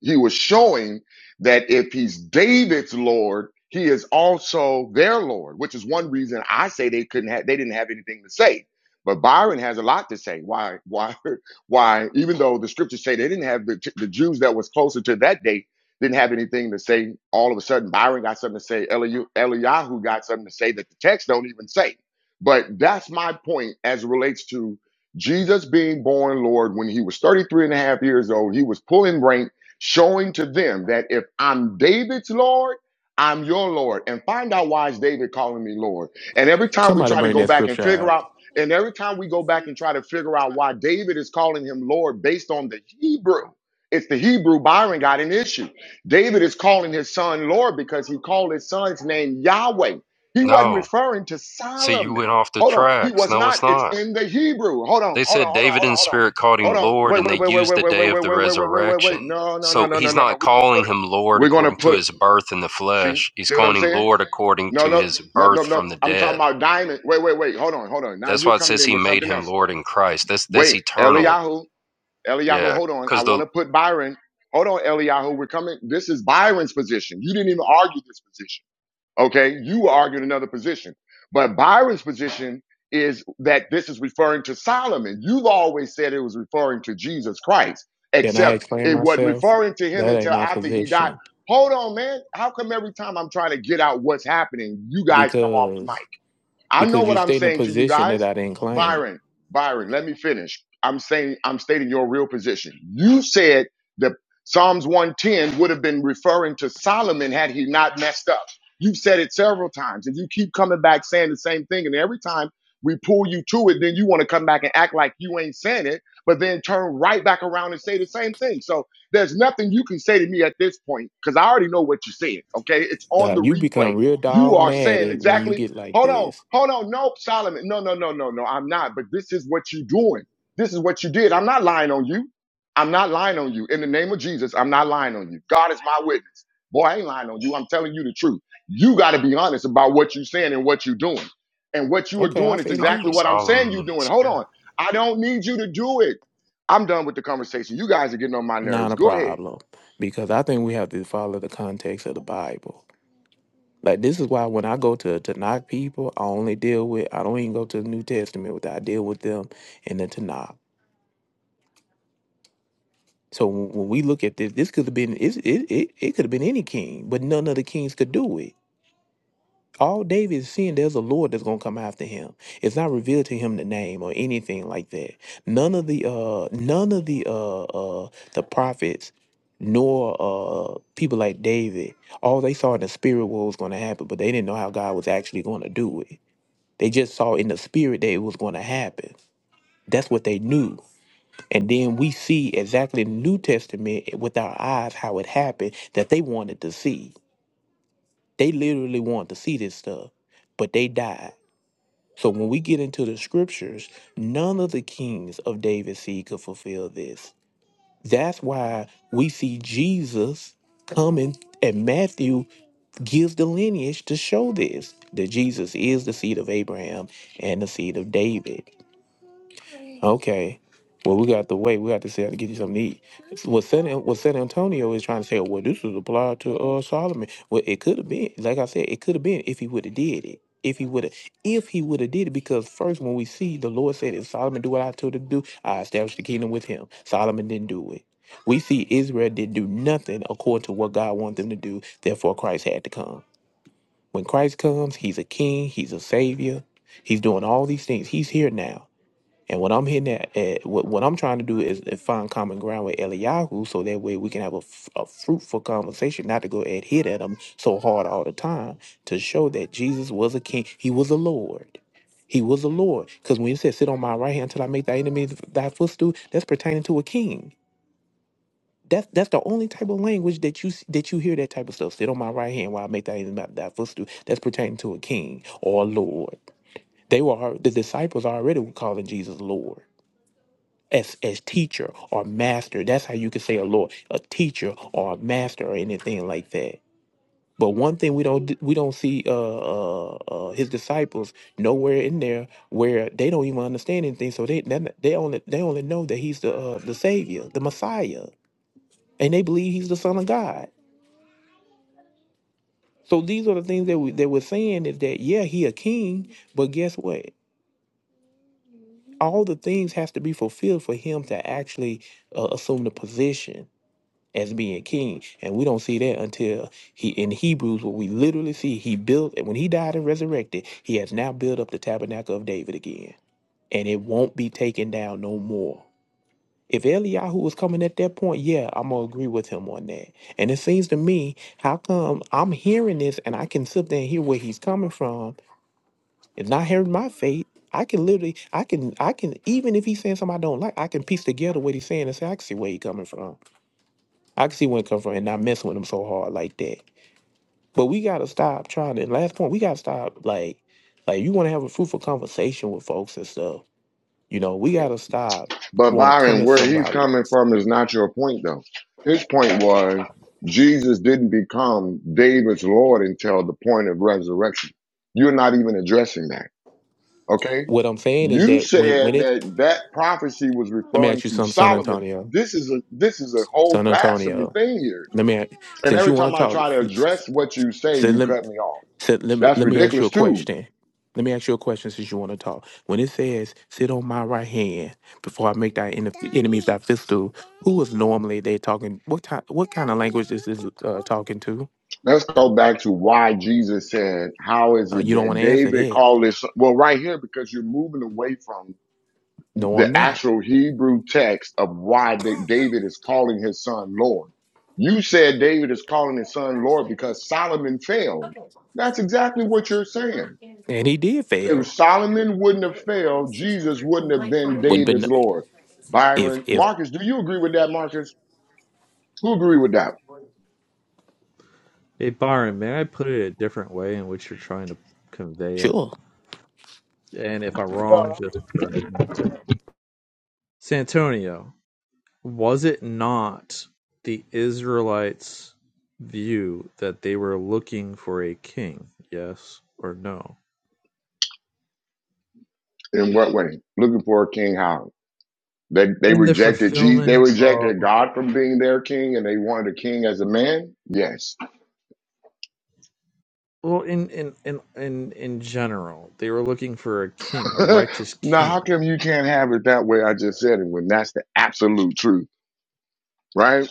Speaker 6: he was showing that if he's David's Lord, he is also their Lord, which is one reason I say they couldn't have they didn't have anything to say. But Byron has a lot to say. Why why why even though the scriptures say they didn't have the, the Jews that was closer to that day didn't have anything to say. All of a sudden, Byron got something to say. Eliyahu got something to say that the text don't even say. But that's my point as it relates to Jesus being born Lord when he was 33 and a half years old. He was pulling rank, showing to them that if I'm David's Lord, I'm your Lord. And find out why is David calling me Lord. And every time we
Speaker 9: Somebody
Speaker 6: try to
Speaker 9: bring
Speaker 6: go
Speaker 9: that
Speaker 6: back and
Speaker 9: scripture
Speaker 6: figure
Speaker 9: out.
Speaker 6: out, and every time we go back and try to figure out why David is calling him Lord based on the Hebrew, it's the Hebrew Byron got an issue David is calling his son Lord because he called his son's name Yahweh. He wasn't
Speaker 3: No,
Speaker 6: referring to
Speaker 3: see, you went
Speaker 6: Solomon.
Speaker 3: off the
Speaker 6: Hold on. He
Speaker 3: tracks.
Speaker 6: was
Speaker 3: No, it's
Speaker 6: not. It's
Speaker 3: not.
Speaker 6: in the Hebrew. Hold on.
Speaker 3: They
Speaker 6: Hold on.
Speaker 3: said
Speaker 6: Hold on.
Speaker 3: David
Speaker 6: Hold on.
Speaker 3: in
Speaker 6: Hold on.
Speaker 3: spirit called
Speaker 6: Hold
Speaker 3: him
Speaker 6: on.
Speaker 3: Lord,
Speaker 6: Wait,
Speaker 3: and
Speaker 6: wait,
Speaker 3: they
Speaker 6: wait, wait,
Speaker 3: used
Speaker 6: wait,
Speaker 3: the
Speaker 6: wait,
Speaker 3: day
Speaker 6: wait, wait,
Speaker 3: of
Speaker 6: wait,
Speaker 3: the
Speaker 6: wait, wait, wait, wait, wait.
Speaker 3: resurrection.
Speaker 6: No, no, no,
Speaker 3: So
Speaker 6: no, no,
Speaker 3: he's
Speaker 6: no, no.
Speaker 3: not
Speaker 6: We're gonna put
Speaker 3: calling
Speaker 6: it.
Speaker 3: him Lord
Speaker 6: We're gonna
Speaker 3: according to
Speaker 6: put it.
Speaker 3: his birth in the
Speaker 6: see,
Speaker 3: flesh. He's
Speaker 6: see what I'm
Speaker 3: calling him
Speaker 6: saying?
Speaker 3: Lord according
Speaker 6: No,
Speaker 3: to
Speaker 6: no,
Speaker 3: his
Speaker 6: no, no,
Speaker 3: birth
Speaker 6: no.
Speaker 3: from the
Speaker 6: I'm talking
Speaker 3: dead.
Speaker 6: about diamond. Wait, wait, wait. Hold on, hold on. Now
Speaker 3: That's
Speaker 6: you're
Speaker 3: why it
Speaker 6: coming
Speaker 3: says
Speaker 6: in
Speaker 3: he
Speaker 6: with
Speaker 3: made
Speaker 6: something
Speaker 3: him
Speaker 6: else.
Speaker 3: Lord in Christ. That's that's
Speaker 6: Wait,
Speaker 3: eternal.
Speaker 6: Eliyahu. Eliyahu,
Speaker 3: Yeah,
Speaker 6: hold on. I
Speaker 3: because the
Speaker 6: want to put Byron. Hold on, Eliyahu. We're coming. This is Byron's position. You didn't even argue this position. Okay. You argued another position. But Byron's position is that this is referring to Solomon. You've always said it was referring to Jesus Christ,
Speaker 9: Can I
Speaker 6: except
Speaker 9: explain
Speaker 6: it wasn't
Speaker 9: myself?
Speaker 6: referring to him
Speaker 9: That
Speaker 6: until
Speaker 9: ain't my
Speaker 6: after he died.
Speaker 9: position
Speaker 6: Hold on, man. How come every time I'm trying to get out what's happening, you guys come off the mic?
Speaker 9: because
Speaker 6: I know
Speaker 9: because
Speaker 6: what
Speaker 9: you're
Speaker 6: I'm
Speaker 9: stating a
Speaker 6: saying to you
Speaker 9: position
Speaker 6: guys.
Speaker 9: that I didn't claim.
Speaker 6: Byron, Byron, let me finish. I'm saying I'm stating your real position. You said that Psalms 110 would have been referring to Solomon had he not messed up. You've said it several times, and you keep coming back saying the same thing. And every time we pull you to it, then you want to come back and act like you ain't saying it, but then turn right back around and say the same thing. So there's nothing you can say to me at this point because I already know what you said. Okay, it's on
Speaker 9: Now,
Speaker 6: the
Speaker 9: you become
Speaker 6: replay.
Speaker 9: real
Speaker 6: You are saying
Speaker 9: dogmatic when you
Speaker 6: exactly
Speaker 9: get like
Speaker 6: Hold on,
Speaker 9: this.
Speaker 6: hold on. No, Solomon. No, no, no, no, no. I'm not. But this is what you're doing. This is what you did. I'm not lying on you. I'm not lying on you. In the name of Jesus, I'm not lying on you. God is my witness. Boy, I ain't lying on you. I'm telling you the truth. You got to be honest about what you're saying and what you're doing. And what you are
Speaker 9: Okay, I
Speaker 6: doing is
Speaker 9: say it
Speaker 3: called
Speaker 6: exactly
Speaker 3: you
Speaker 9: again.
Speaker 6: what I'm saying
Speaker 3: Solomon
Speaker 6: you're
Speaker 3: in the
Speaker 6: doing. Hold
Speaker 3: spirit.
Speaker 6: on. I don't need you to do it. I'm done with the conversation. You guys are getting on my
Speaker 9: Not
Speaker 6: nerves.
Speaker 9: a
Speaker 6: Go ahead.
Speaker 9: problem. Because I think we have to follow the context of the Bible. Like this is why when I go to Tanakh people, I only deal with I don't even go to the New Testament with that. I deal with them in the Tanakh. So when when we look at this, this could have been it's, it it it could have been any king, but none of the kings could do it. all David is seeing, there's a Lord that's gonna come after him. It's not revealed to him the name or anything like that. None of the uh none of the uh uh the prophets nor uh people like David, all they saw in the spirit what was gonna happen, but they didn't know how God was actually gonna do it. They just saw in the spirit that it was gonna happen. That's what they knew. And then we see exactly in the New Testament with our eyes how it happened that they wanted to see. They literally wanted to see this stuff, but they died. So when we get into the scriptures, none of the kings of David's seed could fulfill this. That's why we see Jesus coming, and Matthew gives the lineage to show this that Jesus is the seed of Abraham and the seed of David. Okay. Well, we got to wait. We got to see how to get you something to eat. What San what San Antonio is trying to say, well, this was applied to uh Solomon. Well, it could have been. Like I said, it could have been if he would have did it. If he would have, if he would have did it, because first when we see the Lord said, "If Solomon do what I told him to do, I established the kingdom with him." Solomon didn't do it. We see Israel did do nothing according to what God wanted them to do. Therefore, Christ had to come. When Christ comes, He's a King. He's a Savior. He's doing all these things. He's here now. And what I'm hitting at, at what, what I'm trying to do is, is find common ground with Eliyahu so that way we can have a, f- a fruitful conversation, not to go and hit at him so hard all the time to show that Jesus was a king. He was a Lord. He was a Lord. Because when he said, sit on my right hand until I make thy enemies thy footstool, that's pertaining to a king. That's, that's the only type of language that you s- that you hear that type of stuff. Sit on my right hand while I make thy enemy thy footstool. That's pertaining to a king or a lord. They were al- the disciples already were calling Jesus Lord as as teacher or master. That's how you can say a Lord, a teacher or a master or anything like that. But one thing we don't we don't see uh, uh, uh, his disciples nowhere in there where they don't even understand anything. So they they they only they only know that he's the uh, the savior, the Messiah, and they believe he's the Son of God. So these are the things that we that we're saying is that yeah he a king, but guess what? All the things has to be fulfilled for him to actually uh, assume the position. as being king. And we don't see that until he in Hebrews, what we literally see, he built and when he died and resurrected, he has now built up the tabernacle of David again. And it won't be taken down no more. If Eliyahu was coming at that point, yeah, I'm gonna agree with him on that. And it seems to me, how come I'm hearing this and I can sit there and hear where he's coming from, it's not hearing my faith. I can literally, I can, I can, even if he's saying something I don't like, I can piece together what he's saying and say, I can see where he's coming from. I can see where it come from and not messing with them so hard like that. But we gotta stop trying to. Last point, we gotta stop like, like you want to have a fruitful conversation with folks and stuff. You know, we gotta stop
Speaker 6: But
Speaker 9: want to come
Speaker 6: Byron,
Speaker 9: at
Speaker 6: where he's
Speaker 9: somebody.
Speaker 6: coming from is not your point, though. His point was Jesus didn't become David's Lord until the point of resurrection. You're not even addressing that, okay?
Speaker 9: What I'm saying is
Speaker 6: You
Speaker 9: that when
Speaker 6: said
Speaker 9: when it,
Speaker 6: that that prophecy was
Speaker 9: let me
Speaker 6: referring
Speaker 9: ask you
Speaker 6: to
Speaker 9: something, San
Speaker 6: Solomon.
Speaker 9: Antonio,
Speaker 6: This is a this is a whole
Speaker 9: San
Speaker 6: blasphemy
Speaker 9: Antonio.
Speaker 6: thing here.
Speaker 9: Let me ask,
Speaker 6: And
Speaker 9: since you
Speaker 6: every time
Speaker 9: want to
Speaker 6: I try to
Speaker 9: talk.
Speaker 6: address what you say,
Speaker 9: So
Speaker 6: you
Speaker 9: let,
Speaker 6: cut me off.
Speaker 9: so let me
Speaker 6: That's
Speaker 9: let me ask you
Speaker 6: ridiculous
Speaker 9: a
Speaker 6: too.
Speaker 9: question. Let me ask you a question since you want to talk. When it says, sit on my right hand before I make thy en- enemies thy footstool, who is normally they talking? What type, what kind of language is this uh, talking to?
Speaker 6: Let's go back to why Jesus said, How is
Speaker 9: Uh,
Speaker 6: it
Speaker 9: you don't want
Speaker 6: that
Speaker 9: to answer
Speaker 6: David
Speaker 9: that.
Speaker 6: called this? Well, right here, because you're moving away from
Speaker 9: No,
Speaker 6: the
Speaker 9: I'm not.
Speaker 6: actual Hebrew text of why David is calling his son Lord. You said David is calling his son Lord because Solomon failed. That's exactly what you're saying.
Speaker 9: And he did
Speaker 6: If
Speaker 9: fail.
Speaker 6: Solomon wouldn't have failed, Jesus wouldn't have been
Speaker 9: Would have been,
Speaker 6: David's
Speaker 9: no,
Speaker 6: Lord.
Speaker 9: if,
Speaker 6: Byron,
Speaker 9: if,
Speaker 6: Marcus, do you agree with that, Marcus? Who agree with that?
Speaker 5: Hey, Byron, may I put it a different way in which you're trying to convey it?
Speaker 9: sure.
Speaker 5: And if I'm wrong, just correct me. Santonio, was it not the Israelites' view that they were looking for a king? Yes or no?
Speaker 6: In what way? Looking for a King Howard. They they
Speaker 5: In the
Speaker 6: rejected Jesus. They
Speaker 5: fulfillment. of.
Speaker 6: rejected God from being their king, and they wanted a king as a man. Yes.
Speaker 5: Well, in in in in in general, they were looking for a king, a righteous
Speaker 6: now, how
Speaker 5: king.
Speaker 6: come you can't have it that way? I just said it when that's the absolute truth, right?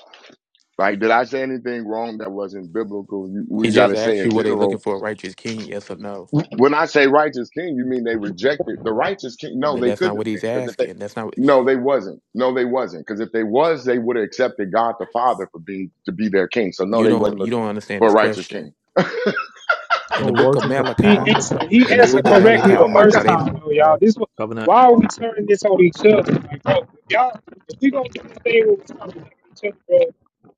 Speaker 6: Like, did I say anything wrong that wasn't biblical? You,
Speaker 9: He
Speaker 6: we got
Speaker 9: just
Speaker 6: to say
Speaker 9: asked
Speaker 6: in
Speaker 9: you, were they looking
Speaker 6: general.
Speaker 9: for a righteous king? Yes or no?
Speaker 6: When I say righteous king, you mean they rejected the righteous king? No,
Speaker 9: That
Speaker 6: they
Speaker 9: that's
Speaker 6: couldn't
Speaker 9: not what
Speaker 6: have
Speaker 9: he's
Speaker 6: been because if they,
Speaker 9: asking. That's not what,
Speaker 6: no, they wasn't. No, they wasn't because if they was, they would have accepted God the Father for being to be their king. So no,
Speaker 9: you
Speaker 6: they
Speaker 9: don't
Speaker 6: wasn't
Speaker 9: you
Speaker 6: looking
Speaker 9: don't understand
Speaker 6: for a
Speaker 9: his
Speaker 6: righteous
Speaker 9: question.
Speaker 6: king.
Speaker 9: In
Speaker 5: Oh,
Speaker 9: the book of
Speaker 5: wasn't the
Speaker 15: He
Speaker 9: Malachi,
Speaker 5: promise
Speaker 15: answered,
Speaker 5: that was
Speaker 15: he
Speaker 9: in the
Speaker 15: answered
Speaker 5: made
Speaker 9: book of
Speaker 5: to
Speaker 15: correctly the
Speaker 6: oh
Speaker 9: Malachi,
Speaker 6: my God.
Speaker 5: Abraham
Speaker 9: are
Speaker 15: first
Speaker 9: they?
Speaker 15: time,
Speaker 5: as
Speaker 15: though,
Speaker 5: well?
Speaker 15: y'all. This
Speaker 5: The Covenant.
Speaker 15: Why are
Speaker 5: pro-
Speaker 15: we turning this on each other? Like, bro, if y'all, if we gonna do this thing where we talking to each other, bro,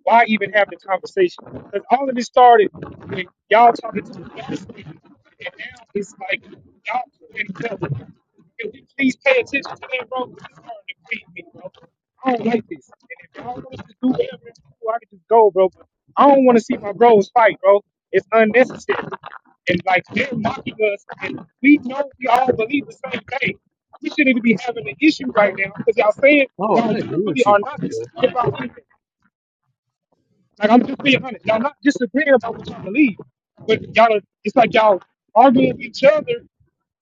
Speaker 15: why even have the conversation? Because all of this started when y'all talking to the other speakers, and now it's like y'all doing each other. Can we please pay attention to that, bro? This is starting to creep me, bro. I don't like this. And if y'all want us to do whatever, it's to do, I can just go, bro. But I don't want to see my bros fight, bro. It's unnecessary. And like they're mocking us, and we know we all believe the same thing. We shouldn't even be having an issue right now because y'all saying
Speaker 5: Oh,
Speaker 15: y'all
Speaker 5: I agree
Speaker 15: literally
Speaker 5: with you,
Speaker 15: are not
Speaker 5: Marcus.
Speaker 15: concerned about anything. Like I'm just being honest. Y'all not disagreeing about what y'all believe, but y'all are, it's like y'all arguing with each other.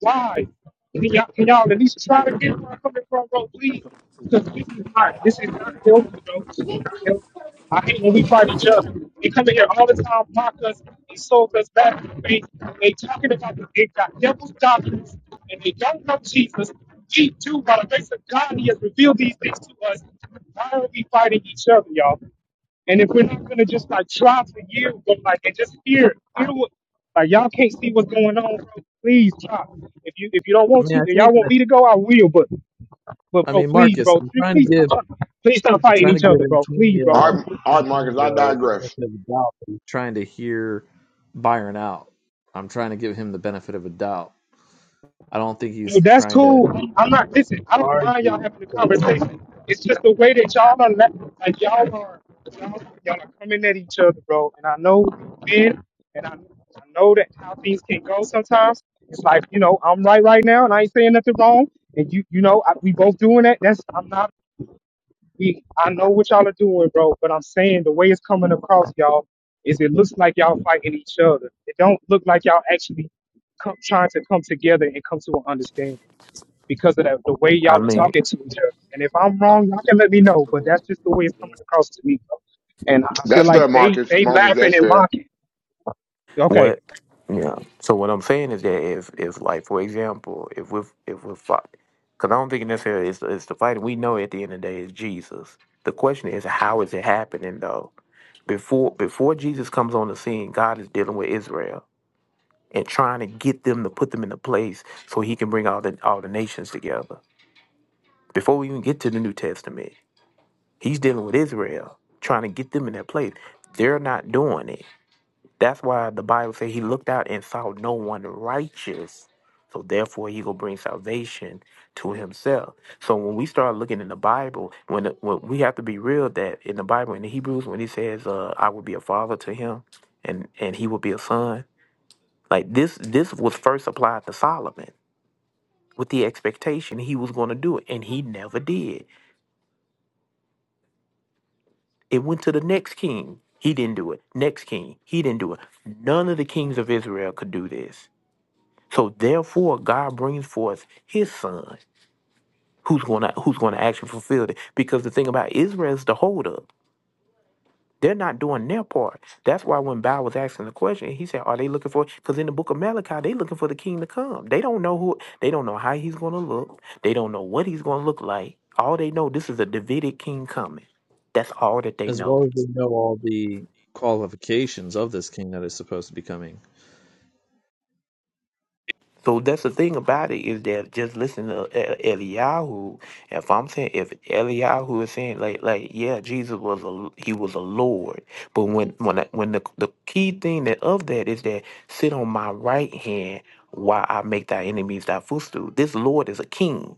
Speaker 15: Why? Can y'all, can y'all at least try to get where I'm coming from, bro? Please, because this is not this is not healthy, bro. This is not healthy. I hate when we fight each other. They come in here all the time, mock us, insult us back. They they talking about the, they got devil's doctrines and they don't know Jesus. We too, by the grace of God, He has revealed these things to us. Why are we fighting each other, y'all? And if we're not gonna just like try for years, but like and just hear, hear what, like y'all can't see what's going on, bro. Please try. If you if you don't
Speaker 5: I
Speaker 15: want
Speaker 5: mean,
Speaker 15: to,
Speaker 5: I
Speaker 15: and y'all
Speaker 5: think
Speaker 15: want
Speaker 5: that,
Speaker 15: me to go, I will. But but
Speaker 5: I
Speaker 15: bro,
Speaker 5: mean,
Speaker 15: please,
Speaker 5: Marcus.
Speaker 15: bro,
Speaker 5: I'm
Speaker 15: please,
Speaker 5: trying to
Speaker 15: please stop,
Speaker 5: give
Speaker 15: please stop
Speaker 5: I'm
Speaker 15: fighting
Speaker 5: trying to
Speaker 15: each
Speaker 5: give
Speaker 15: other, bro. Please, bro.
Speaker 6: All
Speaker 5: Antonio
Speaker 6: right,
Speaker 5: Antonio
Speaker 6: all right, Marcus. I
Speaker 5: the
Speaker 6: digress.
Speaker 5: benefit of the doubt. I'm trying to hear Byron out. I'm trying to give him the benefit of a doubt. I don't think
Speaker 15: Hey,
Speaker 5: he's
Speaker 15: that's
Speaker 5: trying to.
Speaker 15: cool. I'm not listen. I don't mind y'all
Speaker 5: Argue.
Speaker 15: having a
Speaker 5: but.
Speaker 15: conversation. It's just the way that y'all are la- like y'all are y'all, y'all are coming at each other, bro. And I know men, and I, I know that how things can go sometimes. It's like you know I'm right right now, and I ain't saying nothing wrong. And you you know I, we both doing that. That's I'm not. We I know what y'all are doing, bro. But I'm saying the way it's coming across, y'all, is it looks like y'all fighting each other. It don't look like y'all actually come, trying to come together and come to an understanding because of that, the way
Speaker 9: I
Speaker 15: y'all are
Speaker 9: mean,
Speaker 15: talking to each other. And if I'm wrong, y'all can let me know. But that's just the way it's coming across to me. And I feel
Speaker 6: That's
Speaker 15: like
Speaker 6: fair,
Speaker 15: they
Speaker 6: Marcus.
Speaker 15: they
Speaker 6: Marcus,
Speaker 15: laughing
Speaker 6: that's
Speaker 15: and
Speaker 6: fair.
Speaker 15: mocking. Okay,
Speaker 9: what? Yeah. So what I'm saying is that if if like for example, if we if we're because I don't think necessarily it's it's the fighting. We know at the end of the day is Jesus. The question is how is it happening though? Before before Jesus comes on the scene, God is dealing with Israel and trying to get them to put them in a place so He can bring all the all the nations together Before we even get to the New Testament, he's dealing with Israel, trying to get them in that place. They're not doing it. That's why the Bible says he looked out and saw no one righteous. So therefore, he will bring salvation to himself. So when we start looking in the Bible, when, when we have to be real that in the Bible, in the Hebrews, when he says, uh, "I will be a father to him, and and he will be a son," like this, this was first applied to Solomon with the expectation he was going to do it, and he never did. It went to the next king. He didn't do it. Next king. He didn't do it. None of the kings of Israel could do this. So therefore, God brings forth his son who's gonna who's gonna actually fulfill it. Because the thing about Israel is the holdup. They're not doing their part. That's why when Bow was asking the question, he said, Are they looking for because in the book of Malachi, they are looking for the king to come. They don't know who they don't know how he's gonna look. They don't know what he's gonna look like. All they know this is a Davidic king coming. That's all that they
Speaker 5: as
Speaker 9: know.
Speaker 5: well as we know all the qualifications of this king that is supposed to be coming.
Speaker 9: So that's the thing about it is that just listen to E- E-, Eliyahu. If I'm saying if Eliyahu is saying like like yeah, Jesus was a he was a Lord, but when when I- when the the key thing that of that is that sit on my right hand while I make thy enemies thy footstool. This Lord is a king,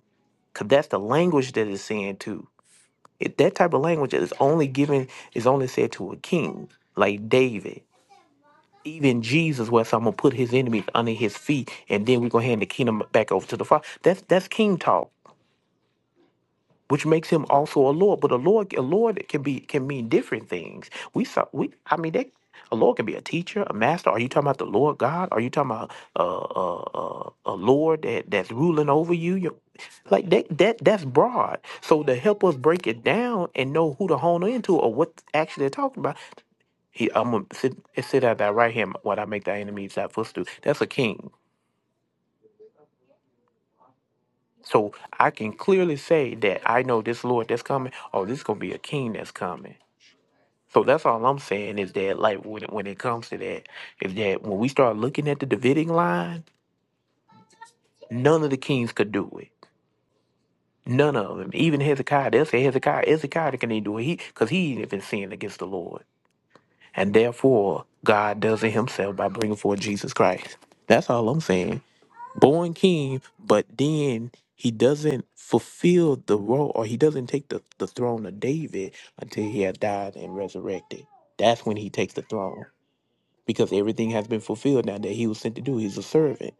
Speaker 9: cause that's the language that is saying too. It, that type of language is only given is only said to a king like David even Jesus was, I'm gonna put his enemies under his feet, and then we're gonna hand the kingdom back over to the Father. That's that's king talk, which makes him also a Lord. But a Lord, a Lord can be can mean different things. We saw we, I mean, that a Lord can be a teacher, a master. Are you talking about the Lord God? Are you talking about uh, uh, uh, a Lord that that's ruling over you? You like that that that's broad. So to help us break it down and know who to hone into or what actually they're talking about, he, I'm gonna sit, sit at thy right hand while I make thy enemies thy footstool. That's a king. So I can clearly say that I know this Lord that's coming. Oh, this is gonna be a king that's coming. So that's all I'm saying is that, like, when it, when it comes to that, is that when we start looking at the Davidic line, none of the kings could do it. None of them. Even Hezekiah, they'll say Hezekiah, Hezekiah can even do it. He, cause he ain't even sinned against the Lord, and therefore God does it Himself by bringing forth Jesus Christ. That's all I'm saying. born king, but then he doesn't fulfill the role or he doesn't take the, the throne of David until he has died and resurrected. That's when he takes the throne because everything has been fulfilled now that he was sent to do. He's a servant.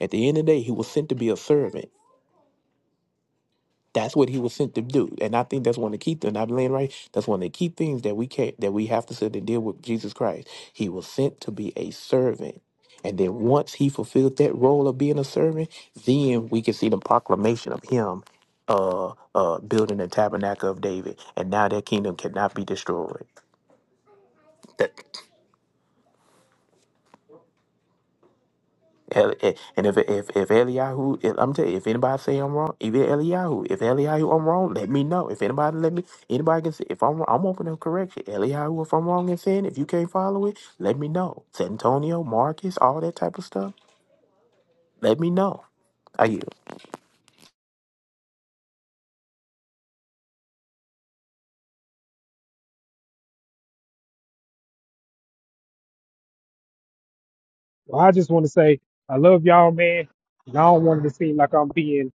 Speaker 9: At the end of the day, he was sent to be a servant. That's what he was sent to do. And I think that's one of the key things. I'm laying right. That's one of the key things that we can't that we have to sit and deal with Jesus Christ. He was sent to be a servant. And then once he fulfilled that role of being a servant, then we can see the proclamation of him uh uh building the tabernacle of David. And now that kingdom cannot be destroyed. El- eh, And if if if Eliyahu, if- I'm telling you, if anybody say I'm wrong, even Eliyahu, if Eliyahu I'm wrong, let me know. If anybody let me, anybody can say if I'm wrong, I'm open to correction. Eliyahu, if I'm wrong in sin, if you can't follow it, let me know. San Antonio, Marcus, all that type of stuff, let me know. I you.
Speaker 15: well I just want to say I love y'all, man. And I don't want it to seem like I'm being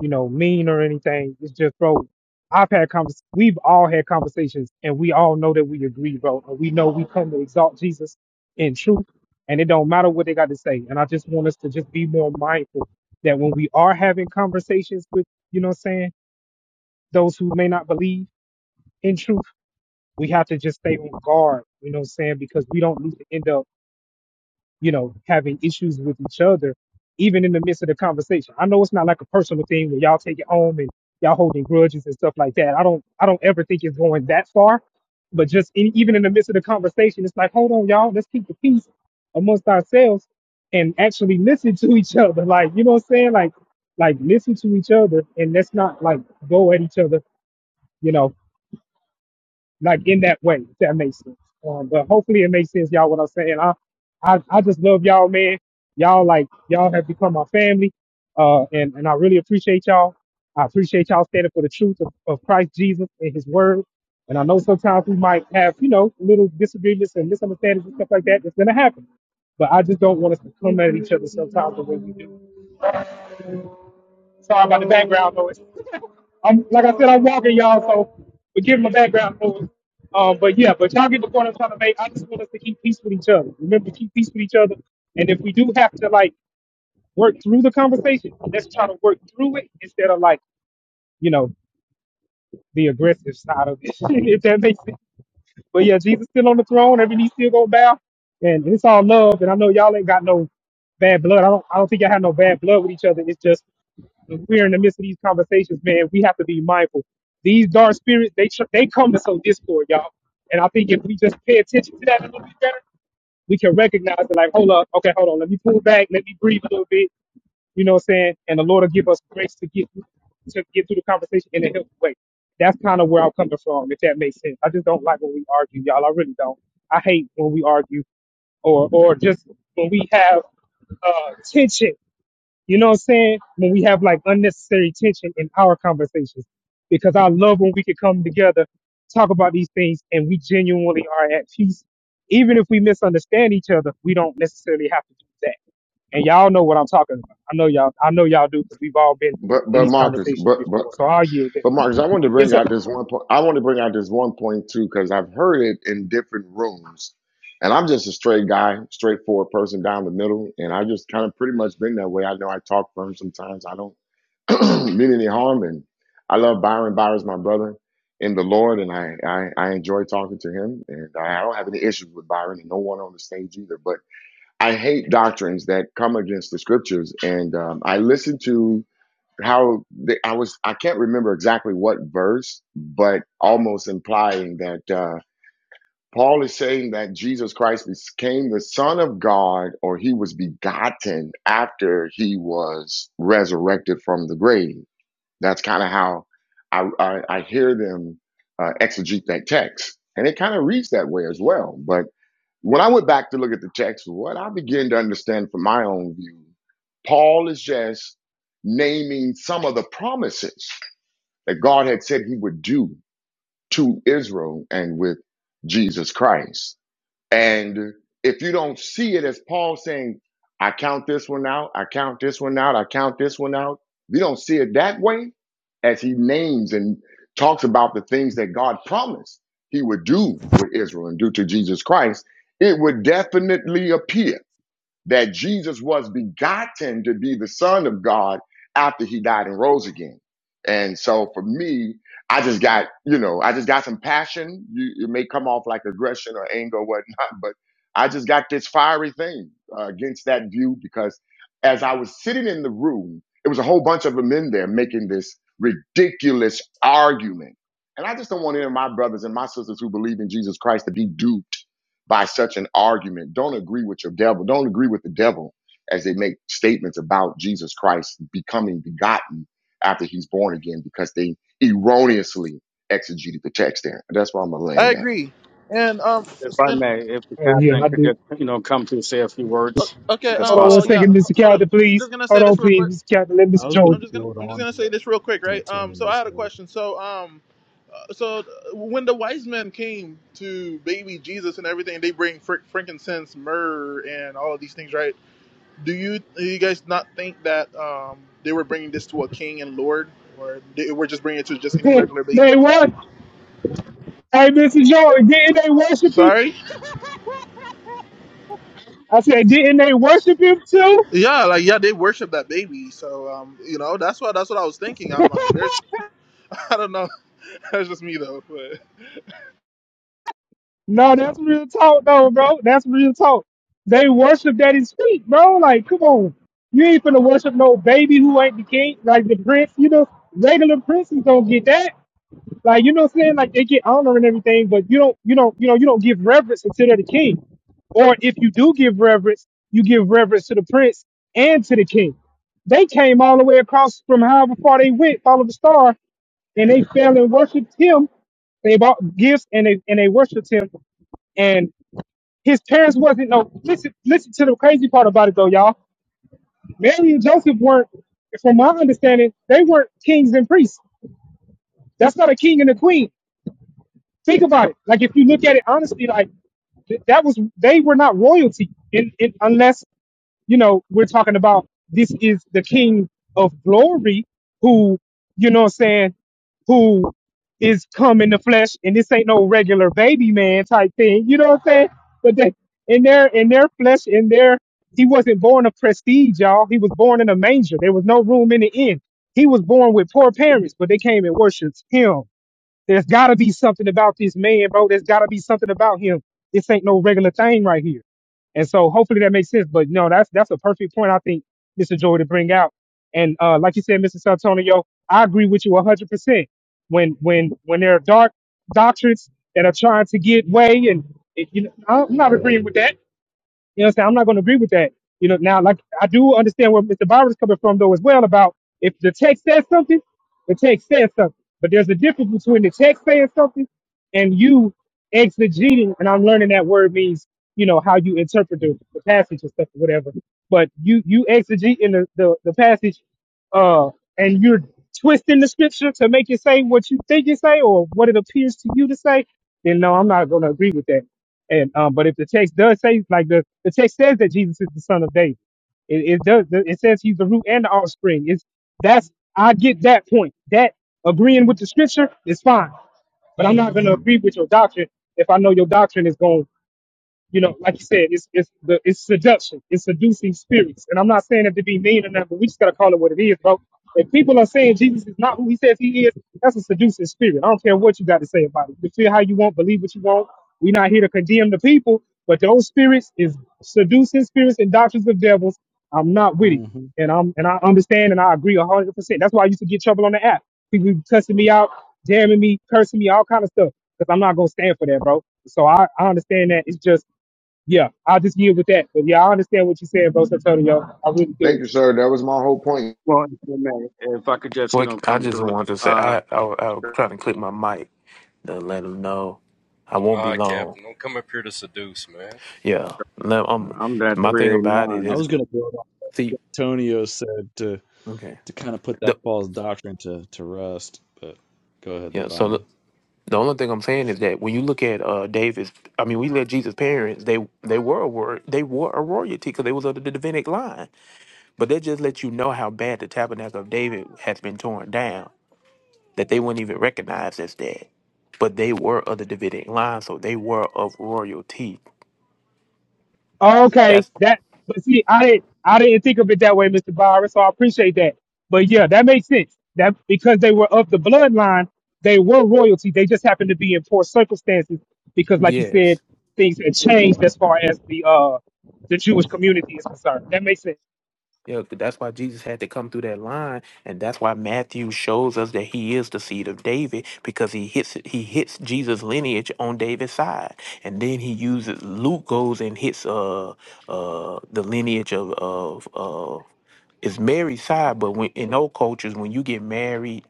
Speaker 15: you know, mean or anything. It's just, bro, I've had convers we've all had conversations and we all know that we agree, bro. And we know we come to exalt Jesus in truth. And it don't matter what they got to say. And I just want us to just be more mindful that when we are having conversations with, you know what I'm saying, those who may not believe in truth, we have to just stay on guard, you know what I'm saying? Because we don't need to end up you know, having issues with each other, even in the midst of the conversation. I know it's not like a personal thing where y'all take it home and y'all holding grudges and stuff like that. I don't, I don't ever think it's going that far. But just in, even in the midst of the conversation, it's like, hold on, y'all, let's keep the peace amongst ourselves and actually listen to each other. Like, you know what I'm saying? Like, like listen to each other and let's not like go at each other, you know like in that way, if that makes sense. Um, but hopefully it makes sense, y'all, what I'm saying. I, I, I just love y'all, man. Y'all like y'all have become my family. Uh, and, and I really appreciate y'all. I appreciate y'all standing for the truth of, of Christ Jesus and his word. And I know sometimes we might have, you know, little disagreements and misunderstandings and stuff like that. It's gonna happen. But I just don't want us to come at each other sometimes the way we do. Sorry about the background noise. I'm like I said, I'm walking y'all, so forgive my background noise. Um, but yeah, but y'all get the point I'm trying to make. I just want us to keep peace with each other. Remember, keep peace with each other. And if we do have to like work through the conversation, let's try to work through it instead of like you know the aggressive side of it. if that makes sense. But yeah, Jesus still on the throne. Every knee still gonna bow, and it's all love. And I know y'all ain't got no bad blood. I don't. I don't think y'all have no bad blood with each other. It's just when we're in the midst of these conversations, man. We have to be mindful. These dark spirits, they tr- they come to sow discord, y'all. And I think if we just pay attention to that a little bit better, we can recognize it. Like, hold up, okay, hold on. Let me pull back. Let me breathe a little bit you know what I'm saying? And the Lord will give us grace to get to get through the conversation in a healthy way. That's kind of where I'm coming from, if that makes sense. I just don't like when we argue, y'all. I really don't. I hate when we argue or or just when we have uh, tension. You know what I'm saying? When we have like unnecessary tension in our conversations, because I love when we can come together, talk about these things, and we genuinely are at peace. Even if we misunderstand each other, we don't necessarily have to do that and y'all know what I'm talking about. I know y'all. I know y'all do because we've all been
Speaker 6: But
Speaker 15: in
Speaker 6: but
Speaker 15: these
Speaker 6: Marcus,
Speaker 15: conversations
Speaker 6: but but
Speaker 15: before. So I'll yield there.
Speaker 6: but Marcus, I wanted to
Speaker 15: Yes,
Speaker 6: bring
Speaker 15: sir.
Speaker 6: out this one point. I want to bring out this one point too because I've heard it in different rooms, and I'm just a straight guy, straightforward person down the middle, and I just kind of pretty much been that way. I know I talk firm sometimes. I don't mean any harm, and I love Byron. Byron's my brother in the Lord, and I I, I enjoy talking to him, and I don't have any issues with Byron and no one on the stage either. But I hate doctrines that come against the scriptures. And um, I listened to how the, I was, I can't remember exactly what verse, but almost implying that uh, Paul is saying that Jesus Christ became the Son of God or he was begotten after he was resurrected from the grave. That's kind of how I, I, I hear them uh, exegete that text. And it kind of reads that way as well. But when I went back to look at the text, what I began to understand from my own view, Paul is just naming some of the promises that God had said he would do to Israel and with Jesus Christ. And if you don't see it as Paul saying, I count this one out, I count this one out, I count this one out, if you don't see it that way, as he names and talks about the things that God promised he would do with Israel and do to Jesus Christ, it would definitely appear that Jesus was begotten to be the Son of God after he died and rose again. And so for me, I just got, you know, I just got some passion. You, it may come off like aggression or anger or whatnot, but I just got this fiery thing uh, against that view because as I was sitting in the room, it was a whole bunch of them in there making this ridiculous argument. And I just don't want any of my brothers and my sisters who believe in Jesus Christ to be duped by such an argument. Don't agree with your devil. Don't agree with the devil as they make statements about Jesus Christ becoming begotten after he's born again because they erroneously exegeted the text there. That's why I'm going to
Speaker 1: i
Speaker 6: land at.
Speaker 1: agree and um
Speaker 17: If I
Speaker 1: and
Speaker 17: may, if the
Speaker 15: Oh yeah,
Speaker 17: captain
Speaker 15: I
Speaker 17: could
Speaker 15: do.
Speaker 17: just, you know, come to say a few words,
Speaker 1: okay
Speaker 17: if that's
Speaker 1: uh,
Speaker 15: Hold on one
Speaker 1: well
Speaker 17: possible.
Speaker 1: yeah
Speaker 15: second,
Speaker 1: h-
Speaker 15: Mr.
Speaker 1: hold up
Speaker 15: Calder,
Speaker 1: i'm
Speaker 15: please.
Speaker 1: just gonna say
Speaker 15: Hold on,
Speaker 1: this real
Speaker 15: please,
Speaker 1: quick
Speaker 15: Mr. Calder. Let
Speaker 5: I
Speaker 15: Mr.
Speaker 5: was going
Speaker 15: Joey.
Speaker 1: I'm
Speaker 5: to
Speaker 1: just gonna
Speaker 5: build
Speaker 1: I'm just
Speaker 5: on
Speaker 1: gonna say
Speaker 5: what
Speaker 1: this real quick, right? Um, so
Speaker 5: Antonio
Speaker 1: I had a
Speaker 5: said.
Speaker 1: question. So um, uh, so uh, when the wise men came to baby Jesus and everything, they bring fr- frankincense, myrrh, and all of these things, right? Do you do you guys not think that um they were bringing this to a king and lord, or they were just bringing it to just any regular baby?
Speaker 15: they what? Hey, Mr. Joey, didn't they worship him?
Speaker 1: Sorry.
Speaker 15: I said, didn't they worship him too?
Speaker 1: Yeah, like yeah, they worship that baby. So um, you know, that's what that's what I was thinking. I'm like, there's I don't know, that's just me though, but.
Speaker 15: No, that's real talk, though, bro. That's real talk. They worship that his feet, bro. Like, come on. You ain't finna worship no baby who ain't the king, like the prince. You know, regular princes don't get that. Like you know what I'm saying? Like they get honor and everything, but you don't you don't you know you don't give reverence until they're the king. Or if you do give reverence, you give reverence to the prince and to the king. They came all the way across from however far they went, followed the star, and they fell and worshipped him. They bought gifts and they and they worshipped him. And his parents wasn't no listen listen to the crazy part about it though, y'all. Mary and Joseph weren't from my understanding, they weren't kings and priests. That's not a king and a queen Think about it. Like if you look at it honestly, like th- that was they were not royalty in, in unless you know we're talking about this is the king of glory who you know what I'm saying who is come in the flesh and this ain't no regular baby man type thing you know what I'm saying but they in their in their flesh in their he wasn't born of prestige y'all he was born in a manger there was no room in the inn he was born with poor parents but they came and worshiped him there's got to be something about this man, bro. There's got to be something about him. This ain't no regular thing right here. And so hopefully that makes sense. But no, that's that's a perfect point I think Mr. Joy to bring out. And uh, like you said, Mr. Santonio, I agree with you 100. percent When when when there are dark doctrines that are trying to get way, and, and, you know, I'm not agreeing with that. You know what I'm saying? I'm not going to agree with that. You know, now, like, I do understand where Mr. is coming from, though, as well, about if the text says something, the text says something. But there's a difference between the text saying something and you exegeting, and I'm learning that word means, you know, how you interpret the, the passage and stuff or whatever. But you, you exegete in the, the, the passage, uh, and you're twisting the scripture to make it say what you think it say or what it appears to you to say then no, I'm not going to agree with that. And um, but if the text does say like the the text says that Jesus is the son of David, it, it does. It says he's the root and the offspring. It's that's I get that point. That agreeing with the scripture is fine, but I'm not going to agree with your doctrine if I know your doctrine is going you know, like you said, it's it's the it's seduction, it's seducing spirits. And I'm not saying it to be mean or nothing, but we just gotta call it what it is, bro. If people are saying Jesus is not who he says he is, that's a seducing spirit. I don't care what you got to say about it. You feel how you want, believe what you want. We're not here to condemn the people, but those spirits is seducing spirits and doctrines of devils. I'm not with it.
Speaker 5: hmm
Speaker 15: And I'm and I understand and I agree a hundred percent. That's why I used to get trouble on the app. People be cussing me out, damning me, cursing me, all kind of stuff. Because I'm not gonna stand for that, bro. So I, I understand that. It's just yeah, I'll just yield with that. But yeah, I understand what you're saying, Bro Santonio. I really
Speaker 6: Thank
Speaker 15: do.
Speaker 6: you, sir. That was my whole point.
Speaker 17: Well, if you may, if I could just, you
Speaker 9: What
Speaker 17: know,
Speaker 9: I
Speaker 17: come
Speaker 9: just
Speaker 17: through.
Speaker 9: wanted to say,
Speaker 17: Uh,
Speaker 9: I I, I was trying to click my mic to let them know I won't be
Speaker 3: Nah,
Speaker 9: long.
Speaker 3: Captain, don't come up here to seduce, man.
Speaker 9: Yeah, no, um,
Speaker 17: I'm at
Speaker 9: my thing about it
Speaker 5: I
Speaker 17: 389.
Speaker 9: is
Speaker 5: was going to build on
Speaker 9: see,
Speaker 5: what Antonio said to
Speaker 9: okay,
Speaker 5: to kind of put that
Speaker 9: the,
Speaker 5: false doctrine to to rest. But go ahead there,
Speaker 9: yeah. So
Speaker 5: Byron.
Speaker 9: The only thing I'm saying is that when you look at uh David's, I mean, we let Jesus' parents. They they were a word, they were a royalty because they was under the Davidic line. But that just lets you know how bad the tabernacle of David has been torn down. That they weren't even recognized as that, but they were of the Davidic line, so they were of royalty.
Speaker 15: Okay,
Speaker 9: That's
Speaker 15: that. But see, I didn't, I didn't think of it that way, Mr. Byron. So I appreciate that. But yeah, that makes sense. That because they were of the bloodline, they were royalty. They just happened to be in poor circumstances because, like you
Speaker 9: yes.
Speaker 15: said, things had changed as far as the uh the Jewish community is concerned. That makes sense.
Speaker 9: Yeah, that's why Jesus had to come through that line, and that's why Matthew shows us that he is the seed of David because he hits he hits Jesus' lineage on David's side, and then he uses Luke goes and hits uh uh the lineage of of of is Mary's side, but when in old cultures when you get married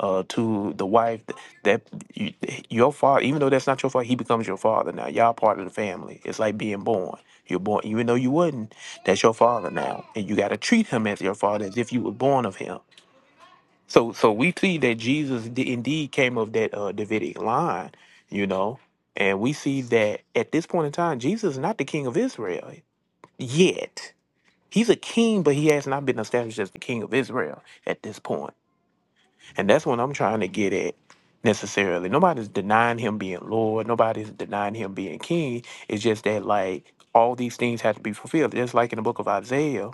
Speaker 9: uh to the wife th- that you, your father even though that's not your father he becomes your father now y'all part of the family it's like being born you're born even though you wasn't that's your father now, and you got to treat him as your father, as if you were born of him. So, so we see that Jesus di- indeed came of that uh, Davidic line, you know, and we see that at this point in time, Jesus is not the king of Israel yet. He's a king, but he has not been established as the king of Israel at this point, and that's what I'm trying to get at necessarily. Nobody's denying him being Lord. Nobody's denying him being king. It's just that like all these things have to be fulfilled, just like in the book of Isaiah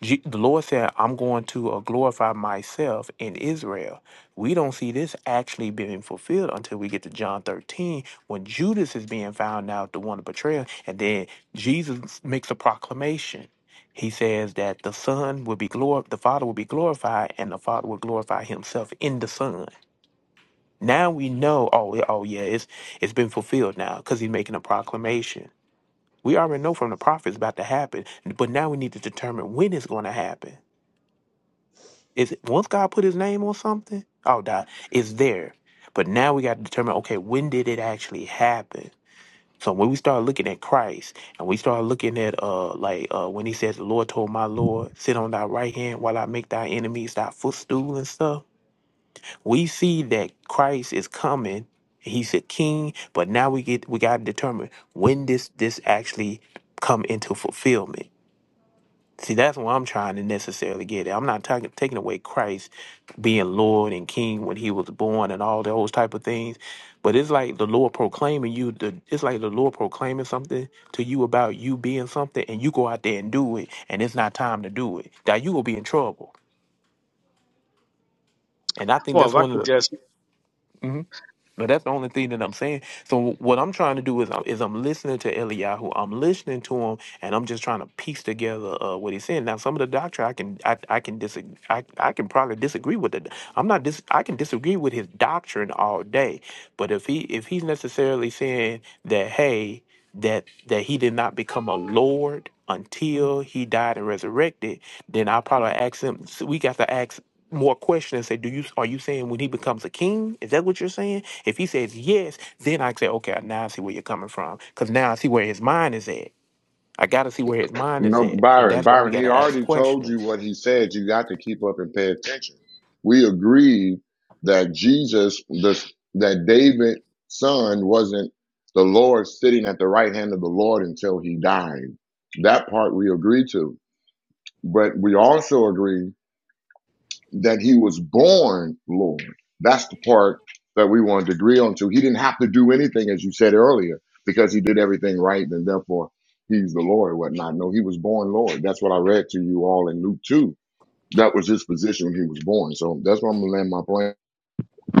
Speaker 9: Je- The Lord said, I'm going to uh, glorify myself in Israel. We don't see this actually being fulfilled until we get to John 13 when Judas is being found out, the one to betray him. And then Jesus makes a proclamation. He says that the Son will be glorified, the Father will be glorified, and the Father will glorify Himself in the Son. Now we know, oh, yeah- oh yeah, it's, it's been fulfilled now because He's making a proclamation. We already know from the prophets about to happen, but now we need to determine when it's going to happen. Is once God put His name on something, oh, die, it's there. But now we got to determine, okay, when did it actually happen? So when we start looking at Christ and we start looking at uh like uh when he says the Lord told my Lord, sit on thy right hand while I make thy enemies thy footstool and stuff, we see that Christ is coming, he's a king, but now we get we gotta determine when this this actually come into fulfillment See, that's what I'm trying to necessarily get at. I'm not talking taking away Christ being Lord and King when he was born and all those type of things. But it's like the Lord proclaiming you the it's like the Lord proclaiming something to you about you being something and you go out there and do it and it's not time to do it. Now you will be in trouble. And I think
Speaker 17: Well, if
Speaker 9: that's
Speaker 17: I
Speaker 9: one of
Speaker 17: could
Speaker 9: the
Speaker 17: just,
Speaker 9: Mhm. But that's the only thing that I'm saying. So what I'm trying to do is I'm, is I'm listening to Eliyahu. I'm listening to him, and I'm just trying to piece together uh, what he's saying. Now, some of the doctrine I can I, I can disagree. I, I can probably disagree with it. I'm not dis- I can disagree with his doctrine all day. But if he if he's necessarily saying that, hey that that he did not become a lord until he died and resurrected, then I probably ask him. So we got to ask more questions. and Say, do you are you saying when he becomes a king? Is that what you're saying? If he says yes, then I say, okay, now I see where you're coming from, because now I see where his mind is at. I got to see where his mind
Speaker 6: You
Speaker 9: is
Speaker 6: know,
Speaker 9: at, and
Speaker 6: Byron,
Speaker 9: that's why we
Speaker 6: Byron,
Speaker 9: got
Speaker 6: he
Speaker 9: to ask
Speaker 6: already told you
Speaker 9: questions.
Speaker 6: what he said. You got to keep up and pay attention. We agreed that Jesus, the, that David's son wasn't the Lord sitting at the right hand of the Lord until he died. That part we agreed to. But we also agreed that he was born Lord. That's the part that we wanted to agree on. So he didn't have to do anything, as you said earlier, because he did everything right, and therefore he's the Lord and whatnot. No, he was born Lord. That's what I read to you all in Luke 2. That was his position when he was born. So that's where I'm going to land my plane.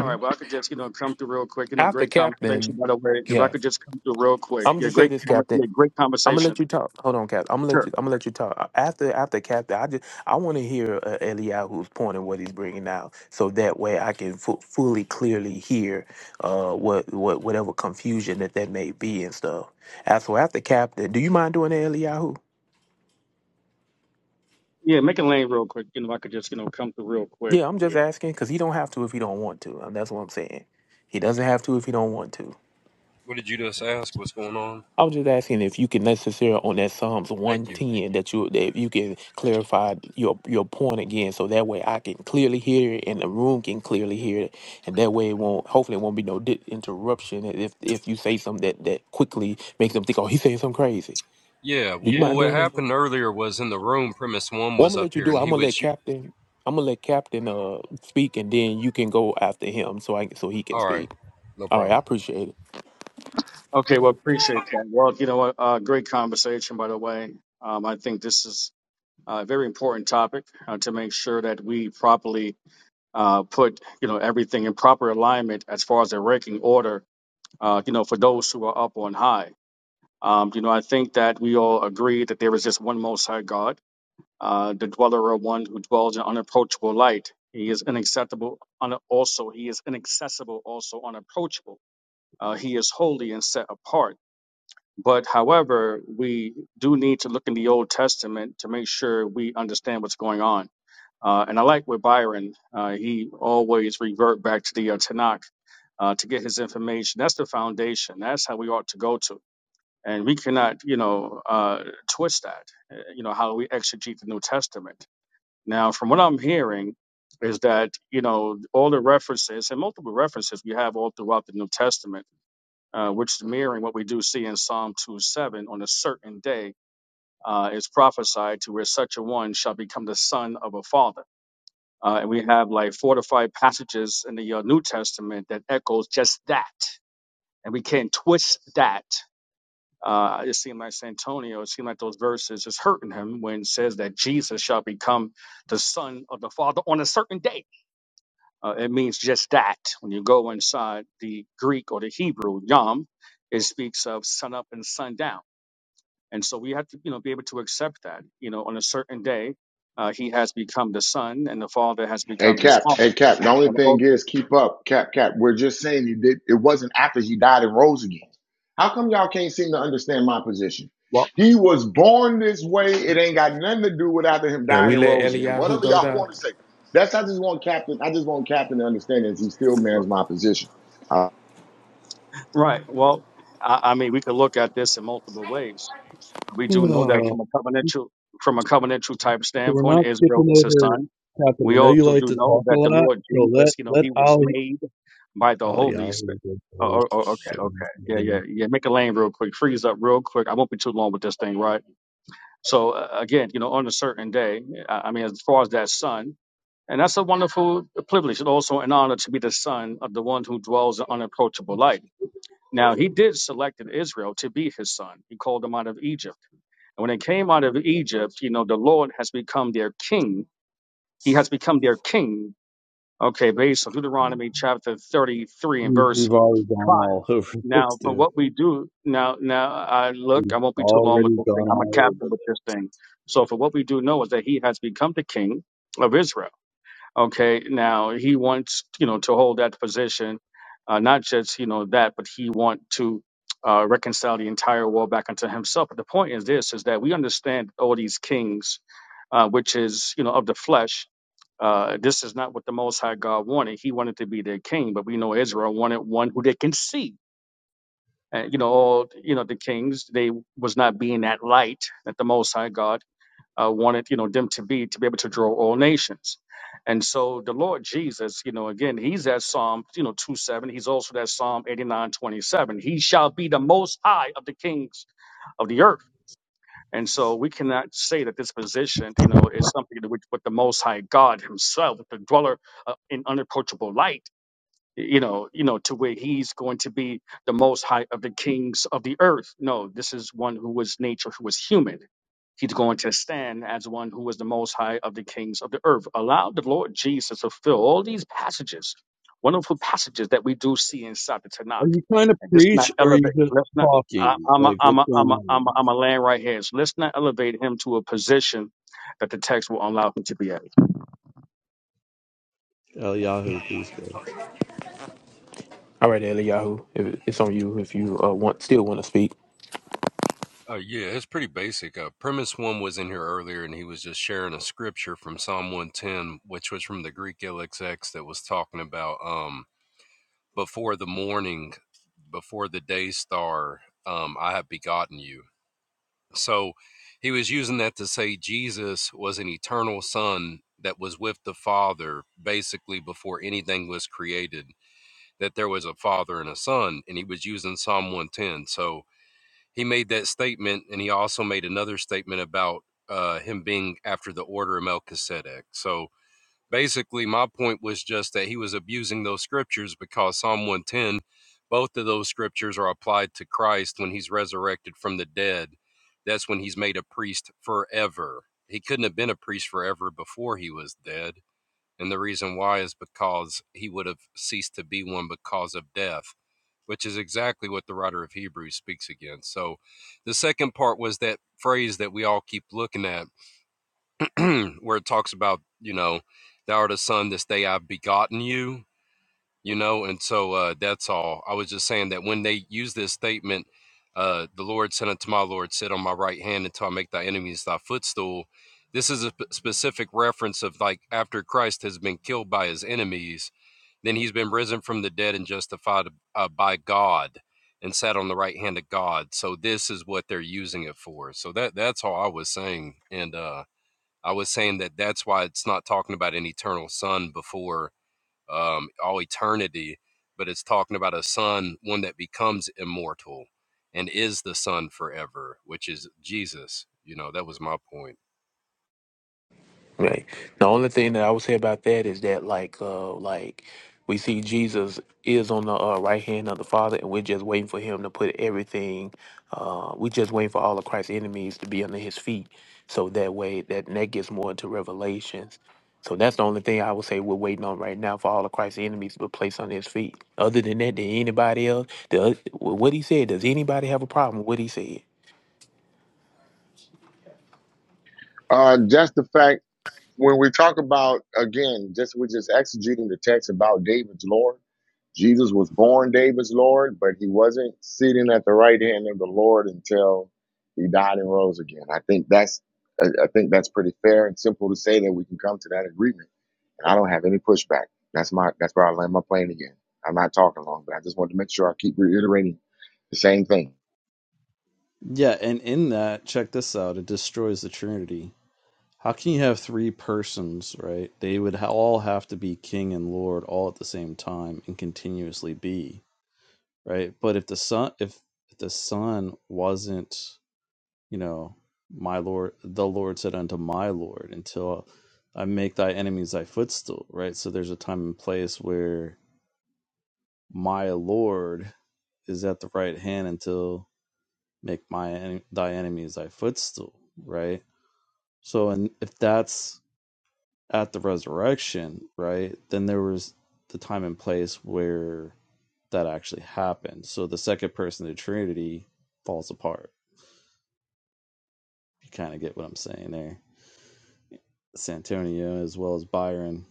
Speaker 17: all right, well, I could just, you know, come through real quick. You know,
Speaker 9: After
Speaker 17: great conversation,
Speaker 9: Captain,
Speaker 17: by the way. If I
Speaker 9: yeah,
Speaker 17: could just come through real quick.
Speaker 9: I'm
Speaker 17: Yeah,
Speaker 9: just say
Speaker 17: great,
Speaker 9: this,
Speaker 17: com-
Speaker 9: Captain.
Speaker 17: yeah, great
Speaker 9: I'm gonna let
Speaker 17: conversation.
Speaker 9: you talk. Hold on, Cap. I'm gonna let
Speaker 17: Sure.
Speaker 9: you. I'm gonna let you talk Uh, after after Cap. I just I want to hear uh, Eliyahu's point and what he's bringing out, so that way I can fu- fully clearly hear uh what what whatever confusion that that may be and stuff. As for after Cap, then do you mind doing that, Eliyahu?
Speaker 17: Yeah, make a lane real quick. You know, if I could just, you know, come through real quick.
Speaker 9: Yeah, I'm just
Speaker 17: Yeah.
Speaker 9: asking because he don't have to if he don't want to, and that's what I'm saying. He doesn't have to if he don't want to.
Speaker 3: What did you just ask? What's going on?
Speaker 9: I was just asking if you can necessarily on that Psalms one
Speaker 3: Thank you.
Speaker 9: ten that you that if you can clarify your your point again, so that way I can clearly hear it and the room can clearly hear it, and that way it won't hopefully it won't be no di- interruption if if you say something that that quickly makes them think oh he's saying something crazy.
Speaker 3: Yeah.
Speaker 9: Do you Yeah.
Speaker 3: Well,
Speaker 9: mind
Speaker 3: what
Speaker 9: doing that?
Speaker 3: happened earlier was in the room. Premise one
Speaker 9: Well, I'm
Speaker 3: was
Speaker 9: gonna
Speaker 3: up
Speaker 9: let you
Speaker 3: here,
Speaker 9: do it.
Speaker 3: and
Speaker 9: I'm
Speaker 3: he
Speaker 9: gonna let
Speaker 3: was. You,
Speaker 9: Captain. I'm gonna let Captain uh speak, and then you can go after him so I so he can
Speaker 3: all right.
Speaker 9: speak.
Speaker 3: No
Speaker 9: All right,
Speaker 3: problem.
Speaker 9: I appreciate it.
Speaker 17: Okay, well, appreciate that. Well, you know what? Uh, great conversation, by the way. Um, I think this is uh, very important topic uh, to make sure that we properly uh, put you know everything in proper alignment as far as the ranking order uh, you know for those who are up on high. Um, you know I think that we all agree that there is just one Most High God, uh, the dweller of one who dwells in unapproachable light. He is inaccessible. Un- also, he is inaccessible. Also unapproachable. Uh, he is holy and set apart. But however, we do need to look in the Old Testament to make sure we understand what's going on uh, and I like with Byron, uh, he always revert back to the uh, Tanakh uh, to get his information. That's the foundation. That's how we ought to go to. And we cannot, you know, uh, twist that, uh, you know, how we exegete the New Testament. Now, from what I'm hearing, is that, you know, all the references and multiple references we have all throughout the New Testament, uh, which is mirroring what we do see in Psalm 2 7 on a certain day uh, is prophesied to where such a one shall become the son of a father. Uh, and we have like four to five passages in the uh, New Testament that echoes just that. And we can't twist that. Uh, it seemed like Santonio, it seemed like those verses is hurting him when it says that Jesus shall become the Son of the Father on a certain day. Uh, it means just that. When you go inside the Greek or the Hebrew, Yom, it speaks of sun up and sun down. And so we have to, you know, be able to accept that, you know, on a certain day, uh, he has become the son and the father has
Speaker 6: Hey
Speaker 17: become his
Speaker 6: Cap,
Speaker 17: father.
Speaker 6: hey Cap. The only
Speaker 17: and
Speaker 6: thing
Speaker 17: also.
Speaker 6: is, keep up, Cap, Cap. We're just saying you did. It wasn't after he died and rose again. How come y'all can't seem to understand my position?
Speaker 17: Well,
Speaker 6: He was born this way. It ain't got nothing to do with after him
Speaker 9: Can
Speaker 6: dying
Speaker 9: we
Speaker 6: and
Speaker 9: let
Speaker 6: rose again.
Speaker 9: Eliyahu
Speaker 6: Whatever
Speaker 9: go
Speaker 6: y'all
Speaker 9: down?
Speaker 6: want to say. That's I just want Captain. I just want Captain to understand that he still mans
Speaker 17: look,
Speaker 6: my position. Uh,
Speaker 17: right. Well, I, I mean, we could look at this in multiple ways. We do know that
Speaker 5: Oh,
Speaker 17: from a
Speaker 5: so
Speaker 17: covenantal, from a covenantal type
Speaker 5: we're
Speaker 17: standpoint,
Speaker 5: not
Speaker 17: Israel
Speaker 5: skipping
Speaker 17: is his
Speaker 5: over
Speaker 17: son.
Speaker 5: Captain. I
Speaker 17: We
Speaker 5: know you
Speaker 17: also
Speaker 5: like
Speaker 17: do
Speaker 5: to
Speaker 17: know
Speaker 5: talk a
Speaker 17: that the
Speaker 5: lot,
Speaker 17: Lord
Speaker 5: so let
Speaker 17: Jesus, you know,
Speaker 5: let
Speaker 17: he was
Speaker 5: Ali
Speaker 17: made by the
Speaker 5: Ali
Speaker 17: Holy Spirit.
Speaker 5: Ali go
Speaker 17: Oh, oh, oh,
Speaker 5: first. So
Speaker 17: okay, okay, yeah, yeah, yeah. Make a lane real quick. Freeze up real quick. I won't be too long with this thing, right? So uh, again, you know, on a certain day, I I mean, as far as that son, and that's a wonderful privilege, and also an honor to be the son of the one who dwells in unapproachable light. Now he did select in Israel to be his son. He called them out of Egypt. And when they came out of Egypt, you know, the Lord has become their king. He has become their king. Okay, based on Deuteronomy chapter 33 and
Speaker 5: we,
Speaker 17: verse
Speaker 5: we've already gone
Speaker 17: 5.
Speaker 5: all over this,
Speaker 17: Now, for
Speaker 5: dude.
Speaker 17: what we do now, now I look, I won't be too long with
Speaker 5: Already
Speaker 17: this thing.
Speaker 5: gone
Speaker 17: I'm a
Speaker 5: all
Speaker 17: captain
Speaker 5: over
Speaker 17: with this thing. So for what we do know is that he has become the king of Israel. Okay, now he wants you know to hold that position, uh, not just you know that, but he want to uh, reconcile the entire world back unto himself. But the point is this: is that we understand all these kings, uh, which is you know of the flesh. Uh, this is not what the Most High God wanted. He wanted to be their king, but we know Israel wanted one who they can see. And you know all you know the kings they was not being that light that the Most High God uh, wanted you know them to be to be able to draw all nations and so the lord jesus you know again he's that psalm you know two seven he's also that psalm 89 27 he shall be the most high of the kings of the earth and so we cannot say that this position you know is something to which but the most high god himself the dweller uh, in unapproachable light you know, you know, to where he's going to be the most high of the kings of the earth. No, this is one who was nature, who was human. He's going to stand as one who was the most high of the kings of the earth. Allow the Lord Jesus to fill all these passages, wonderful passages that we do see inside the Tanakh.
Speaker 5: Are you trying to
Speaker 17: And let's not
Speaker 5: preach or are you
Speaker 17: elevate,
Speaker 5: just
Speaker 17: let's not, I,
Speaker 5: talking?
Speaker 17: I'm a,
Speaker 5: Like,
Speaker 17: I'm
Speaker 5: what's
Speaker 17: a, I'm
Speaker 5: going
Speaker 17: a, I'm a,
Speaker 5: on?
Speaker 17: I'm a land right here. So let's not elevate him to a position that the text will allow him to be create.
Speaker 5: El Yahoo, please go.
Speaker 9: All right, Eliyahu, if it's on you if you uh, want still want to speak.
Speaker 3: Oh yeah, it's pretty basic. Uh, premise one was in here earlier, and he was just sharing a scripture from Psalm one ten, which was from the Greek LXX that was talking about um before the morning, before the day star, um, I have begotten you. So he was using that to say Jesus was an eternal Son that was with the Father basically before anything was created. That there was a Father and a Son, and he was using Psalm one ten. So he made that statement, and he also made another statement about uh, him being after the order of Melchizedek. So basically, my point was just that he was abusing those scriptures because Psalm 110, both of those scriptures are applied to Christ when he's resurrected from the dead. That's when he's made a priest forever. He couldn't have been a priest forever before he was dead. And the reason why is because he would have ceased to be one because of death, which is exactly what the writer of Hebrews speaks against. So the second part was that phrase that we all keep looking at, where it talks about, you know, thou art a son, this day I've begotten you you know and so uh that's all i was just saying that when they use this statement uh the lord said unto my lord sit on my right hand until i make thy enemies thy footstool this is a sp- specific reference of like after christ has been killed by his enemies then he's been risen from the dead and justified uh, by god and sat on the right hand of god so this is what they're using it for so that that's all i was saying and uh i was saying that that's why it's not talking about an eternal son before um, all eternity. But it's talking about a son, one that becomes immortal and is the son forever, which is Jesus. You know, that was my point.
Speaker 9: Right. The only thing that I would say about that is that like uh like we see Jesus is on the uh, right hand of the Father, and we're just waiting for Him to put everything. Uh, we're just waiting for all of Christ's enemies to be under His feet, so that way that and that gets more into Revelations. So that's the only thing I would say we're waiting on right now for all of Christ's enemies to be placed under His feet. Other than that, did anybody else? Does, what he said? Does anybody have a problem with what he said?
Speaker 6: uh, just the fact when we talk about again, just we're just exegeting the text about David's Lord. Jesus was born David's Lord, but he wasn't sitting at the right hand of the Lord until he died and rose again. I think that's I I think that's pretty fair and simple to say that we can come to that agreement. And I don't have any pushback. That's my that's where I land my plane again. I'm not talking long, but I just wanted to make sure I keep reiterating the same thing.
Speaker 5: Yeah, and in that, check this out it destroys the Trinity. How can you have three persons, right? They would ha- all have to be king and lord all at the same time and continuously be, right? But if the son, if the son wasn't, you know, my lord, the Lord said unto my lord, until I make thy enemies thy footstool, right? So there's a time and place where My Lord is at the right hand until make my thy enemies thy footstool, right? So and if that's at the resurrection, right? Then there was the time and place where that actually happened. So the second person of the Trinity falls apart. You kind of get what I'm saying there. Santonio as well as Byron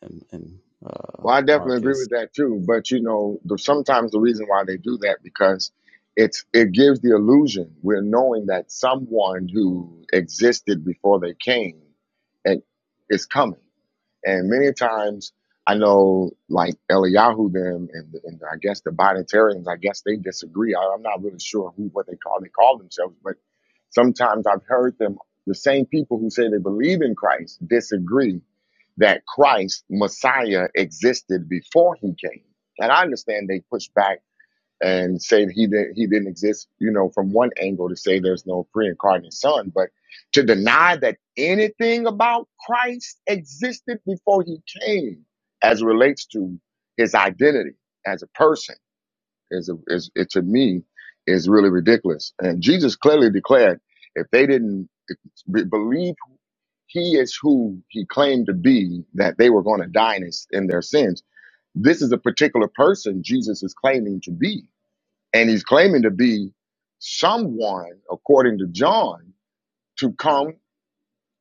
Speaker 5: and and uh
Speaker 6: Well, I definitely agree
Speaker 5: Marcus.
Speaker 6: with that too. But you know, the, sometimes the reason why they do that because it's it gives the illusion we're knowing that someone who existed before they came and is coming. And many times, I know like Eliyahu them and, and I guess the Bonnetarians, I guess they disagree. I, I'm not really sure who what they call they call themselves, but sometimes I've heard them the same people who say they believe in Christ disagree that Christ, Messiah, existed before he came. And I understand they push back and say that he didn't he didn't exist, you know, from one angle to say there's no pre-incarnate son, but to deny that anything about Christ existed before he came as it relates to his identity as a person is a, is it to me is really ridiculous. And Jesus clearly declared if they didn't be- believe he is who he claimed to be that they were going to die in, his, in their sins. This is a particular person Jesus is claiming to be. And he's claiming to be someone, according to John, to come,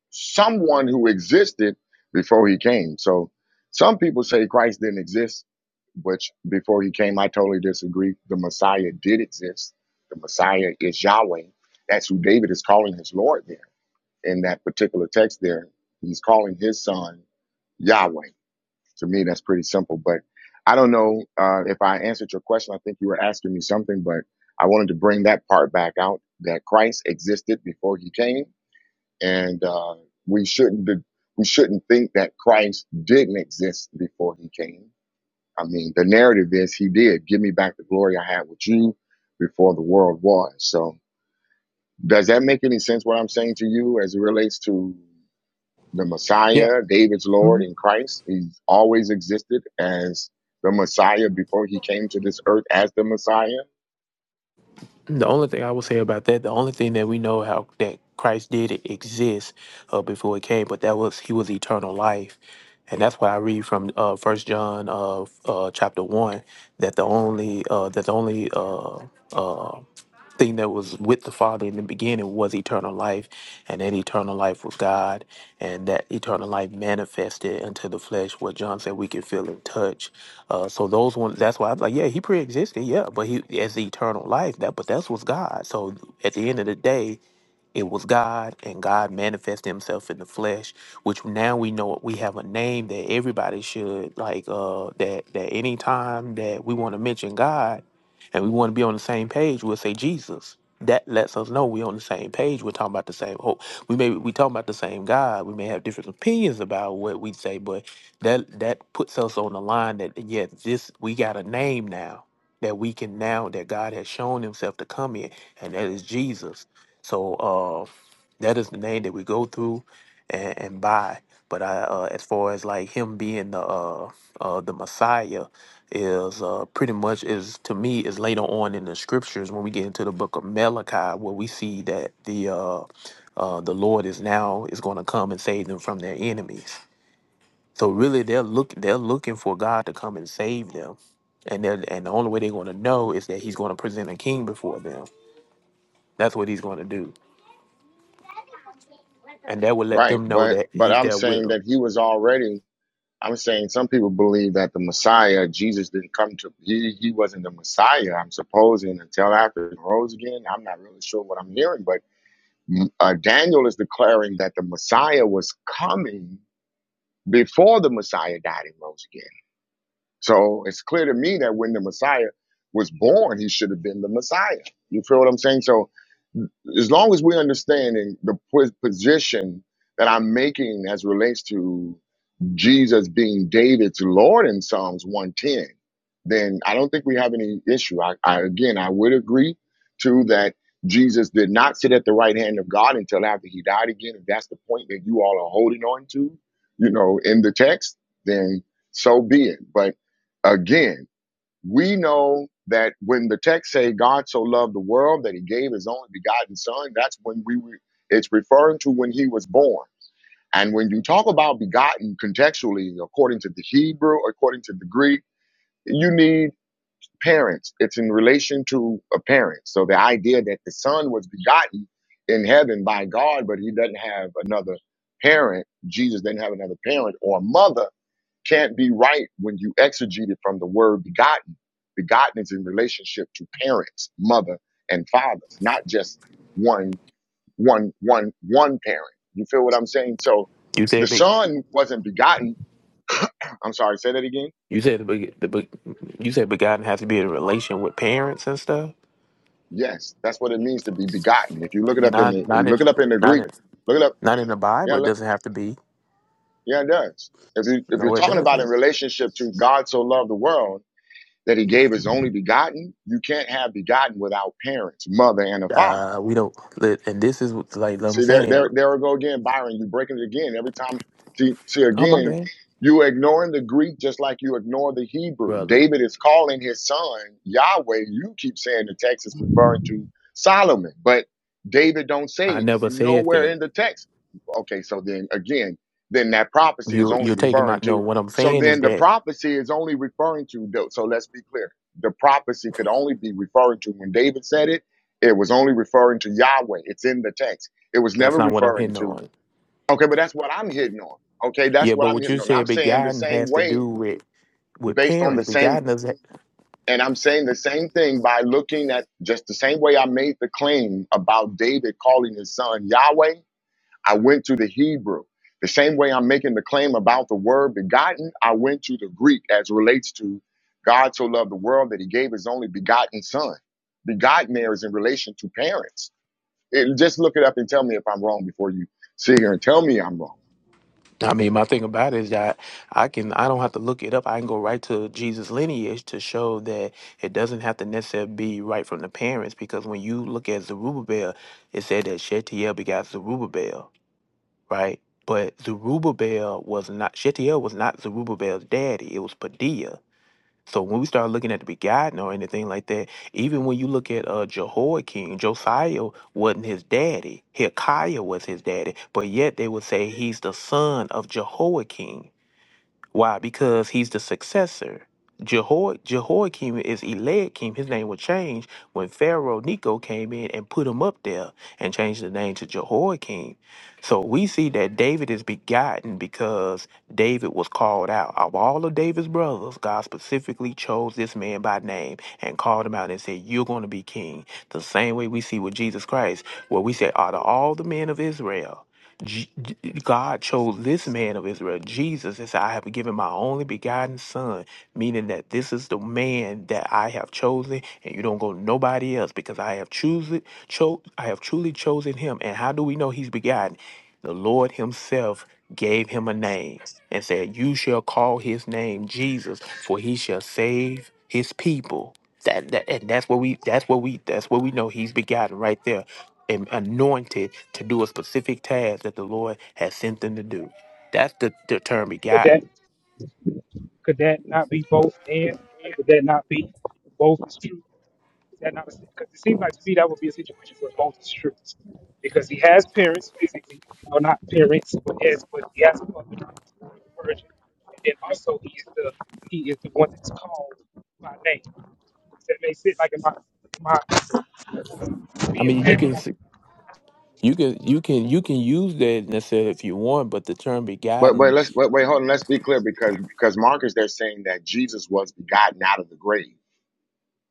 Speaker 6: someone who existed before he came. So some people say Christ didn't exist, which before he came, I totally disagree. The Messiah did exist. The Messiah is Yahweh. That's who David is calling his Lord there in that particular text there. He's calling his son Yahweh. To me, that's pretty simple. But I don't know uh, if I answered your question. I think you were asking me something, but I wanted to bring that part back out that Christ existed before he came, and uh, we shouldn't be, we shouldn't think that Christ didn't exist before he came. I mean, the narrative is he did. Give me back the glory I had with you before the world was. So, does that make any sense? What I'm saying to you as it relates to the
Speaker 9: Yeah.
Speaker 6: Messiah, David's Lord in Christ. He's always existed as the Messiah before he came to this earth as the Messiah.
Speaker 9: The only thing I will say about that, the only thing that we know how that Christ did exist uh, before he came, but that was he was eternal life, and that's why I read from uh, First John uh, uh, chapter one that the only uh, that the only uh, uh, thing that was with the Father in the beginning was eternal life, and that eternal life was God, and that eternal life manifested into the flesh, what John said we can feel and touch uh, so those ones, that's why I was like, yeah, he pre-existed, yeah, but he as the eternal life. That, but that's what's God. So at the end of the day, it was God, and God manifested Himself in the flesh, which now we know we have a name that everybody should like. Uh, that that anytime that we want to mention God, and we want to be on the same page, we'll say Jesus. That lets us know we're on the same page. We're talking about the same hope. We may we talking about the same God. We may have different opinions about what we say, but that that puts us on the line that yes, this we got a name now that we can now that God has shown Himself to come in, and that is Jesus so uh, that is the name that we go through and, and buy. But I, uh, as far as like him being the uh, uh, the Messiah, is uh, pretty much is to me is later on in the scriptures when we get into the book of Malachi, where we see that the uh, uh, the Lord is now is going to come and save them from their enemies. So really, they're look they're looking for God to come and save them, and they're, and the only way they're going to know is that He's going to present a king before them. That's what He's going to do. and that would let
Speaker 6: Right.
Speaker 9: them know
Speaker 6: But
Speaker 9: that
Speaker 6: but
Speaker 9: he's
Speaker 6: I'm
Speaker 9: there with
Speaker 6: saying
Speaker 9: them.
Speaker 6: that he was already I'm saying some people believe that the Messiah, Jesus didn't come to he he wasn't the Messiah, I'm supposing, until after he rose again. I'm not really sure what I'm hearing, but mm, uh, Daniel is declaring that the Messiah was coming before the Messiah died and rose again. So it's clear to me that when the Messiah was born, he should have been the Messiah. You feel what I'm saying? So as long as we understand the po- position that I'm making as relates to Jesus being David's Lord in Psalms 110, then I don't think we have any issue. I, I again, I would agree to that. Jesus did not sit at the right hand of God until after he died again. If that's the point that you all are holding on to, you know, in the text, then so be it. But again, we know that when the text say God so loved the world that he gave his only begotten son, that's when we were, it's referring to when he was born and when you talk about begotten contextually, according to the Hebrew, according to the Greek, you need parents. It's in relation to a parent. So the idea that the son was begotten in heaven by God, but he doesn't have another parent, Jesus didn't have another parent or mother, can't be right when you exegete it from the word begotten. Begotten is in relationship to parents, mother and father, not just one one one one parent. You feel what I'm saying? So
Speaker 9: You
Speaker 6: the
Speaker 9: said big.
Speaker 6: son wasn't begotten. I'm sorry, say that again.
Speaker 9: You said the big. The big. You said begotten has to be in a relation with parents and stuff.
Speaker 6: Yes, that's what it means to be begotten. If you look it up in the if
Speaker 9: Not
Speaker 6: you
Speaker 9: not in
Speaker 6: look it up in the
Speaker 9: not
Speaker 6: Greek,
Speaker 9: in
Speaker 6: look it up.
Speaker 9: not in the
Speaker 6: Yeah,
Speaker 9: Bible. It
Speaker 6: look,
Speaker 9: doesn't have to be.
Speaker 6: yeah, it does. If you if you're
Speaker 9: No, it
Speaker 6: talking about in
Speaker 9: doesn't.
Speaker 6: relationship to God so loved the world that he gave his only begotten, you can't have begotten without parents, mother and a father.
Speaker 9: Uh, we don't. let- And this is what- like I'm
Speaker 6: See, there,
Speaker 9: saying.
Speaker 6: there, there we go again, Byron. You're breaking it again every time. See, see
Speaker 9: Oh my
Speaker 6: again,
Speaker 9: bad,
Speaker 6: you ignoring the Greek just like you ignore the Hebrew.
Speaker 9: brother.
Speaker 6: David is calling his son Yahweh. You keep saying the text is referring to Solomon, but David don't say
Speaker 9: I
Speaker 6: it
Speaker 9: never said
Speaker 6: nowhere
Speaker 9: that.
Speaker 6: in the text. Okay, so then again, then that prophecy is
Speaker 9: You
Speaker 6: only
Speaker 9: you're taking my
Speaker 6: referring
Speaker 9: no.
Speaker 6: to.
Speaker 9: What I'm
Speaker 6: So
Speaker 9: saying is
Speaker 6: then the
Speaker 9: that
Speaker 6: prophecy is only referring to. the- So let's be clear. The prophecy could only be referring to when David said it. It was only referring to Yahweh. It's in the text. It was
Speaker 9: that's
Speaker 6: never
Speaker 9: not what I'm
Speaker 6: referring
Speaker 9: hitting
Speaker 6: to,
Speaker 9: on.
Speaker 6: okay, but that's what I'm hitting on. Okay, that's
Speaker 9: Yeah,
Speaker 6: what
Speaker 9: but
Speaker 6: I'm
Speaker 9: what
Speaker 6: hitting
Speaker 9: you
Speaker 6: on. I'm
Speaker 9: said
Speaker 6: saying the
Speaker 9: begotten
Speaker 6: same
Speaker 9: has to
Speaker 6: way
Speaker 9: do with with
Speaker 6: based on the
Speaker 9: parents.
Speaker 6: same,
Speaker 9: Begotten us.
Speaker 6: and I'm saying the same thing by looking at just the same way I made the claim about David calling his son Yahweh. I went to the Hebrew. The same way I'm making the claim about the word begotten, I went to the Greek as relates to God so loved the world that he gave his only begotten son. Begotten there is in relation to parents. It, just look it up and tell me if I'm wrong before you sit here and tell me I'm wrong.
Speaker 9: I mean, my thing about it is that I can I don't have to look it up. I can go right to Jesus lineage to show that it doesn't have to necessarily be right from the parents because when you look at Zerubbabel, it said that Shetiel begot Zerubbabel, right? But Zerubbabel was not Shetiel was not Zerubbabel's daddy. It was Padilla. So when we start looking at the begotten or anything like that, even when you look at uh, Jehoiakim, Josiah wasn't his daddy. Hilkiah was his daddy, but yet they would say he's the son of Jehoiakim. Why? Because he's the successor. Jehoi- Jehoiakim is Eliakim. His name will change when Pharaoh Nico came in and put him up there and changed the name to Jehoiakim. So we see that David is begotten because David was called out. Of all of David's brothers, God specifically chose this man by name and called him out and said, You're going to be king. The same way we see with Jesus Christ, where we say, Out of all the men of Israel, J- J- God chose this man of Israel, Jesus, and said, I have given my only begotten son, meaning that this is the man that I have chosen, and you don't go to nobody else because I have chosen, cho- I have truly chosen him. And how do we know he's begotten? The Lord himself gave him a name and said, You shall call his name Jesus, for he shall save his people. That, that and that's what we that's what we that's what we know he's begotten right there and anointed to do a specific task that the Lord has sent them to do. That's the, the term
Speaker 15: Could that
Speaker 9: begotten.
Speaker 15: could that not be both? And could that not be both? Is that not a because it seems like to me that would be a situation where both is true because he has parents physically, or not parents, but has but he has a mother who is a virgin, and then also he is the he is the one that's called by name. Does that make sense? Like in my in my
Speaker 9: I
Speaker 15: being
Speaker 9: mean, you can s- you can you can you can use that necessarily if you want, but the term
Speaker 6: But but
Speaker 9: begotten,
Speaker 6: let's but wait, hold on. Let's be clear because because Marcus they're saying that Jesus was begotten out of the grave.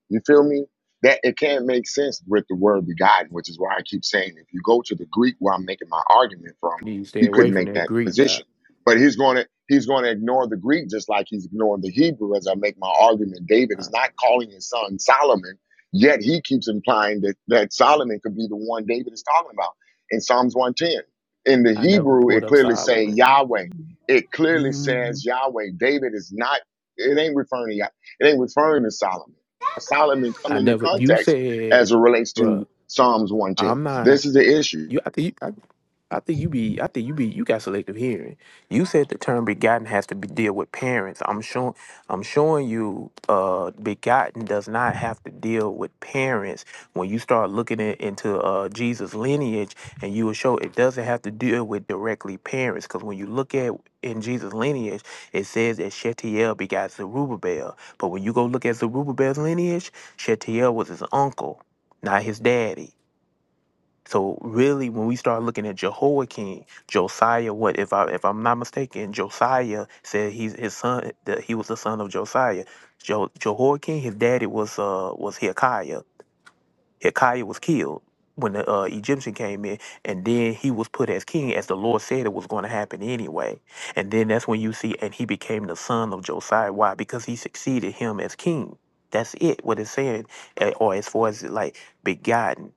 Speaker 6: You feel me? That it can't make sense with the word begotten, which is why I keep saying if you go to the Greek where I'm making my argument from,
Speaker 9: you stay
Speaker 6: he
Speaker 9: away
Speaker 6: couldn't
Speaker 9: from
Speaker 6: make
Speaker 9: that
Speaker 6: that
Speaker 9: Greek dot.
Speaker 6: position. But he's gonna he's gonna ignore the Greek just like he's ignoring the Hebrew as I make my argument. David is not calling his son Solomon, yet he keeps implying that, that Solomon could be the one David is talking about in Psalms 110. In the
Speaker 9: I never
Speaker 6: Hebrew,
Speaker 9: pulled
Speaker 6: it
Speaker 9: up
Speaker 6: clearly says
Speaker 9: Solomon.
Speaker 6: Yahweh. It clearly says Yahweh. David is not, it ain't referring to Yah- it ain't referring to Solomon. Solomon come
Speaker 9: I
Speaker 6: into
Speaker 9: never. You
Speaker 6: context
Speaker 9: said,
Speaker 6: as it relates to
Speaker 9: bro,
Speaker 6: Psalms 110.
Speaker 9: I'm not.
Speaker 6: This is the issue.
Speaker 9: You, I think, you, I, I think you be, I think you be, you got selective hearing. You said the term begotten has to be deal with parents. I'm showing, I'm showing you, uh, begotten does not have to deal with parents. When you start looking at, into uh Jesus lineage, and you will show it doesn't have to deal with directly parents, because when you look at in Jesus lineage, it says that Shetiel begot Zerubbabel. But when you go look at Zerubbabel's lineage, Shetiel was his uncle, not his daddy. So really, when we start looking at Jehoiakim, Josiah, what if I if I'm not mistaken, Josiah said he's his son that he was the son of Josiah. Jo, Jehoiakim, his daddy was uh was Hilkiah. Hilkiah was killed when the uh, Egyptian came in, and then he was put as king, as the Lord said it was going to happen anyway. And then that's when you see, and he became the son of Josiah. Why? Because he succeeded him as king. That's it. What it's saying, eh, or as far as like begotten.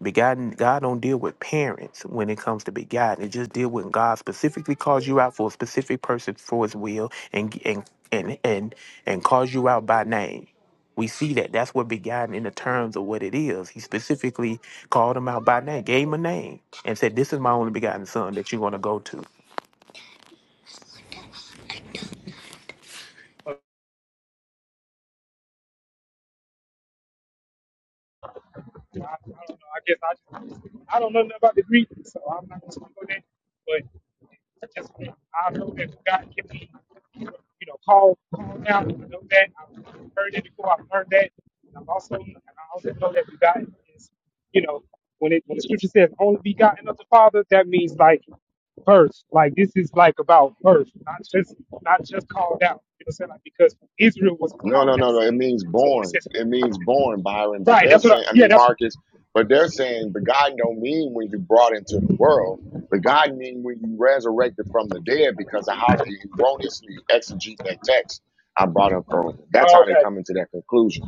Speaker 9: Begotten, God don't deal with parents when it comes to begotten. It just deal when God specifically calls you out for a specific person for His will and and and and and calls you out by name. We see that. That's what begotten in the terms of what it is. He specifically called him out by name, gave him a name, and said, "This is my only begotten son that you're going to go to."
Speaker 15: I, I don't know. I guess I just, I don't know nothing about the Greek, so I'm not just gonna go there. But I just I know that God can be, you know, called called out. I know that I've heard it before. I've learned that. And I'm also and I also know that God is, you know, when it when the scripture says only begotten of the Father, that means like birth. Like this is like about birth, not just not just called out. You know, what I'm saying like because Israel was
Speaker 6: No,
Speaker 15: called
Speaker 6: no, no,
Speaker 15: out
Speaker 6: no.
Speaker 15: son.
Speaker 6: It means
Speaker 15: So when it
Speaker 6: born.
Speaker 15: says
Speaker 6: It means born, Byron. But
Speaker 15: right,
Speaker 6: they're
Speaker 15: that's what
Speaker 6: saying,
Speaker 15: I
Speaker 6: I
Speaker 15: yeah,
Speaker 6: mean,
Speaker 15: that's
Speaker 6: Marcus, but they're saying begotten don't mean when you brought into the world. Begotten mean when you resurrected from the dead because of how they erroneously exegete that text I brought up earlier. That's
Speaker 15: oh,
Speaker 6: how they
Speaker 15: okay.
Speaker 6: come into that conclusion.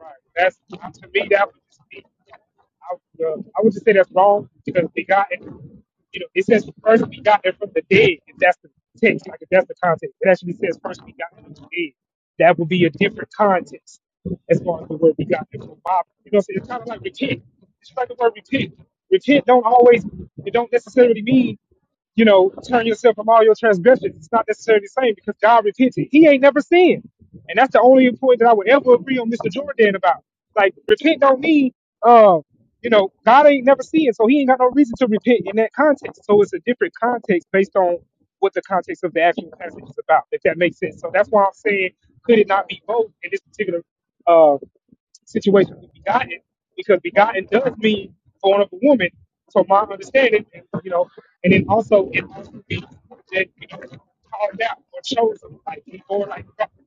Speaker 15: Right. That's to me that would just be I, would, uh, I would just say that's wrong because begotten, you know, it says first begotten from the dead. If that's the text, like if that's the context, it actually says first begotten from the dead. That would be a different context as far as the word begotten from Bob. You know, so it's kind of like repent. It's like the word repent. Repent don't always it don't necessarily mean you know, turn yourself from all your transgressions. It's not necessarily the same because God repented. He ain't never sinned. And that's the only point that I would ever agree on Mr. Jordan about. Like, repent don't mean, uh, you know, God ain't never sinned, so he ain't got no reason to repent in that context. So it's a different context based on what the context of the actual passage is about, if that makes sense. So that's why I'm saying, could it not be both in this particular uh, situation with begotten because begotten does mean born of a woman. So my understanding, you know, and then also it also means that you know, called out or chosen, like or like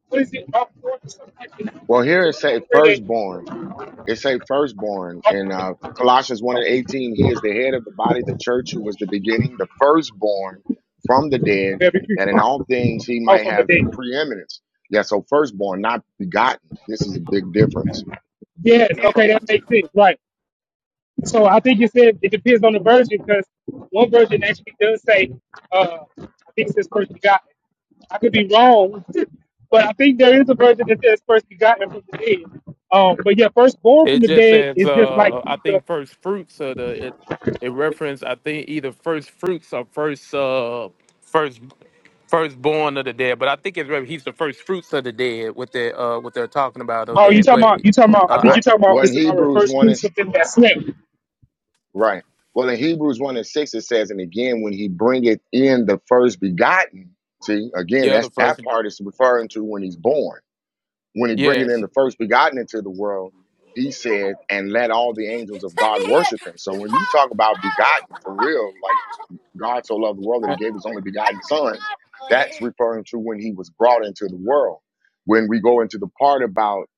Speaker 15: what is it, up or something like that.
Speaker 6: Well, here
Speaker 15: It's
Speaker 6: it
Speaker 15: some kind
Speaker 6: says
Speaker 15: of way
Speaker 6: firstborn.
Speaker 15: that
Speaker 6: It say firstborn in uh, Colossians 1 and 18. He is the head of the body, the church, who was the beginning, the firstborn from the dead,
Speaker 15: of every
Speaker 6: that
Speaker 15: creature.
Speaker 6: in all things he
Speaker 15: Oh,
Speaker 6: might
Speaker 15: from the
Speaker 6: have the
Speaker 15: dead.
Speaker 6: preeminence. Yeah, so firstborn, not begotten. This is a big difference.
Speaker 15: Yes. Okay, that makes sense. Right. So I think you said it depends on the version because one version actually does say, uh, I think it says first begotten. I could be wrong, but I think there is a version that says first begotten from the dead. Um, but yeah, firstborn from
Speaker 9: It
Speaker 15: the
Speaker 9: just
Speaker 15: dead
Speaker 9: says,
Speaker 15: is just like
Speaker 9: uh,
Speaker 15: he
Speaker 9: I
Speaker 15: the.
Speaker 9: think first fruits of the it, it reference. I think either first fruits or first uh first firstborn of the dead. But I think it's re- he's the first fruits of the dead. What they uh what they're talking about of
Speaker 15: Oh, you
Speaker 9: that.
Speaker 15: talking
Speaker 9: But
Speaker 15: about? You talking about? I
Speaker 9: uh,
Speaker 15: think
Speaker 9: I
Speaker 6: What
Speaker 15: you are
Speaker 9: know,
Speaker 15: talking about
Speaker 6: well, in
Speaker 15: Mr. Byron,
Speaker 6: Hebrews
Speaker 15: first
Speaker 6: 1
Speaker 15: fruits
Speaker 6: is
Speaker 15: of them that slept.
Speaker 6: right. Well, in Hebrews 1 and 6, it says, and again, when he bringeth in the first begotten, see, again,
Speaker 9: yeah, the
Speaker 6: that's
Speaker 9: first
Speaker 6: that part is referring to when he's born when he bringeth in
Speaker 9: yes.
Speaker 6: the first begotten into the world, he said, and let all the angels of God worship him. So when you talk about begotten for real, like God so loved the world that he gave his only begotten son, that's referring to when he was brought into the world. When we go into the part about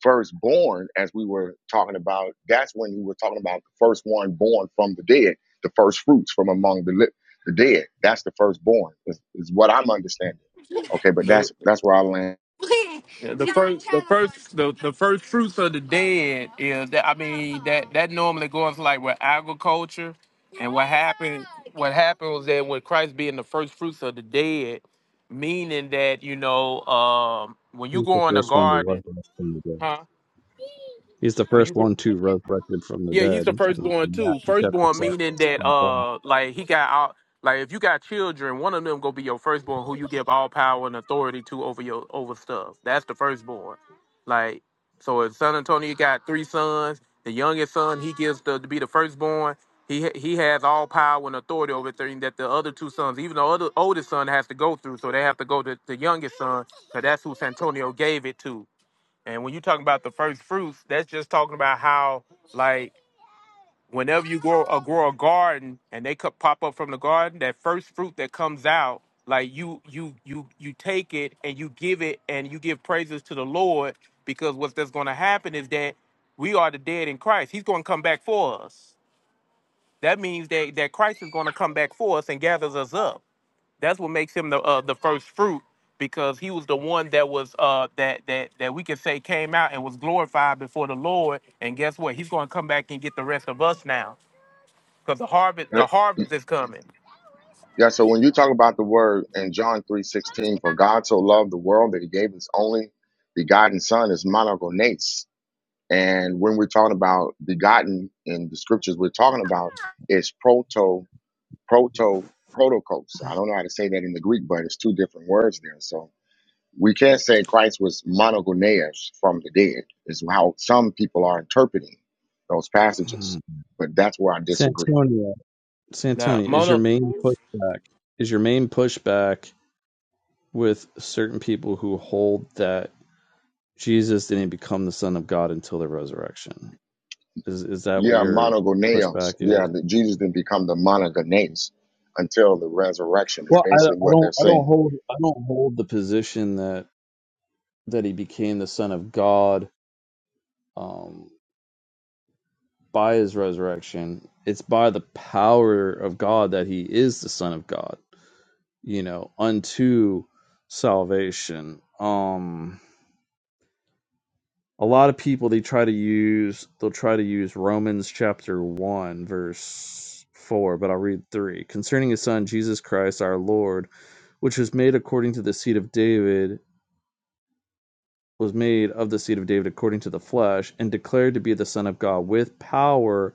Speaker 6: firstborn, as we were talking about, that's when we were talking about the first one born from the dead, the first fruits from among the, li- the dead. That's the firstborn, is, is what I'm understanding. Okay, but that's that's where I land.
Speaker 9: Yeah, the first, the first, the, the first fruits of the dead is that I mean that that normally goes like with agriculture, and what happened what happened was that with Christ being the first fruits of the dead, meaning that you know um, when you
Speaker 5: He's the
Speaker 9: go in a
Speaker 5: first one to rise
Speaker 9: garden,
Speaker 5: from the dead.
Speaker 9: huh?
Speaker 5: He's the
Speaker 9: When you
Speaker 5: first
Speaker 9: go
Speaker 5: one to resurrected from the
Speaker 9: yeah, he's
Speaker 5: dead
Speaker 9: the
Speaker 5: in in
Speaker 9: firstborn too.
Speaker 5: Matthew chapter
Speaker 9: Firstborn
Speaker 5: 7.
Speaker 9: meaning that
Speaker 5: Santonia,
Speaker 9: uh like he got out like if you got children, one of them gonna be your firstborn who you give all power and authority to over your over stuff. That's the firstborn. Like so if San Antonio got three sons, the youngest son he gives the, to be the firstborn. He ha- he has all power and authority over everything that the other two sons, even the other oldest son has to go through, so they have to go to the youngest son, because that's who Santonio gave it to. And when you talking about the first fruits, that's just talking about how like whenever you grow a grow a garden and they could pop up from the garden, that first fruit that comes out, like you you you you take it and you give it and you give praises to the Lord because what's that's going to happen is that we are the dead in Christ. He's going to come back for us. That means that that Christ is going to come back for us and gathers us up. That's what makes him the uh, the first fruit because he was the one that was uh that that that we could say came out and was glorified before the Lord. And guess what? He's going to come back and get the rest of us now because the harvest the harvest is coming.
Speaker 6: Yeah, so when you talk about the word in John three sixteen, for God so loved the world that he gave his only begotten son is monogenes. And when we're talking about begotten in the scriptures we're talking about is proto proto protokos. I don't know how to say that in the Greek, but it's two different words there. So we can't say Christ was monogenes from the dead, is how some people are interpreting those passages.
Speaker 5: Santonia,
Speaker 6: But that's where I disagree.
Speaker 9: Now,
Speaker 5: is your
Speaker 9: Mona,
Speaker 5: main pushback, is your main pushback with certain people who hold that Jesus didn't become the son of God until the resurrection? Is is that what
Speaker 6: Yeah,
Speaker 5: your
Speaker 6: monogoneos.
Speaker 5: pushback
Speaker 6: Yeah,
Speaker 5: is?
Speaker 6: that Jesus didn't become the monogenes until the resurrection is
Speaker 5: Well, I,
Speaker 6: basically
Speaker 5: I
Speaker 6: what
Speaker 5: don't
Speaker 6: they're
Speaker 5: I
Speaker 6: saying.
Speaker 5: don't hold I don't hold the position that that he became the son of God um, by his resurrection. It's by the power of God that he is the son of God, you know, unto salvation. Um a lot of people they try to use they'll try to use Romans chapter 1 verse 4, but I'll read 3. Concerning his son Jesus Christ our Lord, which was made according to the seed of David, was made of the seed of David according to the flesh and declared to be the son of God with power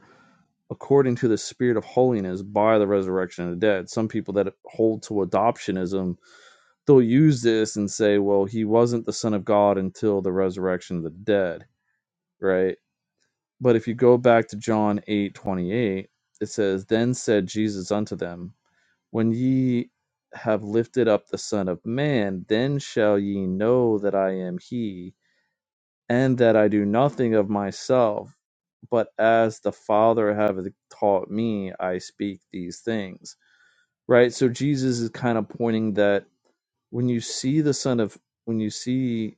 Speaker 5: according to the spirit of holiness by the resurrection of the dead. Some people that hold to adoptionism, they'll use this and say, well, he wasn't the son of God until the resurrection of the dead, right? But if you go back to John eight twenty eight, it says, Then said Jesus unto them, When ye have lifted up the Son of Man, then shall ye know that I am he and that I do nothing of myself, but as the Father hath taught me, I speak these things. Right? So Jesus is kind of pointing that when you see the Son of when you see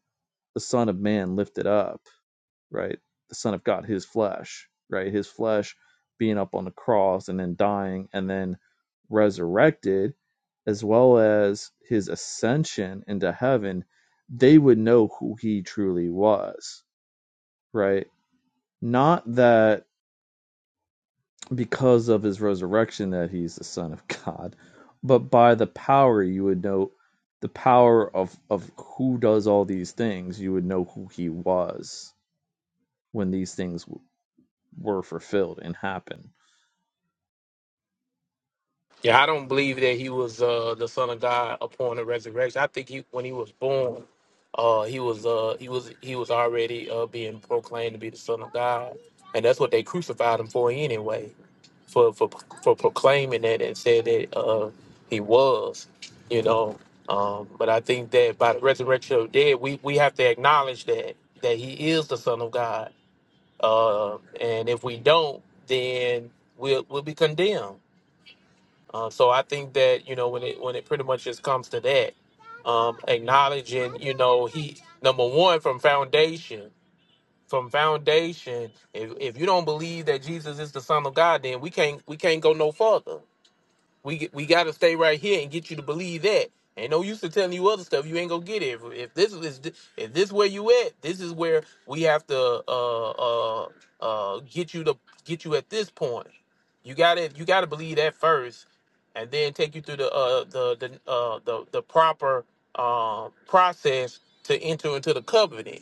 Speaker 5: the Son of Man lifted up, right? The Son of God, his flesh, right? His flesh being up on the cross and then dying and then resurrected, as well as his ascension into heaven, they would know who he truly was, right? Not that because of his resurrection that he's the Son of God, but by the power you would know the power of, of who does all these things, you would know who he was when these things w- were fulfilled and happened.
Speaker 9: yeah, I don't believe that he was uh, the son of God upon the resurrection. I think he, when he was born, uh, he was uh, he was he was already uh, being proclaimed to be the son of God, and that's what they crucified him for anyway, for for for proclaiming that and said that uh, he was, you know. Um, but I think that by the resurrection of the dead, we we have to acknowledge that that he is the son of God Uh, and if we don't, then we'll we'll be condemned. Uh, so I think that you know when it when it pretty much just comes to that, um, acknowledging you know he number one from foundation from foundation. If if you don't believe that Jesus is the Son of God, then we can't we can't go no further. We get, we got to stay right here and get you to believe that. Ain't no use to telling you other stuff. You ain't gonna get it. If, if this is if this where you at, this is where we have to uh uh uh get you to get you at this point. You gotta you gotta believe that first, and then take you through the uh the the uh the the proper um process to enter into the covenant.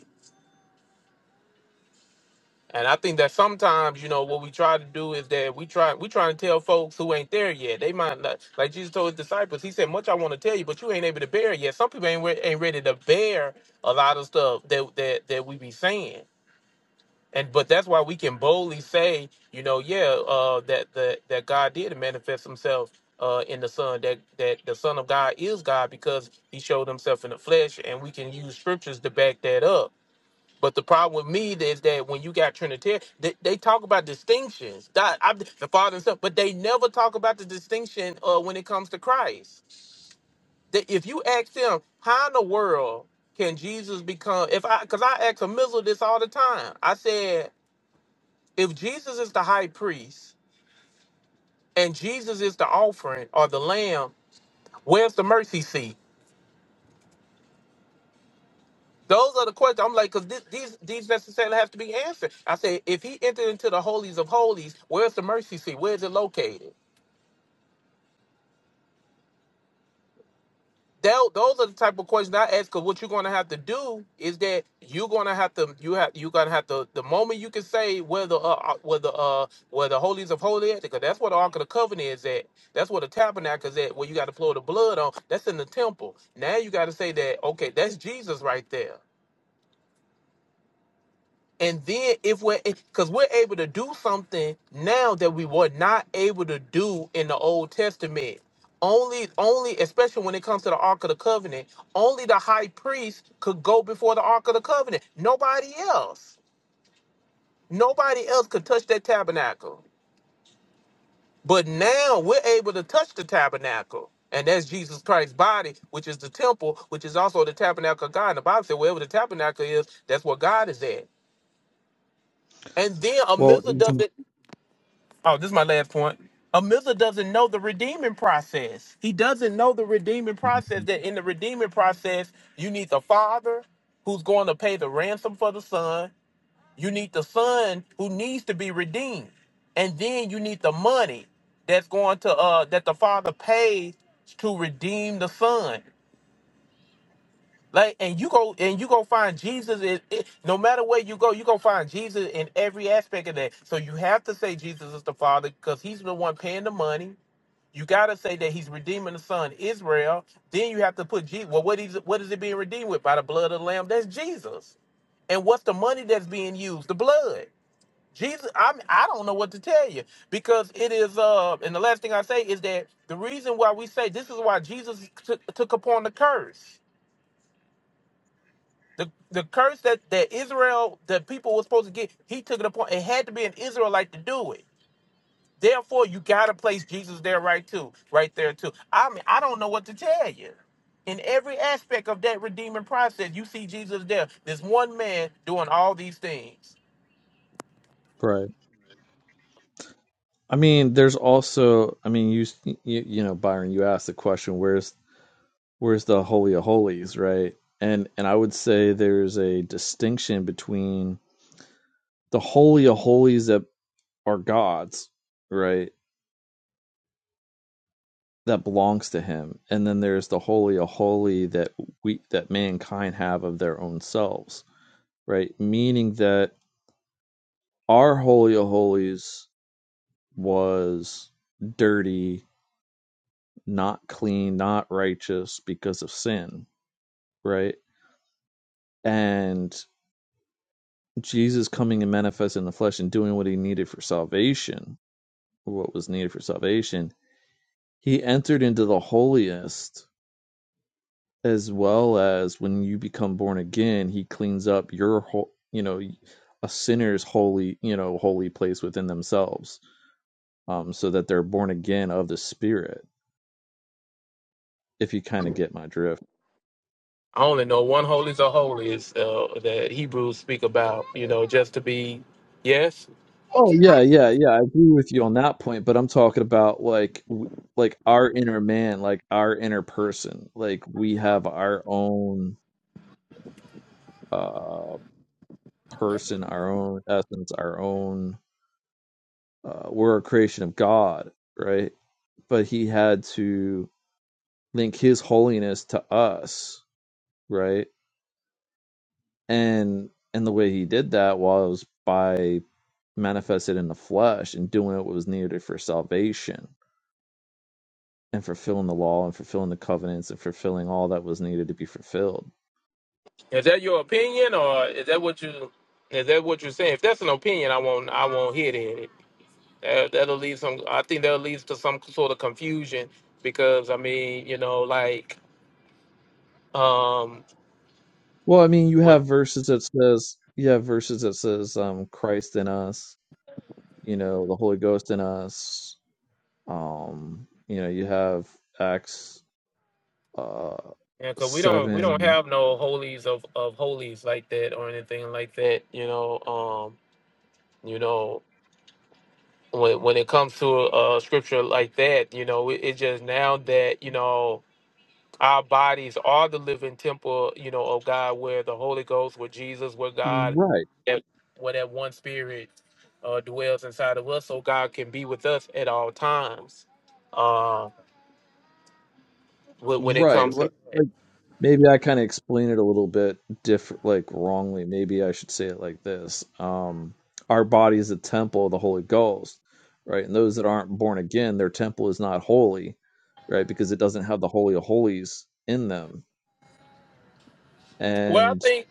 Speaker 9: And I think that sometimes, you know, what we try to do is that we try we try to tell folks who ain't there yet. They might not like Jesus told his disciples. He said, "Much I want to tell you, but you ain't able to bear it yet." Some people ain't re- ain't ready to bear a lot of stuff that that that we be saying. And but that's why we can boldly say, you know, yeah, uh, that that that God did manifest Himself uh, in the Son. That that the Son of God is God because He showed Himself in the flesh, and we can use scriptures to back that up but the problem with me is that when you got Trinitarian, they, they talk about distinctions, that- I- the Father and Son, but they never talk about the distinction uh, when it comes to Christ. That if you ask them, how in the world can Jesus become? If I, because I ask a Mizzle this all the time, I said, if Jesus is the high priest and Jesus is the offering or the lamb, where's the mercy seat? Those are the questions. I'm like, because these these necessarily have to be answered. I said, if he entered into the holies of holies, where's the mercy seat? Where's it located? Tho- those are the type of questions I ask. Because what you're going to have to do is that you're going to have to you have you're going to have to the moment you can say where the uh, uh, where the uh where the holies of holies because that's where the ark of the covenant is at. That's where the tabernacle is at. Where you got to flow the blood on. That's in the temple. Now you got to say that okay, that's Jesus right there. And then if we're because we're able to do something now that we were not able to do in the Old Testament. Only only especially when it comes to the Ark of the Covenant, only the high priest could go before the Ark of the Covenant. Nobody else. Nobody else could touch that tabernacle. But now we're able to touch the tabernacle. And that's Jesus Christ's body, which is the temple, which is also the tabernacle of God. And the Bible said, wherever the tabernacle is, that's where God is at. And then
Speaker 5: Well,
Speaker 9: Amizah does it. Oh, this is my last point. Amilza doesn't know the redeeming process. He doesn't know the redeeming process. That in the redeeming process, you need the father who's going to pay the ransom for the son. You need the son who needs to be redeemed, and then you need the money that's going to uh that the father pays to redeem the son. Like, and you go and you go find Jesus. In, it, no matter where you go, you go find Jesus in every aspect of that. So you have to say Jesus is the Father because He's the one paying the money. You got to say that He's redeeming the son Israel. Then you have to put Jesus. Well, what is what is it being redeemed with by the blood of the Lamb? That's Jesus. And what's the money that's being used? The blood. Jesus, I'm I i do not know what to tell you because it is uh and the last thing I say is that the reason why we say this is why Jesus took, took upon the curse the the curse that, that Israel, that people were supposed to get, he took it upon. It had to be an Israelite to do it. Therefore, you gotta place Jesus there right too, right there too. I mean, I don't know what to tell you. In every aspect of that redeeming process, you see Jesus there. There's one man doing all these things.
Speaker 5: Right. I mean, there's also, I mean, you, you you know, Byron, you asked the question, where's where's the holy of holies, right? And and I would say there's a distinction between the holy of holies that are God's, right? That belongs to him. And then there's the holy of holy that we that mankind have of their own selves, right? Meaning that our holy of holies was dirty, not clean, not righteous because of sin, right? And Jesus coming and manifest in the flesh and doing what he needed for salvation, what was needed for salvation, he entered into the holiest as well as when you become born again, he cleans up your whole, you know, a sinner's holy, you know, holy place within themselves, um, so that they're born again of the Spirit. If you kind of get my drift.
Speaker 9: I only know one holy of a uh, that Hebrews speak about. You know, just to be. Yes,
Speaker 5: Oh yeah, yeah, yeah. I agree with you on that point, but I'm talking about like, w- like our inner man, like our inner person. Like we have our own uh person, our own essence, our own. Uh, we're a creation of God, right? But He had to link his holiness to us, right? And and the way he did that was by manifested in the flesh and doing what was needed for salvation and fulfilling the law and fulfilling the covenants and fulfilling all that was needed to be fulfilled.
Speaker 9: is that your opinion, or is that what you is that what you're saying? If that's an opinion, I won't I won't hit at it. That, that'll lead some. I think that'll lead to some sort of confusion because I mean, you know, like um,
Speaker 5: Well, I mean, you
Speaker 9: with
Speaker 5: have verses that says you have verses that says um Christ in us, you know, the Holy Ghost in us. Um, you know, you have Acts uh
Speaker 9: because we don't we don't
Speaker 5: seven
Speaker 9: have no holies of of holies like that or anything like that. You know, um, you know, when when it comes to a, uh scripture like that, you know, it, it just now that you know. Our bodies are the living temple, you know, of God, where the Holy Ghost, where Jesus, where God,
Speaker 5: right
Speaker 9: that- where that one spirit uh, dwells inside of us, so God can be with us at all times. Uh, when, when it
Speaker 5: right
Speaker 9: comes
Speaker 5: what
Speaker 9: to,
Speaker 5: Maybe I kind of explain it a little bit different, like wrongly. Maybe I should say it like this. Um, our body is a temple of the Holy Ghost, right? And those that aren't born again, their temple is not holy, right? Because it doesn't have the Holy of Holies in them.
Speaker 9: well, I
Speaker 5: And
Speaker 9: think,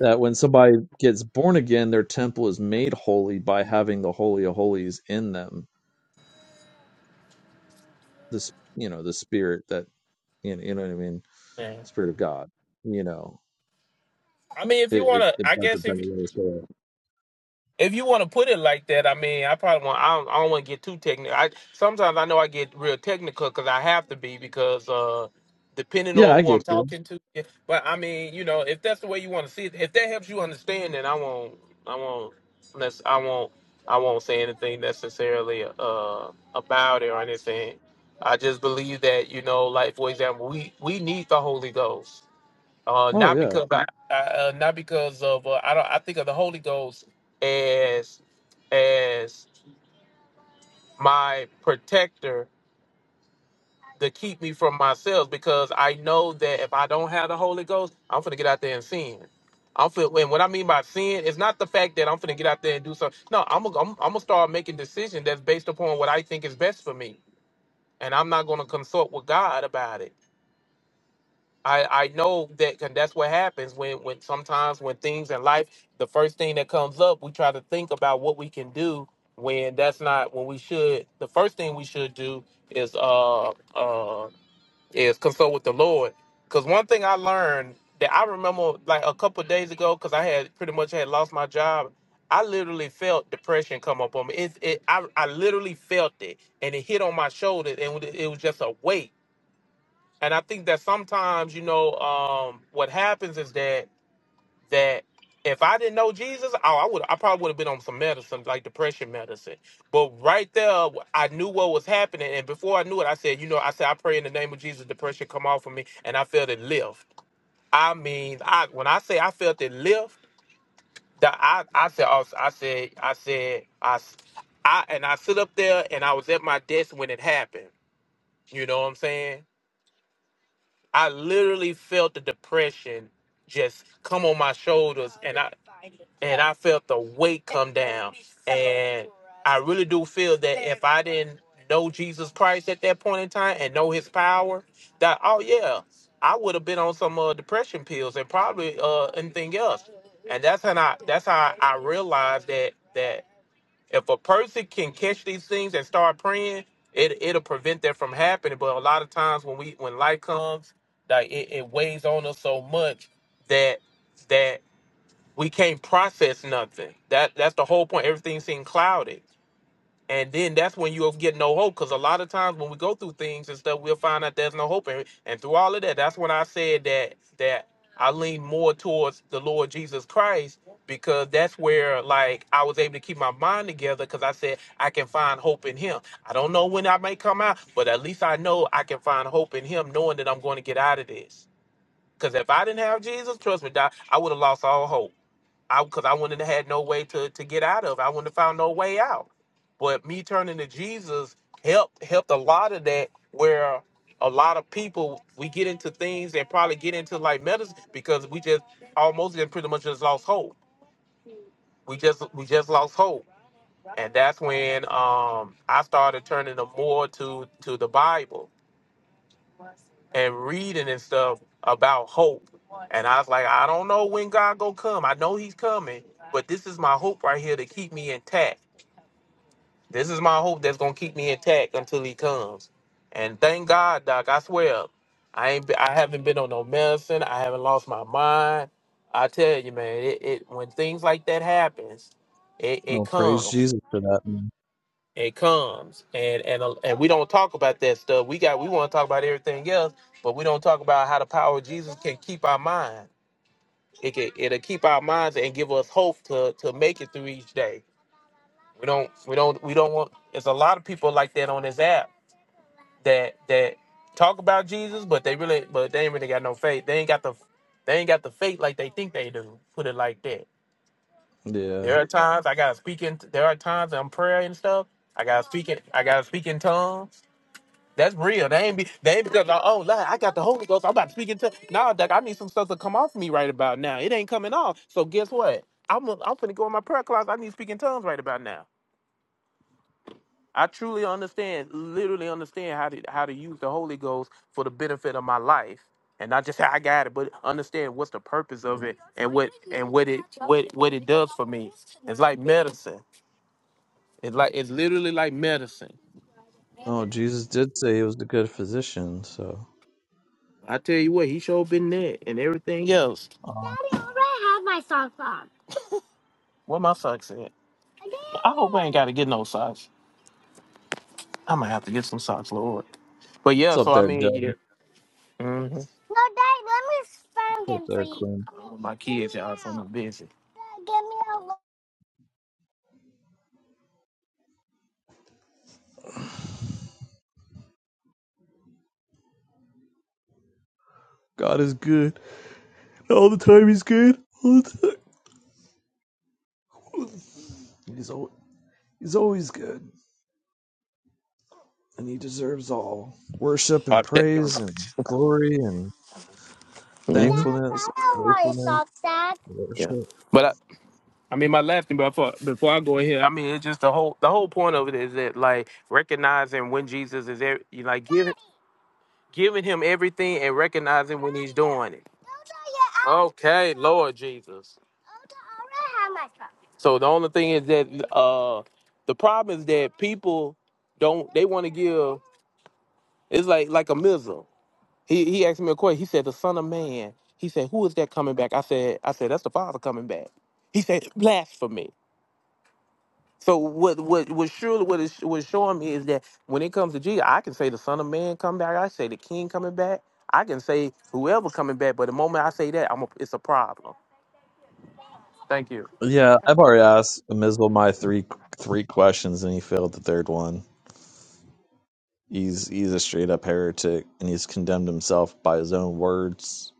Speaker 5: that when somebody gets born again, their temple is made holy by having the Holy of Holies in them. This, you know, the spirit that, you know, you know what I mean?
Speaker 9: man,
Speaker 5: Spirit of God, you know,
Speaker 9: I mean, if
Speaker 5: it,
Speaker 9: you want
Speaker 5: it,
Speaker 9: to,
Speaker 5: if
Speaker 9: I
Speaker 5: that's a
Speaker 9: guess
Speaker 5: better
Speaker 9: if
Speaker 5: way to say it.
Speaker 9: if you want to put it like that, I mean, I probably want. I don't, I don't want to get too technical. I sometimes I know I get real technical because I have to be because uh, depending
Speaker 5: Yeah,
Speaker 9: on
Speaker 5: I
Speaker 9: who I'm
Speaker 5: get you.
Speaker 9: talking to. yeah, But I mean, you know, if that's the way you want to see it, if that helps you understand, then I won't. I won't. Let's. I won't. I won't say anything necessarily uh, about it or anything. I just believe that you know, like for example, we we need the Holy Ghost uh,
Speaker 5: Oh
Speaker 9: not
Speaker 5: yeah.
Speaker 9: because I, I, uh, not because of uh, I don't. I think of the Holy Ghost as as my protector to keep me from myself because I know that if I don't have the Holy Ghost, I'm gonna get out there and sin. I'm fin- and what I mean by sin is not the fact that I'm gonna get out there and do something. No, I'm gonna I'm, I'm gonna start making decisions that's based upon what I think is best for me, and I'm not gonna consult with God about it. I, I know that and that's what happens when, when sometimes when things in life, the first thing that comes up, we try to think about what we can do when that's not when we should. The first thing we should do is uh uh is consult with the Lord. Cause one thing I learned that I remember like a couple of days ago, cause I had pretty much had lost my job. I literally felt depression come up on me. It, it I I literally felt it, and it hit on my shoulder, and it was just a weight and I think that sometimes you know um, what happens is that that if I didn't know Jesus, oh, I would I probably would have been on some medicine like depression medicine. But right there, I knew what was happening, and before I knew it, I said, you know, I said I pray in the name of Jesus, depression come off of me, and I felt it lift. I mean, I when I say I felt it lift, that I I said I, I said I said I. s- I, and I sit up there and I was at my desk when it happened. You know what I'm saying? I literally felt the depression just come on my shoulders and I and I felt the weight come down. And I really do feel that if I didn't know Jesus Christ at that point in time and know his power, that oh yeah, I would have been on some uh, depression pills and probably uh anything else. And that's how I that's how I realized that that if a person can catch these things and start praying, it it'll prevent that from happening. But a lot of times when we when life comes, like it, it weighs on us so much that that we can't process nothing. That that's the whole point. Everything seems clouded. And then that's when you'll get no hope. Because a lot of times when we go through things and stuff, we'll find out there's no hope. And, and through all of that, that's when I said that that I lean more towards the Lord Jesus Christ because that's where like I was able to keep my mind together because I said I can find hope in him. I don't know when I may come out, but at least I know I can find hope in him knowing that I'm going to get out of this. Because if I didn't have Jesus, trust me, Doc, I would have lost all hope. I because I wouldn't have had no way to to get out of. it. I wouldn't have found no way out. But me turning to Jesus helped helped a lot of that. Where a lot of people we get into things and probably get into like medicine because we just almost and pretty much just lost hope. We just we just lost hope, and that's when um I started turning to more to to the Bible and reading and stuff about hope. And I was like, I don't know when God gonna come. I know He's coming, but this is my hope right here to keep me intact This is my hope that's gonna keep me intact until he comes. And thank God, Doc. I swear, I ain't. Be, I haven't been on no medicine. I haven't lost my mind. I tell you, man. It, it when things like that happens, it, it
Speaker 5: No, praise
Speaker 9: comes.
Speaker 5: Jesus for that. man.
Speaker 9: It comes. And and uh, and we don't talk about that stuff. We got. We want to talk about everything else, but we don't talk about how the power of Jesus can keep our mind. It can. It'll keep our minds and give us hope to to make it through each day. We don't. We don't. We don't want. There's a lot of people like that on this app that that talk about Jesus, but they really but they ain't really got no faith. They ain't got the they ain't got the faith like they think they do. Put it like that.
Speaker 5: Yeah.
Speaker 9: There are times I gotta speak in there are times I'm praying and stuff. I gotta speak in I gotta speak in tongues. That's real. They ain't be they ain't because oh Lord, I got the Holy Ghost. I'm about to speak in tongues. Nah, Doc, I need some stuff to come off me right about now. It ain't coming off. So guess what? I'm i I'm finna go in my prayer class. I need to speak in tongues right about now. I truly understand, literally understand how to how to use the Holy Ghost for the benefit of my life, and not just how I got it, but understand what's the purpose of it and what and what it what what it does for me. It's like medicine. It's like it's literally like medicine.
Speaker 5: Oh, Jesus did say he was the good physician, so
Speaker 9: I tell you what, he sure been there and everything else.
Speaker 5: uh,
Speaker 9: What my socks at? I hope I ain't got to get no socks. I'm gonna have to get some socks, Lord. But
Speaker 5: it's
Speaker 9: yeah,
Speaker 5: up
Speaker 9: so I
Speaker 5: there,
Speaker 9: mean,
Speaker 5: Joe.
Speaker 9: yeah. hmm No, Dad, let me
Speaker 5: It's
Speaker 9: find
Speaker 5: up
Speaker 9: them for
Speaker 5: there,
Speaker 9: you.
Speaker 5: Queen.
Speaker 9: My kids, y'all, so I'm busy.
Speaker 5: God is good. All the time he's good. All the time. He's al- he's always good. And he deserves all worship and
Speaker 9: Okay. Dad,
Speaker 5: praise and glory and
Speaker 9: I don't
Speaker 5: thankfulness, gratefulness,
Speaker 9: Yeah.
Speaker 5: worship.
Speaker 9: But I, I mean, my last thing before before I go in here, I mean, it's just the whole the whole point of it is that like recognizing when Jesus is there, you like giving giving him everything and recognizing when he's doing it. Okay, Lord Jesus. So the only thing is that uh the problem is that people don't they want to give. It's like like a missile. He he asked me a question. He said, "The Son of Man." He said, "Who is that coming back?" I said, "I said that's the Father coming back." He said, "Blasphemy." So what what what surely what is what's showing me is that when it comes to Jesus, I can say the Son of Man coming back. I say the King coming back. I can say whoever coming back. But the moment I say that, I'm a, it's a problem. Thank you.
Speaker 5: Yeah, I've already asked Amizel my three three questions and he failed the third one. He's he's a straight up heretic, and he's condemned himself by his own words.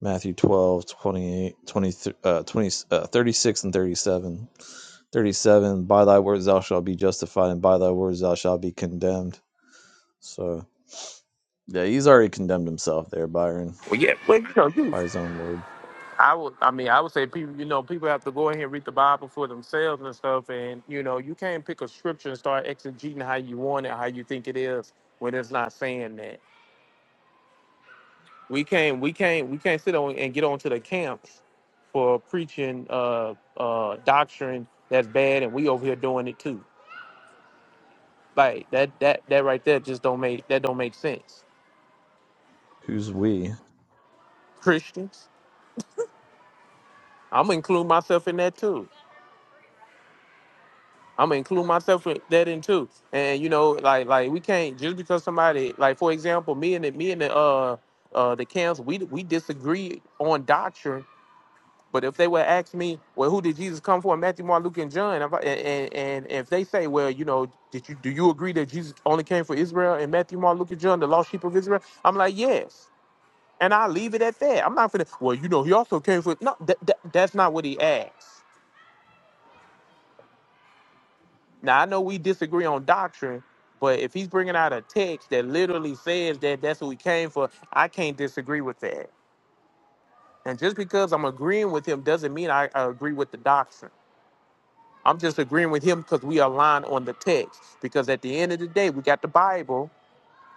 Speaker 5: Matthew 12, twenty-eight, twenty, uh, 20, uh, 36 and 37. 37, by thy words thou shalt be justified, and by thy words thou shalt be condemned. So, yeah, he's already condemned himself there, Byron,
Speaker 9: Well, yeah. Well, you know, you-
Speaker 5: by his own word.
Speaker 9: I would, I mean, I would say people, you know, people have to go ahead and read the Bible for themselves and stuff. And, you know, you can't pick a scripture and start exegeting how you want it, how you think it is, when it's not saying that. We can't, we can't, we can't sit on and get onto the camps for preaching uh uh doctrine that's bad and we over here doing it too. Like that that that right there just don't make that don't make sense.
Speaker 5: Who's we?
Speaker 9: Christians, I'm gonna include myself in that too. I'm gonna include myself in that in too. And you know, like like we can't just because somebody like for example, me and the me and the uh uh the council, we we disagree on doctrine. But if they would ask me, well, who did Jesus come for? Matthew, Mark, Luke, and John. I'm like- And, and and if they say, well, you know, did you do you agree that Jesus only came for Israel and Matthew, Mark, Luke, and John, the lost sheep of Israel? I'm like, yes. And I leave it at that. I'm not finna. Well, you know, he also came for. No, that, that, that's not what he asked. Now I know we disagree on doctrine, but if he's bringing out a text that literally says that that's what we came for, I can't disagree with that. And just because I'm agreeing with him doesn't mean I, I agree with the doctrine. I'm just agreeing with him because we align on the text. Because at the end of the day, we got the Bible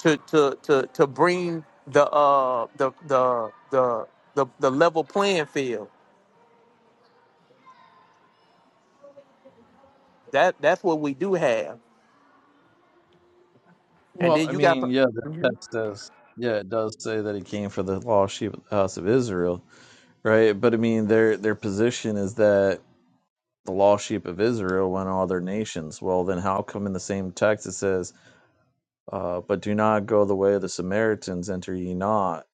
Speaker 9: to to to to bring the uh the the the the, the level playing field. That that's what we do have. And
Speaker 5: Well,
Speaker 9: then
Speaker 5: I
Speaker 9: you got
Speaker 5: mean, yeah, the text does. Yeah, it does say that he came for the lost sheep of the house of Israel, right? But I mean, their their position is that the lost sheep of Israel and all their nations. Well, then how come in the same text it says, uh, "But do not go the way of the Samaritans; enter ye not,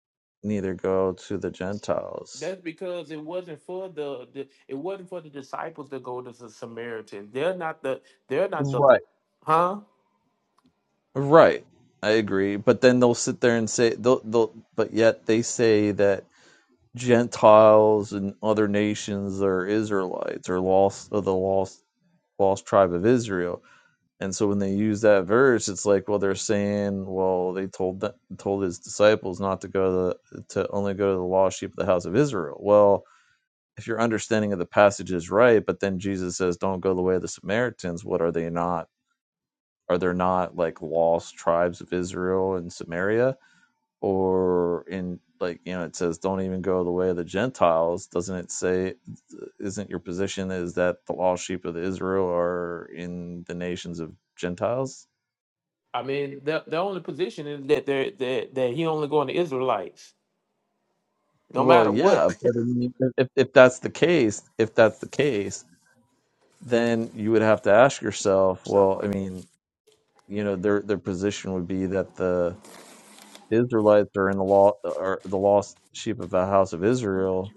Speaker 5: neither go to the Gentiles."
Speaker 9: That's because it wasn't for the, the it wasn't for the disciples to go to the Samaritans. They're not the they're not the
Speaker 5: Right.
Speaker 9: huh?
Speaker 5: Right. I agree, but then they'll sit there and say, they'll, they'll, but yet they say that Gentiles and other nations are Israelites or lost of the lost lost tribe of Israel And so when they use that verse, it's like, well, they're saying, well, they told th- told his disciples not to go to, the, to only go to the lost sheep of the house of Israel. Well, if your understanding of the passage is right, but then Jesus says, don't go the way of the Samaritans. What are they not? Are there not like lost tribes of Israel and Samaria, or in like you know it says, don't even go the way of the Gentiles? Doesn't it say? Isn't your position is that the lost sheep of Israel are in the nations of Gentiles?
Speaker 9: I mean, the the only position is that they're that that he only going to Israelites, no
Speaker 5: Well,
Speaker 9: matter what.
Speaker 5: yeah, but I mean, if, if that's the case, if that's the case, then you would have to ask yourself, well, I mean, you know, their their position would be that the Israelites are in the law are the lost sheep of the house of Israel.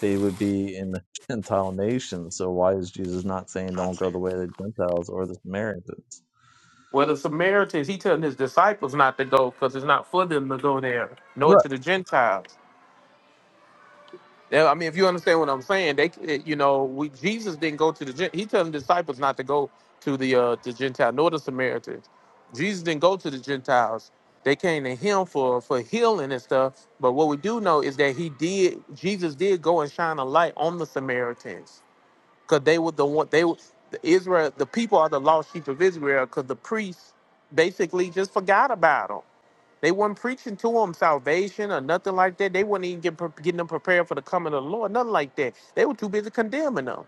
Speaker 5: They would be in the Gentile nation. So why is Jesus not saying don't go the way of the Gentiles or the Samaritans?
Speaker 9: Well, the Samaritans, he telling his disciples not to go because it's not for them to go there, nor
Speaker 5: Right.
Speaker 9: to the Gentiles. Yeah, I mean, if you understand what I'm saying, they, you know, we Jesus didn't go to the. Gen- He telling the disciples not to go to the uh, the Gentile nor the Samaritans. Jesus didn't go to the Gentiles. They came to him for for healing and stuff. But what we do know is that he did. Jesus did go and shine a light on the Samaritans because they were the one. They were the Israel. The people are the lost sheep of Israel because the priests basically just forgot about them they weren't preaching to them salvation or nothing like that. They weren't even get, pre- getting them prepared for the coming of the Lord, nothing like that. They were too busy condemning them.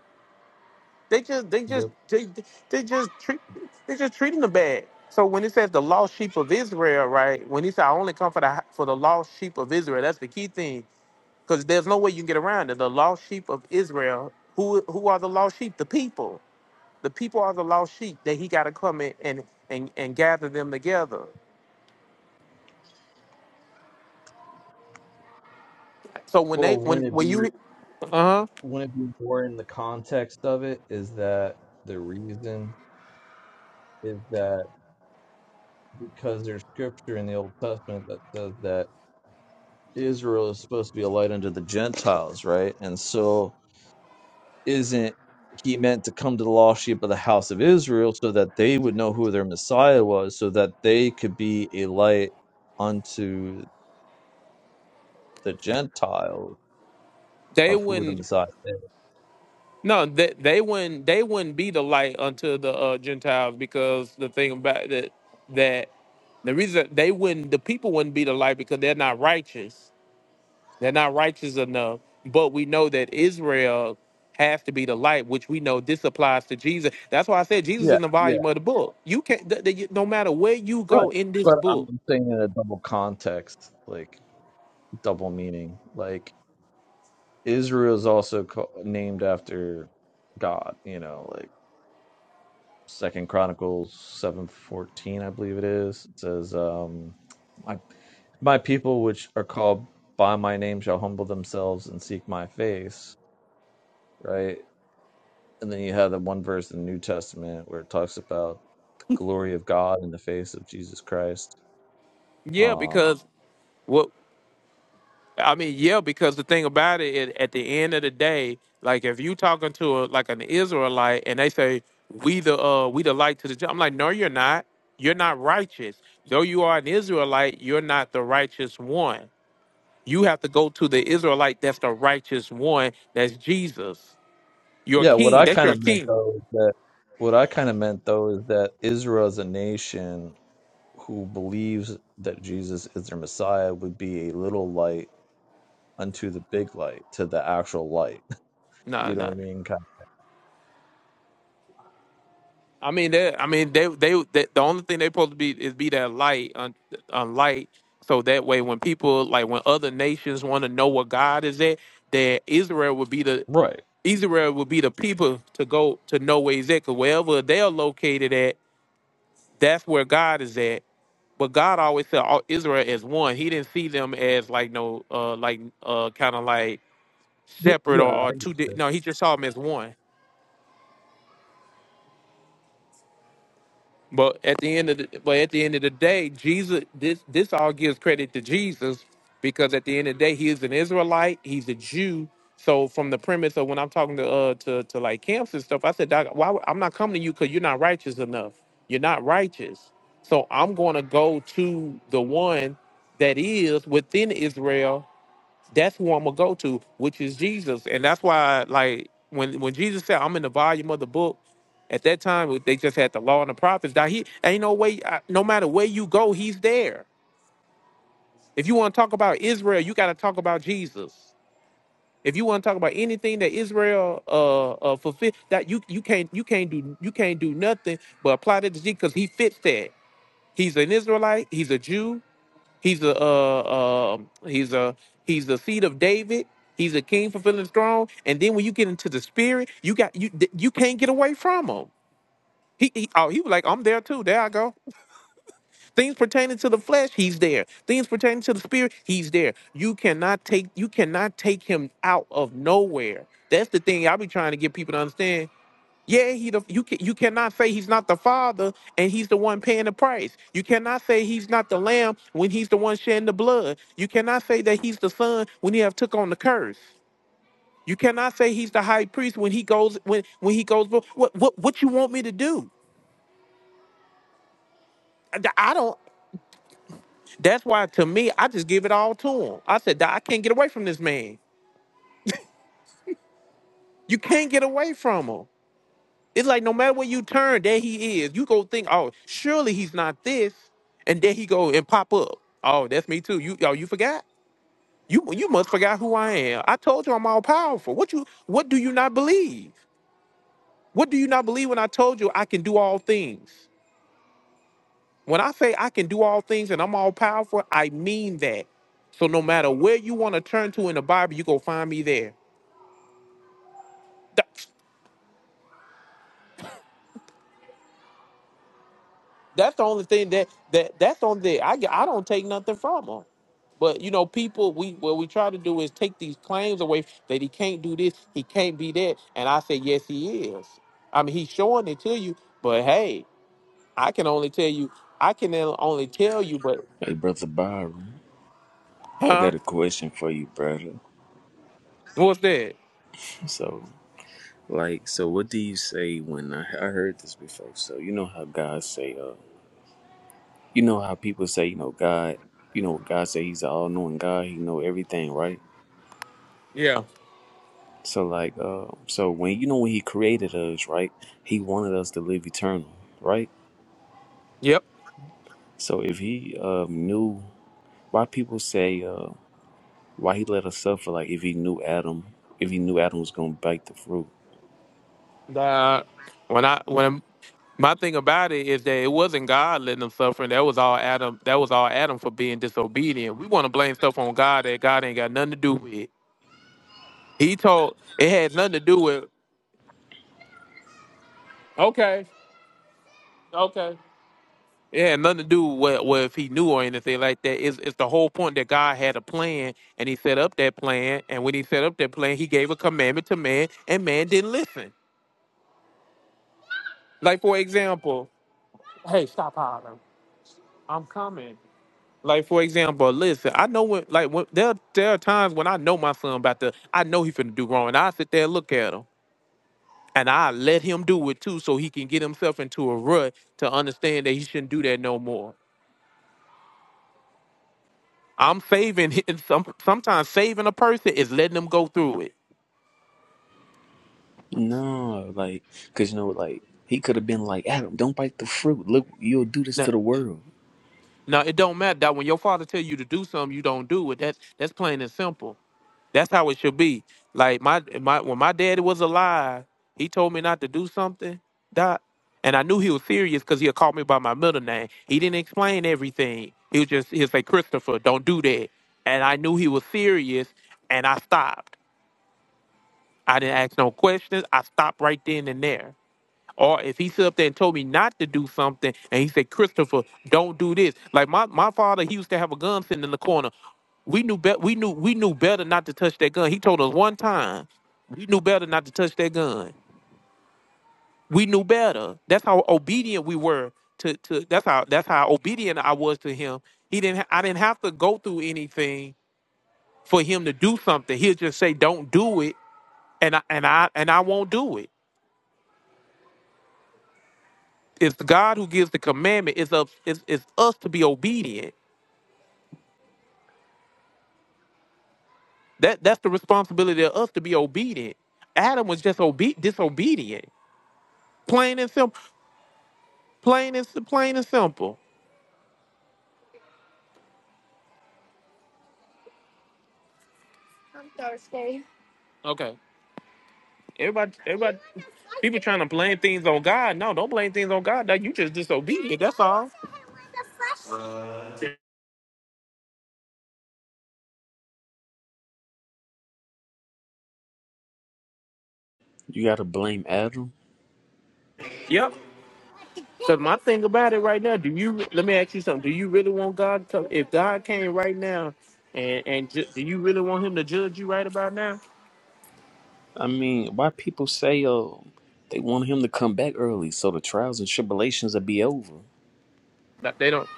Speaker 9: They just, they just,
Speaker 5: Yep.
Speaker 9: they, they just treat, they just treating them bad. So when it says the lost sheep of Israel, right? When he said, "I only come for the for the lost sheep of Israel," that's the key thing, because there's no way you can get around it. The lost sheep of Israel. Who who are the lost sheep? The people. The people are the lost sheep that he got to come in and and and gather them together. So when they
Speaker 5: Well,
Speaker 9: when
Speaker 5: wouldn't it
Speaker 9: when
Speaker 5: be
Speaker 9: you, uh huh
Speaker 5: wouldn't it be more in the context of it is that the reason is that because there's scripture in the Old Testament that says that Israel is supposed to be a light unto the Gentiles, right? And so, isn't he meant to come to the lost sheep of the house of Israel so that they would know who their Messiah was, so that they could be a light unto the Gentiles
Speaker 9: they
Speaker 5: of who the
Speaker 9: wouldn't
Speaker 5: Messiah is?
Speaker 9: no they, they wouldn't they wouldn't be the light unto the uh, gentiles because the thing about that that the reason they wouldn't the people wouldn't be the light because they're not righteous they're not righteous enough but we know that israel has to be the light which we know this applies to jesus that's why i said jesus is
Speaker 5: Yeah,
Speaker 9: the
Speaker 5: yeah,
Speaker 9: volume of the book you can't th- th- no matter where you
Speaker 5: right.
Speaker 9: go in this
Speaker 5: But I'm
Speaker 9: book
Speaker 5: saying in a double context, like double meaning. Like Israel is also ca- named after God, you know, like Second Chronicles seven fourteen, I believe it is. It says, um, "My my people, which are called by my name, shall humble themselves and seek my face." Right, and then you have the one verse in the New Testament where it talks about the glory of God in the face of Jesus Christ.
Speaker 9: yeah
Speaker 5: Um,
Speaker 9: because what I mean, yeah, because the thing about it, it, at the end of the day, like if you talking to a, like an Israelite and they say we the uh we the light to the ju-" I'm like, no, you're not. You're not righteous. Though you are an Israelite, you're not the righteous one. You have to go to the Israelite that's the righteous one. That's Jesus, your
Speaker 5: yeah, what
Speaker 9: king.
Speaker 5: I
Speaker 9: That's
Speaker 5: kind
Speaker 9: your
Speaker 5: of meant
Speaker 9: king.
Speaker 5: though is that what I kind of meant though is that Israel as a nation who believes that Jesus is their Messiah would be a little light unto the big light, to the actual light.
Speaker 9: No,
Speaker 5: You know what I
Speaker 9: no.
Speaker 5: mean? Kind
Speaker 9: I mean, they, I mean, they, they, they, the only thing they supposed to be is be that light, on, on light, so that way when people like when other nations want to know where God is at, that Israel would be the
Speaker 5: of. Right.
Speaker 9: Israel would be the people to go to know where He's at. Cause wherever they're located at, that's where God is at. But God always said all Israel as one. He didn't see them as like no, uh, like uh, kind of like
Speaker 5: Th-
Speaker 9: separate or,
Speaker 5: Yeah.
Speaker 9: or two. Di- no, He just saw them as one. But at the end of the but at the end of the day, Jesus this this all gives credit to Jesus because at the end of the day he is an Israelite, he's a Jew. So from the premise of when I'm talking to uh to, to like camps and stuff, I said, Doc, why would- I'm not coming to you because you're not righteous enough. You're not righteous. So I'm gonna go to the one that is within Israel that's who I'm gonna go to, which is Jesus. And that's why, like, when when Jesus said, "I'm in the volume of the book," at that time they just had the law and the prophets. Now he ain't no way. I- No matter where you go, he's there. If you want to talk about Israel, you got to talk about Jesus. If you want to talk about anything that Israel uh, uh fulfill, that you you can't you can't do you can't do nothing but apply that to Jesus because he fits that. He's an Israelite. He's a Jew. He's the uh, uh he's a he's the seed of David. He's a king fulfilling his throne. And then when you get into the spirit, you got you th- you can't get away from him. He, he oh he was like I'm there too. There I go. Things pertaining to the flesh, he's there. Things pertaining to the spirit, he's there. You cannot take you cannot take him out of nowhere. That's the thing I be trying to get people to understand yeah, he the you can you cannot say he's not the father and he's the one paying the price. You cannot say he's not the lamb when he's the one shedding the blood. You cannot say that he's the son when he have took on the curse. You cannot say he's the high priest when he goes when when he goes. What what what you want me to do? I, I don't. That's why to me I just give it all to him. I said "Doc, I can't get away from this man. You can't get away from him. It's like no matter where you turn, there he is. You go think, oh, surely he's not this, and there he go and pop up. Oh, that's me too. You, oh, you forgot? You, you must forgot who I am. I told you I'm all powerful. What you, what do you not believe? What do you not believe when I told you I can do all things? When I say I can do all things and I'm all powerful, I mean that. So no matter where you want to turn to in the Bible, you go find me there. That's the only thing that that that's the only thing I get- I don't take nothing from him. But you know, people, we what we try to do is take these claims away that he can't do this, he can't be that, and I say yes, he is. I mean, he's showing it to you, but hey, I can only tell you, I can only tell you, but
Speaker 16: Hey, brother Byron. I
Speaker 9: huh?
Speaker 16: got a question for you, brother.
Speaker 9: What's that?
Speaker 16: So, like, so what do you say when I, I heard this before? So you know how God say, uh, you know how people say, you know, God, you know, God say He's an all-knowing God. He know everything, right?
Speaker 9: Yeah.
Speaker 16: So like, uh, so when you know when He created us, right? He wanted us to live eternal, right?
Speaker 9: Yep.
Speaker 16: So if he um, knew why people say uh, why he let us suffer, like if he knew Adam, if he knew Adam was gonna bite the fruit.
Speaker 9: That when I when my thing about it is that it wasn't God letting them suffer, and that was all Adam. That was all Adam for being disobedient. We want to blame stuff on God that God ain't got nothing to do with. He told it had nothing to do with. Okay, okay. It had nothing to do with, with if he knew or anything like that. It's, it's the whole point that God had a plan, and He set up that plan. And when He set up that plan, He gave a commandment to man, and man didn't listen. Like for example, hey, stop hollering! I'm coming. Like for example, listen, I know when like when there there are times when I know my son about to I know he finna do wrong and I sit there and look at him and I let him do it too so he can get himself into a rut to understand that he shouldn't do that no more. I'm saving him some sometimes saving a person is letting them go through it.
Speaker 16: No, like because you know, like he could have been like Adam, don't bite the fruit. Look, you'll do this
Speaker 9: Now,
Speaker 16: to the world.
Speaker 9: now it don't matter that when your father tell you to do something you don't do it. That's that's plain and simple. That's how it should be. Like my my when my daddy was alive, he told me not to do something, doc, and I knew he was serious because he'll call me by my middle name. He didn't explain everything. He was just he'll say Christopher, don't do that, and I knew he was serious, and I stopped. I didn't ask no questions. I stopped right then and there. Or if he stood up there and told me not to do something, and he said, Christopher, don't do this. Like my, my father, he used to have a gun sitting in the corner. We knew bet we knew we knew better not to touch that gun. He told us one time, we knew better not to touch that gun. We knew better. That's how obedient we were to to that's how that's how obedient I was to him. He didn't ha- I didn't have to go through anything for him to do something. He'll just say, Don't do it, and I and I and I won't do it. it's God who gives the commandment. It's up it's, it's us to be obedient. That that's the responsibility of us to be obedient. Adam was just obe- disobedient. Plain and simple. Plain and sim- plain and simple. Okay. Everybody everybody people trying to blame things on God. No, don't blame things on God. No, you just disobedient. That's all.
Speaker 16: You gotta blame Adam.
Speaker 9: Yep. Cause my thing about it right now, do you let me ask you something? Do you really want God to come if God came right now and and ju- do you really want him to judge you right about now?
Speaker 16: I mean, why people say uh, they want him to come back early so the trials and tribulations will be over.
Speaker 9: That they don't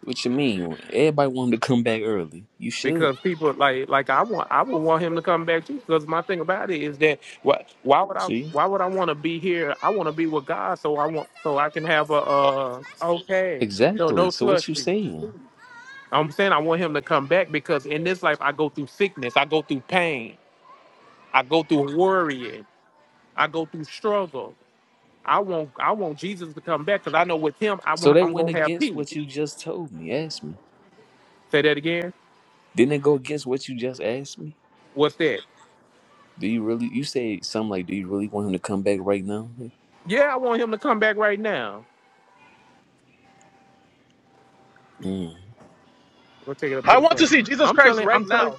Speaker 16: What you mean? Everybody want him to come back early. You should.
Speaker 9: because people like like I want I would want him to come back too because my thing about it is that what why would I
Speaker 16: See?
Speaker 9: why would I want to be here I want to be with God so I want so I can have a uh okay no
Speaker 16: Exactly.
Speaker 9: no
Speaker 16: So what you
Speaker 9: slushy
Speaker 16: saying?
Speaker 9: I'm saying I want him to come back because in this life I go through sickness I go through pain I go through worrying I go through struggle I want I want Jesus to come back because I know with him I
Speaker 16: So
Speaker 9: want,
Speaker 16: that
Speaker 9: I'm
Speaker 16: went
Speaker 9: gonna have
Speaker 16: against
Speaker 9: peace
Speaker 16: what you just told me, asked me.
Speaker 9: say that again
Speaker 16: Didn't it go against what you just asked me?
Speaker 9: what's that
Speaker 16: Do you really, you said something like, do you really want him to come back right now?
Speaker 9: yeah I want him to come back right now
Speaker 16: Mm.
Speaker 9: We'll take it up to
Speaker 1: I
Speaker 9: the
Speaker 1: want to
Speaker 9: front.
Speaker 1: see Jesus
Speaker 9: I'm
Speaker 1: Christ
Speaker 9: telling,
Speaker 1: right
Speaker 9: I'm telling,
Speaker 1: now.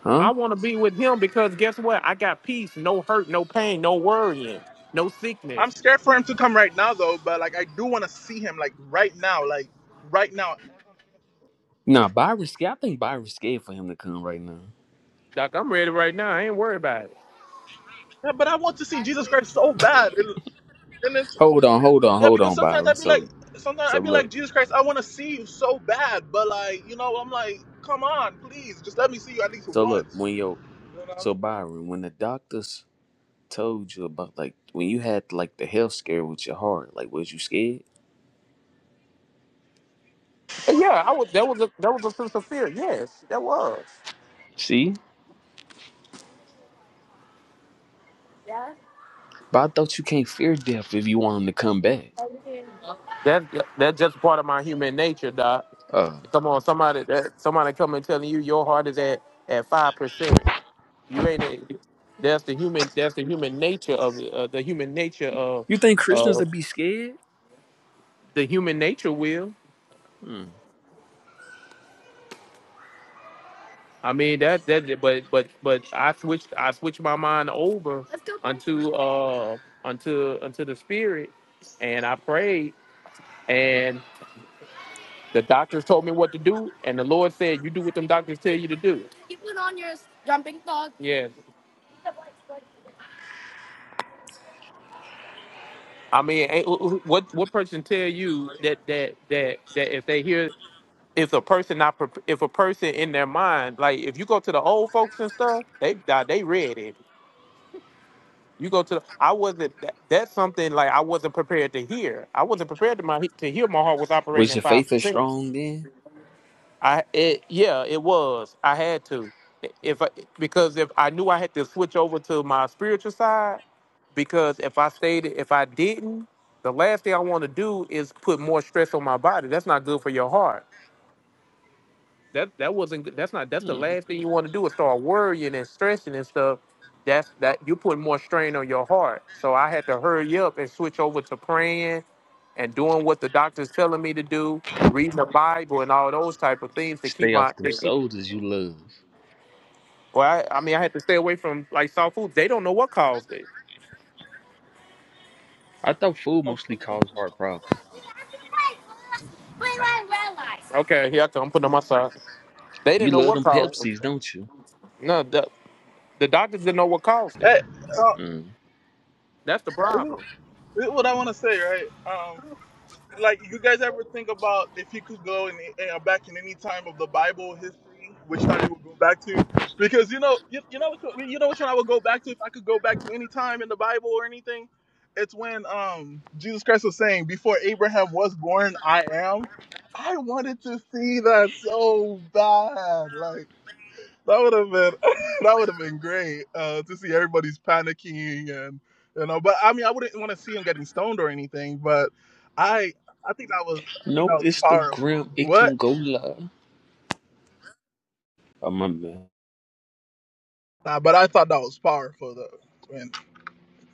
Speaker 16: Huh?
Speaker 9: I want to be with him because guess what? I got peace, no hurt, no pain, no worrying, no
Speaker 1: I'm
Speaker 9: sickness.
Speaker 1: scared for him to come right now though, but like I do want to see him like right now, like right now.
Speaker 16: Nah, Byron, sca- I think Byron's scared for him to come right now.
Speaker 9: Doc, I'm ready right now. I ain't worried about it.
Speaker 1: Yeah, but I want to see Jesus Christ so bad, and and it's
Speaker 16: Hold on, hold on,
Speaker 1: yeah
Speaker 16: hold
Speaker 1: because
Speaker 16: on,
Speaker 1: sometimes
Speaker 16: Byron.
Speaker 1: I'd be like,
Speaker 16: So,
Speaker 1: sometimes
Speaker 16: so
Speaker 1: I'd be
Speaker 16: look,
Speaker 1: like Jesus Christ, I want to see you so bad, but like you know I'm like, come on, please, just let me see you at least
Speaker 16: so look,
Speaker 1: once.
Speaker 16: when your,
Speaker 1: You know,
Speaker 16: so Byron, when the doctors told you about like, when you had like the health scare with your heart, like, was you scared?
Speaker 9: And yeah, I was. That was a that was a sense of fear. Yes, that was.
Speaker 16: See? But I thought you can't fear death if you want him to come back.
Speaker 9: That that's just part of my human nature, Doc.
Speaker 16: Oh.
Speaker 9: Come on, somebody that somebody coming telling you your heart is at at five percent. You ain't. A, that's the human. That's the human nature of uh, the human nature of
Speaker 16: You think Christians
Speaker 9: uh,
Speaker 16: would be scared?
Speaker 9: the human nature will.
Speaker 16: Hmm.
Speaker 9: I mean that that but but but I switched I switched my mind over unto uh unto unto the spirit and I prayed and the doctors told me what to do and the Lord said you do what them doctors tell you to do. Yes. I mean ain't- who- who- what what person tell you that that that that if they hear if a person not prep- if a person in their mind like if you go to the old folks and stuff they nah, they ready You go to the, I wasn't that, that's something like I wasn't prepared to hear. I wasn't prepared to my to hear my heart was operating
Speaker 16: Was your
Speaker 9: at five
Speaker 16: faith as
Speaker 9: percent.
Speaker 16: strong then?
Speaker 9: I it yeah it was. I had to if I, because if I knew I had to switch over to my spiritual side because if I stayed if I didn't the last thing I want to do is put more stress on my body. That's not good for your heart that that wasn't good. That's not. That's the
Speaker 16: Hmm.
Speaker 9: last thing you want to do is start worrying and stressing and stuff. That's that you put more strain on your heart. So I had to hurry up and switch over to praying and doing what the doctor's telling me to do, reading the Bible and all those type of things to keep
Speaker 16: Stay
Speaker 9: my.
Speaker 16: off them
Speaker 9: To keep,
Speaker 16: sodas you love.
Speaker 9: well, I, I mean, I had to stay away from like soft foods. They don't know what caused it.
Speaker 16: I thought food mostly caused heart problems.
Speaker 9: Okay, here I come. I'm putting on my side. They
Speaker 16: You
Speaker 9: didn't know
Speaker 16: love
Speaker 9: what
Speaker 16: them
Speaker 9: caused it.
Speaker 16: Pepsis, don't you?
Speaker 9: No, the, the doctors didn't know what caused it.
Speaker 1: hey, uh,
Speaker 16: Mm.
Speaker 9: That's the
Speaker 1: this, is,
Speaker 9: problem.
Speaker 1: this is what I want to say, right? Um, like you guys ever think about if you could go in, uh, back in any time of the Bible history, which time you would go back to? Because you know, you, you know which one, you know which one I would go back to if I could go back to any time in the Bible or anything. It's when um, Jesus Christ was saying, "Before Abraham was born, I am." I wanted to see that so bad, like. That would have been that would have been great uh, to see everybody's panicking and you know. But I mean, I wouldn't want to see him getting stoned or anything. But I I think that was I think that
Speaker 16: No,
Speaker 1: was
Speaker 16: it's the grim.
Speaker 1: powerful.
Speaker 16: It
Speaker 1: What?
Speaker 16: can go live. Oh, my man.
Speaker 1: Nah, but I thought that was powerful though. When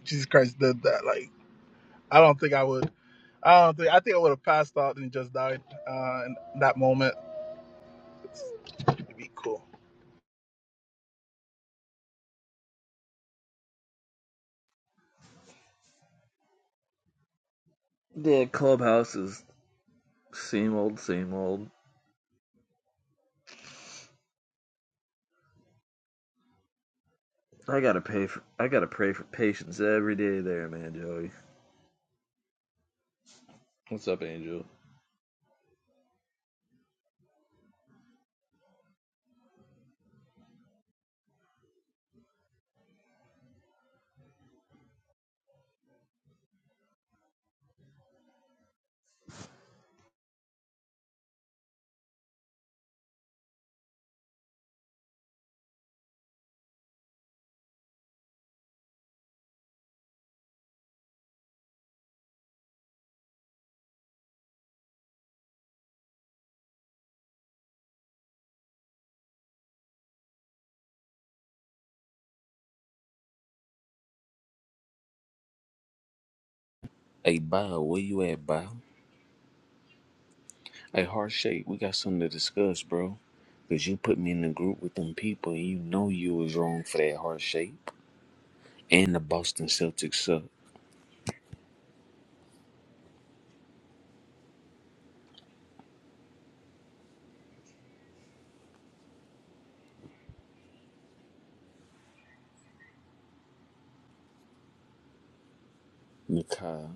Speaker 1: Jesus Christ did that, like I don't think I would. I don't think I think I would have passed out and just died uh, in that moment. It'd be cool.
Speaker 5: The clubhouse is same old, same old. I gotta pay for. I gotta pray for patience every day there, man, Joey. What's up, Angel?
Speaker 16: Hey, Bob, where you at, Bob? Hey, Heart Shape, we got something to discuss, bro. Because you put me in the group with them people, and you know you was wrong for that Heart Shape. And the Boston Celtics suck. Nikai.